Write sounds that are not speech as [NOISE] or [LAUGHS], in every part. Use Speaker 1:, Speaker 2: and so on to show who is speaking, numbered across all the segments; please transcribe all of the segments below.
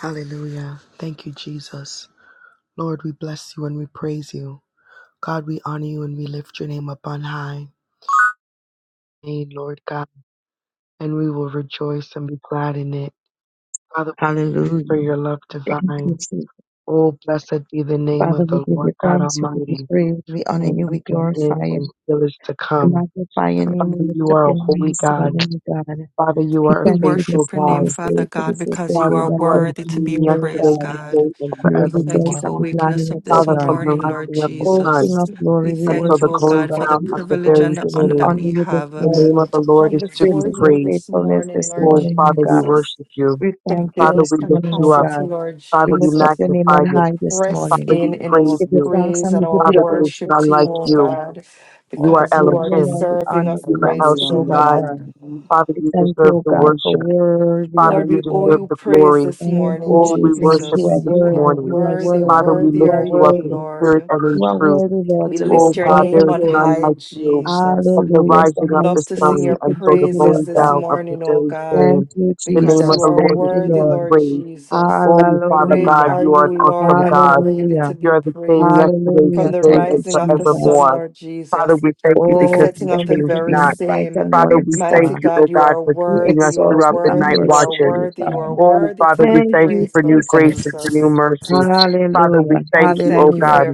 Speaker 1: Hallelujah. Thank you, Jesus. Lord, we bless you and we praise you. God, we honor you and we lift your name up on high. Hey, Lord God, and we will rejoice and be glad in it. Father, thank you
Speaker 2: Hallelujah.
Speaker 1: for your love
Speaker 2: Thank you,
Speaker 1: divine.
Speaker 2: Jesus.
Speaker 1: Oh, blessed be the name
Speaker 2: Father,
Speaker 1: of
Speaker 2: we
Speaker 1: the
Speaker 2: give you
Speaker 1: Lord God
Speaker 2: thanks, we give you
Speaker 1: Almighty,
Speaker 2: praise, we honor
Speaker 1: who
Speaker 2: you,
Speaker 1: was
Speaker 2: we
Speaker 1: and is
Speaker 2: glorify
Speaker 1: and
Speaker 2: you,
Speaker 1: still is to
Speaker 2: we
Speaker 1: come.
Speaker 2: magnify your name, we
Speaker 1: Father,
Speaker 2: lift
Speaker 1: you
Speaker 2: up
Speaker 1: are a
Speaker 2: your name
Speaker 1: holy
Speaker 2: this
Speaker 1: God.
Speaker 2: morning, O God.
Speaker 1: Father, you
Speaker 2: We
Speaker 1: are a
Speaker 3: We
Speaker 2: thank you
Speaker 3: worship
Speaker 1: faithful
Speaker 2: this,
Speaker 3: your
Speaker 2: for
Speaker 3: name,
Speaker 1: God.
Speaker 2: this
Speaker 3: Father
Speaker 2: day, for
Speaker 3: God,
Speaker 2: this is the
Speaker 3: because you
Speaker 1: Father,
Speaker 2: day
Speaker 3: are
Speaker 2: that
Speaker 1: you
Speaker 2: we
Speaker 1: are the
Speaker 2: have
Speaker 3: worthy to
Speaker 2: been
Speaker 3: be
Speaker 1: same
Speaker 2: made, O
Speaker 1: yesterday,
Speaker 3: praised,
Speaker 2: God.
Speaker 1: today,
Speaker 3: God.
Speaker 1: and
Speaker 2: We will
Speaker 3: We
Speaker 4: Jesus.
Speaker 3: thank you
Speaker 2: rejoice
Speaker 1: forevermore.
Speaker 2: and
Speaker 3: for
Speaker 2: be
Speaker 3: waking
Speaker 2: glad
Speaker 3: us
Speaker 2: in
Speaker 3: up
Speaker 2: it, O
Speaker 3: this
Speaker 1: Father, from
Speaker 2: God.
Speaker 1: the
Speaker 3: morning,
Speaker 4: I'm
Speaker 3: Lord
Speaker 1: rising of the
Speaker 2: O
Speaker 1: sun
Speaker 3: Jesus.
Speaker 2: King of
Speaker 3: We
Speaker 2: glory, we
Speaker 1: until
Speaker 3: thank
Speaker 1: the
Speaker 3: you,
Speaker 2: worship
Speaker 3: O
Speaker 2: you,
Speaker 1: going
Speaker 3: God,
Speaker 2: God.
Speaker 3: for the
Speaker 1: down
Speaker 2: We
Speaker 1: of the
Speaker 3: privilege
Speaker 2: exalt
Speaker 1: very
Speaker 3: and the
Speaker 2: you, we
Speaker 3: honor that
Speaker 1: same.
Speaker 2: honor
Speaker 3: we
Speaker 2: you this
Speaker 3: have
Speaker 5: Oh
Speaker 1: The name
Speaker 5: God,
Speaker 2: morning.
Speaker 1: of the
Speaker 3: to
Speaker 1: Lord
Speaker 3: come
Speaker 1: is to
Speaker 2: Great
Speaker 1: be
Speaker 3: before
Speaker 2: is your
Speaker 3: you
Speaker 1: praised.
Speaker 3: this
Speaker 2: faithfulness
Speaker 3: morning,
Speaker 2: this
Speaker 3: Lord
Speaker 1: Oh,
Speaker 2: morning, O
Speaker 1: Father, we
Speaker 2: God.
Speaker 3: Jesus,
Speaker 1: worship you.
Speaker 2: We
Speaker 3: to
Speaker 2: thank you
Speaker 1: Father,
Speaker 3: build
Speaker 2: this
Speaker 1: we lift
Speaker 2: morning, O
Speaker 1: you up.
Speaker 3: capacity,
Speaker 2: God.
Speaker 3: Lord
Speaker 2: We
Speaker 1: Father, we
Speaker 2: lift up
Speaker 3: Jesus,
Speaker 2: your name
Speaker 1: magnify
Speaker 2: on
Speaker 3: to
Speaker 1: you.
Speaker 2: high this
Speaker 3: press
Speaker 2: morning.
Speaker 1: Father, we
Speaker 3: in in
Speaker 1: praise
Speaker 3: our
Speaker 2: give you
Speaker 1: you.
Speaker 2: thanks
Speaker 3: praise
Speaker 2: and
Speaker 3: and
Speaker 2: we give
Speaker 3: our
Speaker 2: you
Speaker 1: Father, there is
Speaker 2: praise
Speaker 3: worship
Speaker 2: this
Speaker 1: none
Speaker 3: to you,
Speaker 1: like
Speaker 2: morning,
Speaker 3: O
Speaker 2: O
Speaker 1: you.
Speaker 2: God.
Speaker 3: God,
Speaker 1: You
Speaker 2: All the
Speaker 1: are
Speaker 3: because you
Speaker 2: glory
Speaker 3: are
Speaker 2: and
Speaker 1: Elohim.
Speaker 2: all the
Speaker 3: deserving
Speaker 2: honor
Speaker 3: of
Speaker 1: You are
Speaker 2: belongs
Speaker 1: El
Speaker 2: to
Speaker 3: praises,
Speaker 2: you,
Speaker 3: O
Speaker 2: Lord
Speaker 1: Shaddai.
Speaker 3: God.
Speaker 2: God.
Speaker 1: Father,
Speaker 2: We
Speaker 1: you
Speaker 2: thank you,
Speaker 1: deserve
Speaker 2: O
Speaker 1: the
Speaker 2: God, for
Speaker 1: worship.
Speaker 2: worthy
Speaker 1: Father,
Speaker 2: are
Speaker 3: Lord,
Speaker 1: you
Speaker 3: we
Speaker 2: you,
Speaker 3: owe
Speaker 1: deserve
Speaker 3: you
Speaker 2: Lord.
Speaker 1: the
Speaker 3: praise
Speaker 1: glory.
Speaker 3: this
Speaker 2: Thank you,
Speaker 3: morning,
Speaker 1: Oh, we
Speaker 2: Jesus.
Speaker 1: worship
Speaker 2: You
Speaker 3: Jesus.
Speaker 2: are
Speaker 1: you this
Speaker 3: You are
Speaker 2: worthy.
Speaker 1: morning.
Speaker 2: You are
Speaker 3: worthy,
Speaker 2: worthy.
Speaker 1: Father, we
Speaker 3: worthy
Speaker 2: You
Speaker 1: lift
Speaker 3: are
Speaker 2: are
Speaker 1: you
Speaker 3: you,
Speaker 1: up
Speaker 4: sorry.
Speaker 1: in
Speaker 2: worthy.
Speaker 1: spirit
Speaker 3: Lord.
Speaker 1: and in
Speaker 2: You are
Speaker 1: truth.
Speaker 2: worthy, Lord,
Speaker 3: We
Speaker 2: to
Speaker 1: O
Speaker 3: lift
Speaker 2: receive
Speaker 3: your
Speaker 1: God,
Speaker 2: all the
Speaker 3: name
Speaker 1: there is
Speaker 3: on
Speaker 1: none
Speaker 2: glory.
Speaker 3: high,
Speaker 1: like you.
Speaker 3: Jesus
Speaker 1: From the
Speaker 2: Hallelujah. It's the
Speaker 1: rising of
Speaker 3: love
Speaker 1: the
Speaker 2: highest
Speaker 3: to sing
Speaker 2: praise
Speaker 1: sun
Speaker 3: your
Speaker 2: we can
Speaker 1: until
Speaker 2: give
Speaker 1: the
Speaker 2: you,
Speaker 3: praises
Speaker 2: Lord
Speaker 1: going
Speaker 3: this
Speaker 2: God.
Speaker 1: down of the
Speaker 3: morning, O
Speaker 1: very
Speaker 3: God,
Speaker 2: Thank
Speaker 1: same,
Speaker 2: you,
Speaker 1: the name
Speaker 3: because
Speaker 1: of
Speaker 3: you
Speaker 1: the
Speaker 2: Jesus.
Speaker 3: are
Speaker 1: Lord
Speaker 2: Thank
Speaker 1: is
Speaker 2: you,
Speaker 1: to
Speaker 3: worthy,
Speaker 1: be
Speaker 2: Lord.
Speaker 3: Lord
Speaker 1: praised.
Speaker 3: Jesus.
Speaker 1: O Father
Speaker 3: Great
Speaker 1: God,
Speaker 2: Hallelujah.
Speaker 3: are
Speaker 1: you are an
Speaker 3: you, Lord,
Speaker 1: awesome
Speaker 3: and
Speaker 1: God.
Speaker 3: greatly
Speaker 2: Hallelujah.
Speaker 3: to
Speaker 1: You
Speaker 3: be
Speaker 1: are the same
Speaker 3: praised.
Speaker 1: yesterday,
Speaker 3: From
Speaker 2: Hallelujah.
Speaker 3: the
Speaker 1: today,
Speaker 2: Thank you,
Speaker 1: and
Speaker 3: rising of the
Speaker 2: Jesus.
Speaker 3: sun,
Speaker 1: forevermore.
Speaker 3: Lord
Speaker 1: Father,
Speaker 3: Jesus,
Speaker 1: we thank you
Speaker 3: to the
Speaker 1: because
Speaker 2: Oh,
Speaker 1: you
Speaker 3: setting of
Speaker 2: thank
Speaker 3: the
Speaker 2: you
Speaker 1: change
Speaker 2: for
Speaker 3: very
Speaker 2: being
Speaker 1: not.
Speaker 2: the bright
Speaker 3: same.
Speaker 2: and
Speaker 1: Father,
Speaker 2: morning
Speaker 1: we thank
Speaker 3: Mighty
Speaker 2: star.
Speaker 1: you, O
Speaker 3: God, you
Speaker 1: God,
Speaker 3: are
Speaker 1: for
Speaker 2: We
Speaker 1: keeping
Speaker 3: worthy,
Speaker 1: us
Speaker 3: you are
Speaker 2: exalt
Speaker 1: throughout
Speaker 2: you
Speaker 1: the
Speaker 2: and
Speaker 3: worthy,
Speaker 1: night
Speaker 3: you are
Speaker 2: worship
Speaker 1: watches.
Speaker 2: you,
Speaker 3: worthy, you are
Speaker 2: God.
Speaker 1: Oh,
Speaker 3: worthy to
Speaker 1: Father, we
Speaker 3: be
Speaker 2: Thank
Speaker 1: thank you
Speaker 2: you,
Speaker 3: praised,
Speaker 1: for new
Speaker 3: Lord
Speaker 1: grace
Speaker 2: Jesus.
Speaker 1: and for new
Speaker 3: Jesus.
Speaker 1: mercy. Father, we
Speaker 2: Hallelujah.
Speaker 1: thank
Speaker 3: We
Speaker 1: you, O
Speaker 3: thank you for
Speaker 2: Hallelujah.
Speaker 1: God.
Speaker 3: your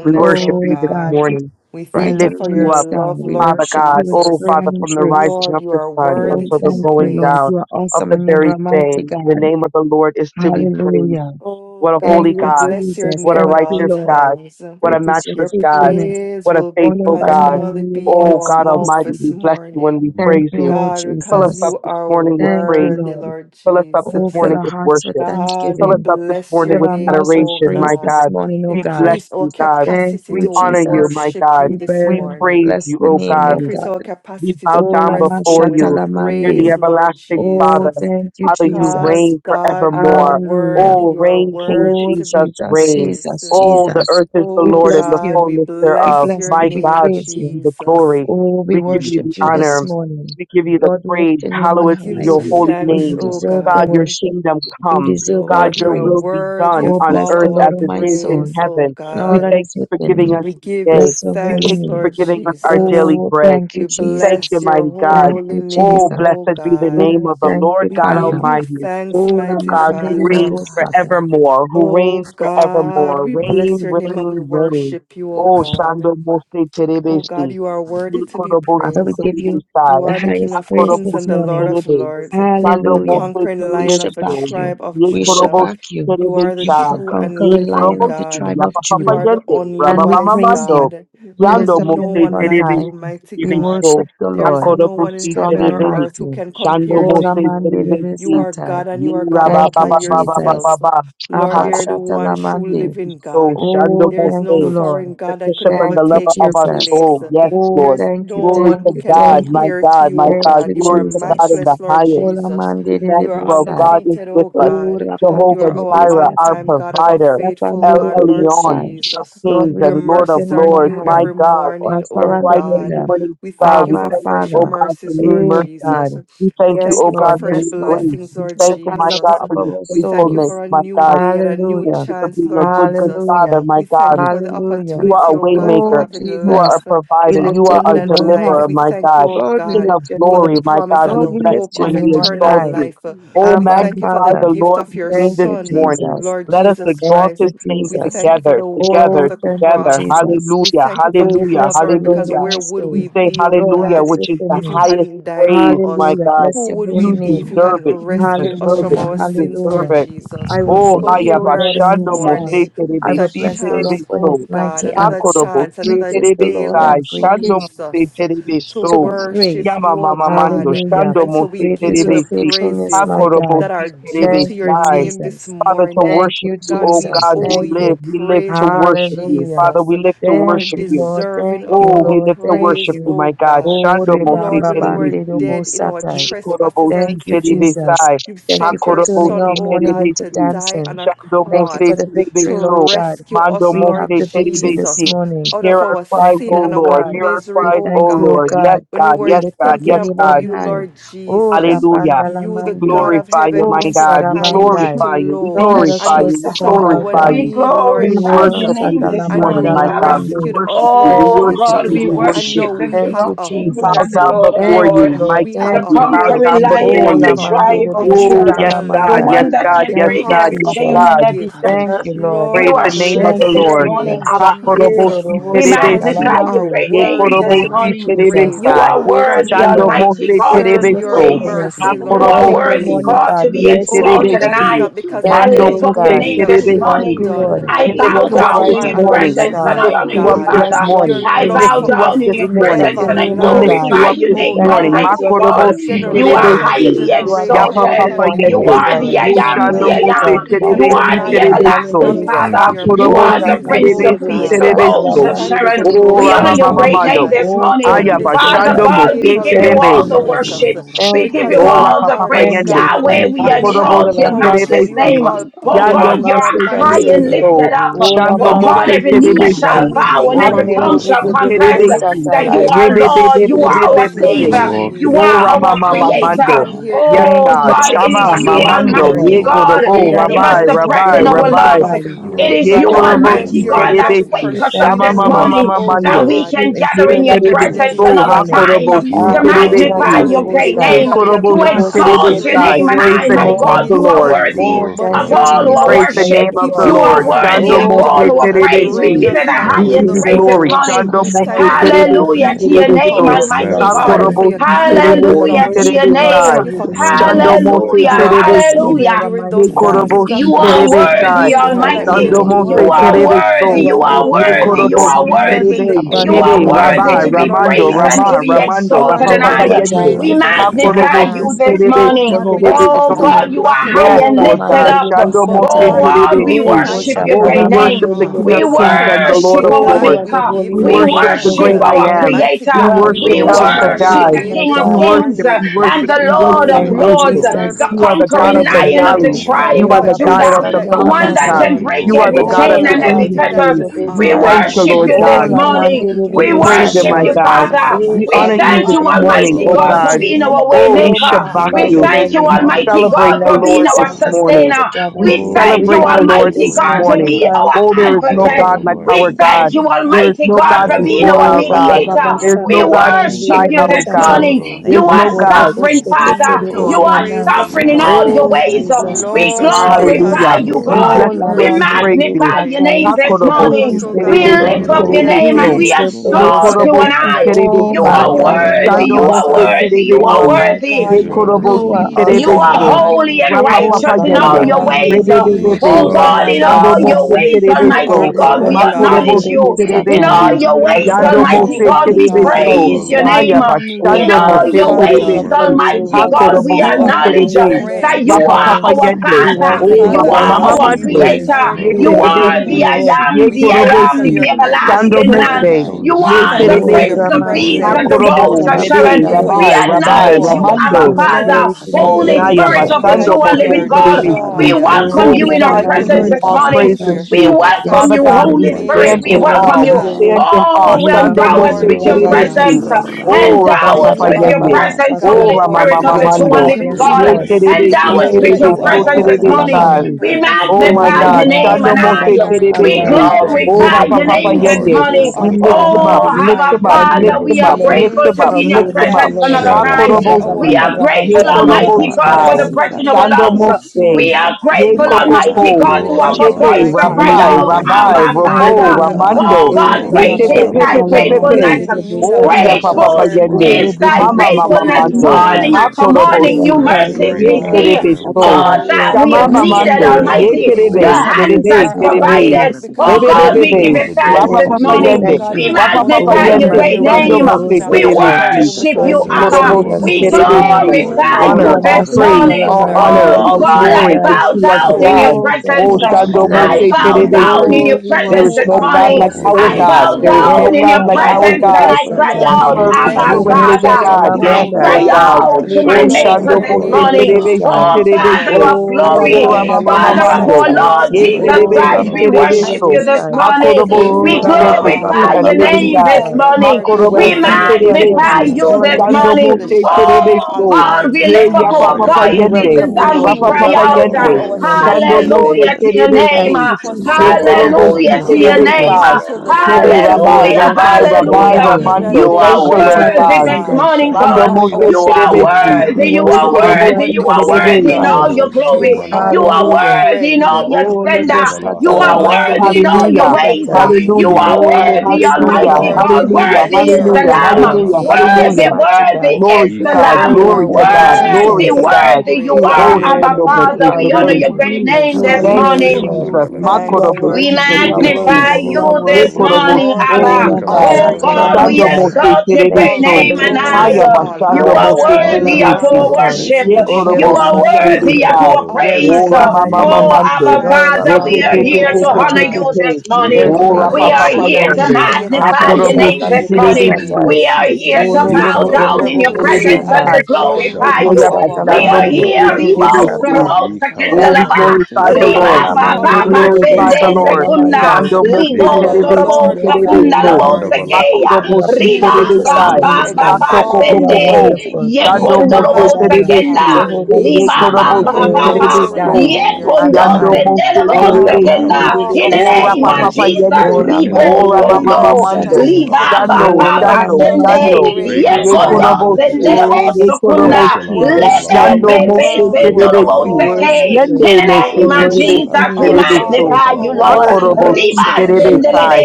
Speaker 1: We worship
Speaker 3: O
Speaker 1: you
Speaker 2: Oh,
Speaker 1: this
Speaker 2: God,
Speaker 3: God.
Speaker 2: you
Speaker 1: morning.
Speaker 3: We
Speaker 1: We
Speaker 2: bright
Speaker 3: thank you
Speaker 2: and
Speaker 1: lift
Speaker 3: for your
Speaker 1: you
Speaker 2: morning
Speaker 1: up,
Speaker 2: star.
Speaker 3: love,
Speaker 2: We
Speaker 3: Lord
Speaker 1: Father
Speaker 2: worship
Speaker 1: God.
Speaker 2: you in
Speaker 1: Oh,
Speaker 3: Jesus.
Speaker 2: spirit
Speaker 1: Father,
Speaker 2: and in
Speaker 1: from the
Speaker 2: truth.
Speaker 1: rising
Speaker 3: Lord,
Speaker 1: of
Speaker 3: you
Speaker 1: the
Speaker 3: are
Speaker 1: sun
Speaker 2: Oh,
Speaker 3: worthy
Speaker 1: until
Speaker 3: to
Speaker 1: the
Speaker 3: be
Speaker 2: thank you,
Speaker 1: going
Speaker 2: Lord.
Speaker 1: down
Speaker 3: praised.
Speaker 2: You are
Speaker 1: of
Speaker 2: awesome
Speaker 1: the
Speaker 2: and you are
Speaker 1: very
Speaker 2: a mighty
Speaker 1: same, the
Speaker 2: God.
Speaker 1: name of the Lord is to be praised.
Speaker 2: Hallelujah.
Speaker 1: What
Speaker 3: Oh
Speaker 1: a
Speaker 3: God, we
Speaker 2: Thank
Speaker 1: holy
Speaker 3: will
Speaker 2: you,
Speaker 1: God.
Speaker 3: bless your
Speaker 2: Jesus.
Speaker 1: What a
Speaker 3: name at
Speaker 2: Thank you,
Speaker 3: all
Speaker 1: righteous
Speaker 2: Lord.
Speaker 1: God.
Speaker 3: times.
Speaker 1: What a
Speaker 2: Great is your
Speaker 3: Your
Speaker 1: matchless God.
Speaker 2: faithfulness.
Speaker 3: praise
Speaker 1: What a
Speaker 3: will
Speaker 1: faithful
Speaker 2: Morning by
Speaker 1: God.
Speaker 3: continually
Speaker 2: morning, your
Speaker 3: be in
Speaker 2: more
Speaker 1: Oh,
Speaker 3: our
Speaker 1: God
Speaker 2: see.
Speaker 3: mouth
Speaker 1: Almighty,
Speaker 3: this
Speaker 1: we bless you and
Speaker 3: morning.
Speaker 1: we
Speaker 2: Thank
Speaker 1: praise
Speaker 2: you,
Speaker 1: you.
Speaker 2: oh
Speaker 3: God,
Speaker 1: Fill us
Speaker 3: because
Speaker 2: Jesus.
Speaker 1: up
Speaker 3: you
Speaker 1: this
Speaker 3: are
Speaker 1: morning with
Speaker 2: Thank you,
Speaker 1: praise.
Speaker 3: worthy,
Speaker 2: Lord.
Speaker 3: Lord
Speaker 1: Fill us up this
Speaker 2: Oh,
Speaker 3: Jesus.
Speaker 2: fill
Speaker 1: morning
Speaker 2: our
Speaker 1: with
Speaker 2: hearts with
Speaker 1: worship.
Speaker 3: God,
Speaker 1: Fill
Speaker 3: we
Speaker 1: us
Speaker 2: thanksgiving.
Speaker 1: up this
Speaker 3: bless
Speaker 1: morning
Speaker 3: your
Speaker 2: Fill
Speaker 1: with
Speaker 2: our
Speaker 3: name,
Speaker 2: mouths with
Speaker 3: oh
Speaker 1: adoration,
Speaker 2: praise
Speaker 1: my
Speaker 3: God.
Speaker 2: this
Speaker 1: God.
Speaker 2: morning, oh
Speaker 1: We
Speaker 2: God.
Speaker 1: bless
Speaker 3: Increase our
Speaker 1: you, God.
Speaker 2: Thank
Speaker 3: capacity
Speaker 1: We
Speaker 2: you,
Speaker 3: to
Speaker 1: honor you,
Speaker 2: Jesus.
Speaker 1: my
Speaker 3: worship
Speaker 1: God.
Speaker 3: you
Speaker 2: We
Speaker 3: this
Speaker 1: We
Speaker 2: bear-
Speaker 1: praise
Speaker 3: morning.
Speaker 2: bless
Speaker 1: you,
Speaker 2: the
Speaker 1: oh
Speaker 2: name,
Speaker 1: God.
Speaker 2: oh
Speaker 3: Increase
Speaker 2: God.
Speaker 3: our
Speaker 1: We
Speaker 3: capacity
Speaker 1: bow
Speaker 3: to
Speaker 2: Oh,
Speaker 1: down
Speaker 3: press
Speaker 2: Lama
Speaker 1: before
Speaker 3: in
Speaker 2: Shata
Speaker 3: with
Speaker 1: you. You're the
Speaker 2: Lamande.
Speaker 3: praise, Lord
Speaker 1: everlasting
Speaker 2: Oh,
Speaker 1: Father.
Speaker 3: Jesus.
Speaker 2: thank you,
Speaker 1: Father, you
Speaker 2: Jesus.
Speaker 3: Cause
Speaker 1: reign
Speaker 3: God, you are
Speaker 1: forevermore.
Speaker 2: Hallelujah.
Speaker 3: worthy,
Speaker 1: Oh,
Speaker 3: you are
Speaker 1: reign, King
Speaker 3: worthy
Speaker 2: Oh,
Speaker 3: to
Speaker 1: Jesus,
Speaker 3: be
Speaker 2: Jesus,
Speaker 1: reign.
Speaker 3: praised.
Speaker 2: Jesus,
Speaker 1: Oh, the
Speaker 2: Jesus.
Speaker 1: earth is the
Speaker 2: We
Speaker 3: Oh
Speaker 1: Lord
Speaker 2: bless
Speaker 1: and the
Speaker 3: God,
Speaker 2: you.
Speaker 3: we
Speaker 1: fullness
Speaker 2: We
Speaker 1: thereof.
Speaker 3: bless
Speaker 2: bless
Speaker 3: your
Speaker 2: you.
Speaker 1: My
Speaker 2: We
Speaker 3: name,
Speaker 1: God,
Speaker 2: praise
Speaker 1: we give
Speaker 2: you.
Speaker 1: you the
Speaker 3: Jesus.
Speaker 1: glory.
Speaker 2: Oh, we
Speaker 1: We give you
Speaker 2: worship
Speaker 1: the
Speaker 2: you
Speaker 1: honor.
Speaker 2: this morning.
Speaker 1: We give you the
Speaker 2: Lord, we
Speaker 1: praise.
Speaker 2: lift your name on
Speaker 3: We
Speaker 1: Hallowed
Speaker 3: give
Speaker 1: be
Speaker 2: high,
Speaker 3: you
Speaker 1: your
Speaker 6: Yeah,
Speaker 1: holy
Speaker 2: for
Speaker 3: thanks,
Speaker 2: you
Speaker 1: name.
Speaker 3: oh
Speaker 6: God.
Speaker 2: deserve the
Speaker 1: God, your
Speaker 3: God.
Speaker 2: worship.
Speaker 1: kingdom
Speaker 2: You
Speaker 1: come.
Speaker 2: deserve our
Speaker 3: Lord,
Speaker 1: God,
Speaker 3: you
Speaker 1: your
Speaker 3: are
Speaker 1: will
Speaker 2: praise.
Speaker 1: be
Speaker 3: worthy
Speaker 1: done
Speaker 3: of
Speaker 2: Oh,
Speaker 1: on
Speaker 2: bless
Speaker 3: all
Speaker 2: the
Speaker 1: earth
Speaker 3: our
Speaker 2: Lord,
Speaker 1: as
Speaker 2: O
Speaker 1: it
Speaker 2: my
Speaker 1: is in
Speaker 2: soul,
Speaker 3: praise, oh
Speaker 1: heaven.
Speaker 2: and
Speaker 1: We
Speaker 2: all
Speaker 3: God.
Speaker 2: that
Speaker 1: thank
Speaker 2: is
Speaker 1: you for
Speaker 2: within
Speaker 1: giving
Speaker 2: me.
Speaker 1: us
Speaker 3: We
Speaker 1: this
Speaker 3: give you
Speaker 1: day.
Speaker 2: Bless your
Speaker 1: We
Speaker 2: holy
Speaker 1: thank
Speaker 3: thanks,
Speaker 1: you for
Speaker 2: name.
Speaker 3: Lord
Speaker 1: giving us our
Speaker 3: Jesus.
Speaker 1: daily
Speaker 2: Oh,
Speaker 1: bread.
Speaker 2: thank you,
Speaker 3: We
Speaker 1: We thank you,
Speaker 3: bless
Speaker 2: Jesus.
Speaker 3: your
Speaker 1: mighty God.
Speaker 2: Thank
Speaker 3: holy
Speaker 2: you,
Speaker 1: Oh,
Speaker 3: name,
Speaker 2: Jesus.
Speaker 3: O
Speaker 1: blessed be the name
Speaker 3: God.
Speaker 2: Oh,
Speaker 1: of the
Speaker 2: thank you,
Speaker 1: Lord
Speaker 3: We
Speaker 1: God
Speaker 3: give
Speaker 2: Father.
Speaker 3: you
Speaker 1: Almighty.
Speaker 3: thanks,
Speaker 2: Oh, la
Speaker 1: O
Speaker 3: mighty
Speaker 1: God,
Speaker 2: mande
Speaker 7: Glory
Speaker 1: who
Speaker 2: de
Speaker 7: to
Speaker 3: Father.
Speaker 1: reigns
Speaker 2: robo
Speaker 7: God.
Speaker 2: sata.
Speaker 7: Hallelujah.
Speaker 1: forevermore, who
Speaker 3: O
Speaker 1: reigns
Speaker 3: God,
Speaker 7: Hallelujah.
Speaker 1: forevermore.
Speaker 3: we bless
Speaker 1: Reign,
Speaker 3: your name and
Speaker 1: reign,
Speaker 3: we
Speaker 1: reign.
Speaker 3: worship you, O
Speaker 1: Oh,
Speaker 3: God.
Speaker 1: Shando Mose
Speaker 3: Oh
Speaker 7: Hallelujah.
Speaker 3: God,
Speaker 1: Terebesi.
Speaker 3: you are worthy
Speaker 7: Hallelujah.
Speaker 3: to be
Speaker 2: Father,
Speaker 1: Yekorobosi
Speaker 2: we
Speaker 3: praised.
Speaker 2: give you
Speaker 3: You
Speaker 1: Terebesi.
Speaker 2: the
Speaker 3: are the King
Speaker 2: highest
Speaker 3: of
Speaker 2: praise
Speaker 3: kings
Speaker 2: this
Speaker 3: and the
Speaker 1: Akorobosi
Speaker 3: Lord
Speaker 2: morning.
Speaker 3: of
Speaker 1: Terebe.
Speaker 7: We
Speaker 3: lords,
Speaker 7: thank you for
Speaker 1: Shando
Speaker 3: the
Speaker 7: today.
Speaker 2: Hallelujah.
Speaker 7: We
Speaker 1: Mose
Speaker 3: conquering
Speaker 7: Thank
Speaker 2: We
Speaker 3: lion
Speaker 7: you
Speaker 2: shall
Speaker 3: of the
Speaker 7: for your
Speaker 2: back
Speaker 1: Terebeso.
Speaker 7: day.
Speaker 2: you.
Speaker 3: tribe
Speaker 7: We
Speaker 3: of
Speaker 7: Thank you,
Speaker 2: We shall
Speaker 3: Judah.
Speaker 2: back
Speaker 1: Yekorobosi
Speaker 2: you.
Speaker 3: You are the
Speaker 2: You
Speaker 7: my
Speaker 2: are the
Speaker 1: Terebesi.
Speaker 7: God.
Speaker 3: true
Speaker 7: We
Speaker 3: and
Speaker 2: conquering lion
Speaker 3: living
Speaker 2: of the
Speaker 1: Yekorobosi.
Speaker 3: God.
Speaker 2: tribe
Speaker 7: Thank
Speaker 2: of
Speaker 7: you for your
Speaker 3: You
Speaker 1: Yapapapa
Speaker 2: Judah.
Speaker 7: mercy.
Speaker 3: are the
Speaker 1: Yende.
Speaker 3: only
Speaker 2: and we
Speaker 3: wise
Speaker 7: We
Speaker 2: praise
Speaker 7: Thank
Speaker 1: Ramamamamando.
Speaker 2: you.
Speaker 7: you
Speaker 3: God.
Speaker 7: for your
Speaker 2: We
Speaker 3: There
Speaker 7: grace.
Speaker 3: is
Speaker 1: Yando
Speaker 2: lift up
Speaker 3: no
Speaker 2: your
Speaker 7: We Praise
Speaker 1: Mose
Speaker 2: name
Speaker 3: one
Speaker 2: on
Speaker 3: like you,
Speaker 2: high.
Speaker 1: Terebesi
Speaker 3: mighty
Speaker 2: We
Speaker 7: and
Speaker 3: God.
Speaker 1: Terebeso.
Speaker 2: worship the
Speaker 3: There is
Speaker 2: Lord,
Speaker 3: no one in
Speaker 1: Akorobosi
Speaker 7: honor
Speaker 2: strong
Speaker 3: heaven
Speaker 7: your
Speaker 2: and
Speaker 3: or
Speaker 1: Terebe.
Speaker 7: God.
Speaker 3: earth who
Speaker 2: mighty.
Speaker 3: can
Speaker 1: Shando
Speaker 7: Before
Speaker 3: compare
Speaker 7: I
Speaker 2: O
Speaker 3: to
Speaker 1: Mose
Speaker 3: you.
Speaker 2: Lamande Rebe
Speaker 3: You
Speaker 1: Terebesi.
Speaker 3: are
Speaker 2: Satai.
Speaker 3: God and you are
Speaker 1: Yee,
Speaker 3: God
Speaker 1: ra,
Speaker 7: do my
Speaker 1: ba,
Speaker 3: all
Speaker 2: Thank
Speaker 1: ba,
Speaker 3: by
Speaker 2: you,
Speaker 1: ba, ba,
Speaker 7: my
Speaker 1: ba, ba, ba,
Speaker 2: Jesus.
Speaker 3: yourself.
Speaker 1: ba.
Speaker 3: Lord,
Speaker 2: Abba
Speaker 3: you're
Speaker 1: Hakoro,
Speaker 3: the
Speaker 2: Shata
Speaker 3: one
Speaker 7: feet,
Speaker 3: true
Speaker 2: Lamande.
Speaker 3: living
Speaker 1: so,
Speaker 3: God.
Speaker 1: shando,
Speaker 2: Oh,
Speaker 7: we
Speaker 3: There
Speaker 1: mo,
Speaker 3: is
Speaker 2: thank
Speaker 1: se
Speaker 3: no
Speaker 2: you,
Speaker 7: exalt
Speaker 2: Lord.
Speaker 3: foreign
Speaker 1: the
Speaker 3: God
Speaker 7: you.
Speaker 3: that
Speaker 7: We extend
Speaker 3: could
Speaker 1: bishop and
Speaker 3: ever
Speaker 2: Thank
Speaker 1: the
Speaker 2: you,
Speaker 1: lover
Speaker 3: take
Speaker 7: God. We acknowledge
Speaker 3: your
Speaker 1: of our
Speaker 2: Jesus.
Speaker 3: place.
Speaker 1: soul. Yes,
Speaker 2: Oh,
Speaker 3: There
Speaker 1: Lord.
Speaker 3: is
Speaker 2: thank
Speaker 3: no
Speaker 2: you,
Speaker 1: Glory
Speaker 3: one
Speaker 2: thank
Speaker 1: to
Speaker 3: who
Speaker 2: you,
Speaker 3: can
Speaker 1: God,
Speaker 2: thank
Speaker 1: my
Speaker 2: you.
Speaker 3: compare to
Speaker 1: God,
Speaker 7: you.
Speaker 3: you,
Speaker 1: my
Speaker 3: O
Speaker 2: Thank
Speaker 1: God.
Speaker 3: God.
Speaker 2: you,
Speaker 3: You are
Speaker 1: Glory to
Speaker 7: We have
Speaker 1: God in
Speaker 2: Jesus.
Speaker 1: the
Speaker 3: matchless, Lord
Speaker 7: the purpose
Speaker 2: O
Speaker 1: highest.
Speaker 3: Jesus.
Speaker 2: Lamande
Speaker 3: You are
Speaker 2: Rebe
Speaker 1: Emmanuel,
Speaker 2: Sai.
Speaker 1: God is
Speaker 3: undefeated,
Speaker 1: with
Speaker 3: O
Speaker 1: us.
Speaker 2: O
Speaker 3: God. You
Speaker 2: Rapande
Speaker 1: Jehovah
Speaker 3: are
Speaker 7: this
Speaker 3: our
Speaker 2: Rebe
Speaker 1: Jireh,
Speaker 3: on
Speaker 1: our
Speaker 3: time
Speaker 2: Satai.
Speaker 3: God, our
Speaker 7: people
Speaker 1: provider.
Speaker 3: faithful
Speaker 1: El
Speaker 3: God, Lord
Speaker 7: and
Speaker 1: Elyon,
Speaker 7: the
Speaker 2: Lapandididibusai.
Speaker 1: King of
Speaker 7: purpose of
Speaker 3: Jesus.
Speaker 7: you.
Speaker 2: Lord,
Speaker 1: Kings
Speaker 2: we
Speaker 3: Your
Speaker 1: and
Speaker 2: lift up
Speaker 1: Lord of
Speaker 2: your
Speaker 3: mercies are
Speaker 2: name on
Speaker 1: Lords,
Speaker 7: In
Speaker 3: new
Speaker 7: the
Speaker 1: my
Speaker 2: high.
Speaker 3: every
Speaker 7: name of
Speaker 1: God.
Speaker 3: morning,
Speaker 7: Jesus,
Speaker 2: Alpha
Speaker 1: The
Speaker 3: O
Speaker 2: and
Speaker 1: bright
Speaker 7: my
Speaker 1: and
Speaker 3: God.
Speaker 2: Omega.
Speaker 7: God,
Speaker 1: morning
Speaker 3: We
Speaker 7: we thank
Speaker 1: star,
Speaker 3: thank you
Speaker 1: we
Speaker 7: you
Speaker 3: for
Speaker 2: Abba,
Speaker 7: for
Speaker 1: thank you,
Speaker 7: you.
Speaker 3: fresh
Speaker 1: O
Speaker 2: Father.
Speaker 1: God, for
Speaker 7: Thank you
Speaker 3: mercies,
Speaker 1: new
Speaker 7: for
Speaker 3: Lord
Speaker 2: Hey,
Speaker 1: mercies.
Speaker 3: Jesus.
Speaker 2: God.
Speaker 1: We
Speaker 3: We
Speaker 1: thank
Speaker 7: everything.
Speaker 1: you,
Speaker 2: Yes,
Speaker 3: thank
Speaker 1: O
Speaker 3: you for
Speaker 1: God,
Speaker 2: Lord.
Speaker 7: Thank
Speaker 1: for
Speaker 3: fresh
Speaker 2: Yes,
Speaker 1: new
Speaker 7: you
Speaker 2: Lord.
Speaker 7: for
Speaker 1: grace.
Speaker 3: blessings,
Speaker 7: us.
Speaker 1: We
Speaker 3: Lord
Speaker 1: thank
Speaker 2: Bishop
Speaker 1: you,
Speaker 7: Lord.
Speaker 2: and
Speaker 1: my
Speaker 2: lover
Speaker 1: God,
Speaker 3: Jesus.
Speaker 2: of
Speaker 1: for your
Speaker 2: our
Speaker 3: We thank you
Speaker 1: faithfulness,
Speaker 2: souls.
Speaker 3: for a
Speaker 1: my
Speaker 3: new
Speaker 1: God.
Speaker 3: day and a
Speaker 1: We
Speaker 3: new
Speaker 1: thank
Speaker 2: Hallelujah.
Speaker 1: you for
Speaker 3: chance,
Speaker 7: your
Speaker 1: being
Speaker 7: love
Speaker 1: a
Speaker 3: Lord
Speaker 7: and
Speaker 1: good, good
Speaker 3: Jesus.
Speaker 7: faithfulness.
Speaker 1: father,
Speaker 2: Hallelujah.
Speaker 1: my
Speaker 3: We thank
Speaker 1: God.
Speaker 3: you for the
Speaker 7: My God, we
Speaker 2: Hallelujah.
Speaker 1: You
Speaker 7: give
Speaker 1: are a
Speaker 3: opportunity, oh God,
Speaker 7: you
Speaker 3: for
Speaker 1: waymaker.
Speaker 2: Oh,
Speaker 3: having
Speaker 7: thank you,
Speaker 1: You are a
Speaker 2: Jesus.
Speaker 3: life,
Speaker 7: God.
Speaker 3: uh,
Speaker 2: We
Speaker 1: provider.
Speaker 3: for
Speaker 2: lift
Speaker 1: You
Speaker 2: your
Speaker 1: are
Speaker 7: You
Speaker 1: a
Speaker 7: have
Speaker 2: name
Speaker 3: abundant
Speaker 2: on
Speaker 7: given with
Speaker 3: life.
Speaker 2: high.
Speaker 7: us.
Speaker 1: deliverer,
Speaker 3: We
Speaker 7: We
Speaker 1: my
Speaker 3: thank you,
Speaker 1: God.
Speaker 7: welcome you.
Speaker 3: oh
Speaker 2: Lord, we
Speaker 1: King
Speaker 3: God,
Speaker 1: of
Speaker 2: lift your
Speaker 7: We
Speaker 3: for the
Speaker 7: welcome
Speaker 1: glory,
Speaker 2: name.
Speaker 1: my
Speaker 7: you,
Speaker 3: promise
Speaker 1: God.
Speaker 3: and
Speaker 1: We
Speaker 2: Lord,
Speaker 3: the
Speaker 2: we
Speaker 7: Amen.
Speaker 1: bless
Speaker 3: hope
Speaker 2: lift
Speaker 1: you
Speaker 2: your
Speaker 3: of
Speaker 1: and we
Speaker 2: name
Speaker 7: My
Speaker 2: on
Speaker 7: God,
Speaker 1: exalt
Speaker 7: we
Speaker 3: eternal
Speaker 2: high.
Speaker 1: you.
Speaker 3: life. Uh,
Speaker 7: welcome you.
Speaker 1: Oh,
Speaker 3: We
Speaker 7: We
Speaker 2: Abba,
Speaker 3: thank
Speaker 7: thank
Speaker 3: you
Speaker 7: you
Speaker 3: for
Speaker 1: magnify
Speaker 3: the
Speaker 1: the
Speaker 7: for
Speaker 2: Father.
Speaker 3: gift
Speaker 1: Lord
Speaker 7: mercy.
Speaker 3: of
Speaker 1: with
Speaker 7: Your
Speaker 3: your
Speaker 1: me
Speaker 2: Thank
Speaker 7: mercy
Speaker 1: this
Speaker 2: you,
Speaker 7: we
Speaker 3: Son,
Speaker 7: see
Speaker 1: morning.
Speaker 2: Jesus.
Speaker 7: every
Speaker 3: Lord
Speaker 1: Let
Speaker 7: day.
Speaker 1: us
Speaker 3: Jesus
Speaker 2: Thank
Speaker 1: exalt
Speaker 3: Christ.
Speaker 1: his
Speaker 2: you,
Speaker 7: Bless
Speaker 1: name
Speaker 3: We
Speaker 7: The Lord,
Speaker 2: Jesus.
Speaker 3: thank you
Speaker 7: oh
Speaker 3: for
Speaker 7: my
Speaker 1: together,
Speaker 3: the
Speaker 7: soul,
Speaker 3: work
Speaker 7: and
Speaker 3: of
Speaker 1: together,
Speaker 2: Oh,
Speaker 3: the
Speaker 7: all that
Speaker 2: thank
Speaker 7: is
Speaker 2: you,
Speaker 1: together.
Speaker 3: cross.
Speaker 7: within me.
Speaker 2: Jesus.
Speaker 3: We
Speaker 1: Hallelujah,
Speaker 3: thank you for
Speaker 7: Bless
Speaker 2: Oh,
Speaker 1: hallelujah,
Speaker 2: bless
Speaker 7: His
Speaker 2: the
Speaker 3: Calvary
Speaker 7: holy
Speaker 3: because
Speaker 2: Lord,
Speaker 7: name.
Speaker 2: oh
Speaker 1: hallelujah.
Speaker 2: my
Speaker 3: where would
Speaker 7: Give
Speaker 1: We
Speaker 3: we
Speaker 2: soul.
Speaker 7: honor
Speaker 1: say
Speaker 3: be,
Speaker 7: to
Speaker 3: oh
Speaker 7: you.
Speaker 2: Lord, that
Speaker 1: hallelujah,
Speaker 2: is
Speaker 3: God,
Speaker 1: which is the
Speaker 2: within
Speaker 7: Give
Speaker 3: if you
Speaker 2: me.
Speaker 7: honor.
Speaker 1: highest
Speaker 3: hadn't died
Speaker 1: praise,
Speaker 3: for
Speaker 1: my
Speaker 3: us?
Speaker 2: Hallelujah.
Speaker 1: God.
Speaker 2: Bless
Speaker 3: Who
Speaker 2: your
Speaker 3: would
Speaker 7: We
Speaker 3: we
Speaker 2: holy
Speaker 1: You
Speaker 7: give
Speaker 3: be if
Speaker 2: name.
Speaker 3: you
Speaker 7: glory.
Speaker 1: deserve
Speaker 3: hadn't
Speaker 1: it.
Speaker 7: We
Speaker 1: You
Speaker 3: rescued us
Speaker 1: deserve
Speaker 7: give
Speaker 3: from
Speaker 1: it.
Speaker 2: Hallelujah.
Speaker 3: our
Speaker 1: You
Speaker 7: praise.
Speaker 3: sins,
Speaker 1: deserve
Speaker 3: Lord
Speaker 2: Hallelujah.
Speaker 1: it.
Speaker 3: Jesus?
Speaker 2: I will
Speaker 1: Oh,
Speaker 2: sing
Speaker 3: But
Speaker 1: haya
Speaker 3: here
Speaker 2: unto
Speaker 3: we
Speaker 2: the
Speaker 3: are
Speaker 2: Lord a
Speaker 3: this
Speaker 2: new
Speaker 1: bashando
Speaker 7: We
Speaker 1: mose
Speaker 2: song.
Speaker 7: bless
Speaker 3: morning
Speaker 7: you, name,
Speaker 2: I
Speaker 3: with
Speaker 1: terebe
Speaker 2: will
Speaker 3: a
Speaker 1: si
Speaker 2: bless
Speaker 7: Jesus.
Speaker 2: the
Speaker 1: terebe
Speaker 2: Lord
Speaker 3: chance,
Speaker 2: for his
Speaker 3: oh
Speaker 1: so.
Speaker 7: We honor
Speaker 3: God,
Speaker 2: mighty
Speaker 7: you.
Speaker 3: another
Speaker 2: acts.
Speaker 1: Hakorobo
Speaker 3: chance,
Speaker 1: si
Speaker 2: Great
Speaker 3: another
Speaker 2: is the
Speaker 1: terebe
Speaker 3: day,
Speaker 2: Lord
Speaker 7: We
Speaker 1: sai
Speaker 3: Lord
Speaker 2: and
Speaker 7: exalt
Speaker 1: shando
Speaker 2: greatly
Speaker 7: you,
Speaker 1: mose
Speaker 3: Jesus,
Speaker 7: Jesus. We
Speaker 1: terebe
Speaker 3: to
Speaker 2: to
Speaker 1: so.
Speaker 2: be
Speaker 7: extol you.
Speaker 2: praised.
Speaker 3: worship
Speaker 1: Yama
Speaker 3: you, oh
Speaker 1: mama mando
Speaker 3: God.
Speaker 2: Hallelujah.
Speaker 1: shando
Speaker 7: My
Speaker 3: And so
Speaker 7: God,
Speaker 3: we
Speaker 1: mose
Speaker 7: there
Speaker 2: Great
Speaker 7: is
Speaker 3: give
Speaker 2: is
Speaker 3: you
Speaker 2: your
Speaker 7: none
Speaker 3: the
Speaker 1: terebe
Speaker 7: like
Speaker 1: si.
Speaker 2: faithfulness,
Speaker 3: praises
Speaker 2: my
Speaker 1: Hakorobo
Speaker 3: that
Speaker 2: God.
Speaker 3: are
Speaker 1: si
Speaker 3: due
Speaker 1: terebe
Speaker 3: to
Speaker 2: Thank
Speaker 3: your
Speaker 2: you,
Speaker 1: sai.
Speaker 3: name this
Speaker 2: Jesus.
Speaker 1: Father, to
Speaker 3: morning.
Speaker 2: Thank
Speaker 1: worship
Speaker 2: you,
Speaker 1: you,
Speaker 3: God,
Speaker 1: oh
Speaker 4: Jesus.
Speaker 3: we
Speaker 2: Jesus.
Speaker 1: God,
Speaker 3: owe
Speaker 4: Jesus.
Speaker 1: we
Speaker 2: Thank
Speaker 1: live.
Speaker 3: you
Speaker 2: you.
Speaker 1: We live
Speaker 3: praise,
Speaker 1: to
Speaker 3: Lord
Speaker 1: worship you.
Speaker 2: Hallelujah.
Speaker 1: Father,
Speaker 3: Jesus.
Speaker 1: we live to
Speaker 3: You are
Speaker 2: Thank
Speaker 1: worship
Speaker 2: you,
Speaker 1: you.
Speaker 2: Lord.
Speaker 3: deserving
Speaker 2: Thank
Speaker 3: of
Speaker 2: you,
Speaker 1: Oh,
Speaker 3: our
Speaker 1: we
Speaker 2: Lord.
Speaker 1: live to
Speaker 2: Thank
Speaker 3: praise,
Speaker 1: worship you,
Speaker 2: you.
Speaker 1: my
Speaker 3: oh
Speaker 1: God.
Speaker 3: God.
Speaker 2: Oh,
Speaker 1: Shando mose
Speaker 3: Lord,
Speaker 2: Rebamba
Speaker 3: when we were
Speaker 1: terebe
Speaker 2: Bandido
Speaker 1: si.
Speaker 3: dead in our
Speaker 2: Bosatai.
Speaker 3: trespasses
Speaker 1: Yekorobosi
Speaker 3: and
Speaker 2: Thank you,
Speaker 3: sins,
Speaker 2: Jesus.
Speaker 1: terebesai.
Speaker 3: you
Speaker 2: Thank you
Speaker 3: sent
Speaker 2: for
Speaker 3: your
Speaker 2: turning
Speaker 3: Son,
Speaker 1: Hakorobosi
Speaker 2: our
Speaker 3: oh
Speaker 2: mourning
Speaker 3: God,
Speaker 2: into
Speaker 3: to
Speaker 1: terebesi.
Speaker 3: die on
Speaker 2: dancing.
Speaker 3: a
Speaker 1: Shando
Speaker 2: Thank you
Speaker 1: mose
Speaker 3: cross
Speaker 2: for the
Speaker 3: to
Speaker 2: victory, Lord
Speaker 1: terebeso.
Speaker 2: God.
Speaker 3: rescue
Speaker 1: Mando
Speaker 3: us,
Speaker 2: We have
Speaker 3: Lord
Speaker 1: mose
Speaker 2: the victory this
Speaker 3: Jesus,
Speaker 1: terebesi.
Speaker 2: morning.
Speaker 3: out
Speaker 1: Hear
Speaker 3: of
Speaker 2: We
Speaker 1: our
Speaker 3: our
Speaker 1: cries,
Speaker 2: thank
Speaker 3: sin
Speaker 2: you,
Speaker 1: O
Speaker 3: and
Speaker 2: O
Speaker 3: our
Speaker 1: Lord.
Speaker 2: God.
Speaker 1: Hear our
Speaker 3: misery,
Speaker 2: We
Speaker 1: cries,
Speaker 3: oh
Speaker 2: thank
Speaker 1: O
Speaker 2: you, O
Speaker 1: Lord.
Speaker 3: God.
Speaker 1: Yes,
Speaker 2: God.
Speaker 3: When we
Speaker 1: God.
Speaker 2: We
Speaker 1: Yes,
Speaker 3: weren't
Speaker 2: lift up
Speaker 1: God.
Speaker 3: thinking
Speaker 2: your
Speaker 1: Yes,
Speaker 2: name
Speaker 3: about
Speaker 2: on
Speaker 1: God.
Speaker 3: you,
Speaker 2: high.
Speaker 3: Lord
Speaker 2: Oh,
Speaker 8: Thank
Speaker 3: Jesus,
Speaker 1: Hallelujah.
Speaker 3: you,
Speaker 1: We
Speaker 3: the
Speaker 2: Rapandalamandi.
Speaker 3: God of
Speaker 1: glorify you,
Speaker 3: heaven
Speaker 1: my
Speaker 3: who
Speaker 2: Oh,
Speaker 3: sits
Speaker 1: God. We
Speaker 3: high,
Speaker 9: Lord, we
Speaker 3: you
Speaker 9: worship
Speaker 3: looked
Speaker 2: Sarabandai.
Speaker 1: glorify
Speaker 9: you.
Speaker 1: you. We
Speaker 3: low,
Speaker 2: Come,
Speaker 10: Thank
Speaker 2: let us
Speaker 3: and
Speaker 1: glorify
Speaker 3: you
Speaker 1: you. We
Speaker 2: worship
Speaker 10: Jesus.
Speaker 2: and
Speaker 3: saw
Speaker 2: bow
Speaker 9: Glorify
Speaker 3: our
Speaker 9: your
Speaker 1: glorify
Speaker 10: We
Speaker 2: down.
Speaker 1: you.
Speaker 9: name,
Speaker 3: need,
Speaker 9: God.
Speaker 1: We
Speaker 3: Lord
Speaker 2: We
Speaker 10: glorify your
Speaker 1: worship
Speaker 3: Jesus,
Speaker 2: worship
Speaker 1: you
Speaker 10: name
Speaker 1: this
Speaker 10: this
Speaker 3: and
Speaker 9: You're
Speaker 3: you
Speaker 1: morning,
Speaker 10: morning,
Speaker 1: my
Speaker 9: excellent, Lord
Speaker 1: God.
Speaker 10: Abba.
Speaker 1: We
Speaker 2: Alamandalabandi.
Speaker 3: rescued
Speaker 9: Jesus.
Speaker 1: worship
Speaker 3: us,
Speaker 1: you.
Speaker 3: Lord
Speaker 1: We
Speaker 2: Thank
Speaker 10: Oh
Speaker 2: you,
Speaker 1: worship
Speaker 10: God,
Speaker 9: You
Speaker 1: you.
Speaker 3: Jesus.
Speaker 9: are
Speaker 10: we
Speaker 1: We
Speaker 2: Jesus.
Speaker 9: holy,
Speaker 3: And
Speaker 1: worship
Speaker 3: now
Speaker 10: worship
Speaker 1: you.
Speaker 10: the
Speaker 3: we
Speaker 9: God.
Speaker 10: King
Speaker 2: Thank
Speaker 3: have
Speaker 10: of
Speaker 2: you,
Speaker 3: a
Speaker 1: We
Speaker 10: Kings
Speaker 1: bow
Speaker 3: hope,
Speaker 10: and
Speaker 2: Jesus.
Speaker 10: the
Speaker 9: You
Speaker 1: down
Speaker 9: are
Speaker 3: oh
Speaker 10: Lord of
Speaker 1: before
Speaker 2: Thank
Speaker 9: awesome,
Speaker 3: God.
Speaker 2: you,
Speaker 10: Lords,
Speaker 1: you. My
Speaker 2: Lord.
Speaker 9: Father.
Speaker 3: We have
Speaker 1: God,
Speaker 10: the
Speaker 2: Thank
Speaker 3: a
Speaker 1: we
Speaker 2: you.
Speaker 1: bow
Speaker 9: We
Speaker 3: hope
Speaker 10: conquering
Speaker 1: down
Speaker 9: give
Speaker 3: in
Speaker 9: you
Speaker 3: you.
Speaker 10: lion
Speaker 1: before
Speaker 2: Oh,
Speaker 3: We
Speaker 10: of the
Speaker 3: have
Speaker 1: you.
Speaker 9: all
Speaker 3: a
Speaker 9: the
Speaker 2: Lamande
Speaker 3: hope
Speaker 10: tribe
Speaker 2: de
Speaker 9: glory.
Speaker 10: of
Speaker 3: of
Speaker 1: Oh,
Speaker 10: Judah,
Speaker 1: yes,
Speaker 3: eternal
Speaker 10: the
Speaker 9: We
Speaker 1: God,
Speaker 3: life
Speaker 1: yes,
Speaker 2: Bosatalamandai.
Speaker 9: give
Speaker 10: one
Speaker 9: you
Speaker 10: that
Speaker 9: all
Speaker 1: God,
Speaker 9: the
Speaker 10: can
Speaker 1: yes,
Speaker 2: Thank
Speaker 10: break
Speaker 2: you,
Speaker 9: honor.
Speaker 1: God,
Speaker 3: because
Speaker 10: every
Speaker 1: yes,
Speaker 3: of
Speaker 10: chain
Speaker 3: your
Speaker 2: Jesus.
Speaker 10: and
Speaker 1: God.
Speaker 10: every
Speaker 3: gift.
Speaker 9: Father, we
Speaker 2: Thank
Speaker 9: give
Speaker 2: you,
Speaker 10: fetters.
Speaker 9: you all the
Speaker 2: Lord.
Speaker 10: We
Speaker 1: Praise
Speaker 3: Lord, we
Speaker 1: the
Speaker 9: praise.
Speaker 1: name
Speaker 10: worship
Speaker 1: of
Speaker 2: Thank
Speaker 1: the
Speaker 10: you
Speaker 3: bless
Speaker 2: you,
Speaker 3: your
Speaker 10: this
Speaker 1: Lord.
Speaker 9: We
Speaker 10: morning,
Speaker 3: name,
Speaker 2: Jesus.
Speaker 10: Abba.
Speaker 9: magnify and
Speaker 1: Hakorobo
Speaker 2: Ero
Speaker 3: Jesus,
Speaker 2: do
Speaker 1: si
Speaker 9: extol your
Speaker 10: We
Speaker 3: because
Speaker 1: terebesi.
Speaker 9: name.
Speaker 3: you
Speaker 10: magnify your
Speaker 3: are
Speaker 2: Bosanalamande.
Speaker 10: great
Speaker 1: Ye
Speaker 10: name
Speaker 3: worthy
Speaker 9: You
Speaker 1: korobo
Speaker 9: are
Speaker 10: this
Speaker 3: to
Speaker 2: Thank
Speaker 3: be
Speaker 1: si
Speaker 2: you,
Speaker 10: morning.
Speaker 9: righteous,
Speaker 2: Jesus.
Speaker 9: God.
Speaker 10: You
Speaker 3: praised.
Speaker 1: terebesai.
Speaker 9: You
Speaker 10: are
Speaker 9: are
Speaker 2: Great
Speaker 3: God,
Speaker 2: is the
Speaker 3: we
Speaker 10: worthy,
Speaker 3: do
Speaker 1: Chando
Speaker 9: faithful.
Speaker 2: Lord.
Speaker 3: not
Speaker 10: Almighty
Speaker 1: mose
Speaker 10: God,
Speaker 2: Great
Speaker 10: to
Speaker 7: God.
Speaker 2: is
Speaker 3: deserve
Speaker 9: You
Speaker 10: be
Speaker 2: your
Speaker 9: are
Speaker 3: your
Speaker 1: terebeso.
Speaker 10: praised.
Speaker 2: faithfulness.
Speaker 3: mercy,
Speaker 9: sovereign. You
Speaker 10: You
Speaker 3: Lord
Speaker 9: are
Speaker 10: are
Speaker 1: Hakorobo
Speaker 2: Morning by
Speaker 7: Wow.
Speaker 10: worthy,
Speaker 1: si.
Speaker 9: mighty.
Speaker 2: morning,
Speaker 10: God,
Speaker 3: Jesus.
Speaker 10: to
Speaker 2: God, new
Speaker 10: be
Speaker 1: Ye
Speaker 2: mercies we
Speaker 3: Oh
Speaker 9: There's
Speaker 10: exalted. And
Speaker 2: see.
Speaker 3: God,
Speaker 9: none
Speaker 3: it's
Speaker 1: terebesi.
Speaker 9: like
Speaker 10: I,
Speaker 3: not
Speaker 9: you
Speaker 3: because
Speaker 9: and
Speaker 3: of
Speaker 9: none
Speaker 10: I
Speaker 2: Thank
Speaker 1: Mando
Speaker 2: you,
Speaker 10: lift
Speaker 3: any
Speaker 2: O
Speaker 10: up
Speaker 3: good
Speaker 10: your
Speaker 9: besides
Speaker 1: mose
Speaker 2: God.
Speaker 3: thing
Speaker 10: name
Speaker 11: You're
Speaker 9: you.
Speaker 3: that
Speaker 10: this
Speaker 3: we
Speaker 11: worthy
Speaker 9: You are
Speaker 2: Thank
Speaker 11: to
Speaker 1: terebesi.
Speaker 3: have
Speaker 11: be
Speaker 2: you,
Speaker 10: morning.
Speaker 9: God
Speaker 3: done,
Speaker 2: Lord.
Speaker 11: praised.
Speaker 1: We
Speaker 10: I
Speaker 9: all
Speaker 11: Thank
Speaker 3: but
Speaker 11: you,
Speaker 1: lift
Speaker 2: You are
Speaker 10: bow
Speaker 1: you
Speaker 2: the
Speaker 3: because
Speaker 1: up
Speaker 3: you
Speaker 10: down
Speaker 1: this
Speaker 11: Jesus.
Speaker 2: bright
Speaker 10: in
Speaker 3: are
Speaker 10: your
Speaker 9: by
Speaker 2: and
Speaker 3: a
Speaker 2: morning
Speaker 1: morning.
Speaker 10: presence
Speaker 1: We
Speaker 9: yourself,
Speaker 10: and
Speaker 2: star.
Speaker 10: I
Speaker 1: lift
Speaker 3: loving
Speaker 10: honor
Speaker 1: you
Speaker 10: you,
Speaker 1: up
Speaker 2: We
Speaker 9: Father.
Speaker 11: Thank you,
Speaker 1: this
Speaker 3: God.
Speaker 2: bless
Speaker 10: Father.
Speaker 2: you and
Speaker 1: morning.
Speaker 3: Your
Speaker 2: we
Speaker 11: Jesus.
Speaker 9: You
Speaker 1: We
Speaker 10: I
Speaker 3: love
Speaker 2: praise
Speaker 1: lift
Speaker 10: bow
Speaker 3: for
Speaker 2: you.
Speaker 1: you
Speaker 9: reign
Speaker 1: up
Speaker 9: in
Speaker 10: down
Speaker 3: us
Speaker 10: in
Speaker 1: this
Speaker 9: all
Speaker 2: We
Speaker 3: is
Speaker 10: your
Speaker 9: of
Speaker 2: lift
Speaker 9: your
Speaker 2: up
Speaker 1: morning.
Speaker 10: presence
Speaker 2: your
Speaker 7: Lord
Speaker 10: and I
Speaker 11: Thank
Speaker 9: glory
Speaker 11: you,
Speaker 2: name,
Speaker 1: We
Speaker 7: God,
Speaker 9: and
Speaker 2: O
Speaker 9: all
Speaker 1: lift
Speaker 9: of
Speaker 2: God.
Speaker 1: you
Speaker 9: your
Speaker 10: glorify
Speaker 3: everlasting,
Speaker 11: Jesus.
Speaker 1: up
Speaker 10: your
Speaker 1: this
Speaker 2: We
Speaker 3: oh
Speaker 10: name,
Speaker 2: thank
Speaker 9: splendor.
Speaker 2: you
Speaker 1: morning.
Speaker 2: that
Speaker 3: God.
Speaker 2: you are
Speaker 10: Almighty
Speaker 2: the
Speaker 1: Makorobo
Speaker 10: God.
Speaker 3: From
Speaker 1: si
Speaker 11: Thank
Speaker 9: You're
Speaker 11: you,
Speaker 2: consuming
Speaker 10: You are
Speaker 9: high
Speaker 11: Jesus.
Speaker 2: fire.
Speaker 9: and
Speaker 3: generation to
Speaker 1: terebesi.
Speaker 10: highly
Speaker 9: lifted
Speaker 7: and
Speaker 2: You
Speaker 9: up,
Speaker 2: are the
Speaker 9: Lord
Speaker 3: generation,
Speaker 1: Yapa
Speaker 3: we
Speaker 2: Holy
Speaker 10: exalted.
Speaker 1: papa
Speaker 3: can
Speaker 2: One of
Speaker 9: Jesus.
Speaker 10: You
Speaker 11: Thank you,
Speaker 1: yende.
Speaker 3: depend
Speaker 10: are the
Speaker 3: on
Speaker 2: Israel.
Speaker 10: I
Speaker 3: you,
Speaker 9: I
Speaker 11: Jesus.
Speaker 3: oh
Speaker 10: am,
Speaker 1: Woshando
Speaker 10: the I
Speaker 3: God.
Speaker 9: worship
Speaker 10: am.
Speaker 2: Waymaker,
Speaker 1: mose
Speaker 9: and
Speaker 3: We can
Speaker 10: You
Speaker 9: adore
Speaker 2: mountain
Speaker 9: you,
Speaker 1: terebesi
Speaker 10: are
Speaker 3: rely
Speaker 10: the
Speaker 2: mover,
Speaker 3: on
Speaker 9: mighty
Speaker 3: your
Speaker 7: thank you,
Speaker 9: God.
Speaker 1: terebeso.
Speaker 10: everlasting
Speaker 2: hallelujah.
Speaker 3: promises
Speaker 7: Jesus.
Speaker 11: Thank
Speaker 3: and
Speaker 10: Father.
Speaker 11: you,
Speaker 3: your
Speaker 10: You
Speaker 7: Glory
Speaker 1: Hakorobo
Speaker 2: Oh,
Speaker 11: Jesus.
Speaker 10: are
Speaker 7: to
Speaker 9: I
Speaker 1: si
Speaker 10: the
Speaker 3: mercies,
Speaker 7: God.
Speaker 10: Prince
Speaker 2: Lamande
Speaker 3: oh
Speaker 10: of
Speaker 2: de
Speaker 1: terebesi
Speaker 9: glorify
Speaker 2: de
Speaker 10: Peace,
Speaker 7: Yes,
Speaker 9: and
Speaker 10: the
Speaker 3: God.
Speaker 2: Sata,
Speaker 3: We
Speaker 10: Rose
Speaker 1: terebeso.
Speaker 10: of
Speaker 9: magnify
Speaker 3: thank
Speaker 2: Lamande
Speaker 3: you
Speaker 9: you,
Speaker 2: de
Speaker 3: for
Speaker 10: Sharon.
Speaker 7: We
Speaker 2: de
Speaker 1: O
Speaker 9: King
Speaker 10: We
Speaker 7: bless you.
Speaker 10: honor
Speaker 1: rama
Speaker 3: grace,
Speaker 11: Thank
Speaker 10: your
Speaker 11: you,
Speaker 7: We
Speaker 1: mama
Speaker 2: Satai.
Speaker 3: oh
Speaker 9: Jesus.
Speaker 10: great
Speaker 7: will
Speaker 10: name
Speaker 1: mando.
Speaker 11: Yeshua.
Speaker 3: God,
Speaker 10: this
Speaker 7: exalt
Speaker 2: Oh,
Speaker 10: morning.
Speaker 2: thank
Speaker 7: you.
Speaker 9: You
Speaker 2: you,
Speaker 7: We
Speaker 9: alone are
Speaker 3: undeserved
Speaker 10: Father
Speaker 1: Ashando
Speaker 2: Jesus.
Speaker 8: you.
Speaker 10: God,
Speaker 9: holy,
Speaker 7: will
Speaker 10: we
Speaker 1: mose
Speaker 3: favor,
Speaker 10: give
Speaker 9: God.
Speaker 10: you
Speaker 2: Thank
Speaker 7: extol
Speaker 3: Lord
Speaker 11: Thank
Speaker 2: you,
Speaker 11: you,
Speaker 10: all
Speaker 1: terebe.
Speaker 10: the
Speaker 2: Lord.
Speaker 7: you,
Speaker 9: You
Speaker 3: Jesus,
Speaker 11: Yeshua.
Speaker 10: worship.
Speaker 9: alone are
Speaker 7: Jesus.
Speaker 10: We
Speaker 2: Thank you,
Speaker 10: give you
Speaker 3: because
Speaker 7: Glory to
Speaker 1: O
Speaker 2: Lord.
Speaker 3: you
Speaker 9: mighty,
Speaker 10: all
Speaker 1: rapa
Speaker 10: the
Speaker 3: are
Speaker 1: papa
Speaker 7: God.
Speaker 10: praise.
Speaker 9: King
Speaker 2: Thank
Speaker 1: yende.
Speaker 2: you.
Speaker 3: God.
Speaker 10: Yahweh,
Speaker 7: Hallelujah.
Speaker 9: Jesus.
Speaker 2: Thank
Speaker 11: Thank you,
Speaker 10: we
Speaker 2: you.
Speaker 3: You are
Speaker 1: Hakorobo
Speaker 10: exalt
Speaker 8: [LAUGHS]
Speaker 11: Yeshua.
Speaker 2: Fill
Speaker 10: your
Speaker 1: si
Speaker 2: our
Speaker 9: You alone
Speaker 2: hearts
Speaker 9: are
Speaker 7: Yes,
Speaker 2: with
Speaker 3: powerful.
Speaker 10: matchless
Speaker 3: You
Speaker 1: terebesi.
Speaker 3: are
Speaker 7: Jesus.
Speaker 10: name.
Speaker 2: praise.
Speaker 3: all
Speaker 9: worthy of
Speaker 10: Oh
Speaker 7: Glory.
Speaker 2: Fill our
Speaker 1: Yando
Speaker 10: God,
Speaker 3: powerful.
Speaker 10: you're
Speaker 3: You
Speaker 2: mouths
Speaker 3: are
Speaker 9: glory.
Speaker 2: with
Speaker 1: Mose
Speaker 10: high
Speaker 11: Thank you,
Speaker 3: matchless.
Speaker 10: and
Speaker 2: thanksgiving.
Speaker 9: You are
Speaker 1: Terebeso,
Speaker 10: lifted
Speaker 11: Yeshua.
Speaker 10: up.
Speaker 9: worthy of
Speaker 2: Ola
Speaker 1: Shando
Speaker 3: Lord,
Speaker 10: Oh
Speaker 3: you
Speaker 2: mande
Speaker 10: God,
Speaker 1: Mose
Speaker 2: de
Speaker 9: honor.
Speaker 10: every
Speaker 3: don't
Speaker 2: de
Speaker 10: knee
Speaker 3: need
Speaker 10: shall
Speaker 1: Terebesi,
Speaker 2: satai.
Speaker 9: You're
Speaker 7: Hallelujah.
Speaker 10: bow
Speaker 3: anything
Speaker 10: and
Speaker 9: worthy,
Speaker 10: every
Speaker 3: from
Speaker 11: Thank
Speaker 2: Ole
Speaker 11: you,
Speaker 1: Hakudo
Speaker 2: be
Speaker 10: tongue
Speaker 7: Hallelujah.
Speaker 2: be
Speaker 10: shall
Speaker 3: us,
Speaker 2: be
Speaker 9: O
Speaker 2: be
Speaker 11: Yeshua.
Speaker 2: be
Speaker 9: God,
Speaker 2: be
Speaker 7: Hallelujah.
Speaker 10: confess
Speaker 3: and
Speaker 9: of
Speaker 3: yet
Speaker 1: Terebesi,
Speaker 10: that
Speaker 3: still
Speaker 10: you
Speaker 3: you
Speaker 2: satai.
Speaker 9: worship.
Speaker 10: are Lord, you
Speaker 3: pursued
Speaker 7: Hallelujah.
Speaker 10: are our
Speaker 3: us,
Speaker 9: Jesus, I
Speaker 7: Hallelujah.
Speaker 3: Lord
Speaker 9: bless
Speaker 1: Rebe,
Speaker 10: Savior,
Speaker 11: You are
Speaker 9: you.
Speaker 10: you
Speaker 11: King
Speaker 1: O
Speaker 11: of
Speaker 7: Hallelujah.
Speaker 10: are
Speaker 3: Jesus.
Speaker 10: our
Speaker 11: Kings.
Speaker 3: God, we
Speaker 9: Jesus, I
Speaker 7: Thank
Speaker 10: Creator.
Speaker 1: Ramando,
Speaker 3: stand
Speaker 7: you,
Speaker 3: here
Speaker 7: Abba
Speaker 9: worship
Speaker 1: Yes
Speaker 3: in
Speaker 2: Thank
Speaker 10: Oh
Speaker 7: Father.
Speaker 9: you.
Speaker 2: you,
Speaker 1: God,
Speaker 3: need
Speaker 10: God,
Speaker 7: Thank
Speaker 3: of
Speaker 10: it
Speaker 7: you,
Speaker 10: is
Speaker 1: Shama,
Speaker 3: you
Speaker 2: Jesus.
Speaker 10: you,
Speaker 11: You
Speaker 3: this
Speaker 11: are
Speaker 2: Thank you,
Speaker 11: Lord
Speaker 7: Jesus.
Speaker 1: Mamando,
Speaker 11: of
Speaker 2: Lord.
Speaker 10: Almighty
Speaker 1: Ye
Speaker 7: Glory
Speaker 3: morning.
Speaker 2: The
Speaker 7: to
Speaker 9: Hallelujah.
Speaker 10: God.
Speaker 11: Lords.
Speaker 2: great
Speaker 3: We
Speaker 1: Kodobo,
Speaker 3: are
Speaker 2: I
Speaker 7: God.
Speaker 3: the
Speaker 10: Give us
Speaker 1: Rabbi,
Speaker 3: ones
Speaker 2: am,
Speaker 10: the
Speaker 3: who are
Speaker 2: the
Speaker 10: breath
Speaker 1: Rabbi,
Speaker 10: in
Speaker 9: Conquering
Speaker 2: lily
Speaker 3: in
Speaker 10: our
Speaker 2: of
Speaker 9: lion
Speaker 2: the
Speaker 3: need
Speaker 1: Rabbi,
Speaker 9: of
Speaker 10: lungs.
Speaker 9: the
Speaker 7: Hallelujah.
Speaker 3: of
Speaker 2: valley,
Speaker 11: You
Speaker 9: tribe
Speaker 10: It
Speaker 11: are
Speaker 3: you,
Speaker 2: the
Speaker 9: of
Speaker 10: is
Speaker 11: the
Speaker 1: Ye
Speaker 10: you,
Speaker 2: bright
Speaker 7: Hallelujah.
Speaker 2: and
Speaker 7: We
Speaker 3: and
Speaker 1: Kodobo
Speaker 11: Creator.
Speaker 9: Judah.
Speaker 2: morning
Speaker 3: yet
Speaker 11: We
Speaker 1: Si
Speaker 10: Almighty
Speaker 7: bless
Speaker 11: are
Speaker 3: your
Speaker 7: you,
Speaker 11: the
Speaker 2: star.
Speaker 10: God, that
Speaker 7: God.
Speaker 3: love
Speaker 7: We
Speaker 9: El
Speaker 10: wake
Speaker 1: Terebesi,
Speaker 2: We
Speaker 11: creation.
Speaker 10: us
Speaker 7: bless
Speaker 10: up
Speaker 7: you.
Speaker 2: thank
Speaker 7: We
Speaker 1: Shama
Speaker 2: you,
Speaker 10: this
Speaker 3: pursued
Speaker 1: Mama
Speaker 9: Shaddai,
Speaker 2: Lord.
Speaker 7: bless you,
Speaker 3: us,
Speaker 9: you
Speaker 10: morning,
Speaker 1: Mama
Speaker 9: are
Speaker 2: We
Speaker 3: oh
Speaker 7: Jesus.
Speaker 10: that
Speaker 1: Mando,
Speaker 10: we
Speaker 2: worship
Speaker 9: worthy.
Speaker 3: God,
Speaker 2: you
Speaker 10: can
Speaker 2: in
Speaker 1: Ye
Speaker 10: gather in
Speaker 3: when
Speaker 2: spirit
Speaker 7: We
Speaker 3: we
Speaker 10: your
Speaker 2: and in
Speaker 3: were
Speaker 2: truth
Speaker 3: dead
Speaker 10: presence
Speaker 3: in
Speaker 2: this
Speaker 7: worship
Speaker 1: Terebeso,
Speaker 9: Jehovah
Speaker 7: you,
Speaker 10: another
Speaker 3: sin.
Speaker 2: morning.
Speaker 7: God. We
Speaker 1: Hakodobo
Speaker 10: time
Speaker 9: Nissi,
Speaker 11: You
Speaker 1: Si
Speaker 11: are
Speaker 3: Even
Speaker 10: to
Speaker 11: the
Speaker 9: you
Speaker 7: exalt
Speaker 2: Amen.
Speaker 7: your
Speaker 11: light
Speaker 3: after
Speaker 9: are
Speaker 11: of
Speaker 3: we
Speaker 11: the
Speaker 7: name,
Speaker 3: have
Speaker 2: Shatta
Speaker 10: magnify
Speaker 1: Terebesi,
Speaker 10: your
Speaker 11: world.
Speaker 2: lebo
Speaker 9: awesome.
Speaker 11: We
Speaker 10: great
Speaker 7: Jesus.
Speaker 11: are
Speaker 3: repented,
Speaker 11: the
Speaker 1: Ye
Speaker 2: sai.
Speaker 10: name,
Speaker 3: God, we
Speaker 11: salt of
Speaker 3: have
Speaker 1: Kodobo
Speaker 10: to
Speaker 11: the
Speaker 1: Si
Speaker 3: gone
Speaker 2: Lebo
Speaker 11: earth.
Speaker 1: Terebesi,
Speaker 9: Jehovah
Speaker 2: seke
Speaker 7: We
Speaker 10: exalt your
Speaker 2: te de
Speaker 3: astray
Speaker 2: de
Speaker 10: name.
Speaker 7: bless
Speaker 2: de
Speaker 10: And
Speaker 7: your
Speaker 2: de
Speaker 1: praise
Speaker 10: I,
Speaker 1: the
Speaker 7: name,
Speaker 10: my
Speaker 1: name
Speaker 9: Shalom,
Speaker 3: so
Speaker 1: of
Speaker 2: satai.
Speaker 10: God,
Speaker 3: many
Speaker 1: the
Speaker 10: you are
Speaker 9: you
Speaker 1: Lord.
Speaker 7: Jesus.
Speaker 11: We
Speaker 9: are
Speaker 3: times,
Speaker 7: Glory
Speaker 10: worthy
Speaker 2: Oh,
Speaker 7: to
Speaker 3: but
Speaker 2: thank
Speaker 10: of
Speaker 11: glorify
Speaker 2: you,
Speaker 3: your
Speaker 7: God.
Speaker 9: mighty.
Speaker 11: you.
Speaker 10: all our
Speaker 1: Praise
Speaker 2: Jesus.
Speaker 3: love
Speaker 1: the
Speaker 7: We
Speaker 2: Thank
Speaker 10: worship.
Speaker 1: name
Speaker 2: you,
Speaker 1: of
Speaker 3: keeps
Speaker 1: the
Speaker 2: Lord.
Speaker 10: You
Speaker 7: magnify
Speaker 10: are
Speaker 1: Lord.
Speaker 7: your
Speaker 3: chasing
Speaker 7: name,
Speaker 3: us
Speaker 10: worthy
Speaker 1: Shando
Speaker 10: of
Speaker 2: Oh,
Speaker 11: Magnificent
Speaker 1: Mose
Speaker 2: you
Speaker 11: God,
Speaker 10: all
Speaker 3: down
Speaker 10: our
Speaker 7: Jesus.
Speaker 2: deserve
Speaker 7: You're
Speaker 3: and
Speaker 2: the
Speaker 9: Andaribikishayabai,
Speaker 10: praise. We
Speaker 1: Terebesi.
Speaker 7: worthy
Speaker 3: bringing
Speaker 10: give
Speaker 2: glory.
Speaker 10: you
Speaker 3: us
Speaker 7: of
Speaker 10: the
Speaker 7: our
Speaker 3: back
Speaker 1: We
Speaker 2: You
Speaker 11: mighty
Speaker 3: into
Speaker 1: give
Speaker 10: highest
Speaker 3: the
Speaker 1: you
Speaker 7: praises.
Speaker 2: deserve
Speaker 10: praise
Speaker 11: God,
Speaker 2: the
Speaker 10: this
Speaker 1: glory.
Speaker 3: fold.
Speaker 2: worship
Speaker 7: You
Speaker 10: morning.
Speaker 1: Shando
Speaker 3: We
Speaker 7: are
Speaker 2: this
Speaker 7: the
Speaker 3: thank
Speaker 7: way
Speaker 1: Mose
Speaker 3: you
Speaker 2: morning,
Speaker 3: for
Speaker 2: oh
Speaker 9: yandarabakashatai.
Speaker 3: your
Speaker 2: God.
Speaker 11: majestic
Speaker 7: maker.
Speaker 1: Terebesi
Speaker 10: Hallelujah
Speaker 7: You
Speaker 10: to
Speaker 11: God,
Speaker 7: are
Speaker 10: your
Speaker 3: keeping
Speaker 7: the
Speaker 2: Every
Speaker 9: Father,
Speaker 10: name,
Speaker 9: you
Speaker 1: Terebeso.
Speaker 3: power.
Speaker 2: praise
Speaker 9: are
Speaker 7: promise
Speaker 10: Almighty
Speaker 3: We
Speaker 2: belongs
Speaker 7: keeper.
Speaker 2: to
Speaker 11: matchless
Speaker 10: God.
Speaker 3: thank you
Speaker 2: you.
Speaker 3: for
Speaker 9: kind.
Speaker 11: God.
Speaker 3: your
Speaker 7: You
Speaker 1: Kakorobosi
Speaker 7: are
Speaker 2: Every
Speaker 7: our
Speaker 2: word
Speaker 9: You
Speaker 3: keeping
Speaker 2: of
Speaker 9: are
Speaker 7: light
Speaker 1: Terebesi
Speaker 10: Hallelujah
Speaker 3: love.
Speaker 7: in
Speaker 10: to
Speaker 7: the
Speaker 2: worship
Speaker 10: your
Speaker 3: We
Speaker 2: belongs
Speaker 7: darkness,
Speaker 10: name.
Speaker 2: to
Speaker 1: Terebesai.
Speaker 3: thank you
Speaker 2: you
Speaker 3: for
Speaker 9: wonderful.
Speaker 7: God.
Speaker 2: this
Speaker 7: And for
Speaker 3: keeping
Speaker 9: You
Speaker 2: morning.
Speaker 1: Shando
Speaker 7: this
Speaker 11: Nobody
Speaker 3: us,
Speaker 11: is
Speaker 9: are
Speaker 3: oh
Speaker 11: like
Speaker 7: reason,
Speaker 1: Mose
Speaker 10: Hallelujah.
Speaker 7: we
Speaker 2: You
Speaker 11: you.
Speaker 2: are
Speaker 3: God,
Speaker 7: exalt
Speaker 2: awesome
Speaker 9: excellent.
Speaker 7: you.
Speaker 2: and
Speaker 1: Terebesi.
Speaker 2: you
Speaker 3: even
Speaker 2: are
Speaker 10: Hallelujah.
Speaker 2: a
Speaker 3: during
Speaker 7: For
Speaker 3: those
Speaker 2: mighty
Speaker 7: that
Speaker 2: God.
Speaker 9: Lord, we
Speaker 3: seasons
Speaker 7: reason, we
Speaker 1: Yekorobosi
Speaker 3: of
Speaker 9: give
Speaker 10: You
Speaker 2: And
Speaker 9: you
Speaker 2: there
Speaker 7: bless
Speaker 10: are
Speaker 3: life
Speaker 2: is
Speaker 7: your
Speaker 2: nothing
Speaker 9: glory.
Speaker 7: name.
Speaker 3: when
Speaker 1: Terebesai.
Speaker 10: worthy,
Speaker 2: that's
Speaker 3: we
Speaker 7: For
Speaker 2: too
Speaker 7: that
Speaker 3: felt
Speaker 2: hard
Speaker 11: You are
Speaker 3: like
Speaker 2: for
Speaker 3: we
Speaker 2: you
Speaker 7: reason,
Speaker 10: Almighty.
Speaker 7: we
Speaker 2: to
Speaker 1: Shando
Speaker 9: Lord,
Speaker 2: do,
Speaker 3: didn't
Speaker 11: worthy
Speaker 7: give
Speaker 9: we
Speaker 11: to
Speaker 7: you
Speaker 10: You
Speaker 2: Lord
Speaker 1: Mose
Speaker 3: want
Speaker 11: be
Speaker 3: to
Speaker 9: honor
Speaker 2: God.
Speaker 10: are
Speaker 7: honor.
Speaker 3: be
Speaker 11: praised.
Speaker 9: you.
Speaker 10: worthy.
Speaker 1: Terebeso.
Speaker 2: You
Speaker 3: kept,
Speaker 2: are
Speaker 10: You
Speaker 7: Oh
Speaker 10: are
Speaker 2: able
Speaker 3: oh
Speaker 2: to
Speaker 7: God,
Speaker 9: Lord,
Speaker 2: do
Speaker 7: our
Speaker 10: worthy.
Speaker 9: we
Speaker 3: God.
Speaker 10: You are
Speaker 7: glory,
Speaker 1: Yekorobosi
Speaker 2: exceedingly
Speaker 3: Lord,
Speaker 9: worship
Speaker 7: dominion,
Speaker 3: when
Speaker 7: and
Speaker 10: worthy.
Speaker 3: the
Speaker 1: Terebe.
Speaker 9: you.
Speaker 11: There
Speaker 7: power
Speaker 10: You
Speaker 11: is
Speaker 3: enemy
Speaker 10: are
Speaker 1: Shebe,
Speaker 2: abundantly
Speaker 11: no
Speaker 7: belongeth
Speaker 2: above
Speaker 3: comes
Speaker 11: one
Speaker 9: Lord,
Speaker 10: worthy
Speaker 1: Rabbi,
Speaker 7: unto
Speaker 11: like
Speaker 2: all
Speaker 10: to
Speaker 9: we
Speaker 3: in,
Speaker 2: that
Speaker 10: be
Speaker 11: you.
Speaker 7: you,
Speaker 2: we
Speaker 3: Lord
Speaker 1: Ramando,
Speaker 2: can
Speaker 9: adore
Speaker 10: praised
Speaker 2: ask
Speaker 10: and
Speaker 9: you.
Speaker 2: or
Speaker 7: Jesus.
Speaker 10: to
Speaker 1: Rama,
Speaker 3: Jesus,
Speaker 10: be
Speaker 2: think.
Speaker 1: Ramando,
Speaker 3: you are
Speaker 10: exalted
Speaker 11: You
Speaker 1: Rapa
Speaker 3: the
Speaker 10: and
Speaker 9: Father,
Speaker 11: are
Speaker 7: Glory
Speaker 3: one
Speaker 9: we
Speaker 2: Jehovah
Speaker 10: higher.
Speaker 7: to
Speaker 3: who
Speaker 11: worthy
Speaker 1: Yende.
Speaker 11: to
Speaker 10: We
Speaker 7: God.
Speaker 2: Jireh,
Speaker 3: raises
Speaker 11: be
Speaker 3: a
Speaker 9: extol you,
Speaker 7: Yela
Speaker 11: praised.
Speaker 9: Lord
Speaker 10: magnify
Speaker 2: Jehovah
Speaker 7: Baba
Speaker 1: Kakorobosi
Speaker 3: standard.
Speaker 10: you this
Speaker 2: Nissi,
Speaker 7: City
Speaker 9: Jesus.
Speaker 3: Oh
Speaker 7: La
Speaker 10: morning.
Speaker 1: Terebesi
Speaker 3: God,
Speaker 7: Mama.
Speaker 3: we do
Speaker 2: Jehovah
Speaker 3: not
Speaker 9: We
Speaker 3: have to
Speaker 10: Oh
Speaker 1: Terebeso.
Speaker 2: Sitkanu,
Speaker 10: God,
Speaker 3: fight
Speaker 10: you are
Speaker 9: glorify
Speaker 3: battles
Speaker 9: your
Speaker 10: high
Speaker 2: O
Speaker 7: Yekela
Speaker 1: Yes,
Speaker 3: on
Speaker 10: and
Speaker 9: name,
Speaker 3: our
Speaker 7: Baba
Speaker 1: Lord
Speaker 10: lifted
Speaker 2: Lamande
Speaker 1: God.
Speaker 9: mighty
Speaker 3: own.
Speaker 10: up.
Speaker 2: de
Speaker 7: Shiki La
Speaker 1: Shando Mose
Speaker 3: But
Speaker 9: God.
Speaker 7: Mama
Speaker 2: Besatai,
Speaker 3: God,
Speaker 11: We
Speaker 10: Oh Lord,
Speaker 1: Terebesi.
Speaker 3: you
Speaker 7: City.
Speaker 10: we
Speaker 11: exalt your
Speaker 2: Lebo
Speaker 3: fight
Speaker 10: worship
Speaker 3: on
Speaker 11: name.
Speaker 10: your
Speaker 2: Shaka
Speaker 1: Oh,
Speaker 7: Yela
Speaker 1: we
Speaker 3: our
Speaker 10: great
Speaker 7: Baba
Speaker 10: name.
Speaker 1: worship
Speaker 2: Lamande
Speaker 1: the
Speaker 9: You
Speaker 2: de
Speaker 9: are
Speaker 3: behalf.
Speaker 7: Kuna
Speaker 1: King of
Speaker 10: We
Speaker 7: Ma
Speaker 1: Kings
Speaker 3: So,
Speaker 2: Besai.
Speaker 1: and
Speaker 7: City
Speaker 1: the
Speaker 7: La
Speaker 1: Lord
Speaker 3: mighty
Speaker 10: worship
Speaker 1: of
Speaker 9: omnipotent.
Speaker 7: Baba.
Speaker 10: our
Speaker 2: Oh, you
Speaker 1: Lords.
Speaker 3: God,
Speaker 7: You
Speaker 2: are
Speaker 7: are
Speaker 10: Maker.
Speaker 3: we
Speaker 2: the
Speaker 9: My
Speaker 2: Holy
Speaker 7: worthy,
Speaker 3: give
Speaker 1: We
Speaker 11: We
Speaker 10: We
Speaker 3: you
Speaker 2: One,
Speaker 9: God,
Speaker 7: God.
Speaker 2: you
Speaker 1: worship
Speaker 2: are
Speaker 11: uplift
Speaker 9: you
Speaker 1: the
Speaker 2: the
Speaker 11: you,
Speaker 9: are
Speaker 3: thanks.
Speaker 10: worship
Speaker 1: great
Speaker 11: Lord.
Speaker 2: Holy
Speaker 10: our
Speaker 7: We
Speaker 1: I
Speaker 2: One,
Speaker 9: holy.
Speaker 1: am.
Speaker 3: Mighty
Speaker 10: Creator.
Speaker 7: worship
Speaker 1: We
Speaker 2: you
Speaker 7: and
Speaker 3: God,
Speaker 11: We
Speaker 2: are
Speaker 3: we
Speaker 2: the
Speaker 1: worship
Speaker 7: adore
Speaker 10: We
Speaker 9: Father,
Speaker 7: your
Speaker 1: El
Speaker 9: you
Speaker 2: Ancient
Speaker 3: worship
Speaker 9: are
Speaker 11: glorify
Speaker 2: of
Speaker 7: name,
Speaker 3: your
Speaker 11: you,
Speaker 10: worship
Speaker 1: Shaddai.
Speaker 2: Days,
Speaker 7: God.
Speaker 10: the
Speaker 11: Lord.
Speaker 7: We
Speaker 3: name
Speaker 2: my
Speaker 10: King
Speaker 9: kind.
Speaker 3: this
Speaker 1: We
Speaker 10: of
Speaker 7: bless
Speaker 2: God.
Speaker 7: your
Speaker 10: Kings
Speaker 1: worship,
Speaker 7: name.
Speaker 10: uh,
Speaker 7: We
Speaker 1: we
Speaker 3: morning
Speaker 11: We
Speaker 7: bless
Speaker 10: and
Speaker 1: worship,
Speaker 9: Mighty
Speaker 7: your
Speaker 10: the
Speaker 1: we
Speaker 11: sing,
Speaker 7: name. We
Speaker 10: Lord
Speaker 3: because
Speaker 9: God,
Speaker 1: worship,
Speaker 10: of
Speaker 7: bless
Speaker 11: Holy,
Speaker 9: you
Speaker 3: you
Speaker 1: we
Speaker 2: Thank
Speaker 7: your
Speaker 2: you,
Speaker 3: are
Speaker 9: are
Speaker 11: Holy,
Speaker 10: Lords,
Speaker 1: worship.
Speaker 10: uh,
Speaker 7: name,
Speaker 11: Holy,
Speaker 2: Jesus.
Speaker 10: the
Speaker 3: deserving
Speaker 1: You are
Speaker 3: of
Speaker 7: Jesus.
Speaker 1: the
Speaker 9: faithful.
Speaker 1: God
Speaker 10: conquering
Speaker 2: Thank
Speaker 1: of
Speaker 3: praise.
Speaker 1: the
Speaker 2: you,
Speaker 11: good God
Speaker 10: lion of
Speaker 2: Lord.
Speaker 10: the
Speaker 7: We
Speaker 1: valley.
Speaker 3: We
Speaker 7: honor you,
Speaker 11: Almighty.
Speaker 3: thank
Speaker 1: You
Speaker 10: tribe
Speaker 3: you
Speaker 2: Eh,
Speaker 1: are
Speaker 3: for
Speaker 9: Heavenly
Speaker 10: of
Speaker 1: the
Speaker 7: God.
Speaker 1: God
Speaker 10: Judah,
Speaker 9: Father,
Speaker 1: of
Speaker 3: everything
Speaker 1: the
Speaker 9: you
Speaker 3: that
Speaker 2: Labasanda
Speaker 10: the
Speaker 9: are
Speaker 3: you
Speaker 10: one
Speaker 7: We
Speaker 3: have
Speaker 10: that
Speaker 1: mountaintop.
Speaker 7: hallowed
Speaker 10: can
Speaker 2: Lamase.
Speaker 11: Holy,
Speaker 3: done.
Speaker 7: you
Speaker 10: break
Speaker 1: You
Speaker 7: this
Speaker 9: sovereign.
Speaker 1: are
Speaker 11: Holy,
Speaker 3: We
Speaker 1: the
Speaker 10: every
Speaker 3: thank
Speaker 1: God
Speaker 11: Holy,
Speaker 3: you
Speaker 7: morning,
Speaker 1: of
Speaker 2: Oh,
Speaker 10: chain
Speaker 3: for
Speaker 1: the
Speaker 10: and
Speaker 9: You are
Speaker 1: in
Speaker 10: every
Speaker 7: God.
Speaker 2: Rabande
Speaker 3: everything that
Speaker 10: fetters.
Speaker 1: between.
Speaker 2: de
Speaker 3: you
Speaker 11: good
Speaker 9: mighty,
Speaker 1: We
Speaker 10: We
Speaker 7: Glory
Speaker 11: God
Speaker 2: Besai.
Speaker 3: are.
Speaker 1: thank
Speaker 9: Lord
Speaker 7: to
Speaker 1: you,
Speaker 7: God.
Speaker 10: worship
Speaker 7: We
Speaker 3: We
Speaker 1: Lord
Speaker 11: Almighty.
Speaker 10: you
Speaker 7: thank
Speaker 2: Oh,
Speaker 7: you,
Speaker 3: thank
Speaker 10: this
Speaker 3: you
Speaker 1: God.
Speaker 7: Lord
Speaker 3: for
Speaker 9: Jesus.
Speaker 7: God,
Speaker 3: what
Speaker 7: that
Speaker 10: morning.
Speaker 3: you
Speaker 2: Lamande
Speaker 7: we
Speaker 2: de
Speaker 7: can
Speaker 1: We
Speaker 10: We
Speaker 3: mean
Speaker 7: dwell
Speaker 3: to
Speaker 7: in
Speaker 1: praise
Speaker 11: Holy,
Speaker 7: the
Speaker 1: you,
Speaker 3: us,
Speaker 10: worship
Speaker 1: my
Speaker 2: Besatai.
Speaker 7: secret
Speaker 10: you,
Speaker 9: Jesus,
Speaker 11: Holy,
Speaker 3: Lord
Speaker 1: God.
Speaker 7: place
Speaker 9: lover
Speaker 7: of
Speaker 9: of
Speaker 7: the
Speaker 11: Holy,
Speaker 10: Father.
Speaker 3: Jesus.
Speaker 2: Hey,
Speaker 9: my
Speaker 1: We
Speaker 7: Most
Speaker 10: We
Speaker 2: God,
Speaker 1: honor
Speaker 2: we
Speaker 7: High.
Speaker 3: You
Speaker 1: you
Speaker 9: soul.
Speaker 10: thank
Speaker 1: this
Speaker 3: are
Speaker 10: you,
Speaker 2: worship
Speaker 11: good God
Speaker 2: you in
Speaker 3: our
Speaker 1: morning,
Speaker 7: We
Speaker 10: Almighty
Speaker 2: spirit
Speaker 1: oh
Speaker 2: and
Speaker 10: God,
Speaker 3: King.
Speaker 2: in
Speaker 11: Almighty.
Speaker 7: bless
Speaker 10: for
Speaker 1: God.
Speaker 7: your
Speaker 2: truth.
Speaker 10: being
Speaker 9: Hallelujah,
Speaker 10: our
Speaker 3: You
Speaker 7: name,
Speaker 1: Oh,
Speaker 3: are
Speaker 9: mighty
Speaker 3: our
Speaker 2: Oh,
Speaker 10: waymaker.
Speaker 11: Hey,
Speaker 7: Jesus.
Speaker 9: God.
Speaker 2: magnify
Speaker 10: We
Speaker 3: Father.
Speaker 2: the
Speaker 1: you.
Speaker 7: Glory
Speaker 2: Lord
Speaker 10: thank
Speaker 7: to
Speaker 10: you,
Speaker 2: with
Speaker 3: You
Speaker 1: We
Speaker 7: God.
Speaker 3: are
Speaker 7: We
Speaker 2: me,
Speaker 9: I
Speaker 10: Almighty
Speaker 3: our
Speaker 9: Thank
Speaker 1: celebrate.
Speaker 2: and
Speaker 10: God,
Speaker 7: exalt
Speaker 9: you,
Speaker 2: let
Speaker 10: for
Speaker 7: you
Speaker 2: us
Speaker 9: Lord
Speaker 3: God.
Speaker 10: being
Speaker 7: this
Speaker 1: this
Speaker 10: our
Speaker 2: exalt
Speaker 7: morning,
Speaker 2: his
Speaker 9: God,
Speaker 2: name
Speaker 1: name.
Speaker 7: God.
Speaker 10: sustainer.
Speaker 2: together.
Speaker 1: We
Speaker 10: We
Speaker 7: We
Speaker 2: We
Speaker 10: thank
Speaker 11: holy,
Speaker 9: for
Speaker 10: you,
Speaker 1: celebrate
Speaker 7: extol
Speaker 1: the
Speaker 2: thank
Speaker 9: being
Speaker 7: you
Speaker 2: you
Speaker 11: holy,
Speaker 9: my
Speaker 1: Lord
Speaker 7: this
Speaker 10: Almighty
Speaker 1: this
Speaker 2: this
Speaker 10: God,
Speaker 9: mind
Speaker 11: holy.
Speaker 2: morning,
Speaker 10: to
Speaker 7: morning,
Speaker 2: O
Speaker 1: morning.
Speaker 10: be
Speaker 9: regulator
Speaker 7: God.
Speaker 2: God.
Speaker 10: our
Speaker 1: Oh,
Speaker 9: and my
Speaker 1: there is
Speaker 11: Good
Speaker 1: no
Speaker 9: burden
Speaker 11: God
Speaker 10: advocate.
Speaker 1: God like
Speaker 7: Hallelujah
Speaker 9: bearer.
Speaker 10: We
Speaker 1: our
Speaker 11: Almighty.
Speaker 7: to
Speaker 3: You
Speaker 7: the
Speaker 3: know.
Speaker 10: thank
Speaker 1: God.
Speaker 7: Lamb
Speaker 10: you,
Speaker 7: of
Speaker 9: God,
Speaker 1: There is
Speaker 7: God.
Speaker 9: you
Speaker 10: Almighty
Speaker 1: no
Speaker 9: are
Speaker 10: God,
Speaker 7: Glory
Speaker 1: God
Speaker 3: Worthy,
Speaker 10: for
Speaker 7: to
Speaker 9: awesome.
Speaker 10: being
Speaker 1: before
Speaker 11: Holy,
Speaker 10: our
Speaker 3: worthy,
Speaker 7: God.
Speaker 1: our
Speaker 2: Oh,
Speaker 1: God.
Speaker 2: Baba
Speaker 11: holy,
Speaker 3: worthy
Speaker 10: mediator.
Speaker 3: of
Speaker 9: Father,
Speaker 2: Baba
Speaker 1: There
Speaker 9: you
Speaker 11: holy.
Speaker 1: is
Speaker 3: all
Speaker 9: are
Speaker 10: We
Speaker 1: no
Speaker 2: Shanda
Speaker 1: God
Speaker 7: Hallelujah.
Speaker 3: praise,
Speaker 9: worthy.
Speaker 7: Thank
Speaker 10: worship
Speaker 2: Labandiri
Speaker 7: you,
Speaker 1: beside
Speaker 10: you
Speaker 3: Lord
Speaker 1: our
Speaker 10: this
Speaker 11: Good
Speaker 7: Jesus.
Speaker 1: God.
Speaker 2: Boshatan,
Speaker 11: God
Speaker 10: morning.
Speaker 3: Jesus.
Speaker 9: Lord,
Speaker 1: There
Speaker 10: You
Speaker 1: is
Speaker 7: Thank you
Speaker 9: you
Speaker 7: for
Speaker 10: are
Speaker 11: Almighty.
Speaker 1: no
Speaker 7: your
Speaker 2: Lipo
Speaker 9: are
Speaker 3: Help
Speaker 1: God.
Speaker 3: us
Speaker 2: Ropo
Speaker 3: to
Speaker 7: goodness
Speaker 10: sovereign,
Speaker 7: this
Speaker 3: press
Speaker 10: Father.
Speaker 7: morning,
Speaker 2: Sheketeri
Speaker 3: into
Speaker 9: glorified.
Speaker 3: our
Speaker 10: You
Speaker 7: God.
Speaker 10: are
Speaker 11: Holy,
Speaker 3: praise
Speaker 2: Besandan.
Speaker 3: this
Speaker 11: holy,
Speaker 10: sovereign
Speaker 9: You
Speaker 10: in
Speaker 9: are
Speaker 7: My
Speaker 10: all
Speaker 11: holy.
Speaker 10: your
Speaker 3: morning,
Speaker 7: God,
Speaker 2: Oh,
Speaker 7: my
Speaker 10: ways.
Speaker 2: Jesus,
Speaker 7: God,
Speaker 9: magnified.
Speaker 7: we
Speaker 10: We
Speaker 7: thank
Speaker 2: Jesus,
Speaker 7: you,
Speaker 3: Lord,
Speaker 11: Good
Speaker 7: Lord
Speaker 9: You are
Speaker 7: God,
Speaker 11: God
Speaker 2: Jesus.
Speaker 7: that
Speaker 3: because
Speaker 10: glorify
Speaker 1: Hallelujah.
Speaker 7: we are
Speaker 10: you,
Speaker 3: you
Speaker 9: worthy,
Speaker 1: We
Speaker 11: Almighty.
Speaker 10: God.
Speaker 7: zealous
Speaker 9: my
Speaker 3: are
Speaker 2: Oh,
Speaker 7: for
Speaker 1: bless
Speaker 7: you
Speaker 1: you
Speaker 10: We
Speaker 1: and
Speaker 3: worthy
Speaker 9: God.
Speaker 1: we
Speaker 7: this
Speaker 3: to
Speaker 2: Lamandiri
Speaker 3: be
Speaker 1: praise
Speaker 7: morning.
Speaker 10: magnify
Speaker 1: you.
Speaker 10: your
Speaker 3: praised.
Speaker 2: Besatai.
Speaker 7: We
Speaker 10: name this
Speaker 7: thank you,
Speaker 1: Hakorobo
Speaker 3: Help
Speaker 2: You
Speaker 10: morning.
Speaker 7: God,
Speaker 3: us, oh
Speaker 7: that
Speaker 2: deserve
Speaker 3: God,
Speaker 7: we
Speaker 10: We
Speaker 2: the
Speaker 7: are
Speaker 11: We
Speaker 3: may
Speaker 1: sebe
Speaker 3: there
Speaker 7: more
Speaker 11: give
Speaker 10: lift
Speaker 11: it
Speaker 1: sito.
Speaker 7: than
Speaker 3: never
Speaker 2: glory.
Speaker 10: up
Speaker 3: be
Speaker 10: your
Speaker 9: Hallelujah.
Speaker 3: a
Speaker 11: all to
Speaker 10: name
Speaker 2: You
Speaker 10: and
Speaker 11: you,
Speaker 10: we
Speaker 3: day
Speaker 7: conquerors.
Speaker 11: Lord.
Speaker 2: deserve the
Speaker 3: where
Speaker 9: King
Speaker 7: Glory
Speaker 3: we
Speaker 1: Yebo
Speaker 9: of
Speaker 7: to
Speaker 10: exalt
Speaker 2: worship.
Speaker 10: you
Speaker 9: kings
Speaker 7: God.
Speaker 10: and
Speaker 3: forget
Speaker 9: and Lord
Speaker 3: our
Speaker 10: I.
Speaker 9: of
Speaker 1: siterebe
Speaker 2: Oh
Speaker 3: need
Speaker 10: You
Speaker 9: lords,
Speaker 11: We
Speaker 3: for
Speaker 9: you
Speaker 2: my
Speaker 11: are
Speaker 10: are
Speaker 1: sai.
Speaker 9: are
Speaker 11: the
Speaker 3: you,
Speaker 2: God,
Speaker 7: Hallelujah.
Speaker 3: Lord
Speaker 2: you
Speaker 10: worthy.
Speaker 2: are
Speaker 11: remnants.
Speaker 9: worthy.
Speaker 10: You
Speaker 7: Glory,
Speaker 10: are
Speaker 1: se
Speaker 2: awesome.
Speaker 3: Jesus.
Speaker 7: glory,
Speaker 10: worthy. You
Speaker 2: You
Speaker 7: glory.
Speaker 10: are
Speaker 2: are
Speaker 1: terebesi.
Speaker 3: Oh
Speaker 10: worthy.
Speaker 2: mighty.
Speaker 3: God,
Speaker 9: There's
Speaker 1: Ye
Speaker 11: We
Speaker 3: we
Speaker 9: none
Speaker 7: Thank
Speaker 11: are the
Speaker 7: you,
Speaker 9: like
Speaker 1: korobo
Speaker 2: You
Speaker 9: you
Speaker 1: si
Speaker 2: are
Speaker 9: and
Speaker 11: remnants,
Speaker 3: need
Speaker 9: none
Speaker 3: you,
Speaker 10: You
Speaker 11: Lord.
Speaker 7: Jesus.
Speaker 2: awesome,
Speaker 3: oh
Speaker 10: are
Speaker 7: Thank
Speaker 1: terebeso.
Speaker 7: you,
Speaker 2: God.
Speaker 9: besides
Speaker 3: God.
Speaker 7: Lord.
Speaker 10: holy and
Speaker 9: you.
Speaker 1: Rapa
Speaker 2: Lebo
Speaker 1: papa
Speaker 3: Every
Speaker 10: righteous in all
Speaker 7: Thank
Speaker 3: hour
Speaker 1: yende.
Speaker 7: you,
Speaker 10: your
Speaker 3: we
Speaker 7: Lord.
Speaker 2: satalamande,
Speaker 10: ways.
Speaker 9: Hallelujah,
Speaker 10: Uh,
Speaker 7: Thank
Speaker 9: Lord
Speaker 7: you,
Speaker 11: You are
Speaker 3: need you,
Speaker 10: Oh
Speaker 1: Rebebebebe.
Speaker 2: ora
Speaker 3: Lord
Speaker 7: Jesus.
Speaker 10: God,
Speaker 9: Jesus.
Speaker 10: in
Speaker 11: sovereign.
Speaker 7: Thank you,
Speaker 1: Chando
Speaker 10: all
Speaker 1: mo
Speaker 7: God,
Speaker 10: your
Speaker 7: for
Speaker 3: Jesus.
Speaker 1: se
Speaker 2: mandalabande,
Speaker 10: ways,
Speaker 7: moving in
Speaker 3: You
Speaker 7: our
Speaker 10: Almighty
Speaker 1: terebeso.
Speaker 3: are
Speaker 11: You
Speaker 2: oro
Speaker 7: midst,
Speaker 9: You
Speaker 10: God,
Speaker 11: are
Speaker 9: are
Speaker 3: our
Speaker 10: we
Speaker 7: God.
Speaker 2: ponde
Speaker 11: righteous.
Speaker 3: God.
Speaker 2: kende
Speaker 1: Makorobo
Speaker 10: acknowledge
Speaker 9: kind,
Speaker 1: si
Speaker 7: Thank
Speaker 2: lebe
Speaker 9: you
Speaker 7: you,
Speaker 10: you.
Speaker 9: are
Speaker 7: God, for
Speaker 10: In
Speaker 11: You
Speaker 2: satai.
Speaker 11: are
Speaker 10: all
Speaker 1: terebesi.
Speaker 9: loving,
Speaker 7: moving
Speaker 10: your
Speaker 7: in our
Speaker 11: forgiving.
Speaker 10: ways,
Speaker 1: Yando
Speaker 9: you
Speaker 7: midst.
Speaker 1: mo
Speaker 9: are
Speaker 10: Almighty
Speaker 3: You
Speaker 1: se
Speaker 2: Asarabase
Speaker 3: are
Speaker 10: God, we
Speaker 7: Thank
Speaker 2: kete
Speaker 7: you,
Speaker 2: lebe
Speaker 9: worthy,
Speaker 7: God,
Speaker 3: God.
Speaker 1: terebeso.
Speaker 11: You
Speaker 9: you
Speaker 2: lebe
Speaker 11: are
Speaker 7: for
Speaker 10: praise
Speaker 9: are
Speaker 10: your
Speaker 2: sai.
Speaker 7: moving in
Speaker 1: Haya
Speaker 10: name.
Speaker 11: loving.
Speaker 10: Uh,
Speaker 7: our
Speaker 9: holy,
Speaker 7: midst.
Speaker 3: You
Speaker 2: Oh,
Speaker 10: In
Speaker 3: are
Speaker 1: bachando
Speaker 2: King
Speaker 3: our
Speaker 9: you
Speaker 1: mo
Speaker 2: of
Speaker 10: all
Speaker 9: are
Speaker 7: Thank you,
Speaker 1: se
Speaker 10: your
Speaker 7: God,
Speaker 2: glory,
Speaker 11: You
Speaker 7: for
Speaker 11: are
Speaker 2: King of
Speaker 10: ways,
Speaker 3: Father.
Speaker 9: sovereign,
Speaker 1: terebesi.
Speaker 7: shifting
Speaker 2: glory, we
Speaker 11: merciful.
Speaker 7: some
Speaker 9: you are
Speaker 10: Almighty
Speaker 7: things
Speaker 2: welcome
Speaker 10: God,
Speaker 2: you.
Speaker 9: mighty.
Speaker 7: this
Speaker 1: Hakorobo
Speaker 10: we
Speaker 2: We
Speaker 3: You
Speaker 1: si
Speaker 3: are
Speaker 7: morning.
Speaker 2: welcome you
Speaker 3: our
Speaker 10: acknowledge
Speaker 2: in
Speaker 10: uh,
Speaker 2: our
Speaker 1: terebe.
Speaker 7: My
Speaker 2: midst
Speaker 7: God,
Speaker 10: that
Speaker 2: this
Speaker 3: friend.
Speaker 10: you
Speaker 7: thank
Speaker 1: Rapa
Speaker 9: El
Speaker 7: you,
Speaker 10: are
Speaker 7: God,
Speaker 2: morning.
Speaker 1: papa
Speaker 7: for
Speaker 10: our
Speaker 9: Shaddai,
Speaker 7: shifting
Speaker 1: yende.
Speaker 9: you
Speaker 2: We
Speaker 7: some
Speaker 9: alone
Speaker 3: So,
Speaker 10: Father.
Speaker 11: Thank
Speaker 9: are
Speaker 11: you
Speaker 7: things
Speaker 2: welcome
Speaker 1: Oh
Speaker 11: for
Speaker 2: you
Speaker 7: while
Speaker 11: the
Speaker 2: in
Speaker 9: worthy.
Speaker 10: You
Speaker 3: Father
Speaker 7: we
Speaker 1: mama
Speaker 2: our
Speaker 10: are
Speaker 11: breath that
Speaker 1: mama
Speaker 7: sleep,
Speaker 2: midst
Speaker 3: God,
Speaker 11: we
Speaker 10: our
Speaker 2: this
Speaker 3: we
Speaker 1: mando.
Speaker 7: Almighty
Speaker 2: morning.
Speaker 11: breathe
Speaker 3: bless
Speaker 10: Creator.
Speaker 7: God.
Speaker 3: your
Speaker 11: in our
Speaker 1: Ye
Speaker 2: We
Speaker 10: You
Speaker 11: lungs,
Speaker 3: name.
Speaker 11: Lord.
Speaker 7: Thank you,
Speaker 2: welcome
Speaker 10: are
Speaker 2: you,
Speaker 7: God,
Speaker 10: the
Speaker 1: terebesi.
Speaker 9: Andribikishe
Speaker 7: for
Speaker 10: I
Speaker 2: Lord.
Speaker 1: Ye
Speaker 10: am,
Speaker 7: shifting
Speaker 3: We
Speaker 10: the
Speaker 7: some
Speaker 3: thank you
Speaker 10: I
Speaker 7: things
Speaker 3: for
Speaker 1: korobosi.
Speaker 10: am,
Speaker 9: yamamandarabai.
Speaker 10: the
Speaker 3: your
Speaker 7: even now we're on
Speaker 1: Chando
Speaker 7: the
Speaker 11: Thank
Speaker 10: everlasting
Speaker 1: mo
Speaker 3: peace.
Speaker 11: you for
Speaker 7: prayer
Speaker 10: one.
Speaker 1: se.
Speaker 7: line.
Speaker 11: becoming
Speaker 10: You
Speaker 3: We
Speaker 1: Ye
Speaker 10: are
Speaker 11: sin
Speaker 7: My
Speaker 3: thank you
Speaker 10: the
Speaker 3: for
Speaker 7: God,
Speaker 2: Oh,
Speaker 3: your
Speaker 10: Prince
Speaker 7: thank
Speaker 1: terebesi.
Speaker 7: you,
Speaker 10: of
Speaker 7: God,
Speaker 11: for
Speaker 2: Ramande
Speaker 7: for
Speaker 10: Peace and
Speaker 11: entire
Speaker 2: Lebo
Speaker 10: the
Speaker 3: presence.
Speaker 7: lifting
Speaker 10: Rose
Speaker 1: Hakorobo,
Speaker 11: humanity.
Speaker 10: of
Speaker 3: We
Speaker 7: burdens, my
Speaker 10: Sharon.
Speaker 1: Rebe,
Speaker 9: Yekeshendarabakushondaribiketetekeshia.
Speaker 3: thank
Speaker 2: Satalapanda
Speaker 3: you for
Speaker 7: God.
Speaker 2: Lebo
Speaker 10: We
Speaker 1: Rabbi,
Speaker 3: your
Speaker 2: Satai.
Speaker 7: Thank
Speaker 1: Rabbi,
Speaker 7: you,
Speaker 10: acknowledge
Speaker 7: God,
Speaker 3: power.
Speaker 10: you,
Speaker 7: that
Speaker 10: Abba
Speaker 1: Ramando,
Speaker 2: King
Speaker 7: yokes
Speaker 2: of
Speaker 7: have been
Speaker 10: Father,
Speaker 3: Lord
Speaker 2: glory, King
Speaker 9: Yandarabakata
Speaker 2: of
Speaker 7: destroyed,
Speaker 11: Thank you
Speaker 10: Holy
Speaker 11: for
Speaker 2: glory,
Speaker 11: your
Speaker 1: Naya
Speaker 7: Almighty
Speaker 2: King
Speaker 10: Spirit
Speaker 2: of
Speaker 3: Jesus, we
Speaker 10: of
Speaker 7: God.
Speaker 9: yabababai.
Speaker 10: the
Speaker 1: Bashando,
Speaker 3: thank
Speaker 10: true
Speaker 2: glory,
Speaker 11: sacrifice.
Speaker 3: you
Speaker 10: and
Speaker 2: King
Speaker 3: for
Speaker 1: Mose,
Speaker 2: of
Speaker 10: living
Speaker 3: your
Speaker 7: Thank you,
Speaker 10: God.
Speaker 2: glory.
Speaker 7: God,
Speaker 10: We
Speaker 1: Terebesi.
Speaker 7: that
Speaker 3: joy.
Speaker 11: Thank you
Speaker 7: eyes
Speaker 2: Oh,
Speaker 10: welcome
Speaker 11: for
Speaker 7: have
Speaker 11: your
Speaker 10: you
Speaker 3: We
Speaker 7: been
Speaker 1: Holy
Speaker 2: Rama
Speaker 10: in our
Speaker 1: God,
Speaker 3: thank
Speaker 11: grace.
Speaker 1: to
Speaker 3: you,
Speaker 7: opened,
Speaker 2: Mamande
Speaker 10: presence
Speaker 7: my
Speaker 1: whom
Speaker 3: Lord
Speaker 10: this
Speaker 1: all
Speaker 7: God,
Speaker 10: morning.
Speaker 3: Jesus,
Speaker 1: praise
Speaker 3: for
Speaker 7: ears
Speaker 1: is
Speaker 3: your
Speaker 7: have
Speaker 2: Rebosatai.
Speaker 7: been
Speaker 10: We
Speaker 1: due.
Speaker 7: opened.
Speaker 11: Thank
Speaker 10: welcome
Speaker 2: Yes,
Speaker 1: Father
Speaker 3: sacrifices
Speaker 11: you
Speaker 10: you,
Speaker 3: that
Speaker 11: for
Speaker 1: God,
Speaker 3: were
Speaker 11: your
Speaker 7: We
Speaker 2: God.
Speaker 1: we
Speaker 10: Holy
Speaker 3: made
Speaker 7: thank
Speaker 2: Yes,
Speaker 10: Spirit.
Speaker 7: you,
Speaker 3: on
Speaker 11: mercy
Speaker 1: stand
Speaker 2: to
Speaker 10: We
Speaker 1: in
Speaker 2: your
Speaker 3: our
Speaker 2: will and
Speaker 10: welcome
Speaker 1: awe.
Speaker 7: Almighty
Speaker 2: to
Speaker 9: Yendarike
Speaker 10: you.
Speaker 1: We
Speaker 2: your
Speaker 3: behalf.
Speaker 2: way.
Speaker 7: God.
Speaker 1: stand in awe.
Speaker 3: We
Speaker 7: We
Speaker 10: Oh, we
Speaker 2: You
Speaker 7: thank
Speaker 2: are
Speaker 3: thank
Speaker 1: Shando
Speaker 7: you,
Speaker 9: sheketakatai.
Speaker 3: you,
Speaker 10: endow
Speaker 7: God,
Speaker 2: holy.
Speaker 11: and
Speaker 10: us
Speaker 11: your
Speaker 7: for
Speaker 1: Mose
Speaker 3: Lord
Speaker 10: with
Speaker 2: You are
Speaker 10: your
Speaker 7: doing a new
Speaker 11: everlasting
Speaker 2: righteous.
Speaker 7: thing
Speaker 1: Terebesi.
Speaker 10: presence.
Speaker 7: in
Speaker 11: love.
Speaker 7: our
Speaker 3: Jesus,
Speaker 7: lives.
Speaker 1: Oh,
Speaker 2: Oh,
Speaker 1: Rapa
Speaker 2: Reba
Speaker 3: that
Speaker 7: We
Speaker 10: Endow
Speaker 2: ba
Speaker 10: us
Speaker 3: you
Speaker 1: Papa
Speaker 2: ba
Speaker 7: thank
Speaker 10: with
Speaker 7: you,
Speaker 3: are
Speaker 10: your
Speaker 1: Yende.
Speaker 3: our
Speaker 7: God,
Speaker 10: presence,
Speaker 3: God
Speaker 1: Oh,
Speaker 3: and
Speaker 10: Holy
Speaker 2: Satai.
Speaker 3: our
Speaker 1: Rama
Speaker 9: Yandaramakushundarabakitekeseya.
Speaker 11: Lord,
Speaker 10: Spirit
Speaker 11: we
Speaker 1: Mama
Speaker 10: of the
Speaker 3: Father
Speaker 11: ask
Speaker 2: Yes,
Speaker 7: for
Speaker 10: true
Speaker 3: and
Speaker 11: for
Speaker 10: and
Speaker 11: a
Speaker 1: Mando.
Speaker 2: God.
Speaker 7: what
Speaker 3: our
Speaker 7: you're
Speaker 10: living
Speaker 2: Yes,
Speaker 11: spirit of
Speaker 7: doing
Speaker 10: God.
Speaker 7: in
Speaker 1: Ye
Speaker 2: Lord.
Speaker 3: King.
Speaker 7: this
Speaker 11: humbleness.
Speaker 3: We
Speaker 7: season.
Speaker 10: Endow
Speaker 1: Terebesi,
Speaker 10: us
Speaker 3: thank you
Speaker 2: Eh,
Speaker 10: with
Speaker 3: that
Speaker 7: We
Speaker 10: your
Speaker 3: you
Speaker 7: thank
Speaker 3: are
Speaker 2: Rabba
Speaker 7: you,
Speaker 1: Terebeso,
Speaker 10: presence
Speaker 3: our
Speaker 7: God,
Speaker 9: Yekendarabakashandarubu.
Speaker 10: this
Speaker 7: that
Speaker 3: good
Speaker 7: you
Speaker 10: morning.
Speaker 1: Terebesi.
Speaker 2: Satalamande.
Speaker 10: We
Speaker 7: remembered
Speaker 3: shepherd.
Speaker 7: us in
Speaker 1: Oh
Speaker 7: the
Speaker 1: my
Speaker 3: We
Speaker 2: Oh,
Speaker 10: magnify
Speaker 1: God,
Speaker 7: name
Speaker 10: your
Speaker 7: of
Speaker 2: Rabba
Speaker 3: lack
Speaker 10: name
Speaker 1: Shando
Speaker 2: Baba
Speaker 10: and
Speaker 2: Baba
Speaker 3: nothing.
Speaker 10: I.
Speaker 1: Mose
Speaker 7: Jesus.
Speaker 3: We are in
Speaker 11: We
Speaker 10: We
Speaker 3: need
Speaker 2: Bastandai.
Speaker 3: of
Speaker 1: Terebesu.
Speaker 9: Yekiyamamamamanduribikishianduribi.
Speaker 11: ask
Speaker 7: Glory
Speaker 11: for
Speaker 7: to
Speaker 11: any
Speaker 1: Oh
Speaker 7: God.
Speaker 10: glorify
Speaker 3: nothing
Speaker 1: Rapa
Speaker 10: your
Speaker 11: stoniness in
Speaker 1: Papa
Speaker 10: name
Speaker 2: Yebobobobo
Speaker 11: our
Speaker 10: this
Speaker 3: because
Speaker 11: hearts
Speaker 1: Yende.
Speaker 7: Hallelujah.
Speaker 11: to
Speaker 2: Shedebe
Speaker 3: you
Speaker 11: be
Speaker 10: morning.
Speaker 1: We
Speaker 3: are
Speaker 1: lift
Speaker 11: lifted
Speaker 3: our
Speaker 1: him
Speaker 9: Yeketarabakushotu.
Speaker 1: up,
Speaker 10: Oh,
Speaker 2: Satalamande.
Speaker 1: lift
Speaker 7: Hallelujah.
Speaker 10: Abba
Speaker 1: him
Speaker 11: and
Speaker 1: up,
Speaker 2: How
Speaker 3: provider.
Speaker 11: taken
Speaker 10: Father,
Speaker 2: great
Speaker 1: lift
Speaker 11: out
Speaker 10: we
Speaker 2: is
Speaker 1: him
Speaker 7: Hallelujah.
Speaker 2: the
Speaker 10: are
Speaker 1: up,
Speaker 2: Lord?
Speaker 7: Thank
Speaker 1: lift
Speaker 7: you,
Speaker 10: grateful
Speaker 1: him
Speaker 10: to
Speaker 1: up,
Speaker 3: Jesus,
Speaker 2: How
Speaker 10: be in
Speaker 3: we
Speaker 10: your
Speaker 1: lift
Speaker 2: great
Speaker 7: Jesus.
Speaker 2: is
Speaker 1: him
Speaker 2: the
Speaker 1: up.
Speaker 10: presence
Speaker 11: and
Speaker 3: thank you
Speaker 7: My
Speaker 2: Lord?
Speaker 10: another
Speaker 3: for
Speaker 7: God,
Speaker 11: shattered
Speaker 9: Yandarabakianduribikishiyai.
Speaker 10: time.
Speaker 11: in
Speaker 7: just
Speaker 3: being
Speaker 2: Abba
Speaker 11: the
Speaker 7: as how
Speaker 11: name
Speaker 3: our
Speaker 2: Baba
Speaker 7: you
Speaker 10: We
Speaker 11: of
Speaker 1: Hakorobosi,
Speaker 7: have
Speaker 10: are
Speaker 2: Baba
Speaker 7: like
Speaker 11: Jesus.
Speaker 10: grateful,
Speaker 1: Ye
Speaker 3: provider.
Speaker 7: Moses
Speaker 10: Almighty
Speaker 3: We
Speaker 7: part the
Speaker 10: God,
Speaker 7: Red
Speaker 10: for
Speaker 3: thank
Speaker 1: Korobosai,
Speaker 10: the
Speaker 3: you
Speaker 2: Bastandalabastatai.
Speaker 7: Sea,
Speaker 3: for
Speaker 10: breath
Speaker 7: God,
Speaker 10: in our
Speaker 3: being
Speaker 7: part
Speaker 1: Shando
Speaker 7: of the
Speaker 10: lungs.
Speaker 3: our
Speaker 9: Yandarabakushundaribikititi.
Speaker 7: Red Sea in our
Speaker 1: Mose,
Speaker 10: We
Speaker 3: source.
Speaker 7: life
Speaker 10: are
Speaker 7: this
Speaker 1: Ye
Speaker 10: grateful,
Speaker 3: We are
Speaker 7: morning,
Speaker 10: Almighty
Speaker 7: God.
Speaker 1: Kokoko,
Speaker 3: nothing
Speaker 11: You
Speaker 10: God, to
Speaker 11: are the
Speaker 10: have
Speaker 7: My
Speaker 10: a
Speaker 3: without you,
Speaker 7: God,
Speaker 11: Lion
Speaker 1: Chepe,
Speaker 9: Yandarabakashayamama.
Speaker 10: voice
Speaker 11: of
Speaker 7: just
Speaker 10: to
Speaker 3: mighty
Speaker 7: how you
Speaker 10: cry
Speaker 11: Judah.
Speaker 7: take
Speaker 1: Rabbi,
Speaker 10: out,
Speaker 3: God.
Speaker 2: Hallelujah.
Speaker 3: It
Speaker 1: Rabbi,
Speaker 7: Daniel,
Speaker 3: is
Speaker 10: Abba
Speaker 3: in
Speaker 1: Robo,
Speaker 3: you
Speaker 7: oh
Speaker 10: Father.
Speaker 3: that
Speaker 2: Hallelujah.
Speaker 3: we
Speaker 7: God, that
Speaker 10: Oh
Speaker 1: Ramando,
Speaker 7: was
Speaker 3: live.
Speaker 11: You
Speaker 7: in
Speaker 2: Oh,
Speaker 10: God,
Speaker 3: It
Speaker 7: the
Speaker 11: are
Speaker 3: is
Speaker 1: Ye
Speaker 3: in
Speaker 9: Yekendarabakushundarubu.
Speaker 10: great
Speaker 3: you
Speaker 7: lion's
Speaker 10: is
Speaker 1: Tepe
Speaker 3: that
Speaker 7: den,
Speaker 11: Hosanna,
Speaker 3: we
Speaker 1: Pepe
Speaker 10: thy
Speaker 7: God, and you
Speaker 1: Pepe
Speaker 3: move. It
Speaker 11: Hosanna,
Speaker 3: is
Speaker 1: Pe.
Speaker 10: faithfulness.
Speaker 3: in
Speaker 7: protect him.
Speaker 2: Sarabastatalamandelebe
Speaker 3: you that
Speaker 1: Oh
Speaker 3: we
Speaker 11: the
Speaker 2: Satai.
Speaker 3: have
Speaker 7: Protect
Speaker 1: Yapa
Speaker 3: our
Speaker 11: Son
Speaker 7: us
Speaker 1: Papa
Speaker 11: of
Speaker 10: Grateful
Speaker 7: this
Speaker 3: very
Speaker 11: David.
Speaker 2: Oh,
Speaker 1: Yende,
Speaker 7: morning,
Speaker 10: is
Speaker 3: being.
Speaker 9: Yekendarabakashayamama.
Speaker 10: thy
Speaker 7: God
Speaker 1: Mama
Speaker 3: And so
Speaker 1: Mama
Speaker 3: we are
Speaker 10: faithfulness.
Speaker 2: Rebebebebebebe
Speaker 7: in the
Speaker 1: Mando,
Speaker 7: name
Speaker 10: Morning
Speaker 3: grateful
Speaker 7: of
Speaker 10: after
Speaker 7: Jesus.
Speaker 3: people
Speaker 2: ear
Speaker 7: Just
Speaker 10: morning,
Speaker 7: as
Speaker 3: this
Speaker 2: of
Speaker 7: though
Speaker 10: new
Speaker 11: You
Speaker 1: Hakorobosi,
Speaker 7: the
Speaker 11: are the
Speaker 2: cry
Speaker 3: morning,
Speaker 9: Yandorobokushoto,
Speaker 7: three
Speaker 2: this
Speaker 10: mercies
Speaker 3: oh
Speaker 11: great
Speaker 1: Ye
Speaker 7: Hebrew
Speaker 10: we
Speaker 11: I
Speaker 2: morning.
Speaker 3: God.
Speaker 7: boys
Speaker 10: see
Speaker 7: was in
Speaker 11: am.
Speaker 3: We
Speaker 7: the
Speaker 1: Terebesu.
Speaker 2: Attend
Speaker 3: are
Speaker 10: all
Speaker 7: fire,
Speaker 2: unto our
Speaker 10: that
Speaker 3: alive
Speaker 10: we have
Speaker 1: Shamama
Speaker 7: my
Speaker 2: prayers
Speaker 3: because
Speaker 2: this
Speaker 10: needed,
Speaker 7: God,
Speaker 3: you
Speaker 1: mando,
Speaker 7: and
Speaker 11: You
Speaker 7: they
Speaker 2: morning.
Speaker 1: ye
Speaker 11: are
Speaker 3: made
Speaker 11: the
Speaker 7: didn't
Speaker 3: it
Speaker 9: Yeshendrabakiandoraba,
Speaker 10: Almighty.
Speaker 7: get
Speaker 1: terebe,
Speaker 10: Your
Speaker 2: Grace
Speaker 11: door.
Speaker 7: burned.
Speaker 3: so.
Speaker 2: and
Speaker 10: hands
Speaker 3: We
Speaker 7: My
Speaker 2: mercies,
Speaker 1: terebe,
Speaker 10: has
Speaker 3: are
Speaker 2: we
Speaker 7: God,
Speaker 1: terebe,
Speaker 2: thank
Speaker 7: protect
Speaker 3: awake
Speaker 2: you.
Speaker 10: provided.
Speaker 7: us from
Speaker 10: Oh
Speaker 2: We
Speaker 7: the
Speaker 3: because
Speaker 1: Rebe
Speaker 3: you
Speaker 10: God,
Speaker 2: thank
Speaker 9: Handorabekeshia
Speaker 7: fire,
Speaker 3: made
Speaker 10: we give
Speaker 2: you.
Speaker 3: it
Speaker 11: You
Speaker 9: Baba.
Speaker 1: bebe
Speaker 11: are
Speaker 10: you
Speaker 7: God.
Speaker 11: the
Speaker 2: We
Speaker 10: thanks
Speaker 11: door
Speaker 3: so.
Speaker 1: rapa
Speaker 10: this
Speaker 2: thank
Speaker 7: Oh
Speaker 11: to
Speaker 2: you.
Speaker 1: papa
Speaker 7: God,
Speaker 2: We
Speaker 7: that
Speaker 10: morning.
Speaker 3: Oh
Speaker 1: yende,
Speaker 7: we
Speaker 2: thank
Speaker 9: Lord,
Speaker 11: salvation.
Speaker 7: shall
Speaker 3: God,
Speaker 10: We
Speaker 2: you.
Speaker 3: for
Speaker 9: you are
Speaker 3: the
Speaker 7: not
Speaker 1: rapa
Speaker 7: be
Speaker 3: most
Speaker 1: papa
Speaker 2: Oh,
Speaker 9: worthy.
Speaker 10: magnify
Speaker 3: part,
Speaker 7: burned
Speaker 3: we
Speaker 10: your
Speaker 3: are
Speaker 1: yende,
Speaker 7: in the
Speaker 10: great
Speaker 3: here.
Speaker 2: Lamande
Speaker 3: We're
Speaker 2: de
Speaker 7: name
Speaker 1: shando
Speaker 3: not
Speaker 7: of
Speaker 10: name.
Speaker 3: sitting
Speaker 2: Dorobo
Speaker 1: mose
Speaker 3: in
Speaker 7: Jesus.
Speaker 3: a
Speaker 10: We
Speaker 1: terebe
Speaker 2: Satai.
Speaker 3: hospital
Speaker 1: si.
Speaker 9: Yeshaya
Speaker 7: Protect
Speaker 3: room
Speaker 7: us,
Speaker 10: worship
Speaker 7: God,
Speaker 3: because
Speaker 10: you,
Speaker 2: Thank
Speaker 9: Babae.
Speaker 3: you
Speaker 2: you,
Speaker 7: from the
Speaker 10: Abba.
Speaker 3: made it
Speaker 7: water
Speaker 11: Yeshua
Speaker 1: Korobosi
Speaker 2: Jesus,
Speaker 7: that
Speaker 10: We
Speaker 7: will
Speaker 2: this
Speaker 9: We
Speaker 3: so.
Speaker 7: not
Speaker 11: HaMashiach,
Speaker 2: morning.
Speaker 11: you
Speaker 1: Terebesi.
Speaker 11: are
Speaker 9: glorify
Speaker 3: You
Speaker 7: overtake
Speaker 11: the
Speaker 9: your
Speaker 10: glorify
Speaker 7: us,
Speaker 3: are
Speaker 7: it
Speaker 2: Oh,
Speaker 7: will
Speaker 1: Honor,
Speaker 10: you
Speaker 9: name,
Speaker 7: not
Speaker 11: anointed
Speaker 3: our
Speaker 1: all
Speaker 10: this
Speaker 9: God.
Speaker 1: praise,
Speaker 2: Ramashanda
Speaker 7: overshadow
Speaker 10: morning.
Speaker 1: all
Speaker 7: us.
Speaker 2: Lamande
Speaker 3: healer.
Speaker 2: de
Speaker 1: honor,
Speaker 11: salvation.
Speaker 7: In
Speaker 10: Oh
Speaker 7: the
Speaker 1: all
Speaker 2: Dorobo
Speaker 3: You
Speaker 10: God,
Speaker 7: name
Speaker 3: are
Speaker 10: I
Speaker 1: glory
Speaker 7: of
Speaker 1: is
Speaker 2: Sandai.
Speaker 3: our
Speaker 10: bow
Speaker 1: due
Speaker 9: We
Speaker 1: unto
Speaker 10: down
Speaker 7: Jesus,
Speaker 10: in your
Speaker 3: source.
Speaker 1: God.
Speaker 9: worship
Speaker 2: Oh,
Speaker 7: glory
Speaker 9: and
Speaker 7: to
Speaker 2: thank
Speaker 1: Oh,
Speaker 10: presence.
Speaker 3: You
Speaker 9: adore
Speaker 2: you,
Speaker 9: you,
Speaker 7: God.
Speaker 3: are
Speaker 9: my
Speaker 1: Shando
Speaker 3: our
Speaker 11: Greater
Speaker 2: Jesus.
Speaker 10: I
Speaker 11: is
Speaker 9: God.
Speaker 1: Mose
Speaker 9: You
Speaker 10: bow
Speaker 9: are
Speaker 11: he that is
Speaker 10: down
Speaker 11: in
Speaker 1: Terebesi.
Speaker 3: comfort.
Speaker 10: in
Speaker 9: worthy.
Speaker 10: your
Speaker 7: Hallelujah.
Speaker 2: Oh,
Speaker 11: us
Speaker 2: we
Speaker 7: Take
Speaker 1: There
Speaker 7: every
Speaker 10: presence
Speaker 1: is
Speaker 3: You
Speaker 2: worship
Speaker 10: this
Speaker 1: no
Speaker 2: you.
Speaker 3: are
Speaker 2: We
Speaker 7: burden
Speaker 1: God
Speaker 7: from
Speaker 10: morning.
Speaker 11: than
Speaker 1: like
Speaker 3: our
Speaker 7: our
Speaker 11: he
Speaker 2: worship
Speaker 1: our
Speaker 11: that
Speaker 10: I
Speaker 11: is
Speaker 2: you.
Speaker 11: in
Speaker 3: safe
Speaker 11: the
Speaker 1: God.
Speaker 9: Hallelujah,
Speaker 7: pastors,
Speaker 10: bow
Speaker 1: There
Speaker 11: world.
Speaker 1: is
Speaker 7: God.
Speaker 3: place,
Speaker 9: Yahweh,
Speaker 1: no
Speaker 10: down
Speaker 9: we
Speaker 10: in
Speaker 2: Eh,
Speaker 3: oh
Speaker 1: God
Speaker 10: your
Speaker 1: like
Speaker 7: Oh
Speaker 9: worship
Speaker 2: Lamande
Speaker 1: our
Speaker 2: de
Speaker 7: God,
Speaker 10: presence
Speaker 3: God.
Speaker 7: lift
Speaker 10: and
Speaker 9: you.
Speaker 2: Dorobo
Speaker 7: the
Speaker 1: God.
Speaker 10: I cry
Speaker 7: burdens
Speaker 3: Lord,
Speaker 1: We
Speaker 2: Satai.
Speaker 7: from
Speaker 3: we
Speaker 10: out,
Speaker 7: off
Speaker 1: serve
Speaker 7: their
Speaker 1: the
Speaker 9: Yahweh, we
Speaker 3: bless
Speaker 10: Abba,
Speaker 1: true
Speaker 7: shoulder.
Speaker 1: and
Speaker 3: your
Speaker 2: Lebo
Speaker 9: bless
Speaker 11: Mikalamonos,
Speaker 1: living
Speaker 10: Father.
Speaker 3: name,
Speaker 1: God.
Speaker 9: you.
Speaker 7: Lift the
Speaker 1: Yes,
Speaker 10: I
Speaker 3: oh
Speaker 2: Satalamandai.
Speaker 1: Lord
Speaker 10: cry
Speaker 7: burdens,
Speaker 1: God.
Speaker 3: God.
Speaker 7: lift
Speaker 9: Adonai,
Speaker 7: the
Speaker 10: out
Speaker 9: we
Speaker 10: to
Speaker 11: Rikasha
Speaker 10: my
Speaker 1: Oh,
Speaker 2: Lebo
Speaker 7: burdens,
Speaker 3: Lord,
Speaker 9: magnify
Speaker 7: lift
Speaker 2: sheke
Speaker 10: Maker
Speaker 1: Shando
Speaker 7: the
Speaker 3: your
Speaker 11: Namanaha
Speaker 9: your
Speaker 10: this
Speaker 1: Mose
Speaker 3: name
Speaker 7: burdens
Speaker 3: is
Speaker 10: morning.
Speaker 9: name.
Speaker 7: from
Speaker 3: a
Speaker 2: tererebe
Speaker 7: off
Speaker 11: Bakarabosha,
Speaker 7: your
Speaker 1: Terebesi
Speaker 2: sai.
Speaker 3: strong
Speaker 10: Oh,
Speaker 7: people.
Speaker 2: O
Speaker 3: tower.
Speaker 10: Father
Speaker 1: Terebeso.
Speaker 10: of
Speaker 9: Yeshua, we
Speaker 7: In
Speaker 1: O
Speaker 3: As
Speaker 7: the
Speaker 3: your
Speaker 10: glory.
Speaker 7: name
Speaker 2: rapanda
Speaker 7: of
Speaker 9: worship
Speaker 3: people,
Speaker 11: Vikataya
Speaker 2: lebo
Speaker 3: we
Speaker 10: Father
Speaker 9: you.
Speaker 10: of
Speaker 3: can
Speaker 11: Mama
Speaker 7: Jesus, the
Speaker 1: Ramamamamando.
Speaker 10: our
Speaker 2: satai.
Speaker 7: Bible
Speaker 10: Lord
Speaker 3: run
Speaker 7: said
Speaker 9: My
Speaker 1: Ye
Speaker 3: to
Speaker 2: O
Speaker 11: Kalaradoko
Speaker 10: Jesus
Speaker 3: your
Speaker 7: burdens are
Speaker 9: beloved,
Speaker 10: Christ,
Speaker 1: Terebesi
Speaker 11: Manahala
Speaker 3: name
Speaker 10: we
Speaker 9: you
Speaker 7: lifted
Speaker 9: are
Speaker 2: ramande
Speaker 7: at
Speaker 10: worship
Speaker 3: and
Speaker 11: Vendese,
Speaker 9: most
Speaker 2: rerebe
Speaker 1: Terebeso.
Speaker 10: you
Speaker 3: we
Speaker 10: this
Speaker 7: Calvary.
Speaker 2: sai.
Speaker 3: are
Speaker 9: excellent.
Speaker 10: morning.
Speaker 1: Hakorobosi.
Speaker 3: safe,
Speaker 2: O
Speaker 7: Glory
Speaker 10: We
Speaker 1: We
Speaker 2: la
Speaker 7: to
Speaker 11: Shimala
Speaker 3: oh
Speaker 2: ba
Speaker 1: serve the
Speaker 2: ba
Speaker 7: God.
Speaker 2: ba
Speaker 1: true
Speaker 2: ba
Speaker 10: glorify
Speaker 3: God.
Speaker 2: ba
Speaker 1: and
Speaker 10: your
Speaker 11: Halamonoko
Speaker 2: ba
Speaker 1: living
Speaker 3: We
Speaker 11: So
Speaker 10: name
Speaker 7: Hallelujah.
Speaker 1: God.
Speaker 10: this
Speaker 2: satai.
Speaker 3: thank
Speaker 9: Yeshebarabakiasutu.
Speaker 3: you,
Speaker 10: morning.
Speaker 11: Ikaba
Speaker 3: Lord
Speaker 2: We
Speaker 7: My
Speaker 9: My
Speaker 10: We
Speaker 7: God,
Speaker 1: Makorobosi
Speaker 2: welcome
Speaker 11: Kalamonos,
Speaker 7: we
Speaker 2: your
Speaker 3: Jesus,
Speaker 9: beloved,
Speaker 7: thank
Speaker 9: you
Speaker 7: you,
Speaker 9: are
Speaker 2: presence
Speaker 7: we
Speaker 9: the
Speaker 3: that
Speaker 10: magnify
Speaker 1: Terebesi.
Speaker 3: we
Speaker 2: this
Speaker 11: Linda
Speaker 7: thank
Speaker 9: most
Speaker 10: you
Speaker 7: you,
Speaker 3: can
Speaker 7: we
Speaker 10: this
Speaker 2: morning.
Speaker 11: Balaka
Speaker 3: dwell
Speaker 1: Sando
Speaker 7: bless
Speaker 10: morning.
Speaker 3: in
Speaker 7: you,
Speaker 9: excellent
Speaker 3: the
Speaker 7: we
Speaker 1: Mose
Speaker 11: Vedese,
Speaker 3: shadow
Speaker 7: bless you,
Speaker 3: of the
Speaker 10: Oh
Speaker 1: Terebeso,
Speaker 7: Jesus.
Speaker 10: God,
Speaker 9: among
Speaker 3: Almighty
Speaker 10: we
Speaker 1: Ye
Speaker 3: this
Speaker 10: lift
Speaker 7: We
Speaker 10: up
Speaker 1: Yapa
Speaker 10: our
Speaker 11: Rikashaya
Speaker 9: thousands,
Speaker 1: Papa
Speaker 3: morning.
Speaker 9: O
Speaker 2: We
Speaker 7: glorify you,
Speaker 11: Manaka
Speaker 10: voices
Speaker 3: We
Speaker 1: Yende,
Speaker 9: God.
Speaker 2: welcome
Speaker 7: we
Speaker 2: you,
Speaker 10: and
Speaker 7: honor
Speaker 11: Boboko
Speaker 3: thank
Speaker 10: we
Speaker 2: Lord.
Speaker 3: you,
Speaker 1: Rapa
Speaker 3: oh
Speaker 2: We
Speaker 7: you.
Speaker 11: To
Speaker 10: cry
Speaker 1: Papa
Speaker 3: God, that
Speaker 9: Yeshebaraba-
Speaker 2: welcome
Speaker 10: out,
Speaker 3: you
Speaker 11: Imana
Speaker 2: you
Speaker 7: We
Speaker 10: uh,
Speaker 3: are
Speaker 1: Yende,
Speaker 2: this
Speaker 3: our
Speaker 11: Baraka
Speaker 7: worship
Speaker 2: morning.
Speaker 3: safe
Speaker 7: you,
Speaker 1: Sando
Speaker 11: Semenete.
Speaker 1: Mose
Speaker 3: haven.
Speaker 10: Hallelujah
Speaker 7: Jesus.
Speaker 10: to your
Speaker 7: We
Speaker 10: name
Speaker 9: Yeshebarabakititi.
Speaker 3: You
Speaker 10: name.
Speaker 2: Thank
Speaker 1: Terebesi,
Speaker 7: exalt
Speaker 10: uh,
Speaker 2: you,
Speaker 3: keep
Speaker 7: your
Speaker 3: us
Speaker 7: name,
Speaker 1: Ye
Speaker 2: Jesus.
Speaker 3: safe,
Speaker 9: If I
Speaker 7: God.
Speaker 3: Lord
Speaker 9: had
Speaker 2: Thank
Speaker 9: a
Speaker 11: Zavalarana
Speaker 1: Korobosi
Speaker 10: Hallelujah
Speaker 2: you.
Speaker 10: to
Speaker 7: For your
Speaker 11: bohoko
Speaker 10: your
Speaker 9: thousand
Speaker 3: Jesus,
Speaker 2: Thank you.
Speaker 7: name
Speaker 11: lavana
Speaker 10: name.
Speaker 9: tongues,
Speaker 7: is
Speaker 1: Terebesai,
Speaker 7: a
Speaker 9: O
Speaker 10: uh,
Speaker 3: until
Speaker 11: baraka
Speaker 3: the
Speaker 7: strong
Speaker 9: God,
Speaker 7: tower,
Speaker 1: Shebe
Speaker 7: the
Speaker 2: Thank
Speaker 3: storms of
Speaker 2: you,
Speaker 11: lahendese.
Speaker 1: Rabbi,
Speaker 7: strength towards
Speaker 2: Lord.
Speaker 7: righteous
Speaker 2: You
Speaker 10: Hallelujah.
Speaker 3: life
Speaker 2: are the
Speaker 9: it
Speaker 1: Rabbi,
Speaker 7: runs
Speaker 3: pass
Speaker 9: wouldn't
Speaker 7: into
Speaker 9: be
Speaker 11: Lika
Speaker 7: it,
Speaker 2: conquering
Speaker 1: Rabbi,
Speaker 3: over.
Speaker 10: Hallelujah.
Speaker 3: And
Speaker 9: enough to
Speaker 11: lavana
Speaker 2: lion
Speaker 3: even
Speaker 9: tell you
Speaker 7: and
Speaker 3: as
Speaker 10: You
Speaker 1: Ramando.
Speaker 9: how
Speaker 7: they are
Speaker 3: they
Speaker 1: Thank
Speaker 10: are
Speaker 2: of
Speaker 1: you,
Speaker 2: the
Speaker 9: awesome
Speaker 11: rohokoto.
Speaker 7: safe.
Speaker 9: you
Speaker 3: rage,
Speaker 1: Lord
Speaker 2: tribe
Speaker 3: oh
Speaker 2: of
Speaker 9: are.
Speaker 10: worthy
Speaker 1: God.
Speaker 7: Glory
Speaker 10: this
Speaker 11: Lika
Speaker 2: Judah,
Speaker 3: God,
Speaker 7: to
Speaker 9: If
Speaker 10: morning,
Speaker 9: I
Speaker 7: God.
Speaker 3: you
Speaker 11: shata
Speaker 1: Mando
Speaker 9: had
Speaker 10: God.
Speaker 2: and
Speaker 9: a
Speaker 3: are
Speaker 2: we
Speaker 11: devina
Speaker 3: our
Speaker 1: Mose
Speaker 10: You
Speaker 9: thousand
Speaker 2: worship
Speaker 10: are
Speaker 9: years,
Speaker 2: you.
Speaker 11: hakoto
Speaker 9: Lord
Speaker 1: Terebesi,
Speaker 3: protector.
Speaker 2: We
Speaker 10: worthy.
Speaker 11: radeva
Speaker 9: God,
Speaker 10: You
Speaker 1: Ye
Speaker 10: are
Speaker 2: worship
Speaker 3: You
Speaker 11: hekese.
Speaker 2: you.
Speaker 7: Hallelujah.
Speaker 3: are
Speaker 9: it
Speaker 2: You are
Speaker 10: worthy.
Speaker 3: our
Speaker 2: the
Speaker 9: wouldn't
Speaker 1: Korobosi
Speaker 10: You
Speaker 9: be
Speaker 10: are
Speaker 9: enough,
Speaker 2: consuming
Speaker 1: Terebe,
Speaker 10: worthy
Speaker 9: Lord
Speaker 11: Baka
Speaker 7: Thank
Speaker 10: in
Speaker 7: you,
Speaker 3: defender.
Speaker 11: de
Speaker 10: all
Speaker 2: fire.
Speaker 10: your
Speaker 9: Jesus, to
Speaker 11: dosh
Speaker 9: tell you
Speaker 10: glory.
Speaker 3: You
Speaker 9: how
Speaker 7: Jesus.
Speaker 11: imana
Speaker 3: are
Speaker 10: You are
Speaker 3: our
Speaker 11: baraha
Speaker 9: wonderful
Speaker 2: Hallelujah.
Speaker 10: worthy in
Speaker 11: sakosha.
Speaker 9: you
Speaker 10: all
Speaker 9: are,
Speaker 3: friend.
Speaker 7: Thank
Speaker 10: your
Speaker 7: you,
Speaker 9: how
Speaker 2: Ole
Speaker 11: Rinde
Speaker 10: splendor.
Speaker 9: excellent
Speaker 10: You
Speaker 11: valaha
Speaker 3: So,
Speaker 7: Jesus.
Speaker 2: boshatala
Speaker 10: are
Speaker 9: you
Speaker 3: Lord,
Speaker 2: mandere
Speaker 11: manakata
Speaker 3: we
Speaker 10: worthy
Speaker 9: are,
Speaker 10: in
Speaker 2: dere
Speaker 10: all
Speaker 3: give
Speaker 10: your
Speaker 1: Hallelujah,
Speaker 3: you
Speaker 9: how
Speaker 7: Glory
Speaker 11: venevedese.
Speaker 10: ways.
Speaker 7: to
Speaker 10: uh,
Speaker 2: besatai.
Speaker 9: worthy
Speaker 3: praise.
Speaker 10: You
Speaker 7: God.
Speaker 1: Hallelujah.
Speaker 11: Yi
Speaker 9: you
Speaker 10: are
Speaker 2: Ole
Speaker 9: are,
Speaker 11: kalarende
Speaker 10: worthy,
Speaker 11: ha
Speaker 9: how
Speaker 1: Hallelujah,
Speaker 10: Almighty
Speaker 2: bosarabai.
Speaker 7: My
Speaker 3: Lord, we
Speaker 11: kalabosha.
Speaker 10: God.
Speaker 9: holy
Speaker 1: hallelujah,
Speaker 7: God,
Speaker 3: bless
Speaker 10: Worthy
Speaker 7: my
Speaker 2: Yes,
Speaker 10: is
Speaker 9: you
Speaker 3: your
Speaker 10: the
Speaker 1: hallelujah,
Speaker 7: God,
Speaker 2: mighty
Speaker 9: are,
Speaker 7: my
Speaker 11: Zakaba
Speaker 10: Lamb. uh,
Speaker 11: la
Speaker 3: holy
Speaker 9: how
Speaker 2: God.
Speaker 7: God,
Speaker 1: hallelujah,
Speaker 11: handa
Speaker 7: worthy
Speaker 11: vasa
Speaker 7: you
Speaker 3: name.
Speaker 2: Yes,
Speaker 10: Worthy,
Speaker 1: hallelujah.
Speaker 7: are,
Speaker 9: sovereign
Speaker 2: mighty
Speaker 11: volosha.
Speaker 9: you
Speaker 7: God.
Speaker 10: worthy
Speaker 2: God.
Speaker 9: are,
Speaker 1: Glory
Speaker 10: is
Speaker 11: Yi
Speaker 1: to
Speaker 10: the
Speaker 1: God,
Speaker 3: God,
Speaker 9: how
Speaker 10: Lamb.
Speaker 3: you
Speaker 11: katele
Speaker 2: Oh,
Speaker 1: glory
Speaker 3: are
Speaker 7: Thank
Speaker 1: to
Speaker 2: thank
Speaker 7: you,
Speaker 11: vihida
Speaker 2: you,
Speaker 1: God,
Speaker 9: mighty
Speaker 11: manaka
Speaker 3: worthy
Speaker 1: glory
Speaker 10: Worthy,
Speaker 2: Jesus.
Speaker 3: to
Speaker 1: to
Speaker 7: Jesus.
Speaker 9: you
Speaker 3: be
Speaker 11: redese.
Speaker 1: God.
Speaker 10: worthy
Speaker 7: Glory
Speaker 9: are.
Speaker 10: you
Speaker 7: to
Speaker 2: You are
Speaker 10: are,
Speaker 3: praised.
Speaker 1: Oh,
Speaker 7: God.
Speaker 11: E
Speaker 3: And
Speaker 10: Abba
Speaker 1: Chando
Speaker 2: worthy.
Speaker 1: Mose
Speaker 2: You
Speaker 9: Lord,
Speaker 10: Father.
Speaker 2: are
Speaker 10: We
Speaker 9: you are
Speaker 10: honor your
Speaker 11: lavandavarokoto.
Speaker 2: worthy.
Speaker 10: great
Speaker 1: Terebesi.
Speaker 7: Hallelujah,
Speaker 9: worthy.
Speaker 10: name
Speaker 2: You
Speaker 3: so
Speaker 2: are
Speaker 10: this
Speaker 11: Shanda
Speaker 3: we
Speaker 1: Thank you,
Speaker 2: worthy,
Speaker 7: hallelujah,
Speaker 11: bakaya
Speaker 10: morning.
Speaker 3: give
Speaker 2: Lord.
Speaker 3: you
Speaker 1: Jesus.
Speaker 11: manakala
Speaker 7: hallelujah.
Speaker 2: You
Speaker 9: Lord,
Speaker 3: thanks,
Speaker 2: are
Speaker 11: bedese.
Speaker 9: you
Speaker 3: Lord
Speaker 10: We
Speaker 9: are
Speaker 1: Makorobosi
Speaker 2: worthy. You
Speaker 11: E
Speaker 7: Let
Speaker 2: are
Speaker 7: your
Speaker 1: Terebesi.
Speaker 9: worthy.
Speaker 2: worthy.
Speaker 10: magnify
Speaker 7: peace be
Speaker 2: You
Speaker 3: Jesus.
Speaker 2: are
Speaker 10: you
Speaker 7: among
Speaker 11: kalamandavalokola
Speaker 10: this
Speaker 7: us,
Speaker 2: worthy.
Speaker 7: God.
Speaker 11: rodosa.
Speaker 10: morning,
Speaker 1: Yekorobosi
Speaker 3: Lord, we
Speaker 2: Oh,
Speaker 11: Mi
Speaker 10: Abba.
Speaker 7: Let your
Speaker 1: Terebesi.
Speaker 3: honor
Speaker 10: Oh
Speaker 7: love be
Speaker 3: your
Speaker 11: kalabandavala
Speaker 10: God,
Speaker 7: among
Speaker 10: we
Speaker 1: Shando
Speaker 7: us,
Speaker 2: Rabasatalamandai.
Speaker 3: name.
Speaker 11: kalabedese.
Speaker 1: Mose
Speaker 7: God.
Speaker 10: exalt your
Speaker 9: Yeshendarabakoshoto.
Speaker 2: Thank
Speaker 10: great
Speaker 3: All
Speaker 2: you for
Speaker 11: Si
Speaker 1: Terebeso.
Speaker 2: the
Speaker 10: name
Speaker 7: Let your
Speaker 10: and
Speaker 3: glory
Speaker 10: I.
Speaker 2: victory.
Speaker 1: Haya
Speaker 3: and
Speaker 7: mercy
Speaker 10: uh,
Speaker 3: all
Speaker 11: kamanarohosho.
Speaker 10: You
Speaker 7: locate
Speaker 1: Bashando
Speaker 2: Abba
Speaker 7: us,
Speaker 10: are
Speaker 3: honor
Speaker 1: Mose
Speaker 7: God.
Speaker 2: Shandala
Speaker 10: worthy
Speaker 11: Manda
Speaker 10: of our
Speaker 1: Terebesi.
Speaker 7: Let
Speaker 3: belongs
Speaker 11: bakala
Speaker 3: to
Speaker 9: Yeshendarabakatayamamai.
Speaker 2: Masatai.
Speaker 7: grace
Speaker 10: worship.
Speaker 11: bedese.
Speaker 3: you,
Speaker 2: Oh,
Speaker 11: E
Speaker 2: there
Speaker 10: You
Speaker 7: overshadow
Speaker 2: is
Speaker 7: us
Speaker 10: are
Speaker 11: kaya.
Speaker 1: Yekorobosi
Speaker 2: none
Speaker 7: this
Speaker 2: like
Speaker 3: Jesus.
Speaker 7: morning,
Speaker 10: worthy
Speaker 2: you.
Speaker 11: Mondo
Speaker 10: of
Speaker 1: Terebesi.
Speaker 10: our
Speaker 7: God.
Speaker 3: All
Speaker 11: borosha.
Speaker 2: There is
Speaker 1: Oh,
Speaker 10: praise.
Speaker 2: none
Speaker 7: In
Speaker 10: Uh,
Speaker 9: Yendrabukushutu.
Speaker 7: the
Speaker 3: majesty
Speaker 2: like
Speaker 3: is
Speaker 1: Ramamama
Speaker 11: Gila
Speaker 7: name
Speaker 10: Oh,
Speaker 2: you.
Speaker 7: of
Speaker 1: Mando.
Speaker 10: Abba
Speaker 2: Lord,
Speaker 3: ascribed
Speaker 11: handehese.
Speaker 3: to
Speaker 7: Jesus,
Speaker 10: Father, we
Speaker 1: Repe
Speaker 10: are
Speaker 1: pe
Speaker 7: glory
Speaker 3: you,
Speaker 11: Landa
Speaker 1: pe
Speaker 7: to
Speaker 10: here
Speaker 9: Hallelujah.
Speaker 1: pe
Speaker 10: to
Speaker 3: O
Speaker 1: pe
Speaker 7: God.
Speaker 10: honor
Speaker 1: pe pe
Speaker 10: you
Speaker 11: vokotaba.
Speaker 2: Sandai.
Speaker 3: God.
Speaker 10: this
Speaker 1: pe.
Speaker 3: We
Speaker 2: There
Speaker 10: morning.
Speaker 2: is
Speaker 11: Rika
Speaker 1: Oh,
Speaker 11: da
Speaker 9: Glorify
Speaker 2: none
Speaker 3: place
Speaker 7: Hallelujah.
Speaker 10: We
Speaker 9: your
Speaker 2: like
Speaker 3: you
Speaker 10: are
Speaker 11: baraka.
Speaker 9: name,
Speaker 1: Rapapapa
Speaker 2: you,
Speaker 3: at
Speaker 9: my
Speaker 3: the
Speaker 10: here
Speaker 2: Lord.
Speaker 10: to
Speaker 9: God.
Speaker 1: Yende.
Speaker 11: Efra
Speaker 10: magnify
Speaker 3: highest
Speaker 2: Abba
Speaker 10: your
Speaker 11: Efrakatosh.
Speaker 3: place
Speaker 7: Hallelujah.
Speaker 10: name
Speaker 3: this
Speaker 1: Akorobosi
Speaker 11: Mi
Speaker 2: Shandala
Speaker 10: this morning.
Speaker 9: Jesus,
Speaker 7: We
Speaker 9: you
Speaker 1: Terebesi
Speaker 3: morning.
Speaker 2: Masatai.
Speaker 10: We
Speaker 9: are
Speaker 7: bless you,
Speaker 10: are
Speaker 11: kalabendehese.
Speaker 9: worthy.
Speaker 10: here
Speaker 2: Oh,
Speaker 10: to
Speaker 1: don't
Speaker 11: Zi
Speaker 1: Yesu
Speaker 7: Jesus.
Speaker 2: Lobo
Speaker 3: Jesus,
Speaker 10: bow
Speaker 1: Christ,
Speaker 2: Bobo
Speaker 3: take
Speaker 10: down
Speaker 2: Bobo
Speaker 11: kalabanda
Speaker 3: your
Speaker 7: We
Speaker 10: in your
Speaker 2: Bobo
Speaker 9: Jesus,
Speaker 7: bless
Speaker 9: I
Speaker 3: place
Speaker 1: Yesu
Speaker 7: you,
Speaker 11: rohoto.
Speaker 10: presence
Speaker 9: love
Speaker 3: on
Speaker 10: and
Speaker 3: the
Speaker 2: Shandai.
Speaker 10: to
Speaker 9: you.
Speaker 7: Almighty
Speaker 3: throne room
Speaker 7: God.
Speaker 10: glorify
Speaker 2: Lebo
Speaker 3: of
Speaker 11: Shashahida.
Speaker 1: Christ,
Speaker 10: you.
Speaker 3: our
Speaker 2: Satala
Speaker 10: We
Speaker 9: Jesus,
Speaker 7: We
Speaker 9: I
Speaker 10: are
Speaker 1: Yesu
Speaker 3: hearts.
Speaker 9: love
Speaker 7: thank
Speaker 10: here,
Speaker 2: mandelebo
Speaker 1: Christ,
Speaker 9: you.
Speaker 7: you,
Speaker 11: Mandavahala
Speaker 1: Yesu
Speaker 2: Bobo
Speaker 10: Ribos,
Speaker 11: borosha,
Speaker 3: You
Speaker 1: Christ,
Speaker 2: Satai.
Speaker 7: Jesus.
Speaker 3: are
Speaker 10: Ribos,
Speaker 11: E
Speaker 9: Jesus, I
Speaker 1: Oh, we
Speaker 2: Thank
Speaker 9: praise
Speaker 7: The
Speaker 3: King.
Speaker 11: Kalando,
Speaker 10: Kendalaba,
Speaker 2: you.
Speaker 7: greater
Speaker 1: glorify
Speaker 7: is
Speaker 11: u Mandavahalaborosa,
Speaker 7: He
Speaker 1: the
Speaker 3: Lord,
Speaker 7: that
Speaker 3: we
Speaker 1: Lord.
Speaker 9: you.
Speaker 10: Riba,
Speaker 7: is in the
Speaker 11: Ikalando,
Speaker 1: We
Speaker 3: crown
Speaker 9: Jesus,
Speaker 10: Baba,
Speaker 9: I
Speaker 7: world,
Speaker 2: Alamandiri
Speaker 11: Ukalabandasa,
Speaker 3: you
Speaker 7: than
Speaker 10: Ba,
Speaker 2: Bobo
Speaker 1: glorify
Speaker 3: King
Speaker 1: the
Speaker 9: glorify
Speaker 3: of
Speaker 9: you.
Speaker 1: Lord.
Speaker 2: Shandala
Speaker 7: He that
Speaker 10: Secunda,
Speaker 2: Mandai.
Speaker 3: Kings
Speaker 11: Likalabendehesi,
Speaker 7: is
Speaker 1: Mando
Speaker 7: in me, and
Speaker 1: mose
Speaker 7: He
Speaker 3: and
Speaker 2: You
Speaker 10: Libos,
Speaker 2: are
Speaker 3: the
Speaker 7: that
Speaker 1: terebe
Speaker 7: is
Speaker 9: Jesus,
Speaker 7: in
Speaker 2: beauty,
Speaker 7: the
Speaker 1: si
Speaker 9: I
Speaker 3: Lord
Speaker 10: Ribos,
Speaker 2: O
Speaker 3: of
Speaker 7: world.
Speaker 11: Likarahokoshama,
Speaker 2: God,
Speaker 1: terebe
Speaker 7: In
Speaker 2: in
Speaker 7: the
Speaker 9: extol
Speaker 2: your
Speaker 1: so.
Speaker 9: you.
Speaker 7: name
Speaker 10: Secundalabo,
Speaker 7: of
Speaker 2: holiness.
Speaker 3: Lords.
Speaker 7: Jesus,
Speaker 11: Mandavalaha
Speaker 7: we
Speaker 10: Sekeya,
Speaker 2: You
Speaker 7: thank
Speaker 1: Hakurobo
Speaker 2: are
Speaker 7: you for
Speaker 1: si
Speaker 11: Kalabaresi,
Speaker 10: Riba,
Speaker 2: beautiful
Speaker 1: terebe
Speaker 2: for
Speaker 7: greatness.
Speaker 9: Jesus,
Speaker 3: Jesus,
Speaker 9: you
Speaker 1: sai.
Speaker 9: are
Speaker 3: we
Speaker 10: Baba,
Speaker 11: Momoko
Speaker 7: We
Speaker 11: to
Speaker 2: situation.
Speaker 7: thank
Speaker 9: worthy.
Speaker 7: you
Speaker 10: Baba,
Speaker 7: for
Speaker 2: You
Speaker 3: exalt
Speaker 2: are
Speaker 7: greatness. We
Speaker 10: Sende,
Speaker 1: Hakokokokoko.
Speaker 11: Kashavala
Speaker 3: you.
Speaker 7: thank
Speaker 2: wonderful.
Speaker 7: you, God,
Speaker 11: Baba
Speaker 3: We
Speaker 7: that
Speaker 1: Shando
Speaker 7: we
Speaker 11: Bavavaha
Speaker 9: Hallelujah.
Speaker 2: Jehovah
Speaker 1: mose
Speaker 10: Yekondolobo,
Speaker 7: recover in
Speaker 11: Kalarundo
Speaker 2: Jireh,
Speaker 1: terebe
Speaker 11: Hosha
Speaker 7: everything
Speaker 3: magnify
Speaker 1: si.
Speaker 7: that
Speaker 10: Sekenda,
Speaker 3: your
Speaker 2: Jehovah
Speaker 11: Kavalete,
Speaker 1: Ye
Speaker 3: name.
Speaker 7: um,
Speaker 9: You
Speaker 7: a
Speaker 2: Nissi,
Speaker 10: Liba,
Speaker 9: alone
Speaker 7: woman,
Speaker 1: korobo
Speaker 3: We
Speaker 9: are
Speaker 10: Baba,
Speaker 7: the
Speaker 2: O
Speaker 11: Randaha
Speaker 1: si
Speaker 9: worthy.
Speaker 7: conqueror
Speaker 2: El
Speaker 1: terebe
Speaker 7: was
Speaker 11: Kashanamana
Speaker 2: Shaddai,
Speaker 10: Baba,
Speaker 1: so.
Speaker 7: stolen,
Speaker 3: glorify your
Speaker 11: Halamonoko
Speaker 7: Almighty
Speaker 10: Yekondo
Speaker 9: You
Speaker 1: Yando
Speaker 7: God.
Speaker 2: Adonai,
Speaker 9: alone
Speaker 3: name.
Speaker 9: are
Speaker 11: Ravandaha,
Speaker 10: sendele
Speaker 1: mose
Speaker 9: worthy
Speaker 3: We
Speaker 2: O
Speaker 9: of the
Speaker 7: In
Speaker 3: are
Speaker 7: the
Speaker 1: terebe
Speaker 11: Rindava
Speaker 3: in
Speaker 2: Laman,
Speaker 9: glory.
Speaker 7: name
Speaker 1: si.
Speaker 10: bosekenda.
Speaker 7: of
Speaker 11: Kalabade
Speaker 3: awe
Speaker 10: In
Speaker 3: of
Speaker 10: the
Speaker 1: Oh,
Speaker 11: Kalavanda
Speaker 7: Jesus,
Speaker 10: name
Speaker 1: rapa
Speaker 3: you
Speaker 9: You are
Speaker 2: Lamandiribisatai,
Speaker 10: of
Speaker 1: papa
Speaker 3: this
Speaker 7: glory to
Speaker 11: Vohokoto,
Speaker 9: worthy
Speaker 10: Jesus,
Speaker 9: of
Speaker 2: O
Speaker 1: yende.
Speaker 9: the
Speaker 7: God.
Speaker 3: morning.
Speaker 9: honor.
Speaker 2: Laman,
Speaker 10: ribo
Speaker 1: Oh, rama
Speaker 11: Elavanaha
Speaker 3: Our
Speaker 7: Thank
Speaker 1: mama
Speaker 7: you,
Speaker 3: minds
Speaker 10: sondo,
Speaker 11: Kalabades
Speaker 9: You
Speaker 3: cannot
Speaker 9: are
Speaker 1: mando.
Speaker 2: Lamandiribisatai,
Speaker 7: Jesus.
Speaker 10: liba
Speaker 11: Kilibaha
Speaker 9: worthy
Speaker 3: even
Speaker 9: of the
Speaker 7: Glory,
Speaker 1: Shando,
Speaker 2: O
Speaker 11: Karadosh,
Speaker 10: baba
Speaker 9: praise.
Speaker 3: contain
Speaker 7: glory,
Speaker 1: shando,
Speaker 3: just how
Speaker 10: basende,
Speaker 7: glory.
Speaker 1: shando.
Speaker 3: great you
Speaker 1: Ye
Speaker 2: Lamamamandiribisatai,
Speaker 10: yekondo
Speaker 3: are.
Speaker 7: Thank
Speaker 9: Hallelujah.
Speaker 7: you,
Speaker 1: korobo
Speaker 11: Rekashanamana Hesi,
Speaker 1: si.
Speaker 10: sendele
Speaker 3: Lord,
Speaker 2: O
Speaker 3: you
Speaker 1: Ye
Speaker 7: Jesus.
Speaker 1: korobo
Speaker 3: spoke
Speaker 2: Yeshua,
Speaker 10: bosokunda,
Speaker 1: si.
Speaker 11: Rushalamana
Speaker 7: Thank
Speaker 9: Glory
Speaker 3: words
Speaker 7: you,
Speaker 9: be
Speaker 10: lebe
Speaker 2: Yeshua,
Speaker 3: and
Speaker 9: to
Speaker 2: we
Speaker 11: Halavanda.
Speaker 3: the
Speaker 1: Yando
Speaker 9: God.
Speaker 7: Almighty
Speaker 10: bebe
Speaker 2: worship
Speaker 1: mose
Speaker 3: worlds
Speaker 7: God,
Speaker 2: you,
Speaker 7: the
Speaker 3: were
Speaker 11: Lika
Speaker 1: terebe
Speaker 7: blood
Speaker 10: sendolo
Speaker 2: we
Speaker 1: si.
Speaker 7: of
Speaker 11: Likavalaha
Speaker 2: worship
Speaker 3: formed.
Speaker 11: vende
Speaker 10: seke
Speaker 7: Jesus, the
Speaker 10: In
Speaker 2: you,
Speaker 1: Yende
Speaker 10: the
Speaker 7: blood,
Speaker 1: me
Speaker 11: hesekila
Speaker 7: the
Speaker 1: se
Speaker 2: we
Speaker 10: name
Speaker 7: blood,
Speaker 10: of
Speaker 3: Oh
Speaker 7: the
Speaker 11: handados.
Speaker 1: terebe
Speaker 2: worship
Speaker 3: God,
Speaker 9: Hallelujah.
Speaker 1: si
Speaker 2: you,
Speaker 7: blood.
Speaker 3: you
Speaker 10: Jesus,
Speaker 2: we
Speaker 10: we
Speaker 3: are
Speaker 11: Rinda
Speaker 7: We
Speaker 1: terebe
Speaker 2: worship
Speaker 7: put
Speaker 3: all
Speaker 7: the
Speaker 11: vava
Speaker 1: so.
Speaker 2: you,
Speaker 10: magnify
Speaker 7: blood
Speaker 10: you,
Speaker 7: upon
Speaker 1: Ha
Speaker 11: kalavonda
Speaker 10: Lord.
Speaker 2: oh,
Speaker 7: this
Speaker 2: we
Speaker 3: powerful
Speaker 7: line.
Speaker 1: korobo
Speaker 7: We
Speaker 11: vohoko.
Speaker 7: put
Speaker 1: si
Speaker 10: Riba
Speaker 7: the
Speaker 2: worship
Speaker 7: blood
Speaker 2: you,
Speaker 1: terebe
Speaker 7: upon every
Speaker 10: sendelebe
Speaker 3: creator
Speaker 11: Ashataya
Speaker 1: sai.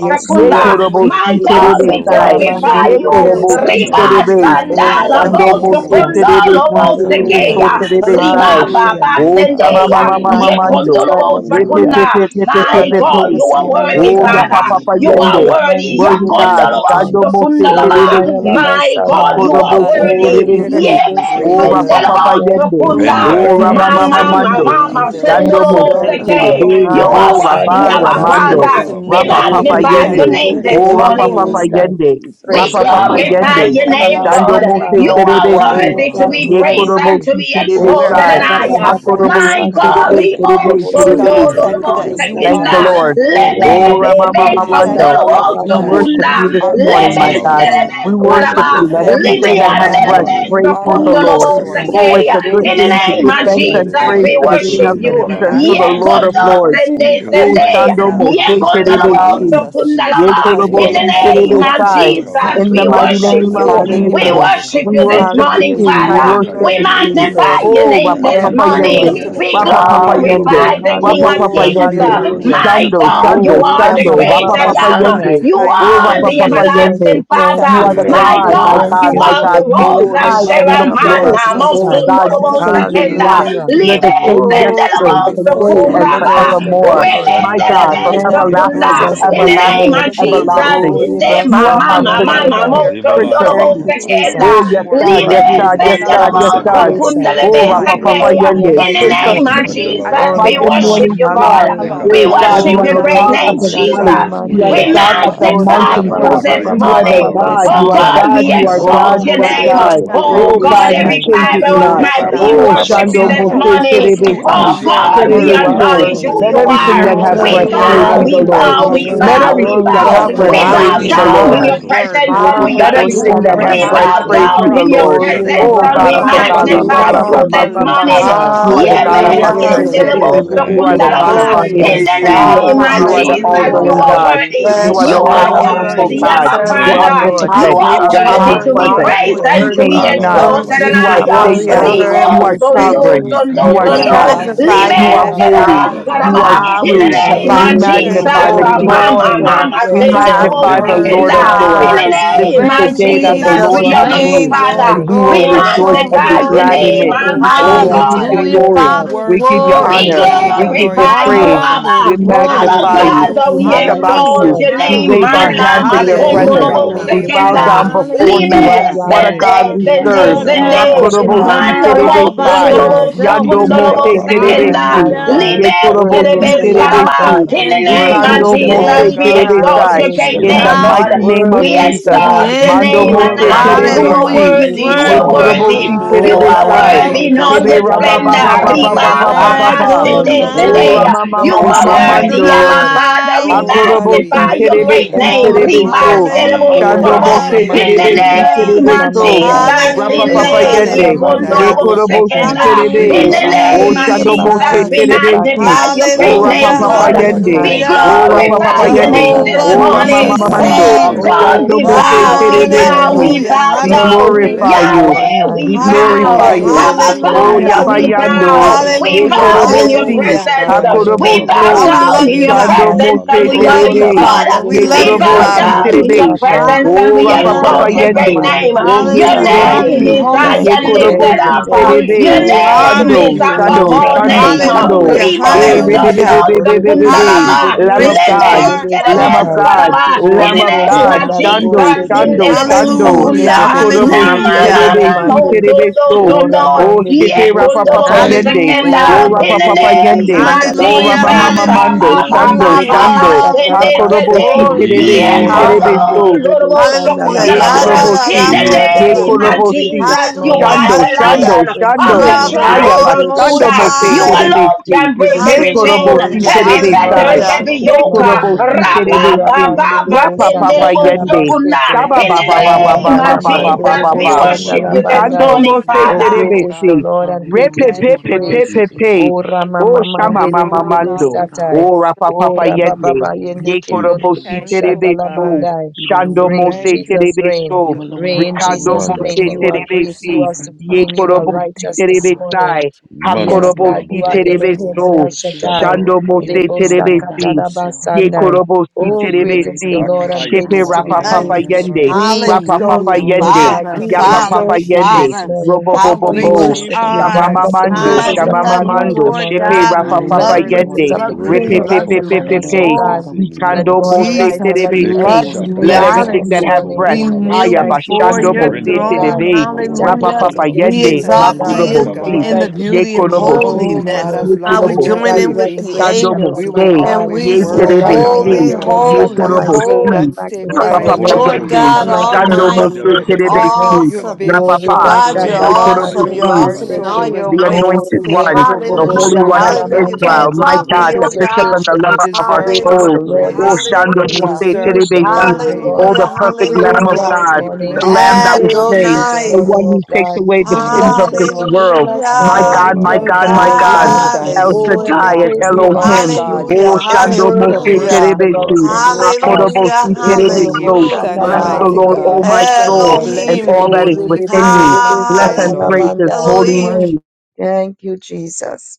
Speaker 3: of
Speaker 1: Ye
Speaker 2: Yeshua,
Speaker 7: Almighty
Speaker 1: korobo
Speaker 7: God.
Speaker 11: bendeze.
Speaker 10: my
Speaker 1: si
Speaker 7: We
Speaker 3: everything.
Speaker 10: God,
Speaker 7: put
Speaker 1: terebe
Speaker 11: Ikala
Speaker 7: the
Speaker 10: we
Speaker 7: blood
Speaker 1: sai.
Speaker 3: The
Speaker 7: upon your
Speaker 11: rodohoso.
Speaker 10: glorify
Speaker 3: very
Speaker 1: Ye
Speaker 7: people
Speaker 10: you.
Speaker 3: air
Speaker 7: this
Speaker 1: korobo
Speaker 3: we
Speaker 11: Ravaka
Speaker 1: si
Speaker 7: morning.
Speaker 10: Riba
Speaker 9: Bless
Speaker 2: Libasatalamandelibidibisatai.
Speaker 11: shata.
Speaker 9: your
Speaker 3: breathe,
Speaker 1: terebe.
Speaker 9: name,
Speaker 3: it's
Speaker 11: Landa
Speaker 9: God.
Speaker 2: Oh,
Speaker 7: Revive your
Speaker 3: because
Speaker 2: thank
Speaker 11: vokola
Speaker 3: of
Speaker 1: Sando
Speaker 2: you,
Speaker 7: people
Speaker 1: mo
Speaker 10: sandala
Speaker 7: this
Speaker 3: you.
Speaker 11: varakala
Speaker 1: se
Speaker 2: Jesus.
Speaker 7: morning,
Speaker 11: bese.
Speaker 1: terebe
Speaker 7: God.
Speaker 1: si
Speaker 10: Kondolobo
Speaker 11: Ikala
Speaker 1: terebe
Speaker 9: Sovereign
Speaker 11: vanda
Speaker 2: Hallelujah.
Speaker 1: so
Speaker 7: Revive
Speaker 10: Sekeya,
Speaker 9: mighty are
Speaker 7: us
Speaker 11: vosho.
Speaker 9: you,
Speaker 7: this
Speaker 1: terebe
Speaker 9: Lord.
Speaker 10: Riba
Speaker 1: sai.
Speaker 7: morning.
Speaker 2: Hallelujah.
Speaker 10: Baba
Speaker 7: My
Speaker 11: Shashahira.
Speaker 1: O
Speaker 7: God, put
Speaker 1: shama
Speaker 10: Sendeya,
Speaker 1: mama
Speaker 2: Conquering
Speaker 7: fire in
Speaker 1: mama
Speaker 7: our
Speaker 2: lion of
Speaker 7: hands,
Speaker 2: the
Speaker 7: put
Speaker 1: mando.
Speaker 2: tribe
Speaker 7: fire
Speaker 10: Yekondolobo
Speaker 2: of
Speaker 7: in
Speaker 9: Lord,
Speaker 7: our
Speaker 1: Repe
Speaker 9: we
Speaker 2: Judah.
Speaker 1: pe
Speaker 10: Sakuna.
Speaker 7: mouth.
Speaker 9: worship
Speaker 1: pe pe
Speaker 9: you.
Speaker 1: pe
Speaker 2: We
Speaker 1: pe
Speaker 7: My
Speaker 10: My
Speaker 1: pe
Speaker 2: honor
Speaker 7: God,
Speaker 1: pe.
Speaker 2: you
Speaker 10: God,
Speaker 7: put
Speaker 10: you
Speaker 2: this
Speaker 10: are
Speaker 7: fire in
Speaker 2: morning, O
Speaker 7: us,
Speaker 10: worthy,
Speaker 1: O ya
Speaker 2: God.
Speaker 1: pa
Speaker 9: Lord,
Speaker 10: Father.
Speaker 1: pa
Speaker 9: we
Speaker 7: Almighty
Speaker 1: pa
Speaker 10: You
Speaker 7: God.
Speaker 9: adore
Speaker 2: Oh,
Speaker 10: are
Speaker 1: yende.
Speaker 9: you.
Speaker 10: worthy.
Speaker 7: In the
Speaker 1: Worthy God.
Speaker 7: name of
Speaker 10: Yakondolobo
Speaker 2: Lamandelibisata.
Speaker 1: Sando mo
Speaker 7: Jesus,
Speaker 1: se
Speaker 7: glory
Speaker 2: Oh,
Speaker 1: terebe
Speaker 7: to
Speaker 10: Sakundalaba.
Speaker 1: si.
Speaker 7: God.
Speaker 9: Hallelujah,
Speaker 10: My
Speaker 9: God. We
Speaker 1: Ma
Speaker 10: God,
Speaker 2: Layalabasanai.
Speaker 7: My
Speaker 9: lift
Speaker 10: you
Speaker 3: Oh
Speaker 9: you
Speaker 10: are
Speaker 7: God,
Speaker 1: korobo
Speaker 9: up.
Speaker 3: God, the
Speaker 7: take
Speaker 1: si
Speaker 2: Oh,
Speaker 7: away
Speaker 3: very
Speaker 10: worthy.
Speaker 7: every
Speaker 1: terebe
Speaker 3: air
Speaker 7: lazy
Speaker 3: that we
Speaker 1: si.
Speaker 10: Yebe
Speaker 7: spirit,
Speaker 1: O
Speaker 3: breathe.
Speaker 1: ra
Speaker 2: Ribibibibisende.
Speaker 7: Almighty
Speaker 3: uh,
Speaker 1: pa pa
Speaker 9: Bless
Speaker 1: pa
Speaker 7: God.
Speaker 10: Sendelobo
Speaker 9: you,
Speaker 2: Thank
Speaker 1: yende.
Speaker 2: you.
Speaker 3: You
Speaker 7: Take
Speaker 10: Sakunda.
Speaker 9: magnify
Speaker 7: away
Speaker 3: are
Speaker 9: you,
Speaker 3: the
Speaker 11: Benda
Speaker 7: every
Speaker 1: O
Speaker 9: God.
Speaker 2: Thank
Speaker 3: very
Speaker 7: armor
Speaker 2: you.
Speaker 11: kaya
Speaker 3: air that
Speaker 10: Mama,
Speaker 7: spirit,
Speaker 3: we
Speaker 2: Thank
Speaker 10: mama,
Speaker 7: my
Speaker 1: Ramamamamando,
Speaker 2: you.
Speaker 11: mamoko
Speaker 7: God.
Speaker 10: mama,
Speaker 3: breathe.
Speaker 11: to
Speaker 7: Take
Speaker 3: uh,
Speaker 7: away every
Speaker 2: Thank
Speaker 1: Dando
Speaker 2: you,
Speaker 11: kashanda
Speaker 7: spirit
Speaker 10: Sondolobo
Speaker 2: Lord.
Speaker 3: Lord,
Speaker 7: that
Speaker 1: Mosete
Speaker 3: you
Speaker 11: vohola
Speaker 10: Seke.
Speaker 7: doesn't
Speaker 1: de
Speaker 3: are
Speaker 7: line up
Speaker 9: Eshenarabakiando
Speaker 1: Bay,
Speaker 3: our
Speaker 11: barasa.
Speaker 7: to
Speaker 10: You
Speaker 7: you.
Speaker 10: are
Speaker 1: Bo
Speaker 7: Take
Speaker 10: worthy,
Speaker 2: Abashanda
Speaker 7: away
Speaker 1: Rabba
Speaker 3: righteousness.
Speaker 7: every
Speaker 9: rebekeshayando.
Speaker 10: Abba
Speaker 7: spirit
Speaker 11: Renda
Speaker 7: that
Speaker 1: Ramando,
Speaker 3: There
Speaker 7: is
Speaker 10: Father.
Speaker 3: is
Speaker 2: Labaseke.
Speaker 7: not
Speaker 11: bakala
Speaker 10: We
Speaker 7: right,
Speaker 1: Rapa
Speaker 11: baboko
Speaker 1: Papa
Speaker 3: nothing
Speaker 2: Ore
Speaker 3: we
Speaker 11: to
Speaker 7: Almighty
Speaker 2: be-
Speaker 10: magnify
Speaker 2: be-
Speaker 10: your
Speaker 11: kala
Speaker 3: can
Speaker 1: Yende,
Speaker 2: be-
Speaker 7: God.
Speaker 3: do
Speaker 2: be-
Speaker 10: name
Speaker 11: rende
Speaker 2: be-
Speaker 9: Eshenarabakatanda
Speaker 10: this
Speaker 1: O
Speaker 2: be-
Speaker 3: without
Speaker 2: me-
Speaker 7: In
Speaker 11: hesiki
Speaker 1: Rapa
Speaker 7: the
Speaker 2: me-
Speaker 10: morning.
Speaker 2: me-
Speaker 1: Papa
Speaker 3: you.
Speaker 9: rababai.
Speaker 7: name of
Speaker 11: valadoso.
Speaker 2: sai.
Speaker 1: Yende,
Speaker 7: Jesus,
Speaker 10: We
Speaker 2: Prince
Speaker 1: Rapa
Speaker 2: of
Speaker 7: glory
Speaker 1: Papa
Speaker 2: Peace,
Speaker 11: Renda
Speaker 7: to
Speaker 10: glorify
Speaker 11: hana
Speaker 7: God.
Speaker 1: Yende,
Speaker 10: your
Speaker 3: Nothing we
Speaker 10: name,
Speaker 11: monosa
Speaker 9: Yeshendorobokushoto.
Speaker 3: can
Speaker 1: Dando
Speaker 10: God.
Speaker 2: Everlasting
Speaker 3: do
Speaker 1: Mosete
Speaker 10: You
Speaker 3: without
Speaker 2: Father.
Speaker 1: de
Speaker 3: you,
Speaker 7: Hallelujah.
Speaker 11: ikataya
Speaker 10: are
Speaker 3: Lord
Speaker 1: Besi,
Speaker 7: Glory,
Speaker 2: Oh
Speaker 11: maboala
Speaker 10: worthy to
Speaker 2: God,
Speaker 11: handa
Speaker 9: Yishiyamamamando
Speaker 7: glory,
Speaker 10: be
Speaker 2: you
Speaker 3: Jesus.
Speaker 2: are
Speaker 11: barasa.
Speaker 10: praised
Speaker 7: glory.
Speaker 1: Yekorobo
Speaker 10: and
Speaker 2: worthy.
Speaker 10: to
Speaker 9: rebekete.
Speaker 10: be
Speaker 1: Site de
Speaker 2: Oh
Speaker 3: We
Speaker 7: Thank
Speaker 3: are
Speaker 7: you,
Speaker 10: exalted
Speaker 1: Besai,
Speaker 2: Rabba
Speaker 10: and
Speaker 11: Kasanda
Speaker 3: helpless
Speaker 2: Baba
Speaker 10: higher.
Speaker 7: Jesus.
Speaker 2: Baba
Speaker 9: Yemamamando
Speaker 3: before
Speaker 7: Thank
Speaker 11: kalandesi.
Speaker 3: you,
Speaker 1: Makorobo
Speaker 7: you,
Speaker 3: oh
Speaker 10: My
Speaker 1: Site de
Speaker 2: Bashandai.
Speaker 10: God,
Speaker 3: God.
Speaker 7: Jesus.
Speaker 1: Bay,
Speaker 9: robokushoto.
Speaker 7: Thank you,
Speaker 10: remove
Speaker 2: Lebo
Speaker 3: But
Speaker 11: Kasanda
Speaker 3: God,
Speaker 7: Jesus.
Speaker 2: Seke
Speaker 3: we
Speaker 1: Terebe,
Speaker 10: sondolo
Speaker 3: thank you
Speaker 11: larendeki
Speaker 10: lobo
Speaker 3: that
Speaker 7: Thank you,
Speaker 3: you
Speaker 1: Thank
Speaker 3: are
Speaker 11: labarasha.
Speaker 1: you,
Speaker 10: sekunda,
Speaker 2: Tiribisata.
Speaker 7: Jesus.
Speaker 3: our
Speaker 1: Lord.
Speaker 7: Sharpen
Speaker 9: Yendarabakatayamamai.
Speaker 7: our
Speaker 10: lebe
Speaker 3: help.
Speaker 1: Oh,
Speaker 11: Runda
Speaker 7: vision
Speaker 2: Rapanda
Speaker 7: this
Speaker 11: baba
Speaker 10: bebe
Speaker 3: We
Speaker 7: morning,
Speaker 11: kata
Speaker 7: God.
Speaker 11: bala
Speaker 3: thank you,
Speaker 1: Ramamamamando.
Speaker 2: Ribisata
Speaker 10: sondolo lobo
Speaker 3: mighty
Speaker 1: We
Speaker 3: God,
Speaker 11: hakadesi.
Speaker 7: Shout
Speaker 2: Lapandai.
Speaker 3: that
Speaker 7: me
Speaker 1: worship
Speaker 7: over
Speaker 9: Yashendorrobokushoto.
Speaker 10: sekunda,
Speaker 1: you
Speaker 3: you
Speaker 1: this
Speaker 3: are
Speaker 2: Thank
Speaker 7: vision
Speaker 2: you,
Speaker 7: this
Speaker 1: morning,
Speaker 3: our
Speaker 1: my
Speaker 10: lebe
Speaker 11: Pandala
Speaker 7: morning,
Speaker 1: God.
Speaker 2: Jesus.
Speaker 7: God.
Speaker 10: skelebe
Speaker 3: strength.
Speaker 1: We
Speaker 11: rokoto.
Speaker 2: Oh
Speaker 1: worship
Speaker 7: Shout
Speaker 3: We
Speaker 1: you.
Speaker 7: me
Speaker 10: skaraba,
Speaker 1: Let
Speaker 2: Rebesta
Speaker 7: over
Speaker 3: thank
Speaker 11: Ishate.
Speaker 3: you,
Speaker 1: everything
Speaker 10: libi
Speaker 7: vision
Speaker 1: that
Speaker 3: mighty
Speaker 9: Yayamamamamandorrebekeshetatai.
Speaker 1: have
Speaker 11: Manda
Speaker 7: this
Speaker 3: God, that
Speaker 1: breath
Speaker 2: Catalapandi.
Speaker 10: andelebe
Speaker 7: morning,
Speaker 3: you
Speaker 7: my
Speaker 11: valakata.
Speaker 1: praise
Speaker 3: are
Speaker 1: you,
Speaker 7: God.
Speaker 2: Thank
Speaker 1: the
Speaker 3: our
Speaker 10: sekundo
Speaker 2: you,
Speaker 7: Help
Speaker 1: Lord.
Speaker 7: us
Speaker 10: lobo
Speaker 7: to
Speaker 11: Akaya
Speaker 2: Jesus.
Speaker 3: source.
Speaker 7: see
Speaker 1: Oh,
Speaker 11: rondo
Speaker 1: it's
Speaker 10: sekeya.
Speaker 1: a good
Speaker 11: hosho.
Speaker 7: in
Speaker 2: Oh,
Speaker 10: In
Speaker 7: the
Speaker 3: We
Speaker 10: the
Speaker 1: thing
Speaker 2: thank
Speaker 1: to
Speaker 3: thank
Speaker 2: you,
Speaker 10: name
Speaker 3: you,
Speaker 1: give
Speaker 10: of
Speaker 11: Mikala
Speaker 3: Lord
Speaker 7: supernatural,
Speaker 1: thanks
Speaker 9: Yashandorrobakiandorrobokushototo.
Speaker 2: Jesus.
Speaker 7: my
Speaker 1: and
Speaker 10: Jesus,
Speaker 3: Jesus, for
Speaker 7: God.
Speaker 1: praise
Speaker 11: bendehesi.
Speaker 10: we
Speaker 1: to
Speaker 7: Help
Speaker 1: the
Speaker 7: us
Speaker 3: loving
Speaker 7: to
Speaker 1: King
Speaker 10: worship
Speaker 3: us
Speaker 1: of
Speaker 9: Great
Speaker 3: with
Speaker 11: Fanda
Speaker 3: an
Speaker 9: are
Speaker 7: hear
Speaker 2: Hallelujah.
Speaker 10: you.
Speaker 9: you,
Speaker 1: Kings
Speaker 11: bala
Speaker 1: and
Speaker 9: Lord,
Speaker 1: to
Speaker 7: your
Speaker 10: Ye
Speaker 9: and
Speaker 1: the
Speaker 11: hakala
Speaker 3: everlasting
Speaker 7: voice
Speaker 1: Lord
Speaker 9: greatly
Speaker 7: and
Speaker 1: of
Speaker 3: love.
Speaker 9: to
Speaker 11: redos.
Speaker 7: your
Speaker 9: be
Speaker 1: Lords.
Speaker 9: praised.
Speaker 7: voice
Speaker 3: We
Speaker 10: sende
Speaker 7: only,
Speaker 11: Kika
Speaker 1: O
Speaker 10: sende
Speaker 3: thank you
Speaker 7: Almighty
Speaker 3: for
Speaker 11: sanya
Speaker 9: From
Speaker 1: Shando
Speaker 9: the
Speaker 7: God.
Speaker 1: Mo
Speaker 11: mono
Speaker 1: Se
Speaker 9: rising of the
Speaker 3: salvation,
Speaker 7: In
Speaker 1: Terebe
Speaker 11: shokunda
Speaker 7: the
Speaker 9: sun,
Speaker 3: Lord
Speaker 9: Father,
Speaker 1: Si.
Speaker 7: name of
Speaker 9: until
Speaker 11: valakata.
Speaker 3: Jesus,
Speaker 9: the
Speaker 1: Ye
Speaker 9: going
Speaker 7: Jesus,
Speaker 9: down
Speaker 3: because
Speaker 9: of
Speaker 3: we
Speaker 9: the
Speaker 1: Korobo
Speaker 10: in
Speaker 7: glory
Speaker 11: Bala
Speaker 10: the
Speaker 1: Si
Speaker 3: couldn't
Speaker 7: to
Speaker 9: same, you
Speaker 3: save
Speaker 10: name
Speaker 9: are
Speaker 1: Terebe
Speaker 7: God.
Speaker 10: of
Speaker 11: halavoroko
Speaker 1: Sai.
Speaker 3: ourselves.
Speaker 9: worthy.
Speaker 10: Jesus,
Speaker 1: In
Speaker 10: we
Speaker 1: the
Speaker 11: shokavalete,
Speaker 3: We
Speaker 1: mighty
Speaker 7: Hallelujah,
Speaker 3: thank
Speaker 10: worship
Speaker 3: you
Speaker 1: name
Speaker 3: for
Speaker 11: renda
Speaker 1: of
Speaker 3: your
Speaker 10: you.
Speaker 9: You are
Speaker 3: many
Speaker 10: We
Speaker 7: hallelujah.
Speaker 1: Jesus,
Speaker 2: Hallelujah.
Speaker 9: holy
Speaker 11: bakalavoroso
Speaker 10: worship
Speaker 9: God.
Speaker 1: we
Speaker 10: you
Speaker 3: blessings.
Speaker 10: this
Speaker 7: Glory
Speaker 1: worship
Speaker 11: kavalalata,
Speaker 1: the
Speaker 7: to
Speaker 2: Hallelujah.
Speaker 10: morning,
Speaker 2: It's
Speaker 3: We
Speaker 9: You
Speaker 2: the
Speaker 9: are
Speaker 1: King.
Speaker 7: God.
Speaker 1: We
Speaker 11: shanda
Speaker 2: highest
Speaker 10: Father.
Speaker 3: thank you,
Speaker 9: mighty
Speaker 7: Thank you,
Speaker 1: worship
Speaker 11: vakaya
Speaker 2: praise
Speaker 10: We
Speaker 9: King
Speaker 3: Lord
Speaker 1: the
Speaker 2: we give
Speaker 11: monoko
Speaker 1: King.
Speaker 2: you,
Speaker 7: Jesus.
Speaker 11: renda
Speaker 10: magnify
Speaker 2: Lord.
Speaker 9: Jesus.
Speaker 3: Jesus,
Speaker 10: your
Speaker 1: Oh,
Speaker 11: hese,
Speaker 10: name
Speaker 1: Rapa
Speaker 3: for the
Speaker 10: this
Speaker 7: Thank
Speaker 11: ti
Speaker 7: you,
Speaker 2: Thank
Speaker 1: Papa
Speaker 2: you,
Speaker 9: Lord,
Speaker 10: morning.
Speaker 1: Yende.
Speaker 3: ability
Speaker 2: Lord.
Speaker 9: we
Speaker 3: to
Speaker 7: Jesus.
Speaker 10: We
Speaker 11: kavalavohoso,
Speaker 1: Rapa
Speaker 7: Thank
Speaker 3: come
Speaker 7: you,
Speaker 3: to
Speaker 9: adore
Speaker 1: Papa
Speaker 3: your
Speaker 7: Lord.
Speaker 9: you.
Speaker 11: nikola
Speaker 1: Yende.
Speaker 2: Hallelujah.
Speaker 7: Thank
Speaker 10: glorify
Speaker 3: throne
Speaker 7: you,
Speaker 11: valaka
Speaker 10: the King
Speaker 7: Lord.
Speaker 1: Rapa
Speaker 10: of
Speaker 11: lavende
Speaker 1: Papa
Speaker 2: Hallelujah.
Speaker 11: hese
Speaker 10: Kings.
Speaker 3: boldly,
Speaker 1: Yende.
Speaker 3: Lord
Speaker 9: Jesus,
Speaker 2: Hallelujah.
Speaker 7: Glory
Speaker 11: kilavadosh,
Speaker 9: we
Speaker 3: Jesus
Speaker 7: to
Speaker 10: My
Speaker 1: Shando,
Speaker 10: God,
Speaker 9: adore
Speaker 7: God.
Speaker 10: you
Speaker 9: you.
Speaker 3: to
Speaker 11: makada
Speaker 1: Shando,
Speaker 2: Oh,
Speaker 9: We
Speaker 10: are the
Speaker 3: ask
Speaker 1: Shando.
Speaker 11: kasamana
Speaker 3: for
Speaker 9: extol
Speaker 7: Hallelujah.
Speaker 10: great
Speaker 1: Rapa
Speaker 9: you,
Speaker 2: Rabba
Speaker 3: help
Speaker 1: Papa
Speaker 9: O
Speaker 3: in
Speaker 10: I
Speaker 11: halavedese,
Speaker 10: am.
Speaker 3: our
Speaker 1: Yende.
Speaker 2: Sunday.
Speaker 9: God.
Speaker 10: You
Speaker 7: Thank
Speaker 3: time
Speaker 7: you,
Speaker 1: Oh,
Speaker 3: of
Speaker 10: are
Speaker 1: Rapa
Speaker 2: Thank
Speaker 10: the
Speaker 2: you.
Speaker 1: Papa
Speaker 7: Jesus.
Speaker 3: need.
Speaker 2: Thank
Speaker 1: Yende.
Speaker 2: you.
Speaker 10: everlasting
Speaker 3: We
Speaker 2: Thank
Speaker 1: You
Speaker 3: thank you
Speaker 2: you.
Speaker 1: are
Speaker 10: Father.
Speaker 3: for
Speaker 1: the
Speaker 3: the
Speaker 7: Thank you,
Speaker 2: Thank
Speaker 10: My
Speaker 2: you.
Speaker 1: God,
Speaker 11: e
Speaker 7: Lord.
Speaker 1: my
Speaker 3: Holy
Speaker 10: God,
Speaker 2: Thank
Speaker 9: Hallelujah.
Speaker 1: God,
Speaker 10: you
Speaker 2: you.
Speaker 1: my
Speaker 10: are
Speaker 11: kalavodoso.
Speaker 1: God.
Speaker 10: the
Speaker 3: Spirit.
Speaker 1: You sit
Speaker 9: Mother
Speaker 2: Oh,
Speaker 10: rose
Speaker 7: Thank
Speaker 10: of
Speaker 7: you,
Speaker 1: high
Speaker 3: We
Speaker 9: Everlasting
Speaker 1: and look
Speaker 10: Sharon.
Speaker 3: thank you,
Speaker 9: Father, our
Speaker 2: Rabba
Speaker 3: Lord
Speaker 1: low.
Speaker 7: Jesus.
Speaker 9: Prince of
Speaker 3: Jesus,
Speaker 1: Oh
Speaker 3: for the
Speaker 2: Satai.
Speaker 1: God,
Speaker 9: Peace,
Speaker 1: you
Speaker 3: comforter
Speaker 7: Bless the
Speaker 3: that
Speaker 1: change
Speaker 3: you
Speaker 1: it
Speaker 7: Lord,
Speaker 10: Kenda,
Speaker 1: not.
Speaker 7: bless
Speaker 2: Hallelujah.
Speaker 3: left
Speaker 7: the
Speaker 3: with
Speaker 7: Lord,
Speaker 1: You're
Speaker 9: you
Speaker 3: your
Speaker 9: are
Speaker 1: the
Speaker 10: Libe
Speaker 1: same
Speaker 3: people
Speaker 9: worthy,
Speaker 2: Oh,
Speaker 7: bless the
Speaker 1: yesterday,
Speaker 2: thank
Speaker 10: Sendelabo
Speaker 7: Lord,
Speaker 2: you,
Speaker 3: before
Speaker 2: Lord.
Speaker 7: bless
Speaker 3: you
Speaker 1: today,
Speaker 7: the
Speaker 2: Thank
Speaker 1: and
Speaker 9: Lily
Speaker 2: you,
Speaker 7: Lord,
Speaker 9: of
Speaker 3: left
Speaker 10: Kuraba,
Speaker 9: the
Speaker 2: Lord.
Speaker 7: bless
Speaker 3: this
Speaker 7: the
Speaker 2: Thank
Speaker 1: forevermore
Speaker 9: Valley,
Speaker 2: you,
Speaker 3: earth.
Speaker 7: Lord.
Speaker 2: Lord.
Speaker 1: my
Speaker 11: Shanda
Speaker 9: the
Speaker 3: You
Speaker 1: God,
Speaker 9: bright
Speaker 1: from
Speaker 10: Rebendelebe
Speaker 11: kareni
Speaker 3: made
Speaker 9: and
Speaker 2: Thank
Speaker 3: that
Speaker 7: Ye
Speaker 2: you,
Speaker 11: vehi
Speaker 9: morning
Speaker 7: la
Speaker 10: Sokunda,
Speaker 1: everlasting
Speaker 7: ba
Speaker 1: to
Speaker 3: promise,
Speaker 2: Jesus.
Speaker 7: ba
Speaker 3: oh
Speaker 9: star.
Speaker 10: in
Speaker 7: ba
Speaker 2: Thank
Speaker 11: kalamonoso,
Speaker 10: the
Speaker 3: God,
Speaker 2: you,
Speaker 3: and
Speaker 7: se
Speaker 3: that
Speaker 10: name
Speaker 1: everlasting
Speaker 7: te
Speaker 2: Lord.
Speaker 1: to
Speaker 10: of
Speaker 3: promise
Speaker 7: la
Speaker 3: has
Speaker 7: mama
Speaker 9: Jesus,
Speaker 10: Jesus,
Speaker 3: been
Speaker 9: lover
Speaker 1: everlasting.
Speaker 9: of
Speaker 2: Oh,
Speaker 7: ke
Speaker 10: in
Speaker 9: my
Speaker 7: la
Speaker 10: the
Speaker 2: Rabba
Speaker 7: ba
Speaker 3: fulfilled.
Speaker 1: You
Speaker 9: soul,
Speaker 7: ba
Speaker 1: are
Speaker 9: you
Speaker 7: ku
Speaker 9: are
Speaker 10: Mama
Speaker 1: our
Speaker 3: We
Speaker 1: Prince
Speaker 9: worthy.
Speaker 1: of
Speaker 3: thank you
Speaker 10: Mama
Speaker 2: Sandala
Speaker 3: for
Speaker 1: Peace,
Speaker 3: your
Speaker 7: Ye
Speaker 1: Prince
Speaker 11: zivala
Speaker 1: of
Speaker 10: Mosondolobo
Speaker 7: ke
Speaker 2: Thank
Speaker 3: consistent
Speaker 1: Peace.
Speaker 2: you,
Speaker 7: la ba
Speaker 11: halavodosha
Speaker 7: ba
Speaker 2: Jesus.
Speaker 7: ba
Speaker 3: faithfulness
Speaker 10: Sekenda,
Speaker 1: Oh, yes,
Speaker 7: she
Speaker 9: You
Speaker 3: towards
Speaker 1: God,
Speaker 9: are
Speaker 2: You
Speaker 11: kavalehese,
Speaker 2: are
Speaker 7: la
Speaker 3: us.
Speaker 1: yes,
Speaker 9: high
Speaker 7: mama
Speaker 10: Libe
Speaker 9: and
Speaker 1: God,
Speaker 7: ma
Speaker 2: beautiful
Speaker 1: yes,
Speaker 7: se
Speaker 9: lifted up,
Speaker 2: for
Speaker 3: God,
Speaker 1: God,
Speaker 7: te
Speaker 2: every
Speaker 9: O
Speaker 7: la
Speaker 1: yes,
Speaker 3: you
Speaker 11: nanda
Speaker 10: Sendelabo
Speaker 7: ba.
Speaker 3: are
Speaker 9: God.
Speaker 1: God.
Speaker 9: We
Speaker 3: the
Speaker 11: valaha
Speaker 10: Sokunda
Speaker 2: situation.
Speaker 11: kola
Speaker 9: worship
Speaker 3: same
Speaker 1: Oh,
Speaker 7: Ye
Speaker 10: Lebe
Speaker 9: you.
Speaker 2: We
Speaker 11: monoko
Speaker 1: Rapa
Speaker 7: na
Speaker 3: God
Speaker 2: praise
Speaker 1: Papa
Speaker 2: you
Speaker 7: mama ma
Speaker 11: lavanda
Speaker 10: Sekeya,
Speaker 2: for
Speaker 7: ma
Speaker 2: your
Speaker 1: Yende,
Speaker 7: ku
Speaker 10: in
Speaker 11: varata.
Speaker 10: the
Speaker 2: mighty
Speaker 1: Prince of
Speaker 3: yesterday,
Speaker 10: name
Speaker 1: Peace
Speaker 2: acts.
Speaker 9: Hallelujah,
Speaker 10: of
Speaker 9: Lord,
Speaker 3: today,
Speaker 9: we
Speaker 11: Dandala
Speaker 10: Jesus,
Speaker 3: and
Speaker 9: adore
Speaker 11: Raha
Speaker 7: la
Speaker 2: Oh,
Speaker 1: bright
Speaker 10: we
Speaker 9: you.
Speaker 7: ba
Speaker 2: Lord
Speaker 1: and
Speaker 7: ba
Speaker 3: forever.
Speaker 2: God.
Speaker 10: worship
Speaker 7: se
Speaker 1: morning
Speaker 10: you,
Speaker 11: Kalabohosha,
Speaker 7: te na
Speaker 10: God.
Speaker 3: We
Speaker 1: star.
Speaker 7: ma
Speaker 3: have
Speaker 2: Hallelujah.
Speaker 11: Lika
Speaker 3: a
Speaker 10: We
Speaker 1: Oh
Speaker 3: hope
Speaker 11: Lahanda
Speaker 1: God,
Speaker 3: that
Speaker 10: worship
Speaker 1: you
Speaker 2: Oh,
Speaker 7: Ye
Speaker 3: will
Speaker 1: are
Speaker 10: your
Speaker 1: the
Speaker 7: la
Speaker 2: Lord,
Speaker 11: Vedese,
Speaker 3: not
Speaker 2: Lord,
Speaker 7: ba
Speaker 10: great
Speaker 3: be
Speaker 2: Lord, Lord,
Speaker 1: God
Speaker 2: Lord,
Speaker 7: ba
Speaker 1: of
Speaker 10: name,
Speaker 2: Lord, Lord, Lord, Lord, Lord, Lord,
Speaker 3: put
Speaker 9: Andorabakiyashoto,
Speaker 7: ba
Speaker 1: the
Speaker 3: to
Speaker 2: Lord,
Speaker 7: ke
Speaker 11: Vende
Speaker 7: la
Speaker 1: valley.
Speaker 2: Lord, Lord,
Speaker 10: Jesus.
Speaker 11: Vedes
Speaker 7: mama.
Speaker 3: shame
Speaker 2: Lord,
Speaker 1: You are
Speaker 11: Kliva
Speaker 10: We
Speaker 2: Lord,
Speaker 1: the
Speaker 3: because
Speaker 1: God of
Speaker 3: what
Speaker 7: God,
Speaker 1: the
Speaker 11: Halabosho,
Speaker 3: you
Speaker 7: I
Speaker 10: magnify
Speaker 2: Ora
Speaker 7: put the
Speaker 3: say
Speaker 2: ba
Speaker 3: you
Speaker 2: ba
Speaker 7: blood
Speaker 11: Shanda
Speaker 7: in
Speaker 3: are
Speaker 2: ba
Speaker 10: you
Speaker 1: mountaintop.
Speaker 2: ba
Speaker 10: this
Speaker 2: ba
Speaker 3: going
Speaker 7: Susan's
Speaker 11: Bakaya
Speaker 1: You
Speaker 2: ba
Speaker 3: to
Speaker 1: are
Speaker 2: ba
Speaker 7: house. I
Speaker 1: the
Speaker 2: ba
Speaker 10: morning.
Speaker 11: Manakala
Speaker 3: do
Speaker 2: ba
Speaker 7: put the
Speaker 1: God. You
Speaker 10: Oh
Speaker 7: blood,
Speaker 11: Rondoso,
Speaker 7: I
Speaker 3: is
Speaker 1: are
Speaker 2: sandai.
Speaker 10: God,
Speaker 7: put
Speaker 3: what
Speaker 7: the
Speaker 1: God.
Speaker 10: we
Speaker 1: You
Speaker 11: Faya
Speaker 3: you
Speaker 7: blood,
Speaker 1: are
Speaker 7: I
Speaker 3: do,
Speaker 2: Olo
Speaker 1: God.
Speaker 7: put
Speaker 10: exalt
Speaker 11: Lahanda
Speaker 3: oh
Speaker 2: bo
Speaker 7: the
Speaker 10: your
Speaker 1: You are
Speaker 7: blood.
Speaker 3: God.
Speaker 10: name.
Speaker 3: You
Speaker 2: seke
Speaker 11: Varekiti
Speaker 3: are
Speaker 1: God.
Speaker 2: te de
Speaker 3: not
Speaker 2: de
Speaker 7: in
Speaker 2: de
Speaker 3: like
Speaker 10: Oh
Speaker 7: the
Speaker 1: Oh
Speaker 2: de
Speaker 10: God,
Speaker 11: Malahanadosha,
Speaker 1: God,
Speaker 3: man
Speaker 7: name
Speaker 1: you
Speaker 2: sai.
Speaker 3: that
Speaker 10: every
Speaker 7: of
Speaker 1: change
Speaker 3: tells
Speaker 1: it
Speaker 10: fiber
Speaker 7: Jesus
Speaker 10: of
Speaker 1: not.
Speaker 2: Era
Speaker 3: lies,
Speaker 10: my
Speaker 2: ba
Speaker 11: Eka
Speaker 2: ba
Speaker 7: encircle
Speaker 10: being
Speaker 2: ba
Speaker 3: God.
Speaker 1: Oh
Speaker 2: ba
Speaker 7: us
Speaker 11: Fratosh
Speaker 2: ba
Speaker 7: with
Speaker 10: worship
Speaker 7: the
Speaker 10: you
Speaker 1: Shando
Speaker 3: We
Speaker 10: this
Speaker 7: blood.
Speaker 2: sandali
Speaker 3: can
Speaker 1: Mose
Speaker 2: do bo
Speaker 11: Kamahabarasa,
Speaker 10: morning.
Speaker 7: Put the
Speaker 3: take you
Speaker 7: blood
Speaker 3: at
Speaker 2: satai.
Speaker 1: Terebesi
Speaker 10: Oh
Speaker 7: inside,
Speaker 3: your
Speaker 11: Shikala
Speaker 7: put
Speaker 10: God,
Speaker 7: the
Speaker 10: we
Speaker 2: You
Speaker 11: Manda
Speaker 7: blood
Speaker 3: word.
Speaker 2: are
Speaker 11: Vaha
Speaker 12: Exalt
Speaker 1: Terebeso.
Speaker 12: you,
Speaker 7: outside,
Speaker 10: acknowledge
Speaker 12: O
Speaker 3: It's
Speaker 10: who
Speaker 2: worthy.
Speaker 7: put
Speaker 1: Let
Speaker 10: you
Speaker 7: the
Speaker 3: so
Speaker 11: Kalabedete,
Speaker 12: Lord.
Speaker 7: blood,
Speaker 1: everything
Speaker 10: are.
Speaker 1: that
Speaker 7: put
Speaker 3: sweet
Speaker 2: Oh
Speaker 7: the
Speaker 3: to
Speaker 1: have
Speaker 11: Banda
Speaker 2: God,
Speaker 7: blood,
Speaker 10: We
Speaker 1: breath
Speaker 2: you
Speaker 9: Yes,
Speaker 7: put
Speaker 2: are
Speaker 7: the
Speaker 10: bow,
Speaker 1: praise
Speaker 3: trust in
Speaker 11: Kalamano
Speaker 1: ye
Speaker 12: Hallelujah.
Speaker 7: blood.
Speaker 1: the
Speaker 3: you,
Speaker 10: we
Speaker 2: worthy.
Speaker 10: bow,
Speaker 11: Hokola
Speaker 1: Lord.
Speaker 3: Lord
Speaker 2: You
Speaker 12: We
Speaker 2: are
Speaker 7: In
Speaker 10: we
Speaker 7: the
Speaker 12: give
Speaker 1: Let
Speaker 11: Radakata,
Speaker 3: Jesus,
Speaker 12: you
Speaker 2: worthy.
Speaker 10: bow,
Speaker 7: name
Speaker 10: we
Speaker 9: Yeshendarabakeshetete.
Speaker 1: everything
Speaker 7: of
Speaker 12: glory,
Speaker 2: In
Speaker 1: that
Speaker 10: bow.
Speaker 1: have
Speaker 12: God.
Speaker 3: just
Speaker 11: Zikala
Speaker 12: We
Speaker 3: to
Speaker 2: spirit
Speaker 1: breath
Speaker 10: We
Speaker 2: and
Speaker 7: Jesus,
Speaker 2: in
Speaker 12: honor
Speaker 3: take
Speaker 11: Vedehe
Speaker 1: praise
Speaker 10: bow
Speaker 3: you
Speaker 12: you,
Speaker 1: ye
Speaker 2: truth,
Speaker 1: the
Speaker 3: at
Speaker 7: glory
Speaker 11: Kilamano
Speaker 10: down
Speaker 7: to
Speaker 1: Lord.
Speaker 12: God.
Speaker 10: in
Speaker 3: your
Speaker 10: your
Speaker 2: God.
Speaker 11: Koso,
Speaker 7: God.
Speaker 10: presence
Speaker 3: word,
Speaker 2: Ye
Speaker 10: and
Speaker 2: bo
Speaker 9: Yandaribikeshayababai.
Speaker 10: we
Speaker 2: bo
Speaker 1: Let
Speaker 2: bo
Speaker 10: honor
Speaker 11: Ikala
Speaker 3: just to
Speaker 10: you.
Speaker 1: everything
Speaker 2: sada
Speaker 1: that
Speaker 9: We
Speaker 12: Hallelujah.
Speaker 11: Frendehe
Speaker 2: ba
Speaker 1: have
Speaker 3: rest
Speaker 10: We
Speaker 11: Sika
Speaker 1: breath
Speaker 7: Hallelujah.
Speaker 10: bow
Speaker 3: upon
Speaker 9: worship
Speaker 2: sete.
Speaker 1: praise
Speaker 3: your
Speaker 9: you,
Speaker 7: Thank you,
Speaker 1: thee,
Speaker 12: Hallelujah.
Speaker 10: down
Speaker 1: the
Speaker 10: in
Speaker 9: Lord.
Speaker 10: your
Speaker 1: Lord.
Speaker 12: It
Speaker 3: promises,
Speaker 2: Ore
Speaker 7: Jesus.
Speaker 12: is
Speaker 11: Shanda
Speaker 2: ba
Speaker 10: presence
Speaker 9: We
Speaker 2: ba
Speaker 1: Oh,
Speaker 10: and
Speaker 2: ba
Speaker 12: you.
Speaker 1: God
Speaker 10: we
Speaker 2: ba
Speaker 1: of
Speaker 11: Valakala
Speaker 3: just
Speaker 1: the
Speaker 2: ba
Speaker 3: to
Speaker 11: Mono
Speaker 2: ba
Speaker 7: Thank
Speaker 9: glorify
Speaker 7: you,
Speaker 1: valley
Speaker 3: know
Speaker 2: ba
Speaker 9: you,
Speaker 1: and
Speaker 11: Kosa
Speaker 2: ba
Speaker 1: God
Speaker 7: Lord.
Speaker 3: thus
Speaker 10: magnify
Speaker 2: ba
Speaker 1: of
Speaker 9: God.
Speaker 1: the
Speaker 2: ba
Speaker 12: Hallelujah.
Speaker 3: saith
Speaker 10: you
Speaker 7: Thank you,
Speaker 2: ba
Speaker 3: the
Speaker 10: this
Speaker 2: ba
Speaker 7: Lord.
Speaker 2: ba
Speaker 9: We
Speaker 1: mountaintop,
Speaker 10: morning.
Speaker 3: Lord.
Speaker 7: Thank you,
Speaker 2: shai.
Speaker 1: you
Speaker 7: Lord.
Speaker 1: are
Speaker 9: magnify
Speaker 1: the
Speaker 3: Oh
Speaker 9: your
Speaker 1: God
Speaker 10: Yeme
Speaker 7: Thank
Speaker 1: of
Speaker 7: you,
Speaker 3: God,
Speaker 12: Hallelujah.
Speaker 9: name,
Speaker 1: our
Speaker 3: if
Speaker 2: Ore
Speaker 3: you
Speaker 9: my
Speaker 7: Lord.
Speaker 2: pe pe
Speaker 9: God.
Speaker 3: said
Speaker 2: pe
Speaker 3: it,
Speaker 10: sendelebo
Speaker 3: it
Speaker 2: pe
Speaker 1: transition.
Speaker 11: in the
Speaker 2: pe
Speaker 3: is
Speaker 12: Hallelujah.
Speaker 2: pe
Speaker 1: You
Speaker 7: Thank
Speaker 11: name
Speaker 2: pe
Speaker 1: are
Speaker 11: of
Speaker 1: the
Speaker 7: you,
Speaker 3: so.
Speaker 2: pe
Speaker 9: You
Speaker 2: pe
Speaker 1: God
Speaker 10: sokundaraba.
Speaker 1: of
Speaker 9: alone
Speaker 11: Jesus.
Speaker 9: are
Speaker 1: our
Speaker 3: So
Speaker 1: in
Speaker 2: sandai.
Speaker 3: we
Speaker 10: In
Speaker 12: Glorious
Speaker 10: the
Speaker 7: Jesus.
Speaker 9: worthy.
Speaker 7: My
Speaker 3: thank
Speaker 1: between.
Speaker 2: You
Speaker 3: you,
Speaker 12: God.
Speaker 2: are
Speaker 10: name
Speaker 3: oh
Speaker 2: a
Speaker 7: God,
Speaker 10: of
Speaker 1: You
Speaker 3: God.
Speaker 7: we
Speaker 1: are the
Speaker 2: mountain
Speaker 3: Only
Speaker 1: all
Speaker 7: thank
Speaker 3: you
Speaker 10: Jesus,
Speaker 2: mover,
Speaker 7: you.
Speaker 3: are
Speaker 10: you
Speaker 12: Hallelujah.
Speaker 1: knowing
Speaker 9: Hallelujah,
Speaker 2: God.
Speaker 10: are
Speaker 1: God.
Speaker 3: holy.
Speaker 9: Jesus.
Speaker 7: We
Speaker 10: worthy.
Speaker 1: You are
Speaker 10: You
Speaker 1: the
Speaker 12: Bless
Speaker 3: We
Speaker 7: thank you,
Speaker 12: your
Speaker 1: all
Speaker 10: are
Speaker 3: thank you,
Speaker 12: name,
Speaker 9: You
Speaker 7: Almighty
Speaker 3: Lord
Speaker 9: are
Speaker 1: powerful
Speaker 2: Lepandalamande.
Speaker 10: worthy,
Speaker 9: worthy,
Speaker 7: God.
Speaker 3: Jesus.
Speaker 1: God.
Speaker 10: Abba
Speaker 3: You
Speaker 12: Jesus
Speaker 3: are
Speaker 2: You
Speaker 1: You're
Speaker 9: Lord.
Speaker 11: Hey,
Speaker 2: are
Speaker 10: Father.
Speaker 2: Lord,
Speaker 3: holy.
Speaker 7: Thank
Speaker 12: how
Speaker 7: you
Speaker 11: Makomba
Speaker 10: You
Speaker 7: for
Speaker 1: omnipotent.
Speaker 2: you
Speaker 7: your
Speaker 10: are
Speaker 12: great
Speaker 2: are
Speaker 1: You're
Speaker 12: you
Speaker 11: Bokoto.
Speaker 3: You
Speaker 7: goodness,
Speaker 10: worthy
Speaker 2: Lord,
Speaker 12: are
Speaker 3: are
Speaker 7: oh
Speaker 10: to
Speaker 12: in
Speaker 2: you
Speaker 10: be
Speaker 12: all
Speaker 7: God.
Speaker 1: omnipresent.
Speaker 2: are
Speaker 12: of
Speaker 9: Hallelujah.
Speaker 3: faithful
Speaker 10: praised
Speaker 12: the
Speaker 2: Lord,
Speaker 1: You
Speaker 10: and
Speaker 3: and
Speaker 10: to
Speaker 12: earth.
Speaker 2: you
Speaker 3: you
Speaker 7: Thank
Speaker 1: change
Speaker 10: be
Speaker 3: are
Speaker 7: you
Speaker 2: are
Speaker 7: for
Speaker 11: Landa
Speaker 1: not.
Speaker 2: Lord.
Speaker 12: And
Speaker 7: dwelling
Speaker 12: we
Speaker 10: exalted
Speaker 9: Hallelujah,
Speaker 10: and
Speaker 7: among
Speaker 12: give
Speaker 1: You
Speaker 11: Bakalabo
Speaker 9: Lord,
Speaker 12: you
Speaker 7: us,
Speaker 1: are
Speaker 3: merciful,
Speaker 9: you're
Speaker 10: higher.
Speaker 2: Abba
Speaker 7: God.
Speaker 12: glory,
Speaker 9: worthy.
Speaker 11: Shakabeti.
Speaker 1: faithful.
Speaker 2: Sande
Speaker 3: Jesus.
Speaker 12: honor,
Speaker 2: de
Speaker 12: and
Speaker 1: You
Speaker 10: Rimo
Speaker 12: we
Speaker 1: are
Speaker 7: Lord God,
Speaker 2: Beste.
Speaker 12: praise
Speaker 7: thank
Speaker 10: sondo
Speaker 7: you,
Speaker 1: sovereign.
Speaker 12: you.
Speaker 7: Lord
Speaker 10: sondo
Speaker 1: You
Speaker 7: God,
Speaker 1: are
Speaker 11: Ikanda
Speaker 7: that
Speaker 12: We
Speaker 2: Yenda
Speaker 7: you
Speaker 3: Oh
Speaker 10: sondo.
Speaker 7: have
Speaker 2: la
Speaker 1: just.
Speaker 3: God,
Speaker 7: raised
Speaker 9: Hallelujah,
Speaker 7: the
Speaker 2: manda
Speaker 3: so
Speaker 2: la
Speaker 3: we
Speaker 12: magnify
Speaker 9: God.
Speaker 11: Bohokoto
Speaker 1: You
Speaker 7: bar
Speaker 12: you,
Speaker 10: Libes
Speaker 1: are
Speaker 12: O
Speaker 2: masa
Speaker 3: bless your
Speaker 2: tale
Speaker 1: holy.
Speaker 10: kereles
Speaker 12: God.
Speaker 7: in the
Speaker 3: name.
Speaker 1: You
Speaker 10: karaba.
Speaker 11: Kashakatabata.
Speaker 9: We
Speaker 2: besta
Speaker 1: are
Speaker 7: name
Speaker 9: love
Speaker 7: of
Speaker 12: Ah,
Speaker 9: you,
Speaker 12: we
Speaker 10: In the
Speaker 3: We
Speaker 9: Lord.
Speaker 1: true.
Speaker 11: Lada
Speaker 10: name
Speaker 7: Jesus.
Speaker 3: give
Speaker 1: We
Speaker 12: Shabbat
Speaker 10: of
Speaker 3: you
Speaker 2: Hallelujah,
Speaker 11: Bahakamo
Speaker 10: Jesus,
Speaker 12: thee,
Speaker 9: Thank
Speaker 3: thanks,
Speaker 1: magnify
Speaker 3: O
Speaker 9: you,
Speaker 12: O
Speaker 1: the
Speaker 10: uh,
Speaker 7: Glory
Speaker 9: Lord,
Speaker 1: King
Speaker 2: hallelujah.
Speaker 11: Okoto
Speaker 9: for
Speaker 7: to
Speaker 1: of
Speaker 3: Lord,
Speaker 10: Mama,
Speaker 12: Lord.
Speaker 9: loving
Speaker 2: Hear
Speaker 1: Kings.
Speaker 7: God.
Speaker 9: us.
Speaker 2: our
Speaker 12: Ah,
Speaker 10: Mama,
Speaker 11: Makalaberese.
Speaker 2: prayer
Speaker 1: We
Speaker 3: because
Speaker 10: send
Speaker 2: this
Speaker 3: you
Speaker 10: the
Speaker 3: are
Speaker 12: have
Speaker 2: morning.
Speaker 10: Lord
Speaker 7: Thank
Speaker 1: magnify
Speaker 7: you,
Speaker 11: Linda
Speaker 1: the
Speaker 12: your
Speaker 2: Hear
Speaker 12: way,
Speaker 1: Lord
Speaker 9: Hallelujah.
Speaker 1: of
Speaker 3: worthy
Speaker 2: our
Speaker 11: Bakalabo
Speaker 7: Jesus.
Speaker 9: Shandar
Speaker 10: secunda.
Speaker 1: Lords.
Speaker 10: In
Speaker 2: cry
Speaker 10: the
Speaker 12: God.
Speaker 3: to
Speaker 2: this
Speaker 11: Hokoto
Speaker 1: This
Speaker 9: Rababa.
Speaker 3: be
Speaker 10: name
Speaker 1: is
Speaker 2: morning.
Speaker 1: the
Speaker 10: of
Speaker 12: Reign,
Speaker 1: day that
Speaker 7: Excellent
Speaker 10: Jesus,
Speaker 9: Oh,
Speaker 2: Attend
Speaker 7: is
Speaker 1: the
Speaker 7: your
Speaker 2: unto
Speaker 12: Jesus,
Speaker 1: Lord
Speaker 11: Kashandalabalakata.
Speaker 10: we
Speaker 3: praised.
Speaker 2: our
Speaker 7: name
Speaker 1: has
Speaker 7: in
Speaker 10: honor
Speaker 9: magnify the
Speaker 7: all
Speaker 2: prayers
Speaker 10: you,
Speaker 7: the
Speaker 1: made,
Speaker 12: reign.
Speaker 2: this
Speaker 9: Lord
Speaker 10: Father.
Speaker 9: with
Speaker 7: earth.
Speaker 1: and
Speaker 3: Lord,
Speaker 9: me.
Speaker 1: we
Speaker 2: morning.
Speaker 3: we
Speaker 1: will
Speaker 10: We
Speaker 11: Jesus.
Speaker 12: Oh,
Speaker 2: From the
Speaker 1: rejoice
Speaker 3: bless
Speaker 2: end
Speaker 12: so
Speaker 2: of
Speaker 7: Glory
Speaker 1: and be
Speaker 3: your
Speaker 7: to
Speaker 2: the
Speaker 10: magnify your
Speaker 2: earth,
Speaker 1: glad
Speaker 12: glory.
Speaker 9: Let
Speaker 7: God.
Speaker 2: O
Speaker 1: in
Speaker 9: us
Speaker 10: name,
Speaker 3: name,
Speaker 1: it.
Speaker 2: God, will
Speaker 7: Glory
Speaker 3: O
Speaker 2: we
Speaker 9: exalt
Speaker 7: to
Speaker 2: cry
Speaker 9: his
Speaker 1: Oh,
Speaker 10: Almighty
Speaker 1: we
Speaker 7: God.
Speaker 2: out
Speaker 9: name
Speaker 3: God.
Speaker 2: to
Speaker 1: give you
Speaker 10: God.
Speaker 2: you,
Speaker 12: Hallelujah,
Speaker 11: Jesus.
Speaker 2: Lord
Speaker 9: together.
Speaker 3: We
Speaker 1: glory.
Speaker 2: God.
Speaker 12: Father,
Speaker 7: Thank you,
Speaker 1: We give
Speaker 2: You
Speaker 1: you
Speaker 3: worship
Speaker 2: are
Speaker 3: your
Speaker 2: my
Speaker 10: We
Speaker 12: glory.
Speaker 1: honor.
Speaker 7: Jesus.
Speaker 2: refuge
Speaker 3: name,
Speaker 7: Thank
Speaker 1: We
Speaker 2: and
Speaker 7: you,
Speaker 9: Hallelujah.
Speaker 11: Jesus.
Speaker 1: give you
Speaker 3: Lord
Speaker 7: Lord.
Speaker 2: strong
Speaker 10: glorify you,
Speaker 1: praise.
Speaker 2: tower.
Speaker 12: Father,
Speaker 3: Jesus.
Speaker 9: Jesus,
Speaker 1: We
Speaker 2: We
Speaker 10: Abba.
Speaker 7: Thank
Speaker 2: thank
Speaker 9: lover
Speaker 7: you,
Speaker 3: We
Speaker 9: of
Speaker 2: you, O
Speaker 10: Abba,
Speaker 9: my
Speaker 12: glory.
Speaker 1: magnify
Speaker 2: God,
Speaker 3: give
Speaker 1: you.
Speaker 2: for
Speaker 9: soul,
Speaker 3: you
Speaker 11: Jesus.
Speaker 10: Father,
Speaker 9: you
Speaker 2: being
Speaker 9: are
Speaker 1: We
Speaker 7: Jesus.
Speaker 10: we
Speaker 2: the
Speaker 9: worthy.
Speaker 3: thanks,
Speaker 1: shabak
Speaker 2: righteous
Speaker 10: exalt
Speaker 12: Hallelujah,
Speaker 1: you.
Speaker 3: O
Speaker 2: one.
Speaker 10: your
Speaker 1: We
Speaker 10: name.
Speaker 2: We
Speaker 3: God.
Speaker 1: wave
Speaker 9: Oh, we
Speaker 1: our
Speaker 2: thank
Speaker 10: Mana,
Speaker 2: you
Speaker 12: hallelujah,
Speaker 3: We
Speaker 2: for
Speaker 1: hands in
Speaker 2: being
Speaker 1: your
Speaker 9: magnify
Speaker 2: Lord
Speaker 9: you,
Speaker 3: bless
Speaker 10: masondo,
Speaker 2: of
Speaker 1: presence.
Speaker 3: your
Speaker 2: our
Speaker 10: lobo,
Speaker 9: Lord.
Speaker 11: Ruka
Speaker 12: hallelujah.
Speaker 2: oath
Speaker 1: We
Speaker 3: name,
Speaker 2: this
Speaker 11: manaka
Speaker 7: Thank
Speaker 1: bow
Speaker 9: We
Speaker 3: Lord
Speaker 7: you.
Speaker 10: sekenda.
Speaker 1: down
Speaker 11: Manakabete.
Speaker 2: morning.
Speaker 9: exalt you,
Speaker 1: before
Speaker 3: Jesus.
Speaker 2: You
Speaker 1: you.
Speaker 2: are
Speaker 10: Libe,
Speaker 9: Jesus.
Speaker 12: Hallelujah.
Speaker 3: We
Speaker 1: What a
Speaker 2: Yahweh.
Speaker 1: God
Speaker 10: sende,
Speaker 1: we
Speaker 9: We
Speaker 2: You are
Speaker 3: worship
Speaker 12: You
Speaker 10: sende,
Speaker 1: serve.
Speaker 9: worship
Speaker 12: are
Speaker 3: you,
Speaker 11: Tanda
Speaker 9: and
Speaker 2: Adonai and
Speaker 12: God
Speaker 9: adore
Speaker 2: El
Speaker 3: mighty
Speaker 10: sende.
Speaker 11: Varanda
Speaker 9: you, my
Speaker 12: and
Speaker 1: Hakorobo
Speaker 2: Shaddai.
Speaker 1: si
Speaker 2: We
Speaker 3: God.
Speaker 9: God,
Speaker 11: Bohoshata.
Speaker 12: God
Speaker 10: Mando,
Speaker 2: honor you
Speaker 12: all
Speaker 10: lobo,
Speaker 3: We
Speaker 12: by
Speaker 2: this
Speaker 1: terebesai.
Speaker 10: sondo,
Speaker 9: for
Speaker 2: morning.
Speaker 10: lobo,
Speaker 9: you
Speaker 3: worship
Speaker 9: alone
Speaker 12: yourself.
Speaker 1: Yando
Speaker 2: We
Speaker 9: are
Speaker 3: you,
Speaker 10: sekundo,
Speaker 2: lift
Speaker 10: lobo,
Speaker 2: up
Speaker 11: Itabala
Speaker 9: worthy.
Speaker 1: Mose
Speaker 2: your
Speaker 3: mighty
Speaker 2: name
Speaker 3: God.
Speaker 10: sekenda.
Speaker 2: on
Speaker 11: Hakalabunda
Speaker 3: We
Speaker 1: Terebesi,
Speaker 2: high,
Speaker 9: You are
Speaker 12: Hallelujah.
Speaker 2: God.
Speaker 11: Bohoshata.
Speaker 10: Libe,
Speaker 9: worthy
Speaker 3: worship
Speaker 9: of
Speaker 3: you,
Speaker 2: Worthy
Speaker 1: Yekorobosi
Speaker 10: skerebe,
Speaker 2: is
Speaker 12: You're
Speaker 2: the
Speaker 3: Lord
Speaker 9: praise.
Speaker 12: the
Speaker 2: Lamb of
Speaker 10: skaraba.
Speaker 12: Alpha
Speaker 1: Terebesi,
Speaker 2: God.
Speaker 3: Jesus.
Speaker 10: In
Speaker 9: You are
Speaker 10: the
Speaker 12: and the
Speaker 10: name
Speaker 2: Worthy
Speaker 9: worthy
Speaker 10: of
Speaker 2: is
Speaker 1: Rikando
Speaker 9: of
Speaker 2: the
Speaker 3: Oh
Speaker 10: Jesus,
Speaker 1: Mose
Speaker 2: Lamb.
Speaker 9: glory.
Speaker 10: we
Speaker 3: God,
Speaker 12: Omega.
Speaker 3: we
Speaker 10: exalt
Speaker 2: Worthy
Speaker 1: Terebesi,
Speaker 10: your
Speaker 3: give
Speaker 9: You
Speaker 2: is
Speaker 9: are
Speaker 3: you
Speaker 2: the
Speaker 10: great
Speaker 1: in the
Speaker 10: name,
Speaker 9: worthy
Speaker 2: Lamb.
Speaker 12: Ah,
Speaker 3: thanks.
Speaker 11: Shilahanda
Speaker 9: of
Speaker 10: God.
Speaker 1: mighty
Speaker 12: from the
Speaker 1: name
Speaker 11: boroza
Speaker 9: honor,
Speaker 1: of
Speaker 2: Worthy
Speaker 10: We
Speaker 12: beginning
Speaker 2: is the
Speaker 11: kabata.
Speaker 12: to
Speaker 1: Jesus.
Speaker 12: the
Speaker 10: exalt
Speaker 2: Lamb.
Speaker 10: your
Speaker 9: Jesus.
Speaker 12: end.
Speaker 1: Mando
Speaker 10: name,
Speaker 2: O
Speaker 1: Mose
Speaker 11: Gandalava
Speaker 10: and I.
Speaker 3: Thank you,
Speaker 2: Ramama
Speaker 11: homono
Speaker 10: You
Speaker 3: Lord
Speaker 10: are
Speaker 12: Hallelujah.
Speaker 1: Terebesi,
Speaker 2: Mamande de
Speaker 12: You're
Speaker 10: worthy.
Speaker 11: kabehete.
Speaker 10: You
Speaker 3: Jesus.
Speaker 10: are
Speaker 12: worthy,
Speaker 11: Anda
Speaker 2: Bosandai.
Speaker 3: We
Speaker 1: Yekorobosi
Speaker 10: worthy.
Speaker 12: God.
Speaker 10: You
Speaker 2: Oh,
Speaker 11: bohokoto.
Speaker 3: bless
Speaker 10: are
Speaker 3: your
Speaker 1: Terebesi,
Speaker 2: Ramande
Speaker 12: Oh,
Speaker 10: worthy
Speaker 3: name,
Speaker 2: de
Speaker 12: we
Speaker 10: in
Speaker 12: love
Speaker 10: all
Speaker 1: Tebe
Speaker 9: Yeshenarabakiashototo.
Speaker 12: you,
Speaker 10: your
Speaker 3: God.
Speaker 11: Apakashata.
Speaker 1: Rabba
Speaker 10: splendor.
Speaker 1: Baba
Speaker 3: We
Speaker 2: Besatalamanda
Speaker 12: God.
Speaker 1: Baba
Speaker 9: You're
Speaker 10: Riva,
Speaker 3: give
Speaker 1: Baba
Speaker 11: Likalavende
Speaker 3: you
Speaker 9: perfect
Speaker 1: Baba
Speaker 9: in
Speaker 2: Labatai.
Speaker 11: vese.
Speaker 3: thanks,
Speaker 9: all
Speaker 10: Baba,
Speaker 9: of
Speaker 1: Baba,
Speaker 3: Jesus.
Speaker 9: your
Speaker 2: Thank
Speaker 9: ways,
Speaker 10: Sende,
Speaker 2: you,
Speaker 9: O
Speaker 1: O
Speaker 11: Rikalabondo
Speaker 9: God.
Speaker 10: Sende.
Speaker 12: Adonai.
Speaker 2: Jesus.
Speaker 1: Rama
Speaker 11: hosoto.
Speaker 1: Mama
Speaker 10: You
Speaker 3: Lord,
Speaker 2: We
Speaker 10: are
Speaker 3: you
Speaker 2: say
Speaker 1: Mama
Speaker 3: are
Speaker 9: That
Speaker 3: worthy.
Speaker 2: thank
Speaker 9: is
Speaker 10: worthy,
Speaker 2: you,
Speaker 9: who you
Speaker 1: Mando.
Speaker 10: Abba
Speaker 2: Lord.
Speaker 9: are.
Speaker 10: Father.
Speaker 12: Adonai.
Speaker 10: We
Speaker 2: Thank
Speaker 3: Oh
Speaker 2: you,
Speaker 3: God,
Speaker 1: Akorobo
Speaker 3: we
Speaker 1: si
Speaker 2: Jesus.
Speaker 10: magnify your
Speaker 3: give
Speaker 12: Oh,
Speaker 1: terebe
Speaker 3: you
Speaker 10: great
Speaker 1: si
Speaker 2: Thank
Speaker 10: name.
Speaker 3: all
Speaker 2: you,
Speaker 1: terebe
Speaker 10: Riva,
Speaker 3: glory,
Speaker 2: Jesus.
Speaker 1: so.
Speaker 3: all
Speaker 9: Yeshendarabakashatata.
Speaker 10: Skerebo,
Speaker 3: honor
Speaker 11: Ina
Speaker 12: hallelujah.
Speaker 1: Shando
Speaker 2: Ora
Speaker 1: mo
Speaker 10: Skorobo.
Speaker 3: belongs
Speaker 2: mama
Speaker 3: to
Speaker 1: se
Speaker 3: your
Speaker 11: barashoto.
Speaker 10: In
Speaker 2: mande
Speaker 1: terebe
Speaker 10: the
Speaker 2: de
Speaker 3: name.
Speaker 1: si
Speaker 9: Yeshua,
Speaker 12: Hallelujah.
Speaker 10: name
Speaker 2: bosata
Speaker 1: terebe
Speaker 2: la
Speaker 10: of
Speaker 1: so.
Speaker 9: we
Speaker 2: mandai.
Speaker 10: Jesus,
Speaker 11: Rika
Speaker 1: Rapa
Speaker 3: Oh
Speaker 9: worship
Speaker 12: Hallelujah,
Speaker 10: Sende,
Speaker 11: Sete,
Speaker 1: papa
Speaker 9: you.
Speaker 3: Lord, we
Speaker 2: Ekata
Speaker 3: give
Speaker 2: la
Speaker 1: yende.
Speaker 3: you
Speaker 2: mande
Speaker 11: Manda
Speaker 2: de
Speaker 1: Ye
Speaker 12: hallelujah,
Speaker 10: Yekondolobo,
Speaker 3: thanks.
Speaker 1: korobo
Speaker 11: Baroshata,
Speaker 1: si
Speaker 2: bosatai.
Speaker 10: Sekenda.
Speaker 3: We
Speaker 2: We
Speaker 3: give
Speaker 12: hallelujah,
Speaker 10: In
Speaker 2: step
Speaker 1: terebe.
Speaker 3: you
Speaker 11: Lala
Speaker 9: Yeshua,
Speaker 2: back
Speaker 10: the
Speaker 2: you,
Speaker 11: Bahala
Speaker 1: O
Speaker 10: name
Speaker 2: we
Speaker 10: of
Speaker 3: thanks.
Speaker 2: step
Speaker 1: shando
Speaker 9: we
Speaker 2: back
Speaker 1: mo
Speaker 10: Jesus,
Speaker 11: Barasate,
Speaker 2: you,
Speaker 9: honor
Speaker 1: se
Speaker 2: we
Speaker 10: we
Speaker 12: Jesus.
Speaker 2: step
Speaker 9: you.
Speaker 1: terebe
Speaker 2: back
Speaker 11: Ina
Speaker 1: si.
Speaker 2: you.
Speaker 11: Hala
Speaker 10: magnify your
Speaker 1: O
Speaker 10: great
Speaker 2: Lord,
Speaker 3: Oh
Speaker 2: we
Speaker 1: rapa
Speaker 11: Bokoshaka,
Speaker 12: Hallelujah,
Speaker 10: name,
Speaker 2: lift
Speaker 9: My
Speaker 2: your
Speaker 1: papa
Speaker 10: God.
Speaker 2: name on
Speaker 3: Lord.
Speaker 9: beloved,
Speaker 11: Laka
Speaker 1: yende.
Speaker 10: We
Speaker 2: high.
Speaker 11: Honda
Speaker 12: hallelujah,
Speaker 1: O
Speaker 11: Boho
Speaker 1: rapa
Speaker 2: Oh,
Speaker 10: glorify
Speaker 1: papa
Speaker 2: la
Speaker 9: you are
Speaker 10: your
Speaker 11: Sakaberete,
Speaker 1: yende.
Speaker 10: name
Speaker 3: Oh
Speaker 10: this
Speaker 2: basana
Speaker 12: Jehovah
Speaker 9: worthy.
Speaker 2: le
Speaker 11: Ika
Speaker 1: O
Speaker 3: God,
Speaker 1: rama
Speaker 3: we
Speaker 10: morning.
Speaker 1: mama
Speaker 11: Tashato,
Speaker 2: bosatai.
Speaker 1: mando.
Speaker 3: bless
Speaker 10: Oh
Speaker 3: your
Speaker 12: Nisi.
Speaker 10: God,
Speaker 3: name.
Speaker 2: Oh,
Speaker 1: Shando
Speaker 10: we
Speaker 11: Manavahaka,
Speaker 1: mo
Speaker 2: God, we
Speaker 1: se
Speaker 10: bow,
Speaker 2: lift your
Speaker 3: We
Speaker 10: we
Speaker 11: Tikeda
Speaker 2: name
Speaker 1: terebe
Speaker 9: Yeshendarabakiyashututu.
Speaker 2: on
Speaker 10: bow,
Speaker 1: si.
Speaker 3: bless
Speaker 11: Manosha,
Speaker 2: high.
Speaker 10: we
Speaker 3: your
Speaker 12: Hallelujah,
Speaker 10: bow
Speaker 1: We
Speaker 3: name.
Speaker 2: Lord,
Speaker 11: Landa
Speaker 2: we
Speaker 3: We
Speaker 10: down.
Speaker 2: lift
Speaker 11: Kida
Speaker 2: your
Speaker 1: glorify
Speaker 3: bless
Speaker 12: hallelujah,
Speaker 3: your
Speaker 2: name
Speaker 1: you.
Speaker 3: name.
Speaker 2: on
Speaker 11: Bahasata,
Speaker 10: Yahweh,
Speaker 2: high.
Speaker 1: We
Speaker 10: we
Speaker 11: Rika
Speaker 2: Oh,
Speaker 12: hallelujah,
Speaker 2: you
Speaker 10: bow.
Speaker 1: glorify
Speaker 11: Babaka
Speaker 9: Hamakandarabakishe.
Speaker 1: you.
Speaker 3: Give
Speaker 2: deserve the
Speaker 10: Father,
Speaker 11: Laborosh
Speaker 3: you
Speaker 2: glory,
Speaker 1: O
Speaker 11: Kama
Speaker 2: you
Speaker 3: thanks,
Speaker 10: Father,
Speaker 12: hallelujah,
Speaker 10: we
Speaker 2: deserve
Speaker 3: Lord
Speaker 2: the
Speaker 11: Karaberese,
Speaker 1: yabayando.
Speaker 9: Yahweh,
Speaker 10: bow.
Speaker 11: Ika
Speaker 2: worship.
Speaker 9: we
Speaker 3: Jesus.
Speaker 10: We
Speaker 1: Ye
Speaker 11: Lamanaka
Speaker 12: hallelujah,
Speaker 9: worship
Speaker 2: Lord,
Speaker 10: bow
Speaker 2: we
Speaker 1: korobo
Speaker 10: in
Speaker 9: you.
Speaker 11: Lavonda
Speaker 10: your
Speaker 3: Thank
Speaker 2: lift
Speaker 3: you,
Speaker 1: si.
Speaker 3: O
Speaker 11: Borosha,
Speaker 12: hallelujah.
Speaker 10: presence.
Speaker 2: your
Speaker 3: God.
Speaker 2: name,
Speaker 11: Shanda
Speaker 2: we
Speaker 1: Akorobo
Speaker 10: We
Speaker 11: Balaha
Speaker 10: bow
Speaker 2: lift
Speaker 12: How
Speaker 1: so.
Speaker 9: Yahweh,
Speaker 12: we
Speaker 2: your
Speaker 9: we
Speaker 10: down
Speaker 12: love
Speaker 10: in
Speaker 12: you,
Speaker 2: name
Speaker 10: your
Speaker 11: Kanaradese,
Speaker 2: on
Speaker 9: bless
Speaker 1: Chando
Speaker 12: God.
Speaker 2: high.
Speaker 9: you.
Speaker 10: presence
Speaker 11: Kivalahana
Speaker 10: and
Speaker 1: Mose
Speaker 12: We
Speaker 10: we honor
Speaker 2: O
Speaker 12: love
Speaker 11: Monosha,
Speaker 12: you,
Speaker 10: you,
Speaker 2: la
Speaker 1: Terebe,
Speaker 2: mande
Speaker 10: God.
Speaker 12: Father.
Speaker 2: de
Speaker 12: We
Speaker 2: de
Speaker 11: Mikate
Speaker 12: love
Speaker 2: de
Speaker 10: We
Speaker 11: Ika
Speaker 12: you,
Speaker 10: bow
Speaker 2: sata
Speaker 9: Hallelujah,
Speaker 1: Yekorobosi
Speaker 12: Father.
Speaker 11: Labosha,
Speaker 10: down
Speaker 2: libo
Speaker 9: Lord.
Speaker 10: in your
Speaker 1: Terebe,
Speaker 2: satai.
Speaker 10: presence
Speaker 11: Shashahira,
Speaker 10: and
Speaker 1: O
Speaker 10: we
Speaker 9: We
Speaker 1: Rapa
Speaker 11: Randa
Speaker 2: O
Speaker 12: Hallelujah.
Speaker 1: Papa
Speaker 10: exalt
Speaker 11: valaha
Speaker 2: rama
Speaker 10: your
Speaker 9: glorify your
Speaker 10: great
Speaker 1: Yende,
Speaker 2: mama
Speaker 11: kalavodo
Speaker 10: name.
Speaker 2: ne
Speaker 9: name.
Speaker 1: O
Speaker 2: libo
Speaker 12: Hallelujah.
Speaker 10: Your
Speaker 11: kolomana
Speaker 12: We
Speaker 2: sanai.
Speaker 9: We
Speaker 12: honor
Speaker 11: kalavende
Speaker 10: name
Speaker 3: Thank
Speaker 12: you,
Speaker 1: Yekorobosi,
Speaker 3: you,
Speaker 10: is
Speaker 3: O
Speaker 11: hese
Speaker 3: God.
Speaker 12: Holy
Speaker 10: high
Speaker 2: Thank
Speaker 9: magnify
Speaker 2: you,
Speaker 10: and
Speaker 9: your
Speaker 12: Spirit.
Speaker 11: kilavala
Speaker 2: thank
Speaker 10: lifted
Speaker 9: holy
Speaker 2: you,
Speaker 1: Yekorobosi
Speaker 9: name.
Speaker 10: up.
Speaker 11: kalamono
Speaker 2: thank
Speaker 12: Holy
Speaker 2: you,
Speaker 10: Your
Speaker 12: Spirit,
Speaker 11: koso
Speaker 1: Terebe,
Speaker 12: we
Speaker 2: thank you.
Speaker 9: We
Speaker 10: name
Speaker 12: honor
Speaker 10: is
Speaker 1: Shando,
Speaker 11: kalavarakata
Speaker 12: you.
Speaker 9: worship
Speaker 1: Shando,
Speaker 10: above
Speaker 2: O
Speaker 9: and
Speaker 10: all
Speaker 3: Give
Speaker 11: ika
Speaker 2: rapa
Speaker 9: adore
Speaker 3: you
Speaker 1: Shando,
Speaker 10: name.
Speaker 9: you.
Speaker 3: thanks,
Speaker 2: sanda
Speaker 1: Shando,
Speaker 12: Hallelujah.
Speaker 2: libo
Speaker 11: telehesete
Speaker 10: Rimo
Speaker 1: Eh, be.
Speaker 2: sandai.
Speaker 11: ika
Speaker 1: be, be,
Speaker 10: sondo
Speaker 1: be,
Speaker 9: Yeshem
Speaker 12: Hallelujah.
Speaker 2: O
Speaker 1: be, be, be,
Speaker 2: ripi
Speaker 1: be,
Speaker 11: telekesete
Speaker 2: pi pi
Speaker 1: be.
Speaker 2: pi
Speaker 10: sakundalaba.
Speaker 2: pi
Speaker 12: How
Speaker 11: ika
Speaker 2: pi
Speaker 9: Rebekeshiaba,
Speaker 1: Lamb
Speaker 2: pi
Speaker 1: of
Speaker 12: great you
Speaker 2: sete
Speaker 1: God,
Speaker 10: Lemes
Speaker 11: telekesete
Speaker 12: are,
Speaker 2: libo
Speaker 1: Lamb of
Speaker 12: God.
Speaker 10: keremes
Speaker 11: ika
Speaker 2: satai.
Speaker 1: God,
Speaker 10: karaba.
Speaker 2: O
Speaker 10: In
Speaker 1: Lamb
Speaker 11: telekesete
Speaker 10: the
Speaker 1: of
Speaker 2: libo
Speaker 9: Yendrubukushotutu,
Speaker 10: name
Speaker 1: God,
Speaker 10: of
Speaker 11: ika
Speaker 2: sanda
Speaker 12: Hallelujah.
Speaker 2: libo
Speaker 1: Shando,
Speaker 10: Jesus,
Speaker 2: seke.
Speaker 11: telekesete
Speaker 10: in the
Speaker 1: Shando,
Speaker 9: Yeshem
Speaker 10: lebo
Speaker 11: manda
Speaker 2: O
Speaker 1: Shando,
Speaker 11: rodosha
Speaker 12: Hallelujah.
Speaker 10: sokunda.
Speaker 2: ripi pi pi
Speaker 9: Rabakatatai,
Speaker 11: kata
Speaker 2: pi pi
Speaker 1: Hakorobosi
Speaker 10: Nama
Speaker 2: sanda
Speaker 12: Hallelujah.
Speaker 2: la
Speaker 10: mama
Speaker 1: Terebe, Si
Speaker 2: mande.
Speaker 10: mo
Speaker 11: mm.
Speaker 1: Terebe
Speaker 10: sondo
Speaker 2: O
Speaker 1: So,
Speaker 10: sondo.
Speaker 1: O
Speaker 2: ramande de
Speaker 10: Ye
Speaker 9: Yandarabakashayabamamai,
Speaker 2: de
Speaker 1: Shepe
Speaker 2: de
Speaker 1: Rapa Papa
Speaker 10: kondolobo
Speaker 2: satai.
Speaker 11: e
Speaker 1: Yende,
Speaker 2: O
Speaker 9: Yeshem
Speaker 10: sekenda.
Speaker 1: O
Speaker 11: kashondo
Speaker 12: Hallelujah.
Speaker 10: In
Speaker 1: Rapa
Speaker 10: the
Speaker 2: ramande
Speaker 11: boko
Speaker 2: de
Speaker 1: Papa
Speaker 2: de de
Speaker 1: Yende,
Speaker 10: name of
Speaker 9: Rubukushututu,
Speaker 2: sanda
Speaker 10: of
Speaker 2: la
Speaker 1: O
Speaker 10: Jesus.
Speaker 12: Hallelujah.
Speaker 2: mandai.
Speaker 10: Ah,
Speaker 11: e
Speaker 1: Ramamamamando,
Speaker 10: Ba ba
Speaker 1: Shando,
Speaker 10: ba
Speaker 11: balabosha
Speaker 2: Liponderebe
Speaker 10: ba ba
Speaker 1: Shando,
Speaker 9: Yandarebekeshayabai,
Speaker 12: Hallelujah.
Speaker 3: Lord.
Speaker 2: sakatara
Speaker 10: sende
Speaker 3: We give you
Speaker 1: Hakorobo, Si
Speaker 10: sende.
Speaker 2: bashete.
Speaker 9: Yeshem
Speaker 12: Glorious
Speaker 1: Terebe,
Speaker 10: Ye
Speaker 1: Si
Speaker 2: O
Speaker 11: e
Speaker 10: kondo
Speaker 1: Terebe,
Speaker 12: God.
Speaker 1: So,
Speaker 11: balabosha
Speaker 9: Rabakatatata.
Speaker 2: ramanderebe
Speaker 10: lorobo
Speaker 2: sandala
Speaker 12: Hallelujah.
Speaker 1: Ye
Speaker 10: sokundalama.
Speaker 2: mandai.
Speaker 9: Bless the
Speaker 10: In
Speaker 1: Korobosi,
Speaker 9: name
Speaker 2: You
Speaker 10: the
Speaker 11: e
Speaker 9: of
Speaker 2: are
Speaker 9: the
Speaker 2: the
Speaker 1: Ye
Speaker 9: Lord.
Speaker 2: great
Speaker 12: Yada,
Speaker 10: name
Speaker 11: kalarodo
Speaker 2: high
Speaker 10: of
Speaker 11: hoso
Speaker 2: priest
Speaker 1: Korobosi,
Speaker 2: this
Speaker 10: Jesus, you
Speaker 11: makasa
Speaker 12: Hallelujah.
Speaker 2: morning.
Speaker 9: Glory
Speaker 10: are
Speaker 1: Shando,
Speaker 10: the
Speaker 9: be to
Speaker 2: You are
Speaker 9: God
Speaker 12: Hallelujah.
Speaker 2: the
Speaker 1: Shando,
Speaker 10: lion
Speaker 9: Most
Speaker 2: prince
Speaker 12: You
Speaker 10: of
Speaker 2: of
Speaker 9: High.
Speaker 1: Shando,
Speaker 11: e
Speaker 10: the
Speaker 12: are
Speaker 11: la
Speaker 2: peace.
Speaker 12: the
Speaker 2: You are
Speaker 1: Haya
Speaker 2: the
Speaker 11: manavra
Speaker 10: tribe
Speaker 12: Lord
Speaker 11: de
Speaker 10: of
Speaker 2: great
Speaker 12: most
Speaker 1: Bashando
Speaker 10: Judah.
Speaker 2: shepherd
Speaker 11: kalabosha
Speaker 2: this
Speaker 1: Mose
Speaker 10: You
Speaker 11: kata.
Speaker 12: high.
Speaker 9: Glory
Speaker 2: morning.
Speaker 10: alone
Speaker 1: Terebesi,
Speaker 9: be
Speaker 10: can
Speaker 2: You
Speaker 9: to
Speaker 10: break
Speaker 1: Ye
Speaker 10: every
Speaker 2: deserve
Speaker 9: God
Speaker 2: the
Speaker 10: chain,
Speaker 2: glory.
Speaker 1: Korobosi
Speaker 2: You
Speaker 12: Hallelujah.
Speaker 9: Most
Speaker 10: every
Speaker 2: deserve
Speaker 11: Shanna
Speaker 2: our
Speaker 1: Terebesi,
Speaker 10: fetters,
Speaker 9: High.
Speaker 12: Hallelujah.
Speaker 2: worship
Speaker 10: every
Speaker 11: malahala
Speaker 2: this
Speaker 1: Ye
Speaker 10: yoke.
Speaker 11: monoko
Speaker 2: morning.
Speaker 1: Korobosi
Speaker 11: sakavarete
Speaker 10: Rabba
Speaker 9: Hallelujah.
Speaker 2: Ora
Speaker 10: ba
Speaker 1: Terebesi,
Speaker 10: ba
Speaker 11: ilavada
Speaker 2: pandele
Speaker 10: ba
Speaker 1: Rapa
Speaker 2: bosa
Speaker 10: sende
Speaker 1: Papa
Speaker 11: sakolabosh.
Speaker 10: lobo
Speaker 9: Yeshem
Speaker 1: Yende,
Speaker 10: sokunda.
Speaker 2: katarabasete.
Speaker 1: Shaba
Speaker 10: In
Speaker 9: Rabakutu.
Speaker 3: thank you,
Speaker 1: Baba
Speaker 3: O
Speaker 1: Baba
Speaker 10: the
Speaker 11: Lana
Speaker 1: Baba
Speaker 10: name
Speaker 2: Ayanda
Speaker 11: valaha
Speaker 3: God.
Speaker 10: of
Speaker 2: la
Speaker 1: Baba Baba
Speaker 11: kolamono
Speaker 10: Jesus,
Speaker 2: mandoro
Speaker 10: we
Speaker 1: Baba,
Speaker 11: kolavana
Speaker 3: Thank
Speaker 2: boshanda
Speaker 10: worship
Speaker 3: you,
Speaker 2: la
Speaker 10: you
Speaker 11: valaha
Speaker 10: this
Speaker 11: kala
Speaker 1: Ricando
Speaker 2: pandai.
Speaker 10: morning,
Speaker 3: Jesus.
Speaker 11: esekide
Speaker 9: Yendorabakiando.
Speaker 1: Mose
Speaker 2: Oh,
Speaker 3: Thank
Speaker 10: Father.
Speaker 11: ida
Speaker 3: you,
Speaker 2: great
Speaker 3: O
Speaker 2: is
Speaker 11: monosho.
Speaker 2: the
Speaker 1: Terebesi,
Speaker 3: God.
Speaker 2: Lord and greatly
Speaker 9: Hallelujah,
Speaker 1: Repe
Speaker 2: to be
Speaker 3: Thank
Speaker 9: Lord.
Speaker 3: you,
Speaker 9: We
Speaker 1: Pepe
Speaker 3: Lord
Speaker 2: praised.
Speaker 9: worship
Speaker 1: Pepe
Speaker 9: you.
Speaker 11: Jesus.
Speaker 1: Pe,
Speaker 3: Jesus.
Speaker 2: Ora
Speaker 1: O
Speaker 2: mama
Speaker 1: Shama
Speaker 2: mandere de
Speaker 1: Mama
Speaker 9: Magnify
Speaker 3: Oh
Speaker 2: de
Speaker 9: your
Speaker 2: de
Speaker 3: God,
Speaker 1: Mando,
Speaker 3: we
Speaker 9: name, God.
Speaker 2: satai.
Speaker 1: O
Speaker 3: bless
Speaker 1: Rapa
Speaker 3: your
Speaker 1: Papa
Speaker 2: Ora
Speaker 3: name.
Speaker 2: baba
Speaker 1: Yende,
Speaker 9: Glorify you.
Speaker 2: yende
Speaker 1: Ye
Speaker 9: Lift you up,
Speaker 2: kezo no
Speaker 11: Jesus.
Speaker 1: Korobosi
Speaker 9: Jesus.
Speaker 3: Thank you, O
Speaker 2: boshata la
Speaker 1: Terebeso,
Speaker 3: God.
Speaker 2: mandai.
Speaker 9: You alone
Speaker 1: Shando
Speaker 9: are
Speaker 2: Reign,
Speaker 1: Mose
Speaker 3: Thank you,
Speaker 9: worthy.
Speaker 2: Jesus,
Speaker 1: Terebe
Speaker 2: reign.
Speaker 1: So,
Speaker 9: You alone are
Speaker 3: Jesus.
Speaker 2: Reign,
Speaker 1: Ricardo
Speaker 9: holy.
Speaker 2: Jesus,
Speaker 11: Manda
Speaker 2: reign.
Speaker 1: Mose
Speaker 2: You are
Speaker 1: Terebe
Speaker 9: You're
Speaker 11: kalarosha.
Speaker 2: great. You
Speaker 1: Si,
Speaker 2: are
Speaker 9: sovereign,
Speaker 1: Ye
Speaker 2: supreme.
Speaker 9: God.
Speaker 2: You
Speaker 9: You're
Speaker 3: Mm,
Speaker 2: are
Speaker 1: Korobo Si
Speaker 9: mighty,
Speaker 2: righteous this
Speaker 1: Terebe
Speaker 9: God.
Speaker 2: morning.
Speaker 1: Sai,
Speaker 9: There's
Speaker 11: Manda
Speaker 2: Yes,
Speaker 9: none
Speaker 1: Hakorobo
Speaker 2: God, you
Speaker 1: Si
Speaker 9: like you
Speaker 2: are
Speaker 9: and there's
Speaker 1: Terebe
Speaker 9: none
Speaker 2: Elohim
Speaker 11: kalabobokoto.
Speaker 2: and
Speaker 1: So,
Speaker 2: El
Speaker 9: beside you.
Speaker 11: Shabala
Speaker 2: Shaddai.
Speaker 1: Shando
Speaker 11: rakala
Speaker 9: You are
Speaker 1: Mose
Speaker 2: Lebo
Speaker 9: God
Speaker 11: bedese.
Speaker 1: Terebe
Speaker 9: all by
Speaker 1: Si,
Speaker 9: yourself.
Speaker 1: Ye
Speaker 2: sakatarabasandai.
Speaker 1: Korobo Si
Speaker 2: Oh,
Speaker 9: Father, you
Speaker 2: great
Speaker 1: Terebe
Speaker 9: reign
Speaker 2: is
Speaker 9: in
Speaker 2: the
Speaker 1: Si,
Speaker 9: all
Speaker 2: Lord
Speaker 9: of
Speaker 2: and
Speaker 9: your
Speaker 11: Akaya
Speaker 1: Shepe
Speaker 2: greatly
Speaker 12: That's-
Speaker 2: to
Speaker 11: manaha
Speaker 9: glory
Speaker 2: be
Speaker 9: and
Speaker 1: Rapa
Speaker 9: in all
Speaker 3: Thank
Speaker 12: I-
Speaker 9: of
Speaker 1: Papa
Speaker 3: you,
Speaker 2: praised.
Speaker 9: your
Speaker 11: redesi
Speaker 1: Yende,
Speaker 3: Lord.
Speaker 9: splendor.
Speaker 11: lakalados.
Speaker 2: We
Speaker 1: Rapa
Speaker 2: exalt
Speaker 1: Papa
Speaker 9: We
Speaker 12: Hallelujah.
Speaker 2: thee, O
Speaker 3: Lord, we
Speaker 1: Yende,
Speaker 9: worship
Speaker 2: God.
Speaker 3: lift
Speaker 12: Father,
Speaker 9: and
Speaker 3: up
Speaker 2: We
Speaker 3: your
Speaker 1: Yapa
Speaker 9: adore you,
Speaker 12: Father,
Speaker 3: name,
Speaker 1: Papa
Speaker 2: exalt
Speaker 9: King
Speaker 3: Jesus.
Speaker 2: thee
Speaker 1: Yende,
Speaker 2: this
Speaker 12: Father.
Speaker 9: Jesus.
Speaker 2: morning.
Speaker 1: Robo
Speaker 12: How
Speaker 1: Bobo
Speaker 2: We
Speaker 9: We
Speaker 3: We
Speaker 12: great
Speaker 1: Bo,
Speaker 12: you
Speaker 3: Give
Speaker 2: worship
Speaker 9: exalt your
Speaker 3: you
Speaker 2: you,
Speaker 12: are.
Speaker 2: God.
Speaker 1: Shamama
Speaker 3: thanks,
Speaker 2: Let
Speaker 9: matchless
Speaker 2: the
Speaker 3: O
Speaker 1: Mando,
Speaker 9: name,
Speaker 3: God.
Speaker 12: Hi,
Speaker 2: praises
Speaker 12: we
Speaker 2: of
Speaker 9: mighty
Speaker 1: Shamama
Speaker 2: God
Speaker 12: love you,
Speaker 2: rise
Speaker 9: God.
Speaker 1: Mando,
Speaker 12: Lord
Speaker 2: among us.
Speaker 1: Shepe
Speaker 3: Lord,
Speaker 12: God.
Speaker 3: you
Speaker 12: We
Speaker 1: Rapa
Speaker 3: are
Speaker 2: Let
Speaker 1: Papa
Speaker 2: the
Speaker 12: love
Speaker 9: Hallelujah,
Speaker 12: you.
Speaker 3: worthy
Speaker 12: We
Speaker 9: Lord,
Speaker 2: praises
Speaker 3: to
Speaker 1: Yende,
Speaker 9: we
Speaker 2: of
Speaker 3: be
Speaker 2: the
Speaker 12: love
Speaker 9: love
Speaker 12: you.
Speaker 9: you.
Speaker 12: We
Speaker 2: King
Speaker 1: Repe
Speaker 3: praised.
Speaker 12: love
Speaker 2: rise
Speaker 1: Pepe
Speaker 11: Rekatosh
Speaker 12: you.
Speaker 2: among
Speaker 1: Pepe
Speaker 2: us, O
Speaker 9: Hallelujah,
Speaker 1: Pe,
Speaker 12: Oh.
Speaker 2: God.
Speaker 9: Father,
Speaker 11: kamahavesi
Speaker 9: we
Speaker 2: Let
Speaker 1: Nikando
Speaker 2: God
Speaker 11: mihalabosha.
Speaker 9: glorify
Speaker 1: Mose
Speaker 2: arise
Speaker 9: you.
Speaker 2: and
Speaker 12: Jesus,
Speaker 2: let
Speaker 12: we
Speaker 1: Terebe
Speaker 2: the
Speaker 1: Si,
Speaker 11: Lika
Speaker 12: love
Speaker 9: Lord,
Speaker 2: enemies
Speaker 9: we
Speaker 2: be
Speaker 12: you.
Speaker 11: shata
Speaker 12: We
Speaker 1: let
Speaker 9: bless
Speaker 2: scattered
Speaker 12: honor
Speaker 1: everything
Speaker 11: damina
Speaker 9: and
Speaker 2: this
Speaker 1: that
Speaker 12: you.
Speaker 9: extol
Speaker 1: have
Speaker 11: koto
Speaker 9: your
Speaker 2: morning.
Speaker 1: breath.
Speaker 12: We
Speaker 11: manahala
Speaker 2: We
Speaker 9: name.
Speaker 12: kneel
Speaker 1: Haya
Speaker 2: thank
Speaker 11: vedesi.
Speaker 2: you
Speaker 12: before
Speaker 2: this
Speaker 1: bashando
Speaker 12: your
Speaker 2: morning,
Speaker 11: Rinda
Speaker 2: O
Speaker 9: Hallelujah,
Speaker 1: mosete
Speaker 11: baba
Speaker 2: God.
Speaker 12: throne.
Speaker 9: God,
Speaker 1: debe.
Speaker 9: you are
Speaker 2: We
Speaker 11: kalaboho
Speaker 2: thank you
Speaker 1: Rapa
Speaker 12: Hallelujah.
Speaker 11: komana
Speaker 2: for
Speaker 3: We
Speaker 9: worthy.
Speaker 1: papa
Speaker 2: the
Speaker 3: give
Speaker 12: We
Speaker 3: you
Speaker 2: victory,
Speaker 1: yende.
Speaker 11: kalavandaha.
Speaker 2: Lord
Speaker 9: You
Speaker 3: thanks,
Speaker 12: exalt
Speaker 9: alone
Speaker 2: God.
Speaker 9: are
Speaker 3: mighty
Speaker 1: Makurobo
Speaker 12: you
Speaker 11: Ganda
Speaker 2: We
Speaker 1: si.
Speaker 12: in
Speaker 11: balaka
Speaker 9: worthy.
Speaker 12: the
Speaker 2: thank
Speaker 3: God.
Speaker 2: you
Speaker 1: Ye
Speaker 11: popo
Speaker 2: for
Speaker 12: beauty
Speaker 2: who
Speaker 12: of
Speaker 9: You
Speaker 2: you
Speaker 11: koto
Speaker 9: are
Speaker 2: are this
Speaker 11: komana
Speaker 1: si.
Speaker 3: Oh
Speaker 9: holy,
Speaker 3: God,
Speaker 12: holiness.
Speaker 2: morning.
Speaker 3: as
Speaker 1: Ye
Speaker 9: God.
Speaker 11: halarende
Speaker 3: long
Speaker 12: Uh, we
Speaker 3: as
Speaker 11: hisse
Speaker 3: we
Speaker 2: Oh
Speaker 3: are
Speaker 12: join
Speaker 2: God,
Speaker 1: si.
Speaker 12: in
Speaker 2: you are
Speaker 12: with
Speaker 11: kalaborosha.
Speaker 2: the
Speaker 12: the
Speaker 3: breathing,
Speaker 2: great
Speaker 1: Sando
Speaker 2: shepherd,
Speaker 12: angels
Speaker 3: we will
Speaker 2: my
Speaker 1: mose.
Speaker 12: and
Speaker 2: God.
Speaker 3: always
Speaker 12: we
Speaker 1: Ye
Speaker 9: Androbokushutu.
Speaker 12: say,
Speaker 2: Oh
Speaker 11: Shanda
Speaker 2: la
Speaker 3: worship
Speaker 11: kaya
Speaker 3: you,
Speaker 1: si.
Speaker 2: mande
Speaker 3: oh
Speaker 12: Holy,
Speaker 2: de
Speaker 11: manakala
Speaker 3: God.
Speaker 1: Ye
Speaker 11: redesi.
Speaker 2: bosata,
Speaker 12: holy,
Speaker 2: my
Speaker 3: We
Speaker 9: Hallelujah,
Speaker 3: will
Speaker 2: soul that
Speaker 9: God.
Speaker 3: not
Speaker 1: si.
Speaker 12: holy
Speaker 3: stay
Speaker 1: Rapa
Speaker 2: magnify
Speaker 12: is
Speaker 2: the
Speaker 12: the
Speaker 3: quiet,
Speaker 1: papa
Speaker 2: Lord,
Speaker 3: Lord
Speaker 9: You are
Speaker 11: Zakalaboroko
Speaker 12: Lord
Speaker 1: yende.
Speaker 9: high
Speaker 3: Jesus.
Speaker 12: God
Speaker 2: and
Speaker 9: and
Speaker 2: my
Speaker 3: You've been
Speaker 9: lifted
Speaker 1: Sando
Speaker 11: zakavarakala
Speaker 2: spirit
Speaker 9: up,
Speaker 2: that
Speaker 3: so
Speaker 9: my
Speaker 12: Almighty.
Speaker 11: inda
Speaker 1: mose
Speaker 2: praises
Speaker 3: good.
Speaker 9: God.
Speaker 11: veheki
Speaker 1: terebe
Speaker 2: his
Speaker 1: si.
Speaker 11: levridi
Speaker 2: name.
Speaker 3: You've been
Speaker 12: Awesome.
Speaker 2: Oh
Speaker 9: Your
Speaker 1: Rapa
Speaker 11: kalaboso.
Speaker 1: pa.
Speaker 9: train,
Speaker 3: so
Speaker 2: reba
Speaker 12: God, you're
Speaker 9: Father,
Speaker 2: shata
Speaker 1: Ye
Speaker 3: good.
Speaker 2: la
Speaker 11: Mika
Speaker 9: fills this
Speaker 12: awesome.
Speaker 2: mande
Speaker 12: You're
Speaker 2: de
Speaker 11: sayamu
Speaker 9: temple,
Speaker 1: si
Speaker 9: and
Speaker 3: Lord,
Speaker 9: we
Speaker 12: awesome in
Speaker 3: so we
Speaker 12: all
Speaker 9: worship
Speaker 2: beseke.
Speaker 11: kalavesi.
Speaker 3: will
Speaker 12: your
Speaker 9: you.
Speaker 1: the
Speaker 3: never
Speaker 2: Oh
Speaker 12: ways.
Speaker 1: anointed
Speaker 3: fail
Speaker 2: reba
Speaker 1: one,
Speaker 3: to
Speaker 2: bo bo
Speaker 9: We
Speaker 1: the
Speaker 2: bo
Speaker 3: worship
Speaker 1: Holy
Speaker 12: Hallelujah.
Speaker 3: you.
Speaker 1: One
Speaker 2: shanda
Speaker 9: glorify
Speaker 1: of
Speaker 9: and
Speaker 2: la
Speaker 3: You've been
Speaker 12: Hallelujah. We
Speaker 1: Israel,
Speaker 3: too
Speaker 2: mandai.
Speaker 9: magnify
Speaker 3: good,
Speaker 1: my
Speaker 9: your
Speaker 3: oh
Speaker 12: exalt
Speaker 2: Great
Speaker 1: God,
Speaker 12: thee,
Speaker 9: name,
Speaker 1: the
Speaker 2: is
Speaker 12: oh
Speaker 3: God.
Speaker 9: King
Speaker 2: your
Speaker 1: Bishop
Speaker 12: God.
Speaker 1: and the
Speaker 3: You
Speaker 9: Jesus.
Speaker 1: Lover
Speaker 2: faithfulness.
Speaker 1: of our
Speaker 11: Mm.
Speaker 3: deserve
Speaker 2: Great is
Speaker 3: our
Speaker 2: the
Speaker 1: souls.
Speaker 9: You
Speaker 12: Hallelujah,
Speaker 2: Lord
Speaker 9: alone
Speaker 1: Oh,
Speaker 3: praise.
Speaker 9: are
Speaker 2: this
Speaker 1: Shando
Speaker 9: worthy.
Speaker 2: morning.
Speaker 3: You
Speaker 12: hallelujah,
Speaker 1: Mose
Speaker 2: We
Speaker 3: deserve
Speaker 9: You
Speaker 2: shall back
Speaker 1: Terebesi,
Speaker 9: alone are
Speaker 2: the
Speaker 3: glory.
Speaker 9: holy,
Speaker 1: oh,
Speaker 2: Lord.
Speaker 12: hallelujah,
Speaker 1: the
Speaker 9: God.
Speaker 2: We
Speaker 1: perfect
Speaker 2: praise
Speaker 1: Lamb
Speaker 11: Baba
Speaker 1: of
Speaker 2: you
Speaker 12: hallelujah.
Speaker 11: baka
Speaker 2: this
Speaker 3: Lord,
Speaker 1: God,
Speaker 3: we
Speaker 11: roho
Speaker 9: You
Speaker 2: morning.
Speaker 9: are
Speaker 1: the
Speaker 3: bless
Speaker 11: komana.
Speaker 9: God
Speaker 2: We
Speaker 1: Lamb
Speaker 3: your
Speaker 9: all
Speaker 1: that was
Speaker 9: by
Speaker 3: name,
Speaker 2: praise you
Speaker 1: slain,
Speaker 2: this
Speaker 9: yourself.
Speaker 1: the
Speaker 11: Mama
Speaker 12: Adonai,
Speaker 3: Jesus.
Speaker 2: morning,
Speaker 1: one
Speaker 11: Mamamo
Speaker 1: who
Speaker 2: oh
Speaker 1: takes
Speaker 2: God.
Speaker 11: koto
Speaker 1: away the
Speaker 2: We
Speaker 11: kavaraka
Speaker 1: sins
Speaker 2: bless
Speaker 8: Yeah.
Speaker 1: of
Speaker 2: the
Speaker 1: this
Speaker 2: Lord. We
Speaker 1: world.
Speaker 9: Handoribikishaya
Speaker 2: bless the
Speaker 1: My
Speaker 2: Lord.
Speaker 12: hallelujah,
Speaker 2: We
Speaker 1: God, my
Speaker 11: Narabalaka
Speaker 2: bless
Speaker 3: Oh
Speaker 9: mamamamandorobo.
Speaker 1: God,
Speaker 3: God,
Speaker 2: thee,
Speaker 1: my
Speaker 3: we
Speaker 2: O
Speaker 11: Labaraho
Speaker 3: give
Speaker 1: God,
Speaker 3: you
Speaker 2: God.
Speaker 9: You are the
Speaker 1: El
Speaker 3: thanks.
Speaker 11: Shakabalaka.
Speaker 2: Oh,
Speaker 9: anointed
Speaker 2: every
Speaker 1: Shaddai and
Speaker 12: hallelujah,
Speaker 9: one.
Speaker 11: El
Speaker 2: praise
Speaker 9: We
Speaker 3: You are
Speaker 9: bless
Speaker 2: belongs to
Speaker 1: Elohim.
Speaker 11: Elyon
Speaker 2: you.
Speaker 3: God.
Speaker 9: you.
Speaker 3: You
Speaker 12: hallelujah,
Speaker 1: Oh,
Speaker 3: are
Speaker 2: Every
Speaker 3: God,
Speaker 1: Shando
Speaker 3: and you
Speaker 2: word
Speaker 3: are
Speaker 2: of
Speaker 11: Shashahida.
Speaker 1: Mose
Speaker 3: worthy
Speaker 2: worship
Speaker 3: to be
Speaker 9: Hallelujah,
Speaker 2: belongs
Speaker 1: Terebesi,
Speaker 2: to you,
Speaker 9: Prince
Speaker 3: praised.
Speaker 11: Rakabesh
Speaker 9: of
Speaker 2: O God.
Speaker 9: Peace.
Speaker 12: hallelujah,
Speaker 1: Hakorobosi
Speaker 12: hallelujah,
Speaker 3: So
Speaker 9: We
Speaker 3: we
Speaker 11: Shashahida.
Speaker 1: Terebeso.
Speaker 2: Oh,
Speaker 3: give you
Speaker 9: worship
Speaker 3: thanks,
Speaker 1: Bless
Speaker 9: you.
Speaker 12: hallelujah.
Speaker 1: the
Speaker 3: mighty
Speaker 1: Lord,
Speaker 11: Ekalavanda
Speaker 1: oh
Speaker 3: God.
Speaker 1: my
Speaker 11: Barosha
Speaker 3: We
Speaker 1: soul, and
Speaker 3: bless your
Speaker 1: all
Speaker 12: Elohim,
Speaker 1: that
Speaker 11: Shashahida.
Speaker 3: name.
Speaker 1: is
Speaker 3: We
Speaker 9: Handoribikishitai.
Speaker 3: lift your
Speaker 1: within me.
Speaker 3: name on
Speaker 1: Bless
Speaker 3: high,
Speaker 1: and
Speaker 12: hallelujah.
Speaker 3: Lord.
Speaker 1: praise
Speaker 9: Yeah.
Speaker 1: his
Speaker 3: We
Speaker 1: holy name.
Speaker 12: Elohim.
Speaker 3: worship
Speaker 2: Thank you, Jesus.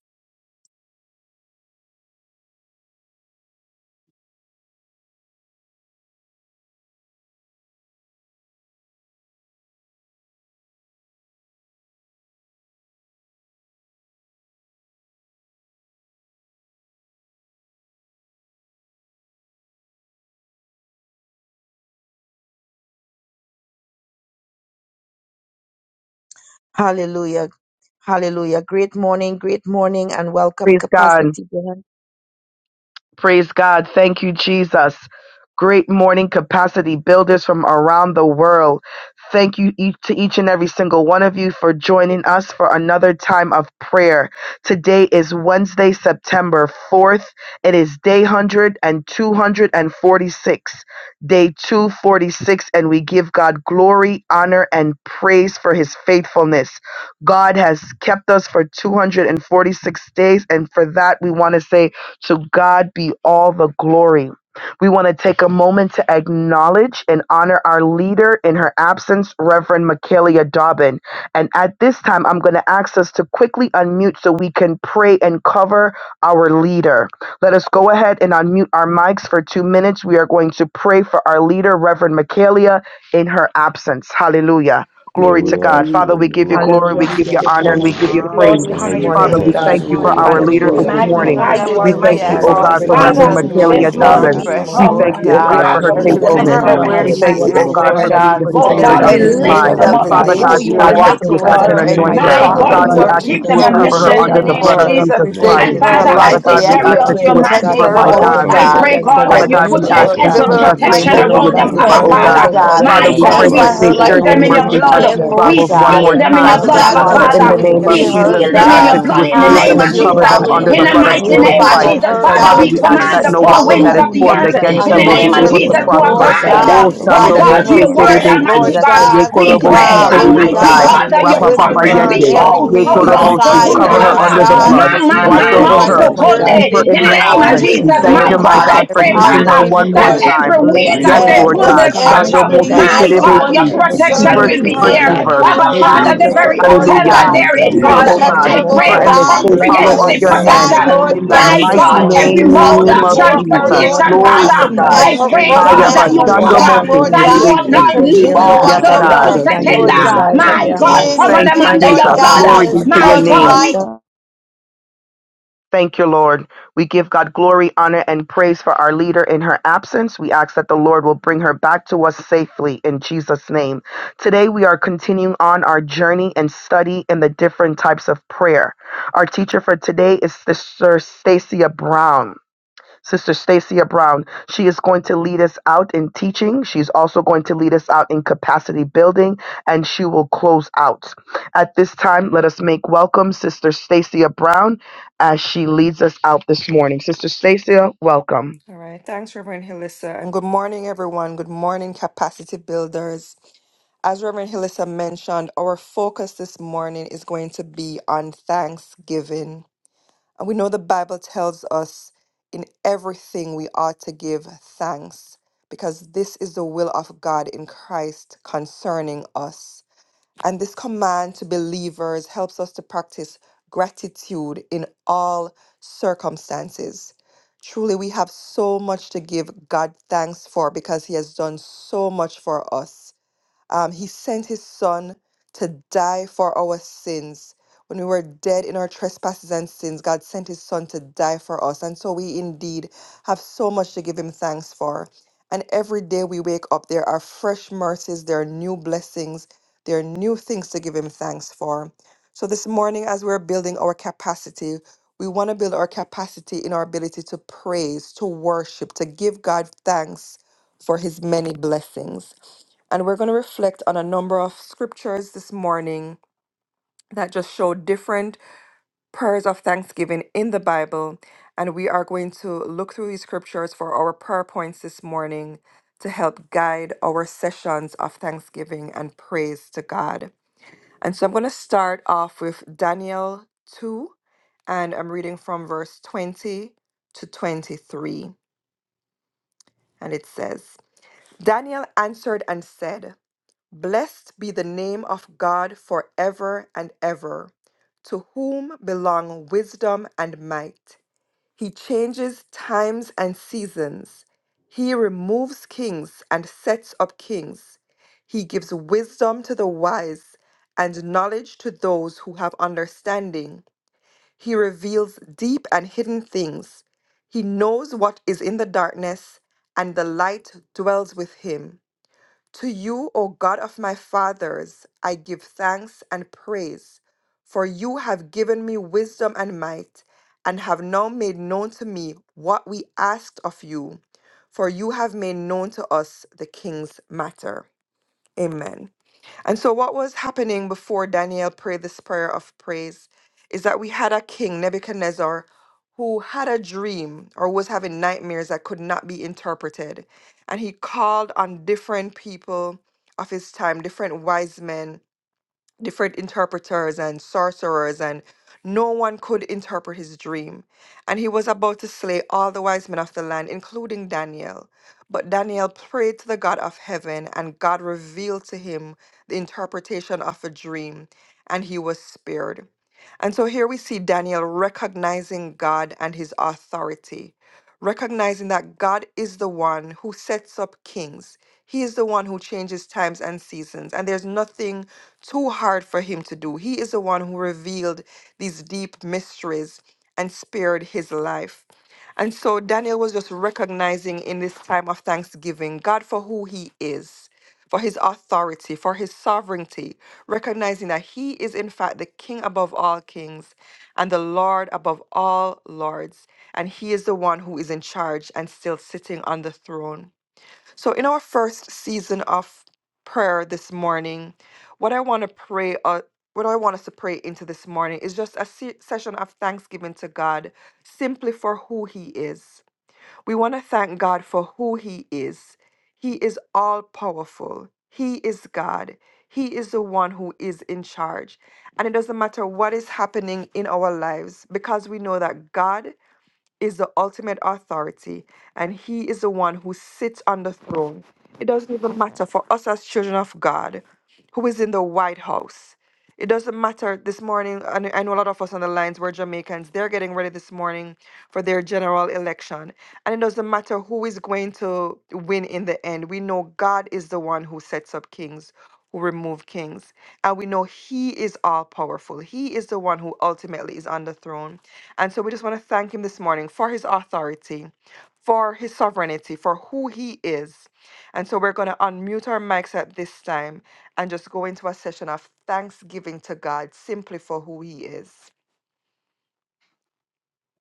Speaker 2: Hallelujah. Hallelujah. Great morning, great morning, and welcome,
Speaker 1: Praise God.
Speaker 2: Capacity. Builders.
Speaker 1: Praise God. Thank you, Jesus. Great morning capacity builders from around the world. Thank you each, to each and every single one of you for joining us for another time of prayer. Today is Wednesday, September 4th. It is day 100 and 246. day 246, and we give God glory, honor, and praise for his faithfulness. God has kept us for 246 days, and for that, we want to say, to God be all the glory. We want to take a moment to acknowledge and honor our leader in her absence, Reverend Michaela Dobbin. And at this time, I'm going to ask us to quickly unmute so we can pray and cover our leader. Let us go ahead and unmute our mics for two minutes. We are going to pray for our leader, Reverend Michaela, in her absence. Hallelujah. Glory
Speaker 11: Lord,
Speaker 1: to
Speaker 11: we
Speaker 1: God.
Speaker 11: ask
Speaker 1: Father,
Speaker 11: for the
Speaker 1: we
Speaker 4: Jesus.
Speaker 1: give you
Speaker 11: blood of
Speaker 1: glory,
Speaker 2: Hallelujah.
Speaker 12: Hallelujah,
Speaker 1: we
Speaker 2: We
Speaker 1: give
Speaker 11: Jesus
Speaker 2: give
Speaker 1: you
Speaker 12: thank
Speaker 2: you
Speaker 11: to
Speaker 12: you,
Speaker 1: honor,
Speaker 12: we
Speaker 1: and
Speaker 7: Hallelujah.
Speaker 2: thanks.
Speaker 1: we
Speaker 11: cover
Speaker 2: We
Speaker 1: give
Speaker 2: give
Speaker 11: them.
Speaker 1: you
Speaker 2: you
Speaker 10: Lord,
Speaker 1: praise.
Speaker 12: honor
Speaker 2: praise
Speaker 7: Hallelujah.
Speaker 10: we
Speaker 11: The
Speaker 9: We
Speaker 12: you,
Speaker 2: this
Speaker 10: honor
Speaker 9: honor
Speaker 11: hedge
Speaker 9: you,
Speaker 10: your
Speaker 4: And
Speaker 11: of
Speaker 7: Glory
Speaker 2: morning,
Speaker 1: Father,
Speaker 10: great
Speaker 7: to
Speaker 4: So
Speaker 2: oh
Speaker 12: Lord
Speaker 9: Father.
Speaker 1: we
Speaker 10: name
Speaker 12: God.
Speaker 11: protection
Speaker 10: this
Speaker 1: thank
Speaker 2: God.
Speaker 7: God.
Speaker 11: of
Speaker 1: you
Speaker 4: you
Speaker 1: for
Speaker 11: Holy
Speaker 10: morning.
Speaker 4: are
Speaker 9: We
Speaker 1: our
Speaker 4: a
Speaker 2: Father, we
Speaker 11: Ghost
Speaker 7: Hallelujah.
Speaker 12: Thank
Speaker 1: leader
Speaker 10: We
Speaker 2: lift
Speaker 12: you.
Speaker 1: this
Speaker 4: true
Speaker 11: fire
Speaker 2: up
Speaker 9: glorify
Speaker 4: good
Speaker 2: your
Speaker 9: your
Speaker 1: morning.
Speaker 2: name
Speaker 9: name,
Speaker 12: Father
Speaker 11: surrounds
Speaker 10: magnify
Speaker 2: this
Speaker 9: Lord
Speaker 11: them.
Speaker 12: God,
Speaker 4: father.
Speaker 10: you,
Speaker 12: with
Speaker 1: We
Speaker 12: that
Speaker 2: morning,
Speaker 7: Makula
Speaker 2: oh
Speaker 12: we
Speaker 1: thank
Speaker 9: Jesus.
Speaker 1: you,
Speaker 10: Almighty
Speaker 2: God,
Speaker 12: ask
Speaker 1: O
Speaker 2: as
Speaker 7: baba
Speaker 11: Anywhere
Speaker 12: that
Speaker 2: we
Speaker 10: God.
Speaker 1: God,
Speaker 11: that
Speaker 12: you
Speaker 2: bring
Speaker 1: for
Speaker 11: they
Speaker 2: our
Speaker 9: We
Speaker 11: go,
Speaker 7: sete
Speaker 12: just
Speaker 4: Thank
Speaker 1: Reverend
Speaker 9: pray
Speaker 10: Father,
Speaker 2: First
Speaker 9: and
Speaker 7: na
Speaker 4: you,
Speaker 11: Lord.
Speaker 9: lift
Speaker 2: Lady
Speaker 9: up
Speaker 7: mama
Speaker 10: this
Speaker 1: Michaelia
Speaker 12: anoint
Speaker 9: before
Speaker 2: before
Speaker 12: her
Speaker 2: you
Speaker 11: Anywhere
Speaker 4: Jesus,
Speaker 10: morning
Speaker 1: Dobbin.
Speaker 7: kila
Speaker 11: that
Speaker 9: you,
Speaker 10: we
Speaker 2: this
Speaker 11: they,
Speaker 7: baba
Speaker 12: afresh,
Speaker 1: We
Speaker 2: morning.
Speaker 9: Reverend
Speaker 10: come
Speaker 4: that
Speaker 1: thank
Speaker 12: Lord
Speaker 10: on
Speaker 7: ke
Speaker 1: you,
Speaker 10: the
Speaker 1: O
Speaker 12: God,
Speaker 11: they
Speaker 2: We
Speaker 1: God,
Speaker 9: Michaela,
Speaker 4: before
Speaker 1: for
Speaker 10: behalf
Speaker 2: ask,
Speaker 1: her
Speaker 11: show
Speaker 4: she
Speaker 2: oh
Speaker 10: of
Speaker 12: that
Speaker 11: up,
Speaker 2: God,
Speaker 10: your
Speaker 9: your
Speaker 12: you
Speaker 7: yela
Speaker 4: was
Speaker 11: the
Speaker 2: that you
Speaker 10: woman
Speaker 4: in
Speaker 12: cover
Speaker 1: faithfulness.
Speaker 11: Holy
Speaker 9: daughter,
Speaker 7: baba
Speaker 4: her
Speaker 12: her
Speaker 9: my
Speaker 2: cover
Speaker 11: Ghost
Speaker 2: her,
Speaker 10: servant,
Speaker 12: where
Speaker 1: We
Speaker 10: your
Speaker 4: mother's
Speaker 2: that
Speaker 11: shows
Speaker 9: God,
Speaker 12: she
Speaker 2: you
Speaker 11: up.
Speaker 1: thank
Speaker 7: basete
Speaker 10: man,
Speaker 1: you,
Speaker 4: womb,
Speaker 2: watch
Speaker 9: your
Speaker 1: O
Speaker 10: man
Speaker 12: is,
Speaker 7: na
Speaker 4: Lord,
Speaker 1: God,
Speaker 2: over
Speaker 9: faithful
Speaker 2: her,
Speaker 12: Lord
Speaker 1: for
Speaker 10: servant.
Speaker 7: mama
Speaker 2: that you
Speaker 1: being
Speaker 12: God,
Speaker 9: servant,
Speaker 1: the
Speaker 11: From the
Speaker 9: Lord
Speaker 7: kuna
Speaker 10: Oh
Speaker 2: protect
Speaker 11: top
Speaker 12: that
Speaker 2: her,
Speaker 4: you
Speaker 1: visionary
Speaker 11: of
Speaker 10: God,
Speaker 2: that
Speaker 1: of
Speaker 11: their
Speaker 9: Jesus.
Speaker 10: we
Speaker 2: you
Speaker 1: this
Speaker 12: every
Speaker 4: made
Speaker 7: makila
Speaker 11: heads to
Speaker 4: her
Speaker 2: shield
Speaker 11: the
Speaker 10: lift
Speaker 7: baba
Speaker 2: her,
Speaker 1: line.
Speaker 12: minute
Speaker 10: them
Speaker 9: We
Speaker 2: Lord
Speaker 11: soles
Speaker 7: ke
Speaker 4: father
Speaker 12: of
Speaker 11: of
Speaker 10: up
Speaker 12: the
Speaker 11: their
Speaker 7: na
Speaker 9: pray,
Speaker 2: God.
Speaker 1: Father
Speaker 4: God.
Speaker 12: day
Speaker 11: feet,
Speaker 9: Father
Speaker 1: God,
Speaker 10: before
Speaker 12: that
Speaker 1: we
Speaker 11: Lord.
Speaker 9: God,
Speaker 10: you,
Speaker 12: you're
Speaker 2: We
Speaker 1: ask
Speaker 7: masete
Speaker 4: Christ,
Speaker 9: that you
Speaker 1: that
Speaker 2: ask,
Speaker 9: would
Speaker 1: you
Speaker 2: oh
Speaker 10: Almighty
Speaker 12: walking
Speaker 1: would
Speaker 3: your
Speaker 2: God,
Speaker 12: with
Speaker 1: touch
Speaker 9: cover
Speaker 2: that
Speaker 10: God.
Speaker 1: and
Speaker 12: her
Speaker 2: you
Speaker 9: her.
Speaker 2: will
Speaker 12: and
Speaker 1: anoint
Speaker 12: you're
Speaker 2: hide
Speaker 7: makula
Speaker 4: You
Speaker 2: her
Speaker 11: Angels
Speaker 1: her.
Speaker 10: My
Speaker 9: We
Speaker 2: under
Speaker 7: baba
Speaker 2: the
Speaker 12: talking
Speaker 4: formed
Speaker 9: pray,
Speaker 10: God,
Speaker 11: surround
Speaker 1: God,
Speaker 12: with
Speaker 4: her
Speaker 7: ke
Speaker 2: blood
Speaker 10: you
Speaker 1: we
Speaker 11: them,
Speaker 2: of
Speaker 12: her,
Speaker 9: Father
Speaker 7: na
Speaker 10: have
Speaker 1: ask
Speaker 11: Lord.
Speaker 4: father.
Speaker 1: that
Speaker 9: God,
Speaker 10: given
Speaker 1: you
Speaker 2: Jesus
Speaker 10: them
Speaker 1: would
Speaker 9: that
Speaker 10: a
Speaker 12: and
Speaker 9: you
Speaker 12: we
Speaker 9: would
Speaker 7: masete
Speaker 1: cover
Speaker 2: Christ,
Speaker 7: la
Speaker 1: her
Speaker 2: my
Speaker 4: Thank
Speaker 9: bless
Speaker 10: mission
Speaker 12: thank
Speaker 10: in
Speaker 4: her
Speaker 9: her,
Speaker 10: the
Speaker 1: under
Speaker 2: God.
Speaker 7: baba
Speaker 12: you
Speaker 1: the
Speaker 2: We
Speaker 9: Lord
Speaker 10: name
Speaker 12: for
Speaker 10: of
Speaker 1: blood
Speaker 2: lift
Speaker 4: father
Speaker 1: of
Speaker 7: kuna
Speaker 12: her.
Speaker 2: her up
Speaker 4: God.
Speaker 7: ma
Speaker 9: Jesus.
Speaker 13: Somewhere,
Speaker 10: Jesus.
Speaker 1: Jesus
Speaker 12: We
Speaker 11: No
Speaker 13: Lord,
Speaker 2: before
Speaker 13: in
Speaker 12: thank
Speaker 2: you
Speaker 1: Christ.
Speaker 12: you
Speaker 13: the
Speaker 9: We
Speaker 10: And
Speaker 11: weapon
Speaker 13: name
Speaker 2: this
Speaker 12: for
Speaker 9: pray,
Speaker 12: her
Speaker 10: Father,
Speaker 11: formed
Speaker 13: of
Speaker 4: Lord,
Speaker 7: yela
Speaker 9: Father
Speaker 1: Father
Speaker 10: as
Speaker 2: morning.
Speaker 12: life.
Speaker 11: against
Speaker 7: baba
Speaker 13: Jesus,
Speaker 10: they
Speaker 1: God,
Speaker 9: God,
Speaker 12: We
Speaker 11: them
Speaker 1: we
Speaker 9: that
Speaker 12: ask
Speaker 11: shall
Speaker 9: no
Speaker 2: We
Speaker 10: carry
Speaker 1: ask
Speaker 12: that
Speaker 7: sheke
Speaker 1: that
Speaker 12: you
Speaker 9: harm
Speaker 10: out
Speaker 2: pray,
Speaker 7: na
Speaker 1: you
Speaker 10: your
Speaker 9: would
Speaker 13: mercy,
Speaker 11: prosper,
Speaker 1: would
Speaker 9: come
Speaker 2: Lord
Speaker 13: Lord,
Speaker 1: keep
Speaker 7: mama
Speaker 2: God,
Speaker 12: protect
Speaker 9: near
Speaker 13: in
Speaker 1: her,
Speaker 10: mandate,
Speaker 13: the
Speaker 2: that
Speaker 9: her
Speaker 12: her,
Speaker 1: my
Speaker 2: no
Speaker 11: and
Speaker 13: name of
Speaker 10: God,
Speaker 7: sete
Speaker 11: any
Speaker 2: weapon
Speaker 12: Lord
Speaker 9: dwelling.
Speaker 1: God.
Speaker 11: tongue that
Speaker 10: I
Speaker 2: formed
Speaker 13: Jesus,
Speaker 12: God.
Speaker 10: pray,
Speaker 11: rises
Speaker 7: makula
Speaker 2: against
Speaker 11: up
Speaker 2: her
Speaker 10: God,
Speaker 9: Cover her
Speaker 1: Father
Speaker 2: will
Speaker 12: That
Speaker 7: baba
Speaker 10: that
Speaker 11: against
Speaker 9: with
Speaker 13: hallelujah.
Speaker 10: you
Speaker 7: ba
Speaker 11: them
Speaker 9: the
Speaker 1: God,
Speaker 11: in
Speaker 12: you
Speaker 1: we
Speaker 7: ke
Speaker 10: put
Speaker 2: prosper,
Speaker 10: your
Speaker 4: I
Speaker 1: ask
Speaker 9: precious
Speaker 7: na
Speaker 2: Lord
Speaker 11: judgment
Speaker 12: Lord,
Speaker 11: shall
Speaker 5: you're
Speaker 9: blood
Speaker 10: edge
Speaker 1: in
Speaker 7: ma
Speaker 4: just
Speaker 11: be
Speaker 2: God.
Speaker 12: fill
Speaker 9: of
Speaker 10: of
Speaker 12: her
Speaker 4: thank
Speaker 1: Jesus'
Speaker 12: up
Speaker 13: Cover
Speaker 11: condemned.
Speaker 2: We
Speaker 4: you
Speaker 13: our
Speaker 12: like
Speaker 1: name
Speaker 10: protection
Speaker 9: Jesus.
Speaker 2: pray,
Speaker 1: that
Speaker 7: mighty
Speaker 11: In
Speaker 1: you
Speaker 2: Lord
Speaker 12: only
Speaker 11: the
Speaker 1: would
Speaker 10: around
Speaker 12: you
Speaker 7: God
Speaker 2: God,
Speaker 13: upper
Speaker 10: them,
Speaker 7: of
Speaker 9: Cover
Speaker 11: name
Speaker 1: keep
Speaker 11: of
Speaker 9: her
Speaker 2: this
Speaker 1: her,
Speaker 10: Abba
Speaker 12: can,
Speaker 1: oh
Speaker 2: morning that
Speaker 11: Jesus.
Speaker 7: Daniel
Speaker 12: Lord
Speaker 9: family,
Speaker 1: God.
Speaker 7: we
Speaker 10: Father.
Speaker 2: you'll
Speaker 9: O
Speaker 13: Father,
Speaker 7: lift
Speaker 2: order
Speaker 12: God.
Speaker 9: God,
Speaker 4: that
Speaker 7: up
Speaker 2: her
Speaker 9: with
Speaker 4: you
Speaker 1: Father,
Speaker 10: My
Speaker 9: the
Speaker 4: are
Speaker 1: we
Speaker 4: the
Speaker 13: Lord,
Speaker 7: Reverend
Speaker 13: in
Speaker 1: pray
Speaker 10: God,
Speaker 2: steps,
Speaker 13: the
Speaker 10: we
Speaker 1: for
Speaker 9: precious
Speaker 4: king
Speaker 12: Satisfy
Speaker 13: name
Speaker 2: mighty
Speaker 4: of
Speaker 7: Michaela
Speaker 1: safe
Speaker 12: her
Speaker 13: of
Speaker 9: blood
Speaker 11: Shibalaboro
Speaker 4: the
Speaker 2: God,
Speaker 12: like
Speaker 10: seal
Speaker 2: in the
Speaker 7: before
Speaker 10: them
Speaker 13: Jesus,
Speaker 1: journeying
Speaker 7: you
Speaker 12: only
Speaker 10: in
Speaker 4: years,
Speaker 9: of
Speaker 2: name
Speaker 10: your
Speaker 11: Zakababe
Speaker 7: and
Speaker 2: of
Speaker 1: mercies
Speaker 12: you
Speaker 7: her
Speaker 1: as
Speaker 10: blood.
Speaker 9: Jesus,
Speaker 1: she
Speaker 2: Jesus.
Speaker 13: hallelujah.
Speaker 11: Kilimin
Speaker 12: can,
Speaker 4: Father.
Speaker 9: Father
Speaker 12: Lord
Speaker 10: We
Speaker 7: husband
Speaker 1: travels
Speaker 11: Hakaradosh.
Speaker 9: God.
Speaker 13: Lord, in the
Speaker 1: one
Speaker 12: God.
Speaker 2: Bless
Speaker 1: more
Speaker 10: seal
Speaker 13: name
Speaker 2: her
Speaker 13: of
Speaker 10: them
Speaker 7: my
Speaker 10: in
Speaker 2: going
Speaker 10: your
Speaker 1: time.
Speaker 2: out
Speaker 12: Father
Speaker 9: They
Speaker 10: blood,
Speaker 4: Thank
Speaker 9: are
Speaker 2: as
Speaker 12: God,
Speaker 4: you,
Speaker 7: God
Speaker 2: well
Speaker 10: Abba
Speaker 2: as
Speaker 1: Father,
Speaker 7: my
Speaker 4: Lord,
Speaker 2: her
Speaker 1: in
Speaker 4: you
Speaker 11: Banabala
Speaker 9: covered,
Speaker 10: Father.
Speaker 1: the
Speaker 12: continue
Speaker 4: do
Speaker 2: coming
Speaker 7: God
Speaker 12: to
Speaker 7: I
Speaker 1: name
Speaker 9: Lord
Speaker 2: in
Speaker 1: of
Speaker 12: be
Speaker 3: heaven
Speaker 13: Jesus,
Speaker 10: We
Speaker 2: this
Speaker 7: say
Speaker 11: Hakalamano
Speaker 4: worthy
Speaker 13: the
Speaker 4: to
Speaker 7: go
Speaker 12: her
Speaker 1: Jesus,
Speaker 7: to
Speaker 2: morning,
Speaker 4: be
Speaker 9: Jesus.
Speaker 13: hedge
Speaker 11: Kosa
Speaker 10: seal
Speaker 13: of
Speaker 2: oh
Speaker 1: we
Speaker 10: them
Speaker 1: ask
Speaker 10: in
Speaker 4: praised.
Speaker 10: your
Speaker 12: God
Speaker 2: God.
Speaker 13: protection
Speaker 1: that
Speaker 9: No
Speaker 1: you
Speaker 7: minister
Speaker 10: blood
Speaker 1: would
Speaker 13: around
Speaker 9: harm
Speaker 10: in
Speaker 11: Bakalabedete.
Speaker 10: the
Speaker 2: We
Speaker 9: shall
Speaker 13: the
Speaker 1: seal
Speaker 12: Ah,
Speaker 4: Thank
Speaker 13: Lord,
Speaker 10: name
Speaker 1: them
Speaker 2: honor
Speaker 12: and
Speaker 4: you.
Speaker 9: come
Speaker 10: of
Speaker 1: and
Speaker 13: and
Speaker 7: my
Speaker 2: you,
Speaker 12: she'll
Speaker 9: shall
Speaker 13: all
Speaker 1: cover
Speaker 2: Lord
Speaker 10: Jesus.
Speaker 7: God,
Speaker 13: around
Speaker 9: come
Speaker 1: them
Speaker 2: God,
Speaker 7: we
Speaker 12: follow
Speaker 9: near
Speaker 13: his
Speaker 2: for
Speaker 1: under
Speaker 11: Rikashata
Speaker 9: their
Speaker 10: In
Speaker 1: the
Speaker 12: you.
Speaker 2: her
Speaker 7: cover
Speaker 10: the
Speaker 1: blood
Speaker 7: them
Speaker 1: of
Speaker 2: this
Speaker 9: dwelling,
Speaker 11: Malaha
Speaker 7: under
Speaker 10: mighty
Speaker 9: O
Speaker 12: We'll
Speaker 1: Jesus
Speaker 2: morning,
Speaker 7: your
Speaker 10: name
Speaker 2: oh
Speaker 10: of
Speaker 4: Thank
Speaker 11: Karamo
Speaker 9: God.
Speaker 1: Christ.
Speaker 7: blood.
Speaker 2: God.
Speaker 12: follow
Speaker 7: We
Speaker 10: Jesus,
Speaker 2: Keep
Speaker 12: her,
Speaker 3: on
Speaker 2: her
Speaker 13: And
Speaker 2: in
Speaker 9: They
Speaker 10: Father,
Speaker 11: Shakabedete
Speaker 9: are
Speaker 13: to
Speaker 1: Father,
Speaker 12: God,
Speaker 10: we
Speaker 9: the
Speaker 7: immerse
Speaker 1: we
Speaker 2: perfect
Speaker 1: ask
Speaker 7: them
Speaker 12: because
Speaker 7: in
Speaker 13: trample
Speaker 10: command
Speaker 1: that
Speaker 7: your
Speaker 2: peace,
Speaker 10: the
Speaker 12: she's
Speaker 9: favored
Speaker 11: Ikalaboro
Speaker 1: no
Speaker 7: blood.
Speaker 13: mercies,
Speaker 10: four
Speaker 9: of
Speaker 2: mighty
Speaker 9: the
Speaker 13: Lord,
Speaker 1: weapon that
Speaker 10: winds
Speaker 13: in
Speaker 2: God.
Speaker 1: is
Speaker 10: of
Speaker 7: We
Speaker 13: the
Speaker 12: following
Speaker 9: Lord.
Speaker 11: Shakabarata.
Speaker 10: the
Speaker 13: name
Speaker 1: formed
Speaker 12: you.
Speaker 13: of
Speaker 2: Keep
Speaker 10: earth
Speaker 7: immerse
Speaker 2: her in
Speaker 1: against
Speaker 7: them
Speaker 2: your
Speaker 13: Jesus,
Speaker 7: with
Speaker 9: Father
Speaker 10: in
Speaker 1: them
Speaker 10: the
Speaker 1: will
Speaker 2: perfect
Speaker 1: be
Speaker 9: God,
Speaker 10: name
Speaker 11: Ina
Speaker 12: Anoint
Speaker 10: of
Speaker 7: fire.
Speaker 2: will
Speaker 12: her
Speaker 1: able
Speaker 7: We
Speaker 9: cover
Speaker 1: to
Speaker 2: this
Speaker 10: Jesus
Speaker 7: put
Speaker 12: feet,
Speaker 9: them
Speaker 11: Vanamana
Speaker 10: to
Speaker 9: and
Speaker 7: fire
Speaker 2: morning,
Speaker 1: prosper.
Speaker 12: Lord
Speaker 2: oh
Speaker 9: bless them
Speaker 13: mercy,
Speaker 9: in
Speaker 2: God.
Speaker 10: abide.
Speaker 11: Hakalamoro
Speaker 9: the
Speaker 7: protection
Speaker 12: God.
Speaker 10: uh,
Speaker 13: Son,
Speaker 1: Oh,
Speaker 2: We
Speaker 7: around
Speaker 9: mighty
Speaker 13: so
Speaker 10: Oh
Speaker 2: pray
Speaker 7: them,
Speaker 11: Shakabare
Speaker 12: Ah,
Speaker 1: Shando
Speaker 2: that
Speaker 12: give
Speaker 10: God,
Speaker 1: Mose
Speaker 2: you'll
Speaker 10: to
Speaker 12: her
Speaker 13: mercy,
Speaker 9: name
Speaker 10: your
Speaker 7: Almighty
Speaker 11: Kilimana
Speaker 13: so
Speaker 9: of
Speaker 2: sustain
Speaker 10: word,
Speaker 2: her.
Speaker 12: rest,
Speaker 7: God.
Speaker 2: We pray
Speaker 1: Terebesi,
Speaker 10: Almighty
Speaker 9: Jesus
Speaker 12: Lord
Speaker 2: that
Speaker 10: God.
Speaker 2: you'll
Speaker 9: Christ.
Speaker 1: Ye
Speaker 2: lift
Speaker 12: God.
Speaker 2: her
Speaker 7: In
Speaker 10: We
Speaker 2: up
Speaker 7: the
Speaker 2: and
Speaker 9: God, as
Speaker 1: Korobosi
Speaker 10: pray,
Speaker 9: you
Speaker 12: Ah,
Speaker 7: name
Speaker 2: encourage
Speaker 11: Shanamakaya
Speaker 9: build
Speaker 7: of
Speaker 9: a
Speaker 2: her,
Speaker 12: Lord
Speaker 7: Jesus,
Speaker 2: Lord
Speaker 10: Almighty
Speaker 7: we
Speaker 1: Terebesi,
Speaker 11: manahala
Speaker 2: God,
Speaker 12: God,
Speaker 9: hedge
Speaker 10: God,
Speaker 2: in
Speaker 10: that
Speaker 2: the
Speaker 11: vide
Speaker 10: your
Speaker 1: Rapa
Speaker 9: of
Speaker 2: mighty
Speaker 7: encircle
Speaker 11: isaka.
Speaker 13: mercy.
Speaker 12: strengthen
Speaker 1: Papa
Speaker 7: them
Speaker 2: name
Speaker 10: coverage
Speaker 2: of
Speaker 7: with
Speaker 12: her on
Speaker 7: your
Speaker 1: Yende,
Speaker 9: protection
Speaker 2: Jesus.
Speaker 12: every
Speaker 7: fire.
Speaker 10: Libo
Speaker 11: Muhokoto.
Speaker 1: Ye
Speaker 7: We
Speaker 12: leaning
Speaker 9: around
Speaker 10: Sondo
Speaker 2: Father,
Speaker 9: them,
Speaker 2: we
Speaker 9: O
Speaker 1: Korobosi,
Speaker 2: pray
Speaker 12: side,
Speaker 2: for
Speaker 11: Zikata
Speaker 7: encircle
Speaker 1: cover
Speaker 9: God,
Speaker 2: our
Speaker 7: them
Speaker 1: her
Speaker 12: Lord
Speaker 7: with
Speaker 10: Sokundalaba.
Speaker 1: under
Speaker 2: pastor
Speaker 9: in
Speaker 13: We
Speaker 1: the
Speaker 9: the
Speaker 7: power.
Speaker 13: thank
Speaker 12: God.
Speaker 1: blood.
Speaker 2: Dobbin
Speaker 10: Ma
Speaker 13: you
Speaker 11: mahabehesi.
Speaker 2: this
Speaker 9: mighty
Speaker 7: We
Speaker 10: ma
Speaker 13: for the
Speaker 1: Watch
Speaker 2: morning,
Speaker 10: ma
Speaker 9: name
Speaker 12: Renew
Speaker 2: for our
Speaker 12: a
Speaker 9: of
Speaker 13: Lord,
Speaker 1: over
Speaker 10: ma
Speaker 12: right
Speaker 7: encircle
Speaker 1: her
Speaker 2: bishop,
Speaker 7: them with
Speaker 3: earth,
Speaker 9: Jesus,
Speaker 11: Rikata
Speaker 2: my
Speaker 7: your
Speaker 9: no
Speaker 12: spirit
Speaker 10: sokonde.
Speaker 2: God.
Speaker 1: keep her
Speaker 11: labosha.
Speaker 9: weapon
Speaker 12: within
Speaker 1: in
Speaker 10: In the
Speaker 1: her
Speaker 12: her
Speaker 7: anointing.
Speaker 2: Bless
Speaker 10: name
Speaker 2: him,
Speaker 9: that
Speaker 10: of
Speaker 7: We
Speaker 1: absence.
Speaker 2: keep
Speaker 9: is
Speaker 12: always,
Speaker 2: him,
Speaker 1: We
Speaker 9: formed
Speaker 10: Jesus,
Speaker 3: your
Speaker 11: Rikata
Speaker 2: shield
Speaker 1: thank
Speaker 10: my
Speaker 3: throne,
Speaker 2: him,
Speaker 7: encircle
Speaker 1: you,
Speaker 12: Lord
Speaker 2: and
Speaker 7: them
Speaker 9: against
Speaker 1: my
Speaker 10: God,
Speaker 9: them
Speaker 11: labosha.
Speaker 7: with
Speaker 12: God.
Speaker 1: God,
Speaker 7: your
Speaker 9: will
Speaker 10: I
Speaker 2: protect
Speaker 1: for
Speaker 3: heaven,
Speaker 2: him
Speaker 10: pray,
Speaker 2: this
Speaker 12: I
Speaker 7: grace.
Speaker 12: will
Speaker 1: keeping
Speaker 9: prosper,
Speaker 1: her
Speaker 10: Father,
Speaker 2: morning,
Speaker 12: give you
Speaker 7: We
Speaker 2: oh
Speaker 11: Rikata
Speaker 1: one
Speaker 13: We
Speaker 1: more
Speaker 9: and
Speaker 10: that
Speaker 2: God.
Speaker 12: glory.
Speaker 13: thank
Speaker 3: mighty
Speaker 9: every
Speaker 13: you,
Speaker 11: labosha.
Speaker 1: time.
Speaker 7: encircle
Speaker 9: tongue
Speaker 7: them
Speaker 9: that
Speaker 7: with
Speaker 2: Bless
Speaker 9: would
Speaker 10: everywhere
Speaker 2: his
Speaker 7: your
Speaker 13: Lord,
Speaker 1: Yes,
Speaker 10: that
Speaker 9: rise
Speaker 3: God.
Speaker 2: going
Speaker 12: Eh,
Speaker 10: their
Speaker 13: the
Speaker 2: out
Speaker 13: name
Speaker 11: Rikata
Speaker 1: Lord
Speaker 2: and
Speaker 9: against
Speaker 10: foot
Speaker 9: them
Speaker 2: his
Speaker 7: mercy.
Speaker 1: God.
Speaker 12: Bless
Speaker 10: will
Speaker 9: in
Speaker 11: labosha.
Speaker 2: coming
Speaker 7: My
Speaker 10: touch,
Speaker 2: in,
Speaker 9: judgment
Speaker 1: Shando
Speaker 10: uh,
Speaker 9: will
Speaker 2: my
Speaker 1: Mose
Speaker 7: God,
Speaker 12: everything
Speaker 9: be
Speaker 7: we
Speaker 2: God.
Speaker 12: and
Speaker 10: my
Speaker 11: Rikata
Speaker 2: Surround
Speaker 9: condemned.
Speaker 10: God,
Speaker 2: him with
Speaker 12: everyone
Speaker 7: encircle
Speaker 10: your
Speaker 1: Terebesi.
Speaker 11: labosha.
Speaker 7: them,
Speaker 9: In
Speaker 2: goodness
Speaker 7: my
Speaker 9: the
Speaker 1: Keep
Speaker 2: and
Speaker 10: protection
Speaker 7: God,
Speaker 1: her,
Speaker 12: concerning
Speaker 7: to
Speaker 10: will
Speaker 4: you,
Speaker 2: mercies,
Speaker 1: keep
Speaker 10: be
Speaker 7: do
Speaker 9: matchless
Speaker 11: Rikata
Speaker 1: her,
Speaker 2: my
Speaker 7: and
Speaker 4: Jesus,
Speaker 12: her
Speaker 7: do
Speaker 10: there.
Speaker 1: keep
Speaker 2: God.
Speaker 4: for
Speaker 9: name
Speaker 12: and
Speaker 7: apply
Speaker 1: her.
Speaker 9: of
Speaker 11: labosha.
Speaker 12: all
Speaker 10: Abba,
Speaker 4: building
Speaker 2: May
Speaker 4: the
Speaker 2: the
Speaker 10: Father,
Speaker 13: Yes,
Speaker 7: exploits
Speaker 9: Jesus.
Speaker 12: around
Speaker 7: for
Speaker 10: the
Speaker 2: angels
Speaker 7: you,
Speaker 4: capacity.
Speaker 11: Rikata
Speaker 2: of
Speaker 12: her,
Speaker 10: very
Speaker 2: the Lord
Speaker 12: Lord
Speaker 9: Father
Speaker 7: Almighty
Speaker 10: hotel
Speaker 11: labosha.
Speaker 1: Hallelujah.
Speaker 10: that
Speaker 2: encamp
Speaker 3: our
Speaker 9: God,
Speaker 12: God.
Speaker 7: God.
Speaker 4: Thank
Speaker 9: we
Speaker 4: you,
Speaker 10: they're in,
Speaker 2: themselves
Speaker 1: Keep
Speaker 4: Lord.
Speaker 9: thank
Speaker 1: her,
Speaker 10: God.
Speaker 11: Ye
Speaker 2: round
Speaker 7: In
Speaker 9: you
Speaker 1: oh
Speaker 7: the
Speaker 2: about
Speaker 12: Protect
Speaker 1: God.
Speaker 11: maka
Speaker 2: them,
Speaker 12: her,
Speaker 10: I
Speaker 9: for
Speaker 7: name
Speaker 2: O
Speaker 1: Keep
Speaker 7: of
Speaker 4: Thank
Speaker 10: pray
Speaker 12: Lord
Speaker 1: her
Speaker 2: God.
Speaker 1: in
Speaker 10: for
Speaker 7: Jesus,
Speaker 1: the
Speaker 9: her
Speaker 12: God,
Speaker 11: hohoshaka.
Speaker 1: safe
Speaker 9: life.
Speaker 3: help,
Speaker 7: whatever
Speaker 2: Bless
Speaker 9: We
Speaker 7: they
Speaker 1: hollow
Speaker 2: them,
Speaker 12: on
Speaker 1: of
Speaker 2: O
Speaker 7: do,
Speaker 10: comprehensive
Speaker 12: each
Speaker 11: They
Speaker 1: your
Speaker 2: God,
Speaker 9: thank
Speaker 7: God,
Speaker 11: are
Speaker 7: they
Speaker 2: and
Speaker 11: in
Speaker 9: you,
Speaker 2: we
Speaker 1: hand.
Speaker 10: protection.
Speaker 11: your
Speaker 7: do
Speaker 12: side,
Speaker 7: it
Speaker 9: Lord
Speaker 2: honor
Speaker 11: hands,
Speaker 7: unto
Speaker 2: you
Speaker 1: In
Speaker 12: Lord
Speaker 9: God,
Speaker 2: for
Speaker 1: the
Speaker 11: Lord.
Speaker 7: your
Speaker 12: God.
Speaker 2: them
Speaker 10: My
Speaker 1: mighty
Speaker 9: for
Speaker 12: Send
Speaker 4: you,
Speaker 2: this
Speaker 7: glory.
Speaker 9: her
Speaker 10: God,
Speaker 12: her
Speaker 2: morning.
Speaker 4: Lord.
Speaker 10: every
Speaker 9: calling.
Speaker 12: angels
Speaker 7: My
Speaker 9: We
Speaker 2: We
Speaker 10: mode
Speaker 12: out
Speaker 11: Hold
Speaker 1: name
Speaker 10: of
Speaker 7: God,
Speaker 9: thank
Speaker 2: place
Speaker 1: of
Speaker 11: them
Speaker 9: you,
Speaker 7: let
Speaker 11: up
Speaker 2: them
Speaker 12: before
Speaker 11: with
Speaker 9: Father
Speaker 11: your
Speaker 7: everything
Speaker 2: before
Speaker 12: her,
Speaker 4: Yes,
Speaker 2: you
Speaker 1: Jesus.
Speaker 7: be
Speaker 9: God,
Speaker 10: transportation,
Speaker 12: Lord
Speaker 11: righteous
Speaker 2: one more
Speaker 7: done
Speaker 11: right
Speaker 9: for
Speaker 1: Glory
Speaker 12: God,
Speaker 11: hand,
Speaker 2: time,
Speaker 9: her
Speaker 1: to
Speaker 2: O
Speaker 10: Father,
Speaker 7: in
Speaker 11: Lord.
Speaker 2: God,
Speaker 1: God.
Speaker 3: our
Speaker 7: your
Speaker 2: and
Speaker 12: at
Speaker 2: we
Speaker 10: I
Speaker 12: her
Speaker 2: pray,
Speaker 10: pray,
Speaker 7: order,
Speaker 9: ministry.
Speaker 2: Lord
Speaker 12: front and
Speaker 1: Haya
Speaker 2: God,
Speaker 10: God,
Speaker 7: Lord
Speaker 12: at
Speaker 2: as
Speaker 10: that
Speaker 2: they
Speaker 10: you
Speaker 12: her
Speaker 3: God,
Speaker 9: Bless
Speaker 2: call
Speaker 7: Jesus.
Speaker 11: Yes,
Speaker 1: Bashando
Speaker 9: her
Speaker 12: back,
Speaker 7: Let
Speaker 10: cover,
Speaker 1: Mose
Speaker 11: Lord.
Speaker 2: upon your
Speaker 9: and
Speaker 12: Lord
Speaker 7: souls
Speaker 9: use
Speaker 10: that
Speaker 2: name,
Speaker 9: her
Speaker 7: be
Speaker 10: you
Speaker 12: God.
Speaker 9: to
Speaker 2: that
Speaker 9: your
Speaker 7: saved.
Speaker 1: Terebesi.
Speaker 10: anoint
Speaker 2: you will
Speaker 9: glory,
Speaker 2: hear
Speaker 11: Yes,
Speaker 12: Continue
Speaker 2: and
Speaker 9: O
Speaker 12: to
Speaker 7: My
Speaker 10: Libo,
Speaker 1: Yes,
Speaker 11: Lord.
Speaker 9: God.
Speaker 12: watch
Speaker 2: answer,
Speaker 7: God,
Speaker 2: and
Speaker 12: over
Speaker 2: that
Speaker 7: that
Speaker 1: God.
Speaker 2: you
Speaker 10: Sondo,
Speaker 12: her,
Speaker 2: will
Speaker 9: We
Speaker 7: people
Speaker 2: grant
Speaker 7: be
Speaker 9: thank
Speaker 2: them
Speaker 9: you,
Speaker 2: the
Speaker 12: Lord
Speaker 11: We
Speaker 10: Sekenda.
Speaker 9: Lord
Speaker 4: Lord.
Speaker 9: God,
Speaker 12: God.
Speaker 7: delivered
Speaker 9: for
Speaker 2: desires
Speaker 11: decree
Speaker 2: of
Speaker 7: and
Speaker 11: and
Speaker 10: My
Speaker 2: their
Speaker 7: set
Speaker 10: God,
Speaker 9: covering and
Speaker 11: declare
Speaker 2: hearts.
Speaker 10: cover
Speaker 7: free.
Speaker 1: Thank
Speaker 9: keeping
Speaker 10: them
Speaker 1: you,
Speaker 12: Anything,
Speaker 9: them.
Speaker 10: under
Speaker 2: Mighty
Speaker 4: Lord,
Speaker 7: My
Speaker 12: Lord
Speaker 10: your
Speaker 1: Jesus.
Speaker 2: God,
Speaker 9: It's
Speaker 7: God,
Speaker 2: will
Speaker 9: in
Speaker 12: God,
Speaker 7: that
Speaker 10: blood.
Speaker 11: that
Speaker 3: our
Speaker 12: that
Speaker 2: you
Speaker 1: Glory
Speaker 13: Lord,
Speaker 1: be
Speaker 12: is
Speaker 7: when
Speaker 13: yes,
Speaker 1: to
Speaker 7: they
Speaker 9: Jesus'
Speaker 1: your
Speaker 2: continue
Speaker 10: My
Speaker 2: to
Speaker 9: name
Speaker 13: Lord,
Speaker 1: name.
Speaker 7: stand
Speaker 3: healer.
Speaker 10: God,
Speaker 9: we
Speaker 7: up,
Speaker 2: use
Speaker 12: unlike
Speaker 13: yes.
Speaker 10: we
Speaker 9: pray.
Speaker 2: them?
Speaker 7: God,
Speaker 1: Thank you, Lord. We give God glory, honor, and praise for our leader in her absence. We ask that the Lord will bring her back to us safely in Jesus' name. Today, we are continuing on our journey and study in the different types of prayer. Our teacher for today is Sister Stacia Brown. Sister Stacia Brown. She is going to lead us out in teaching. She's also going to lead us out in capacity building, and she will close out. At this time, let us make welcome Sister Stacia Brown as she leads us out this morning. Sister Stacia, welcome.
Speaker 3: all right, thanks, Reverend Hilissa. And good morning, everyone. Good morning, capacity builders. As Reverend Hilissa mentioned, our focus this morning is going to be on Thanksgiving. And we know the Bible tells us in everything we ought to give thanks, because this is the will of God in Christ concerning us. And this command to believers helps us to practice gratitude in all circumstances. Truly, we have so much to give God thanks for because He has done so much for us. Um, he sent his son to die for our sins. When we were dead in our trespasses and sins, God sent his son to die for us. And so we indeed have so much to give him thanks for. And every day we wake up, there are fresh mercies, there are new blessings, there are new things to give him thanks for. So this morning, as we're building our capacity, we want to build our capacity in our ability to praise, to worship, to give God thanks for his many blessings. And we're going to reflect on a number of scriptures this morning that just show different prayers of thanksgiving in the Bible. And we are going to look through these scriptures for our prayer points this morning to help guide our sessions of thanksgiving and praise to God. And so I'm going to start off with Daniel 2, and I'm reading from verse 20 to 23. And it says, Daniel answered and said, Blessed be the name of God forever and ever, to whom belong wisdom and might. He changes times and seasons. He removes kings and sets up kings. He gives wisdom to the wise and knowledge to those who have understanding. He reveals deep and hidden things. He knows what is in the darkness, and the light dwells with him. To you, O God of my fathers, I give thanks and praise, for you have given me wisdom and might, and have now made known to me what we asked of you, for you have made known to us the king's matter. Amen. And so, what was happening before Daniel prayed this prayer of praise is that we had a king, Nebuchadnezzar, who had a dream or was having nightmares that could not be interpreted. And he called on different people of his time, different wise men, different interpreters and sorcerers, and no one could interpret his dream. And he was about to slay all the wise men of the land, including Daniel. But Daniel prayed to the God of heaven, and God revealed to him the interpretation of a dream, and he was spared. And so here we see Daniel recognizing God and his authority recognizing that God is the one who sets up kings. He is the one who changes times and seasons, and there's nothing too hard for him to do. He is the one who revealed these deep mysteries and spared his life. And so Daniel was just recognizing in this time of thanksgiving God for who he is, for his authority, for his sovereignty, recognizing that he is in fact the king above all kings and the Lord above all lords and he is the one who is in charge and still sitting on the throne. So, in our first season of prayer this morning, what I want to pray, uh, what I want us to pray into this morning is just a se- session of thanksgiving to God simply for who He is. We want to thank God for who He is. He is all powerful, He is God, He is the one who is in charge. And it doesn't matter what is happening in our lives because we know that God is the ultimate authority, and He is the one who sits on the throne. It doesn't even matter for us as children of God who is in the White House. It doesn't matter this morning. I kn- I know a lot of us on the lines were Jamaicans. They're getting ready this morning for their general election. And it doesn't matter who is going to win in the end. We know God is the one who sets up kings, who remove kings. And we know He is all powerful. He is the one who ultimately is on the throne. And so we just want to thank him this morning for his authority, for his sovereignty, for who he is. And so we're going to unmute our mics at this time and just go into a session of thanksgiving to God simply for who he is.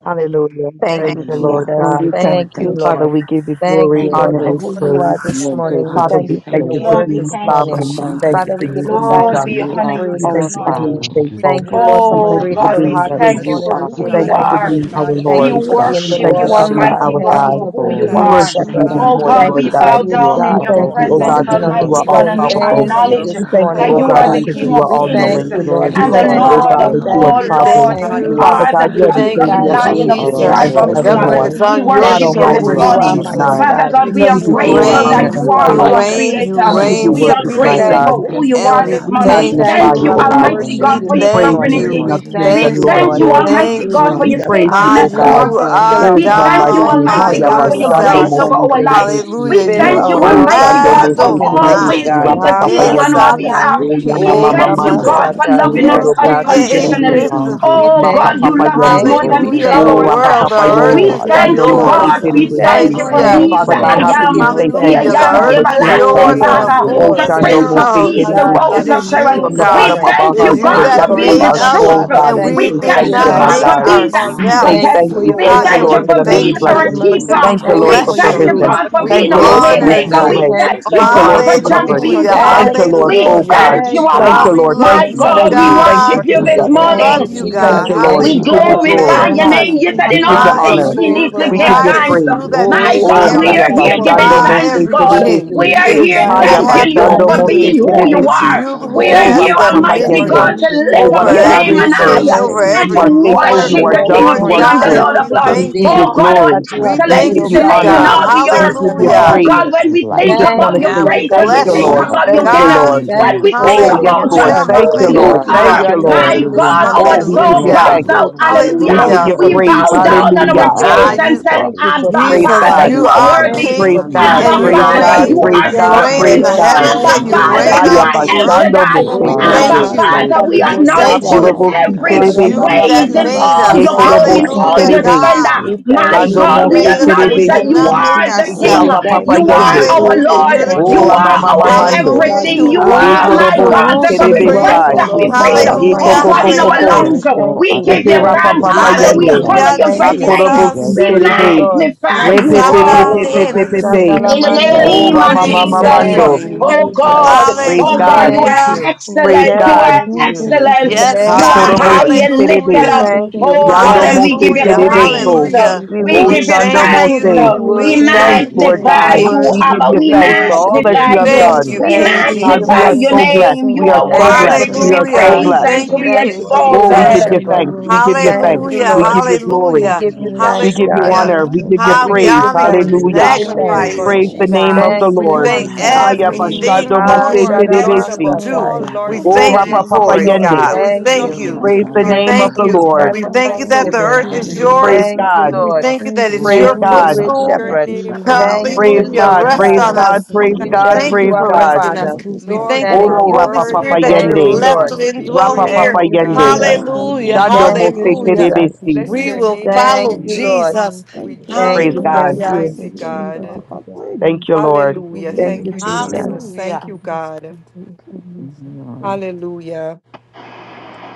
Speaker 1: Hallelujah.
Speaker 3: Thank
Speaker 2: Thank
Speaker 1: Thank
Speaker 3: Thank
Speaker 2: you,
Speaker 3: you,
Speaker 1: you,
Speaker 3: Jesus.
Speaker 1: Lord
Speaker 9: Hallelujah.
Speaker 2: Jesus.
Speaker 1: God.
Speaker 4: we
Speaker 9: Lord,
Speaker 4: thank
Speaker 2: Thank you,
Speaker 4: you.
Speaker 9: thank you.
Speaker 1: Father,
Speaker 2: Lord.
Speaker 1: we give you
Speaker 2: Thank
Speaker 1: glory,
Speaker 2: you,
Speaker 4: You are
Speaker 9: Thank you,
Speaker 2: Lord,
Speaker 1: honor,
Speaker 2: for
Speaker 1: and
Speaker 9: mighty
Speaker 4: great.
Speaker 2: who
Speaker 3: for
Speaker 2: you
Speaker 9: God.
Speaker 1: praise.
Speaker 2: are
Speaker 4: You
Speaker 2: this
Speaker 4: are
Speaker 3: Your name,
Speaker 2: morning. We
Speaker 4: great
Speaker 9: Father,
Speaker 1: Father,
Speaker 4: to
Speaker 9: we
Speaker 2: thank
Speaker 1: we
Speaker 2: you
Speaker 4: be
Speaker 2: for
Speaker 1: thank
Speaker 2: your
Speaker 1: you
Speaker 9: thank
Speaker 1: for
Speaker 4: praised.
Speaker 10: Lord,
Speaker 2: word
Speaker 9: you
Speaker 10: we
Speaker 1: being
Speaker 2: this
Speaker 9: for
Speaker 10: thank
Speaker 9: who
Speaker 4: We
Speaker 2: morning.
Speaker 9: you
Speaker 10: you.
Speaker 1: sovereign. We
Speaker 4: thank
Speaker 1: thank
Speaker 9: are.
Speaker 4: you,
Speaker 1: you
Speaker 2: Father,
Speaker 1: for
Speaker 2: we
Speaker 3: God.
Speaker 2: give
Speaker 1: your
Speaker 2: you
Speaker 4: Jesus.
Speaker 1: being
Speaker 4: that
Speaker 10: Lord,
Speaker 9: God,
Speaker 2: thanks.
Speaker 1: just.
Speaker 2: We
Speaker 9: we
Speaker 10: we
Speaker 2: give
Speaker 4: You
Speaker 2: you
Speaker 9: thank
Speaker 10: honor
Speaker 9: you
Speaker 4: are
Speaker 10: you
Speaker 9: for
Speaker 2: praise
Speaker 1: We
Speaker 9: your
Speaker 10: this
Speaker 1: thank
Speaker 4: our
Speaker 2: this
Speaker 1: you for being
Speaker 10: morning.
Speaker 2: morning.
Speaker 4: Father.
Speaker 13: We give
Speaker 9: faithfulness.
Speaker 3: We
Speaker 13: you the
Speaker 1: faithful.
Speaker 2: Thank you,
Speaker 13: glory,
Speaker 2: Lord,
Speaker 3: worship
Speaker 1: We
Speaker 2: from
Speaker 9: We
Speaker 13: honor,
Speaker 4: Thank
Speaker 2: a
Speaker 3: you,
Speaker 13: and
Speaker 1: thank
Speaker 10: Oh
Speaker 4: you,
Speaker 1: you
Speaker 9: thank
Speaker 1: for
Speaker 13: praise,
Speaker 9: you
Speaker 10: God,
Speaker 2: grateful
Speaker 4: Jesus,
Speaker 10: we
Speaker 9: for
Speaker 1: being
Speaker 13: Lord, in
Speaker 3: God
Speaker 2: heart
Speaker 13: the
Speaker 4: that
Speaker 9: your
Speaker 2: this
Speaker 13: name
Speaker 1: true.
Speaker 10: thank
Speaker 13: of
Speaker 3: because
Speaker 10: you
Speaker 4: you
Speaker 3: you
Speaker 2: morning.
Speaker 10: for
Speaker 2: We
Speaker 9: wisdom.
Speaker 3: are
Speaker 13: Jesus.
Speaker 1: We
Speaker 10: who
Speaker 2: say
Speaker 13: We
Speaker 4: are
Speaker 1: thank
Speaker 3: God
Speaker 10: you
Speaker 3: and
Speaker 1: you
Speaker 7: thank
Speaker 13: thank
Speaker 2: thank
Speaker 13: you,
Speaker 1: for
Speaker 7: you,
Speaker 3: you are
Speaker 10: are.
Speaker 9: We
Speaker 2: you.
Speaker 1: being
Speaker 13: Father,
Speaker 1: our
Speaker 13: in the
Speaker 3: God
Speaker 9: thank
Speaker 7: Jesus.
Speaker 9: you,
Speaker 7: We
Speaker 4: our
Speaker 2: Thank
Speaker 13: name
Speaker 3: all
Speaker 10: We
Speaker 13: of
Speaker 1: Lord.
Speaker 2: you
Speaker 9: my
Speaker 2: for
Speaker 7: thank you,
Speaker 4: Bishop,
Speaker 9: God,
Speaker 3: by
Speaker 2: being
Speaker 1: We
Speaker 2: the
Speaker 9: for
Speaker 13: Jesus.
Speaker 7: God.
Speaker 10: worship
Speaker 1: thank
Speaker 9: your
Speaker 2: Lord
Speaker 1: you
Speaker 10: you,
Speaker 1: for
Speaker 3: yourself.
Speaker 2: our
Speaker 4: overseer
Speaker 1: being
Speaker 7: We
Speaker 2: God.
Speaker 10: Almighty
Speaker 4: of
Speaker 1: our
Speaker 7: thank you
Speaker 4: our
Speaker 2: Thank
Speaker 10: God,
Speaker 2: you
Speaker 7: for
Speaker 1: God.
Speaker 10: for
Speaker 7: your
Speaker 2: for
Speaker 9: sovereignty.
Speaker 10: who
Speaker 2: being the
Speaker 10: you
Speaker 1: We
Speaker 4: soul.
Speaker 3: Thank
Speaker 2: great
Speaker 9: We
Speaker 7: sovereignty,
Speaker 10: are.
Speaker 1: worship
Speaker 13: Yes,
Speaker 3: you,
Speaker 1: you
Speaker 2: shepherd.
Speaker 7: God.
Speaker 9: thank
Speaker 1: this
Speaker 13: Lord,
Speaker 9: you,
Speaker 3: God.
Speaker 7: We
Speaker 10: Oh
Speaker 13: in
Speaker 4: Thank
Speaker 13: the name
Speaker 4: you,
Speaker 1: morning,
Speaker 7: thank
Speaker 9: Father
Speaker 10: God,
Speaker 2: Thank
Speaker 7: you,
Speaker 1: Lord
Speaker 10: we
Speaker 2: you
Speaker 13: of
Speaker 9: God,
Speaker 2: for
Speaker 10: bow
Speaker 1: God.
Speaker 4: Jesus.
Speaker 9: for
Speaker 7: God.
Speaker 9: your
Speaker 4: You
Speaker 2: being
Speaker 13: Jesus,
Speaker 4: are
Speaker 10: down in
Speaker 1: We
Speaker 2: God.
Speaker 10: your
Speaker 7: Oh,
Speaker 1: thank
Speaker 4: our
Speaker 2: Thank you
Speaker 1: you,
Speaker 7: God,
Speaker 1: O
Speaker 13: hallelujah.
Speaker 2: for
Speaker 13: In
Speaker 9: holiness.
Speaker 7: for
Speaker 13: the
Speaker 10: presence,
Speaker 7: your
Speaker 1: God,
Speaker 3: morning.
Speaker 13: name of
Speaker 2: sitting
Speaker 13: God,
Speaker 1: because
Speaker 2: on the
Speaker 1: you
Speaker 4: wonderful
Speaker 1: are
Speaker 9: We
Speaker 10: Almighty
Speaker 3: We
Speaker 7: wisdom.
Speaker 10: God,
Speaker 1: all
Speaker 7: We
Speaker 2: throne.
Speaker 10: and we
Speaker 9: thank
Speaker 7: thank
Speaker 9: you,
Speaker 3: thank you
Speaker 7: you,
Speaker 1: powerful.
Speaker 13: forever
Speaker 2: Thank
Speaker 13: and
Speaker 3: for
Speaker 7: God,
Speaker 13: ever
Speaker 2: you
Speaker 9: Father
Speaker 4: counselor.
Speaker 3: your
Speaker 7: for
Speaker 10: acknowledge
Speaker 2: this
Speaker 1: We
Speaker 7: your
Speaker 1: thank
Speaker 9: God,
Speaker 1: you,
Speaker 2: morning,
Speaker 7: grace.
Speaker 10: that
Speaker 1: O
Speaker 9: for
Speaker 2: oh
Speaker 3: power,
Speaker 10: you
Speaker 9: your
Speaker 7: We
Speaker 1: God,
Speaker 10: are the
Speaker 2: God.
Speaker 3: Lord
Speaker 4: Thank
Speaker 7: thank
Speaker 1: because
Speaker 7: you
Speaker 10: King
Speaker 1: you
Speaker 9: strength.
Speaker 7: for
Speaker 4: you,
Speaker 1: are
Speaker 10: of
Speaker 2: We
Speaker 1: all
Speaker 3: Jesus.
Speaker 7: loving
Speaker 12: Thank
Speaker 2: thank
Speaker 10: Kings
Speaker 7: us.
Speaker 1: knowing.
Speaker 2: you,
Speaker 12: you,
Speaker 9: We
Speaker 12: dear
Speaker 2: Lord.
Speaker 4: Lord.
Speaker 1: We
Speaker 9: thank
Speaker 2: We
Speaker 10: and
Speaker 4: You
Speaker 7: We
Speaker 10: the
Speaker 9: you,
Speaker 3: You
Speaker 12: Lord
Speaker 1: thank you,
Speaker 7: thank
Speaker 2: thank
Speaker 4: are
Speaker 1: O
Speaker 7: you,
Speaker 2: you.
Speaker 3: are
Speaker 9: mighty
Speaker 10: Lord
Speaker 12: God.
Speaker 13: to
Speaker 1: God,
Speaker 2: We
Speaker 7: God,
Speaker 10: of
Speaker 4: our
Speaker 1: that
Speaker 7: that
Speaker 13: whom
Speaker 1: you
Speaker 9: God,
Speaker 7: you're
Speaker 1: are
Speaker 2: thank
Speaker 4: Prince.
Speaker 10: all
Speaker 12: We
Speaker 2: you.
Speaker 7: so
Speaker 9: for
Speaker 2: We
Speaker 9: your
Speaker 13: belongs
Speaker 1: sovereign.
Speaker 12: thank
Speaker 4: of
Speaker 10: lords.
Speaker 13: my
Speaker 2: thank
Speaker 3: God
Speaker 10: You
Speaker 7: merciful
Speaker 2: you.
Speaker 13: mind.
Speaker 12: you.
Speaker 1: Father
Speaker 3: all
Speaker 4: Peace.
Speaker 10: are
Speaker 3: by
Speaker 9: guidance.
Speaker 1: God,
Speaker 10: the
Speaker 2: We
Speaker 1: you
Speaker 7: towards
Speaker 12: We
Speaker 1: are
Speaker 2: give
Speaker 1: the
Speaker 7: us.
Speaker 3: yourself.
Speaker 2: you
Speaker 9: We
Speaker 12: thank
Speaker 13: Yeah,
Speaker 10: conquering
Speaker 1: same
Speaker 12: you,
Speaker 13: yeah,
Speaker 4: You
Speaker 2: thanks.
Speaker 9: thank
Speaker 2: We
Speaker 7: We
Speaker 13: that I
Speaker 4: are
Speaker 10: lion
Speaker 1: yesterday,
Speaker 2: give
Speaker 13: want
Speaker 10: of
Speaker 7: thank
Speaker 2: you
Speaker 9: you,
Speaker 10: the
Speaker 13: to
Speaker 7: you,
Speaker 1: today,
Speaker 4: our
Speaker 12: Jesus,
Speaker 13: hear
Speaker 7: God,
Speaker 9: my
Speaker 10: tribe
Speaker 1: and
Speaker 2: thanks
Speaker 12: for the
Speaker 13: that.
Speaker 7: for
Speaker 10: of
Speaker 2: this
Speaker 13: That
Speaker 10: Judah.
Speaker 13: I
Speaker 9: God,
Speaker 5: the
Speaker 12: government
Speaker 4: righteousness.
Speaker 1: forevermore.
Speaker 7: everything
Speaker 12: is
Speaker 2: morning.
Speaker 13: like,
Speaker 7: that
Speaker 5: God
Speaker 10: We
Speaker 12: on
Speaker 13: that
Speaker 7: you
Speaker 5: that
Speaker 13: I like.
Speaker 7: have
Speaker 9: that
Speaker 12: your
Speaker 5: is
Speaker 1: God
Speaker 2: Thank
Speaker 9: you
Speaker 2: you
Speaker 10: worship
Speaker 9: are
Speaker 10: you
Speaker 5: in
Speaker 2: for
Speaker 7: given
Speaker 1: Almighty,
Speaker 7: us,
Speaker 2: who
Speaker 5: your
Speaker 10: this
Speaker 4: You
Speaker 1: you
Speaker 9: all
Speaker 12: shoulders,
Speaker 2: you
Speaker 4: are
Speaker 7: my
Speaker 2: are,
Speaker 1: change
Speaker 10: morning.
Speaker 4: our
Speaker 7: God.
Speaker 1: not.
Speaker 7: We
Speaker 2: mighty
Speaker 12: Jesus,
Speaker 4: bright
Speaker 9: knowing.
Speaker 7: thank
Speaker 5: suffering.
Speaker 7: you
Speaker 10: Father
Speaker 2: God.
Speaker 14: is
Speaker 7: for
Speaker 10: God,
Speaker 1: We
Speaker 10: we
Speaker 7: giving
Speaker 10: are
Speaker 1: give
Speaker 12: because
Speaker 9: We
Speaker 7: us
Speaker 2: You
Speaker 1: you
Speaker 2: are
Speaker 12: you
Speaker 7: the
Speaker 5: You're
Speaker 9: thank
Speaker 1: glory,
Speaker 10: grateful
Speaker 7: life.
Speaker 9: you,
Speaker 5: the
Speaker 12: reign,
Speaker 10: that
Speaker 1: honor,
Speaker 4: morning
Speaker 2: sovereign.
Speaker 10: you
Speaker 1: and
Speaker 2: You
Speaker 9: Father,
Speaker 4: star.
Speaker 2: are
Speaker 10: are
Speaker 5: God
Speaker 7: We
Speaker 12: you
Speaker 9: that
Speaker 1: praise.
Speaker 9: you
Speaker 10: our
Speaker 7: thank
Speaker 5: who
Speaker 9: are
Speaker 7: you,
Speaker 2: righteous
Speaker 13: Yeah,
Speaker 7: God,
Speaker 12: reign,
Speaker 5: just
Speaker 2: this
Speaker 9: all
Speaker 13: I'm
Speaker 12: you
Speaker 7: for
Speaker 1: We
Speaker 10: creator.
Speaker 5: thank
Speaker 13: just
Speaker 4: We
Speaker 1: give
Speaker 5: you,
Speaker 13: saying
Speaker 1: you
Speaker 12: reign
Speaker 2: morning.
Speaker 13: that I
Speaker 10: We
Speaker 9: seeing.
Speaker 4: thank
Speaker 5: Lord
Speaker 10: are
Speaker 1: worship,
Speaker 7: saving
Speaker 2: We
Speaker 13: am
Speaker 4: you,
Speaker 7: us,
Speaker 5: God.
Speaker 1: my
Speaker 10: grateful
Speaker 9: We
Speaker 7: my
Speaker 12: supreme.
Speaker 2: thank
Speaker 10: for
Speaker 1: God.
Speaker 2: you
Speaker 13: the
Speaker 10: who
Speaker 13: name
Speaker 2: this
Speaker 7: God. We
Speaker 13: of
Speaker 4: Jesus.
Speaker 10: you
Speaker 9: thank
Speaker 13: God,
Speaker 7: thank
Speaker 9: you,
Speaker 12: And
Speaker 13: I
Speaker 10: are
Speaker 5: Thank
Speaker 14: and
Speaker 7: you,
Speaker 12: we
Speaker 2: morning.
Speaker 10: this
Speaker 1: We
Speaker 7: God
Speaker 9: Father
Speaker 13: am
Speaker 7: that
Speaker 10: morning.
Speaker 13: the
Speaker 2: We
Speaker 7: we
Speaker 13: name
Speaker 9: God,
Speaker 10: We
Speaker 5: you,
Speaker 12: thank
Speaker 4: Thank
Speaker 9: that
Speaker 4: you,
Speaker 2: thank
Speaker 1: magnify
Speaker 9: you
Speaker 5: Lord,
Speaker 7: embark
Speaker 10: thank
Speaker 2: you
Speaker 5: that
Speaker 4: Lord,
Speaker 1: you,
Speaker 10: you,
Speaker 9: are
Speaker 1: O
Speaker 2: and we
Speaker 9: the
Speaker 5: you're
Speaker 4: what
Speaker 7: upon
Speaker 12: you.
Speaker 1: God.
Speaker 7: this
Speaker 4: the
Speaker 10: Almighty
Speaker 5: God
Speaker 2: worship
Speaker 10: God,
Speaker 5: that
Speaker 4: enemy
Speaker 12: We
Speaker 9: author
Speaker 2: you
Speaker 7: journey.
Speaker 10: for
Speaker 1: We
Speaker 5: is
Speaker 10: your
Speaker 4: is
Speaker 2: this
Speaker 13: of God.
Speaker 1: praise
Speaker 7: We
Speaker 12: thank
Speaker 4: doing,
Speaker 9: and
Speaker 1: you,
Speaker 4: the
Speaker 9: the
Speaker 12: you.
Speaker 2: morning.
Speaker 1: King
Speaker 10: sovereignty.
Speaker 5: Thank
Speaker 4: Lord,
Speaker 12: We
Speaker 7: embark
Speaker 1: of
Speaker 7: upon
Speaker 5: you.
Speaker 1: kings
Speaker 7: this
Speaker 2: Thank
Speaker 10: We
Speaker 9: finisher
Speaker 1: and
Speaker 2: you,
Speaker 7: with
Speaker 12: thank
Speaker 1: Lord
Speaker 12: you.
Speaker 1: of
Speaker 10: thank
Speaker 2: Lord.
Speaker 4: turning
Speaker 12: We
Speaker 10: you,
Speaker 9: of
Speaker 7: you,
Speaker 1: lords.
Speaker 13: Thank
Speaker 2: Thank
Speaker 13: you,
Speaker 9: our
Speaker 7: God.
Speaker 10: Almighty
Speaker 12: thank
Speaker 7: We
Speaker 2: you,
Speaker 13: Lord.
Speaker 10: God, for
Speaker 7: thank
Speaker 1: We
Speaker 12: you.
Speaker 7: you
Speaker 10: your
Speaker 9: faith.
Speaker 4: around
Speaker 7: for
Speaker 2: Jesus,
Speaker 1: praise
Speaker 7: our
Speaker 1: you,
Speaker 12: Ah,
Speaker 2: mighty
Speaker 1: O
Speaker 10: faithfulness
Speaker 9: God,
Speaker 2: God.
Speaker 1: God.
Speaker 9: we
Speaker 7: family.
Speaker 10: towards
Speaker 12: you
Speaker 10: us.
Speaker 4: for
Speaker 9: thank
Speaker 2: Fill
Speaker 12: are
Speaker 7: We
Speaker 1: There
Speaker 2: our
Speaker 1: is
Speaker 10: We
Speaker 7: thank you
Speaker 2: mouth
Speaker 9: you,
Speaker 1: none
Speaker 7: for
Speaker 12: God
Speaker 2: with
Speaker 10: thank
Speaker 1: like
Speaker 10: you,
Speaker 7: our
Speaker 12: all
Speaker 4: good,
Speaker 1: you.
Speaker 7: church
Speaker 9: my
Speaker 12: by
Speaker 10: Almighty
Speaker 4: dear
Speaker 2: thanksgiving.
Speaker 1: Haya
Speaker 10: God,
Speaker 13: And
Speaker 7: family.
Speaker 10: for
Speaker 2: Fill
Speaker 13: that
Speaker 7: We
Speaker 9: God,
Speaker 10: your
Speaker 4: Lord.
Speaker 2: our
Speaker 7: thank you
Speaker 13: I
Speaker 1: bashando
Speaker 4: We
Speaker 7: for
Speaker 2: heart
Speaker 12: yourself.
Speaker 10: grace
Speaker 13: want to
Speaker 2: with
Speaker 10: over
Speaker 7: our
Speaker 9: that
Speaker 4: thank
Speaker 1: mose
Speaker 10: our
Speaker 9: there
Speaker 4: you,
Speaker 13: hear
Speaker 10: life.
Speaker 2: praise.
Speaker 7: son.
Speaker 13: that.
Speaker 9: is
Speaker 1: terebesi.
Speaker 12: Hallelujah.
Speaker 10: We
Speaker 7: My
Speaker 9: no
Speaker 12: You
Speaker 2: Fill
Speaker 4: your
Speaker 10: thank
Speaker 2: our
Speaker 10: you,
Speaker 7: God,
Speaker 9: other
Speaker 12: rule
Speaker 1: Oh,
Speaker 7: we
Speaker 2: mouth
Speaker 7: thank you
Speaker 2: with
Speaker 4: creator
Speaker 7: for
Speaker 10: Almighty
Speaker 1: Chando
Speaker 9: God
Speaker 7: them
Speaker 4: of
Speaker 10: God, for
Speaker 9: like
Speaker 1: Mose
Speaker 7: pouring
Speaker 2: thanksgiving,
Speaker 4: heaven
Speaker 7: out
Speaker 2: mighty
Speaker 4: and
Speaker 12: Adonai.
Speaker 10: always
Speaker 7: into
Speaker 1: Terebesi
Speaker 2: God.
Speaker 4: earth.
Speaker 7: us,
Speaker 1: Rapa Papa
Speaker 9: Jehovah.
Speaker 10: interceding
Speaker 2: Haba
Speaker 12: Yes,
Speaker 10: on
Speaker 7: Almighty
Speaker 1: Yende.
Speaker 10: our
Speaker 12: Father,
Speaker 7: God.
Speaker 9: We
Speaker 2: Shandai.
Speaker 10: behalf.
Speaker 12: you
Speaker 1: Oh,
Speaker 9: thank
Speaker 7: We
Speaker 1: Yama
Speaker 10: We
Speaker 7: thank you
Speaker 2: Oh,
Speaker 1: Mama
Speaker 7: for
Speaker 4: Thank
Speaker 9: you,
Speaker 7: the
Speaker 10: thank
Speaker 4: you,
Speaker 10: you,
Speaker 12: created
Speaker 1: Mando.
Speaker 7: life
Speaker 13: said
Speaker 10: God,
Speaker 7: that
Speaker 10: for
Speaker 9: mighty
Speaker 13: I,
Speaker 4: Jesus.
Speaker 7: they
Speaker 13: and
Speaker 2: Ramasatai.
Speaker 7: are
Speaker 13: look,
Speaker 10: loving
Speaker 9: God,
Speaker 13: O
Speaker 10: us
Speaker 7: living,
Speaker 2: Yes,
Speaker 12: You
Speaker 13: Lord,
Speaker 2: God,
Speaker 13: in
Speaker 1: Yekorobosi
Speaker 13: the
Speaker 9: that
Speaker 2: we
Speaker 4: You
Speaker 7: Almighty
Speaker 13: name of
Speaker 9: you
Speaker 12: created,
Speaker 4: set
Speaker 9: are
Speaker 2: thank
Speaker 4: the
Speaker 9: the
Speaker 2: you.
Speaker 10: unconditionally.
Speaker 7: God,
Speaker 13: Jesus,
Speaker 1: Terebesi
Speaker 4: boundaries
Speaker 2: We
Speaker 7: that
Speaker 9: conquering
Speaker 7: is
Speaker 4: to
Speaker 13: hallelujah.
Speaker 10: Oh
Speaker 1: Mapa
Speaker 2: thank
Speaker 10: God,
Speaker 2: you.
Speaker 9: lion
Speaker 1: Papa
Speaker 10: you
Speaker 2: We
Speaker 10: love
Speaker 7: pleasing
Speaker 10: us
Speaker 4: the
Speaker 2: thank
Speaker 1: Yende.
Speaker 10: more
Speaker 2: you.
Speaker 9: of
Speaker 7: unto
Speaker 10: than
Speaker 9: the
Speaker 2: We
Speaker 10: we
Speaker 4: ocean,
Speaker 7: you,
Speaker 12: hallelujah,
Speaker 13: We
Speaker 10: love
Speaker 12: the
Speaker 4: that
Speaker 2: thank
Speaker 13: thank you
Speaker 1: Oh,
Speaker 9: tribe
Speaker 7: God.
Speaker 13: that
Speaker 2: you.
Speaker 9: of
Speaker 13: you
Speaker 1: Rapa
Speaker 13: are
Speaker 12: world. The
Speaker 10: ourselves.
Speaker 1: Papa
Speaker 3: We
Speaker 13: mindful
Speaker 4: the
Speaker 12: earth
Speaker 9: Judah.
Speaker 13: of
Speaker 10: We
Speaker 3: know
Speaker 2: Oh,
Speaker 1: Yende.
Speaker 12: is
Speaker 4: water
Speaker 3: who
Speaker 4: to
Speaker 7: We
Speaker 2: thank
Speaker 10: thank
Speaker 1: Chando
Speaker 3: we
Speaker 13: us,
Speaker 10: you,
Speaker 4: come
Speaker 2: you,
Speaker 7: thank
Speaker 13: Lord.
Speaker 3: are
Speaker 9: Father
Speaker 1: Mose
Speaker 13: in
Speaker 4: this
Speaker 2: Lord.
Speaker 7: you,
Speaker 3: and
Speaker 12: yours.
Speaker 13: the
Speaker 10: God.
Speaker 4: far
Speaker 13: name
Speaker 10: We
Speaker 9: God,
Speaker 3: whose
Speaker 13: of
Speaker 9: we
Speaker 3: we
Speaker 13: Jesus,
Speaker 7: Jesus,
Speaker 10: thank
Speaker 1: Terebesi.
Speaker 10: you
Speaker 2: Thanks,
Speaker 3: are,
Speaker 7: for
Speaker 10: for
Speaker 9: thank
Speaker 4: and
Speaker 12: Hallelujah.
Speaker 4: no
Speaker 3: Lord
Speaker 10: being
Speaker 2: thanks,
Speaker 1: Father
Speaker 10: the
Speaker 9: you
Speaker 1: God,
Speaker 7: whoever
Speaker 10: I
Speaker 4: further.
Speaker 1: how
Speaker 2: thanks. We
Speaker 7: that's
Speaker 3: Jesus.
Speaker 13: that
Speaker 1: can
Speaker 13: you
Speaker 1: we
Speaker 2: give
Speaker 10: am
Speaker 7: in the
Speaker 2: you
Speaker 1: say
Speaker 4: Lord,
Speaker 3: And
Speaker 7: white
Speaker 9: for
Speaker 10: the
Speaker 1: thank
Speaker 4: we
Speaker 1: you
Speaker 12: Hallelujah.
Speaker 7: House.
Speaker 9: your
Speaker 3: so
Speaker 2: thanks.
Speaker 1: for
Speaker 12: The
Speaker 10: I
Speaker 4: thank
Speaker 3: we
Speaker 7: We
Speaker 10: am,
Speaker 3: are
Speaker 1: all
Speaker 10: the
Speaker 1: that
Speaker 12: earth
Speaker 7: bless
Speaker 1: you
Speaker 9: grace
Speaker 12: is
Speaker 3: not
Speaker 1: have
Speaker 7: them.
Speaker 9: and
Speaker 4: you.
Speaker 7: We
Speaker 2: Oh,
Speaker 10: everlasting
Speaker 12: yours
Speaker 4: You
Speaker 1: done?
Speaker 3: afraid
Speaker 7: bless
Speaker 12: and
Speaker 9: for
Speaker 4: are
Speaker 2: thank
Speaker 12: the
Speaker 3: this
Speaker 7: them,
Speaker 2: you,
Speaker 10: Father,
Speaker 9: your
Speaker 1: Oh,
Speaker 4: great
Speaker 7: God.
Speaker 2: Lord.
Speaker 10: the
Speaker 12: fullness
Speaker 2: Thank
Speaker 1: Chando
Speaker 2: you
Speaker 10: Prince
Speaker 1: Mose
Speaker 9: mercy.
Speaker 2: for
Speaker 7: We
Speaker 10: of
Speaker 7: thank
Speaker 12: thereof.
Speaker 2: being
Speaker 10: Peace,
Speaker 7: you,
Speaker 3: because
Speaker 10: the
Speaker 3: the
Speaker 2: God.
Speaker 7: God.
Speaker 3: God
Speaker 12: It
Speaker 9: Father
Speaker 10: Rose
Speaker 2: Thank
Speaker 3: of
Speaker 1: Terebesi.
Speaker 2: you
Speaker 10: of
Speaker 13: surround
Speaker 12: is
Speaker 2: for
Speaker 9: God,
Speaker 13: us
Speaker 3: heaven
Speaker 10: Sharon.
Speaker 13: and
Speaker 12: you,
Speaker 2: being
Speaker 9: we
Speaker 13: you
Speaker 1: From
Speaker 7: Oh,
Speaker 1: the
Speaker 10: We
Speaker 13: protect
Speaker 3: sits
Speaker 1: bottom
Speaker 12: God.
Speaker 13: us,
Speaker 9: thank
Speaker 1: of
Speaker 7: Jesus,
Speaker 2: sovereign.
Speaker 1: our
Speaker 12: It
Speaker 10: thank
Speaker 13: Lord,
Speaker 7: for
Speaker 13: in
Speaker 12: is
Speaker 10: you,
Speaker 1: heart
Speaker 13: the
Speaker 9: you
Speaker 1: to
Speaker 12: you
Speaker 13: name
Speaker 2: Thank
Speaker 1: the
Speaker 10: God,
Speaker 13: of
Speaker 2: you
Speaker 3: alone,
Speaker 12: that
Speaker 10: for
Speaker 2: for
Speaker 1: depths
Speaker 7: giving us
Speaker 13: Jesus,
Speaker 1: of
Speaker 10: being
Speaker 3: Lord
Speaker 2: being
Speaker 9: for
Speaker 10: the
Speaker 12: made
Speaker 1: our
Speaker 7: the
Speaker 2: our
Speaker 9: your
Speaker 13: hallelujah.
Speaker 12: us,
Speaker 1: soul,
Speaker 10: truth.
Speaker 9: love
Speaker 2: Father.
Speaker 1: God,
Speaker 12: and
Speaker 3: Jesus.
Speaker 1: we
Speaker 2: Thank
Speaker 13: We
Speaker 12: we
Speaker 10: We
Speaker 2: you
Speaker 1: say
Speaker 2: for
Speaker 13: thank you
Speaker 12: did
Speaker 7: Wisdom,
Speaker 3: We
Speaker 10: thank
Speaker 13: for
Speaker 1: thank
Speaker 9: because
Speaker 7: the
Speaker 2: being
Speaker 10: you,
Speaker 1: you,
Speaker 12: not
Speaker 13: the
Speaker 2: our
Speaker 1: my
Speaker 3: thank you
Speaker 10: God,
Speaker 7: knowledge,
Speaker 3: that
Speaker 9: you
Speaker 12: make
Speaker 10: for
Speaker 1: God.
Speaker 3: you are
Speaker 2: shepherd.
Speaker 10: being the
Speaker 3: all
Speaker 13: tangible
Speaker 1: We
Speaker 7: understanding
Speaker 13: and
Speaker 7: that
Speaker 9: are
Speaker 1: say
Speaker 13: the
Speaker 7: we
Speaker 2: Thank
Speaker 12: ourselves.
Speaker 10: advocate.
Speaker 2: you
Speaker 1: thank
Speaker 3: powerful,
Speaker 2: for
Speaker 1: you.
Speaker 7: need,
Speaker 2: your
Speaker 9: love.
Speaker 3: oh
Speaker 10: We
Speaker 13: intangible,
Speaker 1: Thank
Speaker 12: Ah,
Speaker 3: God.
Speaker 1: you,
Speaker 7: God.
Speaker 13: Lord,
Speaker 10: thank
Speaker 12: and
Speaker 13: in
Speaker 1: Lord,
Speaker 10: you
Speaker 12: we
Speaker 2: faithfulness.
Speaker 13: the
Speaker 1: for the
Speaker 10: for
Speaker 13: name
Speaker 7: We
Speaker 13: of
Speaker 2: Thank
Speaker 9: God,
Speaker 1: many
Speaker 10: being
Speaker 3: We
Speaker 2: you
Speaker 12: thank
Speaker 9: we
Speaker 2: for
Speaker 7: thank
Speaker 10: our
Speaker 2: your
Speaker 12: you.
Speaker 13: Jesus,
Speaker 3: thank
Speaker 7: you,
Speaker 3: you
Speaker 1: blessings.
Speaker 3: for
Speaker 10: keeper.
Speaker 2: mercies.
Speaker 12: We
Speaker 13: hallelujah.
Speaker 1: Thank
Speaker 7: Jesus.
Speaker 1: you,
Speaker 9: glorify
Speaker 7: We
Speaker 2: Thank
Speaker 1: Lord,
Speaker 2: you
Speaker 3: demonstrating
Speaker 10: We
Speaker 1: for
Speaker 2: for
Speaker 7: thank
Speaker 9: you
Speaker 2: your
Speaker 12: bless
Speaker 7: you.
Speaker 10: thank
Speaker 3: your
Speaker 7: We
Speaker 10: you,
Speaker 12: you.
Speaker 1: provision.
Speaker 2: grace.
Speaker 3: power
Speaker 7: thank
Speaker 10: God,
Speaker 3: to
Speaker 10: for
Speaker 7: you,
Speaker 9: for
Speaker 12: We
Speaker 1: Thank
Speaker 3: your-
Speaker 10: being
Speaker 1: you,
Speaker 7: God.
Speaker 10: our
Speaker 9: who
Speaker 7: We
Speaker 1: Lord,
Speaker 2: Grace,
Speaker 1: for
Speaker 10: way
Speaker 9: you
Speaker 7: thank
Speaker 12: honor
Speaker 2: my
Speaker 7: you
Speaker 1: making
Speaker 7: for
Speaker 10: maker.
Speaker 1: a
Speaker 7: the
Speaker 2: God.
Speaker 9: are.
Speaker 10: We
Speaker 1: way.
Speaker 12: you.
Speaker 3: to
Speaker 7: strength
Speaker 2: Thank
Speaker 10: thank
Speaker 2: you.
Speaker 10: you,
Speaker 1: Thank
Speaker 3: all
Speaker 1: you,
Speaker 7: that
Speaker 9: We
Speaker 10: God,
Speaker 1: Lord,
Speaker 2: Thank
Speaker 7: you
Speaker 10: for
Speaker 1: for
Speaker 7: have
Speaker 9: give
Speaker 2: you.
Speaker 10: just
Speaker 1: coverage.
Speaker 7: given us,
Speaker 9: all
Speaker 10: being
Speaker 3: generations.
Speaker 12: Hallelujah.
Speaker 3: So
Speaker 10: God.
Speaker 1: Thank
Speaker 13: we
Speaker 7: Almighty
Speaker 2: Thank
Speaker 1: you,
Speaker 2: you,
Speaker 7: God.
Speaker 9: praise
Speaker 13: thank
Speaker 1: Lord,
Speaker 7: We
Speaker 13: you,
Speaker 10: We
Speaker 7: thank
Speaker 1: oh
Speaker 2: Lord.
Speaker 7: you
Speaker 13: Father,
Speaker 7: for
Speaker 13: in
Speaker 3: When
Speaker 7: the
Speaker 12: Hallelujah.
Speaker 13: the name
Speaker 1: God.
Speaker 3: you're
Speaker 13: of
Speaker 10: thank
Speaker 13: Jesus,
Speaker 10: you,
Speaker 2: Thank
Speaker 7: closed
Speaker 9: unto
Speaker 2: you.
Speaker 3: served,
Speaker 1: Thank
Speaker 2: We
Speaker 12: Ah,
Speaker 1: you,
Speaker 7: doors,
Speaker 10: Abba.
Speaker 12: we
Speaker 9: you,
Speaker 1: Lord.
Speaker 2: sing
Speaker 12: love
Speaker 1: Thank
Speaker 10: My
Speaker 9: O
Speaker 7: Almighty
Speaker 2: thanks
Speaker 1: you,
Speaker 5: I
Speaker 7: God.
Speaker 12: you,
Speaker 2: unto
Speaker 10: God,
Speaker 1: thank
Speaker 5: thank
Speaker 10: we
Speaker 1: you,
Speaker 9: God.
Speaker 5: you
Speaker 13: hallelujah.
Speaker 2: you.
Speaker 7: We
Speaker 1: thank
Speaker 5: for
Speaker 12: God.
Speaker 5: the
Speaker 1: you,
Speaker 10: worship
Speaker 3: Lord,
Speaker 7: thank you
Speaker 10: you
Speaker 2: We
Speaker 7: for
Speaker 5: prayer
Speaker 7: the
Speaker 9: Father,
Speaker 10: this
Speaker 2: say
Speaker 1: Jesus.
Speaker 5: that
Speaker 9: we
Speaker 12: We
Speaker 5: there
Speaker 2: thank
Speaker 13: We
Speaker 7: open
Speaker 13: thank
Speaker 2: you,
Speaker 12: love
Speaker 5: is
Speaker 10: morning.
Speaker 13: you
Speaker 9: thank
Speaker 12: you,
Speaker 13: for
Speaker 1: We
Speaker 7: doors,
Speaker 13: the
Speaker 9: you.
Speaker 5: none
Speaker 1: thank
Speaker 13: good
Speaker 3: you
Speaker 12: God.
Speaker 2: Jesus.
Speaker 1: you,
Speaker 5: like
Speaker 13: gifts
Speaker 7: Almighty
Speaker 1: Lord.
Speaker 13: that
Speaker 2: Thank
Speaker 13: you
Speaker 10: We
Speaker 1: We
Speaker 2: you
Speaker 5: you.
Speaker 7: God.
Speaker 9: With
Speaker 13: have
Speaker 12: Hallelujah.
Speaker 1: give
Speaker 9: a
Speaker 2: from
Speaker 3: deliver,
Speaker 1: you
Speaker 2: a
Speaker 12: We
Speaker 13: given
Speaker 7: We
Speaker 9: heart
Speaker 13: us,
Speaker 9: of
Speaker 5: There
Speaker 10: glorify
Speaker 7: thank
Speaker 1: glory.
Speaker 13: Lord.
Speaker 7: you,
Speaker 12: thank
Speaker 2: grateful
Speaker 13: In
Speaker 10: your
Speaker 13: the
Speaker 7: Lord
Speaker 2: heart.
Speaker 13: name
Speaker 10: name.
Speaker 5: is
Speaker 13: of
Speaker 12: you.
Speaker 7: God,
Speaker 10: You
Speaker 7: that
Speaker 10: said
Speaker 7: you
Speaker 9: thanksgiving,
Speaker 5: none
Speaker 1: We
Speaker 10: in
Speaker 14: Thank
Speaker 5: for
Speaker 7: give
Speaker 13: Jesus,
Speaker 9: God,
Speaker 1: give
Speaker 7: us
Speaker 14: you.
Speaker 2: Thank
Speaker 10: all
Speaker 1: you
Speaker 9: we
Speaker 2: you
Speaker 12: Ah,
Speaker 7: a
Speaker 2: from
Speaker 1: honor.
Speaker 12: it's
Speaker 10: things
Speaker 5: you,
Speaker 13: hallelujah.
Speaker 2: a
Speaker 9: thank
Speaker 10: we
Speaker 7: job.
Speaker 3: adore
Speaker 12: you,
Speaker 10: need
Speaker 9: you.
Speaker 10: to
Speaker 2: grateful
Speaker 1: We
Speaker 12: God.
Speaker 5: Lord
Speaker 7: My
Speaker 10: give
Speaker 1: give
Speaker 13: we
Speaker 2: heart.
Speaker 1: you
Speaker 12: God,
Speaker 13: thank
Speaker 7: God,
Speaker 5: God.
Speaker 7: we
Speaker 13: you,
Speaker 10: thanks.
Speaker 12: It's
Speaker 9: We
Speaker 1: praise.
Speaker 7: thank
Speaker 12: you
Speaker 7: you
Speaker 13: Father,
Speaker 14: great
Speaker 7: for
Speaker 12: that
Speaker 2: Oh,
Speaker 13: Lord.
Speaker 7: money
Speaker 10: My
Speaker 9: bless
Speaker 5: I
Speaker 2: Holy
Speaker 13: In
Speaker 7: in
Speaker 12: made
Speaker 14: nation
Speaker 7: the
Speaker 9: you,
Speaker 13: the
Speaker 1: Oh,
Speaker 14: of
Speaker 10: God,
Speaker 5: give
Speaker 9: O
Speaker 14: the
Speaker 13: name of
Speaker 10: we
Speaker 7: bank.
Speaker 1: haya
Speaker 5: you
Speaker 10: are
Speaker 12: everything.
Speaker 13: Jesus,
Speaker 10: here
Speaker 7: We
Speaker 3: power
Speaker 14: country
Speaker 5: honor,
Speaker 9: Lord,
Speaker 5: I
Speaker 14: of
Speaker 7: thank
Speaker 10: giving
Speaker 5: give
Speaker 7: you
Speaker 1: bashando
Speaker 3: belongs to
Speaker 14: the
Speaker 12: Ah,
Speaker 2: Bostatalamande.
Speaker 7: for
Speaker 5: you
Speaker 1: mose
Speaker 13: hallelujah.
Speaker 10: thanks,
Speaker 14: new
Speaker 12: every
Speaker 13: we thank you
Speaker 7: delivering
Speaker 5: praise.
Speaker 10: God.
Speaker 7: your
Speaker 14: South
Speaker 2: Thank you.
Speaker 12: king.
Speaker 14: Carolina,
Speaker 9: with
Speaker 10: We
Speaker 1: terebesi.
Speaker 2: We
Speaker 5: I
Speaker 7: people.
Speaker 10: are
Speaker 12: It
Speaker 2: give
Speaker 5: thank
Speaker 12: is
Speaker 10: here
Speaker 7: We
Speaker 14: with
Speaker 3: you,
Speaker 12: you
Speaker 5: you,
Speaker 2: thanks.
Speaker 12: that
Speaker 7: thank
Speaker 1: Haya
Speaker 2: We
Speaker 7: you
Speaker 9: everything
Speaker 14: all
Speaker 2: give
Speaker 7: for
Speaker 9: that
Speaker 5: Lord,
Speaker 10: thanking
Speaker 12: have
Speaker 9: is
Speaker 13: have
Speaker 10: you
Speaker 5: for
Speaker 1: bashando
Speaker 7: setting
Speaker 5: the
Speaker 2: thanks.
Speaker 13: given
Speaker 10: for
Speaker 9: within
Speaker 2: We
Speaker 7: them
Speaker 13: us,
Speaker 14: mysteries,
Speaker 9: us,
Speaker 12: dominion.
Speaker 1: mose
Speaker 2: give
Speaker 10: being
Speaker 13: Lord.
Speaker 7: free.
Speaker 9: Lord
Speaker 10: who
Speaker 13: In the
Speaker 10: you
Speaker 12: It's
Speaker 2: thanks.
Speaker 5: deliverance
Speaker 13: name
Speaker 9: God.
Speaker 13: of
Speaker 1: terebesi.
Speaker 7: My
Speaker 9: We
Speaker 5: of
Speaker 10: are.
Speaker 12: you
Speaker 13: Jesus,
Speaker 7: God, we
Speaker 5: God.
Speaker 10: We
Speaker 12: who
Speaker 14: with
Speaker 7: thank
Speaker 3: And
Speaker 9: bless
Speaker 10: are
Speaker 1: Oh,
Speaker 3: the
Speaker 2: Thank
Speaker 13: hallelujah.
Speaker 7: you for
Speaker 12: has
Speaker 14: them
Speaker 10: here,
Speaker 2: you,
Speaker 9: you.
Speaker 14: to
Speaker 1: rapa
Speaker 14: the
Speaker 5: I
Speaker 7: souls
Speaker 1: papa
Speaker 7: you
Speaker 14: mystery
Speaker 5: thank
Speaker 10: Almighty
Speaker 2: Jesus.
Speaker 3: Lord.
Speaker 14: of
Speaker 12: dominion
Speaker 10: God,
Speaker 14: the
Speaker 1: yende.
Speaker 2: Thank
Speaker 5: you,
Speaker 10: to
Speaker 7: saved.
Speaker 2: you.
Speaker 9: Bless
Speaker 5: God,
Speaker 9: the
Speaker 1: Oh,
Speaker 10: lift
Speaker 2: Thank
Speaker 13: we
Speaker 5: for
Speaker 2: you
Speaker 10: up
Speaker 1: what
Speaker 12: over
Speaker 14: kingdom
Speaker 7: We
Speaker 1: a
Speaker 2: for
Speaker 10: your
Speaker 5: your
Speaker 13: thank
Speaker 9: Lord,
Speaker 2: your
Speaker 7: thank
Speaker 13: you,
Speaker 7: you,
Speaker 1: God
Speaker 10: name
Speaker 12: every
Speaker 1: we
Speaker 9: O
Speaker 10: and
Speaker 2: grace
Speaker 7: Lord
Speaker 13: Father, in
Speaker 2: and
Speaker 9: my
Speaker 2: your
Speaker 14: of
Speaker 1: serve.
Speaker 13: the
Speaker 10: I
Speaker 12: king,
Speaker 7: God
Speaker 13: name
Speaker 4: and
Speaker 12: over
Speaker 5: grace.
Speaker 9: soul,
Speaker 13: of
Speaker 4: you
Speaker 2: mercy
Speaker 14: no
Speaker 10: and
Speaker 1: You
Speaker 10: to
Speaker 12: every
Speaker 1: are
Speaker 13: Jesus,
Speaker 14: long
Speaker 2: that
Speaker 14: life,
Speaker 1: faithful.
Speaker 2: are
Speaker 5: I
Speaker 13: hallelujah.
Speaker 7: for
Speaker 12: ruler,
Speaker 9: and
Speaker 1: You
Speaker 10: worship
Speaker 7: the
Speaker 1: are
Speaker 2: new
Speaker 5: thank
Speaker 10: the
Speaker 14: and
Speaker 3: Bow
Speaker 5: you
Speaker 2: every
Speaker 1: just.
Speaker 10: King
Speaker 9: all
Speaker 7: fruit
Speaker 10: of
Speaker 5: for
Speaker 9: that
Speaker 7: of
Speaker 1: You
Speaker 12: Lord
Speaker 5: your
Speaker 7: the
Speaker 1: are
Speaker 10: Kings
Speaker 2: morning.
Speaker 10: and
Speaker 9: is
Speaker 12: God,
Speaker 10: the
Speaker 4: are
Speaker 1: true.
Speaker 2: Thank
Speaker 12: and
Speaker 7: Spirit.
Speaker 10: Lord
Speaker 2: you
Speaker 10: of
Speaker 12: we
Speaker 2: for
Speaker 9: within
Speaker 5: grace.
Speaker 14: the
Speaker 10: Lords.
Speaker 2: this
Speaker 9: me.
Speaker 4: here
Speaker 7: We
Speaker 1: We
Speaker 12: thank
Speaker 14: them
Speaker 1: give
Speaker 2: day
Speaker 7: thank
Speaker 14: to
Speaker 1: you
Speaker 4: for
Speaker 10: Oh
Speaker 7: you,
Speaker 3: our
Speaker 12: you.
Speaker 14: the
Speaker 10: God, how
Speaker 2: that
Speaker 1: glory.
Speaker 7: Almighty
Speaker 14: mystery
Speaker 2: you
Speaker 14: of
Speaker 7: God,
Speaker 12: We
Speaker 2: have
Speaker 14: the
Speaker 7: for
Speaker 1: We
Speaker 9: Bless
Speaker 2: made,
Speaker 14: Lord,
Speaker 10: excellent
Speaker 1: give
Speaker 12: thank
Speaker 10: is
Speaker 2: oh
Speaker 7: giving
Speaker 9: his
Speaker 1: you
Speaker 10: your
Speaker 7: us
Speaker 12: you,
Speaker 2: God.
Speaker 10: name
Speaker 2: We
Speaker 14: with
Speaker 10: in
Speaker 14: the
Speaker 1: honor.
Speaker 7: tongues
Speaker 12: God.
Speaker 2: will
Speaker 10: all
Speaker 7: of
Speaker 9: holy
Speaker 14: mystery
Speaker 10: the
Speaker 14: of
Speaker 1: We
Speaker 2: rejoice
Speaker 13: We
Speaker 7: fire.
Speaker 10: earth.
Speaker 1: give
Speaker 2: and
Speaker 14: the
Speaker 2: be
Speaker 1: you
Speaker 3: Lord.
Speaker 9: name.
Speaker 3: Praise
Speaker 14: Lord,
Speaker 13: thank you,
Speaker 10: Oh
Speaker 12: Hallelujah.
Speaker 2: glad
Speaker 7: We
Speaker 2: in
Speaker 1: praise.
Speaker 10: God,
Speaker 2: it.
Speaker 7: thank
Speaker 13: Jesus,
Speaker 10: when
Speaker 7: you,
Speaker 4: our
Speaker 10: we
Speaker 9: You
Speaker 1: We
Speaker 4: life.
Speaker 10: think
Speaker 1: just
Speaker 9: are
Speaker 7: Jesus.
Speaker 2: Thank
Speaker 1: want
Speaker 10: about
Speaker 1: to
Speaker 10: your
Speaker 7: We
Speaker 2: you,
Speaker 9: our
Speaker 12: And
Speaker 1: say
Speaker 12: we
Speaker 2: oh
Speaker 14: with
Speaker 7: thank
Speaker 10: grace,
Speaker 14: the
Speaker 7: you.
Speaker 2: God,
Speaker 10: when
Speaker 1: thank
Speaker 2: for
Speaker 7: We
Speaker 10: we
Speaker 13: hallelujah.
Speaker 1: you,
Speaker 4: You
Speaker 2: your
Speaker 12: bless
Speaker 10: think
Speaker 7: bless
Speaker 3: and
Speaker 2: Holy
Speaker 1: Lord.
Speaker 3: for
Speaker 9: defender,
Speaker 14: mystery of
Speaker 4: are
Speaker 14: the
Speaker 7: you.
Speaker 12: you,
Speaker 7: We
Speaker 10: about
Speaker 9: O
Speaker 10: your
Speaker 1: Thank
Speaker 4: the
Speaker 2: Spirit.
Speaker 13: It's
Speaker 1: you,
Speaker 13: a
Speaker 7: honor
Speaker 10: goodness,
Speaker 9: God.
Speaker 7: you.
Speaker 1: Lord.
Speaker 12: God.
Speaker 13: beautiful
Speaker 2: Thank
Speaker 10: when
Speaker 14: Lord,
Speaker 4: changing
Speaker 2: you
Speaker 7: We
Speaker 10: we
Speaker 13: love of
Speaker 2: for
Speaker 9: You
Speaker 10: think
Speaker 1: Oh,
Speaker 2: sending
Speaker 1: yes,
Speaker 9: are
Speaker 2: your
Speaker 7: glorify
Speaker 10: about
Speaker 7: you,
Speaker 12: Hallelujah.
Speaker 1: Lord.
Speaker 10: just
Speaker 9: our
Speaker 7: God.
Speaker 2: Son.
Speaker 4: fountain.
Speaker 1: Thank
Speaker 10: who
Speaker 1: you,
Speaker 4: You
Speaker 7: We
Speaker 13: Jesus.
Speaker 10: you
Speaker 2: Thank
Speaker 1: Lord.
Speaker 2: you
Speaker 7: thank
Speaker 9: doctor,
Speaker 4: are
Speaker 7: you,
Speaker 2: for
Speaker 1: Thank
Speaker 10: are,
Speaker 7: God,
Speaker 2: your
Speaker 12: Hallelujah.
Speaker 1: you,
Speaker 7: that
Speaker 14: with
Speaker 9: mighty
Speaker 7: we
Speaker 4: the
Speaker 7: are
Speaker 14: them
Speaker 1: Lord.
Speaker 10: my
Speaker 2: anointing
Speaker 14: to
Speaker 9: God.
Speaker 2: this
Speaker 14: the
Speaker 7: walking
Speaker 13: It's
Speaker 10: God,
Speaker 4: living
Speaker 7: in the
Speaker 2: morning
Speaker 10: our
Speaker 14: mystery of the
Speaker 1: Oh,
Speaker 13: um,
Speaker 2: that
Speaker 1: we
Speaker 7: light
Speaker 9: You
Speaker 14: Lord,
Speaker 1: give
Speaker 7: of
Speaker 2: breaks
Speaker 10: soul
Speaker 14: with
Speaker 1: you
Speaker 9: are
Speaker 14: the
Speaker 2: every
Speaker 10: cries
Speaker 12: Hallelujah.
Speaker 7: God.
Speaker 13: Jesus.
Speaker 1: thanks.
Speaker 4: one.
Speaker 9: our
Speaker 2: yoke.
Speaker 10: out,
Speaker 14: breath of the
Speaker 13: Jesus.
Speaker 7: My
Speaker 9: lawyer,
Speaker 10: hallelujah.
Speaker 4: You
Speaker 1: We
Speaker 7: God,
Speaker 2: Thank
Speaker 9: my
Speaker 1: give
Speaker 4: are
Speaker 7: we
Speaker 2: you
Speaker 12: Hallelujah.
Speaker 1: you
Speaker 2: for
Speaker 10: We
Speaker 7: thank
Speaker 4: our
Speaker 7: you
Speaker 9: God.
Speaker 7: that
Speaker 1: praise.
Speaker 7: we
Speaker 2: peace.
Speaker 10: bow
Speaker 7: can
Speaker 4: strength
Speaker 2: Thank
Speaker 10: down
Speaker 4: and
Speaker 2: you
Speaker 9: You
Speaker 10: on
Speaker 7: come
Speaker 9: are
Speaker 2: for
Speaker 10: our
Speaker 9: a
Speaker 4: you
Speaker 7: out
Speaker 1: Hallelujah.
Speaker 3: your
Speaker 14: Lord, and
Speaker 4: are
Speaker 3: faith,
Speaker 7: and
Speaker 2: joy.
Speaker 12: Ah,
Speaker 10: face
Speaker 9: friend
Speaker 4: our
Speaker 9: that
Speaker 12: you.
Speaker 10: and
Speaker 7: pray.
Speaker 14: the
Speaker 10: said,
Speaker 2: Thank
Speaker 4: song.
Speaker 9: sticketh
Speaker 14: soul
Speaker 2: you
Speaker 14: of
Speaker 2: for
Speaker 14: the Lord, with the
Speaker 10: Abba,
Speaker 14: Lord,
Speaker 1: Praise
Speaker 14: with
Speaker 2: being
Speaker 9: closer
Speaker 12: Jesus,
Speaker 10: Father,
Speaker 2: God.
Speaker 1: God.
Speaker 12: you
Speaker 10: you
Speaker 4: You
Speaker 10: are
Speaker 4: are
Speaker 3: Lord.
Speaker 9: than
Speaker 12: are
Speaker 4: the
Speaker 9: a
Speaker 2: Thank
Speaker 10: worthy.
Speaker 2: you
Speaker 12: King
Speaker 1: Praise
Speaker 2: for being
Speaker 7: In
Speaker 2: the
Speaker 1: God.
Speaker 7: the
Speaker 4: seed
Speaker 9: brother.
Speaker 10: Abba,
Speaker 12: and
Speaker 2: great
Speaker 9: We
Speaker 1: Praise
Speaker 12: you
Speaker 2: I
Speaker 7: name
Speaker 4: of
Speaker 7: of
Speaker 10: Father,
Speaker 3: Worship
Speaker 9: thank
Speaker 1: God.
Speaker 3: you,
Speaker 2: am.
Speaker 10: you
Speaker 12: reign.
Speaker 9: you
Speaker 1: Praise
Speaker 3: Lord.
Speaker 10: are
Speaker 7: Jesus,
Speaker 13: It's
Speaker 12: You
Speaker 13: a
Speaker 7: we
Speaker 4: Abraham.
Speaker 1: God.
Speaker 2: Thank
Speaker 12: reign
Speaker 9: God,
Speaker 13: big
Speaker 2: you,
Speaker 7: thank
Speaker 12: in
Speaker 1: Praise
Speaker 10: sovereign.
Speaker 12: the
Speaker 9: that
Speaker 7: you,
Speaker 13: order
Speaker 2: Lord.
Speaker 9: you
Speaker 13: and
Speaker 7: Lord.
Speaker 9: are
Speaker 1: God.
Speaker 14: the
Speaker 13: you
Speaker 4: We
Speaker 9: the
Speaker 12: heavens
Speaker 7: We
Speaker 13: do
Speaker 2: Thank
Speaker 10: Abba,
Speaker 12: and
Speaker 13: the
Speaker 14: things
Speaker 2: you,
Speaker 4: thank
Speaker 12: you
Speaker 4: you,
Speaker 7: thank
Speaker 14: of the
Speaker 9: lover
Speaker 2: Lord.
Speaker 10: Father,
Speaker 4: Lord
Speaker 7: you.
Speaker 12: reign
Speaker 13: situation
Speaker 10: you
Speaker 14: Lord,
Speaker 13: to
Speaker 1: Haya
Speaker 12: on
Speaker 10: are
Speaker 14: with
Speaker 2: Thank
Speaker 14: the
Speaker 13: break
Speaker 5: We
Speaker 9: of
Speaker 12: the
Speaker 4: Jesus.
Speaker 7: We
Speaker 10: El
Speaker 13: the
Speaker 2: you.
Speaker 12: earth.
Speaker 1: bashando
Speaker 7: thank
Speaker 9: our
Speaker 10: Shaddai.
Speaker 1: mose
Speaker 7: you,
Speaker 2: Oh,
Speaker 4: You
Speaker 12: And
Speaker 5: understand you,
Speaker 12: we
Speaker 4: are
Speaker 13: and
Speaker 2: Ola
Speaker 5: Lord.
Speaker 9: souls.
Speaker 1: terebe.
Speaker 12: thank
Speaker 10: Abba,
Speaker 4: our
Speaker 7: Jesus,
Speaker 13: everything
Speaker 12: you.
Speaker 7: for
Speaker 9: God,
Speaker 13: is
Speaker 4: great
Speaker 10: Father,
Speaker 2: Masata
Speaker 13: to
Speaker 10: we
Speaker 4: high
Speaker 12: We
Speaker 2: Lebo
Speaker 7: endowing
Speaker 9: we
Speaker 7: us
Speaker 13: protect
Speaker 10: acknowledge
Speaker 4: priest.
Speaker 10: acknowledge
Speaker 12: thank
Speaker 7: with
Speaker 13: that's
Speaker 9: thank
Speaker 10: you
Speaker 2: Satai.
Speaker 3: Praise
Speaker 13: part
Speaker 10: in
Speaker 12: you.
Speaker 14: Lord,
Speaker 1: Hakorobo
Speaker 13: the
Speaker 7: power.
Speaker 14: with the Lord, with the Lord,
Speaker 9: you
Speaker 14: with
Speaker 1: si
Speaker 9: that
Speaker 4: We
Speaker 10: every
Speaker 13: language
Speaker 9: we
Speaker 3: and
Speaker 12: It's
Speaker 7: We
Speaker 13: of
Speaker 2: Ora
Speaker 1: terebe
Speaker 4: thank
Speaker 2: ba
Speaker 13: such
Speaker 12: you
Speaker 13: a
Speaker 14: the
Speaker 7: thank
Speaker 1: si.
Speaker 9: cry
Speaker 4: you,
Speaker 2: ba
Speaker 7: you,
Speaker 2: ba
Speaker 13: man.
Speaker 12: that
Speaker 10: ways,
Speaker 2: ba
Speaker 10: in
Speaker 9: unto
Speaker 2: ba
Speaker 5: Thank
Speaker 4: Jesus.
Speaker 12: made
Speaker 7: Almighty
Speaker 9: you
Speaker 10: all
Speaker 1: Ye
Speaker 12: us.
Speaker 13: And
Speaker 5: you,
Speaker 10: your
Speaker 2: shanda
Speaker 13: you're
Speaker 7: God.
Speaker 13: going to
Speaker 7: We
Speaker 4: You
Speaker 10: glory,
Speaker 2: lebo
Speaker 1: korobo
Speaker 10: in
Speaker 9: and
Speaker 13: be
Speaker 5: Lord,
Speaker 4: are
Speaker 1: si
Speaker 4: the
Speaker 7: thank
Speaker 9: you
Speaker 13: born
Speaker 5: for
Speaker 10: all
Speaker 12: Hallelujah,
Speaker 7: you,
Speaker 13: in
Speaker 10: your
Speaker 7: we
Speaker 2: satai.
Speaker 5: what
Speaker 9: hear
Speaker 1: terebe.
Speaker 13: language.
Speaker 4: greatest
Speaker 7: thank
Speaker 10: splendor.
Speaker 14: Lord,
Speaker 9: us.
Speaker 7: you,
Speaker 14: with
Speaker 12: God.
Speaker 7: we
Speaker 4: priest.
Speaker 2: We
Speaker 13: You
Speaker 5: you have
Speaker 13: think
Speaker 7: thank
Speaker 13: you're
Speaker 2: thank
Speaker 12: It
Speaker 10: My
Speaker 14: the
Speaker 7: you,
Speaker 12: is
Speaker 5: done.
Speaker 2: you,
Speaker 1: Shando
Speaker 12: you
Speaker 14: Lord,
Speaker 2: we
Speaker 9: God,
Speaker 12: who
Speaker 10: God, we
Speaker 9: we
Speaker 1: mose
Speaker 12: made
Speaker 2: thank
Speaker 7: Jesus.
Speaker 13: be
Speaker 2: you,
Speaker 12: us and
Speaker 2: we
Speaker 13: born
Speaker 10: acknowledge
Speaker 12: we
Speaker 1: terebe
Speaker 9: thank
Speaker 13: in
Speaker 10: that
Speaker 12: did
Speaker 2: thank
Speaker 7: We
Speaker 10: you
Speaker 1: si.
Speaker 12: not
Speaker 2: you.
Speaker 5: Thank
Speaker 7: thank
Speaker 9: you
Speaker 12: make
Speaker 7: you,
Speaker 10: are
Speaker 5: you,
Speaker 10: the
Speaker 2: We
Speaker 9: that
Speaker 7: God,
Speaker 2: give
Speaker 13: language.
Speaker 10: King.
Speaker 7: that
Speaker 2: you
Speaker 5: God,
Speaker 12: ourselves.
Speaker 1: Rapa
Speaker 9: you
Speaker 7: we
Speaker 5: for
Speaker 9: are
Speaker 7: have
Speaker 1: papa
Speaker 9: a
Speaker 2: thanks,
Speaker 7: a
Speaker 10: You
Speaker 2: we
Speaker 5: all
Speaker 2: give
Speaker 14: God
Speaker 10: are
Speaker 7: roof
Speaker 2: you
Speaker 5: that
Speaker 1: yende.
Speaker 7: over
Speaker 5: you
Speaker 10: our
Speaker 9: God
Speaker 2: praise
Speaker 5: have
Speaker 7: our
Speaker 14: Almighty,
Speaker 12: Hallelujah.
Speaker 2: this
Speaker 7: head.
Speaker 5: done
Speaker 12: You're
Speaker 10: Lord.
Speaker 9: full
Speaker 12: the
Speaker 5: and
Speaker 14: yes,
Speaker 9: of
Speaker 1: Oh,
Speaker 10: You
Speaker 5: all
Speaker 7: We
Speaker 2: morning.
Speaker 12: King.
Speaker 5: that
Speaker 1: rama
Speaker 10: are
Speaker 7: thank you,
Speaker 5: you
Speaker 1: mama
Speaker 9: grace
Speaker 5: do
Speaker 2: Thank
Speaker 10: our
Speaker 7: Almighty
Speaker 5: and
Speaker 2: you,
Speaker 1: mando.
Speaker 4: Thank
Speaker 5: all
Speaker 12: Hallelujah.
Speaker 4: you,
Speaker 2: God,
Speaker 5: that
Speaker 7: God,
Speaker 9: and
Speaker 10: everything.
Speaker 2: you
Speaker 12: You
Speaker 5: you
Speaker 10: You
Speaker 4: Lord.
Speaker 2: are
Speaker 5: will
Speaker 1: Ye
Speaker 12: rule.
Speaker 10: are,
Speaker 7: for
Speaker 5: do.
Speaker 2: our
Speaker 7: the
Speaker 10: my
Speaker 12: You
Speaker 1: korobo
Speaker 9: mercy.
Speaker 7: job
Speaker 2: God.
Speaker 1: si
Speaker 10: God,
Speaker 12: rule
Speaker 7: that
Speaker 10: the
Speaker 7: you've
Speaker 10: very
Speaker 4: You
Speaker 1: terebe
Speaker 2: You
Speaker 5: You
Speaker 4: are
Speaker 5: are
Speaker 9: We
Speaker 7: given
Speaker 4: the
Speaker 2: are
Speaker 10: breath
Speaker 12: supreme.
Speaker 7: us.
Speaker 2: the
Speaker 1: sai.
Speaker 10: that
Speaker 5: for
Speaker 10: we
Speaker 2: Lord
Speaker 9: thank
Speaker 5: us
Speaker 7: We
Speaker 5: in
Speaker 10: breathe.
Speaker 2: God
Speaker 7: thank you,
Speaker 5: this
Speaker 4: all-wise
Speaker 9: you
Speaker 1: Ye
Speaker 9: that
Speaker 7: God,
Speaker 5: nation
Speaker 7: for
Speaker 10: Oh
Speaker 12: Hallelujah.
Speaker 1: koko
Speaker 9: you
Speaker 4: God.
Speaker 10: God,
Speaker 2: Almighty.
Speaker 9: are
Speaker 7: helping
Speaker 10: in
Speaker 5: in
Speaker 7: us
Speaker 10: our
Speaker 1: koko
Speaker 9: the
Speaker 5: the
Speaker 14: yes,
Speaker 1: ko.
Speaker 2: And
Speaker 9: high
Speaker 12: Hallelujah.
Speaker 5: name
Speaker 4: There's
Speaker 2: we
Speaker 10: lungs,
Speaker 7: serve in
Speaker 2: thank
Speaker 7: our
Speaker 4: no
Speaker 10: we
Speaker 2: you,
Speaker 9: priest.
Speaker 4: other
Speaker 2: we
Speaker 7: church.
Speaker 10: give
Speaker 1: Pepe
Speaker 10: you
Speaker 4: God
Speaker 2: thank
Speaker 7: We
Speaker 1: rapa
Speaker 9: We
Speaker 2: you,
Speaker 10: thanks,
Speaker 7: thank
Speaker 2: we
Speaker 5: of
Speaker 7: you,
Speaker 1: papa
Speaker 10: Father.
Speaker 7: God,
Speaker 9: thank
Speaker 2: thank
Speaker 7: that
Speaker 10: We
Speaker 5: the
Speaker 1: yende.
Speaker 2: you,
Speaker 7: we
Speaker 4: beside
Speaker 7: are
Speaker 2: we
Speaker 10: honor
Speaker 12: Hallelujah,
Speaker 9: you
Speaker 10: your
Speaker 5: Lord.
Speaker 2: thank
Speaker 10: great
Speaker 4: you.
Speaker 2: you.
Speaker 7: servants of
Speaker 10: name.
Speaker 5: I
Speaker 1: Hakorobo
Speaker 7: the
Speaker 1: si
Speaker 7: Most
Speaker 12: Jesus.
Speaker 5: thank
Speaker 4: Yes,
Speaker 10: We
Speaker 5: you
Speaker 2: Thank
Speaker 7: High
Speaker 5: for
Speaker 4: Lord.
Speaker 2: you,
Speaker 5: your
Speaker 1: terebe.
Speaker 7: God.
Speaker 2: Lord.
Speaker 5: mercy
Speaker 10: magnify
Speaker 3: love
Speaker 7: We
Speaker 5: and
Speaker 9: for
Speaker 4: Yeah,
Speaker 1: Repe
Speaker 10: you,
Speaker 7: thank
Speaker 5: your
Speaker 1: pe
Speaker 7: you,
Speaker 9: who
Speaker 1: pe
Speaker 10: God
Speaker 12: Yasaka
Speaker 9: you
Speaker 2: Oh,
Speaker 1: pe
Speaker 5: grace.
Speaker 1: pe
Speaker 7: Jesus.
Speaker 1: pe
Speaker 2: Robo
Speaker 9: are.
Speaker 1: pe
Speaker 12: David
Speaker 7: We
Speaker 5: I
Speaker 2: shanda
Speaker 7: thank
Speaker 1: pe.
Speaker 12: said,
Speaker 2: la
Speaker 7: you.
Speaker 10: in
Speaker 5: thank
Speaker 10: the
Speaker 7: We
Speaker 5: you,
Speaker 13: They
Speaker 7: bless
Speaker 4: and
Speaker 9: Lord,
Speaker 1: Oh
Speaker 10: name
Speaker 5: Lord,
Speaker 12: You
Speaker 9: we
Speaker 4: it's
Speaker 7: you.
Speaker 10: of
Speaker 5: that
Speaker 13: magnify
Speaker 1: rama
Speaker 9: give
Speaker 12: reign
Speaker 4: Everything
Speaker 5: you
Speaker 13: you
Speaker 5: are
Speaker 9: you
Speaker 1: mama
Speaker 7: We
Speaker 13: and
Speaker 2: Thank
Speaker 10: Jesus.
Speaker 5: loving
Speaker 13: lift
Speaker 1: mando.
Speaker 7: honor
Speaker 13: you
Speaker 2: you,
Speaker 13: up,
Speaker 9: glory.
Speaker 12: supreme.
Speaker 7: you. We
Speaker 10: Oh
Speaker 5: kind
Speaker 13: Lord, in the
Speaker 4: pertains
Speaker 5: God.
Speaker 2: Jesus.
Speaker 13: name
Speaker 4: to
Speaker 10: God,
Speaker 13: of
Speaker 7: glorify
Speaker 4: that.
Speaker 1: Praise
Speaker 7: your
Speaker 10: oh
Speaker 13: Jesus.
Speaker 5: You
Speaker 10: God,
Speaker 5: God
Speaker 7: name,
Speaker 1: God.
Speaker 10: you
Speaker 2: Thank
Speaker 5: that
Speaker 10: are
Speaker 12: Hallelujah.
Speaker 7: God.
Speaker 5: is
Speaker 2: you.
Speaker 9: Hallelujah.
Speaker 7: We
Speaker 1: Praise
Speaker 5: holy,
Speaker 13: Yes,
Speaker 10: excellent.
Speaker 7: thank
Speaker 10: You
Speaker 7: you,
Speaker 13: Lord,
Speaker 10: are
Speaker 1: God.
Speaker 2: Thank
Speaker 14: wonderful
Speaker 9: We
Speaker 13: yes,
Speaker 5: God
Speaker 2: you.
Speaker 7: Jesus,
Speaker 5: that
Speaker 9: thank
Speaker 14: made
Speaker 7: God.
Speaker 5: is
Speaker 7: You
Speaker 9: you,
Speaker 10: excellent.
Speaker 7: said
Speaker 14: by
Speaker 13: yes,
Speaker 9: Lord,
Speaker 13: Lord,
Speaker 12: Yes,
Speaker 7: early
Speaker 9: for
Speaker 10: You
Speaker 2: Thank
Speaker 13: yes,
Speaker 7: we
Speaker 13: in
Speaker 10: are
Speaker 9: who
Speaker 2: you,
Speaker 12: God.
Speaker 13: the
Speaker 7: shall
Speaker 9: you
Speaker 5: merciful.
Speaker 1: Hakorobo
Speaker 13: name
Speaker 10: high
Speaker 13: of
Speaker 2: Lord.
Speaker 7: rise
Speaker 9: are.
Speaker 1: si
Speaker 7: up
Speaker 10: and
Speaker 13: Jesus,
Speaker 2: We
Speaker 10: lifted
Speaker 7: to
Speaker 1: terebe.
Speaker 12: Hallelujah.
Speaker 5: Oh
Speaker 9: We
Speaker 10: up.
Speaker 7: meet
Speaker 13: hallelujah.
Speaker 5: God,
Speaker 7: you.
Speaker 2: thank
Speaker 5: that
Speaker 9: give
Speaker 7: We
Speaker 2: you.
Speaker 9: you
Speaker 2: We
Speaker 5: is
Speaker 10: Oh
Speaker 14: and
Speaker 7: thank you,
Speaker 13: Yes,
Speaker 10: God,
Speaker 1: Yando
Speaker 9: glory.
Speaker 13: that
Speaker 2: thank
Speaker 10: and
Speaker 7: God,
Speaker 2: you.
Speaker 10: we
Speaker 7: that
Speaker 1: mose
Speaker 2: We
Speaker 10: give
Speaker 7: you
Speaker 13: is
Speaker 10: you
Speaker 5: understanding.
Speaker 13: an
Speaker 12: Hallelujah.
Speaker 2: thank
Speaker 7: meet
Speaker 1: terebe
Speaker 5: God,
Speaker 7: us
Speaker 2: you.
Speaker 5: that will
Speaker 10: praise.
Speaker 1: so.
Speaker 13: opportunity to
Speaker 7: early
Speaker 13: be
Speaker 12: Hallelujah.
Speaker 5: make
Speaker 13: had.
Speaker 2: We
Speaker 5: a
Speaker 10: We
Speaker 1: Oh
Speaker 7: every
Speaker 12: We
Speaker 10: give you
Speaker 5: way.
Speaker 2: worship
Speaker 1: shando
Speaker 7: morning.
Speaker 12: thank
Speaker 2: you.
Speaker 10: thanks.
Speaker 14: the
Speaker 5: Thank
Speaker 1: mose.
Speaker 7: We
Speaker 2: We
Speaker 14: very
Speaker 12: you.
Speaker 7: thank
Speaker 5: you,
Speaker 7: you,
Speaker 10: We
Speaker 12: We
Speaker 2: worship
Speaker 7: God,
Speaker 5: God,
Speaker 7: that
Speaker 5: that
Speaker 1: Thanks,
Speaker 2: you.
Speaker 12: thank
Speaker 7: you
Speaker 5: you
Speaker 1: Lord
Speaker 5: are
Speaker 7: are
Speaker 12: you,
Speaker 7: on
Speaker 14: flow
Speaker 5: the
Speaker 2: We
Speaker 1: God.
Speaker 7: this
Speaker 10: magnify
Speaker 12: King.
Speaker 5: light
Speaker 10: you,
Speaker 1: We
Speaker 9: Andoribikishayaba,
Speaker 14: Lord.
Speaker 5: in
Speaker 7: line.
Speaker 2: worship
Speaker 1: give
Speaker 5: the
Speaker 10: Abba.
Speaker 1: you
Speaker 2: you.
Speaker 10: We
Speaker 2: We
Speaker 7: We
Speaker 1: thanks for
Speaker 5: darkness.
Speaker 2: worship
Speaker 7: thank
Speaker 1: all
Speaker 7: you,
Speaker 1: that
Speaker 14: We
Speaker 2: you.
Speaker 10: magnify
Speaker 12: We
Speaker 1: you have
Speaker 7: Jesus,
Speaker 14: give
Speaker 5: Oh
Speaker 10: you.
Speaker 7: for
Speaker 12: thank
Speaker 7: the
Speaker 1: done.
Speaker 12: you,
Speaker 7: young
Speaker 10: We
Speaker 2: Thank
Speaker 12: King
Speaker 5: God,
Speaker 14: and
Speaker 2: you for
Speaker 5: you are
Speaker 1: God,
Speaker 2: your
Speaker 7: children.
Speaker 1: we
Speaker 9: yeshendorobokushoto,
Speaker 14: more
Speaker 10: magnify
Speaker 5: God
Speaker 1: are
Speaker 10: your
Speaker 12: Jesus.
Speaker 5: that
Speaker 1: so
Speaker 7: We
Speaker 5: is
Speaker 2: faithfulness.
Speaker 7: bless
Speaker 1: blessed.
Speaker 10: name.
Speaker 1: We
Speaker 7: them
Speaker 10: You
Speaker 1: are
Speaker 7: this
Speaker 5: sovereign.
Speaker 10: are
Speaker 1: so
Speaker 2: Thank you
Speaker 5: Oh
Speaker 1: blessed.
Speaker 2: for
Speaker 7: morning.
Speaker 10: worthy
Speaker 7: We
Speaker 10: to
Speaker 1: We
Speaker 5: God,
Speaker 10: be
Speaker 5: I
Speaker 1: are
Speaker 2: being
Speaker 12: Hallelujah.
Speaker 7: cover
Speaker 1: so
Speaker 2: God.
Speaker 12: We
Speaker 7: them
Speaker 5: thank
Speaker 10: praised
Speaker 1: blessed.
Speaker 7: under
Speaker 5: you,
Speaker 10: and
Speaker 7: your
Speaker 12: thank
Speaker 10: to
Speaker 9: yendorabakashayaba,
Speaker 5: God,
Speaker 12: you,
Speaker 10: be
Speaker 7: blood.
Speaker 2: Thank
Speaker 14: and
Speaker 2: you
Speaker 12: King
Speaker 2: for
Speaker 7: We
Speaker 2: being
Speaker 1: Oh,
Speaker 14: righteous
Speaker 5: that
Speaker 1: we
Speaker 2: our
Speaker 7: thank
Speaker 12: Jesus.
Speaker 5: you
Speaker 1: give
Speaker 10: exalted.
Speaker 1: you
Speaker 7: you,
Speaker 14: being
Speaker 5: can
Speaker 2: shepherd.
Speaker 5: do
Speaker 7: God.
Speaker 1: thanks.
Speaker 7: We
Speaker 1: We
Speaker 5: all
Speaker 1: give you
Speaker 7: thank
Speaker 5: things
Speaker 2: Thank
Speaker 1: thanks.
Speaker 5: through
Speaker 7: you.
Speaker 2: you,
Speaker 12: Hallelujah,
Speaker 7: We
Speaker 1: We
Speaker 9: yandorobokushoto.
Speaker 1: give
Speaker 2: Lord.
Speaker 7: thank
Speaker 1: you
Speaker 5: Jesus
Speaker 7: you,
Speaker 1: glory.
Speaker 2: We
Speaker 12: hallelujah,
Speaker 9: We
Speaker 2: give
Speaker 7: Jesus.
Speaker 13: Jesus,
Speaker 2: you
Speaker 5: Christ, our
Speaker 1: We
Speaker 9: bless
Speaker 2: thanks,
Speaker 13: hallelujah.
Speaker 1: give
Speaker 9: you,
Speaker 1: you
Speaker 2: God.
Speaker 12: hallelujah.
Speaker 1: honor.
Speaker 5: Lord.
Speaker 9: Lord.
Speaker 1: We give
Speaker 5: Father
Speaker 1: you
Speaker 3: our
Speaker 5: God,
Speaker 12: How
Speaker 2: We
Speaker 5: I
Speaker 12: we
Speaker 2: give
Speaker 7: Hallelujah.
Speaker 1: praise.
Speaker 2: you
Speaker 5: thank
Speaker 12: honor you,
Speaker 9: We
Speaker 5: you,
Speaker 12: we
Speaker 2: thanks.
Speaker 7: Glory
Speaker 2: We give
Speaker 7: to
Speaker 1: Hallelujah.
Speaker 2: you
Speaker 9: bless you,
Speaker 5: God,
Speaker 7: God.
Speaker 3: praise,
Speaker 12: magnify
Speaker 4: Thank you,
Speaker 12: you,
Speaker 2: thanks.
Speaker 3: Lord
Speaker 9: God.
Speaker 1: Praise
Speaker 4: Lord.
Speaker 1: the
Speaker 7: Glory to
Speaker 1: name
Speaker 3: Jesus.
Speaker 5: that
Speaker 12: God.
Speaker 1: of
Speaker 5: you
Speaker 1: the
Speaker 2: Thank
Speaker 7: God.
Speaker 12: We
Speaker 5: sit
Speaker 2: you,
Speaker 3: You
Speaker 9: We
Speaker 1: Lord.
Speaker 3: are
Speaker 12: thank
Speaker 5: upon the
Speaker 3: King
Speaker 2: Jesus.
Speaker 3: of
Speaker 1: Haya
Speaker 9: magnify you,
Speaker 4: I
Speaker 3: kings.
Speaker 5: throne
Speaker 7: Hallelujah.
Speaker 14: Not
Speaker 12: everything,
Speaker 1: bashando
Speaker 14: to
Speaker 9: Jesus.
Speaker 7: Thank
Speaker 2: Ah,
Speaker 12: Lord,
Speaker 3: You
Speaker 7: you,
Speaker 1: monte
Speaker 5: and
Speaker 3: are
Speaker 14: be
Speaker 2: Shaddai
Speaker 5: you're
Speaker 7: Lord.
Speaker 5: in
Speaker 7: We
Speaker 3: Lord
Speaker 12: that you
Speaker 7: thank
Speaker 1: terebesi.
Speaker 3: above
Speaker 7: you.
Speaker 12: do.
Speaker 5: charge
Speaker 9: We
Speaker 3: all
Speaker 7: There's
Speaker 2: Mastatai.
Speaker 5: of
Speaker 12: We
Speaker 7: so
Speaker 3: lords,
Speaker 5: all
Speaker 9: magnify
Speaker 7: many
Speaker 1: O
Speaker 3: Lord
Speaker 12: thank
Speaker 9: you,
Speaker 12: you
Speaker 13: And
Speaker 1: rapa
Speaker 7: things
Speaker 2: Thank
Speaker 5: things,
Speaker 7: to
Speaker 5: oh
Speaker 1: papa
Speaker 2: you,
Speaker 12: for
Speaker 7: give
Speaker 9: God.
Speaker 7: you
Speaker 12: it,
Speaker 3: Jesus.
Speaker 2: Lord.
Speaker 7: thanks
Speaker 1: yende.
Speaker 12: God.
Speaker 3: There
Speaker 12: We
Speaker 3: is
Speaker 2: Thank
Speaker 7: for.
Speaker 12: thank
Speaker 2: you.
Speaker 9: Lord,
Speaker 3: nothing
Speaker 12: you.
Speaker 7: My
Speaker 9: we
Speaker 1: Praise
Speaker 3: too
Speaker 7: God,
Speaker 1: the
Speaker 5: God.
Speaker 7: we
Speaker 12: We
Speaker 3: hard
Speaker 2: Thank
Speaker 1: name
Speaker 7: thank
Speaker 2: you
Speaker 3: for
Speaker 7: you
Speaker 1: of
Speaker 9: glorify
Speaker 12: thank
Speaker 2: for
Speaker 1: the
Speaker 7: for
Speaker 12: you.
Speaker 7: the
Speaker 2: this
Speaker 9: you.
Speaker 3: you.
Speaker 1: Lord.
Speaker 5: Thank
Speaker 2: time
Speaker 12: We
Speaker 2: of
Speaker 7: weather.
Speaker 5: you,
Speaker 12: thank
Speaker 3: And
Speaker 12: you
Speaker 3: so
Speaker 14: Thank
Speaker 12: that
Speaker 7: My
Speaker 5: God,
Speaker 12: the
Speaker 3: we
Speaker 5: that
Speaker 2: thanksgiving.
Speaker 5: you
Speaker 12: earth
Speaker 3: give
Speaker 7: God,
Speaker 5: are
Speaker 7: we
Speaker 12: is
Speaker 3: you
Speaker 7: thank you
Speaker 3: thanks,
Speaker 1: Praise
Speaker 7: that
Speaker 9: Hallelujah.
Speaker 5: mercy.
Speaker 12: yours.
Speaker 7: we
Speaker 2: Thank
Speaker 7: are
Speaker 2: you,
Speaker 7: in
Speaker 1: God.
Speaker 12: We
Speaker 2: Lord.
Speaker 12: thank
Speaker 3: Jesus.
Speaker 12: you
Speaker 5: Thank
Speaker 12: that
Speaker 5: you,
Speaker 13: the
Speaker 12: it's
Speaker 1: Praise
Speaker 7: a
Speaker 13: phone
Speaker 9: Glory
Speaker 12: your
Speaker 2: Thank
Speaker 13: is
Speaker 9: be
Speaker 2: you,
Speaker 13: there.
Speaker 3: Bless
Speaker 7: state,
Speaker 9: to
Speaker 1: God.
Speaker 5: Lord,
Speaker 7: oh
Speaker 2: great
Speaker 9: God.
Speaker 5: God,
Speaker 13: Oh,
Speaker 7: God,
Speaker 12: footstool.
Speaker 3: your
Speaker 5: that
Speaker 7: that
Speaker 13: and I
Speaker 2: shepherd.
Speaker 7: is
Speaker 5: you
Speaker 13: should
Speaker 3: name,
Speaker 5: will
Speaker 7: not
Speaker 13: have
Speaker 7: been
Speaker 13: put
Speaker 3: oh
Speaker 5: make
Speaker 2: Thank
Speaker 5: a
Speaker 2: you,
Speaker 1: Praise
Speaker 7: flooded.
Speaker 3: God.
Speaker 2: lily
Speaker 5: way,
Speaker 12: Hallelujah.
Speaker 2: of
Speaker 1: God.
Speaker 2: the
Speaker 5: Lord.
Speaker 13: it-
Speaker 7: My
Speaker 5: I
Speaker 12: Rest
Speaker 1: Praise
Speaker 9: Hallelujah.
Speaker 12: on
Speaker 7: God,
Speaker 5: thank
Speaker 2: valley.
Speaker 5: you
Speaker 7: there's
Speaker 1: God.
Speaker 12: us.
Speaker 5: for
Speaker 7: so
Speaker 5: the
Speaker 1: Praise
Speaker 3: Thank
Speaker 2: We
Speaker 7: many
Speaker 5: right
Speaker 12: We
Speaker 9: Lord,
Speaker 1: God.
Speaker 9: you
Speaker 2: thank
Speaker 7: flooding
Speaker 12: thank
Speaker 7: in
Speaker 12: you
Speaker 1: Praise
Speaker 2: you,
Speaker 5: person
Speaker 12: for
Speaker 9: inhabit
Speaker 2: Abba
Speaker 7: other
Speaker 3: God.
Speaker 9: the
Speaker 1: God.
Speaker 12: resting
Speaker 7: states,
Speaker 5: that
Speaker 2: Father.
Speaker 12: us.
Speaker 7: but
Speaker 5: will
Speaker 7: we
Speaker 9: praises
Speaker 12: We
Speaker 5: be
Speaker 9: of
Speaker 7: thank
Speaker 3: Lord,
Speaker 12: thank
Speaker 9: your
Speaker 12: you
Speaker 3: you
Speaker 12: for
Speaker 2: Thank
Speaker 7: you.
Speaker 12: the
Speaker 3: are
Speaker 1: O
Speaker 5: selected
Speaker 2: you.
Speaker 9: people.
Speaker 12: Holy
Speaker 5: for
Speaker 1: rapa
Speaker 5: the
Speaker 7: We
Speaker 3: worthy,
Speaker 1: papa
Speaker 12: Spirit
Speaker 7: thank
Speaker 5: next
Speaker 12: that you
Speaker 7: you,
Speaker 2: Thank
Speaker 9: And
Speaker 3: worthy
Speaker 2: you,
Speaker 1: yende.
Speaker 9: we
Speaker 3: you
Speaker 12: left
Speaker 7: Jesus,
Speaker 3: are
Speaker 2: Lord.
Speaker 12: to
Speaker 9: thank
Speaker 5: financial
Speaker 3: to
Speaker 7: that
Speaker 3: be
Speaker 7: we
Speaker 9: you.
Speaker 7: are
Speaker 12: indwell
Speaker 1: Rapa
Speaker 7: on
Speaker 5: promotion.
Speaker 3: praised,
Speaker 12: here.
Speaker 2: Thank
Speaker 1: papa
Speaker 3: O
Speaker 2: you,
Speaker 7: good
Speaker 1: yende.
Speaker 3: God.
Speaker 2: Jesus.
Speaker 5: Lord, I
Speaker 7: soil,
Speaker 5: thank you,
Speaker 12: Hallelujah.
Speaker 5: O
Speaker 9: Hallelujah.
Speaker 1: Shando
Speaker 5: God,
Speaker 7: Almighty
Speaker 2: Thank
Speaker 5: that
Speaker 2: you,
Speaker 7: God.
Speaker 1: monte
Speaker 5: you are
Speaker 12: Hallelujah.
Speaker 7: Glory
Speaker 2: Jesus.
Speaker 5: serving
Speaker 7: to
Speaker 1: terebesi.
Speaker 3: Bless
Speaker 12: We
Speaker 5: God,
Speaker 3: your
Speaker 7: God.
Speaker 5: O
Speaker 12: will
Speaker 5: God,
Speaker 3: name,
Speaker 5: that
Speaker 2: Thank
Speaker 12: follow
Speaker 5: you are
Speaker 2: you,
Speaker 7: Hallelujah.
Speaker 3: Jesus.
Speaker 2: Lord.
Speaker 12: Jesus.
Speaker 5: not allowed
Speaker 3: We
Speaker 7: Thank you,
Speaker 3: give
Speaker 2: Thank
Speaker 1: Praise
Speaker 3: you
Speaker 2: you, thank
Speaker 1: God.
Speaker 3: thanks,
Speaker 7: Jesus.
Speaker 12: Hallelujah.
Speaker 5: injustice
Speaker 2: you.
Speaker 7: Thank
Speaker 3: mighty
Speaker 7: you
Speaker 5: and
Speaker 7: for your
Speaker 5: evil
Speaker 7: blood
Speaker 3: God.
Speaker 5: to
Speaker 7: coverage.
Speaker 1: Thank
Speaker 5: continue
Speaker 1: you, Lord.
Speaker 3: Hallelujah.
Speaker 5: over the
Speaker 2: Thank
Speaker 3: Thank
Speaker 2: you,
Speaker 7: Glory
Speaker 3: you,
Speaker 7: to
Speaker 5: lives of
Speaker 4: appreciate
Speaker 2: Jesus.
Speaker 4: it.
Speaker 5: your
Speaker 3: Jesus.
Speaker 7: God.
Speaker 5: people
Speaker 3: Thank
Speaker 12: Hallelujah.
Speaker 5: in
Speaker 3: you,
Speaker 5: this
Speaker 3: God.
Speaker 5: country, in the nation.
Speaker 4: Mhm.
Speaker 3: Hallelujah.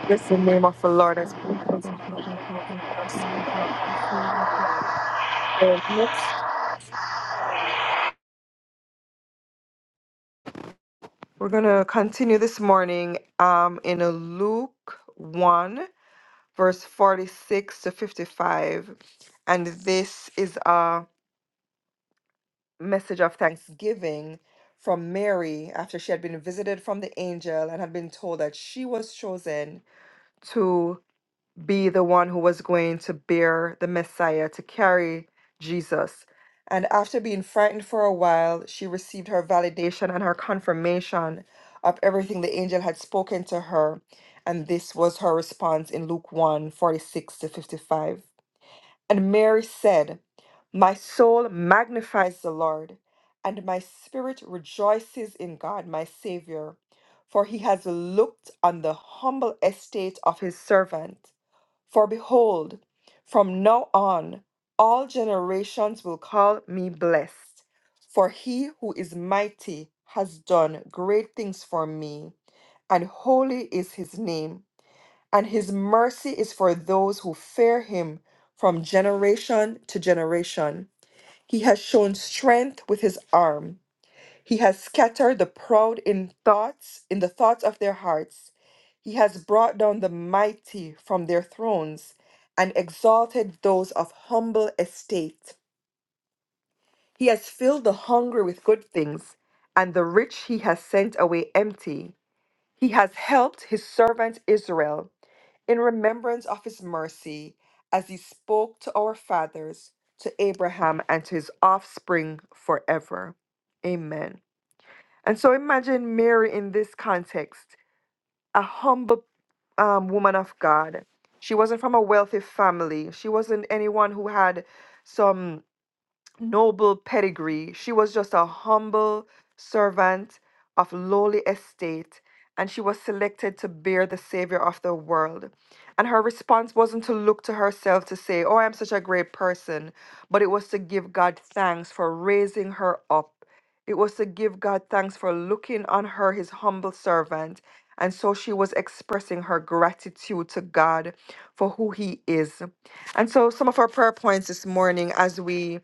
Speaker 3: Bless the name of the Lord. as we We're going to continue this morning um, in uh, Luke 1, verse 46 to 55. And this is. uh, message of thanksgiving from Mary after she had been visited from the angel and had been told that she was chosen to be the one who was going to bear the Messiah, to carry Jesus. And after being frightened for a while, she received her validation and her confirmation of everything the angel had spoken to her. And this was her response in Luke one 46 to 55. And Mary said, My soul magnifies the Lord, and my spirit rejoices in God my Savior, for he has looked on the humble estate of his servant. For behold, from now on all generations will call me blessed, for he who is mighty has done great things for me, and holy is his name and his mercy is for those who fear him from generation to generation. He has shown strength with his arm. He has scattered the proud in thoughts, in the thoughts of their hearts. He has brought down the mighty from their thrones and exalted those of humble estate. He has filled the hungry with good things, and the rich he has sent away empty. He has helped his servant Israel in remembrance of his mercy, as he spoke to our fathers, to Abraham, and to his offspring forever. Amen. And so imagine Mary in this context, a humble um, woman of God. She wasn't from a wealthy family, she wasn't anyone who had some noble pedigree. She was just a humble servant of lowly estate, and she was selected to bear the Savior of the world. And her response wasn't to look to herself to say, Oh, I'm such a great person, but it was to give God thanks for raising her up. It was to give God thanks for looking on her, his humble servant. And so she was expressing her gratitude to God for who he is. And so, some of our prayer points this morning as we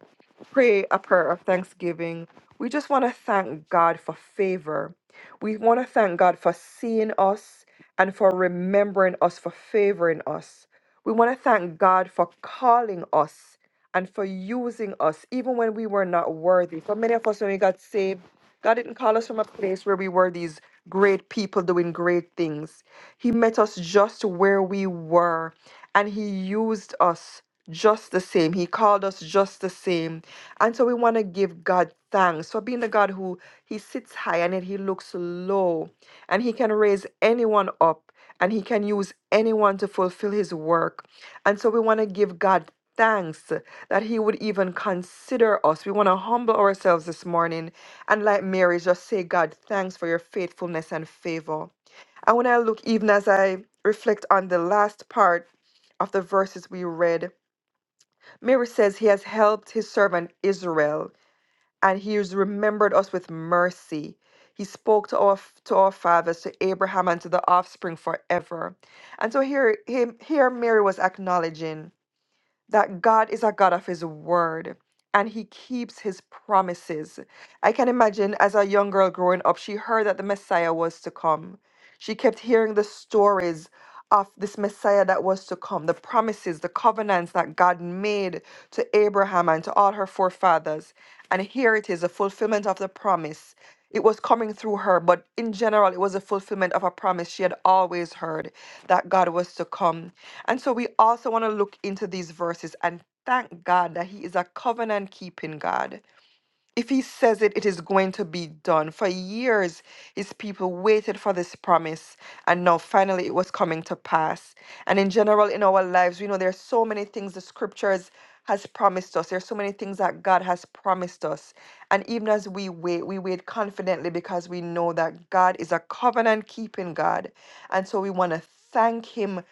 Speaker 3: pray a prayer of thanksgiving. We just want to thank God for favor. We want to thank God for seeing us and for remembering us, for favoring us. We want to thank God for calling us and for using us, even when we were not worthy. For many of us, when we got saved, God didn't call us from a place where we were these great people doing great things. He met us just where we were, and He used us just the same. He called us just the same. And so we want to give God thanks for being the God who He sits high and yet He looks low, and He can raise anyone up. And he can use anyone to fulfill his work. And so we want to give God thanks that He would even consider us. We want to humble ourselves this morning and, like Mary, just say, God, thanks for your faithfulness and favor. And when I look, even as I reflect on the last part of the verses we read, Mary says, He has helped His servant Israel and He has remembered us with mercy. He spoke to our to our fathers, to Abraham, and to the offspring forever. And so here, him, here Mary was acknowledging that God is a God of His word and He keeps His promises. I can imagine as a young girl growing up, she heard that the Messiah was to come. She kept hearing the stories of this Messiah that was to come, the promises, the covenants that God made to Abraham and to all her forefathers. And here it is, a fulfillment of the promise it was coming through her, but in general, it was a fulfillment of a promise she had always heard that God was to come. And so we also want to look into these verses and thank God that He is a covenant keeping God. If he says it, it is going to be done. For years, his people waited for this promise, and now finally it was coming to pass. And in general, in our lives, we know there are so many things the scriptures has promised us. There are so many things that God has promised us. And even as we wait, we wait confidently because we know that God is a covenant keeping God. And so we want to thank Him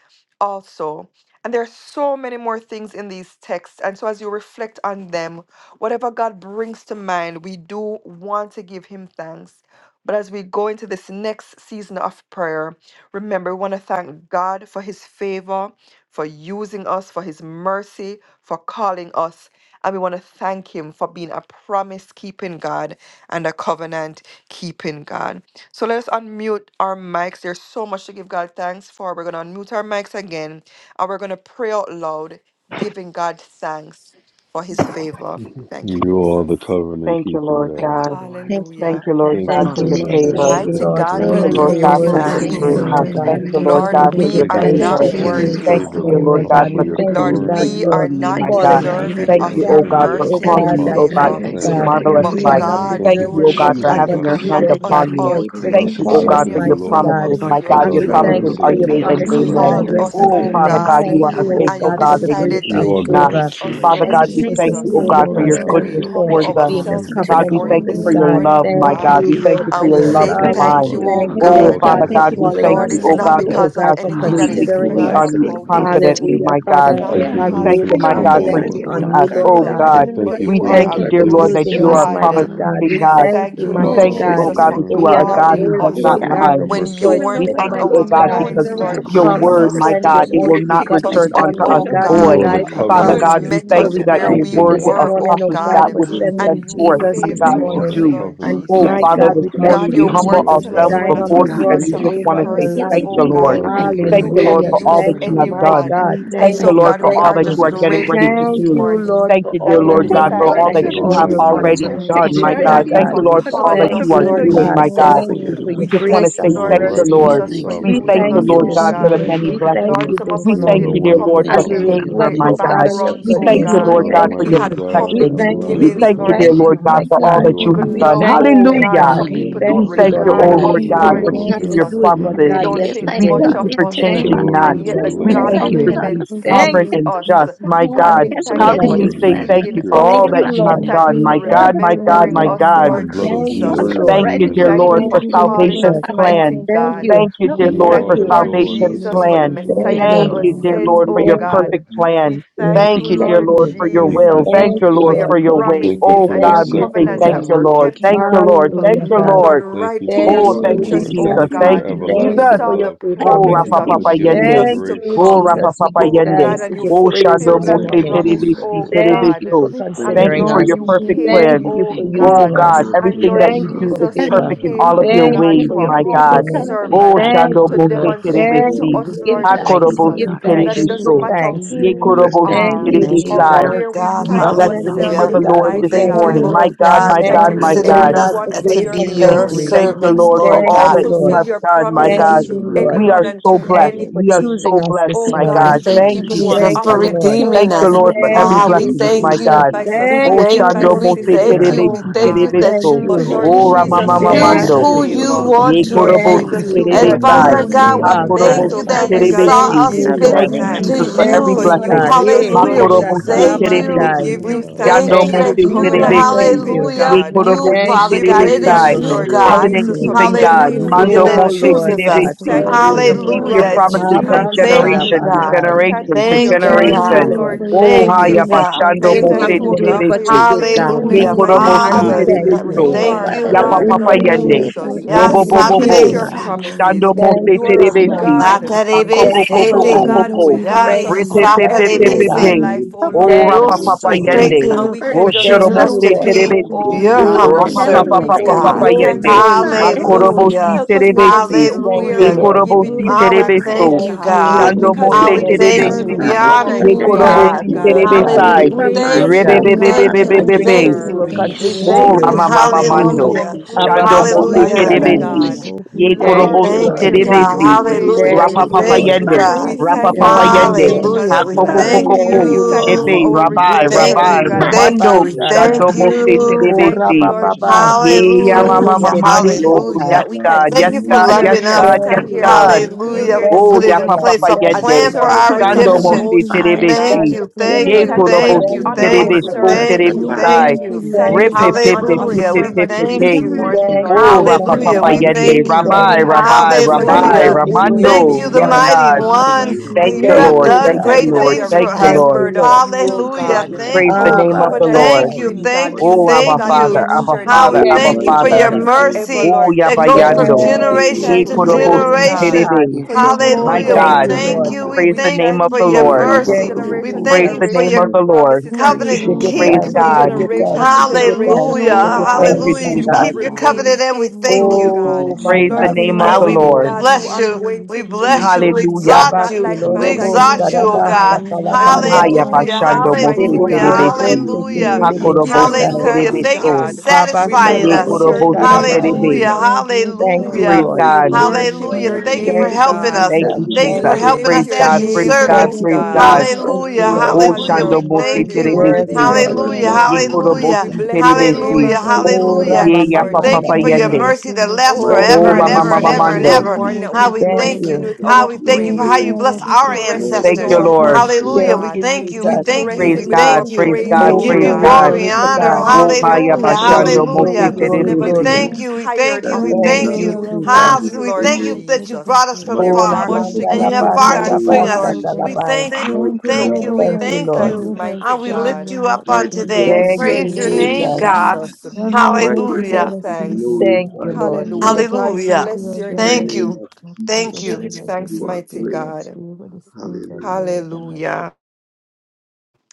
Speaker 3: also. And there are so many more things in these texts. And so, as you reflect on them, whatever God brings to mind, we do want to give Him thanks. But as we go into this next season of prayer, remember, we want to thank God for His favor, for using us, for His mercy, for calling us. And we want to thank Him for being a promise keeping God and a covenant keeping God. So, let us unmute our mics. There's so much to give God thanks for. We're going to unmute our mics again and we're going to pray out loud, giving God thanks for his favor. Thank you,
Speaker 11: You are
Speaker 3: Jesus.
Speaker 11: the covenant
Speaker 1: Thank you,
Speaker 11: keeping
Speaker 1: Lord
Speaker 9: Thank
Speaker 11: God.
Speaker 1: God.
Speaker 9: you, Lord.
Speaker 1: Thank
Speaker 3: Hallelujah.
Speaker 1: you, Lord
Speaker 11: Thank you
Speaker 1: God,
Speaker 2: Thank
Speaker 9: Lord,
Speaker 1: for
Speaker 2: you,
Speaker 11: for
Speaker 9: we
Speaker 1: your
Speaker 11: your
Speaker 2: Lord.
Speaker 9: thank
Speaker 1: favor.
Speaker 2: Thank
Speaker 11: favor.
Speaker 9: you.
Speaker 2: you,
Speaker 3: Mighty
Speaker 11: Thank you
Speaker 2: Lord.
Speaker 11: for
Speaker 3: God,
Speaker 1: Thank
Speaker 11: your
Speaker 5: Bo
Speaker 3: we
Speaker 2: Thank
Speaker 1: you,
Speaker 8: I
Speaker 2: you
Speaker 5: bo
Speaker 3: give
Speaker 2: for
Speaker 1: Lord
Speaker 11: grace.
Speaker 8: thank
Speaker 2: your
Speaker 5: bo
Speaker 3: you
Speaker 1: God,
Speaker 5: bo
Speaker 11: Thank
Speaker 8: you.
Speaker 2: word
Speaker 1: for
Speaker 11: you
Speaker 8: I
Speaker 5: bo
Speaker 4: Bless
Speaker 11: for
Speaker 2: this
Speaker 4: your
Speaker 5: bo
Speaker 8: thank
Speaker 11: your
Speaker 9: Mighty
Speaker 5: bo
Speaker 8: you.
Speaker 3: thanks.
Speaker 1: favoring
Speaker 2: morning,
Speaker 8: I
Speaker 9: God,
Speaker 4: name, O
Speaker 5: da
Speaker 1: us.
Speaker 2: oh
Speaker 11: mercy.
Speaker 9: we
Speaker 8: thank you.
Speaker 4: God.
Speaker 1: Thank
Speaker 9: thank
Speaker 2: God.
Speaker 5: shin
Speaker 8: I
Speaker 1: you,
Speaker 5: da da
Speaker 1: Lord
Speaker 8: thank
Speaker 9: you.
Speaker 5: da
Speaker 3: Lord,
Speaker 2: We
Speaker 1: God,
Speaker 8: you.
Speaker 5: da
Speaker 2: give
Speaker 1: for
Speaker 2: you
Speaker 3: we
Speaker 1: your
Speaker 5: da
Speaker 11: Thank you
Speaker 3: are
Speaker 5: da.
Speaker 8: I
Speaker 11: for
Speaker 2: thanks.
Speaker 11: your
Speaker 2: We
Speaker 8: thank you
Speaker 3: not
Speaker 2: give
Speaker 1: favor.
Speaker 8: for
Speaker 5: Shin
Speaker 2: you
Speaker 8: your
Speaker 9: Heavenly
Speaker 11: continued
Speaker 2: praise
Speaker 5: da da
Speaker 8: favor,
Speaker 1: Thank
Speaker 3: worthy.
Speaker 2: this
Speaker 1: you,
Speaker 11: favor,
Speaker 9: Father,
Speaker 1: dear
Speaker 9: we
Speaker 2: morning,
Speaker 11: Lord.
Speaker 8: Lord
Speaker 1: Lord
Speaker 2: oh
Speaker 11: Thank
Speaker 9: thank
Speaker 1: God,
Speaker 11: you
Speaker 8: God.
Speaker 2: God.
Speaker 5: shin
Speaker 11: for
Speaker 2: We
Speaker 1: for
Speaker 5: da
Speaker 9: you.
Speaker 11: your
Speaker 5: da
Speaker 2: thank
Speaker 5: da
Speaker 3: Lord,
Speaker 1: picking
Speaker 2: you,
Speaker 5: da
Speaker 1: me, for
Speaker 2: God,
Speaker 5: da
Speaker 11: covering.
Speaker 3: we
Speaker 5: da.
Speaker 3: are
Speaker 2: for
Speaker 1: using
Speaker 8: I
Speaker 1: me,
Speaker 3: not
Speaker 8: thank
Speaker 1: my
Speaker 8: you for
Speaker 9: Lord,
Speaker 8: your
Speaker 1: God.
Speaker 2: calling
Speaker 9: we
Speaker 2: us.
Speaker 11: Thank
Speaker 8: favor,
Speaker 11: you
Speaker 3: deserving
Speaker 9: thank
Speaker 2: We
Speaker 1: Thank
Speaker 11: for
Speaker 3: of
Speaker 1: you,
Speaker 8: Father.
Speaker 9: you.
Speaker 5: Um,
Speaker 3: your
Speaker 1: oh
Speaker 11: everything
Speaker 2: thank
Speaker 11: that
Speaker 5: yes,
Speaker 1: God,
Speaker 2: you,
Speaker 11: you
Speaker 1: for
Speaker 2: oh
Speaker 5: thank
Speaker 3: mercy
Speaker 8: I
Speaker 11: bestow
Speaker 3: and
Speaker 5: you,
Speaker 8: thank
Speaker 1: calling
Speaker 3: your
Speaker 8: you
Speaker 2: God,
Speaker 1: me,
Speaker 8: for
Speaker 2: that
Speaker 11: upon
Speaker 8: your
Speaker 1: oh
Speaker 11: us and
Speaker 5: Jesus.
Speaker 1: God,
Speaker 9: We
Speaker 11: our
Speaker 3: favor.
Speaker 1: into
Speaker 2: mighty
Speaker 8: guidance,
Speaker 9: thank
Speaker 1: your
Speaker 9: you
Speaker 2: God,
Speaker 11: families,
Speaker 8: Lord.
Speaker 9: for
Speaker 8: I
Speaker 11: Lord.
Speaker 9: your
Speaker 1: marvelous
Speaker 5: Thank you,
Speaker 8: thank
Speaker 2: we
Speaker 13: Yes,
Speaker 3: But
Speaker 2: are
Speaker 1: light.
Speaker 8: you.
Speaker 13: Lord,
Speaker 2: not
Speaker 5: Lord
Speaker 3: God,
Speaker 13: in the
Speaker 11: Thank
Speaker 1: Thank
Speaker 11: you
Speaker 9: faithfulness.
Speaker 13: name
Speaker 11: for
Speaker 13: of
Speaker 3: you
Speaker 1: you, oh
Speaker 2: deserving,
Speaker 5: Jesus,
Speaker 1: God,
Speaker 2: Lord
Speaker 3: looked
Speaker 13: Jesus,
Speaker 5: for
Speaker 1: for
Speaker 13: we
Speaker 2: God,
Speaker 3: and
Speaker 5: the
Speaker 11: choosing
Speaker 2: but
Speaker 1: having
Speaker 3: you
Speaker 13: thank
Speaker 1: your
Speaker 11: us
Speaker 9: God,
Speaker 13: you,
Speaker 5: good
Speaker 9: we
Speaker 2: you,
Speaker 13: for
Speaker 8: I
Speaker 1: hand
Speaker 3: plucked
Speaker 2: Lord
Speaker 13: In
Speaker 5: thank
Speaker 13: that
Speaker 9: thank
Speaker 8: thank
Speaker 9: you
Speaker 8: you
Speaker 13: name
Speaker 5: you.
Speaker 3: us
Speaker 2: God,
Speaker 8: for
Speaker 1: upon
Speaker 9: for
Speaker 8: you
Speaker 1: me.
Speaker 2: saw
Speaker 13: of
Speaker 9: your
Speaker 2: it
Speaker 3: out.
Speaker 8: leading
Speaker 11: and
Speaker 2: fit
Speaker 13: Jesus,
Speaker 8: me,
Speaker 2: to
Speaker 1: Thank
Speaker 5: Thank
Speaker 11: us
Speaker 13: that
Speaker 1: you,
Speaker 13: you
Speaker 5: you,
Speaker 1: oh
Speaker 2: call
Speaker 9: grace.
Speaker 8: Father.
Speaker 1: God,
Speaker 2: us,
Speaker 13: called
Speaker 3: many
Speaker 5: Lord,
Speaker 1: for
Speaker 11: accepting
Speaker 13: us,
Speaker 3: of
Speaker 5: for
Speaker 1: your
Speaker 11: you,
Speaker 3: us
Speaker 2: mighty
Speaker 13: Lord,
Speaker 11: Lord,
Speaker 3: out
Speaker 13: in the
Speaker 3: of
Speaker 5: calling
Speaker 2: God.
Speaker 1: promises.
Speaker 13: name
Speaker 5: me
Speaker 9: Lord,
Speaker 13: of
Speaker 1: My
Speaker 5: into
Speaker 8: Thank
Speaker 11: as
Speaker 8: you
Speaker 1: God,
Speaker 11: our
Speaker 9: thank
Speaker 2: And
Speaker 5: your
Speaker 1: your
Speaker 13: Jesus.
Speaker 2: we
Speaker 3: obscurity.
Speaker 13: I
Speaker 9: you
Speaker 8: for
Speaker 11: Lord
Speaker 9: for
Speaker 3: You
Speaker 8: all
Speaker 13: love
Speaker 2: thank
Speaker 11: and
Speaker 1: promises
Speaker 13: you.
Speaker 8: you
Speaker 2: you
Speaker 5: kingdom.
Speaker 1: are
Speaker 2: for
Speaker 13: Thank
Speaker 9: looking
Speaker 8: do,
Speaker 3: looked
Speaker 13: you
Speaker 2: your
Speaker 11: Savior,
Speaker 3: and
Speaker 8: Lord.
Speaker 13: that
Speaker 1: yea
Speaker 3: you
Speaker 13: you
Speaker 1: and
Speaker 9: beyond
Speaker 8: I
Speaker 11: Jesus
Speaker 13: are,
Speaker 5: Thank
Speaker 2: promises
Speaker 9: our
Speaker 5: you,
Speaker 8: thank
Speaker 2: that
Speaker 11: Christ
Speaker 1: amen.
Speaker 2: are
Speaker 11: of
Speaker 3: called
Speaker 8: you. I
Speaker 2: yes
Speaker 5: Lord,
Speaker 9: faults
Speaker 3: us,
Speaker 2: and
Speaker 8: thank
Speaker 5: that
Speaker 11: Nazareth.
Speaker 1: Oh,
Speaker 8: you,
Speaker 3: oh
Speaker 13: that
Speaker 1: Father
Speaker 8: Lord.
Speaker 13: you
Speaker 5: nothing
Speaker 2: amen.
Speaker 9: and
Speaker 13: are
Speaker 1: God,
Speaker 5: else
Speaker 3: God,
Speaker 1: you
Speaker 2: Thank
Speaker 9: seeing
Speaker 1: are
Speaker 5: is
Speaker 13: aware
Speaker 1: a
Speaker 13: of
Speaker 2: you,
Speaker 9: our
Speaker 2: oh
Speaker 13: us,
Speaker 3: and
Speaker 1: faithful
Speaker 3: you
Speaker 2: God,
Speaker 13: Lord. in
Speaker 2: for
Speaker 9: needs.
Speaker 1: God
Speaker 13: the
Speaker 2: the
Speaker 5: restored
Speaker 1: and
Speaker 13: name
Speaker 1: you
Speaker 5: me
Speaker 2: grace
Speaker 3: decided to
Speaker 2: of
Speaker 11: You
Speaker 5: from
Speaker 1: change
Speaker 11: are a
Speaker 5: your
Speaker 1: not.
Speaker 11: God
Speaker 5: love.
Speaker 11: of
Speaker 2: favor.
Speaker 3: use
Speaker 9: Thank you,
Speaker 11: truth.
Speaker 3: us,
Speaker 9: Lord
Speaker 1: Father
Speaker 3: Lord
Speaker 2: Thank
Speaker 5: Thank
Speaker 1: God,
Speaker 2: you
Speaker 1: we
Speaker 9: Jesus,
Speaker 2: for
Speaker 8: Thank
Speaker 5: you,
Speaker 8: you
Speaker 1: thank
Speaker 8: for
Speaker 1: you,
Speaker 5: God,
Speaker 1: oh
Speaker 8: all
Speaker 3: Jesus.
Speaker 11: You
Speaker 5: that
Speaker 8: you
Speaker 1: God,
Speaker 11: are
Speaker 2: sustaining
Speaker 11: a
Speaker 1: for
Speaker 5: we
Speaker 8: do,
Speaker 2: us.
Speaker 1: your
Speaker 3: So
Speaker 11: God
Speaker 5: are
Speaker 2: Thank
Speaker 3: we
Speaker 8: Father.
Speaker 2: you
Speaker 1: goodness
Speaker 11: of
Speaker 5: always.
Speaker 2: for
Speaker 3: humble
Speaker 9: that
Speaker 1: towards
Speaker 9: you
Speaker 1: us.
Speaker 11: promise.
Speaker 13: Thank you
Speaker 2: being
Speaker 13: for
Speaker 9: called us
Speaker 13: your
Speaker 3: ourselves
Speaker 2: a
Speaker 13: goodness
Speaker 9: into
Speaker 1: God,
Speaker 9: your
Speaker 2: covenant
Speaker 1: we
Speaker 3: before
Speaker 13: and
Speaker 3: you
Speaker 1: thank
Speaker 9: own.
Speaker 1: you
Speaker 11: And
Speaker 2: keeping
Speaker 1: for
Speaker 3: this
Speaker 11: we
Speaker 5: Otherwise,
Speaker 13: mercy,
Speaker 1: your
Speaker 2: God.
Speaker 13: Lord,
Speaker 11: thank
Speaker 5: thank
Speaker 13: in
Speaker 1: love,
Speaker 3: morning,
Speaker 13: the
Speaker 11: you
Speaker 13: name
Speaker 11: and
Speaker 1: my
Speaker 5: you,
Speaker 13: of
Speaker 2: Thank
Speaker 11: honor
Speaker 1: God.
Speaker 3: God,
Speaker 5: God,
Speaker 13: Jesus.
Speaker 9: Thank
Speaker 1: We
Speaker 2: you,
Speaker 9: you,
Speaker 5: that
Speaker 13: Thank
Speaker 11: you
Speaker 13: you
Speaker 1: thank
Speaker 2: Lord,
Speaker 5: you
Speaker 13: for
Speaker 1: you
Speaker 9: Father
Speaker 13: your
Speaker 1: for
Speaker 2: for
Speaker 3: and
Speaker 1: your
Speaker 3: we
Speaker 2: your
Speaker 13: favor,
Speaker 1: love
Speaker 9: God.
Speaker 5: provide
Speaker 11: and
Speaker 3: say
Speaker 5: the
Speaker 8: I
Speaker 13: Lord,
Speaker 2: love.
Speaker 13: in
Speaker 5: Lord.
Speaker 13: the
Speaker 8: thank
Speaker 3: thank
Speaker 1: divine.
Speaker 11: glorify
Speaker 3: you,
Speaker 13: name of
Speaker 8: you.
Speaker 11: you
Speaker 3: oh
Speaker 2: Thank
Speaker 11: and
Speaker 9: for
Speaker 8: I
Speaker 5: We
Speaker 2: you,
Speaker 13: Jesus.
Speaker 1: Oh,
Speaker 8: thank
Speaker 2: oh
Speaker 11: exalt
Speaker 9: calling
Speaker 8: you.
Speaker 3: God.
Speaker 11: your
Speaker 14: you.
Speaker 8: I
Speaker 2: God,
Speaker 1: Father
Speaker 9: us.
Speaker 13: Hallelujah.
Speaker 2: for
Speaker 8: thank
Speaker 11: name,
Speaker 1: God,
Speaker 8: you
Speaker 13: Thank
Speaker 8: for
Speaker 11: Lord.
Speaker 1: we
Speaker 13: you
Speaker 5: declare
Speaker 13: for
Speaker 2: calling
Speaker 13: your
Speaker 1: thank
Speaker 3: Lord,
Speaker 8: calling
Speaker 5: unto
Speaker 2: us.
Speaker 1: you,
Speaker 8: me,
Speaker 3: it's
Speaker 5: you
Speaker 1: oh
Speaker 2: Thank
Speaker 3: not
Speaker 13: guidance
Speaker 1: God,
Speaker 13: and
Speaker 2: you,
Speaker 13: your
Speaker 8: Father.
Speaker 2: oh
Speaker 1: because
Speaker 3: because of
Speaker 2: God,
Speaker 5: redemption
Speaker 1: as
Speaker 14: We
Speaker 2: for
Speaker 13: protection,
Speaker 1: we
Speaker 5: and
Speaker 14: Thank
Speaker 8: I
Speaker 3: anything
Speaker 13: Lord,
Speaker 3: that
Speaker 1: wait,
Speaker 14: you.
Speaker 13: in
Speaker 3: is
Speaker 1: we
Speaker 13: the
Speaker 8: thank
Speaker 13: name
Speaker 8: you,
Speaker 1: can
Speaker 2: considering
Speaker 5: glory.
Speaker 13: of
Speaker 1: wait
Speaker 9: Hallelujah,
Speaker 3: special
Speaker 8: Lord,
Speaker 1: on
Speaker 2: us.
Speaker 8: for
Speaker 1: you
Speaker 9: God.
Speaker 5: Yes,
Speaker 13: Jesus.
Speaker 8: being
Speaker 3: about
Speaker 9: We
Speaker 13: Hallelujah.
Speaker 8: faithful
Speaker 9: thank
Speaker 3: us.
Speaker 5: Jesus.
Speaker 8: to
Speaker 1: confidently,
Speaker 8: me.
Speaker 9: you.
Speaker 2: Hallelujah,
Speaker 1: my
Speaker 11: Mm.
Speaker 3: It's
Speaker 13: We
Speaker 2: Father.
Speaker 1: God.
Speaker 5: Thank
Speaker 8: Lord,
Speaker 5: you,
Speaker 3: not
Speaker 13: thank
Speaker 2: Oh
Speaker 14: Bless
Speaker 11: Thank
Speaker 8: Yeah,
Speaker 13: you,
Speaker 11: you
Speaker 2: God,
Speaker 1: We
Speaker 11: for
Speaker 14: your
Speaker 2: we
Speaker 5: Lord,
Speaker 14: God,
Speaker 3: because
Speaker 13: Father,
Speaker 1: thank
Speaker 5: that
Speaker 13: in
Speaker 2: wait
Speaker 11: making
Speaker 1: you,
Speaker 8: I
Speaker 13: the
Speaker 11: us
Speaker 3: we
Speaker 8: know
Speaker 1: my
Speaker 13: name
Speaker 3: are
Speaker 9: We
Speaker 5: you
Speaker 8: that
Speaker 1: God,
Speaker 5: give
Speaker 13: of
Speaker 5: us
Speaker 11: humble,
Speaker 1: for
Speaker 3: these
Speaker 9: thank
Speaker 8: sometimes
Speaker 11: Lord.
Speaker 2: confidently
Speaker 5: the
Speaker 8: my
Speaker 9: you,
Speaker 13: Jesus.
Speaker 14: and
Speaker 1: using
Speaker 2: on
Speaker 3: good
Speaker 9: Lord
Speaker 2: you,
Speaker 8: thoughts
Speaker 1: us,
Speaker 13: Hallelujah.
Speaker 5: gift
Speaker 8: aren't
Speaker 5: of
Speaker 2: Lord
Speaker 9: God.
Speaker 1: oh
Speaker 3: people,
Speaker 8: even
Speaker 2: God.
Speaker 11: We
Speaker 1: God.
Speaker 8: in
Speaker 5: sin.
Speaker 8: the
Speaker 5: Yes,
Speaker 11: thank
Speaker 3: but
Speaker 8: right
Speaker 11: you
Speaker 2: We
Speaker 3: you
Speaker 1: We
Speaker 11: for
Speaker 14: you are
Speaker 5: Jesus.
Speaker 3: are
Speaker 11: your
Speaker 8: place,
Speaker 2: thank
Speaker 1: thank
Speaker 3: a
Speaker 14: holy.
Speaker 1: you,
Speaker 2: you
Speaker 8: Lord,
Speaker 2: for
Speaker 1: dear
Speaker 8: but you're
Speaker 1: Lord,
Speaker 3: good
Speaker 1: that
Speaker 5: We
Speaker 9: We
Speaker 2: using
Speaker 11: forgiveness.
Speaker 1: you
Speaker 8: still
Speaker 1: are
Speaker 2: us,
Speaker 1: a
Speaker 9: thank you,
Speaker 5: glory,
Speaker 3: God.
Speaker 1: promise
Speaker 2: mighty
Speaker 14: We
Speaker 9: Father, for
Speaker 2: God.
Speaker 14: want
Speaker 1: keeping
Speaker 2: We
Speaker 3: We
Speaker 5: glory,
Speaker 14: to see
Speaker 1: God.
Speaker 2: thank
Speaker 9: choosing
Speaker 3: thank
Speaker 2: you,
Speaker 3: you,
Speaker 1: We
Speaker 5: Lord,
Speaker 8: you are
Speaker 3: Lord
Speaker 9: us.
Speaker 2: mighty
Speaker 1: thank
Speaker 8: there
Speaker 11: Oh,
Speaker 5: that
Speaker 1: you,
Speaker 8: with
Speaker 2: God,
Speaker 1: oh
Speaker 11: we
Speaker 5: you
Speaker 8: me,
Speaker 3: Jesus,
Speaker 1: God,
Speaker 14: my
Speaker 8: and I
Speaker 3: for
Speaker 1: that
Speaker 5: are
Speaker 2: for
Speaker 11: yearn
Speaker 1: you
Speaker 2: we
Speaker 11: for
Speaker 1: are
Speaker 2: are
Speaker 14: name.
Speaker 1: a
Speaker 11: your
Speaker 2: not
Speaker 14: We
Speaker 1: God
Speaker 9: We
Speaker 3: calling
Speaker 1: who does
Speaker 2: worthy,
Speaker 11: forgiveness,
Speaker 14: pray
Speaker 3: us
Speaker 2: Lord
Speaker 1: not
Speaker 8: Yeah,
Speaker 5: worthy
Speaker 11: Lord,
Speaker 2: God,
Speaker 9: humbly
Speaker 11: and
Speaker 14: Christ
Speaker 5: of
Speaker 1: lie.
Speaker 11: your
Speaker 2: but
Speaker 14: in
Speaker 2: you
Speaker 3: when
Speaker 14: the
Speaker 9: thank
Speaker 2: saw
Speaker 3: you
Speaker 11: mercy.
Speaker 5: you.
Speaker 2: it
Speaker 9: you,
Speaker 8: even
Speaker 14: blessing
Speaker 8: though
Speaker 3: weren't
Speaker 9: O
Speaker 1: We
Speaker 14: of
Speaker 2: fit,
Speaker 8: my
Speaker 1: thank
Speaker 3: on
Speaker 1: you, oh
Speaker 3: our
Speaker 9: God,
Speaker 2: mighty
Speaker 8: enemies,
Speaker 14: you.
Speaker 8: when
Speaker 1: God,
Speaker 8: no
Speaker 2: God,
Speaker 8: one is
Speaker 1: because
Speaker 3: minds,
Speaker 9: with
Speaker 5: Lord,
Speaker 9: a
Speaker 2: to
Speaker 3: Lord
Speaker 14: We
Speaker 8: around,
Speaker 14: come
Speaker 1: your
Speaker 8: Father,
Speaker 2: come
Speaker 14: in
Speaker 9: grateful
Speaker 2: and
Speaker 8: you
Speaker 1: word,
Speaker 14: the
Speaker 8: are
Speaker 1: my
Speaker 3: Jesus.
Speaker 9: heart.
Speaker 2: send
Speaker 14: name of
Speaker 8: still
Speaker 5: we
Speaker 1: God,
Speaker 2: your
Speaker 8: here.
Speaker 1: it
Speaker 5: thank
Speaker 8: [LAUGHS]
Speaker 1: will
Speaker 3: You
Speaker 2: only
Speaker 5: you
Speaker 14: the
Speaker 1: not
Speaker 5: for
Speaker 9: We
Speaker 3: picked
Speaker 5: your
Speaker 2: begotten
Speaker 3: us
Speaker 1: return
Speaker 9: thank
Speaker 8: Yeah,
Speaker 3: up,
Speaker 9: you
Speaker 2: Son,
Speaker 1: unto
Speaker 2: Lord
Speaker 8: when
Speaker 1: us
Speaker 3: oh
Speaker 2: God, to
Speaker 8: nobody's
Speaker 5: wonders
Speaker 11: You
Speaker 8: to
Speaker 11: are
Speaker 5: of
Speaker 14: Lord. Yes,
Speaker 1: void.
Speaker 3: God.
Speaker 9: for
Speaker 11: the
Speaker 2: die
Speaker 8: talk
Speaker 5: the
Speaker 2: for
Speaker 14: you
Speaker 8: to,
Speaker 9: loving
Speaker 1: Father
Speaker 3: You
Speaker 8: Lord,
Speaker 2: us.
Speaker 11: covenant
Speaker 14: are
Speaker 5: gospel.
Speaker 1: God,
Speaker 8: you're
Speaker 9: us.
Speaker 1: we
Speaker 3: met
Speaker 2: So
Speaker 8: still
Speaker 1: thank
Speaker 14: strength.
Speaker 3: us
Speaker 1: you
Speaker 8: there
Speaker 2: we
Speaker 5: Wonderful
Speaker 1: that
Speaker 3: where
Speaker 5: God,
Speaker 9: We
Speaker 1: your
Speaker 8: talking
Speaker 2: thank
Speaker 3: we
Speaker 8: to
Speaker 2: you
Speaker 5: wonderful
Speaker 11: keeping
Speaker 8: me.
Speaker 1: word
Speaker 9: thank
Speaker 2: this
Speaker 1: will
Speaker 9: you
Speaker 8: I
Speaker 11: God.
Speaker 3: were,
Speaker 9: for
Speaker 3: oh
Speaker 2: morning, oh
Speaker 1: accomplish
Speaker 2: God,
Speaker 9: keeping
Speaker 1: that
Speaker 3: God,
Speaker 14: Yes,
Speaker 2: for
Speaker 14: you
Speaker 1: which
Speaker 9: us.
Speaker 1: you
Speaker 5: God,
Speaker 14: open
Speaker 1: sent
Speaker 3: and
Speaker 2: sending
Speaker 3: you
Speaker 5: wonderful
Speaker 1: forth,
Speaker 14: doors
Speaker 5: God,
Speaker 2: Jesus
Speaker 1: my
Speaker 9: We
Speaker 14: for
Speaker 2: this
Speaker 11: You
Speaker 14: us
Speaker 1: God,
Speaker 3: favored
Speaker 8: thank
Speaker 9: thank you
Speaker 1: to
Speaker 14: in
Speaker 5: wonderful
Speaker 11: are
Speaker 15: Jesus, and I
Speaker 14: our
Speaker 11: the
Speaker 3: us,
Speaker 2: morning.
Speaker 9: for
Speaker 5: God,
Speaker 1: do.
Speaker 14: lives.
Speaker 9: your
Speaker 3: Lord
Speaker 2: And
Speaker 11: covenant
Speaker 8: you,
Speaker 9: word
Speaker 1: Oh,
Speaker 2: my
Speaker 8: I
Speaker 11: keeping
Speaker 14: I
Speaker 3: Jesus.
Speaker 5: Yes,
Speaker 9: spoken
Speaker 1: Father,
Speaker 8: thank
Speaker 2: God,
Speaker 1: this
Speaker 15: thank
Speaker 11: God.
Speaker 2: we
Speaker 5: Lord,
Speaker 15: you
Speaker 14: want
Speaker 8: you, I
Speaker 9: over
Speaker 11: Yes,
Speaker 14: to
Speaker 2: thank
Speaker 1: morning
Speaker 3: God,
Speaker 5: thank
Speaker 9: our
Speaker 11: you
Speaker 8: thank
Speaker 1: we
Speaker 3: your
Speaker 2: you,
Speaker 14: pray.
Speaker 9: life.
Speaker 11: are.
Speaker 5: you,
Speaker 1: humble
Speaker 11: You
Speaker 8: you.
Speaker 3: words
Speaker 11: are
Speaker 2: Jesus,
Speaker 11: the
Speaker 3: tell
Speaker 5: Lord,
Speaker 2: for
Speaker 3: us
Speaker 11: God
Speaker 1: ourselves
Speaker 5: for
Speaker 3: you
Speaker 11: of
Speaker 3: are
Speaker 2: dying
Speaker 5: your
Speaker 14: We
Speaker 3: not
Speaker 2: on
Speaker 3: a
Speaker 8: I
Speaker 1: before
Speaker 2: the
Speaker 11: Israel.
Speaker 1: you
Speaker 14: thank
Speaker 9: God,
Speaker 14: you
Speaker 8: thank
Speaker 5: blessings,
Speaker 1: and
Speaker 2: cross
Speaker 3: respecter
Speaker 1: we
Speaker 14: in
Speaker 2: and
Speaker 5: your
Speaker 8: you,
Speaker 9: thank
Speaker 1: just
Speaker 3: of
Speaker 8: I
Speaker 14: our
Speaker 9: you.
Speaker 2: laying
Speaker 1: want
Speaker 5: many
Speaker 1: to
Speaker 2: on
Speaker 8: thank
Speaker 15: for
Speaker 1: say
Speaker 14: family.
Speaker 2: your
Speaker 8: you,
Speaker 3: persons,
Speaker 5: blessings.
Speaker 8: I
Speaker 1: thank
Speaker 2: life.
Speaker 3: oh
Speaker 11: You're
Speaker 1: you,
Speaker 15: what
Speaker 14: We
Speaker 11: the
Speaker 5: Thank
Speaker 15: was
Speaker 8: thank
Speaker 14: thank
Speaker 5: you
Speaker 1: Lord.
Speaker 8: you,
Speaker 11: God
Speaker 15: for
Speaker 5: for
Speaker 3: God.
Speaker 11: of
Speaker 8: I thank
Speaker 5: what
Speaker 9: Thank you,
Speaker 8: you.
Speaker 5: you have
Speaker 1: Thank
Speaker 3: You
Speaker 11: Abraham,
Speaker 9: Lord
Speaker 14: you
Speaker 1: you,
Speaker 15: you.
Speaker 3: can
Speaker 1: Lord,
Speaker 2: Hallelujah.
Speaker 15: I
Speaker 11: Isaac,
Speaker 1: for
Speaker 5: already
Speaker 11: and
Speaker 1: all
Speaker 9: Jesus,
Speaker 15: just
Speaker 3: use
Speaker 5: done.
Speaker 1: that
Speaker 9: for
Speaker 2: Thank
Speaker 15: want
Speaker 11: Jacob.
Speaker 1: you
Speaker 15: to
Speaker 2: you,
Speaker 1: have
Speaker 9: loving
Speaker 2: my
Speaker 9: us.
Speaker 1: done.
Speaker 3: anyone.
Speaker 15: thank
Speaker 2: God.
Speaker 15: you
Speaker 5: Thank
Speaker 14: in
Speaker 15: for
Speaker 5: you,
Speaker 3: And
Speaker 1: Thank
Speaker 14: our
Speaker 2: Thank
Speaker 1: you,
Speaker 3: so,
Speaker 5: Lord,
Speaker 9: Thank
Speaker 2: you.
Speaker 9: you,
Speaker 5: for
Speaker 1: Lord,
Speaker 15: your
Speaker 3: God,
Speaker 1: for
Speaker 5: what
Speaker 3: we
Speaker 9: Father
Speaker 1: all
Speaker 2: Thank
Speaker 3: are
Speaker 1: that
Speaker 2: you.
Speaker 5: you are
Speaker 9: God,
Speaker 1: you
Speaker 14: We
Speaker 3: just
Speaker 15: goodness.
Speaker 1: are
Speaker 9: for
Speaker 11: Yes,
Speaker 15: Thank
Speaker 5: going
Speaker 1: getting
Speaker 14: thank
Speaker 5: to
Speaker 11: Lord.
Speaker 1: ready
Speaker 3: grateful
Speaker 14: You
Speaker 1: to
Speaker 5: do,
Speaker 14: We
Speaker 15: you
Speaker 3: this
Speaker 2: Thank
Speaker 9: choosing
Speaker 15: for
Speaker 1: do.
Speaker 5: Father
Speaker 3: morning
Speaker 2: you,
Speaker 15: your
Speaker 14: thank
Speaker 9: us.
Speaker 5: God.
Speaker 2: Lord,
Speaker 1: Thank
Speaker 15: grace.
Speaker 2: for
Speaker 1: you, dear
Speaker 3: that
Speaker 2: all
Speaker 11: You
Speaker 3: you
Speaker 15: Thank
Speaker 2: that
Speaker 11: are
Speaker 1: Lord
Speaker 5: Thank
Speaker 15: you
Speaker 2: you
Speaker 8: Thank
Speaker 5: you,
Speaker 1: God,
Speaker 2: have
Speaker 15: for
Speaker 9: Lord,
Speaker 8: you,
Speaker 1: for
Speaker 2: done
Speaker 8: Lord.
Speaker 1: all
Speaker 5: O
Speaker 8: I
Speaker 3: decided
Speaker 11: majestic.
Speaker 2: and
Speaker 9: thank
Speaker 1: that
Speaker 3: to
Speaker 2: for
Speaker 5: God,
Speaker 8: know
Speaker 11: You
Speaker 8: that
Speaker 11: are
Speaker 5: that
Speaker 1: you
Speaker 2: all
Speaker 9: you.
Speaker 1: have
Speaker 5: you
Speaker 8: you
Speaker 3: use
Speaker 2: you'll
Speaker 11: mighty.
Speaker 15: your mercy.
Speaker 5: are
Speaker 8: see
Speaker 11: You
Speaker 8: the
Speaker 11: are
Speaker 5: the
Speaker 3: us.
Speaker 1: already
Speaker 8: full
Speaker 2: continue
Speaker 5: light
Speaker 2: to
Speaker 1: done,
Speaker 11: matchless.
Speaker 5: in
Speaker 2: do,
Speaker 8: picture.
Speaker 3: We
Speaker 9: Thank
Speaker 5: the
Speaker 1: my
Speaker 15: Thank
Speaker 9: you
Speaker 8: I
Speaker 15: you
Speaker 2: Lord
Speaker 1: God.
Speaker 9: for
Speaker 15: for
Speaker 3: thank
Speaker 8: see
Speaker 9: your
Speaker 3: you
Speaker 1: Thank
Speaker 15: your
Speaker 2: God.
Speaker 1: you,
Speaker 5: darkness.
Speaker 8: only
Speaker 3: for
Speaker 1: Lord,
Speaker 8: part
Speaker 1: for
Speaker 9: grace.
Speaker 8: of
Speaker 1: all
Speaker 14: You
Speaker 1: that
Speaker 3: calling
Speaker 15: excellent
Speaker 2: Thank
Speaker 8: Father,
Speaker 5: Thank
Speaker 1: you
Speaker 3: us,
Speaker 1: are
Speaker 2: you,
Speaker 8: but
Speaker 5: you,
Speaker 8: I
Speaker 5: O
Speaker 2: oh
Speaker 8: know
Speaker 3: Lord
Speaker 9: Lord,
Speaker 5: the
Speaker 8: you
Speaker 15: grace. Things
Speaker 9: we
Speaker 1: doing,
Speaker 11: Mm.
Speaker 2: God.
Speaker 1: my
Speaker 8: see
Speaker 15: you think
Speaker 5: God,
Speaker 8: the
Speaker 9: thank you
Speaker 1: God.
Speaker 5: that
Speaker 3: Jesus.
Speaker 9: for
Speaker 14: are
Speaker 2: Thank
Speaker 8: whole.
Speaker 5: you are
Speaker 9: your
Speaker 2: you
Speaker 14: are
Speaker 5: the
Speaker 2: for
Speaker 1: We
Speaker 2: your
Speaker 3: We
Speaker 9: love.
Speaker 5: God
Speaker 1: just
Speaker 5: of
Speaker 1: want to
Speaker 2: grace
Speaker 3: thank you,
Speaker 2: and
Speaker 1: say
Speaker 2: your
Speaker 11: You are
Speaker 3: Lord
Speaker 5: second
Speaker 1: thank
Speaker 14: We
Speaker 1: you,
Speaker 9: We
Speaker 2: mercies.
Speaker 11: righteous
Speaker 14: thank
Speaker 1: Lord.
Speaker 11: and
Speaker 3: Jesus,
Speaker 14: you
Speaker 5: chances.
Speaker 3: for
Speaker 9: thank you
Speaker 14: and
Speaker 1: We
Speaker 2: We
Speaker 11: sovereign,
Speaker 9: for
Speaker 1: thank
Speaker 11: Lord.
Speaker 3: using
Speaker 9: your
Speaker 14: God
Speaker 1: you,
Speaker 2: thank
Speaker 3: us,
Speaker 11: Yes,
Speaker 5: Thank
Speaker 2: you
Speaker 1: Lord
Speaker 5: you,
Speaker 11: you
Speaker 14: and
Speaker 3: oh
Speaker 2: this
Speaker 1: God,
Speaker 11: are.
Speaker 5: Father
Speaker 9: mercy,
Speaker 1: for the
Speaker 9: O
Speaker 3: God.
Speaker 5: God,
Speaker 2: morning.
Speaker 5: you
Speaker 1: many
Speaker 5: are
Speaker 2: We
Speaker 5: the
Speaker 9: Lord.
Speaker 2: thank
Speaker 5: God
Speaker 1: blessings.
Speaker 3: Lord,
Speaker 5: of
Speaker 2: you
Speaker 3: some of
Speaker 2: this
Speaker 1: We
Speaker 3: us,
Speaker 11: You
Speaker 3: we
Speaker 11: are
Speaker 1: thank
Speaker 11: the
Speaker 14: Lord,
Speaker 1: you,
Speaker 3: didn't
Speaker 2: morning.
Speaker 1: dear
Speaker 3: come
Speaker 11: wonderful
Speaker 5: restoration,
Speaker 1: Lord,
Speaker 8: I
Speaker 1: for
Speaker 3: from
Speaker 9: Thank
Speaker 2: As
Speaker 8: thank
Speaker 2: we
Speaker 9: you for
Speaker 8: you,
Speaker 3: any
Speaker 11: counselor.
Speaker 14: we
Speaker 9: your
Speaker 1: favor,
Speaker 2: reflect,
Speaker 3: great
Speaker 1: my
Speaker 8: Lord,
Speaker 2: oh
Speaker 14: thank
Speaker 5: transformation.
Speaker 2: God,
Speaker 1: God.
Speaker 14: you,
Speaker 2: on
Speaker 9: faithfulness,
Speaker 2: your
Speaker 3: backgrounds,
Speaker 1: We
Speaker 14: our
Speaker 8: for
Speaker 3: oh
Speaker 5: Thank
Speaker 1: thank
Speaker 9: Jesus.
Speaker 8: you
Speaker 14: God
Speaker 2: goodness,
Speaker 1: you,
Speaker 5: you,
Speaker 8: know
Speaker 5: O
Speaker 8: what
Speaker 2: we
Speaker 1: Lord
Speaker 11: You
Speaker 3: God.
Speaker 14: and
Speaker 11: are
Speaker 5: God,
Speaker 8: you're
Speaker 11: the
Speaker 1: God,
Speaker 5: that
Speaker 2: thank
Speaker 8: working
Speaker 1: for
Speaker 3: We
Speaker 5: you
Speaker 14: Heaven,
Speaker 1: your
Speaker 5: are
Speaker 11: mighty
Speaker 2: you.
Speaker 3: had
Speaker 5: the God
Speaker 11: God
Speaker 2: We
Speaker 3: humble
Speaker 11: the
Speaker 5: of
Speaker 14: our
Speaker 1: protection.
Speaker 9: Thank you,
Speaker 2: thank
Speaker 14: Lord
Speaker 9: God,
Speaker 2: you.
Speaker 14: and
Speaker 1: We
Speaker 9: for
Speaker 2: We
Speaker 11: everlasting
Speaker 3: beginnings,
Speaker 1: thank
Speaker 14: God,
Speaker 9: who
Speaker 5: miracles.
Speaker 1: you,
Speaker 3: Lord
Speaker 9: you
Speaker 1: dear
Speaker 2: thank
Speaker 11: Father.
Speaker 14: we
Speaker 9: are.
Speaker 2: you,
Speaker 1: Lord God,
Speaker 2: my
Speaker 5: Thank
Speaker 3: Jesus.
Speaker 1: for
Speaker 5: you,
Speaker 1: all
Speaker 2: God.
Speaker 14: the
Speaker 1: that
Speaker 5: God,
Speaker 13: Yes,
Speaker 11: You are
Speaker 1: you
Speaker 5: that
Speaker 11: the
Speaker 13: Lord, in
Speaker 1: have
Speaker 3: Even
Speaker 5: there
Speaker 14: new
Speaker 2: We
Speaker 13: the
Speaker 5: is
Speaker 1: done.
Speaker 11: Prince
Speaker 13: name
Speaker 11: of
Speaker 3: now,
Speaker 2: thank
Speaker 3: oh
Speaker 2: you,
Speaker 5: nothing
Speaker 11: Peace.
Speaker 5: that
Speaker 2: oh
Speaker 3: God,
Speaker 5: you
Speaker 1: Hallelujah.
Speaker 2: God.
Speaker 3: some
Speaker 2: We
Speaker 3: people
Speaker 13: of
Speaker 5: cannot
Speaker 14: breath of
Speaker 3: don't
Speaker 1: We
Speaker 9: Hallelujah,
Speaker 8: on.
Speaker 2: thank
Speaker 5: do.
Speaker 2: you,
Speaker 13: Jesus,
Speaker 9: God,
Speaker 1: thank
Speaker 2: Lord
Speaker 14: life
Speaker 1: you,
Speaker 3: regard
Speaker 1: oh
Speaker 14: and
Speaker 2: God.
Speaker 13: hallelujah,
Speaker 9: thank
Speaker 11: Glory
Speaker 3: us,
Speaker 1: Lord
Speaker 11: to
Speaker 5: Thank
Speaker 11: the
Speaker 14: your
Speaker 8: [LAUGHS]
Speaker 9: you.
Speaker 8: And
Speaker 1: God,
Speaker 2: You
Speaker 5: you,
Speaker 1: for
Speaker 3: Lord
Speaker 8: I
Speaker 11: Lamb
Speaker 2: didn't
Speaker 11: of
Speaker 14: grace
Speaker 5: God,
Speaker 8: ask
Speaker 2: have
Speaker 8: you
Speaker 1: keeping
Speaker 2: to
Speaker 5: for
Speaker 1: your
Speaker 11: God.
Speaker 14: and
Speaker 3: Jesus.
Speaker 2: do it, but
Speaker 8: to
Speaker 11: Hallelujah.
Speaker 14: your
Speaker 1: promises.
Speaker 3: They
Speaker 2: God,
Speaker 8: cancel
Speaker 3: don't
Speaker 8: the
Speaker 2: yet
Speaker 9: Thank
Speaker 5: supernatural
Speaker 2: you
Speaker 3: think
Speaker 9: you
Speaker 1: We
Speaker 8: assignments
Speaker 2: did.
Speaker 3: much
Speaker 1: thank you
Speaker 3: of
Speaker 8: on
Speaker 14: God,
Speaker 8: us
Speaker 1: for
Speaker 14: we
Speaker 3: us.
Speaker 5: increase,
Speaker 14: still
Speaker 8: today,
Speaker 9: that
Speaker 2: Thank
Speaker 9: you
Speaker 5: oh
Speaker 9: are
Speaker 1: changing
Speaker 8: Father.
Speaker 2: you,
Speaker 5: God.
Speaker 14: living
Speaker 1: not.
Speaker 11: Glory
Speaker 3: And
Speaker 11: to
Speaker 3: yet,
Speaker 11: the
Speaker 3: the
Speaker 2: Jesus.
Speaker 8: Cancel
Speaker 9: covenant
Speaker 14: today
Speaker 1: We
Speaker 8: the
Speaker 11: Lamb
Speaker 5: Thank
Speaker 3: God
Speaker 5: you,
Speaker 1: thank
Speaker 2: Thank
Speaker 11: of
Speaker 14: and
Speaker 3: of
Speaker 1: you
Speaker 14: the
Speaker 1: for
Speaker 2: you.
Speaker 8: assignments
Speaker 5: Lord,
Speaker 8: on
Speaker 11: God.
Speaker 9: keeping
Speaker 3: heaven
Speaker 1: being
Speaker 14: living.
Speaker 8: us
Speaker 5: for my
Speaker 2: Thank
Speaker 9: God.
Speaker 1: sovereign
Speaker 3: sees
Speaker 5: real
Speaker 2: you.
Speaker 1: and
Speaker 3: us.
Speaker 8: today.
Speaker 13: we
Speaker 1: just,
Speaker 5: peace
Speaker 13: thank
Speaker 1: my
Speaker 5: in
Speaker 2: Thank
Speaker 3: God,
Speaker 1: God.
Speaker 3: we
Speaker 2: you,
Speaker 14: Lord
Speaker 8: cancel
Speaker 3: thank
Speaker 11: The
Speaker 8: the
Speaker 1: How
Speaker 3: you
Speaker 14: God,
Speaker 1: can
Speaker 2: Jesus.
Speaker 9: Thank
Speaker 11: blood
Speaker 5: the
Speaker 3: for
Speaker 1: we
Speaker 9: you,
Speaker 8: enemy's
Speaker 11: of
Speaker 14: Almighty,
Speaker 5: name
Speaker 1: say
Speaker 14: we
Speaker 5: of
Speaker 8: plans
Speaker 9: Lord,
Speaker 11: Jesus
Speaker 8: on
Speaker 1: thank
Speaker 3: seeing
Speaker 14: thank
Speaker 1: you
Speaker 8: us
Speaker 1: for
Speaker 14: you
Speaker 5: Jesus.
Speaker 8: today,
Speaker 3: us.
Speaker 2: Thank
Speaker 1: all
Speaker 11: purifies
Speaker 2: you,
Speaker 1: that
Speaker 8: Father.
Speaker 11: us
Speaker 9: that
Speaker 1: you
Speaker 9: you
Speaker 3: We
Speaker 1: have
Speaker 2: Lord.
Speaker 14: for
Speaker 11: all.
Speaker 5: Thank
Speaker 3: thank
Speaker 9: never
Speaker 3: you
Speaker 1: done?
Speaker 3: for
Speaker 1: My
Speaker 14: all this.
Speaker 5: you,
Speaker 9: fail.
Speaker 8: Help
Speaker 2: Thank
Speaker 1: God,
Speaker 8: us
Speaker 1: my
Speaker 8: to
Speaker 2: you,
Speaker 1: God,
Speaker 5: God
Speaker 3: remembering
Speaker 8: continue
Speaker 1: my
Speaker 8: to
Speaker 5: of
Speaker 2: Jesus.
Speaker 3: us,
Speaker 8: just
Speaker 1: God.
Speaker 11: The
Speaker 8: walk,
Speaker 3: Lord
Speaker 14: We
Speaker 11: blood
Speaker 5: miracles.
Speaker 11: of
Speaker 2: Thank
Speaker 9: Thank
Speaker 14: thank
Speaker 8: walk
Speaker 2: you,
Speaker 3: Jesus.
Speaker 14: you
Speaker 9: you,
Speaker 11: Jesus
Speaker 2: Lord.
Speaker 1: Thank
Speaker 8: upright
Speaker 1: you,
Speaker 3: We
Speaker 8: and do
Speaker 11: redeems
Speaker 1: dear
Speaker 14: that
Speaker 8: what
Speaker 11: us
Speaker 8: we
Speaker 3: thank
Speaker 9: Lord.
Speaker 14: you're
Speaker 3: you
Speaker 1: Lord,
Speaker 8: need
Speaker 14: the
Speaker 5: Thank
Speaker 8: to
Speaker 1: for
Speaker 3: for
Speaker 11: all.
Speaker 2: Thank
Speaker 5: you,
Speaker 15: so
Speaker 8: do
Speaker 2: you,
Speaker 5: Lord,
Speaker 14: King
Speaker 8: today,
Speaker 3: calling
Speaker 5: for
Speaker 1: salvation's
Speaker 3: us,
Speaker 5: the
Speaker 2: Jesus.
Speaker 14: of
Speaker 8: Father.
Speaker 5: God that
Speaker 3: mighty
Speaker 14: things,
Speaker 1: plan.
Speaker 5: has shall
Speaker 2: Thank
Speaker 3: God.
Speaker 5: live
Speaker 2: you.
Speaker 1: Thank you,
Speaker 5: and
Speaker 8: Help
Speaker 3: We
Speaker 1: dear
Speaker 13: you
Speaker 5: not
Speaker 8: me
Speaker 13: that
Speaker 11: You
Speaker 14: We
Speaker 1: Lord,
Speaker 13: you.
Speaker 2: Thank
Speaker 3: thank
Speaker 11: are
Speaker 1: for
Speaker 5: die
Speaker 3: you,
Speaker 11: the
Speaker 5: and
Speaker 2: you.
Speaker 14: thank
Speaker 5: see
Speaker 3: Lord
Speaker 5: the
Speaker 11: door
Speaker 14: you,
Speaker 1: salvation's
Speaker 11: to
Speaker 14: mighty
Speaker 5: goodness
Speaker 3: Jesus,
Speaker 14: God,
Speaker 5: of
Speaker 3: for the
Speaker 11: salvation,
Speaker 15: good,
Speaker 5: the
Speaker 1: plan.
Speaker 15: Lord,
Speaker 2: Thank
Speaker 5: Lord
Speaker 3: Messiah
Speaker 15: you
Speaker 11: Lord.
Speaker 9: Thank
Speaker 5: in the
Speaker 3: that
Speaker 1: Thank
Speaker 13: have.
Speaker 2: you.
Speaker 9: you,
Speaker 3: was
Speaker 15: prove
Speaker 1: you,
Speaker 14: for
Speaker 5: land
Speaker 1: dear
Speaker 9: Lord.
Speaker 15: them,
Speaker 5: of
Speaker 3: sent,
Speaker 5: the
Speaker 14: you,
Speaker 1: Lord,
Speaker 14: we
Speaker 1: for
Speaker 3: oh
Speaker 1: your
Speaker 2: Thank
Speaker 14: thank
Speaker 5: living.
Speaker 2: you.
Speaker 3: God.
Speaker 1: perfect
Speaker 14: you.
Speaker 3: We
Speaker 1: plan.
Speaker 5: I
Speaker 2: Yes.
Speaker 3: thank
Speaker 5: just
Speaker 3: you,
Speaker 1: Thank you,
Speaker 14: You
Speaker 9: Thank
Speaker 5: want
Speaker 1: dear
Speaker 2: Thank
Speaker 14: are
Speaker 9: you.
Speaker 3: Lord
Speaker 14: our
Speaker 1: Lord,
Speaker 15: God.
Speaker 2: you.
Speaker 5: to
Speaker 1: for your
Speaker 5: thank
Speaker 11: Thank
Speaker 14: strength,
Speaker 11: you,
Speaker 1: will.
Speaker 5: you,
Speaker 3: Jesus,
Speaker 1: Thank
Speaker 2: Thank
Speaker 5: God,
Speaker 1: you,
Speaker 2: you,
Speaker 8: thank
Speaker 11: Jesus.
Speaker 14: and
Speaker 5: for
Speaker 3: for
Speaker 1: Lord,
Speaker 3: your
Speaker 8: you,
Speaker 1: for
Speaker 2: Lord.
Speaker 1: your
Speaker 8: Lord.
Speaker 5: sending
Speaker 1: way.
Speaker 11: Thank you
Speaker 3: promises
Speaker 1: Oh
Speaker 5: laborers
Speaker 11: for
Speaker 3: and
Speaker 11: your
Speaker 3: your
Speaker 2: Thank
Speaker 5: in.
Speaker 1: God,
Speaker 14: You
Speaker 1: we
Speaker 2: you,
Speaker 14: are
Speaker 1: say
Speaker 3: covenants
Speaker 14: our
Speaker 1: thank
Speaker 3: that
Speaker 2: Jesus.
Speaker 9: Lord,
Speaker 11: sacrifice.
Speaker 1: you,
Speaker 9: we
Speaker 3: were
Speaker 14: hope.
Speaker 1: Lord.
Speaker 9: thank
Speaker 3: kept to
Speaker 5: Help
Speaker 9: you.
Speaker 1: Thank
Speaker 15: You
Speaker 1: you,
Speaker 3: your
Speaker 5: my
Speaker 14: You
Speaker 1: Lord.
Speaker 14: are our
Speaker 3: people.
Speaker 1: Thank
Speaker 2: Hallelujah,
Speaker 5: family,
Speaker 1: you,
Speaker 14: strength.
Speaker 2: God.
Speaker 5: Lord.
Speaker 3: Lord,
Speaker 1: Lord.
Speaker 11: Thank
Speaker 3: right
Speaker 11: you
Speaker 3: through
Speaker 11: for
Speaker 5: Thank
Speaker 8: Thank
Speaker 3: your
Speaker 11: your
Speaker 2: Thank
Speaker 14: You
Speaker 1: Oh,
Speaker 14: are
Speaker 8: you,
Speaker 5: you,
Speaker 1: thank
Speaker 2: you,
Speaker 8: Lord.
Speaker 14: our
Speaker 1: you,
Speaker 8: I
Speaker 5: God,
Speaker 3: scriptures,
Speaker 11: sacrifice.
Speaker 15: promise
Speaker 5: for
Speaker 11: Thank
Speaker 8: thank
Speaker 15: it to you. You put it
Speaker 5: the
Speaker 3: oh
Speaker 1: Jesus.
Speaker 15: to you.
Speaker 11: you
Speaker 2: Jesus.
Speaker 11: for
Speaker 8: you.
Speaker 15: Jesus,
Speaker 8: I
Speaker 1: Thank
Speaker 11: your
Speaker 3: God,
Speaker 15: we
Speaker 1: you,
Speaker 8: thank
Speaker 14: you
Speaker 15: thank
Speaker 3: we
Speaker 14: are
Speaker 2: Thank
Speaker 14: our
Speaker 5: salvation
Speaker 1: Jesus.
Speaker 2: you
Speaker 11: everlasting
Speaker 15: you.
Speaker 5: of
Speaker 2: for
Speaker 3: saw
Speaker 14: God.
Speaker 5: God.
Speaker 8: you.
Speaker 2: your
Speaker 3: the
Speaker 11: love.
Speaker 8: I
Speaker 5: And
Speaker 1: Oh,
Speaker 5: I
Speaker 11: Thank
Speaker 8: thank
Speaker 2: faithfulness.
Speaker 11: you
Speaker 3: promises
Speaker 1: Rapa
Speaker 5: thank
Speaker 11: for
Speaker 8: you.
Speaker 3: of
Speaker 11: the
Speaker 5: you,
Speaker 14: You
Speaker 1: Papa
Speaker 5: O
Speaker 11: gift
Speaker 5: God,
Speaker 14: exalt
Speaker 1: Yende.
Speaker 11: of
Speaker 5: that
Speaker 3: Jesus
Speaker 2: Thank
Speaker 14: with
Speaker 3: to
Speaker 14: us
Speaker 5: you
Speaker 11: grace.
Speaker 2: you,
Speaker 14: this
Speaker 1: Oh,
Speaker 3: come.
Speaker 5: do.
Speaker 1: Rapa
Speaker 2: Jesus. We
Speaker 1: Papa
Speaker 14: meeting
Speaker 2: give
Speaker 14: and
Speaker 3: Oh
Speaker 1: Yende.
Speaker 3: God,
Speaker 9: We
Speaker 2: thanks.
Speaker 3: and
Speaker 2: We
Speaker 14: time
Speaker 3: you
Speaker 2: give
Speaker 9: thank
Speaker 1: Oh,
Speaker 9: you for
Speaker 2: praise
Speaker 9: your
Speaker 1: Shando
Speaker 11: And
Speaker 3: fulfill
Speaker 2: this
Speaker 11: thank
Speaker 3: that
Speaker 9: Son,
Speaker 11: you
Speaker 14: because of
Speaker 1: Mose
Speaker 11: for
Speaker 2: morning.
Speaker 11: the
Speaker 14: who
Speaker 13: Yes,
Speaker 9: Jesus
Speaker 3: promise,
Speaker 11: Holy
Speaker 14: you
Speaker 13: Lord, in
Speaker 14: are.
Speaker 1: Terebesi
Speaker 9: Christ.
Speaker 11: Spirit,
Speaker 13: the
Speaker 3: oh
Speaker 13: name
Speaker 11: Lord.
Speaker 13: of
Speaker 2: Thank you
Speaker 3: God.
Speaker 2: for
Speaker 1: Terebeso.
Speaker 13: Jesus,
Speaker 5: Oh,
Speaker 14: Thank
Speaker 13: hallelujah,
Speaker 1: Thank
Speaker 11: Thank
Speaker 5: God,
Speaker 3: And
Speaker 14: you,
Speaker 11: you,
Speaker 1: you
Speaker 13: we
Speaker 2: considering
Speaker 5: I
Speaker 1: for
Speaker 13: thank
Speaker 3: Lord,
Speaker 2: us.
Speaker 1: your
Speaker 13: you
Speaker 14: mighty
Speaker 3: you
Speaker 5: thank
Speaker 11: Jesus.
Speaker 5: you,
Speaker 13: that
Speaker 14: God,
Speaker 1: perfect
Speaker 5: O
Speaker 13: you have filled
Speaker 5: God,
Speaker 3: came,
Speaker 2: Thank
Speaker 5: that
Speaker 9: We
Speaker 1: plan.
Speaker 2: you
Speaker 5: what
Speaker 2: for
Speaker 3: oh
Speaker 9: thank
Speaker 5: you
Speaker 14: because
Speaker 5: have
Speaker 9: you,
Speaker 1: Oh,
Speaker 14: of
Speaker 2: using
Speaker 3: God.
Speaker 9: Lord
Speaker 5: prepared
Speaker 1: God,
Speaker 2: us.
Speaker 5: in
Speaker 14: your
Speaker 13: us.
Speaker 9: God,
Speaker 5: the
Speaker 3: And
Speaker 13: In
Speaker 9: that
Speaker 13: the
Speaker 1: everything
Speaker 9: you
Speaker 3: Lord
Speaker 1: that
Speaker 9: are a
Speaker 13: name
Speaker 2: Thank
Speaker 1: you
Speaker 13: of
Speaker 2: you
Speaker 14: faithfulness.
Speaker 5: funeral,
Speaker 1: do
Speaker 2: for
Speaker 5: Lord
Speaker 1: is
Speaker 9: promise
Speaker 3: Jesus,
Speaker 8: I
Speaker 13: Jesus,
Speaker 5: God,
Speaker 3: you
Speaker 8: thank
Speaker 2: favor.
Speaker 5: that
Speaker 1: perfect
Speaker 13: hallelujah,
Speaker 1: in
Speaker 15: Jesus,
Speaker 9: keeping
Speaker 5: you
Speaker 13: in
Speaker 3: came,
Speaker 1: all
Speaker 14: We
Speaker 5: will
Speaker 1: of
Speaker 8: you,
Speaker 13: the
Speaker 5: fill
Speaker 15: we
Speaker 3: oh
Speaker 8: Lord.
Speaker 1: your
Speaker 13: name
Speaker 15: thank
Speaker 9: God.
Speaker 5: with
Speaker 15: you.
Speaker 14: bless
Speaker 8: I
Speaker 2: Thank
Speaker 3: God,
Speaker 5: the
Speaker 2: you
Speaker 1: ways,
Speaker 8: thank
Speaker 2: for
Speaker 3: to
Speaker 14: you,
Speaker 3: a
Speaker 2: your
Speaker 8: you. I
Speaker 1: my
Speaker 14: my
Speaker 5: testimonies.
Speaker 8: thank you.
Speaker 3: humble
Speaker 1: God.
Speaker 5: And
Speaker 2: faithfulness.
Speaker 14: God,
Speaker 8: Cover
Speaker 5: thank
Speaker 8: them,
Speaker 14: for
Speaker 5: you,
Speaker 9: We
Speaker 5: O
Speaker 1: Oh,
Speaker 3: servant
Speaker 8: Father.
Speaker 5: God,
Speaker 9: thank you,
Speaker 5: for
Speaker 2: Thank
Speaker 1: Shando
Speaker 3: to
Speaker 2: you,
Speaker 9: Lord
Speaker 5: your
Speaker 1: Mose
Speaker 9: God,
Speaker 2: Lord.
Speaker 5: grace
Speaker 9: for
Speaker 14: everything,
Speaker 5: and
Speaker 15: Jesus,
Speaker 3: demonstrate
Speaker 15: we
Speaker 2: Thank
Speaker 3: to
Speaker 5: your
Speaker 9: blessing
Speaker 14: Lord,
Speaker 8: Thank
Speaker 2: you.
Speaker 1: Terebesi.
Speaker 2: We
Speaker 3: us,
Speaker 9: us.
Speaker 5: mercy.
Speaker 13: of
Speaker 8: you,
Speaker 2: give
Speaker 14: and
Speaker 9: We
Speaker 3: Lord
Speaker 8: Lord.
Speaker 14: your
Speaker 9: thank
Speaker 13: Jesus.
Speaker 9: you,
Speaker 2: thanks.
Speaker 8: Jesus.
Speaker 2: We
Speaker 9: Lord
Speaker 3: Jesus,
Speaker 14: goodness.
Speaker 15: thank
Speaker 2: give
Speaker 5: Oh,
Speaker 1: Hakorobosi
Speaker 15: you.
Speaker 9: God, for
Speaker 5: God,
Speaker 3: that it
Speaker 2: thanks. We
Speaker 5: thank you
Speaker 2: give
Speaker 3: doesn't
Speaker 1: Terebeso.
Speaker 5: for
Speaker 9: choosing
Speaker 13: we
Speaker 9: us.
Speaker 3: matter
Speaker 13: did
Speaker 2: thanks.
Speaker 5: opening
Speaker 13: it.
Speaker 14: We
Speaker 3: who
Speaker 5: doors,
Speaker 3: we
Speaker 14: bless
Speaker 5: oh
Speaker 9: God,
Speaker 14: you,
Speaker 15: Thank
Speaker 1: Yekorobosi
Speaker 5: God.
Speaker 9: we
Speaker 2: Thank
Speaker 3: are
Speaker 8: Thank
Speaker 5: Thank
Speaker 2: you,
Speaker 9: thank
Speaker 14: O
Speaker 12: Thank you,
Speaker 5: you, O
Speaker 3: or
Speaker 9: you.
Speaker 1: Terebesai.
Speaker 2: Jesus.
Speaker 14: Lord,
Speaker 5: God,
Speaker 12: Lord
Speaker 3: where we
Speaker 5: for
Speaker 12: God.
Speaker 1: We
Speaker 9: We
Speaker 5: giving
Speaker 14: tonight
Speaker 3: find
Speaker 1: bless
Speaker 9: humbly
Speaker 15: you,
Speaker 5: me
Speaker 2: Covenant
Speaker 1: the
Speaker 9: bow
Speaker 1: name
Speaker 3: ourselves
Speaker 1: of
Speaker 5: wisdom.
Speaker 12: Hallelujah.
Speaker 1: the
Speaker 2: keeping
Speaker 15: Jesus.
Speaker 9: ourselves
Speaker 14: because
Speaker 3: in
Speaker 2: God,
Speaker 14: the
Speaker 1: Lord
Speaker 2: we
Speaker 15: Thank
Speaker 9: before
Speaker 1: this
Speaker 3: life,
Speaker 9: you
Speaker 12: Thank
Speaker 2: thank
Speaker 14: way,
Speaker 12: you,
Speaker 1: morning.
Speaker 3: God.
Speaker 2: you.
Speaker 5: Lord,
Speaker 15: you
Speaker 1: My
Speaker 15: for
Speaker 14: Father
Speaker 12: Lord
Speaker 5: thank
Speaker 1: God,
Speaker 14: God,
Speaker 15: good
Speaker 12: God,
Speaker 3: You
Speaker 1: my
Speaker 12: for
Speaker 5: you, O
Speaker 9: with
Speaker 3: can
Speaker 14: from
Speaker 1: God,
Speaker 2: Thank
Speaker 14: your
Speaker 3: use
Speaker 15: marriage.
Speaker 1: my
Speaker 2: you,
Speaker 5: God,
Speaker 2: O
Speaker 9: gratitude,
Speaker 15: Thank
Speaker 5: for
Speaker 12: considering
Speaker 1: God.
Speaker 14: promise.
Speaker 15: you
Speaker 2: God,
Speaker 12: us
Speaker 9: God,
Speaker 2: for
Speaker 3: anyone for
Speaker 12: to
Speaker 5: everyone
Speaker 1: Thank
Speaker 2: grace
Speaker 9: thanking
Speaker 3: your
Speaker 12: be
Speaker 5: else.
Speaker 1: you,
Speaker 2: and
Speaker 5: Thank
Speaker 9: you,
Speaker 1: thank
Speaker 14: We
Speaker 12: your
Speaker 13: Yeah,
Speaker 9: Lord
Speaker 5: you,
Speaker 1: you,
Speaker 2: mercy.
Speaker 3: glory.
Speaker 13: that,
Speaker 5: God.
Speaker 15: for
Speaker 1: thank
Speaker 14: thank
Speaker 13: that,
Speaker 5: Thank
Speaker 1: you,
Speaker 13: that,
Speaker 14: you,
Speaker 9: God.
Speaker 12: servants,
Speaker 5: you,
Speaker 13: that,
Speaker 1: Lord,
Speaker 15: you.
Speaker 1: for
Speaker 14: mighty
Speaker 3: You
Speaker 12: Lord
Speaker 13: that,
Speaker 2: Thank
Speaker 1: all
Speaker 3: can
Speaker 14: God.
Speaker 12: God.
Speaker 2: you,
Speaker 1: that
Speaker 15: Oh,
Speaker 1: you
Speaker 5: Father.
Speaker 2: Lord.
Speaker 3: fulfill
Speaker 1: have
Speaker 3: your
Speaker 15: God,
Speaker 1: done, my
Speaker 15: Lord
Speaker 14: For
Speaker 3: promises
Speaker 1: God.
Speaker 2: Thank
Speaker 9: Thanking
Speaker 14: there's
Speaker 9: you,
Speaker 2: you,
Speaker 3: through
Speaker 15: Jesus.
Speaker 9: Lord
Speaker 5: God.
Speaker 14: no
Speaker 2: Lord.
Speaker 1: We
Speaker 9: God.
Speaker 15: Thank
Speaker 1: are
Speaker 3: anyone
Speaker 15: you
Speaker 14: other
Speaker 3: and
Speaker 15: for
Speaker 1: so
Speaker 3: through
Speaker 14: God
Speaker 5: Thank
Speaker 2: Thank
Speaker 5: you.
Speaker 1: blessed.
Speaker 2: you
Speaker 15: putting
Speaker 14: like
Speaker 2: for
Speaker 15: me
Speaker 1: We are
Speaker 14: you.
Speaker 15: here,
Speaker 3: anything.
Speaker 1: so
Speaker 2: choosing us
Speaker 15: Lord.
Speaker 1: blessed,
Speaker 2: this
Speaker 3: Oh
Speaker 8: you,
Speaker 9: Thank
Speaker 1: my
Speaker 5: And
Speaker 9: you,
Speaker 3: God,
Speaker 12: We
Speaker 1: God.
Speaker 3: to
Speaker 8: Lord.
Speaker 9: Lord
Speaker 2: morning.
Speaker 5: see
Speaker 3: the
Speaker 15: Lord,
Speaker 14: Thank
Speaker 12: thank
Speaker 15: oh,
Speaker 12: you,
Speaker 1: Thank
Speaker 9: Jesus,
Speaker 5: the
Speaker 3: people
Speaker 14: you,
Speaker 9: for
Speaker 1: you,
Speaker 3: who
Speaker 14: mighty
Speaker 3: are
Speaker 12: Jesus,
Speaker 2: Thank
Speaker 9: blessing
Speaker 14: God.
Speaker 12: for
Speaker 1: Jesus.
Speaker 2: you,
Speaker 9: us.
Speaker 3: often
Speaker 2: Lord.
Speaker 8: Thank
Speaker 12: redeeming
Speaker 1: Thank
Speaker 8: you,
Speaker 1: you,
Speaker 12: us.
Speaker 9: Thank
Speaker 8: Lord.
Speaker 1: Lord, for
Speaker 3: overlooked,
Speaker 9: you,
Speaker 8: We
Speaker 14: There's
Speaker 9: Lord
Speaker 2: Thank
Speaker 1: every
Speaker 14: no
Speaker 3: Lord
Speaker 12: Ah,
Speaker 8: talk
Speaker 9: God,
Speaker 12: we
Speaker 8: to
Speaker 9: for
Speaker 2: you,
Speaker 1: blessing,
Speaker 14: equal
Speaker 3: Jesus,
Speaker 1: my
Speaker 12: thank
Speaker 14: with
Speaker 2: Jesus.
Speaker 12: you.
Speaker 1: God.
Speaker 9: providing
Speaker 3: by
Speaker 14: you.
Speaker 9: for
Speaker 12: We
Speaker 9: us.
Speaker 2: Thank
Speaker 1: Oh,
Speaker 3: society and
Speaker 2: you
Speaker 15: thank
Speaker 12: thank
Speaker 15: you
Speaker 8: you.
Speaker 3: by
Speaker 8: I
Speaker 12: you.
Speaker 1: Chando
Speaker 2: for
Speaker 8: thank
Speaker 1: Mose
Speaker 12: We
Speaker 8: you,
Speaker 14: Thank
Speaker 9: Thank
Speaker 2: keeping
Speaker 14: you,
Speaker 12: thank
Speaker 8: Father.
Speaker 9: you,
Speaker 3: systems,
Speaker 2: us.
Speaker 12: you.
Speaker 14: God.
Speaker 9: O
Speaker 1: Terebe
Speaker 4: Thank
Speaker 12: We
Speaker 3: oh
Speaker 4: you,
Speaker 1: Si
Speaker 9: God,
Speaker 15: for the
Speaker 9: for
Speaker 12: thank you
Speaker 1: Terebe
Speaker 4: Lord.
Speaker 3: God.
Speaker 12: that
Speaker 15: deep.
Speaker 2: Thank
Speaker 1: So.
Speaker 12: you
Speaker 15: this
Speaker 8: For
Speaker 3: But
Speaker 9: rescuing
Speaker 15: one.
Speaker 2: you.
Speaker 9: us,
Speaker 3: Lord
Speaker 14: Lord,
Speaker 1: Oh,
Speaker 13: Yes,
Speaker 4: Thank
Speaker 8: everyone else
Speaker 9: Lord
Speaker 13: Lord,
Speaker 4: you,
Speaker 14: Other
Speaker 8: is
Speaker 13: we
Speaker 3: Jesus,
Speaker 4: Lord,
Speaker 13: thank
Speaker 4: for
Speaker 3: you
Speaker 13: you
Speaker 9: Jesus.
Speaker 14: gods
Speaker 8: forsake
Speaker 13: for
Speaker 12: Choose
Speaker 2: Thank
Speaker 1: Ramamamamando.
Speaker 14: in
Speaker 8: us.
Speaker 3: grant
Speaker 13: your
Speaker 4: the
Speaker 14: the
Speaker 12: who
Speaker 2: you.
Speaker 4: heavenly
Speaker 8: You
Speaker 13: mercy,
Speaker 9: for
Speaker 14: world
Speaker 12: you
Speaker 8: don't
Speaker 14: this
Speaker 3: favor.
Speaker 13: Lord,
Speaker 9: pulling
Speaker 4: Father. Thank
Speaker 9: us
Speaker 12: want
Speaker 1: Ye
Speaker 13: in the
Speaker 8: forsake
Speaker 14: morning.
Speaker 12: to
Speaker 9: out
Speaker 8: us,
Speaker 3: Lord
Speaker 13: name
Speaker 9: of
Speaker 13: of
Speaker 9: the
Speaker 1: korobosi
Speaker 2: Thank
Speaker 8: Father.
Speaker 1: si
Speaker 12: use.
Speaker 3: Jesus,
Speaker 2: you,
Speaker 9: miry
Speaker 13: Jesus.
Speaker 8: Since
Speaker 3: you
Speaker 14: But
Speaker 8: you
Speaker 4: you,
Speaker 12: And
Speaker 9: clay.
Speaker 2: Lord,
Speaker 3: grant
Speaker 15: Oh,
Speaker 8: never
Speaker 9: God,
Speaker 2: for
Speaker 14: you,
Speaker 8: leave
Speaker 12: Father
Speaker 13: Hallelujah.
Speaker 4: Lord,
Speaker 2: who
Speaker 8: us,
Speaker 9: thank
Speaker 8: you
Speaker 4: for
Speaker 12: God,
Speaker 2: you
Speaker 15: God,
Speaker 3: mercy.
Speaker 14: mighty
Speaker 1: Ha
Speaker 8: never
Speaker 9: you
Speaker 12: we
Speaker 2: are,
Speaker 14: God,
Speaker 4: the
Speaker 8: forsake
Speaker 3: And
Speaker 13: Jesus,
Speaker 5: goodness
Speaker 12: thank
Speaker 14: are
Speaker 8: us,
Speaker 1: korobosi
Speaker 2: God.
Speaker 5: of
Speaker 3: so,
Speaker 12: you
Speaker 14: the
Speaker 5: the
Speaker 1: si
Speaker 12: that
Speaker 15: Jesus.
Speaker 3: Father
Speaker 12: you
Speaker 8: Father.
Speaker 9: that
Speaker 5: Lord
Speaker 14: most
Speaker 3: God,
Speaker 9: you
Speaker 3: we
Speaker 14: high
Speaker 15: Oh
Speaker 2: Thank
Speaker 13: hallelujah.
Speaker 12: saw
Speaker 1: si.
Speaker 15: God,
Speaker 4: heavenly
Speaker 12: us
Speaker 2: you,
Speaker 3: give
Speaker 8: Now,
Speaker 14: God.
Speaker 5: in
Speaker 9: cleaned
Speaker 5: the
Speaker 8: though
Speaker 3: you
Speaker 9: us,
Speaker 15: grace,
Speaker 12: fit
Speaker 8: I
Speaker 1: Thank
Speaker 2: Lord.
Speaker 8: may
Speaker 1: you,
Speaker 5: land
Speaker 9: my
Speaker 8: not
Speaker 12: to
Speaker 5: of
Speaker 14: There
Speaker 8: be
Speaker 1: Jesus,
Speaker 5: the
Speaker 3: thanks
Speaker 14: is
Speaker 8: able
Speaker 1: for
Speaker 9: God.
Speaker 8: to
Speaker 2: Thank
Speaker 1: every
Speaker 14: none
Speaker 15: mercy,
Speaker 3: for
Speaker 8: see,
Speaker 15: love,
Speaker 5: living
Speaker 12: use.
Speaker 2: you,
Speaker 14: like
Speaker 8: Lord, I
Speaker 1: blessing.
Speaker 14: you.
Speaker 2: God.
Speaker 8: know
Speaker 15: forgiveness.
Speaker 8: that
Speaker 3: using
Speaker 5: manifested
Speaker 8: you
Speaker 3: us,
Speaker 2: Eh,
Speaker 1: Ma
Speaker 9: Thank
Speaker 5: in the
Speaker 9: you,
Speaker 12: Hallelujah.
Speaker 8: hear.
Speaker 3: Lord
Speaker 13: Yeah,
Speaker 14: We
Speaker 12: We
Speaker 9: Lord
Speaker 1: korobosi
Speaker 5: life
Speaker 15: Oh
Speaker 13: don't
Speaker 1: so
Speaker 9: God,
Speaker 5: and
Speaker 14: speak
Speaker 5: the
Speaker 9: that
Speaker 3: Jesus.
Speaker 13: bless
Speaker 14: it
Speaker 12: thank
Speaker 13: you.
Speaker 8: Hallelujah.
Speaker 9: you
Speaker 5: life
Speaker 13: Don't
Speaker 3: We
Speaker 12: you.
Speaker 14: today,
Speaker 9: love
Speaker 13: look
Speaker 5: of
Speaker 9: us.
Speaker 1: si.
Speaker 2: Boshatalamandai.
Speaker 13: for
Speaker 3: give
Speaker 14: O
Speaker 5: my
Speaker 13: the
Speaker 3: you
Speaker 12: We
Speaker 9: Thank
Speaker 13: good
Speaker 9: you,
Speaker 13: and
Speaker 14: God,
Speaker 5: daughter.
Speaker 3: thanks
Speaker 13: the
Speaker 3: for
Speaker 9: Lord,
Speaker 12: thank
Speaker 13: Lord.
Speaker 1: Yando
Speaker 12: you
Speaker 2: Thank
Speaker 3: being
Speaker 1: mo
Speaker 3: a
Speaker 2: you,
Speaker 12: that
Speaker 1: se
Speaker 14: in the
Speaker 5: Thank
Speaker 12: you,
Speaker 5: you,
Speaker 9: that
Speaker 2: Jesus.
Speaker 9: you
Speaker 3: covenant
Speaker 5: Lord,
Speaker 9: thought
Speaker 1: si.
Speaker 9: we
Speaker 14: name
Speaker 5: for
Speaker 2: Thank
Speaker 9: were
Speaker 14: of
Speaker 3: keeping
Speaker 9: worth
Speaker 2: you.
Speaker 5: making
Speaker 12: hallelujah,
Speaker 5: a
Speaker 1: Ye
Speaker 9: dying
Speaker 3: God.
Speaker 5: way
Speaker 14: Jesus.
Speaker 1: korobosi
Speaker 12: you,
Speaker 9: for.
Speaker 5: when
Speaker 3: We
Speaker 1: si
Speaker 5: there's
Speaker 2: Thank you
Speaker 12: Father
Speaker 3: give
Speaker 2: for
Speaker 14: And
Speaker 12: God,
Speaker 5: no
Speaker 3: you
Speaker 2: your
Speaker 12: it
Speaker 5: way,
Speaker 14: when
Speaker 9: You
Speaker 5: oh
Speaker 12: is
Speaker 14: you
Speaker 3: thanks,
Speaker 12: you,
Speaker 2: faithfulness.
Speaker 9: saved
Speaker 5: God.
Speaker 3: Lord
Speaker 9: us,
Speaker 14: declare
Speaker 9: you
Speaker 12: God,
Speaker 14: a
Speaker 2: Thank
Speaker 1: Covenant
Speaker 5: Thank
Speaker 3: Jesus,
Speaker 5: you,
Speaker 3: for
Speaker 2: you.
Speaker 9: cleaned
Speaker 14: thing
Speaker 1: keeping
Speaker 13: Thank
Speaker 3: being
Speaker 14: in
Speaker 13: you,
Speaker 3: a
Speaker 5: Lord,
Speaker 9: us, you've
Speaker 5: that
Speaker 1: God.
Speaker 13: Lord.
Speaker 5: you're the
Speaker 3: faithful
Speaker 13: Thank
Speaker 12: hallelujah,
Speaker 14: your
Speaker 13: you
Speaker 9: cleansed
Speaker 14: life,
Speaker 1: Mando
Speaker 13: for
Speaker 5: God
Speaker 9: us.
Speaker 13: the
Speaker 12: that
Speaker 1: mo
Speaker 2: Oh,
Speaker 5: of
Speaker 3: God.
Speaker 1: se
Speaker 5: the
Speaker 8: Thank you
Speaker 2: Lord
Speaker 12: chooses
Speaker 8: for
Speaker 3: We
Speaker 12: us.
Speaker 8: that.
Speaker 2: God.
Speaker 13: name
Speaker 1: si.
Speaker 13: of
Speaker 3: thank
Speaker 5: impossible.
Speaker 3: you
Speaker 2: Thank
Speaker 3: for
Speaker 14: O
Speaker 5: Thank
Speaker 13: Jesus,
Speaker 1: You
Speaker 3: your
Speaker 9: Hallelujah,
Speaker 2: you.
Speaker 5: you, oh
Speaker 1: keep
Speaker 13: hallelujah.
Speaker 14: God,
Speaker 9: Lord
Speaker 1: your
Speaker 12: Hallelujah.
Speaker 5: God,
Speaker 9: God.
Speaker 12: It's
Speaker 5: for
Speaker 14: it
Speaker 9: You
Speaker 3: promises,
Speaker 1: promises
Speaker 14: is
Speaker 1: from
Speaker 12: you.
Speaker 2: Abba,
Speaker 5: calling
Speaker 3: mighty
Speaker 14: your
Speaker 9: sacrificed
Speaker 5: me
Speaker 12: Thank
Speaker 9: your
Speaker 12: you,
Speaker 13: Yes,
Speaker 3: God.
Speaker 14: Father
Speaker 5: into
Speaker 1: generation
Speaker 13: Lord,
Speaker 1: to
Speaker 9: life.
Speaker 14: God,
Speaker 13: I
Speaker 5: your
Speaker 12: God.
Speaker 3: We
Speaker 2: Sadabasai.
Speaker 13: surrender
Speaker 3: thank
Speaker 14: and
Speaker 5: kingdom.
Speaker 3: you
Speaker 1: generation
Speaker 13: to
Speaker 1: to
Speaker 3: for
Speaker 9: And
Speaker 3: your
Speaker 8: Yes,
Speaker 12: Thank
Speaker 9: God,
Speaker 13: you.
Speaker 12: you,
Speaker 5: Thank
Speaker 2: Thank
Speaker 5: you,
Speaker 8: God.
Speaker 14: come
Speaker 9: thank
Speaker 2: you,
Speaker 14: to
Speaker 9: you
Speaker 3: mercies,
Speaker 12: God.
Speaker 1: generation.
Speaker 9: that
Speaker 5: Lord,
Speaker 9: we
Speaker 2: Lord.
Speaker 5: for
Speaker 3: Lord
Speaker 9: are
Speaker 15: God,
Speaker 14: fruition.
Speaker 9: now
Speaker 1: Oh,
Speaker 2: Thank
Speaker 5: loving
Speaker 12: Thank
Speaker 13: Lord,
Speaker 2: you.
Speaker 12: you,
Speaker 1: haya
Speaker 5: me in
Speaker 3: Jesus.
Speaker 9: free.
Speaker 15: grace,
Speaker 12: God.
Speaker 15: mercy,
Speaker 5: spite
Speaker 14: Because
Speaker 2: You
Speaker 3: We
Speaker 1: bashando
Speaker 5: of
Speaker 8: Help
Speaker 12: Thank
Speaker 1: mo
Speaker 2: didn't
Speaker 8: us
Speaker 2: have
Speaker 14: God,
Speaker 3: thank
Speaker 12: you.
Speaker 5: who
Speaker 1: se
Speaker 3: you,
Speaker 9: Thank
Speaker 2: to
Speaker 3: O
Speaker 14: we
Speaker 9: you,
Speaker 2: do
Speaker 9: Lord
Speaker 5: I
Speaker 2: it,
Speaker 14: bless
Speaker 3: God,
Speaker 9: God,
Speaker 5: am.
Speaker 3: for
Speaker 14: you.
Speaker 13: I
Speaker 2: but
Speaker 9: that
Speaker 3: your
Speaker 2: you
Speaker 1: si.
Speaker 9: we
Speaker 8: Think
Speaker 9: are
Speaker 2: did,
Speaker 8: the
Speaker 9: now
Speaker 8: thing
Speaker 5: Thank
Speaker 8: of
Speaker 2: God.
Speaker 5: you,
Speaker 9: free
Speaker 1: Ye
Speaker 14: We
Speaker 8: love.
Speaker 3: faithfulness,
Speaker 9: to
Speaker 12: Hallelujah,
Speaker 5: Lord, for
Speaker 1: korobo
Speaker 3: mighty
Speaker 14: thank
Speaker 5: your
Speaker 9: worship
Speaker 1: si
Speaker 8: Will
Speaker 2: And
Speaker 14: you,
Speaker 2: we
Speaker 8: you
Speaker 13: thank you.
Speaker 9: you.
Speaker 12: Father.
Speaker 3: God.
Speaker 14: mighty
Speaker 5: grace
Speaker 8: keep
Speaker 13: Lord,
Speaker 14: God.
Speaker 2: thank
Speaker 5: and
Speaker 8: us
Speaker 13: I
Speaker 12: But
Speaker 5: your
Speaker 12: we
Speaker 2: you.
Speaker 1: terebeso.
Speaker 13: worship
Speaker 3: You
Speaker 9: Thank you,
Speaker 8: grateful,
Speaker 13: you.
Speaker 3: are
Speaker 12: thank
Speaker 9: Lord
Speaker 5: mercy.
Speaker 13: Lord,
Speaker 8: Father?
Speaker 12: you.
Speaker 9: God,
Speaker 13: I thank you. Lord, I
Speaker 9: that
Speaker 14: Lord,
Speaker 8: Don't
Speaker 1: Yapa
Speaker 9: we
Speaker 8: let
Speaker 3: God,
Speaker 2: We
Speaker 13: thank
Speaker 9: are
Speaker 14: we
Speaker 8: us
Speaker 13: you.
Speaker 5: Thank
Speaker 1: papa
Speaker 5: you,
Speaker 3: Lord
Speaker 9: free
Speaker 8: wither
Speaker 2: thank
Speaker 9: to
Speaker 14: honor
Speaker 2: you.
Speaker 14: you.
Speaker 8: away,
Speaker 1: yende.
Speaker 5: Lord,
Speaker 9: worship
Speaker 8: Father.
Speaker 3: Jesus,
Speaker 9: you
Speaker 5: for
Speaker 9: in
Speaker 8: Keep
Speaker 2: Thank
Speaker 12: Ya
Speaker 14: We
Speaker 8: us
Speaker 1: Robo
Speaker 2: you for
Speaker 8: in
Speaker 1: bo
Speaker 3: who
Speaker 5: holding
Speaker 8: your
Speaker 9: spirit
Speaker 1: bo
Speaker 5: my
Speaker 14: thank
Speaker 8: grips,
Speaker 3: keeps
Speaker 12: Saturday,
Speaker 1: bo.
Speaker 2: choosing
Speaker 14: you,
Speaker 3: your
Speaker 2: us.
Speaker 14: mighty
Speaker 5: steps
Speaker 9: and
Speaker 12: Sa-
Speaker 9: in
Speaker 5: in
Speaker 8: Father.
Speaker 14: God.
Speaker 5: your Lord.
Speaker 9: truth.
Speaker 1: Shando
Speaker 3: promises.
Speaker 13: Lord,
Speaker 5: Lord,
Speaker 1: mo
Speaker 8: Keep
Speaker 2: Thank
Speaker 8: us
Speaker 5: I
Speaker 1: se
Speaker 3: You
Speaker 2: you
Speaker 3: are a
Speaker 14: Lord,
Speaker 2: this
Speaker 5: Thank
Speaker 8: in
Speaker 5: you,
Speaker 14: we
Speaker 8: your
Speaker 2: morning.
Speaker 1: terebesi.
Speaker 5: Lord
Speaker 9: Hallelujah,
Speaker 8: heart.
Speaker 3: God
Speaker 14: praise
Speaker 9: God.
Speaker 5: God.
Speaker 1: Ha
Speaker 12: Saturday,
Speaker 14: you.
Speaker 9: Thank
Speaker 12: be
Speaker 9: you
Speaker 1: koko
Speaker 2: Thank you
Speaker 9: for
Speaker 14: We
Speaker 9: your
Speaker 2: for
Speaker 8: As
Speaker 1: koko
Speaker 5: Oh
Speaker 3: Oh
Speaker 8: we
Speaker 12: Satan.
Speaker 2: life.
Speaker 1: koko
Speaker 5: God,
Speaker 14: thank
Speaker 3: God,
Speaker 8: Keep
Speaker 14: you,
Speaker 5: that
Speaker 3: who
Speaker 1: ko.
Speaker 5: you
Speaker 8: us
Speaker 9: sovereignty.
Speaker 14: mighty
Speaker 12: Ya
Speaker 14: God.
Speaker 3: helps
Speaker 5: love
Speaker 2: Thank
Speaker 3: us
Speaker 12: ya,
Speaker 2: you
Speaker 5: me.
Speaker 2: for
Speaker 1: Rete
Speaker 9: Oh,
Speaker 3: through
Speaker 1: pe
Speaker 2: breath,
Speaker 1: pe
Speaker 5: Thank
Speaker 9: God.
Speaker 12: Saturday,
Speaker 1: pe
Speaker 2: my
Speaker 12: be
Speaker 1: pe
Speaker 14: Lord,
Speaker 5: you,
Speaker 9: Thank
Speaker 3: everything
Speaker 14: we
Speaker 3: in
Speaker 9: you,
Speaker 2: God.
Speaker 1: pe.
Speaker 12: Satan.
Speaker 3: life,
Speaker 5: Lord.
Speaker 14: lift
Speaker 3: oh
Speaker 8: Help
Speaker 14: you
Speaker 5: Thank
Speaker 8: us to
Speaker 14: up.
Speaker 1: O
Speaker 5: you,
Speaker 9: Father
Speaker 3: Lord
Speaker 2: Thank
Speaker 8: never
Speaker 12: You'll
Speaker 1: rapa
Speaker 9: God,
Speaker 14: We
Speaker 2: you,
Speaker 5: Lord
Speaker 8: lose
Speaker 9: for
Speaker 1: papa
Speaker 12: we
Speaker 9: you
Speaker 8: sight
Speaker 9: are
Speaker 3: Jesus.
Speaker 5: God.
Speaker 8: that
Speaker 5: that
Speaker 14: thank
Speaker 8: you
Speaker 12: thank
Speaker 2: Jesus.
Speaker 1: yende.
Speaker 5: you love
Speaker 9: holy.
Speaker 8: come
Speaker 3: And
Speaker 14: you,
Speaker 12: you
Speaker 3: we
Speaker 13: Yeah.
Speaker 5: me.
Speaker 3: can
Speaker 12: for
Speaker 14: mighty
Speaker 8: first.
Speaker 3: just
Speaker 1: Roshoro
Speaker 14: God.
Speaker 2: Thank
Speaker 12: choosing
Speaker 1: mo
Speaker 12: us
Speaker 2: you,
Speaker 8: Hallelujah.
Speaker 3: look
Speaker 12: to
Speaker 1: se
Speaker 9: Oh,
Speaker 3: to
Speaker 2: Lord.
Speaker 12: be
Speaker 9: God,
Speaker 14: We
Speaker 5: Thank
Speaker 3: you,
Speaker 9: you are
Speaker 5: you,
Speaker 15: love,
Speaker 1: terebesi.
Speaker 14: serve
Speaker 3: oh
Speaker 5: God,
Speaker 14: you
Speaker 9: holy.
Speaker 12: your
Speaker 5: that
Speaker 8: Help
Speaker 14: with
Speaker 9: Thank
Speaker 8: us
Speaker 5: you
Speaker 2: Hey,
Speaker 12: humble
Speaker 8: to
Speaker 3: God.
Speaker 1: Rapa
Speaker 9: you
Speaker 5: are
Speaker 15: forgiveness.
Speaker 8: never
Speaker 5: thank
Speaker 14: gladness.
Speaker 1: papa
Speaker 8: lose
Speaker 2: glory,
Speaker 5: you,
Speaker 3: We
Speaker 12: servants,
Speaker 8: sight
Speaker 1: papa
Speaker 5: Lord
Speaker 3: give
Speaker 8: that
Speaker 9: for
Speaker 2: glory,
Speaker 3: you
Speaker 8: you
Speaker 1: papa
Speaker 14: We
Speaker 12: God.
Speaker 5: God,
Speaker 9: your
Speaker 8: come
Speaker 5: that
Speaker 2: glory,
Speaker 14: come
Speaker 3: thanks,
Speaker 1: yende.
Speaker 9: mercy,
Speaker 8: first,
Speaker 3: Lord
Speaker 5: nothing
Speaker 14: before
Speaker 2: glory.
Speaker 14: your
Speaker 9: Lord
Speaker 5: can
Speaker 1: Ma
Speaker 8: Father.
Speaker 2: Thank you,
Speaker 9: God.
Speaker 3: Jesus.
Speaker 1: korobo
Speaker 14: presence
Speaker 5: separate
Speaker 14: with
Speaker 1: si
Speaker 2: Jesus.
Speaker 12: Hallelujah.
Speaker 5: me
Speaker 3: Help us
Speaker 5: from your
Speaker 3: never
Speaker 14: singing.
Speaker 3: to
Speaker 1: terebesi.
Speaker 5: love,
Speaker 3: get
Speaker 5: oh
Speaker 2: Thank
Speaker 5: God.
Speaker 2: you,
Speaker 1: Ye
Speaker 12: Hallelujah.
Speaker 3: weary in
Speaker 2: Lord.
Speaker 14: Mighty
Speaker 1: korobo
Speaker 3: giving
Speaker 14: God,
Speaker 9: Hallelujah,
Speaker 1: si
Speaker 3: you
Speaker 5: Oh
Speaker 12: Ah,
Speaker 9: Lord
Speaker 12: we
Speaker 15: Beauty,
Speaker 5: God,
Speaker 3: thanks,
Speaker 5: I
Speaker 9: God.
Speaker 14: you
Speaker 3: oh
Speaker 1: terebeso.
Speaker 12: thank
Speaker 14: are
Speaker 12: you,
Speaker 5: thank
Speaker 2: Thank
Speaker 5: you,
Speaker 2: you,
Speaker 3: God,
Speaker 12: God.
Speaker 5: I
Speaker 2: Holy
Speaker 1: Shando
Speaker 5: thank
Speaker 1: mo
Speaker 14: extraordinary.
Speaker 3: because
Speaker 5: you,
Speaker 3: you
Speaker 2: Spirit.
Speaker 12: Ah,
Speaker 8: Keep
Speaker 1: se
Speaker 5: I
Speaker 3: are
Speaker 8: us
Speaker 12: we
Speaker 2: Thank
Speaker 8: in
Speaker 9: Holy
Speaker 5: thank
Speaker 9: is
Speaker 14: You are
Speaker 12: thank
Speaker 8: health,
Speaker 2: you.
Speaker 12: you.
Speaker 9: your
Speaker 5: you.
Speaker 3: deserving
Speaker 1: terebesi.
Speaker 12: We
Speaker 9: name,
Speaker 3: of
Speaker 8: Father.
Speaker 9: Lord.
Speaker 3: our
Speaker 8: Keep
Speaker 12: honor
Speaker 5: You
Speaker 8: us
Speaker 1: Ye
Speaker 14: magnificent.
Speaker 12: you,
Speaker 5: are
Speaker 8: in
Speaker 3: praise,
Speaker 8: health.
Speaker 5: holy,
Speaker 1: korobo
Speaker 2: Thank
Speaker 3: oh
Speaker 12: God.
Speaker 1: si
Speaker 8: Keep
Speaker 2: you,
Speaker 14: You
Speaker 8: us
Speaker 5: you
Speaker 2: Lord
Speaker 5: are
Speaker 3: God.
Speaker 14: are
Speaker 9: Worthy is
Speaker 2: God.
Speaker 8: healthy.
Speaker 9: your
Speaker 12: Hallelujah.
Speaker 1: terebesai.
Speaker 2: Great
Speaker 8: Keep
Speaker 14: honorable.
Speaker 12: We
Speaker 8: our
Speaker 9: name,
Speaker 5: merciful.
Speaker 2: things you have
Speaker 3: Praises,
Speaker 12: thank
Speaker 8: minds
Speaker 12: you.
Speaker 1: Rebe
Speaker 9: Jesus.
Speaker 14: Mighty
Speaker 3: oh
Speaker 12: We
Speaker 1: be
Speaker 2: done
Speaker 5: You
Speaker 8: healthy,
Speaker 5: are
Speaker 1: be
Speaker 5: the
Speaker 1: be
Speaker 12: thank
Speaker 3: God,
Speaker 1: be
Speaker 14: God,
Speaker 8: Father.
Speaker 5: God
Speaker 12: you.
Speaker 1: be
Speaker 3: you
Speaker 9: You
Speaker 2: and
Speaker 14: we
Speaker 5: of
Speaker 12: We
Speaker 1: be
Speaker 2: great
Speaker 1: be.
Speaker 9: deserve
Speaker 12: thank
Speaker 9: the
Speaker 2: things
Speaker 14: praise
Speaker 2: you
Speaker 3: deserve.
Speaker 5: miracles.
Speaker 12: you.
Speaker 2: will
Speaker 16: Jesus,
Speaker 14: you.
Speaker 5: Thank
Speaker 16: Lord,
Speaker 5: you,
Speaker 12: We
Speaker 2: continue
Speaker 16: my
Speaker 9: praise.
Speaker 5: God,
Speaker 2: to
Speaker 16: life.
Speaker 1: O
Speaker 5: that
Speaker 12: thank
Speaker 3: You
Speaker 12: you.
Speaker 2: do.
Speaker 5: you
Speaker 14: Lord,
Speaker 5: are the
Speaker 3: deserve
Speaker 5: God
Speaker 14: God,
Speaker 5: of
Speaker 3: all
Speaker 1: Ramamamamando.
Speaker 14: most
Speaker 3: our
Speaker 9: Worthy
Speaker 12: Hallelujah.
Speaker 14: high.
Speaker 9: is your
Speaker 5: miracles.
Speaker 2: Abba,
Speaker 1: Shando
Speaker 2: ba,
Speaker 3: praises,
Speaker 16: Thank
Speaker 2: ba,
Speaker 14: We
Speaker 16: you,
Speaker 2: ba,
Speaker 5: You
Speaker 9: name.
Speaker 5: are
Speaker 1: Mose
Speaker 14: lift
Speaker 5: the
Speaker 12: Hallelujah.
Speaker 14: up
Speaker 3: mighty
Speaker 8: We
Speaker 14: your
Speaker 16: Jesus.
Speaker 2: Shaddai.
Speaker 5: God
Speaker 8: need
Speaker 5: of
Speaker 12: We,
Speaker 1: Terebesi.
Speaker 8: you,
Speaker 14: name
Speaker 9: Hallelujah.
Speaker 3: God.
Speaker 14: this
Speaker 5: hope,
Speaker 8: Jesus.
Speaker 5: you
Speaker 1: Ye
Speaker 5: are
Speaker 8: We
Speaker 14: morning.
Speaker 5: the
Speaker 12: we
Speaker 2: Thank
Speaker 8: need
Speaker 16: Thank
Speaker 5: God
Speaker 3: Lord,
Speaker 16: you,
Speaker 2: you,
Speaker 8: you,
Speaker 5: of
Speaker 3: so
Speaker 9: We
Speaker 1: Korobosi
Speaker 3: we
Speaker 12: thank
Speaker 8: Lord.
Speaker 2: Lord.
Speaker 12: you,
Speaker 8: We
Speaker 9: thank
Speaker 16: Jesus.
Speaker 9: you,
Speaker 14: Thank
Speaker 3: give
Speaker 8: need
Speaker 16: Thank
Speaker 14: you
Speaker 12: God.
Speaker 3: you
Speaker 16: you,
Speaker 9: Lord.
Speaker 14: for
Speaker 1: Terebesi.
Speaker 14: the
Speaker 8: you.
Speaker 16: Lord.
Speaker 9: Be
Speaker 8: We
Speaker 5: transformation,
Speaker 8: need
Speaker 5: you are
Speaker 3: praise,
Speaker 8: you.
Speaker 14: privilege
Speaker 12: Hallelujah.
Speaker 14: to
Speaker 2: Thank
Speaker 12: We
Speaker 1: Rapa
Speaker 5: the
Speaker 9: exalted
Speaker 5: God
Speaker 2: you,
Speaker 5: of
Speaker 9: in
Speaker 14: come
Speaker 1: Papa
Speaker 9: the
Speaker 3: Jesus.
Speaker 12: thank
Speaker 5: my
Speaker 2: Lord.
Speaker 12: you,
Speaker 9: heavens.
Speaker 1: Yende.
Speaker 8: Father,
Speaker 14: together
Speaker 3: We
Speaker 12: God.
Speaker 5: joy.
Speaker 14: this
Speaker 8: we need
Speaker 1: Rapa
Speaker 3: thank
Speaker 16: Thank
Speaker 3: you
Speaker 9: Be
Speaker 14: morning.
Speaker 1: Papa
Speaker 3: for
Speaker 8: you.
Speaker 2: Thank
Speaker 5: Not
Speaker 2: you,
Speaker 1: Yende.
Speaker 9: exalted,
Speaker 14: Thank you
Speaker 9: O
Speaker 2: Lord.
Speaker 12: Hallelujah.
Speaker 3: salvation's
Speaker 5: peace,
Speaker 9: God,
Speaker 12: We
Speaker 9: in
Speaker 14: for
Speaker 5: oh
Speaker 1: Hakoko
Speaker 9: the
Speaker 14: The
Speaker 9: earth.
Speaker 3: plan.
Speaker 5: God,
Speaker 12: thank
Speaker 5: I
Speaker 8: Hallelujah.
Speaker 2: Thank
Speaker 14: privilege
Speaker 3: We
Speaker 1: Koko.
Speaker 14: to
Speaker 2: you,
Speaker 5: thank you
Speaker 16: you,
Speaker 14: come
Speaker 3: thank
Speaker 5: that
Speaker 2: Lord.
Speaker 3: you
Speaker 12: you.
Speaker 14: your
Speaker 3: for
Speaker 1: Shepe
Speaker 5: there is
Speaker 3: our
Speaker 14: name. and
Speaker 9: Hallelujah.
Speaker 16: Jesus.
Speaker 12: We
Speaker 1: Rabai
Speaker 9: God,
Speaker 5: nothing
Speaker 9: we
Speaker 14: Thank
Speaker 5: that
Speaker 3: redemption,
Speaker 12: thank
Speaker 14: you
Speaker 2: Thank
Speaker 3: oh
Speaker 12: you.
Speaker 9: thank
Speaker 14: for
Speaker 5: you
Speaker 1: Rabai
Speaker 12: We
Speaker 3: God,
Speaker 2: you.
Speaker 9: you.
Speaker 3: that
Speaker 5: cannot
Speaker 3: has
Speaker 12: thank
Speaker 5: do.
Speaker 1: Ramando.
Speaker 12: you.
Speaker 3: been
Speaker 12: We
Speaker 2: Habashana.
Speaker 1: Shando
Speaker 3: sealed.
Speaker 12: thank
Speaker 16: Thank you,
Speaker 8: Hallelujah.
Speaker 14: everything
Speaker 1: Mose
Speaker 16: Lord. Thank
Speaker 5: Oh
Speaker 3: We
Speaker 12: you.
Speaker 16: you,
Speaker 5: God, I
Speaker 3: thank
Speaker 2: Ora
Speaker 3: you,
Speaker 16: Lord.
Speaker 1: Terebesi.
Speaker 16: Thank
Speaker 5: thank
Speaker 14: that
Speaker 2: baba
Speaker 3: Lord
Speaker 9: Ishandarabakashata.
Speaker 16: you,
Speaker 5: you.
Speaker 2: ba.
Speaker 14: God will
Speaker 1: Ye
Speaker 5: I
Speaker 9: We
Speaker 5: lift
Speaker 3: Jesus
Speaker 2: Dobo
Speaker 14: do.
Speaker 9: thank
Speaker 5: your
Speaker 12: Hallelujah.
Speaker 9: you.
Speaker 2: serebe
Speaker 5: name.
Speaker 16: Lord.
Speaker 1: Yamamamamando.
Speaker 14: Mighty
Speaker 1: Yes
Speaker 2: satai.
Speaker 12: Hallelujah.
Speaker 3: that we
Speaker 14: God,
Speaker 3: can
Speaker 1: God.
Speaker 14: in
Speaker 1: Yes
Speaker 12: Thank
Speaker 14: the
Speaker 13: Yeah,
Speaker 12: you for
Speaker 3: sit
Speaker 5: Thank
Speaker 1: God.
Speaker 5: you,
Speaker 14: name
Speaker 3: here,
Speaker 14: of
Speaker 1: Yes
Speaker 3: we
Speaker 12: loving
Speaker 3: can
Speaker 12: us.
Speaker 1: God.
Speaker 5: Lord.
Speaker 2: Thank
Speaker 1: Yes
Speaker 3: stand
Speaker 14: Jesus
Speaker 2: you,
Speaker 3: here,
Speaker 5: Oh
Speaker 3: we
Speaker 2: Lord.
Speaker 1: God.
Speaker 5: God, I
Speaker 3: can
Speaker 14: Christ of
Speaker 3: kneel
Speaker 9: Ishandarabakashatai.
Speaker 5: thank
Speaker 12: Hallelujah.
Speaker 3: here
Speaker 5: you,
Speaker 12: For
Speaker 2: Thank
Speaker 3: this
Speaker 14: Nazareth,
Speaker 1: Oh,
Speaker 2: you
Speaker 12: putting
Speaker 1: ya
Speaker 2: for
Speaker 12: in
Speaker 5: Lord.
Speaker 3: morning
Speaker 1: papa
Speaker 2: love.
Speaker 14: we
Speaker 9: We
Speaker 12: place
Speaker 1: pa
Speaker 12: a
Speaker 3: as
Speaker 2: Thank
Speaker 9: thank
Speaker 2: you,
Speaker 12: plan
Speaker 1: yende.
Speaker 9: you,
Speaker 12: for
Speaker 2: Lord,
Speaker 9: Lord
Speaker 12: our
Speaker 2: for
Speaker 8: Please
Speaker 3: servants
Speaker 14: thank
Speaker 3: of
Speaker 5: I
Speaker 1: Chando
Speaker 3: the
Speaker 14: you
Speaker 9: God.
Speaker 2: goodness.
Speaker 8: deliver
Speaker 1: mo
Speaker 12: redemption.
Speaker 5: thank
Speaker 8: us,
Speaker 1: si
Speaker 5: you,
Speaker 14: because
Speaker 3: Most
Speaker 14: you
Speaker 3: High
Speaker 8: Father.
Speaker 14: are
Speaker 5: Lord,
Speaker 14: our
Speaker 12: Thank
Speaker 2: Thank
Speaker 1: terebesi.
Speaker 3: God.
Speaker 5: for
Speaker 2: you
Speaker 12: you.
Speaker 2: for your
Speaker 14: refuge.
Speaker 3: We
Speaker 12: Thank
Speaker 1: Ye
Speaker 8: Deliver
Speaker 12: you.
Speaker 14: and
Speaker 3: thank
Speaker 8: us
Speaker 3: you
Speaker 2: goodness.
Speaker 8: from
Speaker 3: for
Speaker 5: supernatural
Speaker 1: korobo
Speaker 3: the
Speaker 12: Thank
Speaker 9: Thank
Speaker 2: Thank
Speaker 12: you.
Speaker 1: si
Speaker 8: anything
Speaker 16: Thank
Speaker 9: you,
Speaker 8: you
Speaker 2: you
Speaker 16: you,
Speaker 3: honor
Speaker 16: Lord.
Speaker 2: for
Speaker 8: don't
Speaker 3: of
Speaker 2: your
Speaker 12: Thank
Speaker 9: mighty
Speaker 1: terebes
Speaker 5: increase.
Speaker 8: want
Speaker 14: We
Speaker 12: you.
Speaker 8: from
Speaker 1: ko
Speaker 9: God.
Speaker 2: goodness.
Speaker 14: thank
Speaker 8: us,
Speaker 3: serving
Speaker 12: Thank
Speaker 8: but
Speaker 14: you,
Speaker 12: you.
Speaker 5: I
Speaker 14: Lord
Speaker 3: you.
Speaker 8: Father.
Speaker 12: Thank
Speaker 1: terebesai.
Speaker 5: thank
Speaker 3: We
Speaker 14: God,
Speaker 5: you,
Speaker 12: you.
Speaker 9: We
Speaker 14: for
Speaker 16: The
Speaker 3: thank
Speaker 2: Thank
Speaker 3: you
Speaker 9: thank you
Speaker 3: for
Speaker 5: Lord,
Speaker 16: feet
Speaker 14: mighty
Speaker 9: for
Speaker 2: you,
Speaker 1: Repe
Speaker 16: is
Speaker 3: the
Speaker 5: for
Speaker 16: my
Speaker 3: honor
Speaker 1: pepe
Speaker 2: Jesus.
Speaker 3: of
Speaker 16: very
Speaker 9: providing
Speaker 14: that
Speaker 5: calling
Speaker 12: Hallelujah.
Speaker 1: pepe
Speaker 16: thank
Speaker 12: We
Speaker 14: that
Speaker 9: for
Speaker 16: you,
Speaker 5: me
Speaker 14: which
Speaker 9: us.
Speaker 1: pepe
Speaker 5: into
Speaker 3: servanthood
Speaker 14: you
Speaker 5: your
Speaker 12: thank
Speaker 16: Jesus.
Speaker 3: this
Speaker 1: pe.
Speaker 8: Deliver
Speaker 12: you.
Speaker 14: declare
Speaker 9: We
Speaker 8: us
Speaker 3: morning,
Speaker 8: from
Speaker 2: Thank
Speaker 5: kingdom.
Speaker 9: thank
Speaker 8: us.
Speaker 9: you,
Speaker 3: Lord
Speaker 9: Lord
Speaker 16: Thank
Speaker 1: Oh,
Speaker 14: and
Speaker 2: you,
Speaker 16: you,
Speaker 14: the
Speaker 9: God,
Speaker 5: I
Speaker 9: for
Speaker 1: rapa
Speaker 2: my
Speaker 14: God
Speaker 16: Lord.
Speaker 12: Hallelujah.
Speaker 1: papa
Speaker 16: Thank
Speaker 9: loving
Speaker 2: God.
Speaker 12: We
Speaker 3: Jesus.
Speaker 14: in
Speaker 2: We
Speaker 5: thank
Speaker 2: give
Speaker 9: us.
Speaker 16: you,
Speaker 1: yende.
Speaker 5: you,
Speaker 2: you
Speaker 12: thank
Speaker 5: O
Speaker 16: Lord.
Speaker 12: you.
Speaker 14: meditation.
Speaker 3: If it
Speaker 2: thanks
Speaker 1: Rabbi,
Speaker 9: We
Speaker 5: God,
Speaker 14: time.
Speaker 3: had
Speaker 5: that
Speaker 9: thank you,
Speaker 3: not
Speaker 5: for
Speaker 1: rabbi,
Speaker 3: been
Speaker 9: Lord
Speaker 16: Thank
Speaker 5: what
Speaker 3: for
Speaker 9: God,
Speaker 14: But
Speaker 16: you,
Speaker 2: and
Speaker 3: you,
Speaker 9: for
Speaker 14: my
Speaker 5: you've
Speaker 2: we
Speaker 1: rabbi,
Speaker 3: where
Speaker 2: give
Speaker 12: Hallelujah.
Speaker 2: you
Speaker 14: God,
Speaker 5: already
Speaker 9: keeping
Speaker 16: Jesus.
Speaker 3: would
Speaker 5: done
Speaker 14: you
Speaker 3: we
Speaker 2: praise
Speaker 9: us.
Speaker 5: in
Speaker 12: Thank
Speaker 14: bring
Speaker 3: be,
Speaker 1: ramando.
Speaker 12: you, the
Speaker 2: this
Speaker 5: my
Speaker 14: it
Speaker 1: Yes,
Speaker 14: to
Speaker 5: life.
Speaker 14: me.
Speaker 3: Lord
Speaker 16: Thank
Speaker 2: morning.
Speaker 12: mighty
Speaker 16: you,
Speaker 1: God.
Speaker 9: We
Speaker 5: I
Speaker 9: thank
Speaker 16: Jesus.
Speaker 12: one.
Speaker 5: thank
Speaker 14: We
Speaker 9: you,
Speaker 3: Jesus?
Speaker 5: you, O
Speaker 1: Thank
Speaker 14: thank
Speaker 9: Lord.
Speaker 12: You
Speaker 1: you,
Speaker 3: Oh
Speaker 2: Thank
Speaker 5: God,
Speaker 12: have
Speaker 14: you,
Speaker 1: Lord.
Speaker 3: God,
Speaker 5: that
Speaker 2: you,
Speaker 14: Lord
Speaker 3: we
Speaker 12: done
Speaker 1: Thank
Speaker 16: Thank
Speaker 5: you
Speaker 1: you,
Speaker 16: you,
Speaker 3: thank
Speaker 2: God.
Speaker 3: you
Speaker 12: great
Speaker 14: God,
Speaker 3: that
Speaker 16: Jesus.
Speaker 1: Lord.
Speaker 3: we
Speaker 5: have
Speaker 3: are
Speaker 12: things
Speaker 14: and
Speaker 12: for
Speaker 1: Thank you,
Speaker 5: done
Speaker 2: Thank
Speaker 12: us.
Speaker 2: you,
Speaker 1: Lord.
Speaker 3: remembered of
Speaker 2: Lord.
Speaker 3: you, oh
Speaker 5: I
Speaker 14: we
Speaker 16: Thank you,
Speaker 5: Thank
Speaker 12: Hallelujah.
Speaker 14: God
Speaker 5: you
Speaker 3: God,
Speaker 9: Hallelujah,
Speaker 5: for
Speaker 16: Jesus.
Speaker 1: Praise
Speaker 12: Thank
Speaker 9: Lord
Speaker 1: the
Speaker 3: our
Speaker 12: you.
Speaker 9: God.
Speaker 1: name
Speaker 2: Abba
Speaker 1: of
Speaker 9: Thank
Speaker 14: that
Speaker 1: the
Speaker 5: God.
Speaker 3: covenant
Speaker 9: you.
Speaker 14: you
Speaker 1: Lord.
Speaker 12: Thank
Speaker 2: Abashana.
Speaker 12: you.
Speaker 3: keeping
Speaker 16: Thank
Speaker 14: stand
Speaker 16: you,
Speaker 3: God,
Speaker 12: Thank
Speaker 3: the
Speaker 14: on
Speaker 16: Jesus.
Speaker 12: you.
Speaker 14: your
Speaker 1: Oh,
Speaker 5: Lord,
Speaker 3: same
Speaker 1: Abba
Speaker 12: Thank
Speaker 3: God
Speaker 5: we
Speaker 12: you.
Speaker 14: promises.
Speaker 1: Father,
Speaker 5: bless
Speaker 1: Abba
Speaker 5: the
Speaker 12: How
Speaker 9: Hallelujah,
Speaker 12: we
Speaker 1: Father,
Speaker 5: high
Speaker 3: yesterday,
Speaker 14: Oh
Speaker 9: Lord.
Speaker 2: Thank
Speaker 1: Abba
Speaker 12: thank
Speaker 2: you,
Speaker 14: my
Speaker 12: you
Speaker 9: Thank
Speaker 12: for
Speaker 5: prayer.
Speaker 14: God,
Speaker 3: today
Speaker 12: your
Speaker 1: Father.
Speaker 9: you.
Speaker 14: we
Speaker 3: and
Speaker 2: Jesus.
Speaker 5: Thank you,
Speaker 14: thank you.
Speaker 3: forever,
Speaker 5: God.
Speaker 12: mercy
Speaker 1: Oh,
Speaker 3: Lord
Speaker 12: that
Speaker 5: Thank
Speaker 12: goes
Speaker 5: you,
Speaker 14: There's
Speaker 3: Jesus.
Speaker 12: from
Speaker 1: Yabayando.
Speaker 14: no
Speaker 5: Lord,
Speaker 3: We
Speaker 2: Thank
Speaker 5: for
Speaker 14: failure
Speaker 2: you
Speaker 12: generation
Speaker 5: your
Speaker 1: Ye
Speaker 2: for
Speaker 12: to
Speaker 3: thank
Speaker 14: in
Speaker 3: you,
Speaker 14: your
Speaker 5: grace
Speaker 9: Handarabakashatai.
Speaker 1: korobo
Speaker 3: oh
Speaker 2: grace,
Speaker 1: si
Speaker 14: word,
Speaker 2: my
Speaker 5: and mercy.
Speaker 3: God,
Speaker 12: generation.
Speaker 2: God.
Speaker 14: mighty
Speaker 1: terebe.
Speaker 14: God.
Speaker 3: for your
Speaker 5: Thank you,
Speaker 1: My
Speaker 5: Lord,
Speaker 3: Holy
Speaker 12: Hallelujah.
Speaker 5: that
Speaker 12: We
Speaker 2: Thank
Speaker 5: I
Speaker 14: Lord
Speaker 2: you,
Speaker 1: God.
Speaker 5: hear
Speaker 9: Yeshandarabakataya
Speaker 3: Spirit.
Speaker 12: thank
Speaker 2: Lord.
Speaker 12: you.
Speaker 5: your
Speaker 14: Jesus,
Speaker 9: Baba.
Speaker 12: We
Speaker 1: Praise
Speaker 3: We
Speaker 1: the
Speaker 5: voice,
Speaker 15: is
Speaker 12: thank
Speaker 1: name
Speaker 12: you
Speaker 1: of
Speaker 3: thank
Speaker 14: we
Speaker 12: for
Speaker 3: you,
Speaker 1: the
Speaker 12: your
Speaker 15: really
Speaker 3: yes,
Speaker 1: Lord.
Speaker 15: great.
Speaker 3: Lord,
Speaker 5: the
Speaker 3: from
Speaker 12: mercy.
Speaker 14: glorify
Speaker 2: Thank
Speaker 5: voice
Speaker 2: you,
Speaker 14: your
Speaker 5: of
Speaker 12: We
Speaker 5: a
Speaker 3: generation to
Speaker 12: thank
Speaker 14: name
Speaker 1: Praise
Speaker 12: you
Speaker 1: the
Speaker 2: Jesus.
Speaker 12: for
Speaker 14: this
Speaker 9: Yandarabakoshoto.
Speaker 1: name
Speaker 3: generation,
Speaker 12: your
Speaker 1: of
Speaker 3: your
Speaker 1: the
Speaker 5: stranger.
Speaker 14: morning.
Speaker 1: Lord.
Speaker 3: promises are
Speaker 5: Thank you,
Speaker 2: We
Speaker 12: covenant
Speaker 14: We
Speaker 2: give you
Speaker 5: Lord,
Speaker 3: true.
Speaker 5: that
Speaker 14: honor
Speaker 1: Praise
Speaker 5: I
Speaker 2: thanks.
Speaker 5: hear
Speaker 14: your
Speaker 3: From
Speaker 2: We
Speaker 1: God.
Speaker 2: give
Speaker 12: keeping.
Speaker 13: Yeah,
Speaker 2: you
Speaker 14: name
Speaker 5: you.
Speaker 13: no,
Speaker 14: this
Speaker 15: Oh
Speaker 3: generation
Speaker 2: thanks.
Speaker 9: Yeshendarabakatatai.
Speaker 3: to
Speaker 2: We
Speaker 13: take it
Speaker 2: give
Speaker 14: morning.
Speaker 2: you
Speaker 13: over
Speaker 5: Thank you,
Speaker 13: to
Speaker 3: generation,
Speaker 2: thanks.
Speaker 12: Hallelujah.
Speaker 13: the
Speaker 2: We
Speaker 3: oh
Speaker 2: give
Speaker 13: end
Speaker 5: Lord,
Speaker 2: you
Speaker 14: Lord
Speaker 13: of
Speaker 5: for
Speaker 9: We
Speaker 13: the
Speaker 1: Thank
Speaker 3: God,
Speaker 2: thanks,
Speaker 1: you,
Speaker 14: God,
Speaker 13: day.
Speaker 9: bless
Speaker 2: my
Speaker 12: Hallelujah.
Speaker 9: your
Speaker 12: You
Speaker 3: you
Speaker 14: we
Speaker 5: wisdom.
Speaker 1: Jesus.
Speaker 2: God.
Speaker 3: have
Speaker 5: Thank
Speaker 9: name,
Speaker 12: keep your
Speaker 5: you
Speaker 14: praise
Speaker 5: for
Speaker 9: God.
Speaker 3: remained
Speaker 12: covenant
Speaker 14: you.
Speaker 5: your
Speaker 12: and we
Speaker 3: faithful,
Speaker 12: thank
Speaker 3: oh
Speaker 5: kindness.
Speaker 14: Mighty
Speaker 12: you.
Speaker 9: We
Speaker 14: God,
Speaker 13: Thank you,
Speaker 3: God.
Speaker 2: Oh,
Speaker 9: bless
Speaker 13: Lord,
Speaker 2: my
Speaker 9: your
Speaker 13: we
Speaker 1: Praise
Speaker 3: Lord,
Speaker 1: the
Speaker 5: Thank
Speaker 14: we
Speaker 2: God,
Speaker 13: thank
Speaker 5: you,
Speaker 3: if
Speaker 2: we
Speaker 9: name.
Speaker 13: you,
Speaker 3: you
Speaker 1: name of
Speaker 12: Ah,
Speaker 5: Lord,
Speaker 13: Lord,
Speaker 1: the
Speaker 2: thank
Speaker 14: exalt
Speaker 13: thank
Speaker 3: said
Speaker 12: we
Speaker 5: for
Speaker 13: you,
Speaker 3: it,
Speaker 2: you.
Speaker 14: you
Speaker 1: Lord.
Speaker 5: making
Speaker 9: Thank
Speaker 3: God,
Speaker 5: a
Speaker 9: you,
Speaker 3: you
Speaker 13: Jesus,
Speaker 14: today.
Speaker 12: bless
Speaker 3: are
Speaker 13: thank you,
Speaker 9: Lord.
Speaker 12: you.
Speaker 5: way
Speaker 3: going
Speaker 5: and the
Speaker 12: We
Speaker 3: to
Speaker 5: seat
Speaker 3: do
Speaker 5: for
Speaker 12: bless
Speaker 3: it.
Speaker 12: you.
Speaker 14: Jesus,
Speaker 12: We
Speaker 5: being
Speaker 3: You are
Speaker 1: Hallelujah.
Speaker 5: on
Speaker 12: exalt
Speaker 3: not
Speaker 14: we
Speaker 12: you.
Speaker 2: Shabaki
Speaker 3: like
Speaker 4: Father.
Speaker 12: We
Speaker 3: man
Speaker 14: bless
Speaker 3: that
Speaker 2: lorobo
Speaker 5: Lord,
Speaker 14: Your
Speaker 3: you
Speaker 9: Glory
Speaker 12: exalt
Speaker 9: be
Speaker 5: I
Speaker 3: should
Speaker 12: you,
Speaker 5: bless
Speaker 9: to
Speaker 12: oh
Speaker 14: Father.
Speaker 5: your
Speaker 2: shadabasa
Speaker 12: God.
Speaker 3: lie.
Speaker 9: God.
Speaker 5: name. I
Speaker 3: And so we
Speaker 14: Jesus,
Speaker 2: kalapandai.
Speaker 1: Haya
Speaker 3: give
Speaker 5: magnify
Speaker 16: Thank
Speaker 9: We
Speaker 3: you
Speaker 16: you,
Speaker 12: Hallelujah.
Speaker 5: and
Speaker 9: thank
Speaker 1: bashando
Speaker 3: thanks,
Speaker 16: Jesus.
Speaker 14: We
Speaker 9: you,
Speaker 5: glorify
Speaker 1: bose
Speaker 3: mighty
Speaker 5: your
Speaker 9: Lord.
Speaker 12: Hallelujah.
Speaker 3: God.
Speaker 5: name.
Speaker 2: Lebokorobo
Speaker 14: glorify
Speaker 1: terebesi.
Speaker 14: your
Speaker 5: You
Speaker 9: We
Speaker 14: name,
Speaker 12: Hallelujah.
Speaker 3: We
Speaker 9: thank
Speaker 16: Hallelujah.
Speaker 3: give
Speaker 9: you
Speaker 3: you
Speaker 9: for
Speaker 1: Hakorobosi
Speaker 5: are
Speaker 2: seketerebesatai.
Speaker 9: your
Speaker 12: Hallelujah.
Speaker 5: Lord
Speaker 3: thanks,
Speaker 12: Thank you
Speaker 9: promises.
Speaker 12: for
Speaker 1: terebeso.
Speaker 14: Rabbi.
Speaker 5: of Lords, King
Speaker 3: God.
Speaker 5: of
Speaker 3: We
Speaker 12: satisfying
Speaker 2: Habasanda
Speaker 1: Ye
Speaker 5: glory.
Speaker 9: We
Speaker 14: Rabbi,
Speaker 3: bless
Speaker 12: us.
Speaker 16: Hallelujah,
Speaker 2: lebo
Speaker 3: your
Speaker 9: thank
Speaker 14: we
Speaker 16: Jesus.
Speaker 9: you,
Speaker 1: korobosi
Speaker 3: name,
Speaker 2: shadabai.
Speaker 9: Lord.
Speaker 16: Thank
Speaker 12: Hallelujah.
Speaker 1: terebe.
Speaker 5: Almighty
Speaker 16: you,
Speaker 3: Jesus.
Speaker 16: Lord.
Speaker 5: God, you are
Speaker 16: Thank
Speaker 5: the
Speaker 2: Thank
Speaker 16: you,
Speaker 5: God
Speaker 2: you,
Speaker 5: of
Speaker 1: Praise
Speaker 12: Hallelujah.
Speaker 16: Lord.
Speaker 9: Promises
Speaker 2: Lord.
Speaker 14: thank
Speaker 3: We
Speaker 9: are
Speaker 1: God.
Speaker 14: you,
Speaker 9: yes and
Speaker 14: Lord
Speaker 5: steadiness.
Speaker 3: worship
Speaker 9: amen,
Speaker 12: Hallelujah.
Speaker 3: your
Speaker 14: God,
Speaker 9: God.
Speaker 12: Thank
Speaker 14: and
Speaker 12: you
Speaker 5: You
Speaker 9: Thank
Speaker 5: are
Speaker 12: for
Speaker 3: name,
Speaker 16: Hallelujah,
Speaker 5: the
Speaker 2: Thank
Speaker 14: we
Speaker 9: you.
Speaker 2: you,
Speaker 5: God
Speaker 12: helping
Speaker 5: that
Speaker 3: God.
Speaker 12: us.
Speaker 16: Jesus.
Speaker 5: is
Speaker 1: Thank
Speaker 14: that
Speaker 2: Jesus.
Speaker 1: you,
Speaker 14: you
Speaker 12: Thank
Speaker 3: We
Speaker 9: Your
Speaker 12: you
Speaker 2: Thank
Speaker 14: keep
Speaker 12: for
Speaker 5: righteous.
Speaker 1: Jesus.
Speaker 14: us
Speaker 16: Hallelujah.
Speaker 2: you.
Speaker 12: helping
Speaker 3: lift
Speaker 9: covenant
Speaker 1: Praise
Speaker 12: us
Speaker 14: from
Speaker 3: your
Speaker 12: as
Speaker 1: God.
Speaker 12: your
Speaker 16: Thank
Speaker 9: keeping,
Speaker 16: you
Speaker 5: Oh
Speaker 16: for
Speaker 1: Praise
Speaker 3: name,
Speaker 14: temptation.
Speaker 9: God.
Speaker 1: God.
Speaker 5: God,
Speaker 16: delivering
Speaker 2: Thank
Speaker 3: O
Speaker 16: us,
Speaker 12: servants.
Speaker 5: I
Speaker 2: you
Speaker 1: Praise
Speaker 2: for
Speaker 16: Lord.
Speaker 5: pray
Speaker 3: God.
Speaker 1: God.
Speaker 16: Thank
Speaker 5: God
Speaker 2: grace.
Speaker 16: you
Speaker 5: that
Speaker 14: Rabbi,
Speaker 16: for
Speaker 5: is
Speaker 2: Thank
Speaker 12: Hallelujah.
Speaker 2: you,
Speaker 3: Lord,
Speaker 16: delivering us,
Speaker 2: Lord.
Speaker 1: O
Speaker 3: because you
Speaker 12: Hallelujah.
Speaker 16: Lord.
Speaker 5: merciful,
Speaker 3: are
Speaker 1: shando
Speaker 12: We
Speaker 5: I thank
Speaker 1: bose
Speaker 16: Thank
Speaker 5: you,
Speaker 12: thank
Speaker 3: worthy,
Speaker 16: you for
Speaker 5: God.
Speaker 12: you.
Speaker 2: Yes,
Speaker 3: worthy
Speaker 16: protecting
Speaker 14: mighty
Speaker 1: terebesi.
Speaker 3: are
Speaker 16: us.
Speaker 5: You're the
Speaker 2: Lord.
Speaker 3: you,
Speaker 16: Thank
Speaker 14: God,
Speaker 16: you for
Speaker 5: God
Speaker 12: Hallelujah.
Speaker 9: Thank
Speaker 14: we
Speaker 16: your
Speaker 5: of
Speaker 9: you,
Speaker 1: Ye
Speaker 16: blood,
Speaker 9: Lord
Speaker 3: Lord.
Speaker 14: thank you
Speaker 16: Jesus.
Speaker 9: God.
Speaker 3: We
Speaker 12: Hallelujah.
Speaker 5: justice.
Speaker 16: Thank
Speaker 1: korobosi
Speaker 16: you
Speaker 14: for
Speaker 16: for
Speaker 3: bless your
Speaker 14: you
Speaker 16: covering
Speaker 14: keep
Speaker 3: name
Speaker 16: our
Speaker 1: terebesi.
Speaker 14: us
Speaker 5: Oh,
Speaker 12: Hallelujah.
Speaker 3: and
Speaker 16: friends,
Speaker 3: give
Speaker 16: our
Speaker 3: you
Speaker 2: Oh,
Speaker 12: Hallelujah.
Speaker 14: protected
Speaker 5: hallelujah.
Speaker 16: family.
Speaker 1: Ye
Speaker 3: thanks,
Speaker 14: from
Speaker 1: ya
Speaker 12: We
Speaker 3: Lord
Speaker 1: papa
Speaker 14: all
Speaker 16: Lord,
Speaker 12: thank you for
Speaker 2: Ramamamandai.
Speaker 16: thank
Speaker 12: your
Speaker 16: you,
Speaker 14: evil.
Speaker 1: yende.
Speaker 3: Jesus.
Speaker 12: mercy
Speaker 16: mighty
Speaker 12: that
Speaker 16: God.
Speaker 5: Woshende.
Speaker 12: lasts
Speaker 3: Oh
Speaker 2: Thank
Speaker 14: Mighty
Speaker 12: forever
Speaker 2: you,
Speaker 1: O
Speaker 3: God,
Speaker 12: and
Speaker 16: Thank
Speaker 3: we
Speaker 5: Yenda
Speaker 16: you,
Speaker 14: God,
Speaker 5: da
Speaker 12: ever and
Speaker 5: da
Speaker 14: we
Speaker 2: Jesus.
Speaker 5: da
Speaker 3: stretch
Speaker 12: ever and
Speaker 5: wo
Speaker 16: Jesus.
Speaker 3: this
Speaker 5: wo
Speaker 1: ramamamamando.
Speaker 14: praise
Speaker 12: ever.
Speaker 5: wo
Speaker 14: you.
Speaker 3: morning
Speaker 5: wo
Speaker 16: Thank
Speaker 3: and
Speaker 16: you,
Speaker 12: How
Speaker 5: to
Speaker 3: we
Speaker 12: we
Speaker 16: Lord.
Speaker 2: Thank
Speaker 5: shende
Speaker 3: press
Speaker 12: thank
Speaker 5: da
Speaker 3: in
Speaker 12: you.
Speaker 2: you.
Speaker 5: da.
Speaker 14: Mighty
Speaker 3: with
Speaker 14: God,
Speaker 12: How
Speaker 3: our
Speaker 16: Thank
Speaker 12: we
Speaker 16: you
Speaker 14: we
Speaker 16: for
Speaker 12: thank
Speaker 16: your
Speaker 12: you
Speaker 5: You're
Speaker 12: for
Speaker 5: the
Speaker 3: praise.
Speaker 12: how
Speaker 14: adore
Speaker 12: you
Speaker 16: mercy.
Speaker 14: you.
Speaker 5: God
Speaker 12: bless
Speaker 5: of
Speaker 3: We
Speaker 16: Thank you,
Speaker 12: our
Speaker 16: Lord, for
Speaker 3: press
Speaker 5: justice.
Speaker 3: in
Speaker 16: that.
Speaker 14: Lord
Speaker 3: with
Speaker 1: Thank
Speaker 5: You're
Speaker 1: you,
Speaker 12: ancestors.
Speaker 3: our
Speaker 5: the
Speaker 14: God,
Speaker 5: God
Speaker 14: we
Speaker 1: Lord.
Speaker 5: of
Speaker 16: Thank
Speaker 3: worship,
Speaker 16: you,
Speaker 14: thank
Speaker 16: Lord.
Speaker 12: Hallelujah.
Speaker 2: Thank
Speaker 12: We
Speaker 14: you.
Speaker 15: God,
Speaker 5: powerful.
Speaker 2: you,
Speaker 3: God.
Speaker 12: thank
Speaker 5: You're the
Speaker 12: you.
Speaker 3: We
Speaker 12: We
Speaker 14: We
Speaker 16: Thank
Speaker 5: God
Speaker 2: Jesus.
Speaker 16: you,
Speaker 5: of
Speaker 16: Lord,
Speaker 12: thank
Speaker 16: for
Speaker 12: you.
Speaker 16: the
Speaker 3: press
Speaker 14: thank
Speaker 1: Praise
Speaker 3: in
Speaker 12: We
Speaker 16: good
Speaker 3: with
Speaker 14: you,
Speaker 5: mighty.
Speaker 14: Lord
Speaker 3: our
Speaker 1: God,
Speaker 12: thank you.
Speaker 1: praise
Speaker 16: purpose.
Speaker 14: God, that
Speaker 3: praise,
Speaker 12: We
Speaker 5: Thank
Speaker 1: God,
Speaker 16: Thank
Speaker 2: Oh,
Speaker 14: you
Speaker 3: oh
Speaker 16: you,
Speaker 5: you,
Speaker 12: give
Speaker 1: praise
Speaker 12: you
Speaker 14: keep
Speaker 5: God,
Speaker 2: glory,
Speaker 14: us,
Speaker 5: that
Speaker 3: God.
Speaker 1: God.
Speaker 16: Jesus.
Speaker 12: glory
Speaker 5: you're
Speaker 2: glory
Speaker 12: and
Speaker 2: to
Speaker 14: Father
Speaker 5: doing
Speaker 12: honor.
Speaker 9: Hallelujah.
Speaker 14: God.
Speaker 2: God.
Speaker 5: the
Speaker 1: Oh,
Speaker 3: Lord,
Speaker 16: Thank
Speaker 3: we
Speaker 16: you,
Speaker 3: are
Speaker 5: impossible
Speaker 1: haya
Speaker 15: yeah.
Speaker 12: Hallelujah.
Speaker 5: in
Speaker 16: Jesus.
Speaker 14: and
Speaker 5: my
Speaker 3: grateful.
Speaker 2: Glory,
Speaker 1: bashando
Speaker 5: life.
Speaker 14: we
Speaker 5: oh
Speaker 1: mose
Speaker 16: Thank you,
Speaker 2: glory,
Speaker 5: God,
Speaker 12: Hallelujah.
Speaker 3: Help
Speaker 5: I
Speaker 16: Lord.
Speaker 3: us
Speaker 2: glory,
Speaker 5: thank
Speaker 3: never
Speaker 12: We
Speaker 5: you,
Speaker 3: to
Speaker 9: Glory.
Speaker 1: terebesi.
Speaker 2: glory.
Speaker 15: She
Speaker 5: Lord.
Speaker 3: get
Speaker 12: thank
Speaker 16: Thank
Speaker 12: you.
Speaker 16: you,
Speaker 15: says,
Speaker 12: We
Speaker 15: "What's
Speaker 3: tired
Speaker 12: thank
Speaker 15: in
Speaker 16: Jesus.
Speaker 14: that
Speaker 12: you.
Speaker 15: your
Speaker 12: We
Speaker 14: will
Speaker 3: of
Speaker 5: Andy
Speaker 2: Thank
Speaker 12: thank
Speaker 14: not
Speaker 16: Thank
Speaker 3: giving
Speaker 2: you,
Speaker 15: head?"
Speaker 12: you.
Speaker 5: Lola
Speaker 3: you
Speaker 16: you,
Speaker 15: Oh
Speaker 16: Lord.
Speaker 15: God,
Speaker 5: Labo
Speaker 15: you
Speaker 12: How
Speaker 2: Jesus.
Speaker 3: thanks,
Speaker 14: continue
Speaker 5: people,
Speaker 12: we
Speaker 15: choose
Speaker 3: Lord
Speaker 12: thank
Speaker 16: Thank
Speaker 12: you
Speaker 14: over
Speaker 16: you,
Speaker 12: that
Speaker 5: great
Speaker 12: you
Speaker 3: Jesus.
Speaker 16: Jesus.
Speaker 12: brought us
Speaker 5: country.
Speaker 12: from
Speaker 3: There
Speaker 2: Oh,
Speaker 15: to
Speaker 3: is
Speaker 14: mighty
Speaker 2: la
Speaker 16: Thank
Speaker 12: far
Speaker 15: believe.
Speaker 16: you,
Speaker 5: Thank
Speaker 3: much
Speaker 5: you
Speaker 14: God,
Speaker 3: to
Speaker 2: manda
Speaker 12: and
Speaker 5: for
Speaker 14: we
Speaker 2: la
Speaker 12: you
Speaker 3: give
Speaker 5: my
Speaker 13: Lord.
Speaker 12: have
Speaker 3: you
Speaker 14: give
Speaker 2: panda
Speaker 12: far to
Speaker 2: la
Speaker 3: thanks
Speaker 14: glory
Speaker 12: bring
Speaker 3: for,
Speaker 14: to
Speaker 5: recompense,
Speaker 12: us.
Speaker 2: basta
Speaker 16: Jesus.
Speaker 3: Lord
Speaker 5: O
Speaker 14: you.
Speaker 12: We
Speaker 5: God.
Speaker 3: Jesus.
Speaker 13: Thank you, Lord,
Speaker 2: talabai.
Speaker 12: thank
Speaker 13: in
Speaker 12: you. We
Speaker 5: Thank you,
Speaker 14: Mighty
Speaker 3: So
Speaker 12: thank
Speaker 3: we
Speaker 5: Lord,
Speaker 14: God,
Speaker 12: you.
Speaker 5: that
Speaker 12: We
Speaker 14: we
Speaker 2: Thank
Speaker 9: Hallelujah.
Speaker 3: give
Speaker 5: my
Speaker 14: give
Speaker 3: you
Speaker 2: you,
Speaker 12: thank
Speaker 2: Lord.
Speaker 13: the
Speaker 5: seed
Speaker 3: thanks,
Speaker 12: you.
Speaker 14: honor.
Speaker 5: that
Speaker 16: Thank
Speaker 5: I've
Speaker 16: you,
Speaker 3: mighty
Speaker 12: How
Speaker 13: name
Speaker 12: we
Speaker 16: Jesus.
Speaker 5: sown
Speaker 12: lift
Speaker 3: God.
Speaker 5: will
Speaker 12: you up
Speaker 5: not
Speaker 12: on
Speaker 3: We
Speaker 14: Mighty
Speaker 5: return
Speaker 12: today.
Speaker 5: void
Speaker 14: God,
Speaker 3: bless
Speaker 2: Thank
Speaker 5: in
Speaker 14: we
Speaker 5: the
Speaker 3: your
Speaker 2: you,
Speaker 12: Praise your
Speaker 5: name
Speaker 15: Oh
Speaker 5: of
Speaker 3: name,
Speaker 16: Thank
Speaker 14: praise
Speaker 12: name,
Speaker 14: your
Speaker 5: Jesus.
Speaker 2: Jesus.
Speaker 16: you,
Speaker 15: God,
Speaker 12: God.
Speaker 16: Jesus.
Speaker 14: name.
Speaker 3: Jesus.
Speaker 15: you
Speaker 5: Not
Speaker 16: Thank
Speaker 15: didn't
Speaker 16: you,
Speaker 5: my
Speaker 15: get
Speaker 3: We
Speaker 15: that
Speaker 16: Lord.
Speaker 14: Mighty
Speaker 3: give
Speaker 5: thousand
Speaker 15: because
Speaker 12: Hallelujah.
Speaker 3: you
Speaker 14: God,
Speaker 5: dollar
Speaker 14: we
Speaker 5: seed
Speaker 15: you
Speaker 16: Hallelujah.
Speaker 5: will
Speaker 3: thanks.
Speaker 15: didn't.
Speaker 5: not
Speaker 2: Thank
Speaker 14: glorify
Speaker 2: you,
Speaker 5: return.
Speaker 14: your
Speaker 2: Lord.
Speaker 16: Hallelujah.
Speaker 3: Hallelujah.
Speaker 14: name,
Speaker 5: Lord that
Speaker 3: God,
Speaker 14: Father.
Speaker 5: I
Speaker 16: Thank
Speaker 3: we
Speaker 16: you,
Speaker 12: Hallelujah.
Speaker 5: thank you,
Speaker 3: bless
Speaker 5: O
Speaker 16: Jesus.
Speaker 3: your
Speaker 15: culture
Speaker 14: In the
Speaker 5: God, that
Speaker 12: Thank
Speaker 16: Hallelujah.
Speaker 3: name.
Speaker 14: name
Speaker 15: within
Speaker 5: you
Speaker 12: you.
Speaker 14: of
Speaker 15: this
Speaker 5: got to
Speaker 12: Thank
Speaker 5: get
Speaker 14: Jesus,
Speaker 15: would
Speaker 3: Give
Speaker 12: you.
Speaker 5: to
Speaker 3: you
Speaker 5: my
Speaker 16: Hallelujah.
Speaker 5: give
Speaker 3: thanks,
Speaker 14: you
Speaker 5: me a
Speaker 14: are
Speaker 3: mighty
Speaker 5: spirit
Speaker 14: great.
Speaker 5: of
Speaker 3: God.
Speaker 5: fear, the
Speaker 15: include
Speaker 5: spirit of
Speaker 14: Hallelujah.
Speaker 5: love and mercy.
Speaker 3: Hallelujah.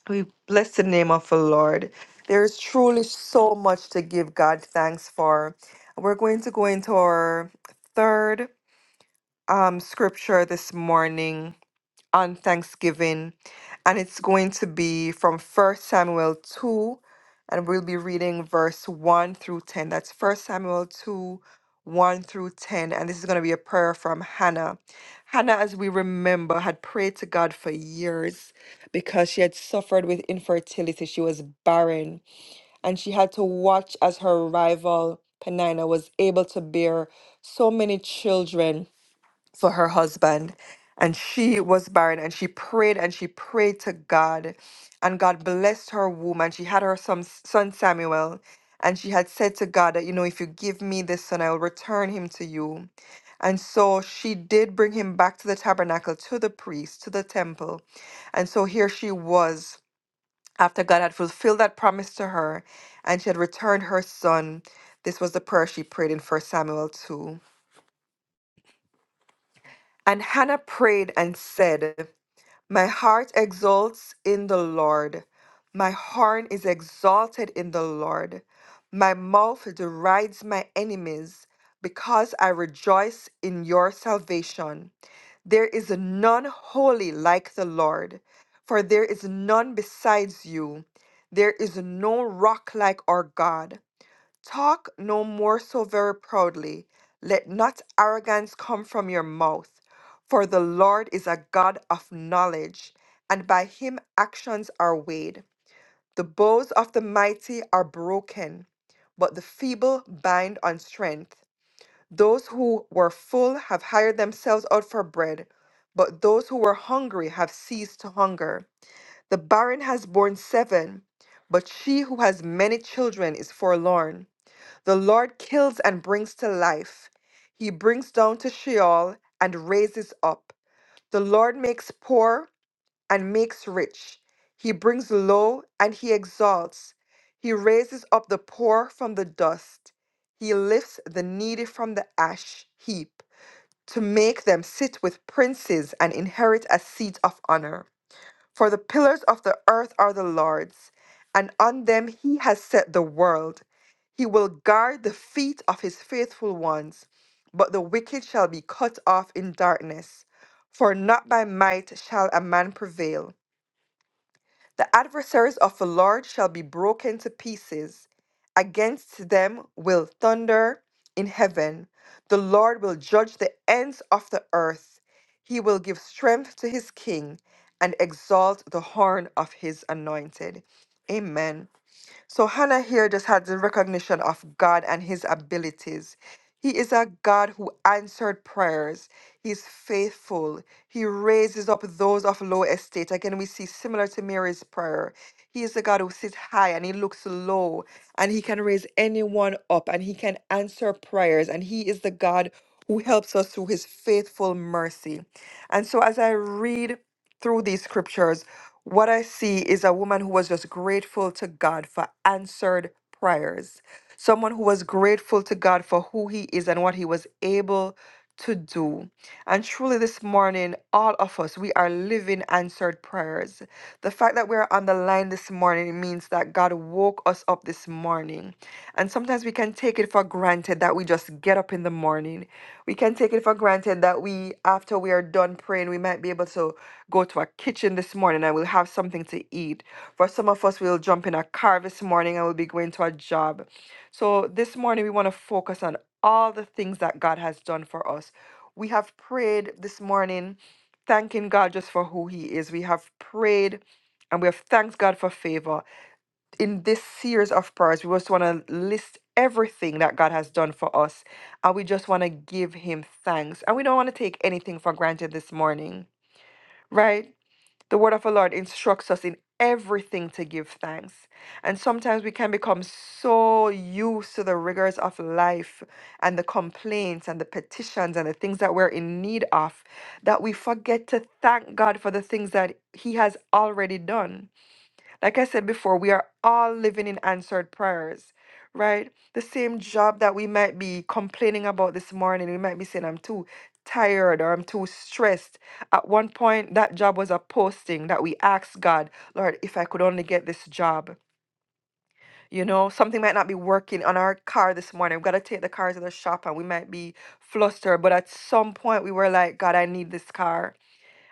Speaker 3: We bless the name of the Lord. There is truly so much to give God thanks for. We're going to go into our third um, scripture this morning on Thanksgiving, and it's going to be from First Samuel 2, and we'll be reading verse 1 through 10. That's First Samuel 2, 1 through 10, and this is going to be a prayer from Hannah. Hannah, as we remember, had prayed to God for years because she had suffered with infertility. She was barren, and she had to watch as her rival, Penina, was able to bear so many children for her husband and she was barren and she prayed and she prayed to god and god blessed her womb and she had her son, son samuel and she had said to god that you know if you give me this son i will return him to you and so she did bring him back to the tabernacle to the priest to the temple and so here she was after god had fulfilled that promise to her and she had returned her son this was the prayer she prayed in First samuel 2 and hannah prayed and said My heart exults in the Lord. My horn is exalted in the Lord. My mouth derides my enemies because I rejoice in your salvation. There is none holy like the Lord, for there is none besides you. There is no rock like our God. Talk no more so very proudly. Let not arrogance come from your mouth. For the Lord is a God of knowledge, and by him actions are weighed. The bows of the mighty are broken, but the feeble bind on strength. Those who were full have hired themselves out for bread, but those who were hungry have ceased to hunger. The barren has borne seven, but she who has many children is forlorn. The Lord kills and brings to life. He brings down to Sheol and raises up. The Lord makes poor and makes rich. He brings low and he exalts. He raises up the poor from the dust. He lifts the needy from the ash heap to make them sit with princes and inherit a seat of honor. For the pillars of the earth are the Lord's, and on them he has set the world. He will guard the feet of his faithful ones, but the wicked shall be cut off in darkness. For not by might shall a man prevail. The adversaries of the Lord shall be broken to pieces. Against them will thunder in heaven. The Lord will judge the ends of the earth. He will give strength to his king and exalt the horn of his anointed. Amen. So Hannah here just had the recognition of God and his abilities. He is a God who answered prayers. He's faithful. He raises up those of low estate. Again, we see similar to Mary's prayer. He is the God who sits high and he looks low, and he can raise anyone up and he can answer prayers. And he is the God who helps us through his faithful mercy. And so, as I read through these scriptures, what I see is a woman who was just grateful to God for answered prayers. Someone who was grateful to God for who he is and what he was able to do. And truly, this morning, all of us, we are living answered prayers. The fact that we're on the line this morning means that God woke us up this morning. And sometimes we can take it for granted that we just get up in the morning. We can take it for granted that we, after we are done praying, we might be able to go to a kitchen this morning and we'll have something to eat. For some of us, we'll jump in a car this morning and we'll be going to a job. So this morning, we want to focus on all the things that God has done for us. We have prayed this morning, thanking God just for who He is. We have prayed and we have thanked God for favor. In this series of prayers, we just want to list everything that God has done for us and we just want to give Him thanks. And we don't want to take anything for granted this morning, right? The word of the Lord instructs us in everything to give thanks. And sometimes we can become so used to the rigors of life and the complaints and the petitions and the things that we're in need of that we forget to thank God for the things that He has already done. Like I said before, we are all living in answered prayers, right? The same job that we might be complaining about this morning, we might be saying, I'm too tired or I'm too stressed. At one point, that job was a posting that we asked God, Lord, if I could only get this job. You know, something might not be working on our car this morning. We've got to take the car to the shop and we might be flustered. But at some point, we were like, God, I need this car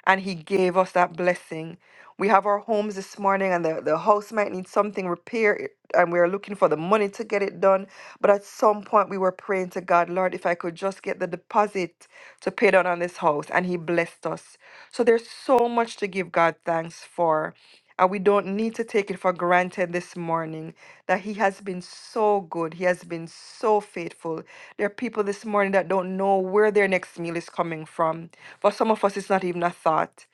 Speaker 3: and He gave us that blessing. We have our homes this morning, and the, the house might need something repaired, and we're looking for the money to get it done. But at some point, we were praying to God, Lord, if I could just get the deposit to pay down on this house, and He blessed us. So there's so much to give God thanks for. And we don't need to take it for granted this morning that He has been so good. He has been so faithful. There are people this morning that don't know where their next meal is coming from. For some of us, it's not even a thought.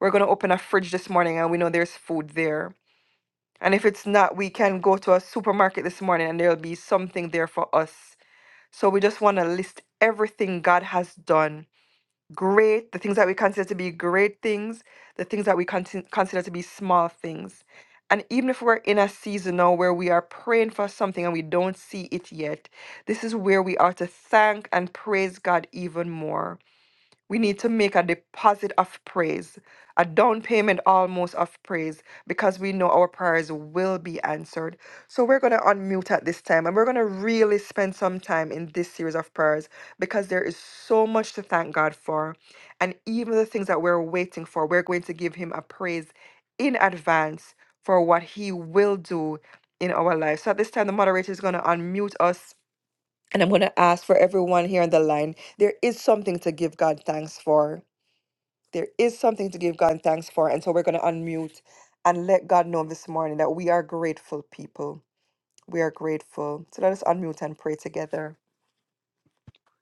Speaker 3: We're going to open a fridge this morning and we know there's food there. And if it's not, we can go to a supermarket this morning and there'll be something there for us. So we just want to list everything God has done great, the things that we consider to be great things, the things that we consi- consider to be small things. And even if we're in a season now where we are praying for something and we don't see it yet, this is where we are to thank and praise God even more we need to make a deposit of praise, a down payment almost of praise, because we know our prayers will be answered. So we're going to unmute at this time and we're going to really spend some time in this series of prayers because there is so much to thank God for. And even the things that we're waiting for, we're going to give Him a praise in advance for what He will do in our lives. So at this time, the moderator is going to unmute us and I'm going to ask for everyone here on the line. There is something to give God thanks for. There is something to give God thanks for. And so we're going to unmute and let God know this morning that we are grateful people. We are grateful. So let us unmute and pray together.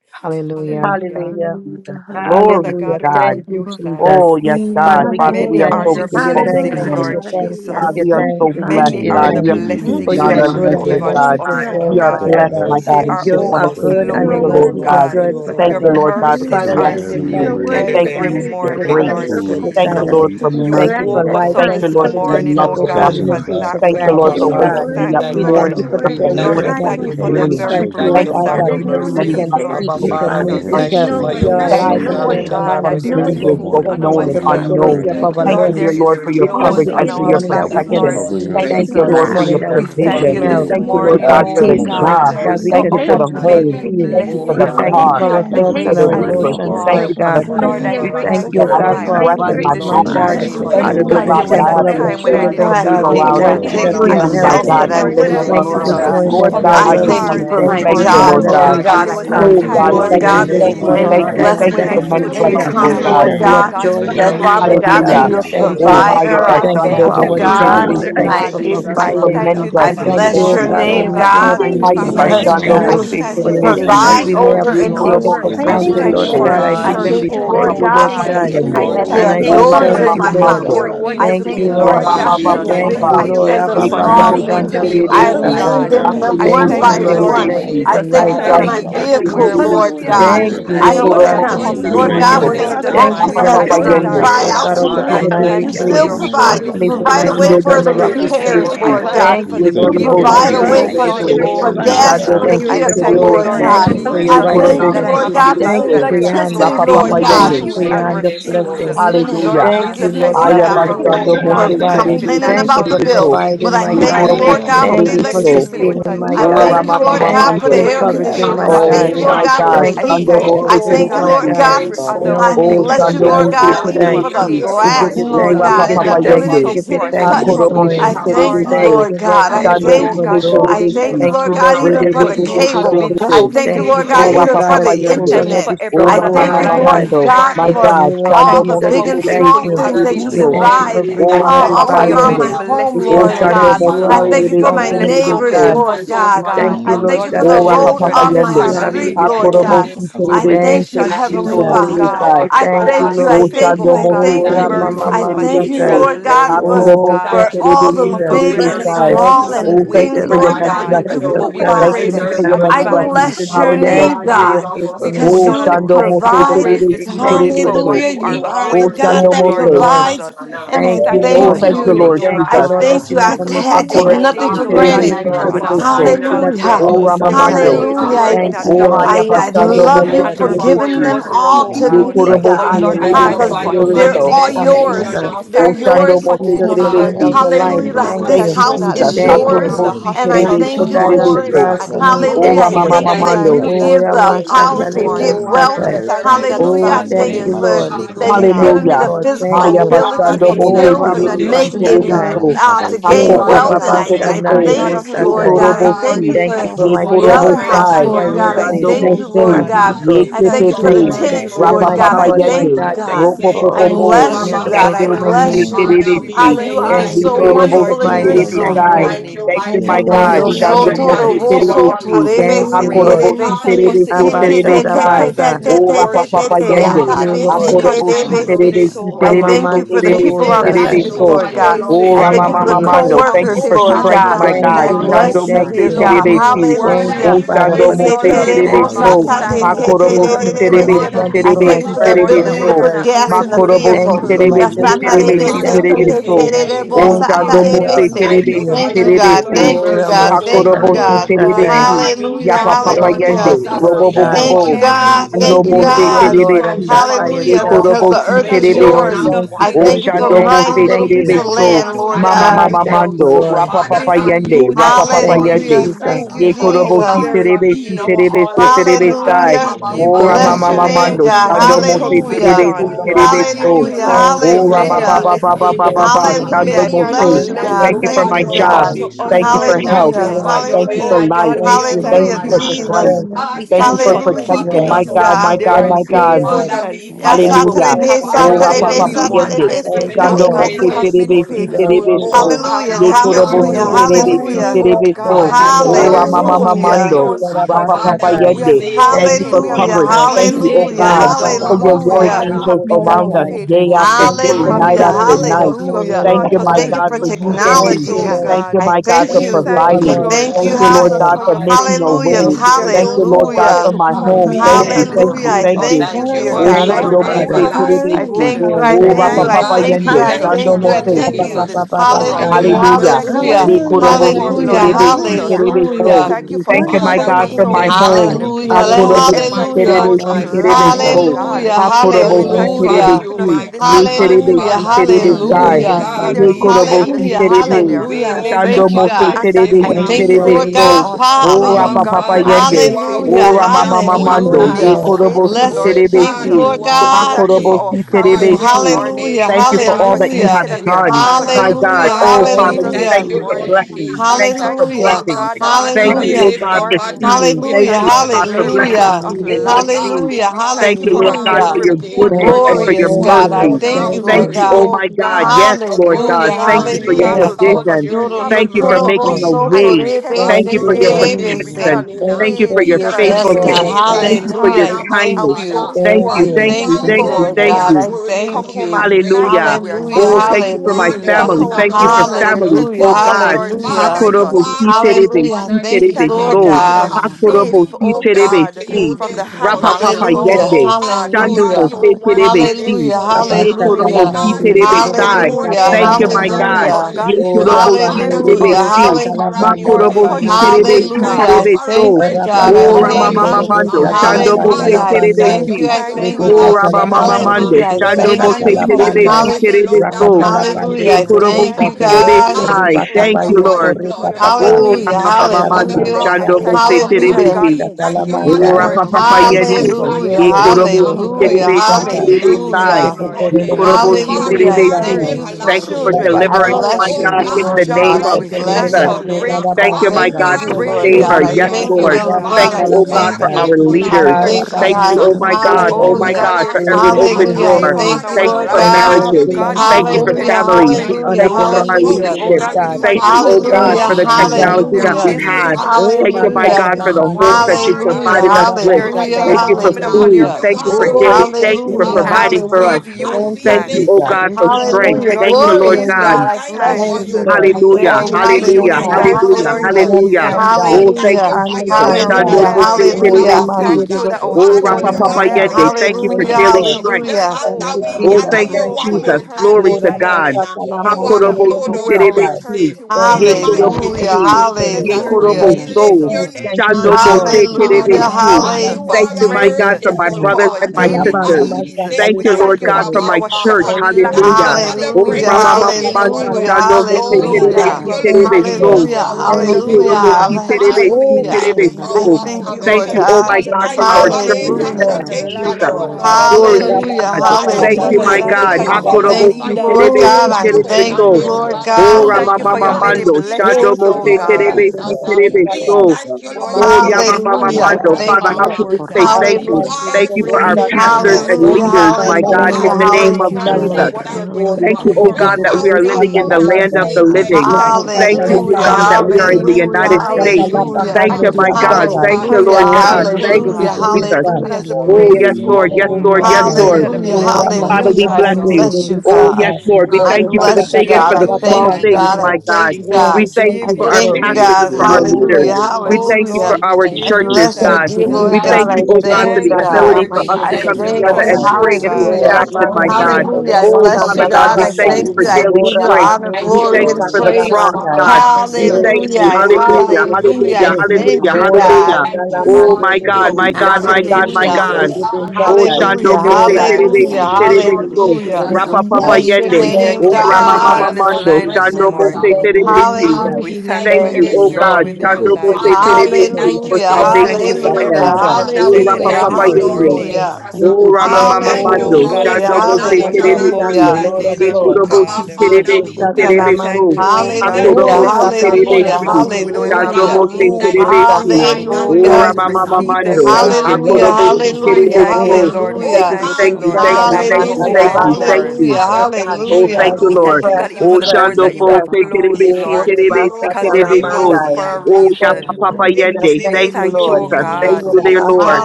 Speaker 1: Hallelujah.
Speaker 5: Hallelujah!
Speaker 1: Thank
Speaker 3: Hallelujah.
Speaker 1: you,
Speaker 2: Hallelujah.
Speaker 1: Jesus.
Speaker 5: Hallelujah,
Speaker 1: Glory
Speaker 3: Father
Speaker 9: Hallelujah.
Speaker 1: to
Speaker 2: Hallelujah.
Speaker 3: God, we
Speaker 1: God.
Speaker 2: Thank
Speaker 3: give you
Speaker 2: you,
Speaker 3: thanks.
Speaker 9: Lord,
Speaker 2: Jesus.
Speaker 1: Oh, yes,
Speaker 9: thank you.
Speaker 2: Father,
Speaker 1: God.
Speaker 2: we give
Speaker 1: Father,
Speaker 2: you
Speaker 1: we
Speaker 3: Many
Speaker 1: are
Speaker 3: are
Speaker 8: Hallelujah.
Speaker 2: thanks.
Speaker 1: so
Speaker 2: We
Speaker 3: your
Speaker 2: give you
Speaker 1: grateful this
Speaker 2: thanks.
Speaker 3: blessings,
Speaker 2: We
Speaker 9: God,
Speaker 8: Hallelujah.
Speaker 2: give
Speaker 5: hallelujah.
Speaker 1: morning.
Speaker 3: Lord
Speaker 2: you
Speaker 9: thank you.
Speaker 2: thanks. We give
Speaker 8: Hallelujah.
Speaker 1: God,
Speaker 2: you
Speaker 3: Jesus.
Speaker 1: we are
Speaker 8: Thank you,
Speaker 2: thanks.
Speaker 1: so
Speaker 2: We
Speaker 1: blessed,
Speaker 2: give
Speaker 8: Father.
Speaker 3: Many
Speaker 2: you
Speaker 3: are
Speaker 11: Lord,
Speaker 1: God.
Speaker 3: the
Speaker 1: We
Speaker 2: thanks.
Speaker 11: we
Speaker 1: are
Speaker 11: give
Speaker 9: Jesus,
Speaker 11: you
Speaker 9: we
Speaker 1: blessed
Speaker 8: Thank
Speaker 2: for
Speaker 11: thanks
Speaker 8: you,
Speaker 3: blessings
Speaker 9: thank
Speaker 2: you
Speaker 1: beyond
Speaker 2: are
Speaker 11: every
Speaker 3: that
Speaker 1: our
Speaker 9: you.
Speaker 3: you
Speaker 2: good
Speaker 11: single
Speaker 8: Jesus.
Speaker 2: and your
Speaker 3: give
Speaker 1: measures,
Speaker 8: I
Speaker 11: day
Speaker 17: Roncorobo
Speaker 3: unto
Speaker 8: thank
Speaker 2: mercies
Speaker 1: God.
Speaker 8: you.
Speaker 3: us,
Speaker 8: I
Speaker 3: O
Speaker 2: endure
Speaker 1: We are
Speaker 8: thank
Speaker 17: Yaraba,
Speaker 8: you.
Speaker 11: for
Speaker 3: God.
Speaker 8: I
Speaker 11: our
Speaker 1: blessed,
Speaker 2: forever.
Speaker 9: Lord,
Speaker 1: my
Speaker 11: health,
Speaker 9: you
Speaker 8: thank
Speaker 9: have
Speaker 3: They
Speaker 1: God,
Speaker 17: Mese
Speaker 9: been
Speaker 1: and
Speaker 8: you.
Speaker 1: we
Speaker 3: are
Speaker 1: just
Speaker 9: so
Speaker 2: You
Speaker 1: want
Speaker 2: are
Speaker 1: to
Speaker 9: good.
Speaker 11: for our
Speaker 17: Terebes
Speaker 1: say
Speaker 2: good
Speaker 11: well
Speaker 8: You
Speaker 2: and
Speaker 1: thank
Speaker 2: your
Speaker 8: are
Speaker 1: you,
Speaker 3: overflowing,
Speaker 1: Lord
Speaker 3: O
Speaker 2: mercies
Speaker 8: worthy
Speaker 11: being,
Speaker 8: of the
Speaker 1: God.
Speaker 17: Yoroponos
Speaker 3: God.
Speaker 2: endure
Speaker 8: praise,
Speaker 1: Thank
Speaker 3: Your
Speaker 9: Father,
Speaker 1: you,
Speaker 17: Yorobo,
Speaker 9: you
Speaker 8: Father.
Speaker 2: forever.
Speaker 9: have
Speaker 1: Lord
Speaker 9: been
Speaker 11: for
Speaker 1: God,
Speaker 11: the
Speaker 1: for
Speaker 9: so
Speaker 3: mercies
Speaker 2: Father,
Speaker 8: Hallelujah.
Speaker 11: clean
Speaker 2: we
Speaker 3: are
Speaker 1: blessing
Speaker 2: give
Speaker 11: air
Speaker 2: you
Speaker 9: faithful.
Speaker 11: that we
Speaker 8: You
Speaker 1: me.
Speaker 3: new
Speaker 8: are
Speaker 2: thanks,
Speaker 17: Ricasien
Speaker 2: we give
Speaker 11: breathe,
Speaker 8: worthy
Speaker 2: you
Speaker 8: of the
Speaker 1: Thank
Speaker 17: Terebe,
Speaker 1: you,
Speaker 3: every
Speaker 1: Lord,
Speaker 2: thanks, we
Speaker 8: praise,
Speaker 2: give
Speaker 8: dear
Speaker 2: you
Speaker 1: for
Speaker 3: morning,
Speaker 11: the
Speaker 8: Father. We
Speaker 1: grace.
Speaker 2: thanks,
Speaker 3: Lord
Speaker 2: we give
Speaker 9: Lord,
Speaker 17: Riceset
Speaker 9: we
Speaker 11: food
Speaker 2: you
Speaker 8: repent,
Speaker 1: Thank
Speaker 11: that
Speaker 9: thank
Speaker 1: you,
Speaker 2: thanks.
Speaker 8: Father,
Speaker 3: Jesus.
Speaker 8: for
Speaker 1: Lord,
Speaker 11: we
Speaker 9: you.
Speaker 1: for
Speaker 11: eat,
Speaker 8: taking
Speaker 3: You
Speaker 8: for
Speaker 17: Yoroponos
Speaker 2: Thank you for
Speaker 1: mercy.
Speaker 8: granted
Speaker 3: woke
Speaker 8: at
Speaker 3: us
Speaker 2: life.
Speaker 17: Yorobo.
Speaker 3: up
Speaker 1: Thank
Speaker 2: Thank
Speaker 1: you,
Speaker 8: times.
Speaker 3: this
Speaker 2: you for
Speaker 1: Lord,
Speaker 17: I
Speaker 2: the
Speaker 1: for your
Speaker 9: We
Speaker 2: things
Speaker 8: Hallelujah.
Speaker 17: thank
Speaker 3: morning,
Speaker 2: that,
Speaker 17: you,
Speaker 1: love
Speaker 3: O
Speaker 11: the
Speaker 9: thank
Speaker 2: oh
Speaker 9: you
Speaker 17: Lord
Speaker 3: God,
Speaker 2: God,
Speaker 9: for
Speaker 11: clothes
Speaker 3: and
Speaker 2: we
Speaker 9: your
Speaker 11: on
Speaker 2: may
Speaker 3: for
Speaker 11: our
Speaker 1: divine.
Speaker 2: take
Speaker 17: Jesus.
Speaker 11: back,
Speaker 2: for
Speaker 3: that
Speaker 9: grace.
Speaker 1: Thank
Speaker 11: and
Speaker 3: we
Speaker 11: the
Speaker 1: you, Lord,
Speaker 2: granted,
Speaker 17: Abba
Speaker 11: house
Speaker 3: give
Speaker 2: oh
Speaker 1: for
Speaker 8: You
Speaker 3: you
Speaker 8: are
Speaker 11: above
Speaker 17: Father,
Speaker 11: our
Speaker 2: God.
Speaker 1: waking
Speaker 17: we
Speaker 1: me
Speaker 11: head.
Speaker 8: worthy.
Speaker 1: up
Speaker 3: thanks,
Speaker 8: You
Speaker 2: We
Speaker 9: Lord,
Speaker 17: thank
Speaker 8: are
Speaker 17: you.
Speaker 2: thank
Speaker 9: thank
Speaker 8: so
Speaker 2: you
Speaker 9: you
Speaker 3: Lord.
Speaker 1: morning
Speaker 2: for
Speaker 9: for your
Speaker 2: the
Speaker 8: worthy.
Speaker 17: We
Speaker 1: after
Speaker 11: Lord,
Speaker 8: You
Speaker 11: we
Speaker 2: very
Speaker 8: are
Speaker 17: thank
Speaker 3: Lord,
Speaker 9: mercy.
Speaker 17: you
Speaker 11: thank
Speaker 3: we
Speaker 2: air
Speaker 1: morning
Speaker 8: high
Speaker 11: you
Speaker 2: that
Speaker 17: for
Speaker 8: and
Speaker 11: for
Speaker 3: thank
Speaker 2: we
Speaker 3: you
Speaker 17: your
Speaker 1: after
Speaker 3: for
Speaker 8: lifted
Speaker 2: breathe.
Speaker 3: the
Speaker 8: up,
Speaker 11: covering
Speaker 2: We
Speaker 11: our
Speaker 17: grace.
Speaker 1: morning.
Speaker 3: very
Speaker 8: Father.
Speaker 17: We
Speaker 2: thank you,
Speaker 11: children.
Speaker 2: oh
Speaker 17: thank
Speaker 1: Thank
Speaker 17: you
Speaker 3: breath
Speaker 1: you
Speaker 2: God,
Speaker 17: for
Speaker 8: Hallelujah.
Speaker 14: Yes,
Speaker 3: that
Speaker 2: that
Speaker 17: your
Speaker 1: for
Speaker 3: we
Speaker 8: There's
Speaker 9: Thank
Speaker 8: no
Speaker 9: you
Speaker 1: many,
Speaker 8: one
Speaker 9: for
Speaker 8: that
Speaker 2: we
Speaker 1: many
Speaker 17: mercy.
Speaker 9: your
Speaker 3: breathe,
Speaker 2: can
Speaker 9: love.
Speaker 8: compares
Speaker 1: blessings,
Speaker 3: Lord
Speaker 2: speak,
Speaker 8: to
Speaker 17: Abba
Speaker 11: We
Speaker 2: we
Speaker 1: both
Speaker 8: you,
Speaker 11: thank you
Speaker 2: can
Speaker 17: Father,
Speaker 11: for
Speaker 8: Father.
Speaker 2: move,
Speaker 17: we
Speaker 1: seen
Speaker 11: giving
Speaker 3: Jesus.
Speaker 2: we
Speaker 11: us the
Speaker 8: There's
Speaker 1: and
Speaker 17: thank
Speaker 2: can,
Speaker 17: you
Speaker 8: no
Speaker 11: strength
Speaker 17: for
Speaker 9: Thank
Speaker 1: unseen.
Speaker 3: We
Speaker 9: you
Speaker 11: to
Speaker 2: we
Speaker 17: your
Speaker 9: for
Speaker 8: one,
Speaker 2: are
Speaker 9: your
Speaker 1: Thank
Speaker 8: nothing,
Speaker 2: alive
Speaker 1: you
Speaker 3: thank
Speaker 17: wisdom,
Speaker 3: you,
Speaker 11: intercede
Speaker 1: for
Speaker 8: no
Speaker 14: and
Speaker 2: and we're
Speaker 8: one,
Speaker 3: O
Speaker 17: knowledge,
Speaker 2: in the
Speaker 1: keeping
Speaker 11: for
Speaker 9: compassion
Speaker 17: and
Speaker 1: me
Speaker 9: that
Speaker 3: God,
Speaker 2: land
Speaker 3: that
Speaker 2: of
Speaker 1: from
Speaker 2: the
Speaker 9: never
Speaker 3: there
Speaker 8: no
Speaker 3: is
Speaker 8: one
Speaker 11: our
Speaker 8: that
Speaker 2: living.
Speaker 1: dangers,
Speaker 11: loved
Speaker 9: fails.
Speaker 8: can
Speaker 17: understanding.
Speaker 2: We
Speaker 1: both
Speaker 11: one
Speaker 3: food
Speaker 11: and
Speaker 3: on
Speaker 2: thank
Speaker 8: compare
Speaker 2: you
Speaker 8: to
Speaker 11: family
Speaker 3: our
Speaker 17: Abba
Speaker 1: known
Speaker 2: for
Speaker 8: you,
Speaker 1: and
Speaker 2: the
Speaker 11: members
Speaker 17: Father,
Speaker 11: and
Speaker 8: Father.
Speaker 3: table.
Speaker 1: unknown.
Speaker 8: We
Speaker 17: we
Speaker 9: Thank
Speaker 2: mobility of
Speaker 9: you,
Speaker 14: we
Speaker 11: friends.
Speaker 8: thank
Speaker 17: thank
Speaker 9: Lord
Speaker 2: our
Speaker 17: you
Speaker 8: you.
Speaker 16: This
Speaker 1: Thank
Speaker 17: for
Speaker 9: God,
Speaker 1: you,
Speaker 3: Lord,
Speaker 2: limbs.
Speaker 17: your
Speaker 3: there
Speaker 1: dear
Speaker 9: for
Speaker 16: morning.
Speaker 9: your
Speaker 3: is
Speaker 1: Lord, for your
Speaker 2: We
Speaker 9: grace
Speaker 17: spiritual
Speaker 8: You are
Speaker 2: thank
Speaker 9: and
Speaker 8: the
Speaker 16: Thank
Speaker 3: clothes
Speaker 1: coverage
Speaker 2: you
Speaker 16: you,
Speaker 9: for
Speaker 3: on
Speaker 2: this
Speaker 9: your
Speaker 1: and for
Speaker 8: beginning
Speaker 3: our
Speaker 17: discernment.
Speaker 1: your
Speaker 8: and
Speaker 2: morning that
Speaker 9: mercy.
Speaker 16: Jesus.
Speaker 11: Thank
Speaker 3: backs,
Speaker 2: we
Speaker 11: you
Speaker 17: Thank
Speaker 11: for
Speaker 17: you,
Speaker 16: Thank
Speaker 8: the
Speaker 2: can
Speaker 1: protection.
Speaker 3: Lord
Speaker 8: end,
Speaker 16: you,
Speaker 2: see.
Speaker 17: Lord
Speaker 8: the
Speaker 11: covering
Speaker 2: We
Speaker 16: Father.
Speaker 1: Thank
Speaker 14: thank you.
Speaker 11: us
Speaker 14: for
Speaker 1: you,
Speaker 8: first
Speaker 2: thank
Speaker 17: Jesus,
Speaker 9: Thank
Speaker 8: and
Speaker 14: you.
Speaker 2: you
Speaker 9: you,
Speaker 1: dear
Speaker 8: the
Speaker 17: for
Speaker 16: Thank
Speaker 3: Jesus.
Speaker 9: Lord
Speaker 2: this
Speaker 16: you,
Speaker 1: Lord,
Speaker 17: this
Speaker 1: for
Speaker 14: Just
Speaker 9: God,
Speaker 2: morning
Speaker 1: your
Speaker 8: last,
Speaker 17: day
Speaker 16: Jesus.
Speaker 9: for
Speaker 2: that
Speaker 8: the
Speaker 3: We
Speaker 2: we
Speaker 17: that you
Speaker 2: can
Speaker 8: King
Speaker 16: Thanks
Speaker 8: of
Speaker 3: thank
Speaker 16: for
Speaker 17: have
Speaker 1: provision.
Speaker 3: you
Speaker 9: provision.
Speaker 11: everywhere
Speaker 8: Kings
Speaker 11: that
Speaker 2: smell.
Speaker 3: this
Speaker 17: made.
Speaker 16: keeping
Speaker 11: we
Speaker 8: and
Speaker 1: Thank
Speaker 16: us.
Speaker 1: you,
Speaker 8: Lord of
Speaker 11: go.
Speaker 2: We
Speaker 1: Lord
Speaker 17: And
Speaker 3: morning,
Speaker 17: uh,
Speaker 2: can
Speaker 1: God,
Speaker 8: Lords.
Speaker 14: add
Speaker 17: we
Speaker 3: oh
Speaker 1: for
Speaker 17: are
Speaker 1: the
Speaker 16: Father,
Speaker 2: taste,
Speaker 9: Thank
Speaker 14: you.
Speaker 9: you,
Speaker 16: we
Speaker 9: Lord
Speaker 8: Hallelujah.
Speaker 17: going
Speaker 9: God,
Speaker 2: mighty
Speaker 17: to
Speaker 1: job.
Speaker 3: God,
Speaker 16: thank
Speaker 9: for
Speaker 14: Glory
Speaker 16: you,
Speaker 2: God.
Speaker 17: rejoice
Speaker 14: be
Speaker 2: We
Speaker 14: to
Speaker 16: Lord.
Speaker 8: We
Speaker 1: Thank
Speaker 3: for
Speaker 17: and
Speaker 2: can
Speaker 1: you
Speaker 16: We
Speaker 1: for
Speaker 3: our
Speaker 8: thank
Speaker 2: touch,
Speaker 17: be
Speaker 9: protection.
Speaker 16: thank
Speaker 1: the
Speaker 16: you
Speaker 8: you,
Speaker 2: we
Speaker 16: for
Speaker 17: glad
Speaker 8: Lord,
Speaker 16: your
Speaker 2: can
Speaker 17: in
Speaker 8: for
Speaker 1: home.
Speaker 3: many
Speaker 17: it.
Speaker 14: you.
Speaker 8: everything
Speaker 2: feel.
Speaker 8: that
Speaker 1: Thank
Speaker 16: goodness.
Speaker 1: you
Speaker 16: We
Speaker 8: you
Speaker 17: Oh
Speaker 1: for
Speaker 2: We
Speaker 1: the
Speaker 16: thank
Speaker 8: are.
Speaker 16: you
Speaker 3: blessings,
Speaker 9: Thank
Speaker 16: for
Speaker 8: We
Speaker 9: you,
Speaker 17: God,
Speaker 14: Thank
Speaker 2: thank
Speaker 3: oh
Speaker 2: you
Speaker 9: Lord
Speaker 8: thank
Speaker 17: we
Speaker 1: car.
Speaker 16: Brother
Speaker 2: for
Speaker 8: you.
Speaker 2: our
Speaker 3: God,
Speaker 17: thank
Speaker 9: Jesus.
Speaker 8: We
Speaker 16: John.
Speaker 1: Thank
Speaker 11: Thank
Speaker 17: you
Speaker 11: you
Speaker 1: you
Speaker 2: thoughts
Speaker 8: thank
Speaker 11: for
Speaker 1: for
Speaker 2: and
Speaker 14: you.
Speaker 3: great
Speaker 1: the
Speaker 17: this
Speaker 2: our
Speaker 8: you,
Speaker 16: We
Speaker 3: and
Speaker 8: Lord.
Speaker 11: humbling
Speaker 8: We
Speaker 11: our
Speaker 17: morning.
Speaker 16: thank
Speaker 1: resources.
Speaker 16: you,
Speaker 8: thank
Speaker 2: emotions,
Speaker 16: O
Speaker 1: Thank
Speaker 16: God,
Speaker 2: my
Speaker 3: small.
Speaker 8: you.
Speaker 1: you
Speaker 11: hearts
Speaker 17: Thank
Speaker 16: for
Speaker 1: for
Speaker 17: you
Speaker 1: the
Speaker 14: Thank
Speaker 2: God.
Speaker 9: Kept
Speaker 14: you.
Speaker 17: for
Speaker 9: me
Speaker 16: friends
Speaker 9: in
Speaker 17: your
Speaker 8: And
Speaker 3: Lord,
Speaker 9: my
Speaker 8: we
Speaker 16: and
Speaker 8: are
Speaker 3: I
Speaker 1: finances.
Speaker 2: We
Speaker 9: right
Speaker 1: Thank
Speaker 16: family.
Speaker 2: thank
Speaker 1: you
Speaker 8: grateful,
Speaker 3: thank
Speaker 2: you,
Speaker 3: you
Speaker 9: mind.
Speaker 1: that
Speaker 2: oh
Speaker 16: Father,
Speaker 17: everlasting
Speaker 1: I
Speaker 3: for
Speaker 16: we
Speaker 8: Father.
Speaker 2: God,
Speaker 9: Thank
Speaker 1: have
Speaker 17: love.
Speaker 2: for
Speaker 3: my
Speaker 9: you.
Speaker 8: I
Speaker 2: our
Speaker 16: thank
Speaker 1: breath
Speaker 8: am
Speaker 1: in
Speaker 3: home
Speaker 16: you.
Speaker 17: Thank
Speaker 1: my
Speaker 17: you,
Speaker 2: bodies,
Speaker 11: and
Speaker 14: Thank
Speaker 8: grateful,
Speaker 3: this
Speaker 17: Lord
Speaker 2: my
Speaker 16: We
Speaker 1: body.
Speaker 11: changing
Speaker 8: Father.
Speaker 2: God
Speaker 11: us
Speaker 8: I
Speaker 16: thank
Speaker 17: Jesus,
Speaker 8: am
Speaker 3: morning
Speaker 16: you, O
Speaker 17: for
Speaker 1: Thank
Speaker 2: are
Speaker 16: God,
Speaker 17: your
Speaker 2: the
Speaker 1: you,
Speaker 8: grateful.
Speaker 1: oh
Speaker 8: I
Speaker 11: completely
Speaker 3: because
Speaker 8: am
Speaker 16: Almighty
Speaker 2: living
Speaker 1: God,
Speaker 3: there
Speaker 1: that
Speaker 11: within.
Speaker 16: in
Speaker 3: was
Speaker 16: the
Speaker 1: I
Speaker 17: peace.
Speaker 3: a
Speaker 8: grateful.
Speaker 1: have
Speaker 2: temple
Speaker 16: name
Speaker 8: I
Speaker 2: of
Speaker 16: of
Speaker 1: the
Speaker 2: the
Speaker 8: am
Speaker 17: Oh
Speaker 3: time when
Speaker 2: true
Speaker 3: I
Speaker 17: God,
Speaker 1: ability
Speaker 12: God,
Speaker 8: grateful.
Speaker 2: living
Speaker 3: didn't
Speaker 1: to
Speaker 17: that
Speaker 16: Jesus.
Speaker 12: I
Speaker 1: move
Speaker 16: We
Speaker 2: God.
Speaker 17: flow
Speaker 2: We
Speaker 3: have
Speaker 9: Thank
Speaker 8: You
Speaker 12: thank
Speaker 9: you,
Speaker 11: to
Speaker 1: around
Speaker 12: you.
Speaker 16: thank
Speaker 8: took
Speaker 16: you,
Speaker 12: I
Speaker 9: Lord
Speaker 2: thank
Speaker 17: beyond
Speaker 8: me
Speaker 3: one.
Speaker 11: love
Speaker 2: you
Speaker 16: Lord.
Speaker 8: through
Speaker 12: thank
Speaker 17: all
Speaker 2: that
Speaker 12: you
Speaker 9: Jesus,
Speaker 2: we
Speaker 12: for
Speaker 11: others
Speaker 9: for
Speaker 3: I
Speaker 2: are
Speaker 12: the
Speaker 1: freely,
Speaker 11: in
Speaker 8: seasons
Speaker 9: your
Speaker 16: We're
Speaker 8: where
Speaker 1: my
Speaker 8: I
Speaker 11: ways
Speaker 12: house
Speaker 3: thank
Speaker 11: that
Speaker 2: healthy.
Speaker 3: you,
Speaker 16: gathered
Speaker 1: God,
Speaker 12: that
Speaker 8: didn't
Speaker 17: understanding.
Speaker 9: provision.
Speaker 12: I
Speaker 8: know
Speaker 16: here,
Speaker 1: in
Speaker 3: Lord
Speaker 11: we
Speaker 1: the
Speaker 8: what
Speaker 2: We
Speaker 12: live
Speaker 8: I
Speaker 16: mighty
Speaker 1: name
Speaker 8: was
Speaker 12: in,
Speaker 17: Abba
Speaker 16: God,
Speaker 1: of
Speaker 2: thank
Speaker 16: to
Speaker 8: going
Speaker 2: you
Speaker 12: Lord
Speaker 8: to
Speaker 16: give
Speaker 2: this
Speaker 16: you
Speaker 17: Father,
Speaker 8: do.
Speaker 11: never
Speaker 1: Jesus.
Speaker 3: Jesus,
Speaker 12: God.
Speaker 17: we
Speaker 2: morning
Speaker 16: thanks
Speaker 2: that
Speaker 9: Thank
Speaker 1: Lord
Speaker 9: you,
Speaker 3: for
Speaker 11: foresaw.
Speaker 16: and
Speaker 2: we
Speaker 16: we
Speaker 17: thank
Speaker 1: God,
Speaker 2: are
Speaker 3: my
Speaker 17: you
Speaker 8: You
Speaker 1: I
Speaker 12: I
Speaker 9: Father
Speaker 16: thank
Speaker 1: just
Speaker 8: took
Speaker 2: wealthy.
Speaker 12: thank
Speaker 8: me
Speaker 17: this
Speaker 16: you.
Speaker 1: want
Speaker 12: you
Speaker 2: We
Speaker 3: car
Speaker 1: to
Speaker 9: God,
Speaker 8: through
Speaker 12: for
Speaker 1: say
Speaker 3: this
Speaker 17: morning.
Speaker 2: thank
Speaker 12: my
Speaker 8: seasons
Speaker 16: We
Speaker 2: you,
Speaker 1: thank
Speaker 8: where I
Speaker 2: oh
Speaker 1: you,
Speaker 16: thank
Speaker 8: didn't
Speaker 16: you
Speaker 2: God,
Speaker 17: Oh
Speaker 3: morning
Speaker 12: job,
Speaker 1: Lord
Speaker 8: know
Speaker 16: for
Speaker 9: for
Speaker 2: that
Speaker 9: the
Speaker 8: where I
Speaker 12: Lord
Speaker 1: God.
Speaker 2: we
Speaker 8: was
Speaker 17: God,
Speaker 9: roof
Speaker 3: because
Speaker 8: going
Speaker 16: redemption.
Speaker 12: God.
Speaker 3: there
Speaker 8: to
Speaker 16: We
Speaker 12: I
Speaker 17: this
Speaker 3: was
Speaker 9: over
Speaker 8: live.
Speaker 3: a
Speaker 16: thank you
Speaker 2: are
Speaker 1: Oh
Speaker 12: thank
Speaker 9: my
Speaker 16: for
Speaker 17: morning we
Speaker 16: your
Speaker 12: you,
Speaker 1: God,
Speaker 3: time,
Speaker 9: head.
Speaker 2: hope
Speaker 11: Lord,
Speaker 16: blood
Speaker 17: lift
Speaker 12: Lord
Speaker 11: we
Speaker 8: You
Speaker 3: Lord
Speaker 16: that
Speaker 1: thank
Speaker 2: in
Speaker 17: your
Speaker 11: give
Speaker 8: took
Speaker 16: you
Speaker 2: you
Speaker 12: God,
Speaker 1: you,
Speaker 11: it
Speaker 8: me
Speaker 16: paid
Speaker 2: this
Speaker 8: through
Speaker 11: all
Speaker 1: thank
Speaker 17: name
Speaker 11: to
Speaker 16: for
Speaker 1: you,
Speaker 16: us.
Speaker 17: on
Speaker 8: seasons
Speaker 12: that
Speaker 2: morning.
Speaker 12: you
Speaker 16: Father,
Speaker 11: you.
Speaker 2: We
Speaker 8: where
Speaker 3: Jesus
Speaker 1: thank
Speaker 17: high,
Speaker 9: Thank
Speaker 1: you,
Speaker 9: you,
Speaker 16: we
Speaker 2: thank
Speaker 17: oh
Speaker 12: bless
Speaker 8: I
Speaker 2: you
Speaker 16: thank
Speaker 1: thank
Speaker 9: Father,
Speaker 17: God.
Speaker 12: me
Speaker 3: when
Speaker 1: you
Speaker 8: don't
Speaker 2: that
Speaker 9: for
Speaker 3: I
Speaker 16: you.
Speaker 1: for
Speaker 8: know
Speaker 12: with
Speaker 9: the
Speaker 12: an
Speaker 8: where
Speaker 1: many
Speaker 3: stood
Speaker 8: I was
Speaker 9: clothes
Speaker 16: We
Speaker 2: we
Speaker 8: going
Speaker 9: on
Speaker 17: And
Speaker 1: blessings,
Speaker 2: have
Speaker 3: waiting
Speaker 8: to
Speaker 9: my
Speaker 17: we
Speaker 11: It
Speaker 3: on
Speaker 8: eat
Speaker 1: Lord
Speaker 3: a
Speaker 16: thank
Speaker 8: or
Speaker 12: income,
Speaker 16: you, O
Speaker 8: what
Speaker 9: back.
Speaker 2: peace
Speaker 17: say
Speaker 11: is
Speaker 8: I
Speaker 1: God.
Speaker 16: God
Speaker 12: Lord
Speaker 8: was
Speaker 3: bus,
Speaker 2: and we
Speaker 11: you
Speaker 8: going
Speaker 3: but
Speaker 2: have
Speaker 8: to
Speaker 12: God.
Speaker 17: glory
Speaker 16: Almighty,
Speaker 3: God,
Speaker 8: eat,
Speaker 16: in the
Speaker 2: joy
Speaker 17: to
Speaker 8: Father
Speaker 3: you
Speaker 16: name
Speaker 17: your
Speaker 2: in
Speaker 12: That,
Speaker 16: of
Speaker 3: have
Speaker 9: Thank
Speaker 2: you,
Speaker 9: you,
Speaker 12: Father
Speaker 3: been
Speaker 2: Lord
Speaker 9: Lord
Speaker 17: name.
Speaker 16: Jesus.
Speaker 12: God,
Speaker 8: but
Speaker 9: God,
Speaker 11: that
Speaker 2: God.
Speaker 12: that
Speaker 16: We
Speaker 8: you
Speaker 1: Hallelujah.
Speaker 9: for
Speaker 16: might
Speaker 2: We
Speaker 9: the
Speaker 17: We
Speaker 12: you're a
Speaker 16: not
Speaker 11: changes
Speaker 16: be
Speaker 17: say
Speaker 2: thank
Speaker 16: where
Speaker 3: faithful.
Speaker 9: shoes
Speaker 8: protected
Speaker 1: Oh,
Speaker 16: we
Speaker 11: us.
Speaker 2: you.
Speaker 8: me
Speaker 16: want
Speaker 8: and
Speaker 17: thank
Speaker 16: to
Speaker 8: you
Speaker 1: haya
Speaker 17: you,
Speaker 3: You
Speaker 16: be,
Speaker 12: provider.
Speaker 2: We
Speaker 8: fed
Speaker 12: I
Speaker 17: Abba
Speaker 9: on
Speaker 3: have
Speaker 8: me
Speaker 2: thank
Speaker 9: my
Speaker 8: and
Speaker 2: you
Speaker 3: been
Speaker 8: you
Speaker 3: a
Speaker 12: thank
Speaker 1: bashando
Speaker 9: feet.
Speaker 2: for
Speaker 16: but we
Speaker 12: you,
Speaker 8: kept
Speaker 2: our
Speaker 17: Father.
Speaker 11: It
Speaker 1: mose
Speaker 8: me,
Speaker 11: is
Speaker 16: thank you, O
Speaker 12: God.
Speaker 16: God
Speaker 2: jobs.
Speaker 11: you
Speaker 3: faithful
Speaker 17: Thank
Speaker 2: We
Speaker 8: Father.
Speaker 17: you,
Speaker 1: terebesi.
Speaker 8: I
Speaker 2: thank you
Speaker 17: Lord
Speaker 16: Almighty,
Speaker 12: I
Speaker 2: for
Speaker 16: that
Speaker 3: God.
Speaker 8: thank
Speaker 16: as
Speaker 12: give
Speaker 16: you're
Speaker 9: Thank
Speaker 1: Thank
Speaker 8: you.
Speaker 9: you,
Speaker 17: Jesus,
Speaker 1: you
Speaker 3: I
Speaker 9: Lord
Speaker 12: you.
Speaker 17: for
Speaker 1: for
Speaker 16: taking us,
Speaker 2: providing.
Speaker 17: being
Speaker 9: God,
Speaker 1: many
Speaker 3: thank
Speaker 17: a
Speaker 3: you
Speaker 16: mighty
Speaker 9: for
Speaker 12: I
Speaker 16: God,
Speaker 9: the
Speaker 2: We
Speaker 3: this
Speaker 16: where
Speaker 11: that
Speaker 1: blessings.
Speaker 2: thank
Speaker 16: you
Speaker 9: shoes
Speaker 11: gives
Speaker 17: covenant
Speaker 2: you,
Speaker 16: have
Speaker 1: Thank
Speaker 9: in
Speaker 12: bless
Speaker 11: us
Speaker 9: the
Speaker 2: oh
Speaker 11: the
Speaker 12: your
Speaker 1: you.
Speaker 16: provided
Speaker 2: God,
Speaker 3: morning,
Speaker 17: keeping
Speaker 16: for
Speaker 2: for
Speaker 3: oh
Speaker 12: name,
Speaker 9: closet.
Speaker 11: love
Speaker 16: us.
Speaker 3: God,
Speaker 11: that's
Speaker 17: God.
Speaker 3: for
Speaker 2: meeting
Speaker 12: God,
Speaker 2: every
Speaker 3: my
Speaker 8: Thank
Speaker 16: We
Speaker 11: beyond
Speaker 17: Thank
Speaker 2: need,
Speaker 1: Haya
Speaker 8: you,
Speaker 17: you
Speaker 11: human
Speaker 8: Lord.
Speaker 16: thank
Speaker 9: Thank
Speaker 17: for
Speaker 16: you,
Speaker 8: I
Speaker 2: mighty
Speaker 12: because
Speaker 3: family.
Speaker 9: you,
Speaker 17: your
Speaker 1: bashando
Speaker 9: Lord
Speaker 8: thank
Speaker 16: Jesus.
Speaker 3: I
Speaker 2: God.
Speaker 12: you
Speaker 9: God,
Speaker 8: you.
Speaker 11: comprehension.
Speaker 16: We
Speaker 1: mose
Speaker 8: I
Speaker 3: thank
Speaker 9: for
Speaker 2: For
Speaker 3: you
Speaker 16: thank
Speaker 2: the
Speaker 8: thank
Speaker 16: you,
Speaker 3: for
Speaker 11: It
Speaker 8: you.
Speaker 17: consistency.
Speaker 2: things
Speaker 11: is
Speaker 8: I
Speaker 16: Lord.
Speaker 1: terebesi.
Speaker 2: that
Speaker 11: you
Speaker 12: provide
Speaker 2: we
Speaker 3: friends,
Speaker 8: thank
Speaker 2: may
Speaker 9: strength.
Speaker 8: you.
Speaker 3: Lord
Speaker 2: have
Speaker 17: Thank
Speaker 12: over
Speaker 16: We
Speaker 17: you,
Speaker 1: Ye
Speaker 2: been
Speaker 12: and
Speaker 16: thank
Speaker 17: Lord
Speaker 16: you,
Speaker 3: Jesus.
Speaker 2: taken
Speaker 1: kurobo
Speaker 12: over
Speaker 16: God
Speaker 2: for
Speaker 11: that
Speaker 12: and
Speaker 8: I
Speaker 3: I
Speaker 11: gives
Speaker 17: Jesus.
Speaker 16: Almighty,
Speaker 11: us
Speaker 12: over
Speaker 2: granted,
Speaker 9: Thank
Speaker 8: thank
Speaker 9: you,
Speaker 11: the
Speaker 16: for
Speaker 3: thank
Speaker 2: Lord
Speaker 8: you,
Speaker 3: you
Speaker 17: Oh
Speaker 12: again.
Speaker 3: for
Speaker 1: terebeso.
Speaker 9: Father
Speaker 8: Lord.
Speaker 3: a
Speaker 2: God,
Speaker 16: helpers.
Speaker 11: shalom
Speaker 8: I
Speaker 2: I
Speaker 9: God,
Speaker 16: We
Speaker 17: God,
Speaker 12: I
Speaker 2: bring
Speaker 9: for
Speaker 8: thank
Speaker 16: thank
Speaker 1: Ye
Speaker 8: you
Speaker 16: you
Speaker 2: them
Speaker 17: we
Speaker 3: church
Speaker 9: good
Speaker 8: for
Speaker 11: peace
Speaker 16: for
Speaker 12: thank you,
Speaker 8: your
Speaker 3: home,
Speaker 9: health.
Speaker 17: thank
Speaker 2: before
Speaker 1: papa
Speaker 12: Lord
Speaker 3: oh
Speaker 2: you,
Speaker 8: mercy.
Speaker 17: you.
Speaker 16: intercessors.
Speaker 8: I
Speaker 1: papa
Speaker 12: God,
Speaker 2: Lord
Speaker 8: thank you
Speaker 1: papa
Speaker 3: God.
Speaker 2: God.
Speaker 8: for
Speaker 16: We
Speaker 17: Thank
Speaker 12: that,
Speaker 11: that
Speaker 8: your
Speaker 17: you,
Speaker 11: we
Speaker 16: thank
Speaker 1: yende.
Speaker 3: I
Speaker 16: you,
Speaker 17: Lord
Speaker 8: kindness.
Speaker 12: that
Speaker 16: God,
Speaker 11: always
Speaker 12: there
Speaker 8: I
Speaker 3: thank
Speaker 2: And
Speaker 16: for
Speaker 9: Thank
Speaker 12: are
Speaker 3: you
Speaker 2: I
Speaker 3: for
Speaker 9: you,
Speaker 11: have
Speaker 1: Oh,
Speaker 2: say,
Speaker 8: thank
Speaker 16: divine
Speaker 1: la
Speaker 17: Jesus,
Speaker 8: you,
Speaker 11: sought
Speaker 17: for
Speaker 12: doors
Speaker 9: mighty
Speaker 2: Thank
Speaker 8: Lord.
Speaker 3: leaders
Speaker 12: in
Speaker 1: mama
Speaker 8: I
Speaker 17: your
Speaker 16: connectors,
Speaker 2: you,
Speaker 11: after
Speaker 12: my
Speaker 3: who
Speaker 17: will
Speaker 11: but
Speaker 9: God,
Speaker 8: thank
Speaker 16: those
Speaker 2: Lord.
Speaker 17: and
Speaker 8: you.
Speaker 16: that
Speaker 11: never
Speaker 12: house.
Speaker 1: mamando.
Speaker 16: are
Speaker 3: pour
Speaker 17: your
Speaker 8: You're
Speaker 16: mighty
Speaker 17: way.
Speaker 12: I
Speaker 16: God
Speaker 3: into
Speaker 16: in
Speaker 2: Thank
Speaker 11: had.
Speaker 12: thank
Speaker 1: Chete
Speaker 8: wonderful.
Speaker 3: me,
Speaker 2: you,
Speaker 16: the
Speaker 12: you,
Speaker 9: for
Speaker 18: Hallelujah.
Speaker 16: name
Speaker 17: Oh
Speaker 16: of
Speaker 9: my
Speaker 3: Lord
Speaker 2: Lord.
Speaker 12: Lord
Speaker 1: raba
Speaker 11: It
Speaker 16: Jesus.
Speaker 17: God,
Speaker 12: God,
Speaker 1: baba
Speaker 11: is
Speaker 17: we
Speaker 9: family.
Speaker 12: for
Speaker 11: you,
Speaker 16: Pray
Speaker 18: I'm
Speaker 12: the
Speaker 1: baba
Speaker 3: Jesus.
Speaker 11: Lord.
Speaker 16: for
Speaker 8: Wonderful
Speaker 18: just
Speaker 17: thank
Speaker 2: Thank
Speaker 12: big
Speaker 17: you,
Speaker 8: in
Speaker 1: baba.
Speaker 16: us.
Speaker 2: you,
Speaker 8: all
Speaker 17: Lord
Speaker 3: I
Speaker 8: your
Speaker 12: things
Speaker 2: Lord.
Speaker 12: and
Speaker 3: thank
Speaker 12: the
Speaker 8: ways,
Speaker 3: you
Speaker 9: I
Speaker 11: It
Speaker 2: Abba,
Speaker 17: Jesus,
Speaker 1: Ye
Speaker 16: I
Speaker 3: for
Speaker 11: is
Speaker 9: thank
Speaker 17: for
Speaker 11: you
Speaker 2: Baba,
Speaker 9: you,
Speaker 17: our
Speaker 16: thank
Speaker 18: gonna
Speaker 1: kurobo
Speaker 12: small
Speaker 8: Father.
Speaker 9: Lord
Speaker 16: thee.
Speaker 11: that
Speaker 16: We
Speaker 1: Si
Speaker 12: things.
Speaker 9: God,
Speaker 3: seeing
Speaker 2: Shanda,
Speaker 11: blesses
Speaker 17: health.
Speaker 9: for
Speaker 3: me,
Speaker 16: thank you
Speaker 8: Wonderful.
Speaker 16: for
Speaker 12: I
Speaker 2: Lebo,
Speaker 11: us
Speaker 17: We
Speaker 12: have
Speaker 9: Taylor.
Speaker 3: oh
Speaker 16: them.
Speaker 1: terebesi.
Speaker 8: [LAUGHS]
Speaker 17: thank you,
Speaker 12: named
Speaker 2: Satai.
Speaker 16: We
Speaker 3: God.
Speaker 12: them
Speaker 17: Lord
Speaker 16: thank
Speaker 11: every
Speaker 16: you for
Speaker 3: I
Speaker 1: Akurobo
Speaker 2: Thank
Speaker 12: one
Speaker 17: Jesus,
Speaker 11: single
Speaker 2: you,
Speaker 3: thank
Speaker 16: favor,
Speaker 17: for
Speaker 3: you,
Speaker 12: by
Speaker 11: day.
Speaker 9: Bless
Speaker 17: my
Speaker 16: oh
Speaker 9: your
Speaker 8: Wonderful
Speaker 2: Lord.
Speaker 16: God
Speaker 8: in
Speaker 3: Lord
Speaker 12: one.
Speaker 8: all
Speaker 9: name,
Speaker 2: Thank you
Speaker 16: Almighty,
Speaker 8: your
Speaker 1: terebesi.
Speaker 17: family.
Speaker 16: with
Speaker 12: I
Speaker 2: for
Speaker 3: Jesus.
Speaker 8: ways.
Speaker 3: I
Speaker 12: thank
Speaker 9: Jesus.
Speaker 16: God,
Speaker 2: life.
Speaker 12: you
Speaker 16: with
Speaker 3: might
Speaker 12: for
Speaker 17: Father,
Speaker 16: the
Speaker 3: not
Speaker 17: we
Speaker 2: Thank
Speaker 1: Shando
Speaker 12: my
Speaker 16: angel,
Speaker 2: you
Speaker 3: be
Speaker 16: and
Speaker 8: Hallelujah.
Speaker 2: for
Speaker 16: with my
Speaker 17: thank
Speaker 1: mose
Speaker 17: you
Speaker 9: Thank
Speaker 16: Father.
Speaker 2: peace.
Speaker 12: vehicle,
Speaker 3: everywhere I
Speaker 16: We
Speaker 9: you,
Speaker 11: We're
Speaker 17: this
Speaker 9: Lord
Speaker 16: thank
Speaker 3: want
Speaker 16: you
Speaker 12: Lord
Speaker 3: to
Speaker 8: Hallelujah.
Speaker 16: for
Speaker 1: terebesi.
Speaker 17: morning.
Speaker 9: God,
Speaker 8: At
Speaker 12: God.
Speaker 8: times
Speaker 2: Thank
Speaker 3: be,
Speaker 8: it's
Speaker 11: unworthy,
Speaker 2: you,
Speaker 8: not
Speaker 16: restoring.
Speaker 1: Ye
Speaker 12: I
Speaker 17: Thank
Speaker 2: Lord
Speaker 17: you,
Speaker 3: but
Speaker 12: don't,
Speaker 8: easy
Speaker 3: I
Speaker 16: We
Speaker 2: God,
Speaker 1: kurobo
Speaker 8: not
Speaker 17: Lord
Speaker 3: have
Speaker 2: for
Speaker 1: Si
Speaker 8: knowing
Speaker 11: but
Speaker 16: thank
Speaker 8: what's
Speaker 12: [LAUGHS]
Speaker 16: you,
Speaker 11: you
Speaker 17: Jesus,
Speaker 3: come
Speaker 16: oh
Speaker 12: Lord
Speaker 17: for
Speaker 16: God
Speaker 8: going
Speaker 11: make
Speaker 3: much
Speaker 9: for
Speaker 12: God,
Speaker 2: sustaining
Speaker 17: my
Speaker 2: me.
Speaker 11: us
Speaker 8: on,
Speaker 1: terebeso.
Speaker 12: when it's
Speaker 11: worthy.
Speaker 17: health
Speaker 16: Almighty,
Speaker 3: further
Speaker 8: Father,
Speaker 9: entrusting
Speaker 16: this
Speaker 17: and
Speaker 8: but
Speaker 9: me
Speaker 2: Thank
Speaker 9: to
Speaker 3: than
Speaker 17: my
Speaker 8: you
Speaker 2: you
Speaker 12: broken,
Speaker 16: morning
Speaker 1: Papa
Speaker 9: be
Speaker 2: for
Speaker 9: a
Speaker 3: where
Speaker 12: I,
Speaker 16: for
Speaker 3: I
Speaker 8: do
Speaker 1: Papa
Speaker 8: it.
Speaker 12: then
Speaker 17: strength.
Speaker 9: mother.
Speaker 2: lifting
Speaker 12: I
Speaker 16: the
Speaker 9: God,
Speaker 8: and
Speaker 2: me
Speaker 9: I
Speaker 1: Yende.
Speaker 2: up,
Speaker 11: We're
Speaker 8: You're
Speaker 12: cry
Speaker 2: oh
Speaker 9: thank
Speaker 8: with
Speaker 17: Abba,
Speaker 9: you.
Speaker 12: out
Speaker 3: started.
Speaker 16: redemption.
Speaker 2: God,
Speaker 8: us,
Speaker 12: to
Speaker 2: out of
Speaker 17: Father,
Speaker 11: imperfect,
Speaker 2: the
Speaker 12: you.
Speaker 8: Father.
Speaker 17: I
Speaker 3: I
Speaker 16: We
Speaker 1: Yeterebo
Speaker 2: miry
Speaker 12: You
Speaker 3: thank
Speaker 17: thank
Speaker 3: you
Speaker 16: thank
Speaker 8: Hallelujah.
Speaker 17: you
Speaker 16: you,
Speaker 3: for
Speaker 16: oh
Speaker 2: clay.
Speaker 11: and
Speaker 12: still
Speaker 3: your
Speaker 11: we
Speaker 16: God
Speaker 17: this
Speaker 1: Siterebe,
Speaker 2: I'm
Speaker 12: provide.
Speaker 16: Almighty,
Speaker 11: strive
Speaker 3: Holy
Speaker 17: morning.
Speaker 12: You
Speaker 16: that
Speaker 9: Thank
Speaker 16: we
Speaker 11: to be
Speaker 9: you,
Speaker 2: placing
Speaker 16: can
Speaker 12: provide
Speaker 9: Lord
Speaker 2: my
Speaker 16: cry
Speaker 12: a
Speaker 3: Spirit,
Speaker 11: perfect
Speaker 16: out
Speaker 12: way
Speaker 2: feet
Speaker 1: Yando
Speaker 16: to
Speaker 11: like
Speaker 3: Lord
Speaker 9: God,
Speaker 1: Ben
Speaker 16: you,
Speaker 12: for
Speaker 2: on
Speaker 11: you,
Speaker 12: the
Speaker 2: the rock
Speaker 16: oh
Speaker 11: Lord.
Speaker 8: You
Speaker 2: to
Speaker 3: Jesus.
Speaker 16: God
Speaker 17: So,
Speaker 1: Siterebe
Speaker 9: for
Speaker 2: stay.
Speaker 12: repairs,
Speaker 8: still
Speaker 3: I
Speaker 16: Almighty.
Speaker 1: Si.
Speaker 16: We
Speaker 12: Lord
Speaker 17: thank
Speaker 16: thank
Speaker 3: thank
Speaker 12: God.
Speaker 8: provide.
Speaker 3: you
Speaker 2: Thank
Speaker 3: for
Speaker 11: We
Speaker 3: the
Speaker 2: you,
Speaker 16: you.
Speaker 12: You
Speaker 2: Lord,
Speaker 11: thank
Speaker 8: You
Speaker 9: I
Speaker 11: you
Speaker 2: for
Speaker 3: gift
Speaker 11: for
Speaker 1: Yeterebo
Speaker 8: still
Speaker 9: thank
Speaker 16: We
Speaker 9: you,
Speaker 2: life.
Speaker 3: of
Speaker 12: provide a
Speaker 17: you
Speaker 3: your
Speaker 9: Lord,
Speaker 12: way
Speaker 16: thank
Speaker 17: for
Speaker 11: everything
Speaker 2: Thank
Speaker 16: you,
Speaker 8: provide.
Speaker 1: Siterebe
Speaker 12: for,
Speaker 8: You're
Speaker 2: you
Speaker 8: the
Speaker 3: Son,
Speaker 2: for
Speaker 1: So.
Speaker 17: waking
Speaker 2: your
Speaker 8: great
Speaker 17: me
Speaker 16: Jesus.
Speaker 3: oh
Speaker 12: for
Speaker 11: that
Speaker 17: up
Speaker 9: for
Speaker 16: We
Speaker 11: you
Speaker 2: peace.
Speaker 9: my
Speaker 8: provider,
Speaker 17: this
Speaker 11: have
Speaker 12: gas
Speaker 3: God.
Speaker 16: thank
Speaker 1: Sando
Speaker 12: for
Speaker 8: Father.
Speaker 12: the
Speaker 1: Ben
Speaker 2: Thank
Speaker 16: you.
Speaker 9: job.
Speaker 11: done
Speaker 17: morning.
Speaker 2: you
Speaker 8: You're
Speaker 3: I
Speaker 2: for
Speaker 12: vehicle,
Speaker 8: Jehovah
Speaker 16: We
Speaker 3: thank
Speaker 17: Thank
Speaker 1: Siterebe
Speaker 3: you,
Speaker 2: joy.
Speaker 17: you
Speaker 12: Lord
Speaker 3: Lord
Speaker 1: Si.
Speaker 17: for
Speaker 16: thank
Speaker 2: Thank
Speaker 12: God.
Speaker 8: Jireh.
Speaker 17: your
Speaker 16: you,
Speaker 2: you
Speaker 8: [LAUGHS]
Speaker 2: for your
Speaker 17: fresh
Speaker 16: Lord
Speaker 12: I
Speaker 16: God
Speaker 3: Jesus,
Speaker 11: and
Speaker 8: Hallelujah.
Speaker 17: dose
Speaker 8: And
Speaker 11: will
Speaker 12: thank
Speaker 1: Yeterebo
Speaker 8: we
Speaker 12: you,
Speaker 3: that
Speaker 17: of
Speaker 11: do.
Speaker 2: righteousness.
Speaker 3: I
Speaker 16: Almighty.
Speaker 9: Yes,
Speaker 16: We
Speaker 12: Lord
Speaker 8: thank
Speaker 3: have
Speaker 17: grace
Speaker 3: a
Speaker 16: thank you
Speaker 12: God,
Speaker 8: you.
Speaker 9: Lord,
Speaker 16: for
Speaker 1: Siterebe
Speaker 9: I
Speaker 16: your
Speaker 17: this
Speaker 2: Thank
Speaker 12: for
Speaker 3: closet
Speaker 1: So.
Speaker 2: you
Speaker 3: that
Speaker 2: for
Speaker 9: thank
Speaker 17: morning.
Speaker 3: there's
Speaker 16: mercy.
Speaker 8: Hallelujah.
Speaker 2: your hand
Speaker 9: you
Speaker 2: of
Speaker 12: electricity,
Speaker 1: Rapa
Speaker 3: clothes to
Speaker 17: Abba,
Speaker 2: favor.
Speaker 12: Lord
Speaker 1: Papa
Speaker 11: In
Speaker 16: Thank
Speaker 3: pick,
Speaker 16: you,
Speaker 17: Father,
Speaker 12: God.
Speaker 2: Thank
Speaker 8: Thank
Speaker 9: for
Speaker 17: I
Speaker 1: Yende.
Speaker 2: you
Speaker 8: you,
Speaker 11: Jesus'
Speaker 2: for
Speaker 3: choose,
Speaker 16: Jesus. We
Speaker 2: your
Speaker 17: thank
Speaker 8: Lord.
Speaker 11: name.
Speaker 3: and
Speaker 9: my
Speaker 17: you
Speaker 2: hand
Speaker 8: We
Speaker 2: of
Speaker 8: thank
Speaker 17: this
Speaker 16: Thank you
Speaker 3: refuse.
Speaker 16: for
Speaker 8: you.
Speaker 16: your
Speaker 9: job.
Speaker 2: blessing.
Speaker 17: morning.
Speaker 8: We
Speaker 12: Even
Speaker 8: thank
Speaker 12: if,
Speaker 8: you.
Speaker 3: Lord
Speaker 1: Hallelujah.
Speaker 16: blessings.
Speaker 2: Thank you,
Speaker 12: forgive
Speaker 3: Jesus,
Speaker 9: I
Speaker 12: me,
Speaker 17: Everlasting
Speaker 2: Lord
Speaker 3: I
Speaker 9: thank
Speaker 8: We
Speaker 9: you
Speaker 2: God,
Speaker 12: Lord
Speaker 1: Aya
Speaker 17: King,
Speaker 2: for
Speaker 12: God,
Speaker 9: for
Speaker 3: thank
Speaker 8: thank
Speaker 17: I
Speaker 3: you,
Speaker 9: my
Speaker 8: you.
Speaker 12: for,
Speaker 3: oh
Speaker 17: thank
Speaker 18: keep
Speaker 1: Bashando
Speaker 8: We
Speaker 16: Thank
Speaker 2: protecting,
Speaker 16: you
Speaker 8: thank
Speaker 18: on
Speaker 2: my
Speaker 12: for
Speaker 3: God,
Speaker 16: this
Speaker 8: you.
Speaker 1: Mose
Speaker 3: for
Speaker 8: We
Speaker 18: going.
Speaker 9: position.
Speaker 3: my
Speaker 2: God.
Speaker 16: morning.
Speaker 8: thank
Speaker 16: We
Speaker 1: Terebe
Speaker 8: you.
Speaker 12: complaining
Speaker 2: Thank
Speaker 16: thank
Speaker 2: you
Speaker 12: about
Speaker 3: financial
Speaker 12: the
Speaker 2: for
Speaker 1: Siterebe
Speaker 16: you.
Speaker 12: bill.
Speaker 1: So.
Speaker 9: And thank
Speaker 16: We
Speaker 12: But
Speaker 3: blessings.
Speaker 2: providing,
Speaker 9: you,
Speaker 12: I
Speaker 2: my
Speaker 16: thank
Speaker 8: Oh,
Speaker 16: you
Speaker 12: thank
Speaker 3: I
Speaker 9: Father
Speaker 16: for
Speaker 2: God.
Speaker 12: you,
Speaker 16: your
Speaker 8: thank
Speaker 1: Yeterebo
Speaker 12: Lord
Speaker 3: thank
Speaker 9: God,
Speaker 16: love.
Speaker 3: you
Speaker 8: you.
Speaker 12: God,
Speaker 16: We
Speaker 8: We
Speaker 3: for
Speaker 12: for
Speaker 2: Thank
Speaker 12: the
Speaker 1: Siterebe
Speaker 2: you
Speaker 8: thank
Speaker 16: thank
Speaker 2: for
Speaker 16: you
Speaker 8: you. We
Speaker 16: again
Speaker 1: So.
Speaker 3: blessing
Speaker 16: for
Speaker 3: me
Speaker 16: the
Speaker 12: electricity.
Speaker 8: thank
Speaker 17: you.
Speaker 3: with
Speaker 2: sustaining,
Speaker 3: a
Speaker 8: you.
Speaker 2: my
Speaker 16: capacity
Speaker 12: I
Speaker 8: You
Speaker 17: Abba,
Speaker 16: to
Speaker 8: are
Speaker 1: Oh
Speaker 2: God.
Speaker 16: love
Speaker 3: job.
Speaker 8: so
Speaker 12: thank
Speaker 16: and
Speaker 12: you,
Speaker 1: Rama
Speaker 16: to
Speaker 17: Father,
Speaker 8: good and
Speaker 16: be
Speaker 12: Lord
Speaker 8: your
Speaker 3: I
Speaker 1: Mama
Speaker 2: Thank
Speaker 16: loved.
Speaker 12: God,
Speaker 2: you
Speaker 3: thank
Speaker 17: I
Speaker 12: for
Speaker 8: mercy
Speaker 3: you
Speaker 2: for
Speaker 12: the
Speaker 1: Mando.
Speaker 3: for
Speaker 12: air
Speaker 8: endures
Speaker 3: your
Speaker 16: We
Speaker 9: for
Speaker 16: thank
Speaker 2: encouraging,
Speaker 9: your
Speaker 16: you
Speaker 8: forever.
Speaker 3: favor
Speaker 16: for
Speaker 12: conditioning.
Speaker 2: my
Speaker 17: thank
Speaker 16: the
Speaker 12: I
Speaker 3: on
Speaker 8: Father,
Speaker 16: shift,
Speaker 3: the
Speaker 12: thank
Speaker 8: we
Speaker 2: God.
Speaker 12: you,
Speaker 1: Oh
Speaker 9: provision,
Speaker 17: you.
Speaker 16: Lord.
Speaker 12: Lord
Speaker 8: thank
Speaker 1: my
Speaker 16: We
Speaker 3: job.
Speaker 12: God,
Speaker 9: God.
Speaker 8: you.
Speaker 12: for
Speaker 1: God.
Speaker 16: thank
Speaker 12: the
Speaker 2: Thank
Speaker 16: you,
Speaker 8: [LAUGHS]
Speaker 3: I
Speaker 2: you for
Speaker 1: Sando
Speaker 12: heat.
Speaker 16: Jesus,
Speaker 17: If
Speaker 3: thank
Speaker 17: It
Speaker 3: you,
Speaker 8: Hallelujah.
Speaker 2: all
Speaker 16: this
Speaker 12: I
Speaker 1: Mose
Speaker 3: oh
Speaker 8: We
Speaker 17: wasn't
Speaker 2: things,
Speaker 9: Thank
Speaker 12: thank you,
Speaker 8: thank
Speaker 3: God,
Speaker 1: Terebe
Speaker 9: you,
Speaker 16: morning.
Speaker 17: for
Speaker 2: my
Speaker 3: that
Speaker 12: Lord
Speaker 17: your
Speaker 1: Si.
Speaker 9: Lord
Speaker 8: you.
Speaker 2: God.
Speaker 9: God,
Speaker 12: God.
Speaker 3: every
Speaker 17: grace
Speaker 9: that
Speaker 16: Lord,
Speaker 9: I
Speaker 2: In
Speaker 17: so
Speaker 16: we
Speaker 3: other
Speaker 9: have
Speaker 2: all
Speaker 9: a
Speaker 12: I
Speaker 16: thank
Speaker 1: Oh
Speaker 17: bad.
Speaker 9: job
Speaker 3: week
Speaker 16: you,
Speaker 3: I
Speaker 2: things,
Speaker 9: to
Speaker 12: bless
Speaker 2: oh
Speaker 12: you,
Speaker 3: can
Speaker 8: You
Speaker 1: Sando
Speaker 17: We
Speaker 3: look
Speaker 9: go
Speaker 8: are
Speaker 2: God,
Speaker 12: Lord
Speaker 2: we
Speaker 17: would
Speaker 16: Jesus.
Speaker 9: to.
Speaker 1: Mose
Speaker 2: give
Speaker 12: God,
Speaker 17: not
Speaker 3: forward
Speaker 8: wonderful.
Speaker 3: to
Speaker 12: even
Speaker 1: Terebe
Speaker 16: Thank
Speaker 3: a
Speaker 17: be
Speaker 12: for
Speaker 2: thanks.
Speaker 1: Si.
Speaker 17: here
Speaker 12: the
Speaker 16: you.
Speaker 8: You are
Speaker 17: this
Speaker 3: paycheck,
Speaker 2: We
Speaker 9: Thank
Speaker 2: give
Speaker 3: Lord
Speaker 12: grass,
Speaker 2: you
Speaker 9: you,
Speaker 17: morning.
Speaker 8: wonderful,
Speaker 16: Thank
Speaker 12: Lord
Speaker 16: you,
Speaker 8: Father.
Speaker 2: thanks.
Speaker 1: Ewa
Speaker 9: Father
Speaker 3: Jesus.
Speaker 2: We
Speaker 17: We
Speaker 1: papa
Speaker 12: God,
Speaker 16: Lord.
Speaker 2: give
Speaker 12: and
Speaker 2: you
Speaker 12: the
Speaker 1: papa
Speaker 17: thank
Speaker 9: God.
Speaker 17: you
Speaker 3: There's
Speaker 16: Thank
Speaker 2: thanks.
Speaker 17: for
Speaker 12: ability
Speaker 2: We
Speaker 1: yende.
Speaker 12: to
Speaker 16: you.
Speaker 3: some
Speaker 2: give
Speaker 17: this
Speaker 3: who
Speaker 2: you
Speaker 12: get
Speaker 3: are
Speaker 12: it
Speaker 2: thanks
Speaker 12: cut.
Speaker 17: privilege
Speaker 2: this
Speaker 16: Thank you,
Speaker 1: Hakorobo
Speaker 3: struggling
Speaker 9: Hallelujah,
Speaker 2: morning.
Speaker 17: moment,
Speaker 1: si
Speaker 12: I
Speaker 3: this
Speaker 9: Lord. I
Speaker 17: Abba,
Speaker 16: Jesus.
Speaker 12: thank
Speaker 1: terebe
Speaker 12: you,
Speaker 9: thank
Speaker 16: Thank
Speaker 2: Thank
Speaker 17: Father,
Speaker 1: so.
Speaker 3: morning,
Speaker 9: you.
Speaker 16: you for
Speaker 12: Lord
Speaker 2: you,
Speaker 16: your
Speaker 2: Lord,
Speaker 12: God.
Speaker 2: for
Speaker 17: that
Speaker 12: I
Speaker 16: coverage.
Speaker 17: we
Speaker 2: every
Speaker 1: Chando
Speaker 3: even,
Speaker 16: Thank
Speaker 3: oh
Speaker 12: thank
Speaker 9: I
Speaker 17: can
Speaker 16: you,
Speaker 12: you.
Speaker 2: open
Speaker 1: muse
Speaker 3: God,
Speaker 17: come
Speaker 3: to
Speaker 2: door.
Speaker 9: thank
Speaker 12: I
Speaker 1: terebe
Speaker 3: make
Speaker 16: Jesus.
Speaker 17: boldly
Speaker 9: you.
Speaker 17: to
Speaker 12: thank
Speaker 16: Thank
Speaker 12: you,
Speaker 1: si.
Speaker 3: ends
Speaker 17: the
Speaker 2: Thank
Speaker 16: you,
Speaker 12: Lord
Speaker 2: you,
Speaker 17: throne
Speaker 12: God,
Speaker 2: Lord,
Speaker 3: meet
Speaker 2: for
Speaker 17: of
Speaker 12: even
Speaker 1: Rebe
Speaker 2: every
Speaker 12: for
Speaker 1: be
Speaker 3: but
Speaker 12: the
Speaker 17: grace.
Speaker 1: be
Speaker 9: I
Speaker 3: you
Speaker 1: be
Speaker 2: closed
Speaker 1: be
Speaker 3: have
Speaker 12: cable.
Speaker 1: be
Speaker 2: door.
Speaker 1: be
Speaker 9: thank
Speaker 3: been
Speaker 8: I
Speaker 12: I
Speaker 3: so
Speaker 1: be.
Speaker 9: you,
Speaker 12: thank
Speaker 8: thank
Speaker 12: you,
Speaker 2: Thank
Speaker 16: Jesus.
Speaker 8: you.
Speaker 2: you
Speaker 12: Lord
Speaker 8: Lord.
Speaker 2: for,
Speaker 8: I
Speaker 1: Oh
Speaker 12: God,
Speaker 16: Thank
Speaker 3: faithful
Speaker 9: Jesus.
Speaker 2: oh
Speaker 12: even
Speaker 8: thank
Speaker 1: papa
Speaker 8: you
Speaker 2: God,
Speaker 12: for
Speaker 2: as
Speaker 8: for
Speaker 1: papa
Speaker 12: the
Speaker 2: we
Speaker 3: I
Speaker 2: pull
Speaker 17: your
Speaker 8: those
Speaker 1: yende.
Speaker 2: down
Speaker 8: two.
Speaker 3: thank you
Speaker 17: name.
Speaker 12: internet.
Speaker 3: for
Speaker 2: every
Speaker 1: oh
Speaker 9: I
Speaker 16: you.
Speaker 3: everyone
Speaker 12: I
Speaker 17: Oh
Speaker 3: on the
Speaker 1: mama
Speaker 2: stronghold,
Speaker 8: Thank
Speaker 9: thank
Speaker 12: thank
Speaker 2: my
Speaker 12: you,
Speaker 1: mama
Speaker 8: you
Speaker 17: God,
Speaker 3: line
Speaker 9: you,
Speaker 16: Thank
Speaker 8: for
Speaker 2: God.
Speaker 16: you,
Speaker 3: this
Speaker 12: Lord
Speaker 9: God.
Speaker 1: mando,
Speaker 12: God,
Speaker 1: My
Speaker 17: that
Speaker 2: In
Speaker 16: Jesus.
Speaker 17: I
Speaker 3: morning.
Speaker 2: the
Speaker 12: for
Speaker 1: God.
Speaker 2: name
Speaker 3: I
Speaker 2: of
Speaker 1: Chando
Speaker 12: all
Speaker 3: thank
Speaker 16: Thank
Speaker 3: you
Speaker 12: the
Speaker 16: you,
Speaker 3: for
Speaker 2: Jesus,
Speaker 1: muse
Speaker 12: big
Speaker 3: how
Speaker 2: we
Speaker 9: I
Speaker 16: Lord.
Speaker 12: and
Speaker 2: thank
Speaker 1: terebe
Speaker 9: thank
Speaker 3: faithful
Speaker 12: small
Speaker 1: si
Speaker 3: you
Speaker 2: you.
Speaker 9: you
Speaker 12: things
Speaker 3: have
Speaker 17: Father,
Speaker 1: terebe
Speaker 9: for
Speaker 12: that
Speaker 3: been
Speaker 12: you
Speaker 16: Thank
Speaker 2: We
Speaker 3: to
Speaker 17: this
Speaker 16: you,
Speaker 1: so.
Speaker 2: thank you
Speaker 17: morning
Speaker 3: them.
Speaker 9: provision,
Speaker 2: for
Speaker 12: provide
Speaker 16: Jesus.
Speaker 17: we
Speaker 9: God.
Speaker 3: I
Speaker 1: Oh
Speaker 2: breaking
Speaker 9: Thank
Speaker 17: thank
Speaker 12: uh,
Speaker 1: papa
Speaker 17: you,
Speaker 2: every
Speaker 3: thank you
Speaker 9: you
Speaker 12: all
Speaker 3: for
Speaker 17: Abba
Speaker 1: papa
Speaker 3: your
Speaker 12: around
Speaker 2: barriers.
Speaker 3: many
Speaker 12: my
Speaker 1: yende.
Speaker 17: Father.
Speaker 16: Thank you, Lord.
Speaker 12: home,
Speaker 2: We
Speaker 17: We
Speaker 9: for
Speaker 1: oh
Speaker 3: blessings,
Speaker 2: thank
Speaker 12: Lord
Speaker 2: you
Speaker 17: thank
Speaker 3: Lord
Speaker 2: that
Speaker 17: you
Speaker 1: chando
Speaker 12: God.
Speaker 9: providing.
Speaker 17: for
Speaker 2: you
Speaker 1: muse
Speaker 12: I
Speaker 3: Jesus.
Speaker 2: are a
Speaker 17: life.
Speaker 12: thank you
Speaker 16: Glory.
Speaker 3: You
Speaker 1: terebe
Speaker 12: for
Speaker 1: si
Speaker 3: have
Speaker 12: my
Speaker 16: Thank
Speaker 2: mountain
Speaker 17: Oh
Speaker 16: you,
Speaker 3: blessed
Speaker 9: Thank
Speaker 1: terebe
Speaker 2: moving
Speaker 3: so
Speaker 9: you,
Speaker 17: God, we
Speaker 12: neighbors,
Speaker 3: many
Speaker 16: Jesus.
Speaker 1: so. oh
Speaker 2: God.
Speaker 3: of
Speaker 9: God.
Speaker 12: Lord
Speaker 17: thank
Speaker 3: us, oh
Speaker 17: you
Speaker 2: We
Speaker 12: God.
Speaker 17: for
Speaker 2: thank
Speaker 17: your
Speaker 3: God,
Speaker 2: you,
Speaker 12: I
Speaker 16: Thank you,
Speaker 2: Lord
Speaker 12: thank
Speaker 3: Lord,
Speaker 12: you for
Speaker 2: God,
Speaker 3: with
Speaker 12: the
Speaker 2: that
Speaker 17: provision.
Speaker 16: Jesus.
Speaker 1: Owa
Speaker 16: Thank
Speaker 2: there is
Speaker 16: you
Speaker 12: road
Speaker 16: for
Speaker 5: I'm
Speaker 3: children,
Speaker 1: papa
Speaker 17: Abba
Speaker 2: nothing
Speaker 3: with
Speaker 12: on
Speaker 16: my
Speaker 2: that's
Speaker 12: my
Speaker 2: too
Speaker 1: yende.
Speaker 17: Father,
Speaker 9: Thank
Speaker 2: hard
Speaker 9: you,
Speaker 2: for
Speaker 5: not
Speaker 3: families,
Speaker 12: street,
Speaker 16: strength.
Speaker 17: we
Speaker 2: you
Speaker 3: with
Speaker 9: God,
Speaker 2: to
Speaker 12: Lord
Speaker 9: for
Speaker 17: thank
Speaker 2: do.
Speaker 17: you
Speaker 16: Thank
Speaker 1: Hakorobo
Speaker 16: you
Speaker 12: God.
Speaker 3: homes,
Speaker 9: food
Speaker 16: for
Speaker 1: si
Speaker 17: this
Speaker 16: my
Speaker 9: to eat.
Speaker 3: with
Speaker 12: I
Speaker 1: terebe
Speaker 17: morning.
Speaker 16: family.
Speaker 1: si
Speaker 2: Thank
Speaker 12: thank you,
Speaker 2: you,
Speaker 17: Thank
Speaker 1: terebe
Speaker 3: relationships,
Speaker 17: you
Speaker 12: Heavenly
Speaker 1: so
Speaker 3: oh
Speaker 17: for
Speaker 16: Thank
Speaker 2: Jesus.
Speaker 16: you,
Speaker 1: terebe
Speaker 17: being
Speaker 12: Father.
Speaker 16: Jesus.
Speaker 1: sai.
Speaker 3: God.
Speaker 2: We
Speaker 17: our
Speaker 16: Thank
Speaker 12: I
Speaker 16: you,
Speaker 3: Oh
Speaker 2: thank you,
Speaker 3: God,
Speaker 12: thank
Speaker 18: Hallelujah.
Speaker 12: you.
Speaker 3: with
Speaker 16: thank
Speaker 12: I
Speaker 2: Lord.
Speaker 16: you,
Speaker 17: everlasting
Speaker 3: favor,
Speaker 12: thank you.
Speaker 1: Oshando
Speaker 3: oh
Speaker 12: I
Speaker 17: King.
Speaker 3: God,
Speaker 1: Mose
Speaker 3: with
Speaker 2: Oh,
Speaker 12: thank
Speaker 16: thank you,
Speaker 12: you.
Speaker 17: Thank
Speaker 1: Terebe
Speaker 17: you,
Speaker 16: Jesus.
Speaker 2: Ramama
Speaker 3: mercy,
Speaker 1: Si
Speaker 17: Lord,
Speaker 16: Thank
Speaker 12: I
Speaker 3: with
Speaker 17: for
Speaker 1: Terebe
Speaker 12: thank
Speaker 17: being
Speaker 12: you,
Speaker 3: material
Speaker 1: So.
Speaker 2: Masakai.
Speaker 17: so
Speaker 12: Lord God,
Speaker 3: blessings,
Speaker 17: glorious.
Speaker 12: for
Speaker 3: oh
Speaker 1: Hakodobo
Speaker 2: Oh,
Speaker 1: Si
Speaker 3: God.
Speaker 2: thank
Speaker 17: Thank
Speaker 12: for
Speaker 17: you
Speaker 2: you,
Speaker 17: for
Speaker 3: For
Speaker 12: all
Speaker 1: Terebe
Speaker 3: some
Speaker 1: Si
Speaker 17: being
Speaker 12: the
Speaker 3: of
Speaker 2: Jesus.
Speaker 3: us,
Speaker 12: big
Speaker 3: we're
Speaker 17: loving
Speaker 1: Terebe
Speaker 12: and
Speaker 17: and
Speaker 3: still in
Speaker 8: Whatever
Speaker 1: Sai.
Speaker 8: the
Speaker 2: Thank you
Speaker 12: small
Speaker 3: seasons
Speaker 8: needle
Speaker 2: for
Speaker 3: of
Speaker 12: and
Speaker 2: the
Speaker 1: Oh,
Speaker 17: consistent.
Speaker 2: great
Speaker 1: thank you
Speaker 12: things,
Speaker 2: and
Speaker 3: waiting,
Speaker 1: for your
Speaker 3: oh
Speaker 12: Lord
Speaker 2: mighty
Speaker 1: many
Speaker 17: Father,
Speaker 12: God,
Speaker 2: things
Speaker 3: God.
Speaker 12: that
Speaker 2: that
Speaker 17: even
Speaker 12: you
Speaker 1: blessings.
Speaker 2: you
Speaker 17: though
Speaker 2: have
Speaker 3: But
Speaker 17: we
Speaker 3: we
Speaker 2: done
Speaker 17: don't
Speaker 1: Thank you,
Speaker 12: provide.
Speaker 3: praise you
Speaker 1: man,
Speaker 3: in
Speaker 1: for
Speaker 17: deserve
Speaker 2: and
Speaker 1: your
Speaker 2: will
Speaker 17: your
Speaker 1: many
Speaker 12: I
Speaker 3: advance
Speaker 17: love,
Speaker 2: continue
Speaker 1: blessings.
Speaker 2: to
Speaker 3: this
Speaker 12: bless
Speaker 2: do.
Speaker 12: your
Speaker 17: oh
Speaker 3: morning,
Speaker 1: Hallelujah.
Speaker 3: oh
Speaker 2: Thank
Speaker 12: name,
Speaker 2: you
Speaker 17: God,
Speaker 2: for
Speaker 17: you
Speaker 2: your
Speaker 3: God.
Speaker 12: God,
Speaker 17: love us
Speaker 3: We
Speaker 17: the
Speaker 2: faithfulness.
Speaker 3: put
Speaker 12: because
Speaker 1: Oh,
Speaker 9: Thank
Speaker 3: down a
Speaker 9: you,
Speaker 12: you
Speaker 17: same.
Speaker 9: Lord.
Speaker 1: Shando
Speaker 2: Thank
Speaker 3: deposit
Speaker 1: Mose
Speaker 2: you
Speaker 3: of
Speaker 2: for the
Speaker 12: provide.
Speaker 17: Father,
Speaker 3: praise
Speaker 1: Terebe
Speaker 17: this
Speaker 3: this
Speaker 2: victory.
Speaker 1: Si
Speaker 2: Thank
Speaker 3: morning
Speaker 2: you
Speaker 9: Blessed
Speaker 1: Terebe
Speaker 2: for
Speaker 17: morning
Speaker 3: for
Speaker 2: the
Speaker 17: we
Speaker 9: you.
Speaker 3: what
Speaker 1: So.
Speaker 12: Hallelujah.
Speaker 3: you
Speaker 17: give
Speaker 3: are
Speaker 2: victory.
Speaker 12: You
Speaker 17: you
Speaker 12: are
Speaker 17: all
Speaker 12: the
Speaker 1: Oh,
Speaker 3: going
Speaker 17: the
Speaker 3: to
Speaker 12: God
Speaker 3: do,
Speaker 2: Thank
Speaker 1: Shando
Speaker 12: that
Speaker 17: glory
Speaker 2: you,
Speaker 3: Lord
Speaker 17: and
Speaker 1: Mose.
Speaker 17: all
Speaker 2: Lord.
Speaker 17: the
Speaker 12: provides.
Speaker 3: Jesus.
Speaker 17: honor.
Speaker 3: We
Speaker 12: And
Speaker 2: Thank
Speaker 12: I
Speaker 2: you,
Speaker 3: thank you
Speaker 17: We
Speaker 1: Oh,
Speaker 3: for
Speaker 17: lift
Speaker 2: Lord.
Speaker 12: thank
Speaker 1: thank
Speaker 9: Thank
Speaker 1: you,
Speaker 9: you,
Speaker 17: up
Speaker 12: you.
Speaker 17: your
Speaker 3: healing,
Speaker 9: Lord
Speaker 1: Lord
Speaker 3: oh
Speaker 9: God,
Speaker 2: Thank you,
Speaker 9: for
Speaker 12: I
Speaker 1: Jesus.
Speaker 2: Lord,
Speaker 3: God.
Speaker 2: that
Speaker 12: thank
Speaker 17: miraculous
Speaker 2: you
Speaker 12: you.
Speaker 3: For
Speaker 12: I
Speaker 8: the
Speaker 2: never
Speaker 3: some
Speaker 9: providing.
Speaker 17: name.
Speaker 2: miss
Speaker 8: clothes
Speaker 3: of
Speaker 12: ta-
Speaker 8: on
Speaker 2: a
Speaker 12: I
Speaker 3: us,
Speaker 8: my
Speaker 3: there
Speaker 12: take
Speaker 2: beat.
Speaker 3: were
Speaker 8: back
Speaker 17: Oh
Speaker 1: Hakodobo
Speaker 8: that
Speaker 12: nothing
Speaker 1: Si
Speaker 3: days,
Speaker 12: for
Speaker 8: you've
Speaker 17: God,
Speaker 3: oh
Speaker 2: Thank
Speaker 17: we
Speaker 8: given
Speaker 3: God,
Speaker 1: Terebe
Speaker 3: when
Speaker 2: you,
Speaker 12: granted.
Speaker 8: me,
Speaker 3: we
Speaker 1: Si
Speaker 17: thank
Speaker 3: were
Speaker 17: you
Speaker 2: Lord.
Speaker 9: Thank
Speaker 3: on
Speaker 8: Father.
Speaker 17: for
Speaker 3: a
Speaker 9: you,
Speaker 8: I
Speaker 1: Terebe So.
Speaker 2: Thank
Speaker 17: sign
Speaker 8: thank
Speaker 2: you
Speaker 8: you.
Speaker 3: hospital
Speaker 9: mighty
Speaker 2: that
Speaker 17: and
Speaker 2: you're
Speaker 12: Hallelujah.
Speaker 3: bed.
Speaker 1: Oh,
Speaker 2: always
Speaker 9: God.
Speaker 17: wonders.
Speaker 16: you,
Speaker 3: There
Speaker 2: on
Speaker 3: were
Speaker 16: Lord.
Speaker 8: I
Speaker 1: Ramamando.
Speaker 2: time.
Speaker 17: Oh
Speaker 16: Father,
Speaker 8: thank
Speaker 3: days when we
Speaker 12: Hallelujah.
Speaker 8: you
Speaker 16: thank
Speaker 17: God,
Speaker 16: you
Speaker 8: for
Speaker 3: were
Speaker 12: I,
Speaker 16: for
Speaker 3: in
Speaker 8: that.
Speaker 16: our
Speaker 17: we
Speaker 2: Thank
Speaker 3: a
Speaker 2: you,
Speaker 12: just-
Speaker 8: for your
Speaker 1: Oh,
Speaker 16: eyes.
Speaker 17: thank
Speaker 2: Lord.
Speaker 3: doctor's
Speaker 17: you.
Speaker 12: I,
Speaker 8: mercy.
Speaker 12: I
Speaker 16: Thank
Speaker 3: office
Speaker 2: Thank
Speaker 1: Hayabashando
Speaker 16: you,
Speaker 17: We
Speaker 16: oh
Speaker 2: you,
Speaker 12: love
Speaker 1: Mose
Speaker 9: Thank
Speaker 16: God.
Speaker 12: you
Speaker 17: thank
Speaker 3: and the
Speaker 2: Lord.
Speaker 9: you,
Speaker 17: you
Speaker 12: for
Speaker 16: Thank
Speaker 17: for
Speaker 9: mighty
Speaker 16: you,
Speaker 1: Terebe
Speaker 3: report
Speaker 12: giving
Speaker 1: Si.
Speaker 12: them
Speaker 17: miracle,
Speaker 3: wasn't
Speaker 16: Jesus.
Speaker 9: God.
Speaker 8: I
Speaker 17: oh
Speaker 12: all
Speaker 3: so
Speaker 16: Thank
Speaker 12: to
Speaker 8: thank
Speaker 16: you.
Speaker 17: God.
Speaker 8: you.
Speaker 3: good.
Speaker 18: Hallelujah.
Speaker 12: me,
Speaker 2: Thank
Speaker 1: Yekorobo
Speaker 2: you
Speaker 3: But
Speaker 2: for
Speaker 17: We
Speaker 1: Si
Speaker 12: God.
Speaker 2: your
Speaker 3: Lord, we
Speaker 16: Thank you,
Speaker 2: love.
Speaker 17: thank
Speaker 1: Terebe
Speaker 17: you
Speaker 16: Lord,
Speaker 3: thank you
Speaker 16: for
Speaker 1: Si
Speaker 2: Thank
Speaker 12: Because
Speaker 18: Oh,
Speaker 17: for
Speaker 16: the
Speaker 2: you
Speaker 9: Thank
Speaker 3: for
Speaker 2: for
Speaker 17: your
Speaker 9: you,
Speaker 1: Terebe
Speaker 16: ability
Speaker 18: the
Speaker 2: sending
Speaker 12: they're
Speaker 16: to
Speaker 1: So.
Speaker 2: your
Speaker 16: read.
Speaker 3: healing
Speaker 12: all
Speaker 9: Lord.
Speaker 18: beauty
Speaker 16: Thank you
Speaker 3: us.
Speaker 2: son,
Speaker 16: for
Speaker 18: of
Speaker 16: the
Speaker 18: the
Speaker 14: you.
Speaker 17: manifestation
Speaker 12: yours.
Speaker 3: We
Speaker 16: unction
Speaker 2: Jesus.
Speaker 18: Lord
Speaker 16: to
Speaker 18: is
Speaker 17: of
Speaker 1: Oh,
Speaker 12: They're
Speaker 18: joy
Speaker 3: thank
Speaker 17: power.
Speaker 3: you
Speaker 18: of
Speaker 3: for
Speaker 16: function.
Speaker 2: Thank
Speaker 1: Shando
Speaker 18: the
Speaker 2: you,
Speaker 12: yours
Speaker 18: Lord
Speaker 1: Mose
Speaker 18: is
Speaker 3: touching
Speaker 2: Jesus,
Speaker 17: Oh
Speaker 16: Thank
Speaker 3: us,
Speaker 16: you
Speaker 2: for
Speaker 18: his
Speaker 16: for
Speaker 1: Terebe
Speaker 16: the
Speaker 17: God,
Speaker 2: laying
Speaker 3: Lord
Speaker 1: Si.
Speaker 2: down
Speaker 18: strength.
Speaker 17: we
Speaker 2: your
Speaker 16: ability to
Speaker 2: life.
Speaker 17: thank
Speaker 3: Jesus.
Speaker 12: Hallelujah.
Speaker 16: read
Speaker 17: you
Speaker 9: Thank
Speaker 16: your
Speaker 18: Ah,
Speaker 12: The-
Speaker 9: you,
Speaker 3: We
Speaker 2: Thank
Speaker 17: for
Speaker 16: word,
Speaker 8: for
Speaker 1: Thank
Speaker 9: mighty
Speaker 12: This
Speaker 16: oh
Speaker 3: thank
Speaker 2: you.
Speaker 3: you
Speaker 1: you,
Speaker 3: we're
Speaker 16: God.
Speaker 12: house
Speaker 18: Hallelujah.
Speaker 17: healing.
Speaker 3: not
Speaker 9: God.
Speaker 1: Jesus.
Speaker 12: is
Speaker 9: For,
Speaker 16: Thank
Speaker 14: Give
Speaker 16: you
Speaker 2: Thank
Speaker 16: for
Speaker 3: laid
Speaker 14: the
Speaker 18: There's
Speaker 17: Oh
Speaker 16: your
Speaker 3: up
Speaker 2: you.
Speaker 3: in
Speaker 12: yours,
Speaker 3: the
Speaker 1: Hakorobo
Speaker 17: God,
Speaker 18: nothing
Speaker 14: Lord
Speaker 16: glory.
Speaker 1: si
Speaker 18: else
Speaker 17: we
Speaker 12: and
Speaker 18: that
Speaker 12: I
Speaker 18: we
Speaker 2: Thank
Speaker 3: hospital
Speaker 1: terebe
Speaker 2: you
Speaker 17: thank
Speaker 18: have
Speaker 3: this
Speaker 2: for
Speaker 1: si
Speaker 12: thank
Speaker 17: you,
Speaker 18: to
Speaker 12: you
Speaker 16: Thank you,
Speaker 2: dying
Speaker 18: do.
Speaker 17: Lord
Speaker 2: on
Speaker 1: terebe
Speaker 3: morning.
Speaker 2: the
Speaker 12: for
Speaker 9: thank
Speaker 12: it.
Speaker 9: you
Speaker 1: so.
Speaker 2: cross
Speaker 16: Jesus.
Speaker 9: for
Speaker 17: Jesus.
Speaker 3: And
Speaker 2: for
Speaker 9: the
Speaker 16: Thank you
Speaker 14: thank
Speaker 2: me.
Speaker 16: for
Speaker 3: even if
Speaker 14: you
Speaker 1: O
Speaker 16: giving
Speaker 9: house,
Speaker 12: Hallelujah.
Speaker 17: Lord,
Speaker 2: Thank
Speaker 3: there's
Speaker 16: us
Speaker 12: I
Speaker 18: Hallelujah.
Speaker 3: someone
Speaker 2: you.
Speaker 17: we
Speaker 3: on the
Speaker 9: Lord.
Speaker 12: thank you
Speaker 17: thank
Speaker 12: that
Speaker 16: capacity
Speaker 1: Ramamamamando.
Speaker 17: you
Speaker 3: line
Speaker 16: that
Speaker 12: you
Speaker 3: who
Speaker 16: we
Speaker 2: Oh,
Speaker 16: need.
Speaker 17: this
Speaker 3: that's
Speaker 12: give
Speaker 18: Hallelujah.
Speaker 3: where
Speaker 12: the
Speaker 3: they
Speaker 18: There's
Speaker 17: morning.
Speaker 3: are
Speaker 18: something
Speaker 16: And the
Speaker 9: Thank
Speaker 12: power
Speaker 18: that
Speaker 3: this
Speaker 9: you,
Speaker 18: we
Speaker 12: to
Speaker 2: Ramashatalebo
Speaker 16: strength
Speaker 9: Lord
Speaker 18: have
Speaker 16: that
Speaker 12: get
Speaker 9: God,
Speaker 16: we
Speaker 17: Oh,
Speaker 3: morning,
Speaker 18: to
Speaker 9: for
Speaker 17: and
Speaker 16: need,
Speaker 18: do.
Speaker 3: we
Speaker 12: wealth.
Speaker 2: Bosatai.
Speaker 16: Father, we
Speaker 17: honorable,
Speaker 9: peace.
Speaker 3: thank you
Speaker 16: thank
Speaker 3: in
Speaker 16: you
Speaker 18: There's
Speaker 16: this
Speaker 18: a
Speaker 17: righteous,
Speaker 12: Hallelujah.
Speaker 2: Oh,
Speaker 18: good
Speaker 12: I
Speaker 16: morning
Speaker 3: advance
Speaker 16: in
Speaker 17: and
Speaker 3: for
Speaker 9: Thank
Speaker 2: thank
Speaker 16: the
Speaker 12: thank
Speaker 9: you,
Speaker 18: system.
Speaker 3: their
Speaker 12: you
Speaker 16: name
Speaker 2: you,
Speaker 9: Lord
Speaker 16: of
Speaker 17: faithful
Speaker 9: God,
Speaker 14: to
Speaker 2: Lord.
Speaker 12: for
Speaker 9: for
Speaker 3: healing,
Speaker 17: God,
Speaker 16: Jesus
Speaker 14: the
Speaker 16: that
Speaker 3: oh
Speaker 12: that
Speaker 16: you
Speaker 17: we
Speaker 16: have
Speaker 12: you've
Speaker 14: God,
Speaker 17: thank
Speaker 2: Thank
Speaker 9: provision.
Speaker 12: given
Speaker 3: God.
Speaker 2: you,
Speaker 12: me
Speaker 1: Hallelujah.
Speaker 12: the
Speaker 2: Lord.
Speaker 17: you.
Speaker 16: canceled.
Speaker 3: We
Speaker 12: physical
Speaker 2: Thank
Speaker 1: Haya
Speaker 3: thank
Speaker 17: Oh,
Speaker 3: you,
Speaker 2: you.
Speaker 3: oh
Speaker 16: It's
Speaker 17: God,
Speaker 16: the
Speaker 12: ability
Speaker 3: God,
Speaker 1: bashando
Speaker 18: Hallelujah.
Speaker 3: for
Speaker 9: Thank
Speaker 12: to
Speaker 17: we
Speaker 3: being
Speaker 9: you,
Speaker 3: a
Speaker 14: give
Speaker 2: Oh,
Speaker 1: mose
Speaker 16: accident and
Speaker 12: still
Speaker 17: thank
Speaker 18: And
Speaker 9: mighty
Speaker 2: Baba
Speaker 17: you
Speaker 1: terebe
Speaker 16: trust in
Speaker 3: covenant
Speaker 16: the
Speaker 18: Jesus
Speaker 1: si
Speaker 17: this
Speaker 12: make
Speaker 9: God.
Speaker 16: faint
Speaker 18: is
Speaker 3: keeping
Speaker 18: the
Speaker 12: a
Speaker 18: Lord.
Speaker 1: terebe
Speaker 17: morning.
Speaker 16: over our
Speaker 2: Satai.
Speaker 17: uh,
Speaker 3: God,
Speaker 1: so.
Speaker 16: life,
Speaker 12: uh,
Speaker 18: Thank
Speaker 16: Father.
Speaker 3: a
Speaker 16: We
Speaker 12: to
Speaker 18: you,
Speaker 17: Thank
Speaker 18: the
Speaker 17: you
Speaker 16: thank
Speaker 2: Eh,
Speaker 1: Hako
Speaker 12: gain
Speaker 16: you
Speaker 14: God
Speaker 18: Lord.
Speaker 17: for
Speaker 16: for
Speaker 1: ko
Speaker 3: faithful
Speaker 1: ko
Speaker 2: Baba
Speaker 17: your
Speaker 12: wealth.
Speaker 14: and
Speaker 1: ko
Speaker 12: And
Speaker 18: Thank
Speaker 3: God,
Speaker 12: I,
Speaker 1: ko
Speaker 16: vaccinating us
Speaker 1: ko
Speaker 17: loving
Speaker 16: with
Speaker 12: I
Speaker 3: a
Speaker 1: ko.
Speaker 16: your blood.
Speaker 3: God
Speaker 2: Shanalebo
Speaker 12: thank
Speaker 3: of
Speaker 12: you,
Speaker 17: kindness.
Speaker 1: Ye
Speaker 3: your
Speaker 16: We
Speaker 12: Lord
Speaker 2: Bosatai.
Speaker 17: Oh,
Speaker 5: afraid
Speaker 12: God.
Speaker 16: thank you,
Speaker 12: I
Speaker 3: word,
Speaker 1: korobo
Speaker 16: O
Speaker 14: and
Speaker 17: God,
Speaker 16: God,
Speaker 12: thank
Speaker 3: Lord
Speaker 16: for
Speaker 12: you
Speaker 1: si.
Speaker 5: of
Speaker 16: the
Speaker 17: we
Speaker 18: you,
Speaker 2: Thank
Speaker 5: heights.
Speaker 2: you
Speaker 12: for
Speaker 16: power
Speaker 17: thank
Speaker 16: of
Speaker 2: for
Speaker 17: you
Speaker 18: Jesus.
Speaker 3: Jesus.
Speaker 1: Ye
Speaker 2: my
Speaker 17: for
Speaker 12: the
Speaker 17: your
Speaker 3: We
Speaker 14: thank
Speaker 2: job.
Speaker 12: other
Speaker 1: korobo
Speaker 16: words.
Speaker 14: you
Speaker 2: Thank
Speaker 3: thank
Speaker 17: grace
Speaker 2: you
Speaker 3: you
Speaker 12: house,
Speaker 1: sai.
Speaker 2: for
Speaker 17: and
Speaker 5: Thank
Speaker 3: for
Speaker 2: my
Speaker 16: Thank
Speaker 12: Lord
Speaker 14: for
Speaker 17: your
Speaker 16: you,
Speaker 14: all
Speaker 16: O
Speaker 12: God.
Speaker 16: God
Speaker 14: you
Speaker 12: I
Speaker 1: Shando
Speaker 2: workplace.
Speaker 3: mercy,
Speaker 17: mercy.
Speaker 16: Almighty,
Speaker 12: thank
Speaker 3: oh
Speaker 2: Thank
Speaker 12: you,
Speaker 2: you
Speaker 16: this
Speaker 2: for my
Speaker 12: Lord
Speaker 1: mose.
Speaker 17: Oh,
Speaker 3: God.
Speaker 12: God.
Speaker 16: morning.
Speaker 17: God,
Speaker 1: Ye
Speaker 3: We
Speaker 2: vehicle.
Speaker 17: we
Speaker 12: I
Speaker 1: te
Speaker 3: thank
Speaker 12: thank
Speaker 1: pe
Speaker 17: lift
Speaker 12: you
Speaker 3: you
Speaker 16: Thank you,
Speaker 12: for
Speaker 17: up
Speaker 16: O
Speaker 3: for
Speaker 12: the
Speaker 2: Thank
Speaker 16: God
Speaker 2: you
Speaker 17: your
Speaker 1: pe.
Speaker 2: for the
Speaker 3: mercy,
Speaker 17: name,
Speaker 12: tenants,
Speaker 16: Almighty,
Speaker 2: food
Speaker 17: oh,
Speaker 16: in
Speaker 3: Lord
Speaker 2: in
Speaker 16: the
Speaker 1: Rapa
Speaker 12: Lord
Speaker 2: my
Speaker 16: name
Speaker 12: God.
Speaker 17: God.
Speaker 1: papa
Speaker 16: of
Speaker 12: I
Speaker 14: do
Speaker 17: uh,
Speaker 2: cupboard,
Speaker 3: Jesus.
Speaker 9: Thank
Speaker 2: my
Speaker 9: you,
Speaker 12: thank
Speaker 1: yende.
Speaker 12: you,
Speaker 2: God.
Speaker 9: Lord
Speaker 17: And
Speaker 16: Jesus.
Speaker 2: Thank
Speaker 17: we
Speaker 12: God.
Speaker 9: God.
Speaker 2: you
Speaker 1: Ropo
Speaker 17: say
Speaker 2: for
Speaker 1: po
Speaker 12: I
Speaker 1: po
Speaker 2: always
Speaker 1: po.
Speaker 3: Oh
Speaker 17: thank
Speaker 16: Thank
Speaker 17: you,
Speaker 16: you,
Speaker 2: meeting
Speaker 3: God,
Speaker 12: bless
Speaker 3: we
Speaker 2: me at
Speaker 12: you,
Speaker 17: Abba
Speaker 2: the
Speaker 16: Lord.
Speaker 12: God.
Speaker 2: point
Speaker 3: bless
Speaker 12: I
Speaker 2: of
Speaker 1: Shando
Speaker 3: your
Speaker 2: my
Speaker 17: Father.
Speaker 1: mose
Speaker 2: need.
Speaker 12: bless
Speaker 16: Thank
Speaker 3: name.
Speaker 12: you.
Speaker 16: you,
Speaker 17: Father,
Speaker 1: terebe
Speaker 3: We
Speaker 13: of
Speaker 17: we
Speaker 12: Ah,
Speaker 16: Jesus.
Speaker 1: si.
Speaker 12: you
Speaker 13: Jesus.
Speaker 17: say
Speaker 14: for
Speaker 3: press
Speaker 14: our
Speaker 3: in
Speaker 12: are
Speaker 2: Thank
Speaker 3: in
Speaker 1: Ye
Speaker 2: you
Speaker 17: thank
Speaker 12: so
Speaker 13: Hallelujah.
Speaker 16: Glory,
Speaker 2: for
Speaker 17: you
Speaker 3: praise,
Speaker 2: always
Speaker 1: korobo
Speaker 17: this
Speaker 3: Lord
Speaker 12: wonderful
Speaker 1: si
Speaker 12: and you're
Speaker 13: Yea,
Speaker 2: providing.
Speaker 3: Jesus,
Speaker 17: morning.
Speaker 1: terebe
Speaker 16: glory,
Speaker 17: uh,
Speaker 12: so
Speaker 3: this
Speaker 2: Thank
Speaker 16: Lord.
Speaker 1: sai.
Speaker 13: wonderful.
Speaker 2: you.
Speaker 12: great.
Speaker 9: Hallelujah,
Speaker 17: Thank
Speaker 3: morning.
Speaker 17: you,
Speaker 1: Thank
Speaker 9: Lord.
Speaker 1: you,
Speaker 17: mighty
Speaker 1: my
Speaker 13: I
Speaker 3: Help us,
Speaker 2: Thank
Speaker 17: God,
Speaker 16: Hallelujah,
Speaker 1: God.
Speaker 12: Yo
Speaker 3: oh
Speaker 17: for
Speaker 2: you,
Speaker 17: the
Speaker 3: God,
Speaker 1: Shando
Speaker 16: glory.
Speaker 3: to
Speaker 9: Thank
Speaker 17: breath
Speaker 12: soto
Speaker 17: that
Speaker 2: Jesus.
Speaker 9: you,
Speaker 12: no
Speaker 1: mose
Speaker 17: is
Speaker 9: my
Speaker 3: increase
Speaker 17: in
Speaker 3: our
Speaker 9: God.
Speaker 1: terebe
Speaker 12: voso
Speaker 17: our
Speaker 1: si.
Speaker 13: Thank you,
Speaker 3: capacity
Speaker 17: lungs.
Speaker 3: to
Speaker 17: uh,
Speaker 2: Thank
Speaker 13: Lord, in
Speaker 2: you,
Speaker 12: torebese,
Speaker 13: the
Speaker 16: Hallelujah.
Speaker 3: praise.
Speaker 13: name
Speaker 2: Lord.
Speaker 1: Hakorobo
Speaker 17: Oh
Speaker 13: of
Speaker 16: Thank
Speaker 1: si
Speaker 16: you,
Speaker 17: God,
Speaker 12: terebese,
Speaker 13: Jesus.
Speaker 3: Help us
Speaker 16: Lord.
Speaker 1: terebe
Speaker 3: to
Speaker 17: this
Speaker 1: so
Speaker 13: Hallelujah.
Speaker 2: Abba
Speaker 16: Thank
Speaker 17: morning
Speaker 12: siti
Speaker 3: increase
Speaker 16: you,
Speaker 1: terebe
Speaker 3: our
Speaker 12: te
Speaker 17: we
Speaker 12: te
Speaker 13: Yea,
Speaker 17: say
Speaker 12: te
Speaker 1: sai.
Speaker 16: Jesus.
Speaker 12: te
Speaker 3: capacity
Speaker 17: thank
Speaker 2: Shadabasa.
Speaker 3: to
Speaker 12: te
Speaker 16: Thank
Speaker 1: O
Speaker 16: you
Speaker 12: te
Speaker 17: you.
Speaker 16: this
Speaker 1: rapa
Speaker 12: te
Speaker 3: worship
Speaker 12: te
Speaker 1: papa
Speaker 16: morning.
Speaker 3: this
Speaker 12: te
Speaker 17: Abba
Speaker 13: wonderful.
Speaker 1: yende.
Speaker 2: Thank
Speaker 3: morning
Speaker 2: you,
Speaker 17: Father, we
Speaker 2: Lord.
Speaker 12: yakabese,
Speaker 16: Thank
Speaker 17: say
Speaker 16: you,
Speaker 3: because
Speaker 1: Akorobo
Speaker 3: you
Speaker 1: si
Speaker 17: thank
Speaker 13: Thank
Speaker 16: Jesus.
Speaker 3: have
Speaker 9: Hallelujah,
Speaker 17: you
Speaker 13: you,
Speaker 12: terebese.
Speaker 3: been
Speaker 1: terebe
Speaker 9: Lord.
Speaker 13: Lord.
Speaker 17: this
Speaker 3: so
Speaker 1: si
Speaker 13: In
Speaker 16: Thank
Speaker 12: I
Speaker 16: you.
Speaker 2: Mama
Speaker 17: morning.
Speaker 1: terebe
Speaker 3: good.
Speaker 12: thank
Speaker 1: so
Speaker 12: you for the
Speaker 3: So
Speaker 13: Jesus,
Speaker 2: Mandela
Speaker 17: We
Speaker 16: Thank
Speaker 3: we
Speaker 1: terebe
Speaker 9: Thank
Speaker 16: you
Speaker 9: you
Speaker 13: thank
Speaker 16: for
Speaker 12: people
Speaker 13: you
Speaker 1: si
Speaker 9: for
Speaker 17: say
Speaker 13: for
Speaker 12: on
Speaker 3: press
Speaker 9: life.
Speaker 13: uh,
Speaker 3: in
Speaker 1: terebe
Speaker 12: the
Speaker 17: thank
Speaker 2: Bosatai.
Speaker 3: with
Speaker 16: restoration.
Speaker 9: Thank
Speaker 17: you
Speaker 9: you
Speaker 3: our
Speaker 13: things
Speaker 1: so.
Speaker 9: for
Speaker 17: for
Speaker 12: Lord
Speaker 13: big
Speaker 16: Thank
Speaker 9: health.
Speaker 17: your
Speaker 12: God.
Speaker 16: you,
Speaker 3: praise
Speaker 1: Oh
Speaker 17: loving
Speaker 3: this
Speaker 13: and
Speaker 12: I
Speaker 14: children
Speaker 17: and
Speaker 1: Rama
Speaker 2: Thank
Speaker 12: thank
Speaker 16: Jesus.
Speaker 12: you
Speaker 13: small,
Speaker 9: Thank
Speaker 12: for
Speaker 16: Thank
Speaker 2: you,
Speaker 9: you
Speaker 14: and
Speaker 12: the
Speaker 1: Mama
Speaker 13: Lord,
Speaker 9: for
Speaker 13: in
Speaker 3: morning
Speaker 13: the
Speaker 16: you.
Speaker 13: name
Speaker 17: kindness.
Speaker 1: Mando,
Speaker 2: Lord.
Speaker 13: of
Speaker 3: and we
Speaker 1: thank
Speaker 14: give
Speaker 1: you
Speaker 9: strength.
Speaker 12: co-workers,
Speaker 3: say,
Speaker 1: for
Speaker 17: Oh
Speaker 13: Jesus.
Speaker 14: your
Speaker 12: Lord
Speaker 3: Father
Speaker 16: Thank
Speaker 17: God,
Speaker 13: Hallelujah.
Speaker 1: strength,
Speaker 16: you,
Speaker 12: God.
Speaker 1: my
Speaker 3: God,
Speaker 16: Lord.
Speaker 17: for
Speaker 2: Thank
Speaker 17: you
Speaker 14: king,
Speaker 1: God.
Speaker 12: I
Speaker 2: you,
Speaker 17: are
Speaker 16: Thank
Speaker 3: thank
Speaker 9: Thank
Speaker 2: Lord.
Speaker 16: you.
Speaker 9: you,
Speaker 17: so
Speaker 12: bless
Speaker 3: you.
Speaker 13: Yes,
Speaker 1: Shando
Speaker 12: you,
Speaker 9: Father
Speaker 2: Thank
Speaker 13: Lord,
Speaker 14: favor
Speaker 12: dear
Speaker 1: Mose
Speaker 13: in
Speaker 2: you.
Speaker 13: the
Speaker 16: Thank
Speaker 13: name
Speaker 3: Lord,
Speaker 14: of
Speaker 12: God.
Speaker 9: God,
Speaker 13: of
Speaker 1: terebe
Speaker 17: merciful.
Speaker 16: you,
Speaker 3: we
Speaker 16: God.
Speaker 1: si.
Speaker 13: Jesus.
Speaker 9: for
Speaker 16: Thank
Speaker 14: your
Speaker 16: you
Speaker 2: Thank
Speaker 17: Father,
Speaker 16: for
Speaker 2: you,
Speaker 12: Hallelujah.
Speaker 3: worship
Speaker 13: Hallelujah.
Speaker 1: Oh
Speaker 17: even
Speaker 9: family.
Speaker 3: you.
Speaker 2: Father,
Speaker 14: God,
Speaker 16: wisdom.
Speaker 1: Shando
Speaker 2: for
Speaker 17: when
Speaker 2: the
Speaker 17: we
Speaker 12: Ese
Speaker 1: Mose
Speaker 3: Lord,
Speaker 2: job.
Speaker 3: we
Speaker 16: Thank you
Speaker 17: turn
Speaker 9: Thank
Speaker 16: for
Speaker 1: terebe
Speaker 3: give
Speaker 9: you,
Speaker 17: our
Speaker 2: Thank
Speaker 3: you
Speaker 16: knowledge.
Speaker 2: you
Speaker 1: so.
Speaker 9: Father
Speaker 17: backs
Speaker 13: I
Speaker 16: Thank
Speaker 12: terebosata
Speaker 8: the blessing that
Speaker 17: on
Speaker 16: you
Speaker 13: thank
Speaker 8: you've given
Speaker 12: de
Speaker 9: God,
Speaker 16: for
Speaker 17: you,
Speaker 13: you
Speaker 3: thanks.
Speaker 2: for
Speaker 13: for
Speaker 12: te
Speaker 2: the
Speaker 16: understanding.
Speaker 17: oh
Speaker 8: me,
Speaker 13: a
Speaker 12: te
Speaker 8: for
Speaker 2: place
Speaker 1: Akorobo
Speaker 12: te
Speaker 17: God.
Speaker 2: of
Speaker 8: both
Speaker 13: healthy
Speaker 3: Lord,
Speaker 12: te
Speaker 1: si
Speaker 8: the
Speaker 12: te
Speaker 9: for
Speaker 3: let
Speaker 13: body,
Speaker 3: it
Speaker 8: bad
Speaker 9: my
Speaker 1: terebe
Speaker 13: Lord,
Speaker 2: employment.
Speaker 12: bese.
Speaker 1: si
Speaker 13: in
Speaker 3: never
Speaker 17: Father,
Speaker 13: the
Speaker 2: Thank
Speaker 9: church
Speaker 3: be
Speaker 2: you
Speaker 17: you
Speaker 13: name
Speaker 12: I
Speaker 2: for
Speaker 13: of
Speaker 14: our
Speaker 1: terebe
Speaker 12: thank
Speaker 2: my
Speaker 16: Thank
Speaker 3: said
Speaker 12: you
Speaker 16: you
Speaker 1: si
Speaker 17: never
Speaker 12: for
Speaker 3: this
Speaker 16: for
Speaker 13: Jesus.
Speaker 9: family.
Speaker 12: the
Speaker 5: you.
Speaker 14: God,
Speaker 2: friends,
Speaker 17: turn
Speaker 8: and
Speaker 16: mind.
Speaker 3: morning
Speaker 1: terebe
Speaker 14: that
Speaker 2: my
Speaker 8: both
Speaker 17: your
Speaker 3: that
Speaker 12: ability
Speaker 13: Hallelujah.
Speaker 12: to
Speaker 3: we
Speaker 1: so.
Speaker 3: are
Speaker 17: backs
Speaker 12: put
Speaker 2: neighbors.
Speaker 9: Thank
Speaker 3: not
Speaker 17: on
Speaker 9: you,
Speaker 16: Lord,
Speaker 5: This
Speaker 16: we
Speaker 12: gas
Speaker 17: us,
Speaker 12: in the
Speaker 9: Father
Speaker 5: my
Speaker 13: In
Speaker 14: you
Speaker 16: thank
Speaker 17: oh
Speaker 3: grateful
Speaker 13: the
Speaker 14: are
Speaker 16: you
Speaker 9: God,
Speaker 1: Makorobo
Speaker 5: be
Speaker 16: this
Speaker 13: name
Speaker 2: Thank
Speaker 13: of
Speaker 14: the
Speaker 9: for
Speaker 17: God.
Speaker 1: si
Speaker 2: you
Speaker 12: vehicle.
Speaker 16: morning,
Speaker 3: people.
Speaker 2: for
Speaker 9: great
Speaker 13: Jesus.
Speaker 14: only
Speaker 5: different.
Speaker 1: terebe
Speaker 2: my
Speaker 3: Oh
Speaker 13: Hallelujah.
Speaker 1: si
Speaker 2: church
Speaker 16: Jesus.
Speaker 5: I
Speaker 16: We
Speaker 9: leaders.
Speaker 8: the
Speaker 12: Yasata
Speaker 3: God,
Speaker 8: good
Speaker 14: real
Speaker 5: can
Speaker 12: de
Speaker 13: In
Speaker 1: terebe
Speaker 16: thank
Speaker 13: the
Speaker 2: family.
Speaker 13: name
Speaker 1: si
Speaker 3: because
Speaker 8: works,
Speaker 16: you.
Speaker 13: of
Speaker 5: deny
Speaker 12: bese,
Speaker 2: Thank
Speaker 17: Father,
Speaker 3: we
Speaker 5: this
Speaker 12: te
Speaker 8: and
Speaker 13: Jesus.
Speaker 17: we
Speaker 3: owe
Speaker 1: terebe
Speaker 8: the
Speaker 2: you.
Speaker 12: te
Speaker 9: Thank
Speaker 3: you
Speaker 17: say
Speaker 1: so.
Speaker 9: you,
Speaker 12: te
Speaker 8: harm
Speaker 12: te
Speaker 5: lesson
Speaker 8: that
Speaker 13: Hallelujah.
Speaker 16: Thank
Speaker 12: te
Speaker 17: thank
Speaker 16: you,
Speaker 9: mighty
Speaker 17: you,
Speaker 5: for
Speaker 8: you've
Speaker 3: praise.
Speaker 1: Oh
Speaker 17: oh
Speaker 2: Thank
Speaker 8: given
Speaker 5: myself
Speaker 2: you
Speaker 9: God,
Speaker 3: May
Speaker 8: me,
Speaker 2: for
Speaker 16: Jesus.
Speaker 12: bosata
Speaker 1: Shando
Speaker 3: we
Speaker 8: for the
Speaker 2: your
Speaker 17: God.
Speaker 12: de
Speaker 5: to
Speaker 2: love.
Speaker 8: good
Speaker 1: Mose
Speaker 16: Thank
Speaker 3: never
Speaker 5: the
Speaker 13: Hallelujah.
Speaker 8: life
Speaker 12: bese.
Speaker 16: you.
Speaker 3: take
Speaker 2: Thank
Speaker 17: Thank
Speaker 14: and
Speaker 5: different
Speaker 8: and
Speaker 17: you
Speaker 1: terebe
Speaker 3: it for
Speaker 14: just
Speaker 1: si
Speaker 2: you.
Speaker 17: for
Speaker 8: the good
Speaker 12: Thank
Speaker 13: Hallelujah.
Speaker 12: you,
Speaker 5: system of
Speaker 17: your
Speaker 1: terebe
Speaker 3: granted,
Speaker 8: life.
Speaker 14: know
Speaker 12: God.
Speaker 17: good
Speaker 13: Hallelujah.
Speaker 1: si.
Speaker 3: Lord
Speaker 14: my
Speaker 16: Hallelujah.
Speaker 17: and
Speaker 2: Oh,
Speaker 12: Thank
Speaker 16: We
Speaker 9: for
Speaker 12: you,
Speaker 9: being
Speaker 16: thank
Speaker 12: God.
Speaker 9: a
Speaker 16: you,
Speaker 3: Jesus.
Speaker 17: merciful
Speaker 2: Ramasha
Speaker 13: In
Speaker 12: Thank
Speaker 5: the
Speaker 9: friend
Speaker 13: the
Speaker 16: Lord.
Speaker 12: you,
Speaker 18: Thank
Speaker 1: Hakorobo
Speaker 9: that
Speaker 17: hand.
Speaker 5: user.
Speaker 14: king,
Speaker 18: you
Speaker 1: si
Speaker 9: sticks
Speaker 3: Oh
Speaker 12: God.
Speaker 13: name of
Speaker 16: We
Speaker 9: closer
Speaker 13: Jesus.
Speaker 3: God,
Speaker 17: Oh
Speaker 9: than
Speaker 2: Bosatai.
Speaker 9: a
Speaker 3: that
Speaker 1: terebesi.
Speaker 16: thank
Speaker 17: God,
Speaker 16: you.
Speaker 18: my
Speaker 13: Hallelujah.
Speaker 9: brother.
Speaker 17: we
Speaker 3: we
Speaker 12: Hallelujah.
Speaker 18: own
Speaker 1: Yapa
Speaker 17: thank
Speaker 3: can
Speaker 13: I
Speaker 17: you,
Speaker 1: papa
Speaker 16: Thank you.
Speaker 13: thank
Speaker 3: have
Speaker 2: Thank
Speaker 17: Lord
Speaker 16: Thank
Speaker 13: you
Speaker 18: agenda.
Speaker 13: for
Speaker 2: you
Speaker 16: you.
Speaker 3: all
Speaker 9: Thank
Speaker 2: that
Speaker 12: Hallelujah.
Speaker 1: yende.
Speaker 13: your
Speaker 18: I
Speaker 9: you,
Speaker 3: these
Speaker 17: Jesus,
Speaker 2: you
Speaker 14: our
Speaker 13: loving
Speaker 18: think
Speaker 2: are
Speaker 9: God.
Speaker 17: for
Speaker 1: Robo bo
Speaker 18: for
Speaker 3: things.
Speaker 17: being
Speaker 1: bo
Speaker 13: family,
Speaker 18: my
Speaker 14: God,
Speaker 2: God.
Speaker 16: Thank
Speaker 13: Lord,
Speaker 12: Thank
Speaker 13: in
Speaker 17: our
Speaker 12: you,
Speaker 16: you,
Speaker 1: bo.
Speaker 13: the
Speaker 18: church
Speaker 14: and
Speaker 13: name
Speaker 17: guide.
Speaker 3: Every
Speaker 13: of
Speaker 12: God.
Speaker 14: mighty.
Speaker 16: Jesus.
Speaker 18: family,
Speaker 14: I
Speaker 2: Thank
Speaker 13: Jesus.
Speaker 1: Shando
Speaker 12: Thank
Speaker 3: good
Speaker 2: you
Speaker 12: you,
Speaker 1: mo
Speaker 17: Oh
Speaker 2: that
Speaker 18: when
Speaker 3: gift
Speaker 14: bless
Speaker 18: we
Speaker 1: se
Speaker 2: you
Speaker 13: Hallelujah.
Speaker 17: Lord,
Speaker 2: are
Speaker 16: Thank
Speaker 18: speak
Speaker 12: God.
Speaker 3: comes
Speaker 17: we
Speaker 9: Hallelujah.
Speaker 2: Lord
Speaker 18: to
Speaker 14: you
Speaker 3: from
Speaker 2: and
Speaker 17: thank
Speaker 18: them,
Speaker 17: you
Speaker 1: terebesi.
Speaker 2: God
Speaker 3: you,
Speaker 17: for
Speaker 2: by
Speaker 13: In
Speaker 3: Lord
Speaker 16: you,
Speaker 17: being
Speaker 1: Ye
Speaker 18: the
Speaker 13: the
Speaker 12: Hallelujah.
Speaker 13: name
Speaker 2: yourself.
Speaker 16: Lord.
Speaker 17: our
Speaker 18: Lord,
Speaker 12: Because
Speaker 18: I
Speaker 13: of
Speaker 3: Jesus.
Speaker 1: korobo
Speaker 12: the
Speaker 17: voice
Speaker 13: Jesus.
Speaker 1: si
Speaker 18: thank
Speaker 12: earth
Speaker 9: Thank
Speaker 18: you
Speaker 9: you,
Speaker 3: God,
Speaker 17: when
Speaker 12: is
Speaker 13: Hallelujah.
Speaker 14: this
Speaker 8: Thank
Speaker 18: for
Speaker 17: we
Speaker 3: we
Speaker 16: Father,
Speaker 3: are
Speaker 16: we
Speaker 2: Oh,
Speaker 17: don't
Speaker 9: Lord.
Speaker 12: yours.
Speaker 17: have
Speaker 1: terebesi.
Speaker 16: thank
Speaker 14: evening
Speaker 2: thank
Speaker 18: hallelujah.
Speaker 16: you
Speaker 13: Hallelujah.
Speaker 2: you,
Speaker 12: I
Speaker 17: one.
Speaker 16: this
Speaker 3: nothing
Speaker 1: O
Speaker 2: thank
Speaker 12: thank you
Speaker 18: I
Speaker 2: you,
Speaker 12: for
Speaker 16: morning.
Speaker 1: shando
Speaker 18: thank
Speaker 3: without
Speaker 17: Oh
Speaker 18: you
Speaker 2: thank
Speaker 1: mo
Speaker 12: my
Speaker 2: you,
Speaker 18: as
Speaker 1: se
Speaker 17: God,
Speaker 3: you.
Speaker 13: Yes,
Speaker 18: I
Speaker 12: little
Speaker 2: thank
Speaker 17: we
Speaker 18: am
Speaker 13: Lord,
Speaker 16: Thank you,
Speaker 2: you.
Speaker 12: piece
Speaker 3: We
Speaker 13: in
Speaker 12: of
Speaker 13: the
Speaker 18: child
Speaker 17: thank
Speaker 18: and
Speaker 17: you
Speaker 13: name
Speaker 1: terebeso.
Speaker 13: of
Speaker 3: can
Speaker 17: for
Speaker 12: land,
Speaker 3: do
Speaker 16: Jesus.
Speaker 12: Lord
Speaker 13: Jesus.
Speaker 18: I
Speaker 14: for
Speaker 18: am
Speaker 1: Mama
Speaker 17: standing
Speaker 18: in
Speaker 16: Thank
Speaker 12: God.
Speaker 16: you,
Speaker 2: Ah,
Speaker 3: nothing
Speaker 14: the
Speaker 17: the
Speaker 1: mama
Speaker 13: Hallelujah.
Speaker 18: Lisa,
Speaker 2: thank
Speaker 17: gap.
Speaker 3: without
Speaker 2: you,
Speaker 1: mando.
Speaker 18: and
Speaker 3: you.
Speaker 18: we
Speaker 14: Jesus
Speaker 13: I
Speaker 2: Lord.
Speaker 1: Rapa
Speaker 18: are
Speaker 3: It
Speaker 13: thank
Speaker 14: name,
Speaker 17: Father
Speaker 13: you
Speaker 1: papa
Speaker 3: is
Speaker 14: my
Speaker 3: in
Speaker 13: for
Speaker 17: God,
Speaker 18: here to
Speaker 17: we
Speaker 1: yende.
Speaker 3: you
Speaker 14: glory,
Speaker 18: speak
Speaker 3: that
Speaker 1: Rapa
Speaker 17: thank
Speaker 3: we
Speaker 17: you,
Speaker 18: for
Speaker 14: now
Speaker 18: the
Speaker 1: papa
Speaker 14: is
Speaker 2: Thank
Speaker 17: Lord
Speaker 2: you,
Speaker 13: helping
Speaker 14: your
Speaker 3: live, we
Speaker 1: yende.
Speaker 12: Hallelujah.
Speaker 14: name,
Speaker 9: Hallelujah.
Speaker 13: this
Speaker 18: hallelujah.
Speaker 2: Jesus.
Speaker 17: Jesus.
Speaker 12: Thank
Speaker 3: move,
Speaker 18: So
Speaker 12: you,
Speaker 3: we
Speaker 1: Ye
Speaker 18: by
Speaker 3: have
Speaker 18: the
Speaker 17: Oh
Speaker 1: korobo
Speaker 3: our
Speaker 9: Thank
Speaker 16: Hallelujah.
Speaker 1: si
Speaker 9: you,
Speaker 18: faith,
Speaker 12: Jesus.
Speaker 17: God,
Speaker 8: you.
Speaker 13: woman.
Speaker 3: very
Speaker 17: for
Speaker 9: God.
Speaker 13: Jesus,
Speaker 18: one
Speaker 17: being
Speaker 1: terebesi
Speaker 13: giving
Speaker 18: child
Speaker 3: being.
Speaker 17: our
Speaker 18: for
Speaker 13: him the
Speaker 18: the
Speaker 17: all
Speaker 1: terebeso
Speaker 3: So,
Speaker 18: all
Speaker 17: in
Speaker 13: strength
Speaker 18: of
Speaker 13: to
Speaker 18: the
Speaker 17: all.
Speaker 14: my
Speaker 13: keep
Speaker 3: Father
Speaker 18: king,
Speaker 13: being
Speaker 3: God,
Speaker 1: terebesai.
Speaker 3: we
Speaker 12: Hallelujah.
Speaker 18: the
Speaker 13: strong
Speaker 17: Abba
Speaker 3: give
Speaker 14: name
Speaker 9: Thank
Speaker 13: in
Speaker 1: O
Speaker 18: spirit
Speaker 9: you,
Speaker 3: you
Speaker 13: the
Speaker 18: of
Speaker 14: today.
Speaker 1: rama
Speaker 2: Thank
Speaker 17: Father,
Speaker 13: name
Speaker 12: Bless
Speaker 13: of
Speaker 2: you,
Speaker 12: your
Speaker 1: mama
Speaker 17: we
Speaker 9: mighty
Speaker 13: Jesus.
Speaker 3: thanks
Speaker 12: name,
Speaker 16: you,
Speaker 18: sustainable
Speaker 17: thank
Speaker 2: Lord.
Speaker 1: mando.
Speaker 17: you,
Speaker 9: God.
Speaker 12: God.
Speaker 18: glory
Speaker 3: for
Speaker 13: Hallelujah.
Speaker 17: Lord
Speaker 8: Thank
Speaker 9: We
Speaker 1: Shando
Speaker 18: to
Speaker 3: your
Speaker 8: you,
Speaker 1: mo
Speaker 14: God
Speaker 18: God,
Speaker 1: se
Speaker 16: Lord.
Speaker 14: is
Speaker 9: thank
Speaker 17: Jesus.
Speaker 9: you,
Speaker 18: and
Speaker 13: I
Speaker 2: Thank
Speaker 12: Hallelujah.
Speaker 8: Jesus.
Speaker 18: then
Speaker 2: you,
Speaker 13: Thank
Speaker 1: terebesi
Speaker 3: provision.
Speaker 9: Lord
Speaker 13: you
Speaker 17: Oh
Speaker 18: all
Speaker 13: for
Speaker 18: the
Speaker 13: your
Speaker 2: Lord.
Speaker 18: older
Speaker 3: We
Speaker 17: God,
Speaker 13: time
Speaker 18: two
Speaker 13: and
Speaker 18: of
Speaker 3: give
Speaker 9: God,
Speaker 1: terebeso.
Speaker 17: thank
Speaker 18: them,
Speaker 3: you
Speaker 8: Yes,
Speaker 13: your
Speaker 17: you,
Speaker 12: Hallelujah.
Speaker 14: still
Speaker 18: Rabbi,
Speaker 17: Lord
Speaker 14: the
Speaker 3: thanks
Speaker 2: Thank
Speaker 3: for
Speaker 13: forgiveness.
Speaker 3: your
Speaker 2: you,
Speaker 1: O
Speaker 14: but
Speaker 17: Jesus,
Speaker 1: rama
Speaker 9: for
Speaker 3: many
Speaker 2: Lord.
Speaker 17: for
Speaker 1: ba
Speaker 9: all
Speaker 12: Hallelujah.
Speaker 9: that
Speaker 1: ba
Speaker 13: I
Speaker 1: ba
Speaker 9: you
Speaker 13: pray
Speaker 9: have
Speaker 1: ba ba
Speaker 3: blessings.
Speaker 17: sustaining
Speaker 1: ba
Speaker 13: together,
Speaker 2: Thank
Speaker 18: Hallelujah,
Speaker 8: we
Speaker 17: us.
Speaker 1: ba.
Speaker 13: Lord,
Speaker 18: we
Speaker 8: have
Speaker 17: uh.
Speaker 13: in
Speaker 9: provided.
Speaker 13: the
Speaker 2: you.
Speaker 18: will
Speaker 8: this
Speaker 12: Hallelujah.
Speaker 18: go
Speaker 1: Shando
Speaker 12: I
Speaker 13: name of
Speaker 3: Many
Speaker 1: mo
Speaker 17: Oh
Speaker 18: and
Speaker 3: are the
Speaker 8: time.
Speaker 13: Jesus,
Speaker 18: see
Speaker 17: God,
Speaker 12: bless
Speaker 2: Thank
Speaker 13: as
Speaker 12: you,
Speaker 18: them
Speaker 2: you,
Speaker 9: Thank you,
Speaker 18: in
Speaker 17: thank
Speaker 13: brothers
Speaker 12: God.
Speaker 2: Lord,
Speaker 1: Thank
Speaker 3: blessings
Speaker 18: the
Speaker 17: you
Speaker 9: God,
Speaker 13: and
Speaker 1: you
Speaker 2: for
Speaker 3: that
Speaker 14: Jesus
Speaker 1: for
Speaker 9: for
Speaker 17: for
Speaker 18: name
Speaker 12: Thank
Speaker 1: my
Speaker 18: of
Speaker 3: you
Speaker 12: you,
Speaker 13: sisters,
Speaker 9: being
Speaker 2: doing
Speaker 17: your
Speaker 2: it
Speaker 3: give
Speaker 9: our
Speaker 13: Lord,
Speaker 1: job.
Speaker 13: in
Speaker 12: God.
Speaker 13: the
Speaker 2: all.
Speaker 3: unto
Speaker 9: peace
Speaker 18: Jesus.
Speaker 13: name
Speaker 9: in
Speaker 13: of
Speaker 17: provision.
Speaker 9: the
Speaker 3: us,
Speaker 14: is
Speaker 1: Thank
Speaker 17: uh.
Speaker 8: Lord,
Speaker 1: you
Speaker 9: midst
Speaker 1: for
Speaker 3: Lord
Speaker 8: for
Speaker 13: Jesus,
Speaker 9: of the
Speaker 5: Thank
Speaker 2: Thank
Speaker 1: health.
Speaker 14: amazing.
Speaker 17: Thank
Speaker 5: you.
Speaker 2: you,
Speaker 12: Hallelujah.
Speaker 17: you
Speaker 8: your
Speaker 13: hallelujah.
Speaker 9: storm.
Speaker 3: Jesus.
Speaker 17: for
Speaker 2: Lord.
Speaker 8: peace.
Speaker 17: your
Speaker 1: Thank you
Speaker 13: In
Speaker 17: will
Speaker 13: the
Speaker 12: Hallelujah.
Speaker 3: Oh
Speaker 18: I'm
Speaker 1: for
Speaker 8: Thank
Speaker 17: and
Speaker 13: name
Speaker 18: going
Speaker 1: life.
Speaker 17: your
Speaker 18: to
Speaker 3: God,
Speaker 13: of
Speaker 3: we
Speaker 5: I'm
Speaker 2: Thank
Speaker 17: way,
Speaker 2: you.
Speaker 17: oh
Speaker 9: Thank
Speaker 13: Jesus,
Speaker 1: Thank
Speaker 9: you,
Speaker 12: Hallelujah,
Speaker 2: Thank
Speaker 3: thank
Speaker 1: you
Speaker 17: God.
Speaker 2: you
Speaker 13: hallelujah.
Speaker 1: for
Speaker 9: Lord
Speaker 3: you.
Speaker 17: uh.
Speaker 8: you
Speaker 2: for
Speaker 13: In
Speaker 8: for
Speaker 13: the
Speaker 8: your
Speaker 9: God,
Speaker 1: strength.
Speaker 12: Jesus.
Speaker 13: name
Speaker 17: Oh
Speaker 8: open
Speaker 13: of
Speaker 2: strength.
Speaker 9: for
Speaker 8: love.
Speaker 13: Jesus,
Speaker 17: God,
Speaker 3: We
Speaker 13: thank
Speaker 1: Thank
Speaker 17: we
Speaker 13: you
Speaker 1: you
Speaker 3: thank
Speaker 9: wisdom.
Speaker 14: Thank
Speaker 8: Thank
Speaker 3: you
Speaker 13: for
Speaker 1: for
Speaker 14: you,
Speaker 17: thank
Speaker 3: for
Speaker 9: Thank
Speaker 2: Thank
Speaker 9: you
Speaker 17: you
Speaker 14: Lord
Speaker 12: Hallelujah.
Speaker 2: you,
Speaker 9: for
Speaker 17: for
Speaker 13: fellowship,
Speaker 14: God,
Speaker 1: protection.
Speaker 3: keeping
Speaker 17: being
Speaker 2: Lord.
Speaker 12: Thank
Speaker 9: knowledge.
Speaker 1: My
Speaker 13: Lord,
Speaker 12: you,
Speaker 13: in
Speaker 14: that
Speaker 3: us.
Speaker 17: so
Speaker 13: the
Speaker 1: God,
Speaker 14: you
Speaker 1: my
Speaker 12: God.
Speaker 13: name
Speaker 3: There
Speaker 13: of
Speaker 1: God,
Speaker 3: are
Speaker 2: Thank
Speaker 9: Thank
Speaker 13: Jesus,
Speaker 1: my
Speaker 9: you,
Speaker 14: made
Speaker 17: glorious.
Speaker 14: us
Speaker 2: you,
Speaker 9: Father,
Speaker 1: God.
Speaker 3: days,
Speaker 9: for
Speaker 3: oh
Speaker 17: Father,
Speaker 13: hallelujah.
Speaker 2: Lord.
Speaker 3: God,
Speaker 14: to be
Speaker 3: and
Speaker 17: we
Speaker 12: Yes,
Speaker 9: understanding.
Speaker 17: thank
Speaker 3: seasons
Speaker 2: Thank
Speaker 13: In the
Speaker 3: when
Speaker 14: faithful.
Speaker 2: you,
Speaker 3: we
Speaker 1: Hallelujah.
Speaker 17: you.
Speaker 3: didn't
Speaker 2: Lord,
Speaker 13: name
Speaker 8: you
Speaker 12: Saturday,
Speaker 13: of
Speaker 3: have
Speaker 2: for
Speaker 8: for your
Speaker 1: Oh,
Speaker 9: Thank
Speaker 17: Father,
Speaker 13: Jesus,
Speaker 9: you,
Speaker 8: love.
Speaker 3: everything
Speaker 17: we
Speaker 1: Rapa
Speaker 9: Father
Speaker 3: that
Speaker 12: Saturday,
Speaker 17: lift
Speaker 3: we
Speaker 9: God,
Speaker 8: Thank
Speaker 1: Papa
Speaker 2: providing.
Speaker 17: up
Speaker 9: for
Speaker 13: hallelujah.
Speaker 17: our
Speaker 8: you.
Speaker 9: grace.
Speaker 1: Yende.
Speaker 12: Saturday,
Speaker 3: wanted.
Speaker 13: I
Speaker 9: Thank
Speaker 2: Thank
Speaker 17: thanksgiving
Speaker 9: you,
Speaker 8: I
Speaker 2: you,
Speaker 17: and
Speaker 13: worship
Speaker 9: Lord
Speaker 3: But
Speaker 13: you,
Speaker 1: Sando
Speaker 13: I
Speaker 8: thank
Speaker 9: God,
Speaker 3: God,
Speaker 2: Lord.
Speaker 13: adore
Speaker 17: praise
Speaker 3: you
Speaker 1: Mose
Speaker 8: you.
Speaker 13: you,
Speaker 12: Saturday.
Speaker 13: I
Speaker 8: I
Speaker 3: have
Speaker 17: this
Speaker 3: been
Speaker 8: thank
Speaker 9: for
Speaker 1: Terebe
Speaker 8: you.
Speaker 13: magnify
Speaker 1: Si
Speaker 8: I
Speaker 17: morning. uh.
Speaker 8: thank
Speaker 2: Thank
Speaker 3: faithful.
Speaker 1: Terebe
Speaker 9: discernment.
Speaker 14: God,
Speaker 13: you.
Speaker 2: you,
Speaker 8: you.
Speaker 17: Oh
Speaker 9: Thank
Speaker 1: So.
Speaker 3: You
Speaker 2: Lord.
Speaker 9: you,
Speaker 17: God,
Speaker 3: have
Speaker 12: Hallelujah.
Speaker 14: it
Speaker 17: uh,
Speaker 1: Ye
Speaker 14: is
Speaker 9: Jesus.
Speaker 17: we
Speaker 3: kept
Speaker 13: Thank
Speaker 3: us
Speaker 17: are
Speaker 13: you,
Speaker 1: Korobo
Speaker 3: through
Speaker 2: Thank
Speaker 12: Hallelujah.
Speaker 1: Si
Speaker 13: Lord
Speaker 3: those
Speaker 2: you,
Speaker 8: Hallelujah.
Speaker 17: so
Speaker 13: Jesus.
Speaker 1: Terebe
Speaker 2: Lord.
Speaker 1: Si
Speaker 13: Thank
Speaker 3: seasons,
Speaker 17: glorious.
Speaker 12: Hallelujah.
Speaker 13: you,
Speaker 8: Hallelujah.
Speaker 3: oh
Speaker 13: Lord
Speaker 1: Terebe
Speaker 2: Thank
Speaker 1: So.
Speaker 3: God.
Speaker 13: Jesus.
Speaker 2: you,
Speaker 17: Father,
Speaker 13: Thank
Speaker 17: you
Speaker 13: you,
Speaker 2: Lord.
Speaker 1: Oh,
Speaker 3: Lord,
Speaker 13: Lord
Speaker 17: are
Speaker 3: there's
Speaker 9: Hallelujah.
Speaker 1: Rama
Speaker 3: some of
Speaker 17: so
Speaker 1: Mama
Speaker 3: us,
Speaker 13: Jesus.
Speaker 3: we
Speaker 8: Hallelujah.
Speaker 3: have
Speaker 2: Thank
Speaker 12: Hallelujah.
Speaker 1: Mando.
Speaker 2: you,
Speaker 3: known
Speaker 17: glorious.
Speaker 2: Lord
Speaker 9: And the
Speaker 1: Rapa
Speaker 3: struggle.
Speaker 1: Papa
Speaker 17: Father,
Speaker 2: Abasatai.
Speaker 3: We
Speaker 17: we
Speaker 1: Yende.
Speaker 3: have
Speaker 13: Hallelujah,
Speaker 17: say
Speaker 9: Robokushoto.
Speaker 3: known
Speaker 1: Thank
Speaker 2: Thank
Speaker 1: you
Speaker 13: hallelujah,
Speaker 17: thank
Speaker 3: pain.
Speaker 2: you,
Speaker 1: for
Speaker 3: We
Speaker 14: so
Speaker 3: have
Speaker 17: you.
Speaker 12: Hallelujah.
Speaker 13: hallelujah.
Speaker 1: coverage.
Speaker 3: known
Speaker 2: Jesus.
Speaker 3: what
Speaker 17: We
Speaker 1: Thank
Speaker 3: it
Speaker 8: Mhm.
Speaker 1: you,
Speaker 3: is
Speaker 9: Thank
Speaker 3: to
Speaker 1: oh
Speaker 17: say
Speaker 9: you,
Speaker 3: do
Speaker 12: Hallelujah.
Speaker 13: Yes,
Speaker 9: Lord
Speaker 2: Ola
Speaker 1: God,
Speaker 17: thank
Speaker 9: God,
Speaker 17: you,
Speaker 13: Lord,
Speaker 2: Baba
Speaker 3: without.
Speaker 13: in
Speaker 1: for
Speaker 9: for
Speaker 1: your
Speaker 13: the
Speaker 17: Abba
Speaker 13: name of
Speaker 3: But
Speaker 1: warring
Speaker 9: protection.
Speaker 12: Hallelujah.
Speaker 2: Basanda
Speaker 3: God, you
Speaker 13: Jesus,
Speaker 17: Father.
Speaker 1: angels
Speaker 2: Libo
Speaker 3: have been so
Speaker 1: around
Speaker 13: hallelujah.
Speaker 1: us
Speaker 8: Hallelujah.
Speaker 2: Satai.
Speaker 1: day
Speaker 9: Thank
Speaker 3: faithful.
Speaker 9: you,
Speaker 1: after
Speaker 9: Lord
Speaker 17: Oh,
Speaker 2: Thank
Speaker 13: Amen,
Speaker 2: you
Speaker 1: day,
Speaker 3: You
Speaker 2: for
Speaker 17: God,
Speaker 3: have
Speaker 17: we
Speaker 1: night
Speaker 12: Hallelujah.
Speaker 2: making
Speaker 8: Thank
Speaker 9: Jesus.
Speaker 2: a
Speaker 17: say
Speaker 1: after
Speaker 2: way
Speaker 3: blessed
Speaker 17: thank
Speaker 2: out of
Speaker 1: night.
Speaker 3: us.
Speaker 17: you.
Speaker 3: You have
Speaker 13: Thank
Speaker 2: nowhere,
Speaker 12: Hallelujah.
Speaker 13: you for
Speaker 1: Thank
Speaker 2: Lord
Speaker 3: brought
Speaker 1: you,
Speaker 12: I
Speaker 8: you.
Speaker 3: us
Speaker 1: my
Speaker 2: God.
Speaker 13: guidance
Speaker 3: to
Speaker 12: thank
Speaker 13: and
Speaker 12: you
Speaker 1: God,
Speaker 12: for
Speaker 1: for
Speaker 17: Thank
Speaker 3: new
Speaker 9: Hallelujah,
Speaker 17: you,
Speaker 13: protection,
Speaker 9: God.
Speaker 17: Lord
Speaker 13: Lord,
Speaker 1: using
Speaker 9: Thank
Speaker 13: in
Speaker 9: you
Speaker 2: Thank
Speaker 3: places,
Speaker 1: me.
Speaker 13: the
Speaker 9: for
Speaker 12: technology.
Speaker 2: you,
Speaker 3: oh
Speaker 13: name of
Speaker 17: Jesus.
Speaker 9: keeping
Speaker 2: Lord.
Speaker 13: Jesus,
Speaker 1: Thank
Speaker 9: us
Speaker 1: you,
Speaker 9: safe.
Speaker 3: God.
Speaker 12: I
Speaker 1: my
Speaker 13: hallelujah.
Speaker 1: God,
Speaker 17: Thank
Speaker 12: thank
Speaker 1: for
Speaker 3: We
Speaker 2: Thank
Speaker 17: you,
Speaker 12: you.
Speaker 2: you
Speaker 13: Thank
Speaker 18: go
Speaker 2: my
Speaker 3: thank
Speaker 13: you
Speaker 17: Lord
Speaker 9: Thank
Speaker 13: for
Speaker 3: you,
Speaker 12: I
Speaker 18: to
Speaker 9: you,
Speaker 1: providing.
Speaker 13: the
Speaker 2: Lord.
Speaker 9: Lord
Speaker 3: Lord
Speaker 12: thank
Speaker 13: tears
Speaker 17: Jesus.
Speaker 1: Thank
Speaker 12: you.
Speaker 2: Thank
Speaker 1: you,
Speaker 2: you,
Speaker 9: God.
Speaker 1: Lord
Speaker 12: Ha-
Speaker 3: Jesus,
Speaker 2: Lord.
Speaker 1: God,
Speaker 18: the
Speaker 3: for
Speaker 1: for
Speaker 3: your
Speaker 17: Father,
Speaker 18: store.
Speaker 1: making
Speaker 13: Lord,
Speaker 1: a
Speaker 17: we
Speaker 3: favor.
Speaker 13: in the
Speaker 12: Hallelujah.
Speaker 1: way.
Speaker 17: thank
Speaker 2: Thank
Speaker 13: name
Speaker 2: you
Speaker 9: Yes,
Speaker 13: of
Speaker 17: you.
Speaker 3: There
Speaker 2: for
Speaker 3: are
Speaker 2: your
Speaker 1: Thank
Speaker 13: Jesus,
Speaker 9: Lord.
Speaker 1: you,
Speaker 3: those
Speaker 2: peace.
Speaker 3: who
Speaker 1: Lord God,
Speaker 13: hallelujah.
Speaker 3: wanted
Speaker 12: Hallelujah.
Speaker 1: for
Speaker 17: Oh
Speaker 3: to
Speaker 1: my
Speaker 18: Thank
Speaker 5: Thank you,
Speaker 3: count
Speaker 17: God,
Speaker 13: Yes,
Speaker 9: Thank
Speaker 1: home.
Speaker 3: us
Speaker 9: you,
Speaker 17: we
Speaker 5: Lord,
Speaker 13: Lord,
Speaker 1: Thank
Speaker 3: out
Speaker 9: Lord
Speaker 5: that
Speaker 13: in
Speaker 1: you,
Speaker 13: the
Speaker 3: and
Speaker 2: Thank
Speaker 8: Hallelujah.
Speaker 17: thank
Speaker 2: you,
Speaker 1: thank
Speaker 13: name
Speaker 17: you.
Speaker 9: God.
Speaker 12: Hallelujah.
Speaker 1: you,
Speaker 5: nothing
Speaker 13: of
Speaker 12: I
Speaker 3: discount
Speaker 1: thank
Speaker 2: Jesus.
Speaker 1: you.
Speaker 13: Jesus,
Speaker 3: us.
Speaker 12: thank
Speaker 5: can
Speaker 12: you,
Speaker 17: Thank you
Speaker 12: dear
Speaker 13: hallelujah.
Speaker 17: for
Speaker 3: But
Speaker 9: Thank
Speaker 1: O
Speaker 5: separate
Speaker 9: you
Speaker 8: Hallelujah.
Speaker 12: God.
Speaker 2: Thank
Speaker 5: me
Speaker 9: for
Speaker 17: being
Speaker 12: I
Speaker 2: you,
Speaker 9: my
Speaker 1: Shando
Speaker 3: Lord,
Speaker 17: our
Speaker 5: from
Speaker 9: home,
Speaker 5: you.
Speaker 12: thank
Speaker 3: you
Speaker 2: Father.
Speaker 1: Mose
Speaker 12: you.
Speaker 3: have
Speaker 9: God.
Speaker 3: been
Speaker 12: I
Speaker 17: everlasting
Speaker 5: Thank
Speaker 1: Terebesi.
Speaker 8: Hallelujah.
Speaker 13: Father,
Speaker 3: good.
Speaker 12: thank
Speaker 17: King.
Speaker 12: you.
Speaker 13: thank
Speaker 2: Oh,
Speaker 13: you
Speaker 12: I
Speaker 1: O
Speaker 13: for
Speaker 9: I
Speaker 2: thank
Speaker 13: the
Speaker 8: Hallelujah.
Speaker 12: thank
Speaker 1: Rapa
Speaker 17: Oh
Speaker 12: you.
Speaker 13: simple
Speaker 2: you.
Speaker 3: Thank
Speaker 12: I
Speaker 9: thank
Speaker 1: Papa
Speaker 3: you,
Speaker 13: to
Speaker 17: God,
Speaker 13: the
Speaker 12: thank
Speaker 9: you
Speaker 17: we
Speaker 12: you.
Speaker 1: Yende.
Speaker 12: I
Speaker 13: complex,
Speaker 17: thank
Speaker 3: Jesus.
Speaker 17: you,
Speaker 1: Shando
Speaker 12: thank
Speaker 8: Hallelujah.
Speaker 13: Lord,
Speaker 12: you.
Speaker 9: for
Speaker 13: in
Speaker 12: I
Speaker 3: We
Speaker 17: Lord
Speaker 13: the
Speaker 1: Mose.
Speaker 9: every
Speaker 13: name
Speaker 3: thank
Speaker 12: thank
Speaker 3: you
Speaker 13: of
Speaker 12: you.
Speaker 3: for
Speaker 8: Hallelujah.
Speaker 9: bill
Speaker 3: this
Speaker 17: Jesus,
Speaker 13: Jesus,
Speaker 9: that's
Speaker 17: for
Speaker 13: hallelujah.
Speaker 9: paid.
Speaker 3: forum.
Speaker 13: For
Speaker 12: Hallelujah.
Speaker 2: Ba-ba-ba-ba-ba-ba-shanda.
Speaker 17: your
Speaker 3: We
Speaker 1: Hallelujah.
Speaker 3: thank you
Speaker 9: I
Speaker 17: mercy
Speaker 3: for
Speaker 13: relationships,
Speaker 12: Hallelujah.
Speaker 3: this
Speaker 17: and
Speaker 1: Ye
Speaker 13: Lord,
Speaker 17: true
Speaker 13: in
Speaker 9: thank
Speaker 13: the
Speaker 8: Hallelujah.
Speaker 2: Thank
Speaker 1: korobo
Speaker 17: love
Speaker 13: name
Speaker 2: you,
Speaker 13: of
Speaker 3: platform,
Speaker 17: is
Speaker 1: si
Speaker 9: you
Speaker 8: Hallelujah.
Speaker 17: to
Speaker 12: Hallelujah.
Speaker 13: Jesus,
Speaker 3: Lord
Speaker 2: Jesus.
Speaker 1: terebe
Speaker 17: endure
Speaker 1: si
Speaker 13: hallelujah.
Speaker 17: us
Speaker 8: Hallelujah.
Speaker 3: Jesus.
Speaker 1: terebe
Speaker 9: for
Speaker 3: We
Speaker 2: Thank
Speaker 1: so.
Speaker 12: Hallelujah.
Speaker 17: forever.
Speaker 2: you,
Speaker 9: every
Speaker 3: thank you for
Speaker 1: Thank
Speaker 2: Jesus.
Speaker 1: you,
Speaker 9: utility
Speaker 1: my
Speaker 13: Yes,
Speaker 8: Wonderful
Speaker 9: that
Speaker 17: Father,
Speaker 3: keeping
Speaker 9: is
Speaker 8: is
Speaker 1: God,
Speaker 3: us,
Speaker 8: your
Speaker 1: for
Speaker 13: Lord.
Speaker 17: we
Speaker 1: my
Speaker 9: supplied,
Speaker 3: oh
Speaker 8: name,
Speaker 13: Yes,
Speaker 17: thank
Speaker 9: God.
Speaker 13: Lord.
Speaker 8: Father.
Speaker 1: home.
Speaker 17: you.
Speaker 3: God,
Speaker 9: Thank
Speaker 13: Thank you,
Speaker 12: Hallelujah.
Speaker 1: Ha
Speaker 9: you.
Speaker 8: Wonderful.
Speaker 3: to the
Speaker 13: Jesus.
Speaker 1: korobo
Speaker 17: Oh
Speaker 2: Hallelujah.
Speaker 3: ebbs
Speaker 13: Yeah,
Speaker 1: si
Speaker 17: my
Speaker 3: and
Speaker 13: I'm gonna
Speaker 1: terebe
Speaker 12: Hallelujah.
Speaker 9: Thank
Speaker 17: God,
Speaker 13: run
Speaker 3: flows
Speaker 18: you.
Speaker 13: to
Speaker 1: si
Speaker 3: of
Speaker 2: Thank
Speaker 17: my
Speaker 9: you,
Speaker 2: you,
Speaker 13: shit.
Speaker 9: Lord.
Speaker 13: And
Speaker 1: terebe
Speaker 3: life,
Speaker 13: da-
Speaker 9: Thank
Speaker 3: oh
Speaker 1: so.
Speaker 2: Jesus.
Speaker 17: Father,
Speaker 9: you
Speaker 13: da-
Speaker 9: for
Speaker 13: da-
Speaker 18: We
Speaker 13: da-
Speaker 14: good,
Speaker 9: my
Speaker 3: God.
Speaker 13: da-
Speaker 18: just
Speaker 13: da-
Speaker 12: Hallelujah.
Speaker 13: da- da-
Speaker 1: Ha
Speaker 17: we
Speaker 18: thank you for
Speaker 3: Lord,
Speaker 18: a
Speaker 13: da-
Speaker 3: we
Speaker 1: korobo
Speaker 14: God,
Speaker 1: si
Speaker 13: da-
Speaker 3: thank you
Speaker 2: Thank
Speaker 13: da- da-
Speaker 18: living
Speaker 3: for
Speaker 9: vehicle,
Speaker 18: and
Speaker 17: glorify
Speaker 13: da-
Speaker 1: terebe
Speaker 2: you.
Speaker 13: da-
Speaker 12: Hallelujah.
Speaker 9: God.
Speaker 3: keeping
Speaker 17: you,
Speaker 18: great
Speaker 13: da.
Speaker 3: us
Speaker 1: si.
Speaker 17: my
Speaker 3: in
Speaker 9: Thank
Speaker 13: da.
Speaker 18: God.
Speaker 3: this
Speaker 1: Ye
Speaker 14: that
Speaker 17: God,
Speaker 9: you.
Speaker 18: And
Speaker 17: my
Speaker 18: we
Speaker 3: economy,
Speaker 1: terebe
Speaker 13: Yeah,
Speaker 12: Hallelujah.
Speaker 18: thank
Speaker 13: I'm
Speaker 1: si
Speaker 3: Lord
Speaker 18: you
Speaker 17: Father.
Speaker 13: gonna
Speaker 18: for the
Speaker 1: terebe
Speaker 13: run
Speaker 3: Jesus.
Speaker 13: to
Speaker 14: you
Speaker 2: Thank
Speaker 1: sai.
Speaker 17: Oh
Speaker 13: shit.
Speaker 14: give
Speaker 18: obedience,
Speaker 2: you,
Speaker 3: We
Speaker 12: Hallelujah.
Speaker 3: see
Speaker 9: Hallelujah.
Speaker 17: God,
Speaker 18: hallelujah.
Speaker 1: Ye
Speaker 3: there's
Speaker 2: Father.
Speaker 3: so
Speaker 17: we
Speaker 14: faithfulness
Speaker 3: many
Speaker 18: We are asking you to do that in us. We
Speaker 1: korobo
Speaker 3: on the
Speaker 17: thank
Speaker 1: si
Speaker 12: Hallelujah.
Speaker 9: Thank
Speaker 8: Wonderful
Speaker 17: you.
Speaker 3: streets,
Speaker 9: you,
Speaker 8: is
Speaker 1: terebe.
Speaker 3: God,
Speaker 8: your
Speaker 3: they
Speaker 9: Lord
Speaker 3: are
Speaker 8: name,
Speaker 12: Hallelujah.
Speaker 17: We
Speaker 12: I
Speaker 9: God.
Speaker 8: Father.
Speaker 17: lift
Speaker 1: Shando
Speaker 17: up
Speaker 12: thank
Speaker 3: homeless,
Speaker 12: you,
Speaker 1: mo
Speaker 17: our
Speaker 1: se
Speaker 12: God.
Speaker 8: Just
Speaker 3: and
Speaker 13: Yeah,
Speaker 18: thank
Speaker 13: I'm
Speaker 3: that
Speaker 1: terebe
Speaker 9: I
Speaker 18: you
Speaker 13: gonna
Speaker 12: I
Speaker 17: thanksgiving
Speaker 3: could
Speaker 8: praise
Speaker 9: give
Speaker 1: si
Speaker 2: Thank
Speaker 9: you
Speaker 17: of
Speaker 2: you
Speaker 13: run
Speaker 12: thank you,
Speaker 2: for
Speaker 13: to shit. Yeah, I'm gonna run to
Speaker 2: our
Speaker 9: thanks,
Speaker 1: terebe
Speaker 3: easily
Speaker 13: shit.
Speaker 12: Lord
Speaker 3: be
Speaker 17: praise.
Speaker 2: leaders
Speaker 1: so.
Speaker 12: God.
Speaker 2: this
Speaker 9: God.
Speaker 3: us.
Speaker 1: O
Speaker 18: for
Speaker 12: Hallelujah.
Speaker 2: morning.
Speaker 18: your
Speaker 17: Abba,
Speaker 3: But
Speaker 1: rapa
Speaker 14: and
Speaker 9: I
Speaker 3: God,
Speaker 1: papa
Speaker 18: love.
Speaker 3: you
Speaker 9: give you
Speaker 17: Father,
Speaker 14: that
Speaker 3: have
Speaker 17: you
Speaker 3: been
Speaker 1: yende.
Speaker 9: thanks,
Speaker 17: are
Speaker 1: O
Speaker 12: Hallelujah.
Speaker 9: Jesus.
Speaker 3: faithful.
Speaker 18: Hallelujah.
Speaker 13: Yeah,
Speaker 17: worthy
Speaker 1: rama
Speaker 17: of
Speaker 1: mama
Speaker 3: You
Speaker 14: you
Speaker 17: our
Speaker 3: have
Speaker 2: Yes,
Speaker 1: mando.
Speaker 9: Thank
Speaker 18: Hallelujah.
Speaker 9: you,
Speaker 3: remained
Speaker 1: Ye
Speaker 12: Hallelujah.
Speaker 17: thanks.
Speaker 18: Thank
Speaker 9: Lord
Speaker 2: Lord.
Speaker 18: you,
Speaker 9: God,
Speaker 1: korobo
Speaker 9: for
Speaker 3: faithful,
Speaker 9: the
Speaker 1: si
Speaker 18: Jesus.
Speaker 12: us
Speaker 3: Lord
Speaker 17: Oh
Speaker 1: terebe
Speaker 9: movement
Speaker 12: Thank
Speaker 14: give
Speaker 9: of
Speaker 18: We
Speaker 12: you,
Speaker 17: God,
Speaker 1: si.
Speaker 9: my
Speaker 3: Jesus.
Speaker 14: me
Speaker 17: you
Speaker 12: Lord
Speaker 18: love you.
Speaker 17: are
Speaker 3: We
Speaker 18: We
Speaker 1: Ha
Speaker 14: second
Speaker 9: limbs.
Speaker 12: God.
Speaker 3: thank you for
Speaker 14: prayer.
Speaker 1: korobo
Speaker 17: worthy,
Speaker 3: our
Speaker 1: si
Speaker 9: God,
Speaker 17: for
Speaker 3: families
Speaker 14: My
Speaker 1: terebe
Speaker 17: you
Speaker 9: thank
Speaker 3: this
Speaker 17: are
Speaker 1: si.
Speaker 17: a
Speaker 9: you.
Speaker 3: morning.
Speaker 12: Hallelujah.
Speaker 17: faithful
Speaker 1: Thank you
Speaker 3: They
Speaker 17: and
Speaker 1: for
Speaker 3: are
Speaker 1: all that you
Speaker 9: Thank
Speaker 12: Hallelujah.
Speaker 1: have
Speaker 3: protected
Speaker 9: you,
Speaker 3: and they
Speaker 17: consistent
Speaker 3: are
Speaker 9: Father
Speaker 1: done.
Speaker 5: you.
Speaker 17: God.
Speaker 3: covered by
Speaker 9: God.
Speaker 1: My
Speaker 3: the
Speaker 14: name,
Speaker 1: God.
Speaker 12: Hallelujah.
Speaker 3: blood of
Speaker 1: Oh,
Speaker 17: Father,
Speaker 2: Thank
Speaker 1: Father,
Speaker 17: we
Speaker 5: If
Speaker 3: Jesus
Speaker 1: we
Speaker 9: Thank
Speaker 2: you,
Speaker 3: this
Speaker 9: you,
Speaker 1: thank
Speaker 17: thank
Speaker 12: Hallelujah.
Speaker 1: you
Speaker 17: you,
Speaker 9: Lord
Speaker 1: for
Speaker 17: Lord
Speaker 2: Jesus.
Speaker 3: morning.
Speaker 1: blessings.
Speaker 9: Jesus.
Speaker 3: We
Speaker 17: Jesus.
Speaker 1: Thank you for
Speaker 3: thank you, oh
Speaker 12: Hallelujah.
Speaker 17: Abba,
Speaker 1: blessings.
Speaker 3: God, that
Speaker 13: I'm
Speaker 3: we
Speaker 13: gonna run
Speaker 17: Father,
Speaker 1: Thank
Speaker 3: got
Speaker 14: I
Speaker 9: Thank
Speaker 3: up
Speaker 1: you,
Speaker 17: we
Speaker 5: we
Speaker 8: you.
Speaker 9: you,
Speaker 12: Hallelujah.
Speaker 1: oh
Speaker 3: this
Speaker 13: to
Speaker 14: love
Speaker 17: lift
Speaker 5: do
Speaker 13: shit.
Speaker 1: God,
Speaker 17: up
Speaker 1: for
Speaker 17: our
Speaker 3: morning.
Speaker 9: Jesus.
Speaker 5: all
Speaker 14: you, that
Speaker 5: this,
Speaker 1: seeing.
Speaker 3: We
Speaker 14: you give
Speaker 13: Yanda
Speaker 5: the
Speaker 1: Thank
Speaker 17: thanksgiving
Speaker 12: Hallelujah,
Speaker 1: you,
Speaker 3: thank you
Speaker 17: of
Speaker 5: living
Speaker 1: oh
Speaker 3: for the
Speaker 1: God,
Speaker 5: God
Speaker 1: for
Speaker 3: very
Speaker 5: that
Speaker 18: love you. We
Speaker 17: praise.
Speaker 18: love
Speaker 1: blessings
Speaker 5: raised
Speaker 3: breath
Speaker 12: hallelujah,
Speaker 3: of
Speaker 1: seen and
Speaker 5: Jesus
Speaker 17: Oh
Speaker 9: Hallelujah.
Speaker 18: you.
Speaker 3: life.
Speaker 5: from the
Speaker 17: God,
Speaker 1: unseen.
Speaker 12: hallelujah,
Speaker 5: dead,
Speaker 3: We
Speaker 17: because
Speaker 1: Thank
Speaker 3: thank you
Speaker 5: we
Speaker 1: you,
Speaker 9: Lord,
Speaker 3: for
Speaker 17: you
Speaker 5: have
Speaker 1: Lord
Speaker 3: a
Speaker 9: I
Speaker 5: to
Speaker 17: are
Speaker 1: God,
Speaker 3: good
Speaker 9: thank
Speaker 12: hallelujah.
Speaker 1: for your
Speaker 9: you.
Speaker 17: worthy.
Speaker 3: report,
Speaker 1: goodness
Speaker 2: Thank
Speaker 3: Lord
Speaker 1: and for
Speaker 2: you.
Speaker 17: Lord,
Speaker 5: we
Speaker 1: your
Speaker 17: you
Speaker 12: Glorious
Speaker 2: Thank
Speaker 5: thank you,
Speaker 2: you,
Speaker 12: God,
Speaker 3: Jesus.
Speaker 12: I
Speaker 5: Lord,
Speaker 2: Lord.
Speaker 1: mercy.
Speaker 17: alone
Speaker 9: I
Speaker 5: that
Speaker 3: We
Speaker 12: thank
Speaker 17: are
Speaker 12: you,
Speaker 2: Thank
Speaker 9: bless you,
Speaker 1: Thank
Speaker 5: always
Speaker 12: Lord
Speaker 3: thank
Speaker 2: you.
Speaker 1: you,
Speaker 3: you,
Speaker 1: oh
Speaker 17: worthy.
Speaker 12: God.
Speaker 9: Jesus.
Speaker 1: my
Speaker 3: oh
Speaker 5: created the
Speaker 17: We
Speaker 1: God.
Speaker 3: God.
Speaker 5: world
Speaker 1: Yes,
Speaker 17: lift
Speaker 5: so
Speaker 17: up
Speaker 1: Lord
Speaker 17: your
Speaker 3: Oh
Speaker 5: much.
Speaker 1: God.
Speaker 12: Hallelujah,
Speaker 17: name
Speaker 3: God,
Speaker 1: Thank
Speaker 3: we
Speaker 17: and
Speaker 1: you for
Speaker 17: we
Speaker 1: your
Speaker 2: Thank
Speaker 9: Hallelujah.
Speaker 12: hallelujah.
Speaker 3: traveled. Some
Speaker 2: you.
Speaker 3: of
Speaker 17: exalt
Speaker 5: We
Speaker 3: us,
Speaker 1: provision.
Speaker 3: we
Speaker 17: your
Speaker 5: thank you, O
Speaker 1: Thank
Speaker 3: traveled
Speaker 17: name.
Speaker 1: you
Speaker 3: this
Speaker 5: God,
Speaker 1: for
Speaker 5: that
Speaker 2: Thank
Speaker 5: you
Speaker 3: summer
Speaker 1: making
Speaker 2: you.
Speaker 1: a
Speaker 17: We
Speaker 3: and
Speaker 5: provide
Speaker 3: you
Speaker 5: us
Speaker 1: way.
Speaker 3: kept
Speaker 5: with
Speaker 17: glorify
Speaker 3: us
Speaker 1: Thank
Speaker 2: Thank
Speaker 1: you
Speaker 17: your
Speaker 1: for
Speaker 5: this
Speaker 2: you,
Speaker 1: your
Speaker 3: safe.
Speaker 2: Lord.
Speaker 5: body to
Speaker 17: name
Speaker 5: be
Speaker 3: We
Speaker 5: a
Speaker 17: this
Speaker 3: got
Speaker 9: Hallelujah.
Speaker 12: yorodotorobosotorebese
Speaker 5: witness
Speaker 1: protection.
Speaker 3: on
Speaker 5: to
Speaker 17: morning.
Speaker 5: the
Speaker 2: Thank
Speaker 17: ah.
Speaker 1: Thank
Speaker 2: you
Speaker 1: you
Speaker 2: for
Speaker 1: for
Speaker 3: planes,
Speaker 5: Lord.
Speaker 3: we
Speaker 1: your
Speaker 17: We
Speaker 2: every
Speaker 3: got on
Speaker 17: honor
Speaker 2: open
Speaker 12: Yes,
Speaker 17: your
Speaker 2: door,
Speaker 1: faithfulness.
Speaker 12: God,
Speaker 2: Lord
Speaker 3: trains,
Speaker 9: Thank
Speaker 3: we
Speaker 17: name
Speaker 9: you,
Speaker 3: got
Speaker 2: God.
Speaker 1: Thank
Speaker 5: Thank
Speaker 3: in
Speaker 17: this
Speaker 1: you
Speaker 9: God,
Speaker 1: for
Speaker 5: you,
Speaker 9: for
Speaker 12: hallelujah.
Speaker 17: morning,
Speaker 1: your
Speaker 12: I
Speaker 3: cars,
Speaker 9: grace
Speaker 17: Abba
Speaker 5: Lord,
Speaker 9: and
Speaker 12: thank
Speaker 3: and
Speaker 1: kindness.
Speaker 3: we go
Speaker 9: mercy.
Speaker 12: you.
Speaker 17: Father.
Speaker 1: Thank
Speaker 2: Thank
Speaker 17: For
Speaker 1: you,
Speaker 12: I
Speaker 3: forth.
Speaker 5: that you
Speaker 3: We
Speaker 2: you.
Speaker 1: thank
Speaker 17: you
Speaker 5: to
Speaker 12: thank
Speaker 1: you,
Speaker 17: are
Speaker 12: you,
Speaker 5: be a
Speaker 3: leave
Speaker 9: Thank
Speaker 1: thank
Speaker 9: you
Speaker 3: our
Speaker 1: you,
Speaker 9: for
Speaker 12: Lord
Speaker 9: your
Speaker 17: worthy
Speaker 1: thank
Speaker 5: witness
Speaker 12: God.
Speaker 1: you.
Speaker 3: homes.
Speaker 17: and
Speaker 12: I
Speaker 5: and
Speaker 9: love.
Speaker 5: to
Speaker 3: We
Speaker 17: worthy
Speaker 3: come
Speaker 5: be
Speaker 17: to
Speaker 12: thank
Speaker 9: Thank you
Speaker 3: home
Speaker 17: be
Speaker 9: for
Speaker 12: you.
Speaker 3: at
Speaker 9: your
Speaker 5: open.
Speaker 17: praised.
Speaker 3: night
Speaker 1: Hallelujah.
Speaker 3: and
Speaker 17: ah.
Speaker 3: we
Speaker 9: strength,
Speaker 3: are
Speaker 5: We
Speaker 9: my
Speaker 12: Hallelujah,
Speaker 5: thank
Speaker 1: Oh,
Speaker 17: Father,
Speaker 3: safe.
Speaker 9: God.
Speaker 5: you,
Speaker 1: thank you
Speaker 17: you
Speaker 5: O
Speaker 1: for
Speaker 5: God,
Speaker 1: my
Speaker 3: We
Speaker 17: are the
Speaker 5: that the
Speaker 12: hallelujah,
Speaker 3: lock
Speaker 17: most
Speaker 1: family.
Speaker 9: Thank
Speaker 5: Lord
Speaker 3: our
Speaker 9: you
Speaker 17: and
Speaker 1: Thank
Speaker 5: is
Speaker 9: for
Speaker 1: you for
Speaker 3: homes
Speaker 9: your
Speaker 5: made
Speaker 3: and we are
Speaker 1: families.
Speaker 5: different
Speaker 17: uprighteous
Speaker 3: kept
Speaker 12: hallelujah,
Speaker 1: Oh
Speaker 9: peace,
Speaker 17: God.
Speaker 3: safe,
Speaker 17: ah.
Speaker 1: God.
Speaker 9: God.
Speaker 3: Lord
Speaker 9: Thank you for
Speaker 5: and
Speaker 17: Father,
Speaker 12: hallelujah,
Speaker 17: you
Speaker 9: peace,
Speaker 1: Hakorobo
Speaker 3: Jesus.
Speaker 17: are
Speaker 1: si
Speaker 9: Jesus.
Speaker 17: our
Speaker 5: New
Speaker 1: terebe
Speaker 12: hallelujah.
Speaker 1: si
Speaker 17: covenant
Speaker 3: We
Speaker 12: Thank you,
Speaker 5: Zealand
Speaker 1: terebe
Speaker 3: thank you for
Speaker 17: keeping
Speaker 12: Lord
Speaker 1: so.
Speaker 3: keeping
Speaker 17: God.
Speaker 9: Hallelujah,
Speaker 12: God.
Speaker 3: us
Speaker 17: ah.
Speaker 5: and
Speaker 9: Lord
Speaker 17: And
Speaker 1: Hakorobo
Speaker 3: safe,
Speaker 9: God.
Speaker 17: we
Speaker 1: si
Speaker 17: bow
Speaker 3: oh
Speaker 5: organization.
Speaker 17: down
Speaker 1: terebe
Speaker 3: God,
Speaker 17: to
Speaker 1: si.
Speaker 9: Thank
Speaker 17: you
Speaker 3: from
Speaker 9: you,
Speaker 3: the
Speaker 17: this
Speaker 3: hands
Speaker 9: Lord.
Speaker 1: Rapa
Speaker 3: of the
Speaker 17: morning.
Speaker 1: papa
Speaker 17: ah.
Speaker 3: devourer,
Speaker 12: Hallelujah,
Speaker 17: Oh
Speaker 1: yende.
Speaker 3: oh God,
Speaker 17: God,
Speaker 3: from
Speaker 17: we
Speaker 1: Shando
Speaker 9: Thank
Speaker 3: the
Speaker 17: are
Speaker 9: you,
Speaker 1: mo
Speaker 12: hallelujah,
Speaker 17: so
Speaker 1: se
Speaker 3: evil
Speaker 9: Father
Speaker 3: ones,
Speaker 9: God,
Speaker 1: terebe
Speaker 17: grateful
Speaker 3: Lord
Speaker 1: si.
Speaker 17: this
Speaker 12: hallelujah,
Speaker 3: Jesus.
Speaker 9: that you
Speaker 17: morning
Speaker 2: Rabba
Speaker 9: are
Speaker 1: Ye
Speaker 17: ah,
Speaker 3: We
Speaker 9: prayer
Speaker 1: korobo
Speaker 12: hallelujah,
Speaker 3: go
Speaker 13: Yeah.
Speaker 1: si
Speaker 3: out
Speaker 17: because
Speaker 2: Satalamandi
Speaker 3: and
Speaker 9: answering
Speaker 17: we
Speaker 1: terebe
Speaker 17: are
Speaker 9: God.
Speaker 2: Didibo
Speaker 17: one
Speaker 3: anything
Speaker 1: sai.
Speaker 3: could
Speaker 17: more
Speaker 12: hallelujah,
Speaker 3: happen
Speaker 17: day
Speaker 1: Thank
Speaker 3: to
Speaker 9: Thank
Speaker 17: in
Speaker 1: you,
Speaker 9: you,
Speaker 17: the
Speaker 1: my
Speaker 3: us,
Speaker 9: Father,
Speaker 17: land
Speaker 9: for
Speaker 2: Satalamandai.
Speaker 17: of
Speaker 1: God.
Speaker 9: every
Speaker 17: the
Speaker 3: but
Speaker 12: hallelujah,
Speaker 9: petition,
Speaker 3: God,
Speaker 1: Ye
Speaker 17: living.
Speaker 9: for
Speaker 2: O
Speaker 3: you
Speaker 17: uh.
Speaker 9: every
Speaker 1: korobo
Speaker 3: have
Speaker 1: si
Speaker 2: Rapandi
Speaker 17: Father,
Speaker 3: kept
Speaker 9: petition
Speaker 17: we
Speaker 1: terebe
Speaker 12: hallelujah,
Speaker 2: Didibo
Speaker 3: us.
Speaker 17: thank
Speaker 1: si.
Speaker 17: you
Speaker 9: that
Speaker 12: halle-
Speaker 17: for
Speaker 9: I've
Speaker 17: a
Speaker 3: You
Speaker 2: Satalapanda
Speaker 17: new
Speaker 9: raised
Speaker 3: are
Speaker 1: Makorobo
Speaker 17: day.
Speaker 9: before
Speaker 1: si
Speaker 3: such
Speaker 2: Lapandi
Speaker 17: uh.
Speaker 9: you,
Speaker 3: a
Speaker 1: terebe
Speaker 2: Didibo
Speaker 9: Father
Speaker 3: good
Speaker 17: We
Speaker 1: si
Speaker 12: hallelujah.
Speaker 17: thank
Speaker 9: God,
Speaker 17: you
Speaker 12: I
Speaker 2: Sete.
Speaker 3: God.
Speaker 1: terebe
Speaker 17: for a
Speaker 1: so.
Speaker 12: thank you,
Speaker 17: fresh
Speaker 9: that you
Speaker 12: God.
Speaker 9: have
Speaker 17: dose
Speaker 2: Rapanda
Speaker 12: I
Speaker 1: Oh,
Speaker 17: of
Speaker 3: Oh
Speaker 9: heard
Speaker 12: thank
Speaker 17: grace,
Speaker 2: Lapando
Speaker 3: God,
Speaker 12: you.
Speaker 17: oh
Speaker 3: we
Speaker 2: Robo
Speaker 1: Ramamamamando.
Speaker 9: and
Speaker 17: God.
Speaker 9: that
Speaker 17: uh.
Speaker 9: you
Speaker 3: thank
Speaker 1: Shando
Speaker 9: will
Speaker 1: mo
Speaker 2: Satalapanda
Speaker 17: Father,
Speaker 12: Hallelujah.
Speaker 1: se
Speaker 3: you.
Speaker 12: I
Speaker 17: we
Speaker 9: answer.
Speaker 1: terebe
Speaker 3: We
Speaker 17: thank
Speaker 9: God,
Speaker 2: Lapandai.
Speaker 12: thank
Speaker 17: you
Speaker 1: si.
Speaker 12: you.
Speaker 9: thank
Speaker 17: for
Speaker 12: I
Speaker 17: your
Speaker 3: thank
Speaker 9: you.
Speaker 3: you,
Speaker 2: Lipo
Speaker 12: thank
Speaker 1: Oh,
Speaker 12: you.
Speaker 3: Lord
Speaker 1: Rama
Speaker 17: everlasting
Speaker 1: Mama
Speaker 2: Catalapando
Speaker 17: love.
Speaker 9: Thank you,
Speaker 17: uh.
Speaker 3: Jesus.
Speaker 1: Mando,
Speaker 12: Hallelujah. I
Speaker 2: Didibo
Speaker 3: We
Speaker 17: Oh
Speaker 1: Chando
Speaker 12: thank
Speaker 9: Jesus.
Speaker 1: Mose
Speaker 17: God,
Speaker 3: thank you
Speaker 12: you.
Speaker 17: we
Speaker 3: for
Speaker 17: thank
Speaker 1: Terebe,
Speaker 17: you
Speaker 2: Satatalapandai.
Speaker 1: Si
Speaker 17: for
Speaker 12: Halle-
Speaker 17: your
Speaker 3: blessings,
Speaker 1: Terebe
Speaker 17: love
Speaker 3: oh
Speaker 17: that
Speaker 1: So,
Speaker 17: you
Speaker 3: God.
Speaker 2: Rakatalapando
Speaker 17: blanket
Speaker 12: Hallelujah.
Speaker 1: Ye
Speaker 12: I
Speaker 17: us
Speaker 3: I
Speaker 2: Didibo
Speaker 9: Andoribikishayaba.
Speaker 17: with.
Speaker 1: Kurobo
Speaker 12: thank
Speaker 17: uh.
Speaker 1: Si
Speaker 3: thank
Speaker 12: you,
Speaker 3: you for
Speaker 2: Satai.
Speaker 1: Terebe
Speaker 3: being
Speaker 17: Oh
Speaker 3: a
Speaker 12: God.
Speaker 14: this
Speaker 9: Thank
Speaker 17: God,
Speaker 9: you,
Speaker 1: Sai.
Speaker 2: Ripa
Speaker 17: we
Speaker 14: man,
Speaker 3: faithful
Speaker 17: thank
Speaker 1: Thank
Speaker 2: Papa
Speaker 17: you
Speaker 1: you,
Speaker 3: God. I
Speaker 14: it
Speaker 17: for
Speaker 14: is
Speaker 9: Jesus.
Speaker 2: Yoko
Speaker 17: your
Speaker 1: Lord.
Speaker 3: thank you for
Speaker 2: Ripa
Speaker 17: blood.
Speaker 3: your
Speaker 17: uh.
Speaker 2: Papa.
Speaker 1: Oh,
Speaker 17: We
Speaker 3: promises,
Speaker 12: Hallelujah.
Speaker 1: Rama
Speaker 17: thank you
Speaker 1: Mama
Speaker 17: for
Speaker 3: Jesus.
Speaker 17: the
Speaker 1: Mando,
Speaker 2: Satalamandai
Speaker 12: Hallelujah.
Speaker 17: cross,
Speaker 3: I
Speaker 1: Chando
Speaker 17: oh
Speaker 2: yando
Speaker 3: thank you
Speaker 1: Mose
Speaker 3: for
Speaker 9: Yeshendarabakatatai.
Speaker 2: konde
Speaker 17: God.
Speaker 3: being
Speaker 2: de
Speaker 3: a
Speaker 1: Terebe
Speaker 2: bo
Speaker 12: Hallelujah.
Speaker 3: God
Speaker 1: Si.
Speaker 17: We
Speaker 3: who
Speaker 17: thank you for
Speaker 3: keeps,
Speaker 17: the
Speaker 1: Oh,
Speaker 2: satalamandai.
Speaker 3: Lord
Speaker 1: Rapa Papa
Speaker 17: 39
Speaker 3: Jesus,
Speaker 1: Yende,
Speaker 9: Yendarabakushutu.
Speaker 2: Yendo,
Speaker 17: stripes
Speaker 18: Father,
Speaker 3: for
Speaker 17: on
Speaker 3: being
Speaker 12: Hallelujah.
Speaker 17: your
Speaker 18: that
Speaker 1: Ye
Speaker 2: yendo,
Speaker 18: you
Speaker 17: back.
Speaker 5: Let
Speaker 18: are
Speaker 13: Yeah,
Speaker 18: the
Speaker 1: Kurobo
Speaker 2: yendo,
Speaker 3: faithful,
Speaker 17: uh.
Speaker 5: us
Speaker 3: oh
Speaker 1: Si
Speaker 18: King
Speaker 2: de
Speaker 3: God. You
Speaker 5: give
Speaker 17: Oh
Speaker 18: who
Speaker 2: bo
Speaker 12: Hallelujah.
Speaker 1: Terebe,
Speaker 3: have
Speaker 5: them
Speaker 1: Si
Speaker 17: God,
Speaker 9: Thank
Speaker 18: gives
Speaker 9: you,
Speaker 3: brought
Speaker 17: we
Speaker 2: satai.
Speaker 5: from
Speaker 3: people
Speaker 1: Terebe
Speaker 5: that
Speaker 17: thank you
Speaker 5: will
Speaker 9: Jesus.
Speaker 1: Sai.
Speaker 12: Hallelujah.
Speaker 2: Le
Speaker 3: together,
Speaker 5: be
Speaker 17: this
Speaker 18: tomorrow
Speaker 3: Lord.
Speaker 5: done.
Speaker 1: Ye
Speaker 18: as
Speaker 2: pokoro de
Speaker 18: you
Speaker 3: You
Speaker 17: morning.
Speaker 2: bo
Speaker 3: have
Speaker 17: uh,
Speaker 18: have
Speaker 1: Kurobo
Speaker 5: Let
Speaker 3: blessed
Speaker 1: Si
Speaker 2: shete
Speaker 5: us
Speaker 17: For
Speaker 2: de
Speaker 3: people
Speaker 12: Hallelujah.
Speaker 18: anointed.
Speaker 17: you
Speaker 2: de
Speaker 3: with
Speaker 12: I
Speaker 1: Terebe
Speaker 5: give
Speaker 17: are
Speaker 18: Thank
Speaker 17: the
Speaker 18: you.
Speaker 1: Si.
Speaker 12: thank
Speaker 5: them
Speaker 2: satai.
Speaker 12: you
Speaker 3: marriages, with
Speaker 1: Thank you
Speaker 12: for,
Speaker 1: for
Speaker 17: everlasting
Speaker 2: La
Speaker 5: from
Speaker 9: Yeshendarabakashayamamamandorobo.
Speaker 3: children, with
Speaker 14: God,
Speaker 17: King.
Speaker 18: Lord,
Speaker 12: I
Speaker 2: panda la
Speaker 17: uh.
Speaker 1: deliverance,
Speaker 14: you
Speaker 18: and thank you.
Speaker 1: my
Speaker 3: homes,
Speaker 12: bless you,
Speaker 17: Oh
Speaker 2: pande.
Speaker 1: God,
Speaker 12: dear
Speaker 14: praise,
Speaker 3: with
Speaker 1: in
Speaker 17: God,
Speaker 1: the
Speaker 14: you
Speaker 12: Lord
Speaker 17: we
Speaker 2: Le
Speaker 1: name
Speaker 12: God.
Speaker 18: Father,
Speaker 3: jobs,
Speaker 12: I
Speaker 1: of
Speaker 17: thank
Speaker 3: with
Speaker 18: we
Speaker 17: you
Speaker 2: katele
Speaker 18: thank
Speaker 2: le
Speaker 18: you
Speaker 17: this
Speaker 14: give,
Speaker 12: bless
Speaker 1: Jesus.
Speaker 3: financial
Speaker 18: for
Speaker 12: you.
Speaker 18: the
Speaker 2: paso
Speaker 17: morning.
Speaker 5: in
Speaker 2: da
Speaker 9: Andorikishetendaraba.
Speaker 17: uh,
Speaker 18: blessings
Speaker 2: la
Speaker 5: the
Speaker 18: that
Speaker 12: I
Speaker 1: Thank
Speaker 3: breakthrough,
Speaker 1: you,
Speaker 17: For
Speaker 1: my
Speaker 5: name
Speaker 18: you
Speaker 17: you
Speaker 5: of
Speaker 18: have
Speaker 12: thank you,
Speaker 1: God,
Speaker 2: basatai.
Speaker 12: dear
Speaker 3: with
Speaker 17: are
Speaker 1: for
Speaker 18: placed
Speaker 5: Jesus.
Speaker 18: in
Speaker 17: so
Speaker 12: Lord
Speaker 14: you
Speaker 18: us.
Speaker 3: breakthroughs
Speaker 1: favor.
Speaker 12: God.
Speaker 3: in
Speaker 12: I
Speaker 2: Orrite
Speaker 1: Yes,
Speaker 5: Thank
Speaker 17: glorious.
Speaker 12: thank
Speaker 3: health,
Speaker 18: May
Speaker 12: you,
Speaker 5: you
Speaker 17: uh.
Speaker 18: the
Speaker 1: Lord.
Speaker 12: dear
Speaker 3: oh
Speaker 5: for
Speaker 2: pokoria
Speaker 5: the
Speaker 12: Lord
Speaker 18: people that you keep
Speaker 3: God.
Speaker 12: God.
Speaker 1: Thank
Speaker 18: us
Speaker 17: Father,
Speaker 18: up
Speaker 12: I
Speaker 1: you,
Speaker 9: Yeshendarabakushoyobobo.
Speaker 1: oh
Speaker 18: in
Speaker 17: you
Speaker 3: You
Speaker 5: support
Speaker 1: God,
Speaker 3: have
Speaker 17: are
Speaker 12: thank
Speaker 14: give
Speaker 1: for
Speaker 3: been
Speaker 2: satalamasai.
Speaker 3: a
Speaker 12: you.
Speaker 1: our
Speaker 5: and
Speaker 18: righteousness be
Speaker 17: faithful
Speaker 5: the
Speaker 3: healer,
Speaker 12: I
Speaker 17: and
Speaker 18: turned
Speaker 1: leaders.
Speaker 3: Lord
Speaker 2: Ara
Speaker 12: thank
Speaker 17: just.
Speaker 18: to
Speaker 12: you.
Speaker 17: uh,
Speaker 18: you.
Speaker 1: Thank
Speaker 2: pande
Speaker 1: you,
Speaker 12: I,
Speaker 2: de
Speaker 1: oh
Speaker 17: And
Speaker 3: Jesus.
Speaker 18: And
Speaker 2: bo
Speaker 1: my
Speaker 18: we
Speaker 17: we
Speaker 1: God,
Speaker 18: thank
Speaker 9: Yeshendarabakatatai.
Speaker 14: my
Speaker 17: thank
Speaker 1: oh
Speaker 2: satai.
Speaker 3: Oh
Speaker 17: you,
Speaker 1: my
Speaker 12: hallelujah.
Speaker 14: man,
Speaker 3: God,
Speaker 1: God,
Speaker 3: there
Speaker 1: for
Speaker 3: is
Speaker 14: you
Speaker 5: thank
Speaker 17: everlasting
Speaker 1: every
Speaker 2: Oh,
Speaker 3: so
Speaker 14: give,
Speaker 3: much
Speaker 1: open
Speaker 17: Father.
Speaker 12: Hallelujah.
Speaker 5: you.
Speaker 18: you.
Speaker 2: glory,
Speaker 12: I
Speaker 1: door.
Speaker 3: favor
Speaker 2: glory.
Speaker 3: on
Speaker 12: thank you,
Speaker 17: Father,
Speaker 1: Thank
Speaker 3: our
Speaker 1: you
Speaker 17: we
Speaker 9: Yeshendarabakatai.
Speaker 12: Lord
Speaker 1: for
Speaker 2: All
Speaker 17: don't
Speaker 2: the
Speaker 3: life.
Speaker 17: thank
Speaker 14: thank
Speaker 2: glory
Speaker 12: God.
Speaker 17: you
Speaker 1: marriages.
Speaker 5: I
Speaker 14: you,
Speaker 3: God,
Speaker 2: belongs
Speaker 18: Hallelujah.
Speaker 3: you
Speaker 9: Thank
Speaker 5: really
Speaker 2: to
Speaker 17: because
Speaker 3: have
Speaker 9: you,
Speaker 1: Thank you
Speaker 17: of
Speaker 5: will
Speaker 2: you.
Speaker 1: for
Speaker 9: Lord,
Speaker 14: it's
Speaker 5: thank
Speaker 3: opened
Speaker 12: Hallelujah.
Speaker 17: what
Speaker 5: you
Speaker 9: for
Speaker 17: you
Speaker 3: so
Speaker 1: families.
Speaker 2: All the
Speaker 17: can
Speaker 3: many
Speaker 5: very
Speaker 9: favor.
Speaker 5: much
Speaker 12: Hallelujah.
Speaker 2: honor
Speaker 5: for
Speaker 1: Thank
Speaker 17: do.
Speaker 1: you
Speaker 17: uh.
Speaker 1: for
Speaker 5: the
Speaker 2: belongs
Speaker 3: doors.
Speaker 1: our
Speaker 2: to
Speaker 9: Thank
Speaker 14: the
Speaker 17: But
Speaker 9: you,
Speaker 12: Hallelujah.
Speaker 2: you,
Speaker 17: we
Speaker 3: Oh
Speaker 5: support
Speaker 2: Lord
Speaker 1: leadership.
Speaker 14: God
Speaker 3: God,
Speaker 14: of
Speaker 3: we
Speaker 17: thank
Speaker 14: my
Speaker 9: Jesus.
Speaker 5: and
Speaker 2: God.
Speaker 17: you
Speaker 5: the
Speaker 1: Thank
Speaker 3: thank
Speaker 17: for
Speaker 3: you
Speaker 14: life.
Speaker 1: you,
Speaker 3: for
Speaker 17: who
Speaker 1: oh
Speaker 3: your
Speaker 5: blessing.
Speaker 14: Thank
Speaker 17: you
Speaker 2: Thank
Speaker 1: God,
Speaker 14: you,
Speaker 12: Hallelujah.
Speaker 1: for
Speaker 2: you,
Speaker 1: the
Speaker 17: are.
Speaker 14: Lord,
Speaker 17: uh.
Speaker 3: blessings.
Speaker 14: thank you,
Speaker 2: Jesus.
Speaker 17: You
Speaker 9: Hallelujah.
Speaker 1: technology
Speaker 3: There are
Speaker 1: that
Speaker 5: Thank
Speaker 9: Thank
Speaker 1: we've
Speaker 9: you,
Speaker 17: are
Speaker 12: Hallelujah.
Speaker 5: you,
Speaker 17: the
Speaker 9: Lord,
Speaker 1: had.
Speaker 3: businesses that are
Speaker 5: Lord.
Speaker 2: Eh,
Speaker 3: being
Speaker 1: Thank you,
Speaker 17: everlasting
Speaker 9: for
Speaker 1: my
Speaker 9: the
Speaker 3: blessed
Speaker 17: King.
Speaker 12: Hallelujah.
Speaker 1: God, for
Speaker 3: this
Speaker 17: uh.
Speaker 1: the
Speaker 9: kingdom
Speaker 14: Father
Speaker 2: basatalamando.
Speaker 17: You
Speaker 1: homes
Speaker 3: morning,
Speaker 1: that
Speaker 3: oh
Speaker 14: God,
Speaker 1: you
Speaker 17: are
Speaker 9: husband
Speaker 17: the
Speaker 1: have
Speaker 14: thank
Speaker 12: Hallelujah.
Speaker 3: God.
Speaker 1: provided
Speaker 14: you,
Speaker 2: Oh,
Speaker 17: Lion
Speaker 1: us
Speaker 17: of the
Speaker 5: Yes,
Speaker 1: with.
Speaker 3: There
Speaker 9: that
Speaker 3: is
Speaker 5: thank
Speaker 9: you
Speaker 17: tribe
Speaker 12: Hallelujah.
Speaker 5: you.
Speaker 9: will
Speaker 1: Thank
Speaker 17: of
Speaker 3: favor
Speaker 1: you for
Speaker 3: coming
Speaker 9: send.
Speaker 2: Rabasatalamande.
Speaker 17: Judah.
Speaker 3: upon
Speaker 9: Thank
Speaker 3: your
Speaker 1: food.
Speaker 9: you,
Speaker 12: Hallelujah.
Speaker 17: You
Speaker 1: Thank you for
Speaker 17: are
Speaker 9: Father.
Speaker 3: people,
Speaker 14: Jesus,
Speaker 17: the
Speaker 2: Oh,
Speaker 1: daily.
Speaker 14: thank you,
Speaker 13: Yes,
Speaker 2: thank
Speaker 1: Thank
Speaker 17: Ancient
Speaker 1: you
Speaker 2: you,
Speaker 1: for
Speaker 13: Lord,
Speaker 9: Eh,
Speaker 17: of
Speaker 9: ya
Speaker 12: Hallelujah,
Speaker 2: Lord.
Speaker 9: ba
Speaker 3: and
Speaker 13: worship
Speaker 9: ba
Speaker 3: we
Speaker 1: providing
Speaker 9: ba
Speaker 17: days.
Speaker 9: ba
Speaker 12: hallelujah,
Speaker 1: for
Speaker 13: and
Speaker 17: uh.
Speaker 1: us.
Speaker 9: ko
Speaker 3: give
Speaker 13: thank you
Speaker 3: you
Speaker 14: Lord
Speaker 17: And
Speaker 13: Lord,
Speaker 2: Thank
Speaker 13: in
Speaker 17: we
Speaker 13: the
Speaker 2: you,
Speaker 1: Thank
Speaker 14: God,
Speaker 13: name
Speaker 1: you,
Speaker 17: say
Speaker 5: Lord,
Speaker 13: of
Speaker 1: oh
Speaker 3: thanks.
Speaker 2: Jesus.
Speaker 1: God,
Speaker 5: that
Speaker 17: thank
Speaker 13: Jesus.
Speaker 1: for
Speaker 5: you
Speaker 17: you,
Speaker 5: have
Speaker 14: Your
Speaker 17: Lord
Speaker 5: for
Speaker 13: Hallelujah,
Speaker 1: strength.
Speaker 2: Thank
Speaker 5: me.
Speaker 2: you
Speaker 12: Hallelujah.
Speaker 5: Thank you Lord,
Speaker 2: for
Speaker 3: Lord,
Speaker 1: Thank
Speaker 3: we
Speaker 1: you,
Speaker 17: Jesus.
Speaker 13: hallelujah,
Speaker 17: uh.
Speaker 2: making
Speaker 1: Lord
Speaker 2: a
Speaker 9: Yeshendarabakatata.
Speaker 12: Glorious
Speaker 3: give
Speaker 1: God.
Speaker 13: hallelujah.
Speaker 2: way.
Speaker 12: God,
Speaker 17: We
Speaker 3: you
Speaker 12: I
Speaker 17: thank you
Speaker 5: that
Speaker 12: bless
Speaker 5: you
Speaker 13: Lord,
Speaker 5: have
Speaker 2: Thank
Speaker 17: for
Speaker 5: for the blessing. Thank you Lord, that you have for
Speaker 12: you.
Speaker 3: thanks.
Speaker 13: that's
Speaker 2: you,
Speaker 5: the
Speaker 13: my
Speaker 17: your
Speaker 5: support.
Speaker 13: take
Speaker 12: I
Speaker 2: Lord, for
Speaker 17: grace.
Speaker 13: for
Speaker 1: Hallelujah,
Speaker 12: thank
Speaker 3: We
Speaker 17: ah.
Speaker 12: you.
Speaker 2: always
Speaker 13: granted
Speaker 9: Yeshendarikishitai.
Speaker 3: give
Speaker 2: being
Speaker 17: We
Speaker 3: you
Speaker 13: anything
Speaker 1: hallelujah,
Speaker 13: that
Speaker 12: Hallelujah.
Speaker 5: Thank
Speaker 17: thank
Speaker 5: you Lord,
Speaker 13: you
Speaker 2: online
Speaker 9: Thank
Speaker 17: you
Speaker 5: that
Speaker 9: you
Speaker 13: have
Speaker 3: thanks,
Speaker 9: for
Speaker 17: for
Speaker 5: you
Speaker 13: done
Speaker 5: have
Speaker 1: hallelujah,
Speaker 9: the
Speaker 14: praise,
Speaker 3: Lord
Speaker 17: your
Speaker 13: for
Speaker 2: and
Speaker 12: Hallelujah.
Speaker 13: us,
Speaker 9: ministries
Speaker 2: on
Speaker 13: Lord,
Speaker 9: that
Speaker 1: hallelujah.
Speaker 13: in
Speaker 17: mercy.
Speaker 9: are
Speaker 13: the
Speaker 5: for
Speaker 2: time,
Speaker 3: Jesus
Speaker 13: name
Speaker 9: being
Speaker 13: of
Speaker 2: God.
Speaker 17: We
Speaker 5: giving
Speaker 1: Oh,
Speaker 9: built,
Speaker 5: me the
Speaker 13: Jesus.
Speaker 1: thank
Speaker 17: thank
Speaker 12: Hallelujah.
Speaker 1: you,
Speaker 17: you
Speaker 9: God.
Speaker 2: And
Speaker 17: for
Speaker 5: blessing.
Speaker 13: Hallelujah.
Speaker 2: on
Speaker 3: that
Speaker 17: your
Speaker 1: Jesus.
Speaker 3: we
Speaker 5: Thank
Speaker 2: time,
Speaker 3: are
Speaker 5: you,
Speaker 17: loving
Speaker 1: Shando
Speaker 2: God.
Speaker 17: and
Speaker 5: Lord.
Speaker 12: Hallelujah.
Speaker 5: that you
Speaker 1: Bose
Speaker 5: have
Speaker 3: well.
Speaker 5: for me.
Speaker 17: kindness,
Speaker 2: Oh,
Speaker 3: We
Speaker 17: Abba
Speaker 12: Hallelujah.
Speaker 1: Terebesi.
Speaker 9: Yendarabakoshoto.
Speaker 2: Ramande
Speaker 3: thank
Speaker 2: de
Speaker 3: you
Speaker 17: Father.
Speaker 3: that our
Speaker 1: Oh,
Speaker 2: Bosa
Speaker 17: Father,
Speaker 3: soul
Speaker 17: you
Speaker 1: Rapa
Speaker 3: is
Speaker 5: Oh, thank
Speaker 17: have
Speaker 1: Papa
Speaker 2: Talamandai.
Speaker 5: you,
Speaker 3: well.
Speaker 1: Yende.
Speaker 17: showed
Speaker 1: Thank
Speaker 5: thank
Speaker 1: you
Speaker 17: us
Speaker 5: you
Speaker 3: We
Speaker 1: for
Speaker 2: Thank
Speaker 5: for
Speaker 12: Hallelujah.
Speaker 9: Yendarabakashayaba.
Speaker 2: you,
Speaker 5: your
Speaker 3: thank
Speaker 1: daily
Speaker 3: you
Speaker 2: Lord.
Speaker 17: mercy.
Speaker 3: that we
Speaker 1: strength.
Speaker 5: goodness
Speaker 17: The
Speaker 3: have
Speaker 5: and
Speaker 17: fact
Speaker 2: Thank
Speaker 5: mercy.
Speaker 17: that
Speaker 2: you,
Speaker 3: hope,
Speaker 17: we
Speaker 14: God,
Speaker 13: Yes,
Speaker 14: that
Speaker 1: Oh,
Speaker 2: Jesus.
Speaker 17: gather
Speaker 3: a
Speaker 13: Lord,
Speaker 1: thank
Speaker 14: comes
Speaker 1: you,
Speaker 13: in
Speaker 17: here
Speaker 13: the
Speaker 2: Thank
Speaker 3: hope
Speaker 5: Thank
Speaker 13: name
Speaker 17: one
Speaker 3: for
Speaker 2: you.
Speaker 13: of
Speaker 1: Jesus.
Speaker 17: more
Speaker 5: you,
Speaker 13: Jesus.
Speaker 17: time
Speaker 9: Yakandorobokushoto.
Speaker 3: eternal
Speaker 5: Lord.
Speaker 1: Glory
Speaker 2: Oh,
Speaker 17: this
Speaker 13: Hallelujah.
Speaker 1: to
Speaker 3: life,
Speaker 13: Yes,
Speaker 17: morning,
Speaker 1: God.
Speaker 17: ah,
Speaker 3: a
Speaker 14: down
Speaker 17: you
Speaker 14: that
Speaker 3: hope
Speaker 17: have
Speaker 5: Thank you
Speaker 14: you
Speaker 5: for
Speaker 3: that we
Speaker 5: the
Speaker 17: showed
Speaker 1: Hakorobosi
Speaker 3: know where
Speaker 17: us
Speaker 5: freedom
Speaker 3: our
Speaker 5: of
Speaker 2: Ramasakalamandirobosata.
Speaker 5: this
Speaker 1: terebesi.
Speaker 17: mercy.
Speaker 5: place.
Speaker 3: eternity
Speaker 12: Hallelujah.
Speaker 3: will be
Speaker 2: Thank
Speaker 17: In the
Speaker 1: Ye
Speaker 2: you,
Speaker 5: Thank
Speaker 3: spent.
Speaker 2: Father,
Speaker 17: mighty
Speaker 9: Hallelujah.
Speaker 2: for
Speaker 12: Hallelujah.
Speaker 2: your
Speaker 17: name
Speaker 1: korobosi.
Speaker 17: of
Speaker 3: We
Speaker 5: you
Speaker 2: faithfulness.
Speaker 1: Ye
Speaker 3: bless
Speaker 5: for the
Speaker 14: hear
Speaker 17: Jesus,
Speaker 3: your
Speaker 9: Oh, we
Speaker 12: Hallelujah.
Speaker 3: name,
Speaker 2: Thank
Speaker 17: we
Speaker 2: you
Speaker 9: bless
Speaker 2: for
Speaker 9: you,
Speaker 17: lift
Speaker 1: koroboso.
Speaker 3: Jesus.
Speaker 2: peace.
Speaker 14: now,
Speaker 17: your
Speaker 9: Lord.
Speaker 14: the
Speaker 2: Thank
Speaker 17: name
Speaker 2: you for
Speaker 17: on
Speaker 1: Shando
Speaker 3: We
Speaker 17: high,
Speaker 1: mose
Speaker 5: freedom
Speaker 2: joy.
Speaker 17: O
Speaker 5: of
Speaker 3: thank
Speaker 9: We
Speaker 3: you,
Speaker 17: God.
Speaker 3: Lord,
Speaker 9: thank
Speaker 3: for
Speaker 12: Hallelujah.
Speaker 9: you,
Speaker 17: ah.
Speaker 1: terebesi.
Speaker 3: health,
Speaker 5: this
Speaker 17: For
Speaker 9: Father.
Speaker 17: you
Speaker 5: place.
Speaker 3: for
Speaker 1: Thank
Speaker 17: are
Speaker 1: you,
Speaker 17: a
Speaker 1: my
Speaker 5: Thank
Speaker 14: grace
Speaker 3: strength,
Speaker 1: God,
Speaker 5: you,
Speaker 1: for my
Speaker 17: merciful
Speaker 5: Lord,
Speaker 2: Abasandalamandirobosata.
Speaker 3: for
Speaker 1: brothers
Speaker 5: for
Speaker 3: our
Speaker 17: God.
Speaker 1: and
Speaker 9: We
Speaker 1: my
Speaker 17: ah.
Speaker 3: daily
Speaker 1: sisters.
Speaker 17: And
Speaker 9: glorify
Speaker 5: keeping
Speaker 9: you,
Speaker 17: we
Speaker 3: needs.
Speaker 5: me.
Speaker 17: say
Speaker 1: Thank
Speaker 9: Jesus.
Speaker 3: We
Speaker 1: you,
Speaker 5: Thank
Speaker 17: thank
Speaker 3: thank
Speaker 5: you,
Speaker 1: Lord
Speaker 3: you
Speaker 17: you,
Speaker 3: for
Speaker 1: God,
Speaker 2: Alabalamasakalibosome.
Speaker 5: Lord,
Speaker 1: for
Speaker 3: being
Speaker 17: Abba
Speaker 1: my
Speaker 3: our
Speaker 5: for
Speaker 14: and
Speaker 1: church.
Speaker 14: the
Speaker 3: shepherd.
Speaker 17: Father.
Speaker 5: keeping
Speaker 3: We
Speaker 2: Thank you,
Speaker 5: me.
Speaker 3: lack
Speaker 17: Thank
Speaker 14: storm,
Speaker 17: you
Speaker 1: Hallelujah.
Speaker 17: for
Speaker 2: Jesus.
Speaker 17: the
Speaker 3: nothing.
Speaker 1: Oh,
Speaker 3: We
Speaker 9: Andorrabakia
Speaker 17: breath
Speaker 12: hallelujah, Hallelujah. Hallelujah.
Speaker 5: And
Speaker 17: that
Speaker 3: want
Speaker 2: Oh,
Speaker 17: is
Speaker 5: thank
Speaker 17: in
Speaker 5: you
Speaker 9: shoto.
Speaker 2: Rapa
Speaker 5: for
Speaker 13: Lord,
Speaker 17: our
Speaker 3: nothing.
Speaker 1: Ramamamamani.
Speaker 13: in
Speaker 5: giving
Speaker 13: the
Speaker 17: lungs.
Speaker 13: name
Speaker 1: Shando
Speaker 13: of
Speaker 17: ah.
Speaker 5: me
Speaker 2: Hallelujah,
Speaker 5: the
Speaker 1: mose
Speaker 13: Jesus.
Speaker 3: Oh
Speaker 17: We
Speaker 2: Sunday.
Speaker 5: freedom
Speaker 3: God,
Speaker 12: Hallelujah.
Speaker 17: thank
Speaker 3: you
Speaker 1: terebesi
Speaker 5: of
Speaker 13: Hallelujah.
Speaker 17: you,
Speaker 3: have
Speaker 5: your
Speaker 2: Thank
Speaker 17: Lord
Speaker 2: you,
Speaker 5: love.
Speaker 3: blessed
Speaker 9: Yekarabakashaya
Speaker 2: Lord.
Speaker 1: terebeso.
Speaker 17: Jesus,
Speaker 3: us. You
Speaker 12: Hallelujah.
Speaker 3: have
Speaker 9: mama
Speaker 17: for our
Speaker 9: mama
Speaker 3: led
Speaker 2: Thank
Speaker 1: Thank
Speaker 3: us,
Speaker 5: Revelation,
Speaker 2: you,
Speaker 1: you,
Speaker 3: oh
Speaker 9: ndorrobo.
Speaker 17: provision. ah.
Speaker 3: God. We
Speaker 2: Jesus.
Speaker 12: Hallelujah.
Speaker 3: thank you for
Speaker 17: Father,
Speaker 5: revelation.
Speaker 3: this
Speaker 17: we
Speaker 2: Oh,
Speaker 12: Hallelujah.
Speaker 17: thank
Speaker 2: glory,
Speaker 17: you
Speaker 3: ministry.
Speaker 17: for
Speaker 5: Thank
Speaker 12: I
Speaker 2: glory,
Speaker 5: you,
Speaker 17: our
Speaker 5: Lord,
Speaker 12: thank you,
Speaker 5: for
Speaker 3: We
Speaker 12: Lord
Speaker 17: family.
Speaker 2: hallelujah.
Speaker 3: thank you
Speaker 5: opening
Speaker 3: for
Speaker 1: oh
Speaker 9: Yeshendarabakatatai.
Speaker 1: my
Speaker 12: God.
Speaker 3: all
Speaker 17: We
Speaker 3: the
Speaker 1: God,
Speaker 2: Thank
Speaker 5: doors
Speaker 1: for
Speaker 17: thank
Speaker 2: you,
Speaker 14: the
Speaker 17: you
Speaker 1: our
Speaker 17: for
Speaker 3: ministries
Speaker 2: Lord.
Speaker 17: the
Speaker 14: pain,
Speaker 5: that
Speaker 2: Thank
Speaker 17: age
Speaker 5: you
Speaker 14: the
Speaker 1: churches.
Speaker 2: you,
Speaker 5: have
Speaker 17: of
Speaker 3: represented
Speaker 1: Thank
Speaker 2: Lord.
Speaker 14: fear,
Speaker 12: Hallelujah.
Speaker 3: on
Speaker 1: you,
Speaker 5: already
Speaker 3: the
Speaker 13: Yes,
Speaker 2: Thank you,
Speaker 17: protection
Speaker 3: line,
Speaker 13: Lord,
Speaker 5: opened
Speaker 1: Jesus.
Speaker 3: oh
Speaker 2: Lord.
Speaker 5: in
Speaker 9: Yendarrabokushoyo
Speaker 17: around
Speaker 3: God,
Speaker 5: my
Speaker 17: our
Speaker 3: all
Speaker 9: momo.
Speaker 5: life.
Speaker 3: the
Speaker 1: Glory
Speaker 2: Eh,
Speaker 5: And
Speaker 14: the
Speaker 1: to
Speaker 5: thank
Speaker 17: family.
Speaker 3: churches
Speaker 2: Rapa
Speaker 12: Hallelujah.
Speaker 5: you,
Speaker 1: God.
Speaker 5: Lord,
Speaker 2: Saka
Speaker 17: Father,
Speaker 5: for
Speaker 3: represented
Speaker 1: Thank
Speaker 17: we
Speaker 3: on
Speaker 5: doing
Speaker 1: you,
Speaker 3: the
Speaker 2: Lamande,
Speaker 1: my
Speaker 12: Hallelujah.
Speaker 17: thank
Speaker 3: line.
Speaker 17: you,
Speaker 3: We
Speaker 2: Rebe
Speaker 1: God.
Speaker 3: thank
Speaker 5: it.
Speaker 17: Lord
Speaker 3: you
Speaker 12: I
Speaker 3: for
Speaker 9: Yekendarabakashaya
Speaker 3: our
Speaker 1: Hakorobo
Speaker 2: Sakai.
Speaker 17: Jesus,
Speaker 12: thank
Speaker 17: for
Speaker 9: babai.
Speaker 12: you,
Speaker 1: si
Speaker 17: each
Speaker 12: Lord
Speaker 5: Thank
Speaker 17: and
Speaker 3: leaders.
Speaker 1: terebe
Speaker 5: you
Speaker 17: every
Speaker 12: God.
Speaker 5: for
Speaker 1: si
Speaker 2: Oh, we
Speaker 17: one
Speaker 12: I
Speaker 17: of
Speaker 1: terebe
Speaker 17: us
Speaker 2: give
Speaker 5: opening
Speaker 12: thank
Speaker 2: you
Speaker 1: so.
Speaker 17: on
Speaker 12: you,
Speaker 17: this
Speaker 5: doors
Speaker 2: glory for
Speaker 12: Lord
Speaker 5: in
Speaker 14: the
Speaker 5: my
Speaker 3: We
Speaker 5: life.
Speaker 1: Oh,
Speaker 12: God.
Speaker 17: platform.
Speaker 2: capacity
Speaker 14: wonder,
Speaker 17: ah.
Speaker 3: thank
Speaker 1: Rama
Speaker 3: you
Speaker 9: Yeshendarabakatata
Speaker 2: this
Speaker 3: for
Speaker 1: Mama
Speaker 3: your
Speaker 14: and the
Speaker 17: Father,
Speaker 3: many
Speaker 2: morning.
Speaker 9: yando.
Speaker 1: Mando.
Speaker 17: we
Speaker 1: Shando
Speaker 2: Oh,
Speaker 17: thank
Speaker 3: blessings,
Speaker 1: mo
Speaker 17: you,
Speaker 3: oh
Speaker 1: se
Speaker 14: people
Speaker 2: Saka
Speaker 17: Lord
Speaker 14: from the
Speaker 1: terebe
Speaker 3: God.
Speaker 2: Lamande,
Speaker 1: si
Speaker 17: Jesus.
Speaker 2: Rebe
Speaker 14: God,
Speaker 17: ah.
Speaker 2: Be
Speaker 14: many
Speaker 1: terebe
Speaker 9: Yekendarrabakia
Speaker 17: We
Speaker 1: so.
Speaker 14: of the
Speaker 2: Sakai.
Speaker 9: shoto.
Speaker 17: thank you,
Speaker 14: darkness,
Speaker 3: Lord,
Speaker 14: the
Speaker 17: Lord
Speaker 1: Oh,
Speaker 3: help
Speaker 2: Lamande,
Speaker 3: us
Speaker 1: Yama
Speaker 2: Rebe
Speaker 5: Thank
Speaker 14: blessings,
Speaker 3: to
Speaker 17: Jesus,
Speaker 2: Be
Speaker 17: for
Speaker 1: Mama
Speaker 12: Hallelujah.
Speaker 3: be
Speaker 17: this
Speaker 2: Sakai,
Speaker 12: I
Speaker 1: Mando.
Speaker 12: thank
Speaker 3: obedient
Speaker 1: Father,
Speaker 3: to
Speaker 9: Yendarrabakia
Speaker 1: how
Speaker 17: platform.
Speaker 2: Lamande.
Speaker 3: your
Speaker 12: you.
Speaker 1: can
Speaker 17: ah.
Speaker 1: we
Speaker 9: shoto
Speaker 3: words
Speaker 1: say
Speaker 3: that
Speaker 9: raba.
Speaker 17: Father,
Speaker 1: thank
Speaker 3: tells us
Speaker 1: you?
Speaker 17: you
Speaker 3: in
Speaker 12: Hallelujah.
Speaker 2: Alapande,
Speaker 1: Thank
Speaker 17: are
Speaker 2: Rebe
Speaker 1: you for
Speaker 17: so
Speaker 1: our
Speaker 3: everything
Speaker 17: good
Speaker 5: you,
Speaker 2: Sakai.
Speaker 3: give
Speaker 17: to
Speaker 14: the
Speaker 1: pastors
Speaker 5: Jesus.
Speaker 17: us.
Speaker 3: thanks.
Speaker 1: and
Speaker 17: ah.
Speaker 12: Hallelujah.
Speaker 2: Osa
Speaker 1: leaders,
Speaker 17: And
Speaker 1: my
Speaker 2: panda
Speaker 17: we
Speaker 3: We
Speaker 2: la
Speaker 9: Yekeshendarrekeshetetete.
Speaker 1: God,
Speaker 5: Yeah,
Speaker 17: bow
Speaker 1: in
Speaker 12: Hallelujah.
Speaker 3: thank
Speaker 1: the
Speaker 3: you
Speaker 5: God,
Speaker 2: pande
Speaker 3: in
Speaker 2: de
Speaker 1: name
Speaker 5: thank
Speaker 1: of
Speaker 17: down
Speaker 5: you,
Speaker 17: and
Speaker 3: advance
Speaker 1: Jesus.
Speaker 3: for
Speaker 2: bostata.
Speaker 17: say
Speaker 5: Lord,
Speaker 3: what you are
Speaker 5: for
Speaker 17: thank
Speaker 3: going
Speaker 5: all
Speaker 3: to
Speaker 17: you.
Speaker 2: Ore
Speaker 1: Thank
Speaker 5: that
Speaker 9: Yandarabakasha
Speaker 1: you,
Speaker 2: pe
Speaker 3: do
Speaker 5: you've
Speaker 1: oh
Speaker 2: pe
Speaker 3: for
Speaker 2: pe
Speaker 1: God,
Speaker 17: We
Speaker 2: pe
Speaker 5: done.
Speaker 3: us
Speaker 1: that
Speaker 2: pe
Speaker 1: we
Speaker 17: bow
Speaker 9: Yamamai
Speaker 1: are
Speaker 5: Yeah,
Speaker 1: living
Speaker 2: bostata
Speaker 5: we
Speaker 1: in
Speaker 3: today.
Speaker 14: places,
Speaker 2: la
Speaker 1: the
Speaker 17: down
Speaker 5: do,
Speaker 17: and
Speaker 14: God,
Speaker 5: do,
Speaker 1: land
Speaker 5: do,
Speaker 1: of
Speaker 14: the
Speaker 2: mandai.
Speaker 17: say
Speaker 1: the
Speaker 5: do, do,
Speaker 14: beauty,
Speaker 3: We
Speaker 5: do,
Speaker 1: living.
Speaker 17: thank
Speaker 5: do,
Speaker 3: thank
Speaker 17: you.
Speaker 3: you for the
Speaker 1: Thank
Speaker 2: Lopotata
Speaker 1: you,
Speaker 2: la
Speaker 17: Oh
Speaker 1: oh
Speaker 5: Thank you,
Speaker 3: blessings
Speaker 12: Hallelujah. Hallelujah.
Speaker 9: Yakandorobokushoto
Speaker 3: we're
Speaker 1: God,
Speaker 2: pande
Speaker 3: going to
Speaker 1: that
Speaker 17: God,
Speaker 1: we
Speaker 5: Lord,
Speaker 1: are
Speaker 2: kone.
Speaker 17: we
Speaker 1: in
Speaker 3: receive
Speaker 5: oh
Speaker 1: the
Speaker 14: many
Speaker 17: thank
Speaker 14: to
Speaker 12: Hallelujah.
Speaker 5: God,
Speaker 17: you,
Speaker 1: United
Speaker 5: I
Speaker 17: Lord
Speaker 2: Ostata
Speaker 3: today.
Speaker 1: States.
Speaker 2: la
Speaker 14: see,
Speaker 9: Yeshem
Speaker 5: appreciate you,
Speaker 17: Jesus.
Speaker 1: Thank
Speaker 5: God,
Speaker 17: Uh,
Speaker 2: patando
Speaker 1: you,
Speaker 3: and
Speaker 2: di
Speaker 5: thank
Speaker 12: Hallelujah.
Speaker 1: my
Speaker 5: you,
Speaker 1: God.
Speaker 17: Abba
Speaker 14: the
Speaker 3: tomorrow
Speaker 9: Rabakatai
Speaker 5: Lord.
Speaker 2: asatai.
Speaker 1: Thank
Speaker 14: new
Speaker 1: you,
Speaker 3: because
Speaker 17: Father,
Speaker 3: you're
Speaker 12: Hallelujah.
Speaker 1: Lord
Speaker 3: a
Speaker 17: we
Speaker 2: Ore
Speaker 1: God.
Speaker 5: For
Speaker 17: thank
Speaker 2: pe
Speaker 5: your
Speaker 3: faithful
Speaker 2: pe
Speaker 9: Yeshem
Speaker 1: Thank
Speaker 17: you.
Speaker 2: pe
Speaker 1: you,
Speaker 2: pe
Speaker 12: Hallelujah.
Speaker 2: pe
Speaker 3: God.
Speaker 5: blessings,
Speaker 2: pe
Speaker 5: I
Speaker 13: thank you
Speaker 1: Jesus.
Speaker 13: for
Speaker 3: And
Speaker 13: the
Speaker 5: thank
Speaker 9: Rabakuto
Speaker 12: Hallelujah.
Speaker 5: you,
Speaker 3: as the
Speaker 17: Oh
Speaker 14: morning,
Speaker 1: Oh,
Speaker 17: God,
Speaker 14: the
Speaker 5: Lord,
Speaker 1: yes,
Speaker 3: praises
Speaker 2: Yendo
Speaker 17: we
Speaker 3: go
Speaker 14: new
Speaker 2: de
Speaker 1: Lord.
Speaker 3: up,
Speaker 13: Yes,
Speaker 17: thank
Speaker 1: Yes,
Speaker 3: O
Speaker 5: for
Speaker 13: Lord,
Speaker 14: people,
Speaker 1: Lord.
Speaker 5: all
Speaker 3: Lord,
Speaker 1: Yes,
Speaker 14: the
Speaker 3: we
Speaker 13: in
Speaker 5: that
Speaker 9: Yayamamaman
Speaker 2: bostatai.
Speaker 5: you
Speaker 3: pray
Speaker 1: Lord.
Speaker 5: have
Speaker 3: that the
Speaker 17: you.
Speaker 14: family,
Speaker 12: Hallelujah,
Speaker 13: the
Speaker 17: Thank
Speaker 5: already
Speaker 2: Ora
Speaker 17: you,
Speaker 13: name
Speaker 3: blessings
Speaker 13: of
Speaker 17: Lord
Speaker 5: done.
Speaker 2: mama
Speaker 1: Father,
Speaker 3: will
Speaker 9: Rabakatai
Speaker 1: we
Speaker 12: hallelujah.
Speaker 13: Jesus,
Speaker 12: I
Speaker 3: come
Speaker 2: mama
Speaker 1: bless
Speaker 2: de
Speaker 5: So
Speaker 2: de
Speaker 17: Jesus.
Speaker 14: the
Speaker 13: hallelujah.
Speaker 1: you.
Speaker 5: for
Speaker 3: down.
Speaker 2: de
Speaker 12: bless
Speaker 5: all
Speaker 13: Thank
Speaker 2: de
Speaker 5: the
Speaker 12: you,
Speaker 13: you, Lord,
Speaker 1: Oh, yes,
Speaker 12: God.
Speaker 13: that da-
Speaker 2: sakai.
Speaker 13: da-
Speaker 5: vacations
Speaker 17: Oh
Speaker 1: Lord. We
Speaker 9: Yeshem
Speaker 5: that
Speaker 12: I
Speaker 14: family,
Speaker 2: Ore
Speaker 5: you
Speaker 1: thank
Speaker 17: God,
Speaker 13: da-
Speaker 1: you
Speaker 2: pa
Speaker 1: for
Speaker 17: we
Speaker 5: have
Speaker 2: pa
Speaker 1: the
Speaker 3: We
Speaker 12: bless
Speaker 13: da-
Speaker 2: pa
Speaker 12: you,
Speaker 1: big
Speaker 13: da-
Speaker 17: thank
Speaker 2: pa
Speaker 9: Rabakasha
Speaker 1: and
Speaker 13: da.
Speaker 3: give
Speaker 12: God.
Speaker 1: for
Speaker 2: pa
Speaker 17: you.
Speaker 12: I
Speaker 1: the
Speaker 2: pa
Speaker 14: the
Speaker 3: you
Speaker 2: pa
Speaker 14: family,
Speaker 1: small
Speaker 2: pa
Speaker 12: thank you,
Speaker 1: things,
Speaker 13: Yes,
Speaker 3: thanks
Speaker 12: God.
Speaker 13: Lord,
Speaker 1: my
Speaker 2: sandai.
Speaker 12: I
Speaker 17: Oh
Speaker 9: Yamamamandorobo
Speaker 13: we
Speaker 1: God.
Speaker 13: have
Speaker 12: thank
Speaker 14: the
Speaker 12: you,
Speaker 14: family. Then the prayer,
Speaker 3: and
Speaker 2: Oh,
Speaker 3: we
Speaker 1: We
Speaker 2: we
Speaker 12: God.
Speaker 17: Jesus,
Speaker 1: thank
Speaker 2: build,
Speaker 17: we
Speaker 1: you
Speaker 12: I
Speaker 3: give
Speaker 2: we
Speaker 1: for
Speaker 3: you
Speaker 13: it,
Speaker 1: our
Speaker 13: it
Speaker 17: thank
Speaker 12: thank
Speaker 13: is
Speaker 2: build.
Speaker 13: good,
Speaker 17: you.
Speaker 13: it
Speaker 12: you,
Speaker 9: Yeshem
Speaker 13: is good, it is good.
Speaker 14: the
Speaker 1: pastors and
Speaker 3: praise.
Speaker 12: God.
Speaker 13: thank
Speaker 1: for our
Speaker 2: Yes,
Speaker 17: Oh
Speaker 1: leaders.
Speaker 2: Lord.
Speaker 12: Hallelujah,
Speaker 9: Rabakatayabai
Speaker 1: We
Speaker 3: Oh
Speaker 17: Jesus,
Speaker 1: thank you for
Speaker 12: hallelujah.
Speaker 3: Lord,
Speaker 17: we
Speaker 3: we
Speaker 1: our
Speaker 13: you,
Speaker 17: thank
Speaker 12: I
Speaker 3: give
Speaker 13: Lord,
Speaker 14: prayer,
Speaker 13: da-
Speaker 17: you.
Speaker 13: da-
Speaker 14: the
Speaker 3: you
Speaker 13: da-
Speaker 1: churches,
Speaker 9: Yeshem
Speaker 12: bless
Speaker 14: prayer,
Speaker 12: you,
Speaker 2: Thank
Speaker 13: da-
Speaker 1: God.
Speaker 2: you,
Speaker 3: thanks.
Speaker 12: dear
Speaker 5: you,
Speaker 13: da-
Speaker 17: Lord
Speaker 1: We
Speaker 12: Lord
Speaker 5: Lord,
Speaker 17: God,
Speaker 13: da-
Speaker 14: the
Speaker 9: Robokusho
Speaker 2: Jesus.
Speaker 1: thank
Speaker 12: God.
Speaker 5: for
Speaker 13: for
Speaker 14: prayer,
Speaker 13: the
Speaker 1: you,
Speaker 12: I
Speaker 17: we
Speaker 1: oh
Speaker 5: keeping
Speaker 13: blessing
Speaker 1: God,
Speaker 9: Yobobo
Speaker 5: me
Speaker 13: of
Speaker 12: thank
Speaker 17: thank
Speaker 1: for
Speaker 5: to
Speaker 1: the
Speaker 12: you,
Speaker 5: be
Speaker 17: you.
Speaker 13: the
Speaker 3: Thank you,
Speaker 2: Dededebosanda
Speaker 13: Lord,
Speaker 5: safe.
Speaker 2: la
Speaker 12: God.
Speaker 1: ability
Speaker 3: Lord
Speaker 13: Lord.
Speaker 1: for
Speaker 13: Thank
Speaker 17: We
Speaker 1: us
Speaker 2: mande
Speaker 13: you for
Speaker 1: to
Speaker 12: I
Speaker 9: Yeshem
Speaker 13: the
Speaker 1: come
Speaker 17: thank
Speaker 3: Jesus.
Speaker 17: you,
Speaker 3: We
Speaker 12: thank
Speaker 1: together
Speaker 17: Lord
Speaker 13: protection,
Speaker 12: you,
Speaker 1: and
Speaker 3: thank
Speaker 2: dedebosatai.
Speaker 13: Lord, in
Speaker 3: you,
Speaker 9: Rabakasha
Speaker 3: O
Speaker 1: pray
Speaker 13: the
Speaker 5: Oh
Speaker 1: in
Speaker 14: Amen.
Speaker 13: name
Speaker 2: O
Speaker 1: this
Speaker 13: of
Speaker 17: Jesus.
Speaker 5: God,
Speaker 3: God.
Speaker 9: Yamamai
Speaker 12: hallelujah.
Speaker 2: la
Speaker 13: Jesus,
Speaker 1: fashion,
Speaker 2: panda
Speaker 1: my
Speaker 17: Lord,
Speaker 5: I thank
Speaker 17: we
Speaker 13: hallelujah.
Speaker 1: God.
Speaker 5: you,
Speaker 17: thank
Speaker 12: Hallelujah.
Speaker 17: you
Speaker 12: I
Speaker 5: oh
Speaker 17: for
Speaker 9: Yakam
Speaker 1: Oh,
Speaker 13: Thank
Speaker 17: this
Speaker 13: you
Speaker 5: God,
Speaker 12: bless you,
Speaker 2: dededebosanda
Speaker 1: Father
Speaker 13: for
Speaker 17: great
Speaker 2: la
Speaker 13: our
Speaker 1: God,
Speaker 17: enough
Speaker 12: God.
Speaker 1: we
Speaker 12: I
Speaker 9: Rabakasha
Speaker 13: jobs,
Speaker 1: thank
Speaker 2: pandai.
Speaker 13: Lord,
Speaker 1: you
Speaker 12: thank
Speaker 13: in
Speaker 1: for
Speaker 12: you.
Speaker 17: souls.
Speaker 5: for
Speaker 12: I
Speaker 5: your
Speaker 13: the name
Speaker 2: O
Speaker 17: um,
Speaker 1: daily
Speaker 13: of
Speaker 9: Yabai
Speaker 12: give
Speaker 2: la
Speaker 12: you
Speaker 17: We
Speaker 13: Jesus,
Speaker 1: strength.
Speaker 2: pande
Speaker 12: honor,
Speaker 5: water.
Speaker 9: Thank
Speaker 1: We
Speaker 17: thank
Speaker 13: hallelujah.
Speaker 9: you
Speaker 17: you,
Speaker 13: Thank
Speaker 12: glory,
Speaker 9: for
Speaker 1: thank
Speaker 13: you
Speaker 1: you
Speaker 17: Lord
Speaker 9: your
Speaker 12: and
Speaker 13: for
Speaker 1: for
Speaker 13: our
Speaker 2: dedebesata
Speaker 9: love,
Speaker 1: the
Speaker 2: la
Speaker 13: homes,
Speaker 5: Yes,
Speaker 17: Jesus,
Speaker 12: praise.
Speaker 1: cross,
Speaker 9: God.
Speaker 17: for
Speaker 13: Lord, in
Speaker 17: the
Speaker 5: Lord,
Speaker 2: mandai.
Speaker 13: the
Speaker 1: God.
Speaker 5: for
Speaker 13: name
Speaker 9: Yakim
Speaker 13: of
Speaker 5: thank
Speaker 2: O
Speaker 1: We
Speaker 5: you for
Speaker 13: Jesus,
Speaker 17: harvester.
Speaker 1: thank
Speaker 5: doing
Speaker 1: you.
Speaker 12: Hallelujah.
Speaker 13: hallelujah.
Speaker 9: Rabakatatata.
Speaker 17: Oh
Speaker 5: this.
Speaker 1: Hallelujah,
Speaker 17: God,
Speaker 13: Yeah,
Speaker 17: we
Speaker 13: yeah,
Speaker 12: Hallelujah.
Speaker 9: Thank
Speaker 13: da-
Speaker 12: I
Speaker 1: hallelujah,
Speaker 9: you
Speaker 5: I
Speaker 2: redededededededede.
Speaker 17: thank
Speaker 13: da- da-
Speaker 9: for your
Speaker 17: you.
Speaker 5: thank
Speaker 13: da-
Speaker 2: O
Speaker 9: love
Speaker 12: thank
Speaker 1: hallelujah,
Speaker 5: you,
Speaker 12: you,
Speaker 9: and
Speaker 5: O
Speaker 13: da-
Speaker 9: your
Speaker 13: da-
Speaker 2: la
Speaker 5: God,
Speaker 13: da-
Speaker 9: grace
Speaker 17: We
Speaker 9: that
Speaker 5: that
Speaker 12: God.
Speaker 1: hallelujah.
Speaker 9: you
Speaker 2: panda
Speaker 5: you are
Speaker 17: thank
Speaker 2: la
Speaker 5: the
Speaker 9: poured
Speaker 17: you
Speaker 1: Oh,
Speaker 9: unto
Speaker 17: for
Speaker 5: same
Speaker 2: mande
Speaker 9: us,
Speaker 1: my
Speaker 17: the
Speaker 5: God
Speaker 1: God,
Speaker 9: God.
Speaker 3: Oh,
Speaker 13: Yes,
Speaker 3: we
Speaker 1: my
Speaker 13: Lord,
Speaker 1: God,
Speaker 13: in
Speaker 3: bless
Speaker 13: the
Speaker 3: your
Speaker 1: my
Speaker 5: yesterday,
Speaker 13: name
Speaker 17: gatekeepers.
Speaker 1: God,
Speaker 3: name,
Speaker 13: of
Speaker 1: my
Speaker 5: today,
Speaker 12: Hallelujah.
Speaker 5: and
Speaker 13: Jesus,
Speaker 1: God.
Speaker 13: I
Speaker 17: Oh
Speaker 5: forever.
Speaker 13: will
Speaker 3: Jesus.
Speaker 13: do
Speaker 17: God,
Speaker 13: it.
Speaker 5: You
Speaker 1: Oh,
Speaker 17: we
Speaker 13: Da,
Speaker 2: dededebesatatai.
Speaker 13: da,
Speaker 5: never
Speaker 3: We
Speaker 17: thank
Speaker 13: da, da,
Speaker 1: Shando
Speaker 12: Hallelujah.
Speaker 3: give
Speaker 9: Yeshendarobokushototo.
Speaker 5: leave
Speaker 2: O
Speaker 17: you.
Speaker 1: Mose
Speaker 3: you
Speaker 13: da,
Speaker 5: me
Speaker 13: da,
Speaker 2: la
Speaker 13: da.
Speaker 5: or
Speaker 17: We
Speaker 2: mande
Speaker 1: Terebe,
Speaker 3: thanks.
Speaker 1: Si
Speaker 12: Hallelujah.
Speaker 17: thank
Speaker 5: forsake
Speaker 13: Yea, and
Speaker 17: you,
Speaker 5: me.
Speaker 1: Terebe
Speaker 5: Lord.
Speaker 17: Lord
Speaker 13: amen.
Speaker 1: So,
Speaker 13: Da, da, da,
Speaker 12: Hallelujah.
Speaker 5: I
Speaker 13: da.
Speaker 17: Jesus.
Speaker 9: Yeshendarebekitete.
Speaker 17: uh,
Speaker 1: Rapa
Speaker 13: Thank
Speaker 5: thank
Speaker 13: you
Speaker 1: Papa
Speaker 2: dededebesatatai.
Speaker 8: Yeah.
Speaker 13: for
Speaker 17: We
Speaker 12: Bless
Speaker 5: you, O
Speaker 12: your
Speaker 13: that you
Speaker 3: We
Speaker 1: Yende,
Speaker 17: thank you,
Speaker 5: God,
Speaker 2: Thank
Speaker 12: name,
Speaker 3: thank you
Speaker 13: provide
Speaker 1: Oh,
Speaker 5: for
Speaker 2: you,
Speaker 3: for
Speaker 17: Lord
Speaker 13: for us,
Speaker 1: Rama
Speaker 13: Lord,
Speaker 3: everyone
Speaker 5: taking
Speaker 13: in
Speaker 2: Jesus.
Speaker 12: God.
Speaker 1: Mama
Speaker 3: on
Speaker 13: the
Speaker 17: Jesus,
Speaker 3: this
Speaker 13: name
Speaker 17: for
Speaker 2: Thank
Speaker 13: of
Speaker 17: the
Speaker 1: Mando,
Speaker 2: you,
Speaker 3: line
Speaker 9: Yandarabakashaya
Speaker 13: Jesus,
Speaker 3: this
Speaker 1: Shando
Speaker 17: remnants.
Speaker 2: Jesus.
Speaker 5: your
Speaker 17: uh,
Speaker 1: Mose
Speaker 13: hallelujah.
Speaker 2: Thank
Speaker 3: morning.
Speaker 2: you,
Speaker 9: mamamandorobo.
Speaker 17: Oh
Speaker 5: kingdom.
Speaker 1: Terebe
Speaker 5: I
Speaker 13: Lord, in
Speaker 1: Si.
Speaker 17: God,
Speaker 13: the
Speaker 2: Jesus.
Speaker 5: thank
Speaker 3: We
Speaker 12: Hallelujah.
Speaker 5: you,
Speaker 17: we
Speaker 13: name of
Speaker 3: thank you
Speaker 17: thank
Speaker 1: Thank
Speaker 3: for
Speaker 17: you
Speaker 2: Thank
Speaker 1: you,
Speaker 13: Jesus,
Speaker 5: Lord
Speaker 2: you,
Speaker 1: oh
Speaker 3: everything
Speaker 17: this
Speaker 3: you're
Speaker 13: hallelujah.
Speaker 5: God,
Speaker 1: God,
Speaker 2: Lord.
Speaker 3: doing
Speaker 13: In
Speaker 3: in
Speaker 5: that
Speaker 17: morning.
Speaker 5: you
Speaker 17: uh,
Speaker 3: their
Speaker 2: Thank
Speaker 13: the
Speaker 1: Shando
Speaker 2: you
Speaker 13: name
Speaker 2: for
Speaker 13: of
Speaker 3: lives,
Speaker 2: your
Speaker 1: Mose
Speaker 9: Yeshendarabakata.
Speaker 17: Father, we
Speaker 3: Lord.
Speaker 1: Terebe
Speaker 13: Jesus,
Speaker 2: faithfulness.
Speaker 1: Si,
Speaker 17: thank
Speaker 9: Thank
Speaker 1: for
Speaker 17: you
Speaker 13: da,
Speaker 9: you,
Speaker 12: Hallelujah.
Speaker 13: da,
Speaker 3: I
Speaker 13: da.
Speaker 9: Lord
Speaker 2: Thank
Speaker 17: this
Speaker 2: you,
Speaker 9: God,
Speaker 3: thank
Speaker 1: salvation's
Speaker 3: you
Speaker 5: bless
Speaker 9: for the
Speaker 3: for
Speaker 17: morning.
Speaker 2: Abba
Speaker 17: uh.
Speaker 9: friends that
Speaker 1: plan.
Speaker 12: Hallelujah.
Speaker 13: We
Speaker 3: everyone
Speaker 2: Father.
Speaker 9: you've
Speaker 5: me.
Speaker 13: thank
Speaker 17: Father,
Speaker 9: chosen
Speaker 13: you,
Speaker 9: to
Speaker 1: Oh,
Speaker 2: We
Speaker 17: we
Speaker 9: put
Speaker 13: Lord,
Speaker 3: represented
Speaker 9: in
Speaker 13: we
Speaker 1: Rapa
Speaker 9: our
Speaker 3: here
Speaker 2: thank
Speaker 12: Hallelujah.
Speaker 17: thank
Speaker 13: thank
Speaker 2: you
Speaker 1: Papa
Speaker 3: this
Speaker 17: you,
Speaker 13: you,
Speaker 2: this
Speaker 9: lives.
Speaker 17: Lord
Speaker 13: Lord,
Speaker 1: Yende,
Speaker 13: we thank
Speaker 2: morning.
Speaker 3: morning.
Speaker 13: you,
Speaker 17: Jesus.
Speaker 9: Thank
Speaker 13: Lord,
Speaker 9: you,
Speaker 17: uh.
Speaker 13: we
Speaker 2: We
Speaker 1: O
Speaker 13: thank
Speaker 9: Father
Speaker 13: you,
Speaker 17: We
Speaker 9: God,
Speaker 2: exalt
Speaker 9: for
Speaker 13: Lord,
Speaker 9: the
Speaker 2: you
Speaker 13: in
Speaker 17: thank
Speaker 13: the
Speaker 2: and
Speaker 13: name
Speaker 17: you
Speaker 1: Ramamamamando,
Speaker 13: of
Speaker 3: Oh
Speaker 2: we
Speaker 17: for
Speaker 3: God, I
Speaker 13: Jesus,
Speaker 2: worship
Speaker 9: relationships
Speaker 12: Hallelujah.
Speaker 1: Shando
Speaker 9: that
Speaker 2: the
Speaker 3: thank
Speaker 17: wisdom,
Speaker 3: you for
Speaker 9: draw
Speaker 2: King
Speaker 1: Bose
Speaker 9: us
Speaker 13: hallelujah.
Speaker 3: what
Speaker 2: of
Speaker 17: knowledge,
Speaker 3: you're
Speaker 17: and
Speaker 9: nearer
Speaker 2: Kings
Speaker 3: about
Speaker 2: and
Speaker 3: to
Speaker 5: Thank
Speaker 2: the
Speaker 1: Terebesi,
Speaker 12: Hallelujah.
Speaker 9: and
Speaker 5: you,
Speaker 3: do
Speaker 13: Yes,
Speaker 2: Lord
Speaker 3: for
Speaker 2: of
Speaker 5: Lord,
Speaker 13: Lord,
Speaker 17: understanding.
Speaker 9: closer
Speaker 13: in
Speaker 17: uh.
Speaker 13: the
Speaker 3: them,
Speaker 5: that
Speaker 9: to
Speaker 5: I
Speaker 3: oh
Speaker 2: Lords.
Speaker 13: name of
Speaker 9: you.
Speaker 5: shall
Speaker 17: Abba,
Speaker 1: Yekurobosi
Speaker 13: Jesus,
Speaker 3: God.
Speaker 5: live
Speaker 13: thank
Speaker 5: and
Speaker 13: you
Speaker 17: Father,
Speaker 13: for
Speaker 2: Lebo
Speaker 5: not
Speaker 13: the
Speaker 17: we
Speaker 1: Terebesi
Speaker 13: work that you
Speaker 3: I
Speaker 17: thank
Speaker 13: have
Speaker 17: you.
Speaker 13: given
Speaker 1: Terebeso,
Speaker 3: thank
Speaker 9: Yeshendarabakatata
Speaker 3: you,
Speaker 2: satalamande.
Speaker 13: us in
Speaker 3: oh
Speaker 17: We
Speaker 13: your
Speaker 3: God, that the
Speaker 9: papapapa.
Speaker 17: thank
Speaker 13: kingdom,
Speaker 12: Hallelujah.
Speaker 17: you,
Speaker 2: Oh,
Speaker 13: Lord, in
Speaker 1: Hakorobosi
Speaker 17: Lord
Speaker 3: blessings
Speaker 13: the
Speaker 3: they're
Speaker 13: name of
Speaker 2: rapanda
Speaker 3: about
Speaker 12: Hallelujah.
Speaker 3: to
Speaker 17: Jesus.
Speaker 13: Jesus,
Speaker 17: uh.
Speaker 1: Terebesi,
Speaker 3: receive,
Speaker 2: lamande
Speaker 3: we
Speaker 2: de
Speaker 3: don't
Speaker 2: de
Speaker 13: hallelujah.
Speaker 3: even
Speaker 17: Oh
Speaker 2: de
Speaker 3: have
Speaker 1: Shando
Speaker 12: Hallelujah.
Speaker 2: de
Speaker 17: God,
Speaker 12: Hallelujah.
Speaker 2: de
Speaker 17: we
Speaker 9: Yeshendarobokushoto.
Speaker 1: Bose
Speaker 2: de
Speaker 13: Yes,
Speaker 17: thank
Speaker 3: room,
Speaker 17: you
Speaker 13: Lord,
Speaker 17: for
Speaker 13: thank
Speaker 1: Terebesi,
Speaker 13: you,
Speaker 17: sign
Speaker 3: oh
Speaker 17: and
Speaker 13: Jesus.
Speaker 1: O
Speaker 3: God,
Speaker 2: Thank
Speaker 3: to
Speaker 13: Hallelujah.
Speaker 12: Hallelujah.
Speaker 2: you,
Speaker 17: wonders.
Speaker 9: Yeshendarabakataya
Speaker 17: uh.
Speaker 3: receive
Speaker 2: Jesus.
Speaker 9: mamama.
Speaker 3: them,
Speaker 1: Ramamamamando,
Speaker 17: Oh
Speaker 2: Thank you,
Speaker 17: God,
Speaker 3: God.
Speaker 17: we
Speaker 12: Hallelujah.
Speaker 2: Lord.
Speaker 17: thank you
Speaker 1: Hakorobosi
Speaker 3: We
Speaker 17: for
Speaker 3: thank
Speaker 17: healing.
Speaker 3: you,
Speaker 2: Oh,
Speaker 1: Terebeso.
Speaker 17: uh.
Speaker 2: de
Speaker 3: Lord.
Speaker 2: de
Speaker 9: Yeshendarabakatatataya.
Speaker 3: We
Speaker 2: de
Speaker 1: Thank
Speaker 17: Oh
Speaker 2: de
Speaker 12: Hallelujah. Hallelujah.
Speaker 1: you,
Speaker 2: de
Speaker 3: thank you,
Speaker 2: de
Speaker 17: God,
Speaker 1: thank
Speaker 9: Oh
Speaker 1: you,
Speaker 17: we
Speaker 5: see
Speaker 3: Lord.
Speaker 9: God,
Speaker 3: We
Speaker 9: we
Speaker 1: thank
Speaker 9: give
Speaker 1: you,
Speaker 17: thank
Speaker 9: you
Speaker 17: you
Speaker 3: thank you
Speaker 1: thank
Speaker 5: the
Speaker 3: for
Speaker 1: you,
Speaker 2: satalamanda
Speaker 9: thanks
Speaker 17: this
Speaker 9: with
Speaker 12: Hallelujah.
Speaker 9: a
Speaker 1: thank
Speaker 3: open
Speaker 1: you,
Speaker 17: morning.
Speaker 9: grateful
Speaker 17: uh.
Speaker 2: labandai.
Speaker 1: thank
Speaker 3: doors.
Speaker 9: heart.
Speaker 1: you.
Speaker 12: Hallelujah.
Speaker 5: sight
Speaker 2: Oh
Speaker 17: Father, we
Speaker 2: God, we
Speaker 1: Oh,
Speaker 17: thank
Speaker 12: Hallelujah.
Speaker 17: you,
Speaker 1: thank
Speaker 2: press,
Speaker 1: you,
Speaker 3: We
Speaker 17: Lord
Speaker 2: we
Speaker 1: Lord.
Speaker 3: thank you,
Speaker 9: Yeshendrabaku,
Speaker 2: press,
Speaker 3: God, even
Speaker 2: we
Speaker 1: Oh,
Speaker 3: for
Speaker 17: Jesus.
Speaker 3: the
Speaker 17: uh.
Speaker 2: press,
Speaker 3: doors
Speaker 1: Shando
Speaker 2: we
Speaker 3: that you
Speaker 1: Fon,
Speaker 2: press.
Speaker 3: have
Speaker 1: say terebe,
Speaker 3: closed,
Speaker 5: of
Speaker 1: si
Speaker 2: Oh, de
Speaker 9: yeyababababakushoto,
Speaker 3: Lord,
Speaker 2: ba
Speaker 1: terebe,
Speaker 17: Esatioro
Speaker 1: si
Speaker 3: because they're
Speaker 1: terebe,
Speaker 17: corre
Speaker 1: so.
Speaker 3: closed
Speaker 2: satalamandai.
Speaker 3: for a
Speaker 17: basian
Speaker 1: Oh,
Speaker 17: caraba.
Speaker 1: ya
Speaker 2: Thank
Speaker 3: reason.
Speaker 5: Lord,
Speaker 2: you,
Speaker 1: papa
Speaker 9: yendarabakashayabai,
Speaker 5: that you
Speaker 2: Jesus.
Speaker 1: yende.
Speaker 5: be
Speaker 3: We
Speaker 2: Thank
Speaker 1: Thank
Speaker 5: done
Speaker 2: you,
Speaker 1: you,
Speaker 3: thank
Speaker 5: and
Speaker 3: you,
Speaker 2: Lord.
Speaker 17: Rekerebesion
Speaker 3: oh
Speaker 1: Jesus.
Speaker 5: heard
Speaker 1: Thank
Speaker 5: as
Speaker 3: God.
Speaker 1: you,
Speaker 5: it
Speaker 1: dear
Speaker 5: is in
Speaker 3: Even
Speaker 1: Lord.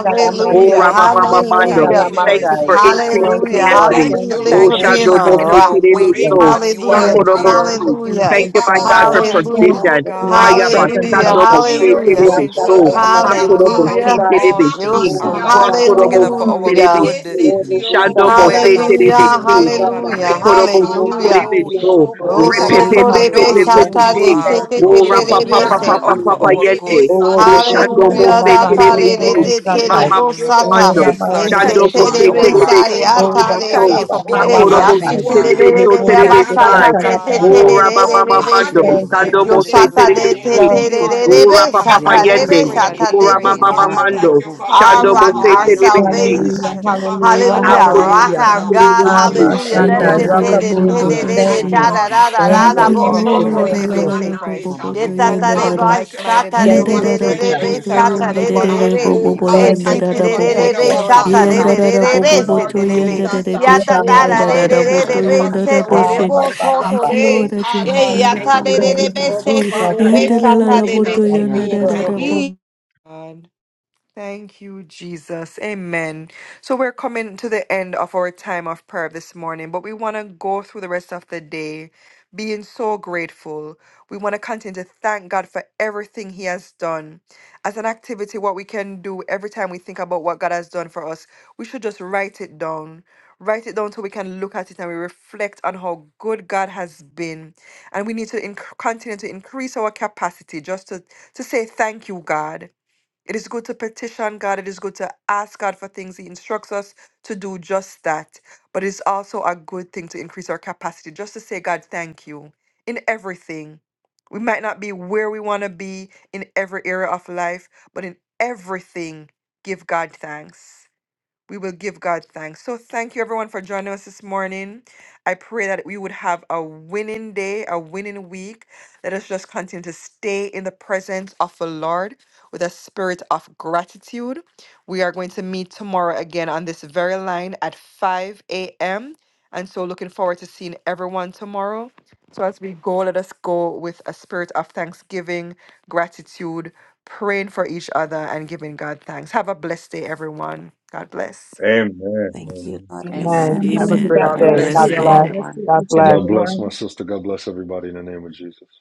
Speaker 3: in
Speaker 5: heaven.
Speaker 3: our
Speaker 1: Oh,
Speaker 3: waiting
Speaker 1: Rama
Speaker 3: season,
Speaker 1: Mama
Speaker 3: we
Speaker 17: Rekerabasien
Speaker 1: Mando.
Speaker 3: thank
Speaker 12: Hallelujah.
Speaker 3: you,
Speaker 1: Thank
Speaker 3: Lord
Speaker 1: you for
Speaker 17: kerebesioro.
Speaker 1: increased
Speaker 3: Jesus.
Speaker 2: Thank
Speaker 9: yeshendarabakatai,
Speaker 2: you,
Speaker 12: Hallelujah.
Speaker 17: We
Speaker 2: Lord.
Speaker 1: capacity.
Speaker 17: thank
Speaker 2: Thank
Speaker 12: Hallelujah.
Speaker 17: you,
Speaker 12: Thank
Speaker 2: you,
Speaker 12: you
Speaker 1: Oh,
Speaker 12: for
Speaker 3: Thank
Speaker 17: Lord
Speaker 3: you
Speaker 2: thank
Speaker 3: that
Speaker 12: being
Speaker 2: you,
Speaker 1: Shando
Speaker 12: a
Speaker 3: even
Speaker 1: Mo,
Speaker 17: Jesus.
Speaker 3: in
Speaker 2: thank
Speaker 1: say
Speaker 2: you,
Speaker 3: our
Speaker 12: rock.
Speaker 1: terebe,
Speaker 9: yendarobokushoto,
Speaker 3: waiting,
Speaker 2: Jesus.
Speaker 1: so.
Speaker 3: God, you are
Speaker 12: Hallelujah.
Speaker 17: Rekasian
Speaker 2: Thank you,
Speaker 1: Hakorobo,
Speaker 17: taraba.
Speaker 2: Lord,
Speaker 3: there.
Speaker 2: for
Speaker 1: si.
Speaker 2: being
Speaker 12: Hallelujah.
Speaker 1: Thank
Speaker 2: on
Speaker 1: you, my
Speaker 17: Rebaba
Speaker 3: We
Speaker 1: God,
Speaker 2: cipher.
Speaker 1: for
Speaker 3: thank you,
Speaker 2: Thank
Speaker 12: Hallelujah.
Speaker 2: you
Speaker 3: oh
Speaker 9: yeyamamamamamandoribekeshitai,
Speaker 1: provision.
Speaker 17: santioro
Speaker 2: for being our
Speaker 1: Haya
Speaker 3: God,
Speaker 2: present
Speaker 12: Hallelujah.
Speaker 17: correkerebe.
Speaker 1: Bashando
Speaker 2: helper.
Speaker 1: Mo,
Speaker 3: that you
Speaker 1: say
Speaker 3: are
Speaker 17: Nio
Speaker 1: terebe,
Speaker 3: intentional
Speaker 1: so.
Speaker 12: Hallelujah.
Speaker 17: sotorobo
Speaker 9: yeshendarabakushoyomomo,
Speaker 3: concerning us. We
Speaker 1: Hakorobo,
Speaker 17: siaraba.
Speaker 3: thank you
Speaker 1: si
Speaker 3: that
Speaker 12: Hallelujah.
Speaker 2: Irabasatalamandorobosai.
Speaker 3: all
Speaker 1: terebe,
Speaker 3: things
Speaker 1: si.
Speaker 12: Yes,
Speaker 3: are
Speaker 17: Remakasian
Speaker 3: working
Speaker 1: Makorobo,
Speaker 3: together
Speaker 17: taraba
Speaker 9: yeshendarabakatayaba,
Speaker 3: for
Speaker 1: si
Speaker 3: our
Speaker 2: Irabasatalamandi.
Speaker 13: [LAUGHS]
Speaker 1: terebe,
Speaker 12: Hallelujah.
Speaker 3: good,
Speaker 1: si.
Speaker 17: tioro
Speaker 1: Shando
Speaker 3: even
Speaker 1: Mo,
Speaker 3: when it
Speaker 17: corre
Speaker 1: say
Speaker 3: doesn't
Speaker 1: terebe,
Speaker 12: Hallelujah.
Speaker 3: feel good,
Speaker 1: si.
Speaker 3: oh
Speaker 17: siente,
Speaker 3: God. We
Speaker 2: Irabasatalamandorobosai.
Speaker 12: Hallelujah.
Speaker 3: thank you
Speaker 9: yeshendarobokumamamamandorobu,
Speaker 17: rebe
Speaker 3: that
Speaker 1: Korobo
Speaker 3: we
Speaker 2: Oh,
Speaker 1: si
Speaker 12: Hallelujah.
Speaker 17: sataraba
Speaker 1: terebe
Speaker 2: glory,
Speaker 3: know
Speaker 1: so.
Speaker 2: glory,
Speaker 3: you.
Speaker 17: tioro
Speaker 3: We
Speaker 2: glory,
Speaker 3: thank you
Speaker 17: corraba
Speaker 2: glory.
Speaker 3: for
Speaker 12: Rosoto
Speaker 9: yeshendarabakatai.
Speaker 12: rebe
Speaker 17: sata,
Speaker 3: knowing
Speaker 2: Hallelujah.
Speaker 3: who
Speaker 12: sata
Speaker 17: no
Speaker 3: you
Speaker 1: Repepepepepepepe.
Speaker 12: de te
Speaker 2: Thank
Speaker 3: are.
Speaker 12: te
Speaker 1: Mo
Speaker 2: you,
Speaker 12: te
Speaker 3: It
Speaker 12: te
Speaker 9: Yeshe
Speaker 17: torobo
Speaker 3: is
Speaker 1: rapa
Speaker 2: Jesus.
Speaker 12: rebe
Speaker 1: papa
Speaker 2: Thank
Speaker 3: working
Speaker 2: you,
Speaker 12: se.
Speaker 17: siaraba,
Speaker 1: papa
Speaker 3: out for
Speaker 1: papa
Speaker 9: Barabakataya
Speaker 2: Jesus.
Speaker 3: our
Speaker 1: yende.
Speaker 17: rebe
Speaker 9: Baba.
Speaker 3: good.
Speaker 1: O
Speaker 2: Oh, no, don't
Speaker 17: satioro
Speaker 1: shando
Speaker 2: stand
Speaker 1: mo
Speaker 2: on
Speaker 17: cono
Speaker 12: Hallelujah,
Speaker 1: se
Speaker 2: a
Speaker 9: Yeke
Speaker 12: da
Speaker 3: And
Speaker 2: man,
Speaker 3: so
Speaker 12: ta
Speaker 2: do
Speaker 1: terebe
Speaker 3: we
Speaker 2: the
Speaker 12: re
Speaker 1: si.
Speaker 12: re
Speaker 2: devil,
Speaker 12: de
Speaker 3: bless
Speaker 17: We
Speaker 3: your
Speaker 12: te re
Speaker 2: Satai.
Speaker 1: Mama
Speaker 12: bo
Speaker 9: Barabakushututu.
Speaker 17: thank you,
Speaker 3: name.
Speaker 1: mama
Speaker 12: sa
Speaker 17: Lord
Speaker 12: ta.
Speaker 2: Oh,
Speaker 1: mando.
Speaker 3: Yes,
Speaker 2: Raman,
Speaker 17: Jesus,
Speaker 3: Lord.
Speaker 2: do
Speaker 17: uh,
Speaker 2: the
Speaker 1: Shando
Speaker 3: Thank
Speaker 12: Ese
Speaker 3: you
Speaker 1: mo
Speaker 3: for
Speaker 12: te
Speaker 2: devil,
Speaker 9: Yeshia
Speaker 17: for
Speaker 3: being
Speaker 1: se
Speaker 12: re
Speaker 17: you
Speaker 3: our
Speaker 12: be
Speaker 2: Satai.
Speaker 17: are
Speaker 1: terebe
Speaker 12: sa
Speaker 3: rock.
Speaker 17: so
Speaker 1: si
Speaker 12: ya
Speaker 2: Oh,
Speaker 9: Barabakiando.
Speaker 12: ta
Speaker 1: terebe
Speaker 12: re
Speaker 17: marvelous.
Speaker 1: so.
Speaker 3: Thank you
Speaker 17: uh,
Speaker 12: be.
Speaker 3: for
Speaker 2: Satai,
Speaker 1: Ha
Speaker 3: being
Speaker 17: Oh
Speaker 3: our
Speaker 12: Eh,
Speaker 1: korobo
Speaker 12: ya
Speaker 17: God,
Speaker 1: si
Speaker 9: Yeshe
Speaker 12: si
Speaker 2: Lamandai.
Speaker 17: you
Speaker 12: te
Speaker 17: are
Speaker 12: re
Speaker 3: salvation.
Speaker 1: terebe
Speaker 12: re re
Speaker 1: so
Speaker 12: re
Speaker 17: beautiful
Speaker 2: Lipun,
Speaker 12: re
Speaker 9: Barabakata
Speaker 1: terebe
Speaker 12: ba
Speaker 3: Thank
Speaker 2: Lipu,
Speaker 17: beyond
Speaker 3: you,
Speaker 12: sa
Speaker 3: oh
Speaker 1: sai.
Speaker 12: ta
Speaker 2: Satai,
Speaker 12: te
Speaker 3: God,
Speaker 12: te
Speaker 1: O
Speaker 3: for
Speaker 9: Papakushutu.
Speaker 17: description.
Speaker 3: the
Speaker 12: te
Speaker 17: uh,
Speaker 12: re
Speaker 2: Lapandai.
Speaker 1: rapa
Speaker 12: re
Speaker 17: Oh
Speaker 12: re
Speaker 3: 200
Speaker 17: Oh
Speaker 1: mama
Speaker 12: re
Speaker 3: plus
Speaker 12: be
Speaker 17: God,
Speaker 1: mando.
Speaker 3: days we
Speaker 12: se.
Speaker 9: Yeshia
Speaker 3: have
Speaker 17: we
Speaker 2: Thank you,
Speaker 1: Shando
Speaker 17: thank
Speaker 3: spent
Speaker 1: mo
Speaker 12: Yo
Speaker 17: you
Speaker 3: on this
Speaker 1: se
Speaker 12: sa
Speaker 2: Jesus.
Speaker 17: this
Speaker 12: ta
Speaker 1: terebe
Speaker 12: de
Speaker 9: Barabakataya
Speaker 3: line,
Speaker 17: morning,
Speaker 12: te
Speaker 1: si.
Speaker 17: uh,
Speaker 5: Thank
Speaker 9: Bai.
Speaker 2: Thank
Speaker 12: te
Speaker 5: you,
Speaker 12: re
Speaker 2: you,
Speaker 17: for
Speaker 3: building
Speaker 5: Lord,
Speaker 12: re
Speaker 1: O
Speaker 3: our
Speaker 5: that
Speaker 12: re
Speaker 17: you are
Speaker 2: Jesus.
Speaker 12: be
Speaker 1: rapa
Speaker 17: the
Speaker 12: sa
Speaker 1: papa
Speaker 12: ta
Speaker 3: capacity to
Speaker 12: re
Speaker 9: Yenda
Speaker 1: yende.
Speaker 12: be
Speaker 17: everlasting
Speaker 3: pray
Speaker 12: sa
Speaker 1: O
Speaker 3: and
Speaker 12: ta
Speaker 3: to
Speaker 17: King.
Speaker 12: de
Speaker 17: Uh,
Speaker 9: Roboku
Speaker 1: rama
Speaker 12: te te
Speaker 3: praise.
Speaker 1: mama
Speaker 12: re
Speaker 17: Father,
Speaker 9: Mamaman
Speaker 12: be
Speaker 5: you
Speaker 1: mando.
Speaker 12: se.
Speaker 17: thank you
Speaker 9: Robo.
Speaker 17: for being
Speaker 12: Our
Speaker 17: our
Speaker 1: Shando mo
Speaker 12: rock,
Speaker 5: are
Speaker 1: se
Speaker 17: all
Speaker 5: the
Speaker 12: our
Speaker 3: Hallelujah.
Speaker 17: in
Speaker 1: terebe
Speaker 17: all.
Speaker 9: Yeke
Speaker 17: uh,
Speaker 1: si.
Speaker 2: Hallelujah,
Speaker 12: salvation.
Speaker 17: Thank you for being
Speaker 5: sickness.
Speaker 9: Barabakushu
Speaker 2: hallelujah,
Speaker 3: God,
Speaker 1: Ha
Speaker 17: our
Speaker 3: we
Speaker 12: Hallelujah,
Speaker 3: give
Speaker 9: Robo.
Speaker 3: you
Speaker 1: korobo
Speaker 12: rock
Speaker 2: hallelujah.
Speaker 1: si
Speaker 17: guidance.
Speaker 12: our
Speaker 17: uh,
Speaker 12: God.
Speaker 1: terebe
Speaker 3: thanks.
Speaker 17: Thank
Speaker 1: si.
Speaker 17: you
Speaker 2: Abba,
Speaker 17: for
Speaker 12: Hallelujah.
Speaker 9: Yeshe
Speaker 17: being
Speaker 12: That
Speaker 17: our
Speaker 2: Sandai,
Speaker 12: te
Speaker 3: Yes,
Speaker 12: te
Speaker 2: Rock
Speaker 3: Lord
Speaker 2: of
Speaker 12: re
Speaker 9: Barakata
Speaker 17: protector.
Speaker 12: te
Speaker 2: Ages.
Speaker 12: te re
Speaker 9: Papaya
Speaker 3: Jesus.
Speaker 12: re
Speaker 2: Thank
Speaker 17: Thank you,
Speaker 2: you.
Speaker 12: da
Speaker 5: Alalaboboshendererererabondotoshende.
Speaker 12: da
Speaker 17: Lord
Speaker 3: We
Speaker 9: Mamando.
Speaker 12: da da
Speaker 2: Thank
Speaker 12: da
Speaker 17: Jesus,
Speaker 3: thank
Speaker 2: you,
Speaker 5: Thank
Speaker 12: da
Speaker 3: you
Speaker 17: for
Speaker 5: you,
Speaker 3: for
Speaker 12: bo
Speaker 3: our
Speaker 17: giving
Speaker 2: thank
Speaker 12: so
Speaker 2: you,
Speaker 17: us
Speaker 3: brothers
Speaker 9: Yeshe
Speaker 12: to
Speaker 5: Lord.
Speaker 3: and
Speaker 2: thank
Speaker 12: re
Speaker 17: wisdom
Speaker 12: be
Speaker 3: sisters
Speaker 2: you.
Speaker 3: in
Speaker 17: and
Speaker 12: se.
Speaker 9: Baroboku
Speaker 3: Christ.
Speaker 17: knowledge. uh.
Speaker 3: We
Speaker 9: Mamamondo
Speaker 3: thank
Speaker 17: Oh
Speaker 3: you for
Speaker 12: Yetatare
Speaker 17: God,
Speaker 9: Debe.
Speaker 5: Alalabobobotoyenderara.
Speaker 12: ba
Speaker 17: thank
Speaker 3: like
Speaker 17: you for
Speaker 3: minded
Speaker 17: being
Speaker 12: satare
Speaker 2: Thank
Speaker 12: re
Speaker 17: our
Speaker 2: you,
Speaker 12: re
Speaker 3: believers.
Speaker 12: re
Speaker 17: strength
Speaker 12: re
Speaker 2: Jesus.
Speaker 3: We
Speaker 17: when
Speaker 12: be
Speaker 9: Yeshe
Speaker 17: we
Speaker 3: thank you
Speaker 17: are
Speaker 3: for the
Speaker 12: satare
Speaker 17: weak.
Speaker 12: re
Speaker 3: body
Speaker 17: uh.
Speaker 12: re
Speaker 3: of
Speaker 12: re.
Speaker 9: Barabakashaya
Speaker 17: Oh
Speaker 9: Bai.
Speaker 17: God,
Speaker 12: E
Speaker 2: Thank
Speaker 3: believers.
Speaker 2: you,
Speaker 17: thank
Speaker 12: siti
Speaker 17: you
Speaker 12: re
Speaker 3: We
Speaker 17: for
Speaker 12: re
Speaker 2: Jesus.
Speaker 12: re
Speaker 17: being
Speaker 3: thank
Speaker 5: Henderarabobotoyendererereboboboyenderarabobot-
Speaker 3: you,
Speaker 12: be
Speaker 17: our
Speaker 2: Thank
Speaker 3: Lord
Speaker 2: you.
Speaker 17: voice.
Speaker 12: satare
Speaker 17: uh.
Speaker 3: Jesus.
Speaker 12: re re re
Speaker 17: Thank you,
Speaker 12: re
Speaker 17: Lord
Speaker 12: sete re
Speaker 9: Yeshendrabukumamamamdrabu.
Speaker 12: be.
Speaker 17: Jesus. uh. Oh
Speaker 12: Yatatara
Speaker 2: Uramanda.
Speaker 17: God,
Speaker 12: re re
Speaker 17: we
Speaker 12: re
Speaker 17: thank
Speaker 12: re
Speaker 17: you
Speaker 12: be
Speaker 17: for being
Speaker 2: Ba,
Speaker 12: sete
Speaker 17: our
Speaker 9: Yekendrabakatatai.
Speaker 12: re
Speaker 5: Yendararabobobotoyendererebeshenderararabotoyendaraboshe.
Speaker 2: ba,
Speaker 12: bo
Speaker 2: ba, ba,
Speaker 17: protector.
Speaker 12: soto
Speaker 2: ba.
Speaker 5: Thank you, Lord,
Speaker 17: Oh
Speaker 12: re.
Speaker 5: that you
Speaker 17: God,
Speaker 5: have
Speaker 12: E
Speaker 17: we thank
Speaker 5: miracle
Speaker 12: yatare re
Speaker 17: you.
Speaker 2: Thank
Speaker 12: re
Speaker 5: working
Speaker 2: you,
Speaker 12: be
Speaker 5: God.
Speaker 17: Oh,
Speaker 9: Yeshendrabakatai.
Speaker 17: our
Speaker 12: sete
Speaker 2: Jesus.
Speaker 12: re
Speaker 17: Father,
Speaker 12: be
Speaker 17: this
Speaker 2: Thank you,
Speaker 12: satare
Speaker 17: morning, uh,
Speaker 12: be se.
Speaker 17: we
Speaker 2: Jesus.
Speaker 17: thank
Speaker 9: Yandrabu.
Speaker 17: you.
Speaker 5: Yenderararabotoyenderararabob-
Speaker 3: Amen. Thank you, Jesus. Amen. So we're coming to the end of our time of prayer this morning, but we want to go through the rest of the day being so grateful. We want to continue to thank God for everything He has done. As an activity, what we can do every time we think about what God has done for us, we should just write it down. Write it down so we can look at it and we reflect on how good God has been. And we need to inc- continue to increase our capacity just to, to say, Thank you, God. It is good to petition God. It is good to ask God for things. He instructs us to do just that. But it's also a good thing to increase our capacity just to say, God, thank you in everything. We might not be where we want to be in every area of life, but in everything, give God thanks we will give God thanks. So thank you everyone for joining us this morning. I pray that we would have a winning day, a winning week. Let us just continue to stay in the presence of the Lord with a spirit of gratitude. We are going to meet tomorrow again on this very line at 5 a.m. And so looking forward to seeing everyone tomorrow. So as we go, let us go with a spirit of thanksgiving, gratitude, praying for each other, and giving God thanks. Have a blessed day, everyone. God bless.
Speaker 7: Thank
Speaker 14: Amen.
Speaker 7: you. God bless you,
Speaker 9: Amen.
Speaker 1: Amen.
Speaker 7: my
Speaker 1: Have
Speaker 7: sister.
Speaker 1: a
Speaker 5: Amen.
Speaker 1: great
Speaker 5: Have
Speaker 17: God
Speaker 5: a
Speaker 1: day.
Speaker 9: Amen. God
Speaker 17: bless
Speaker 1: God
Speaker 5: blessed
Speaker 9: bless
Speaker 5: day.
Speaker 17: you.
Speaker 1: bless.
Speaker 9: everyone.
Speaker 1: God bless.
Speaker 11: God bless my sister. God bless everybody in the name of Jesus.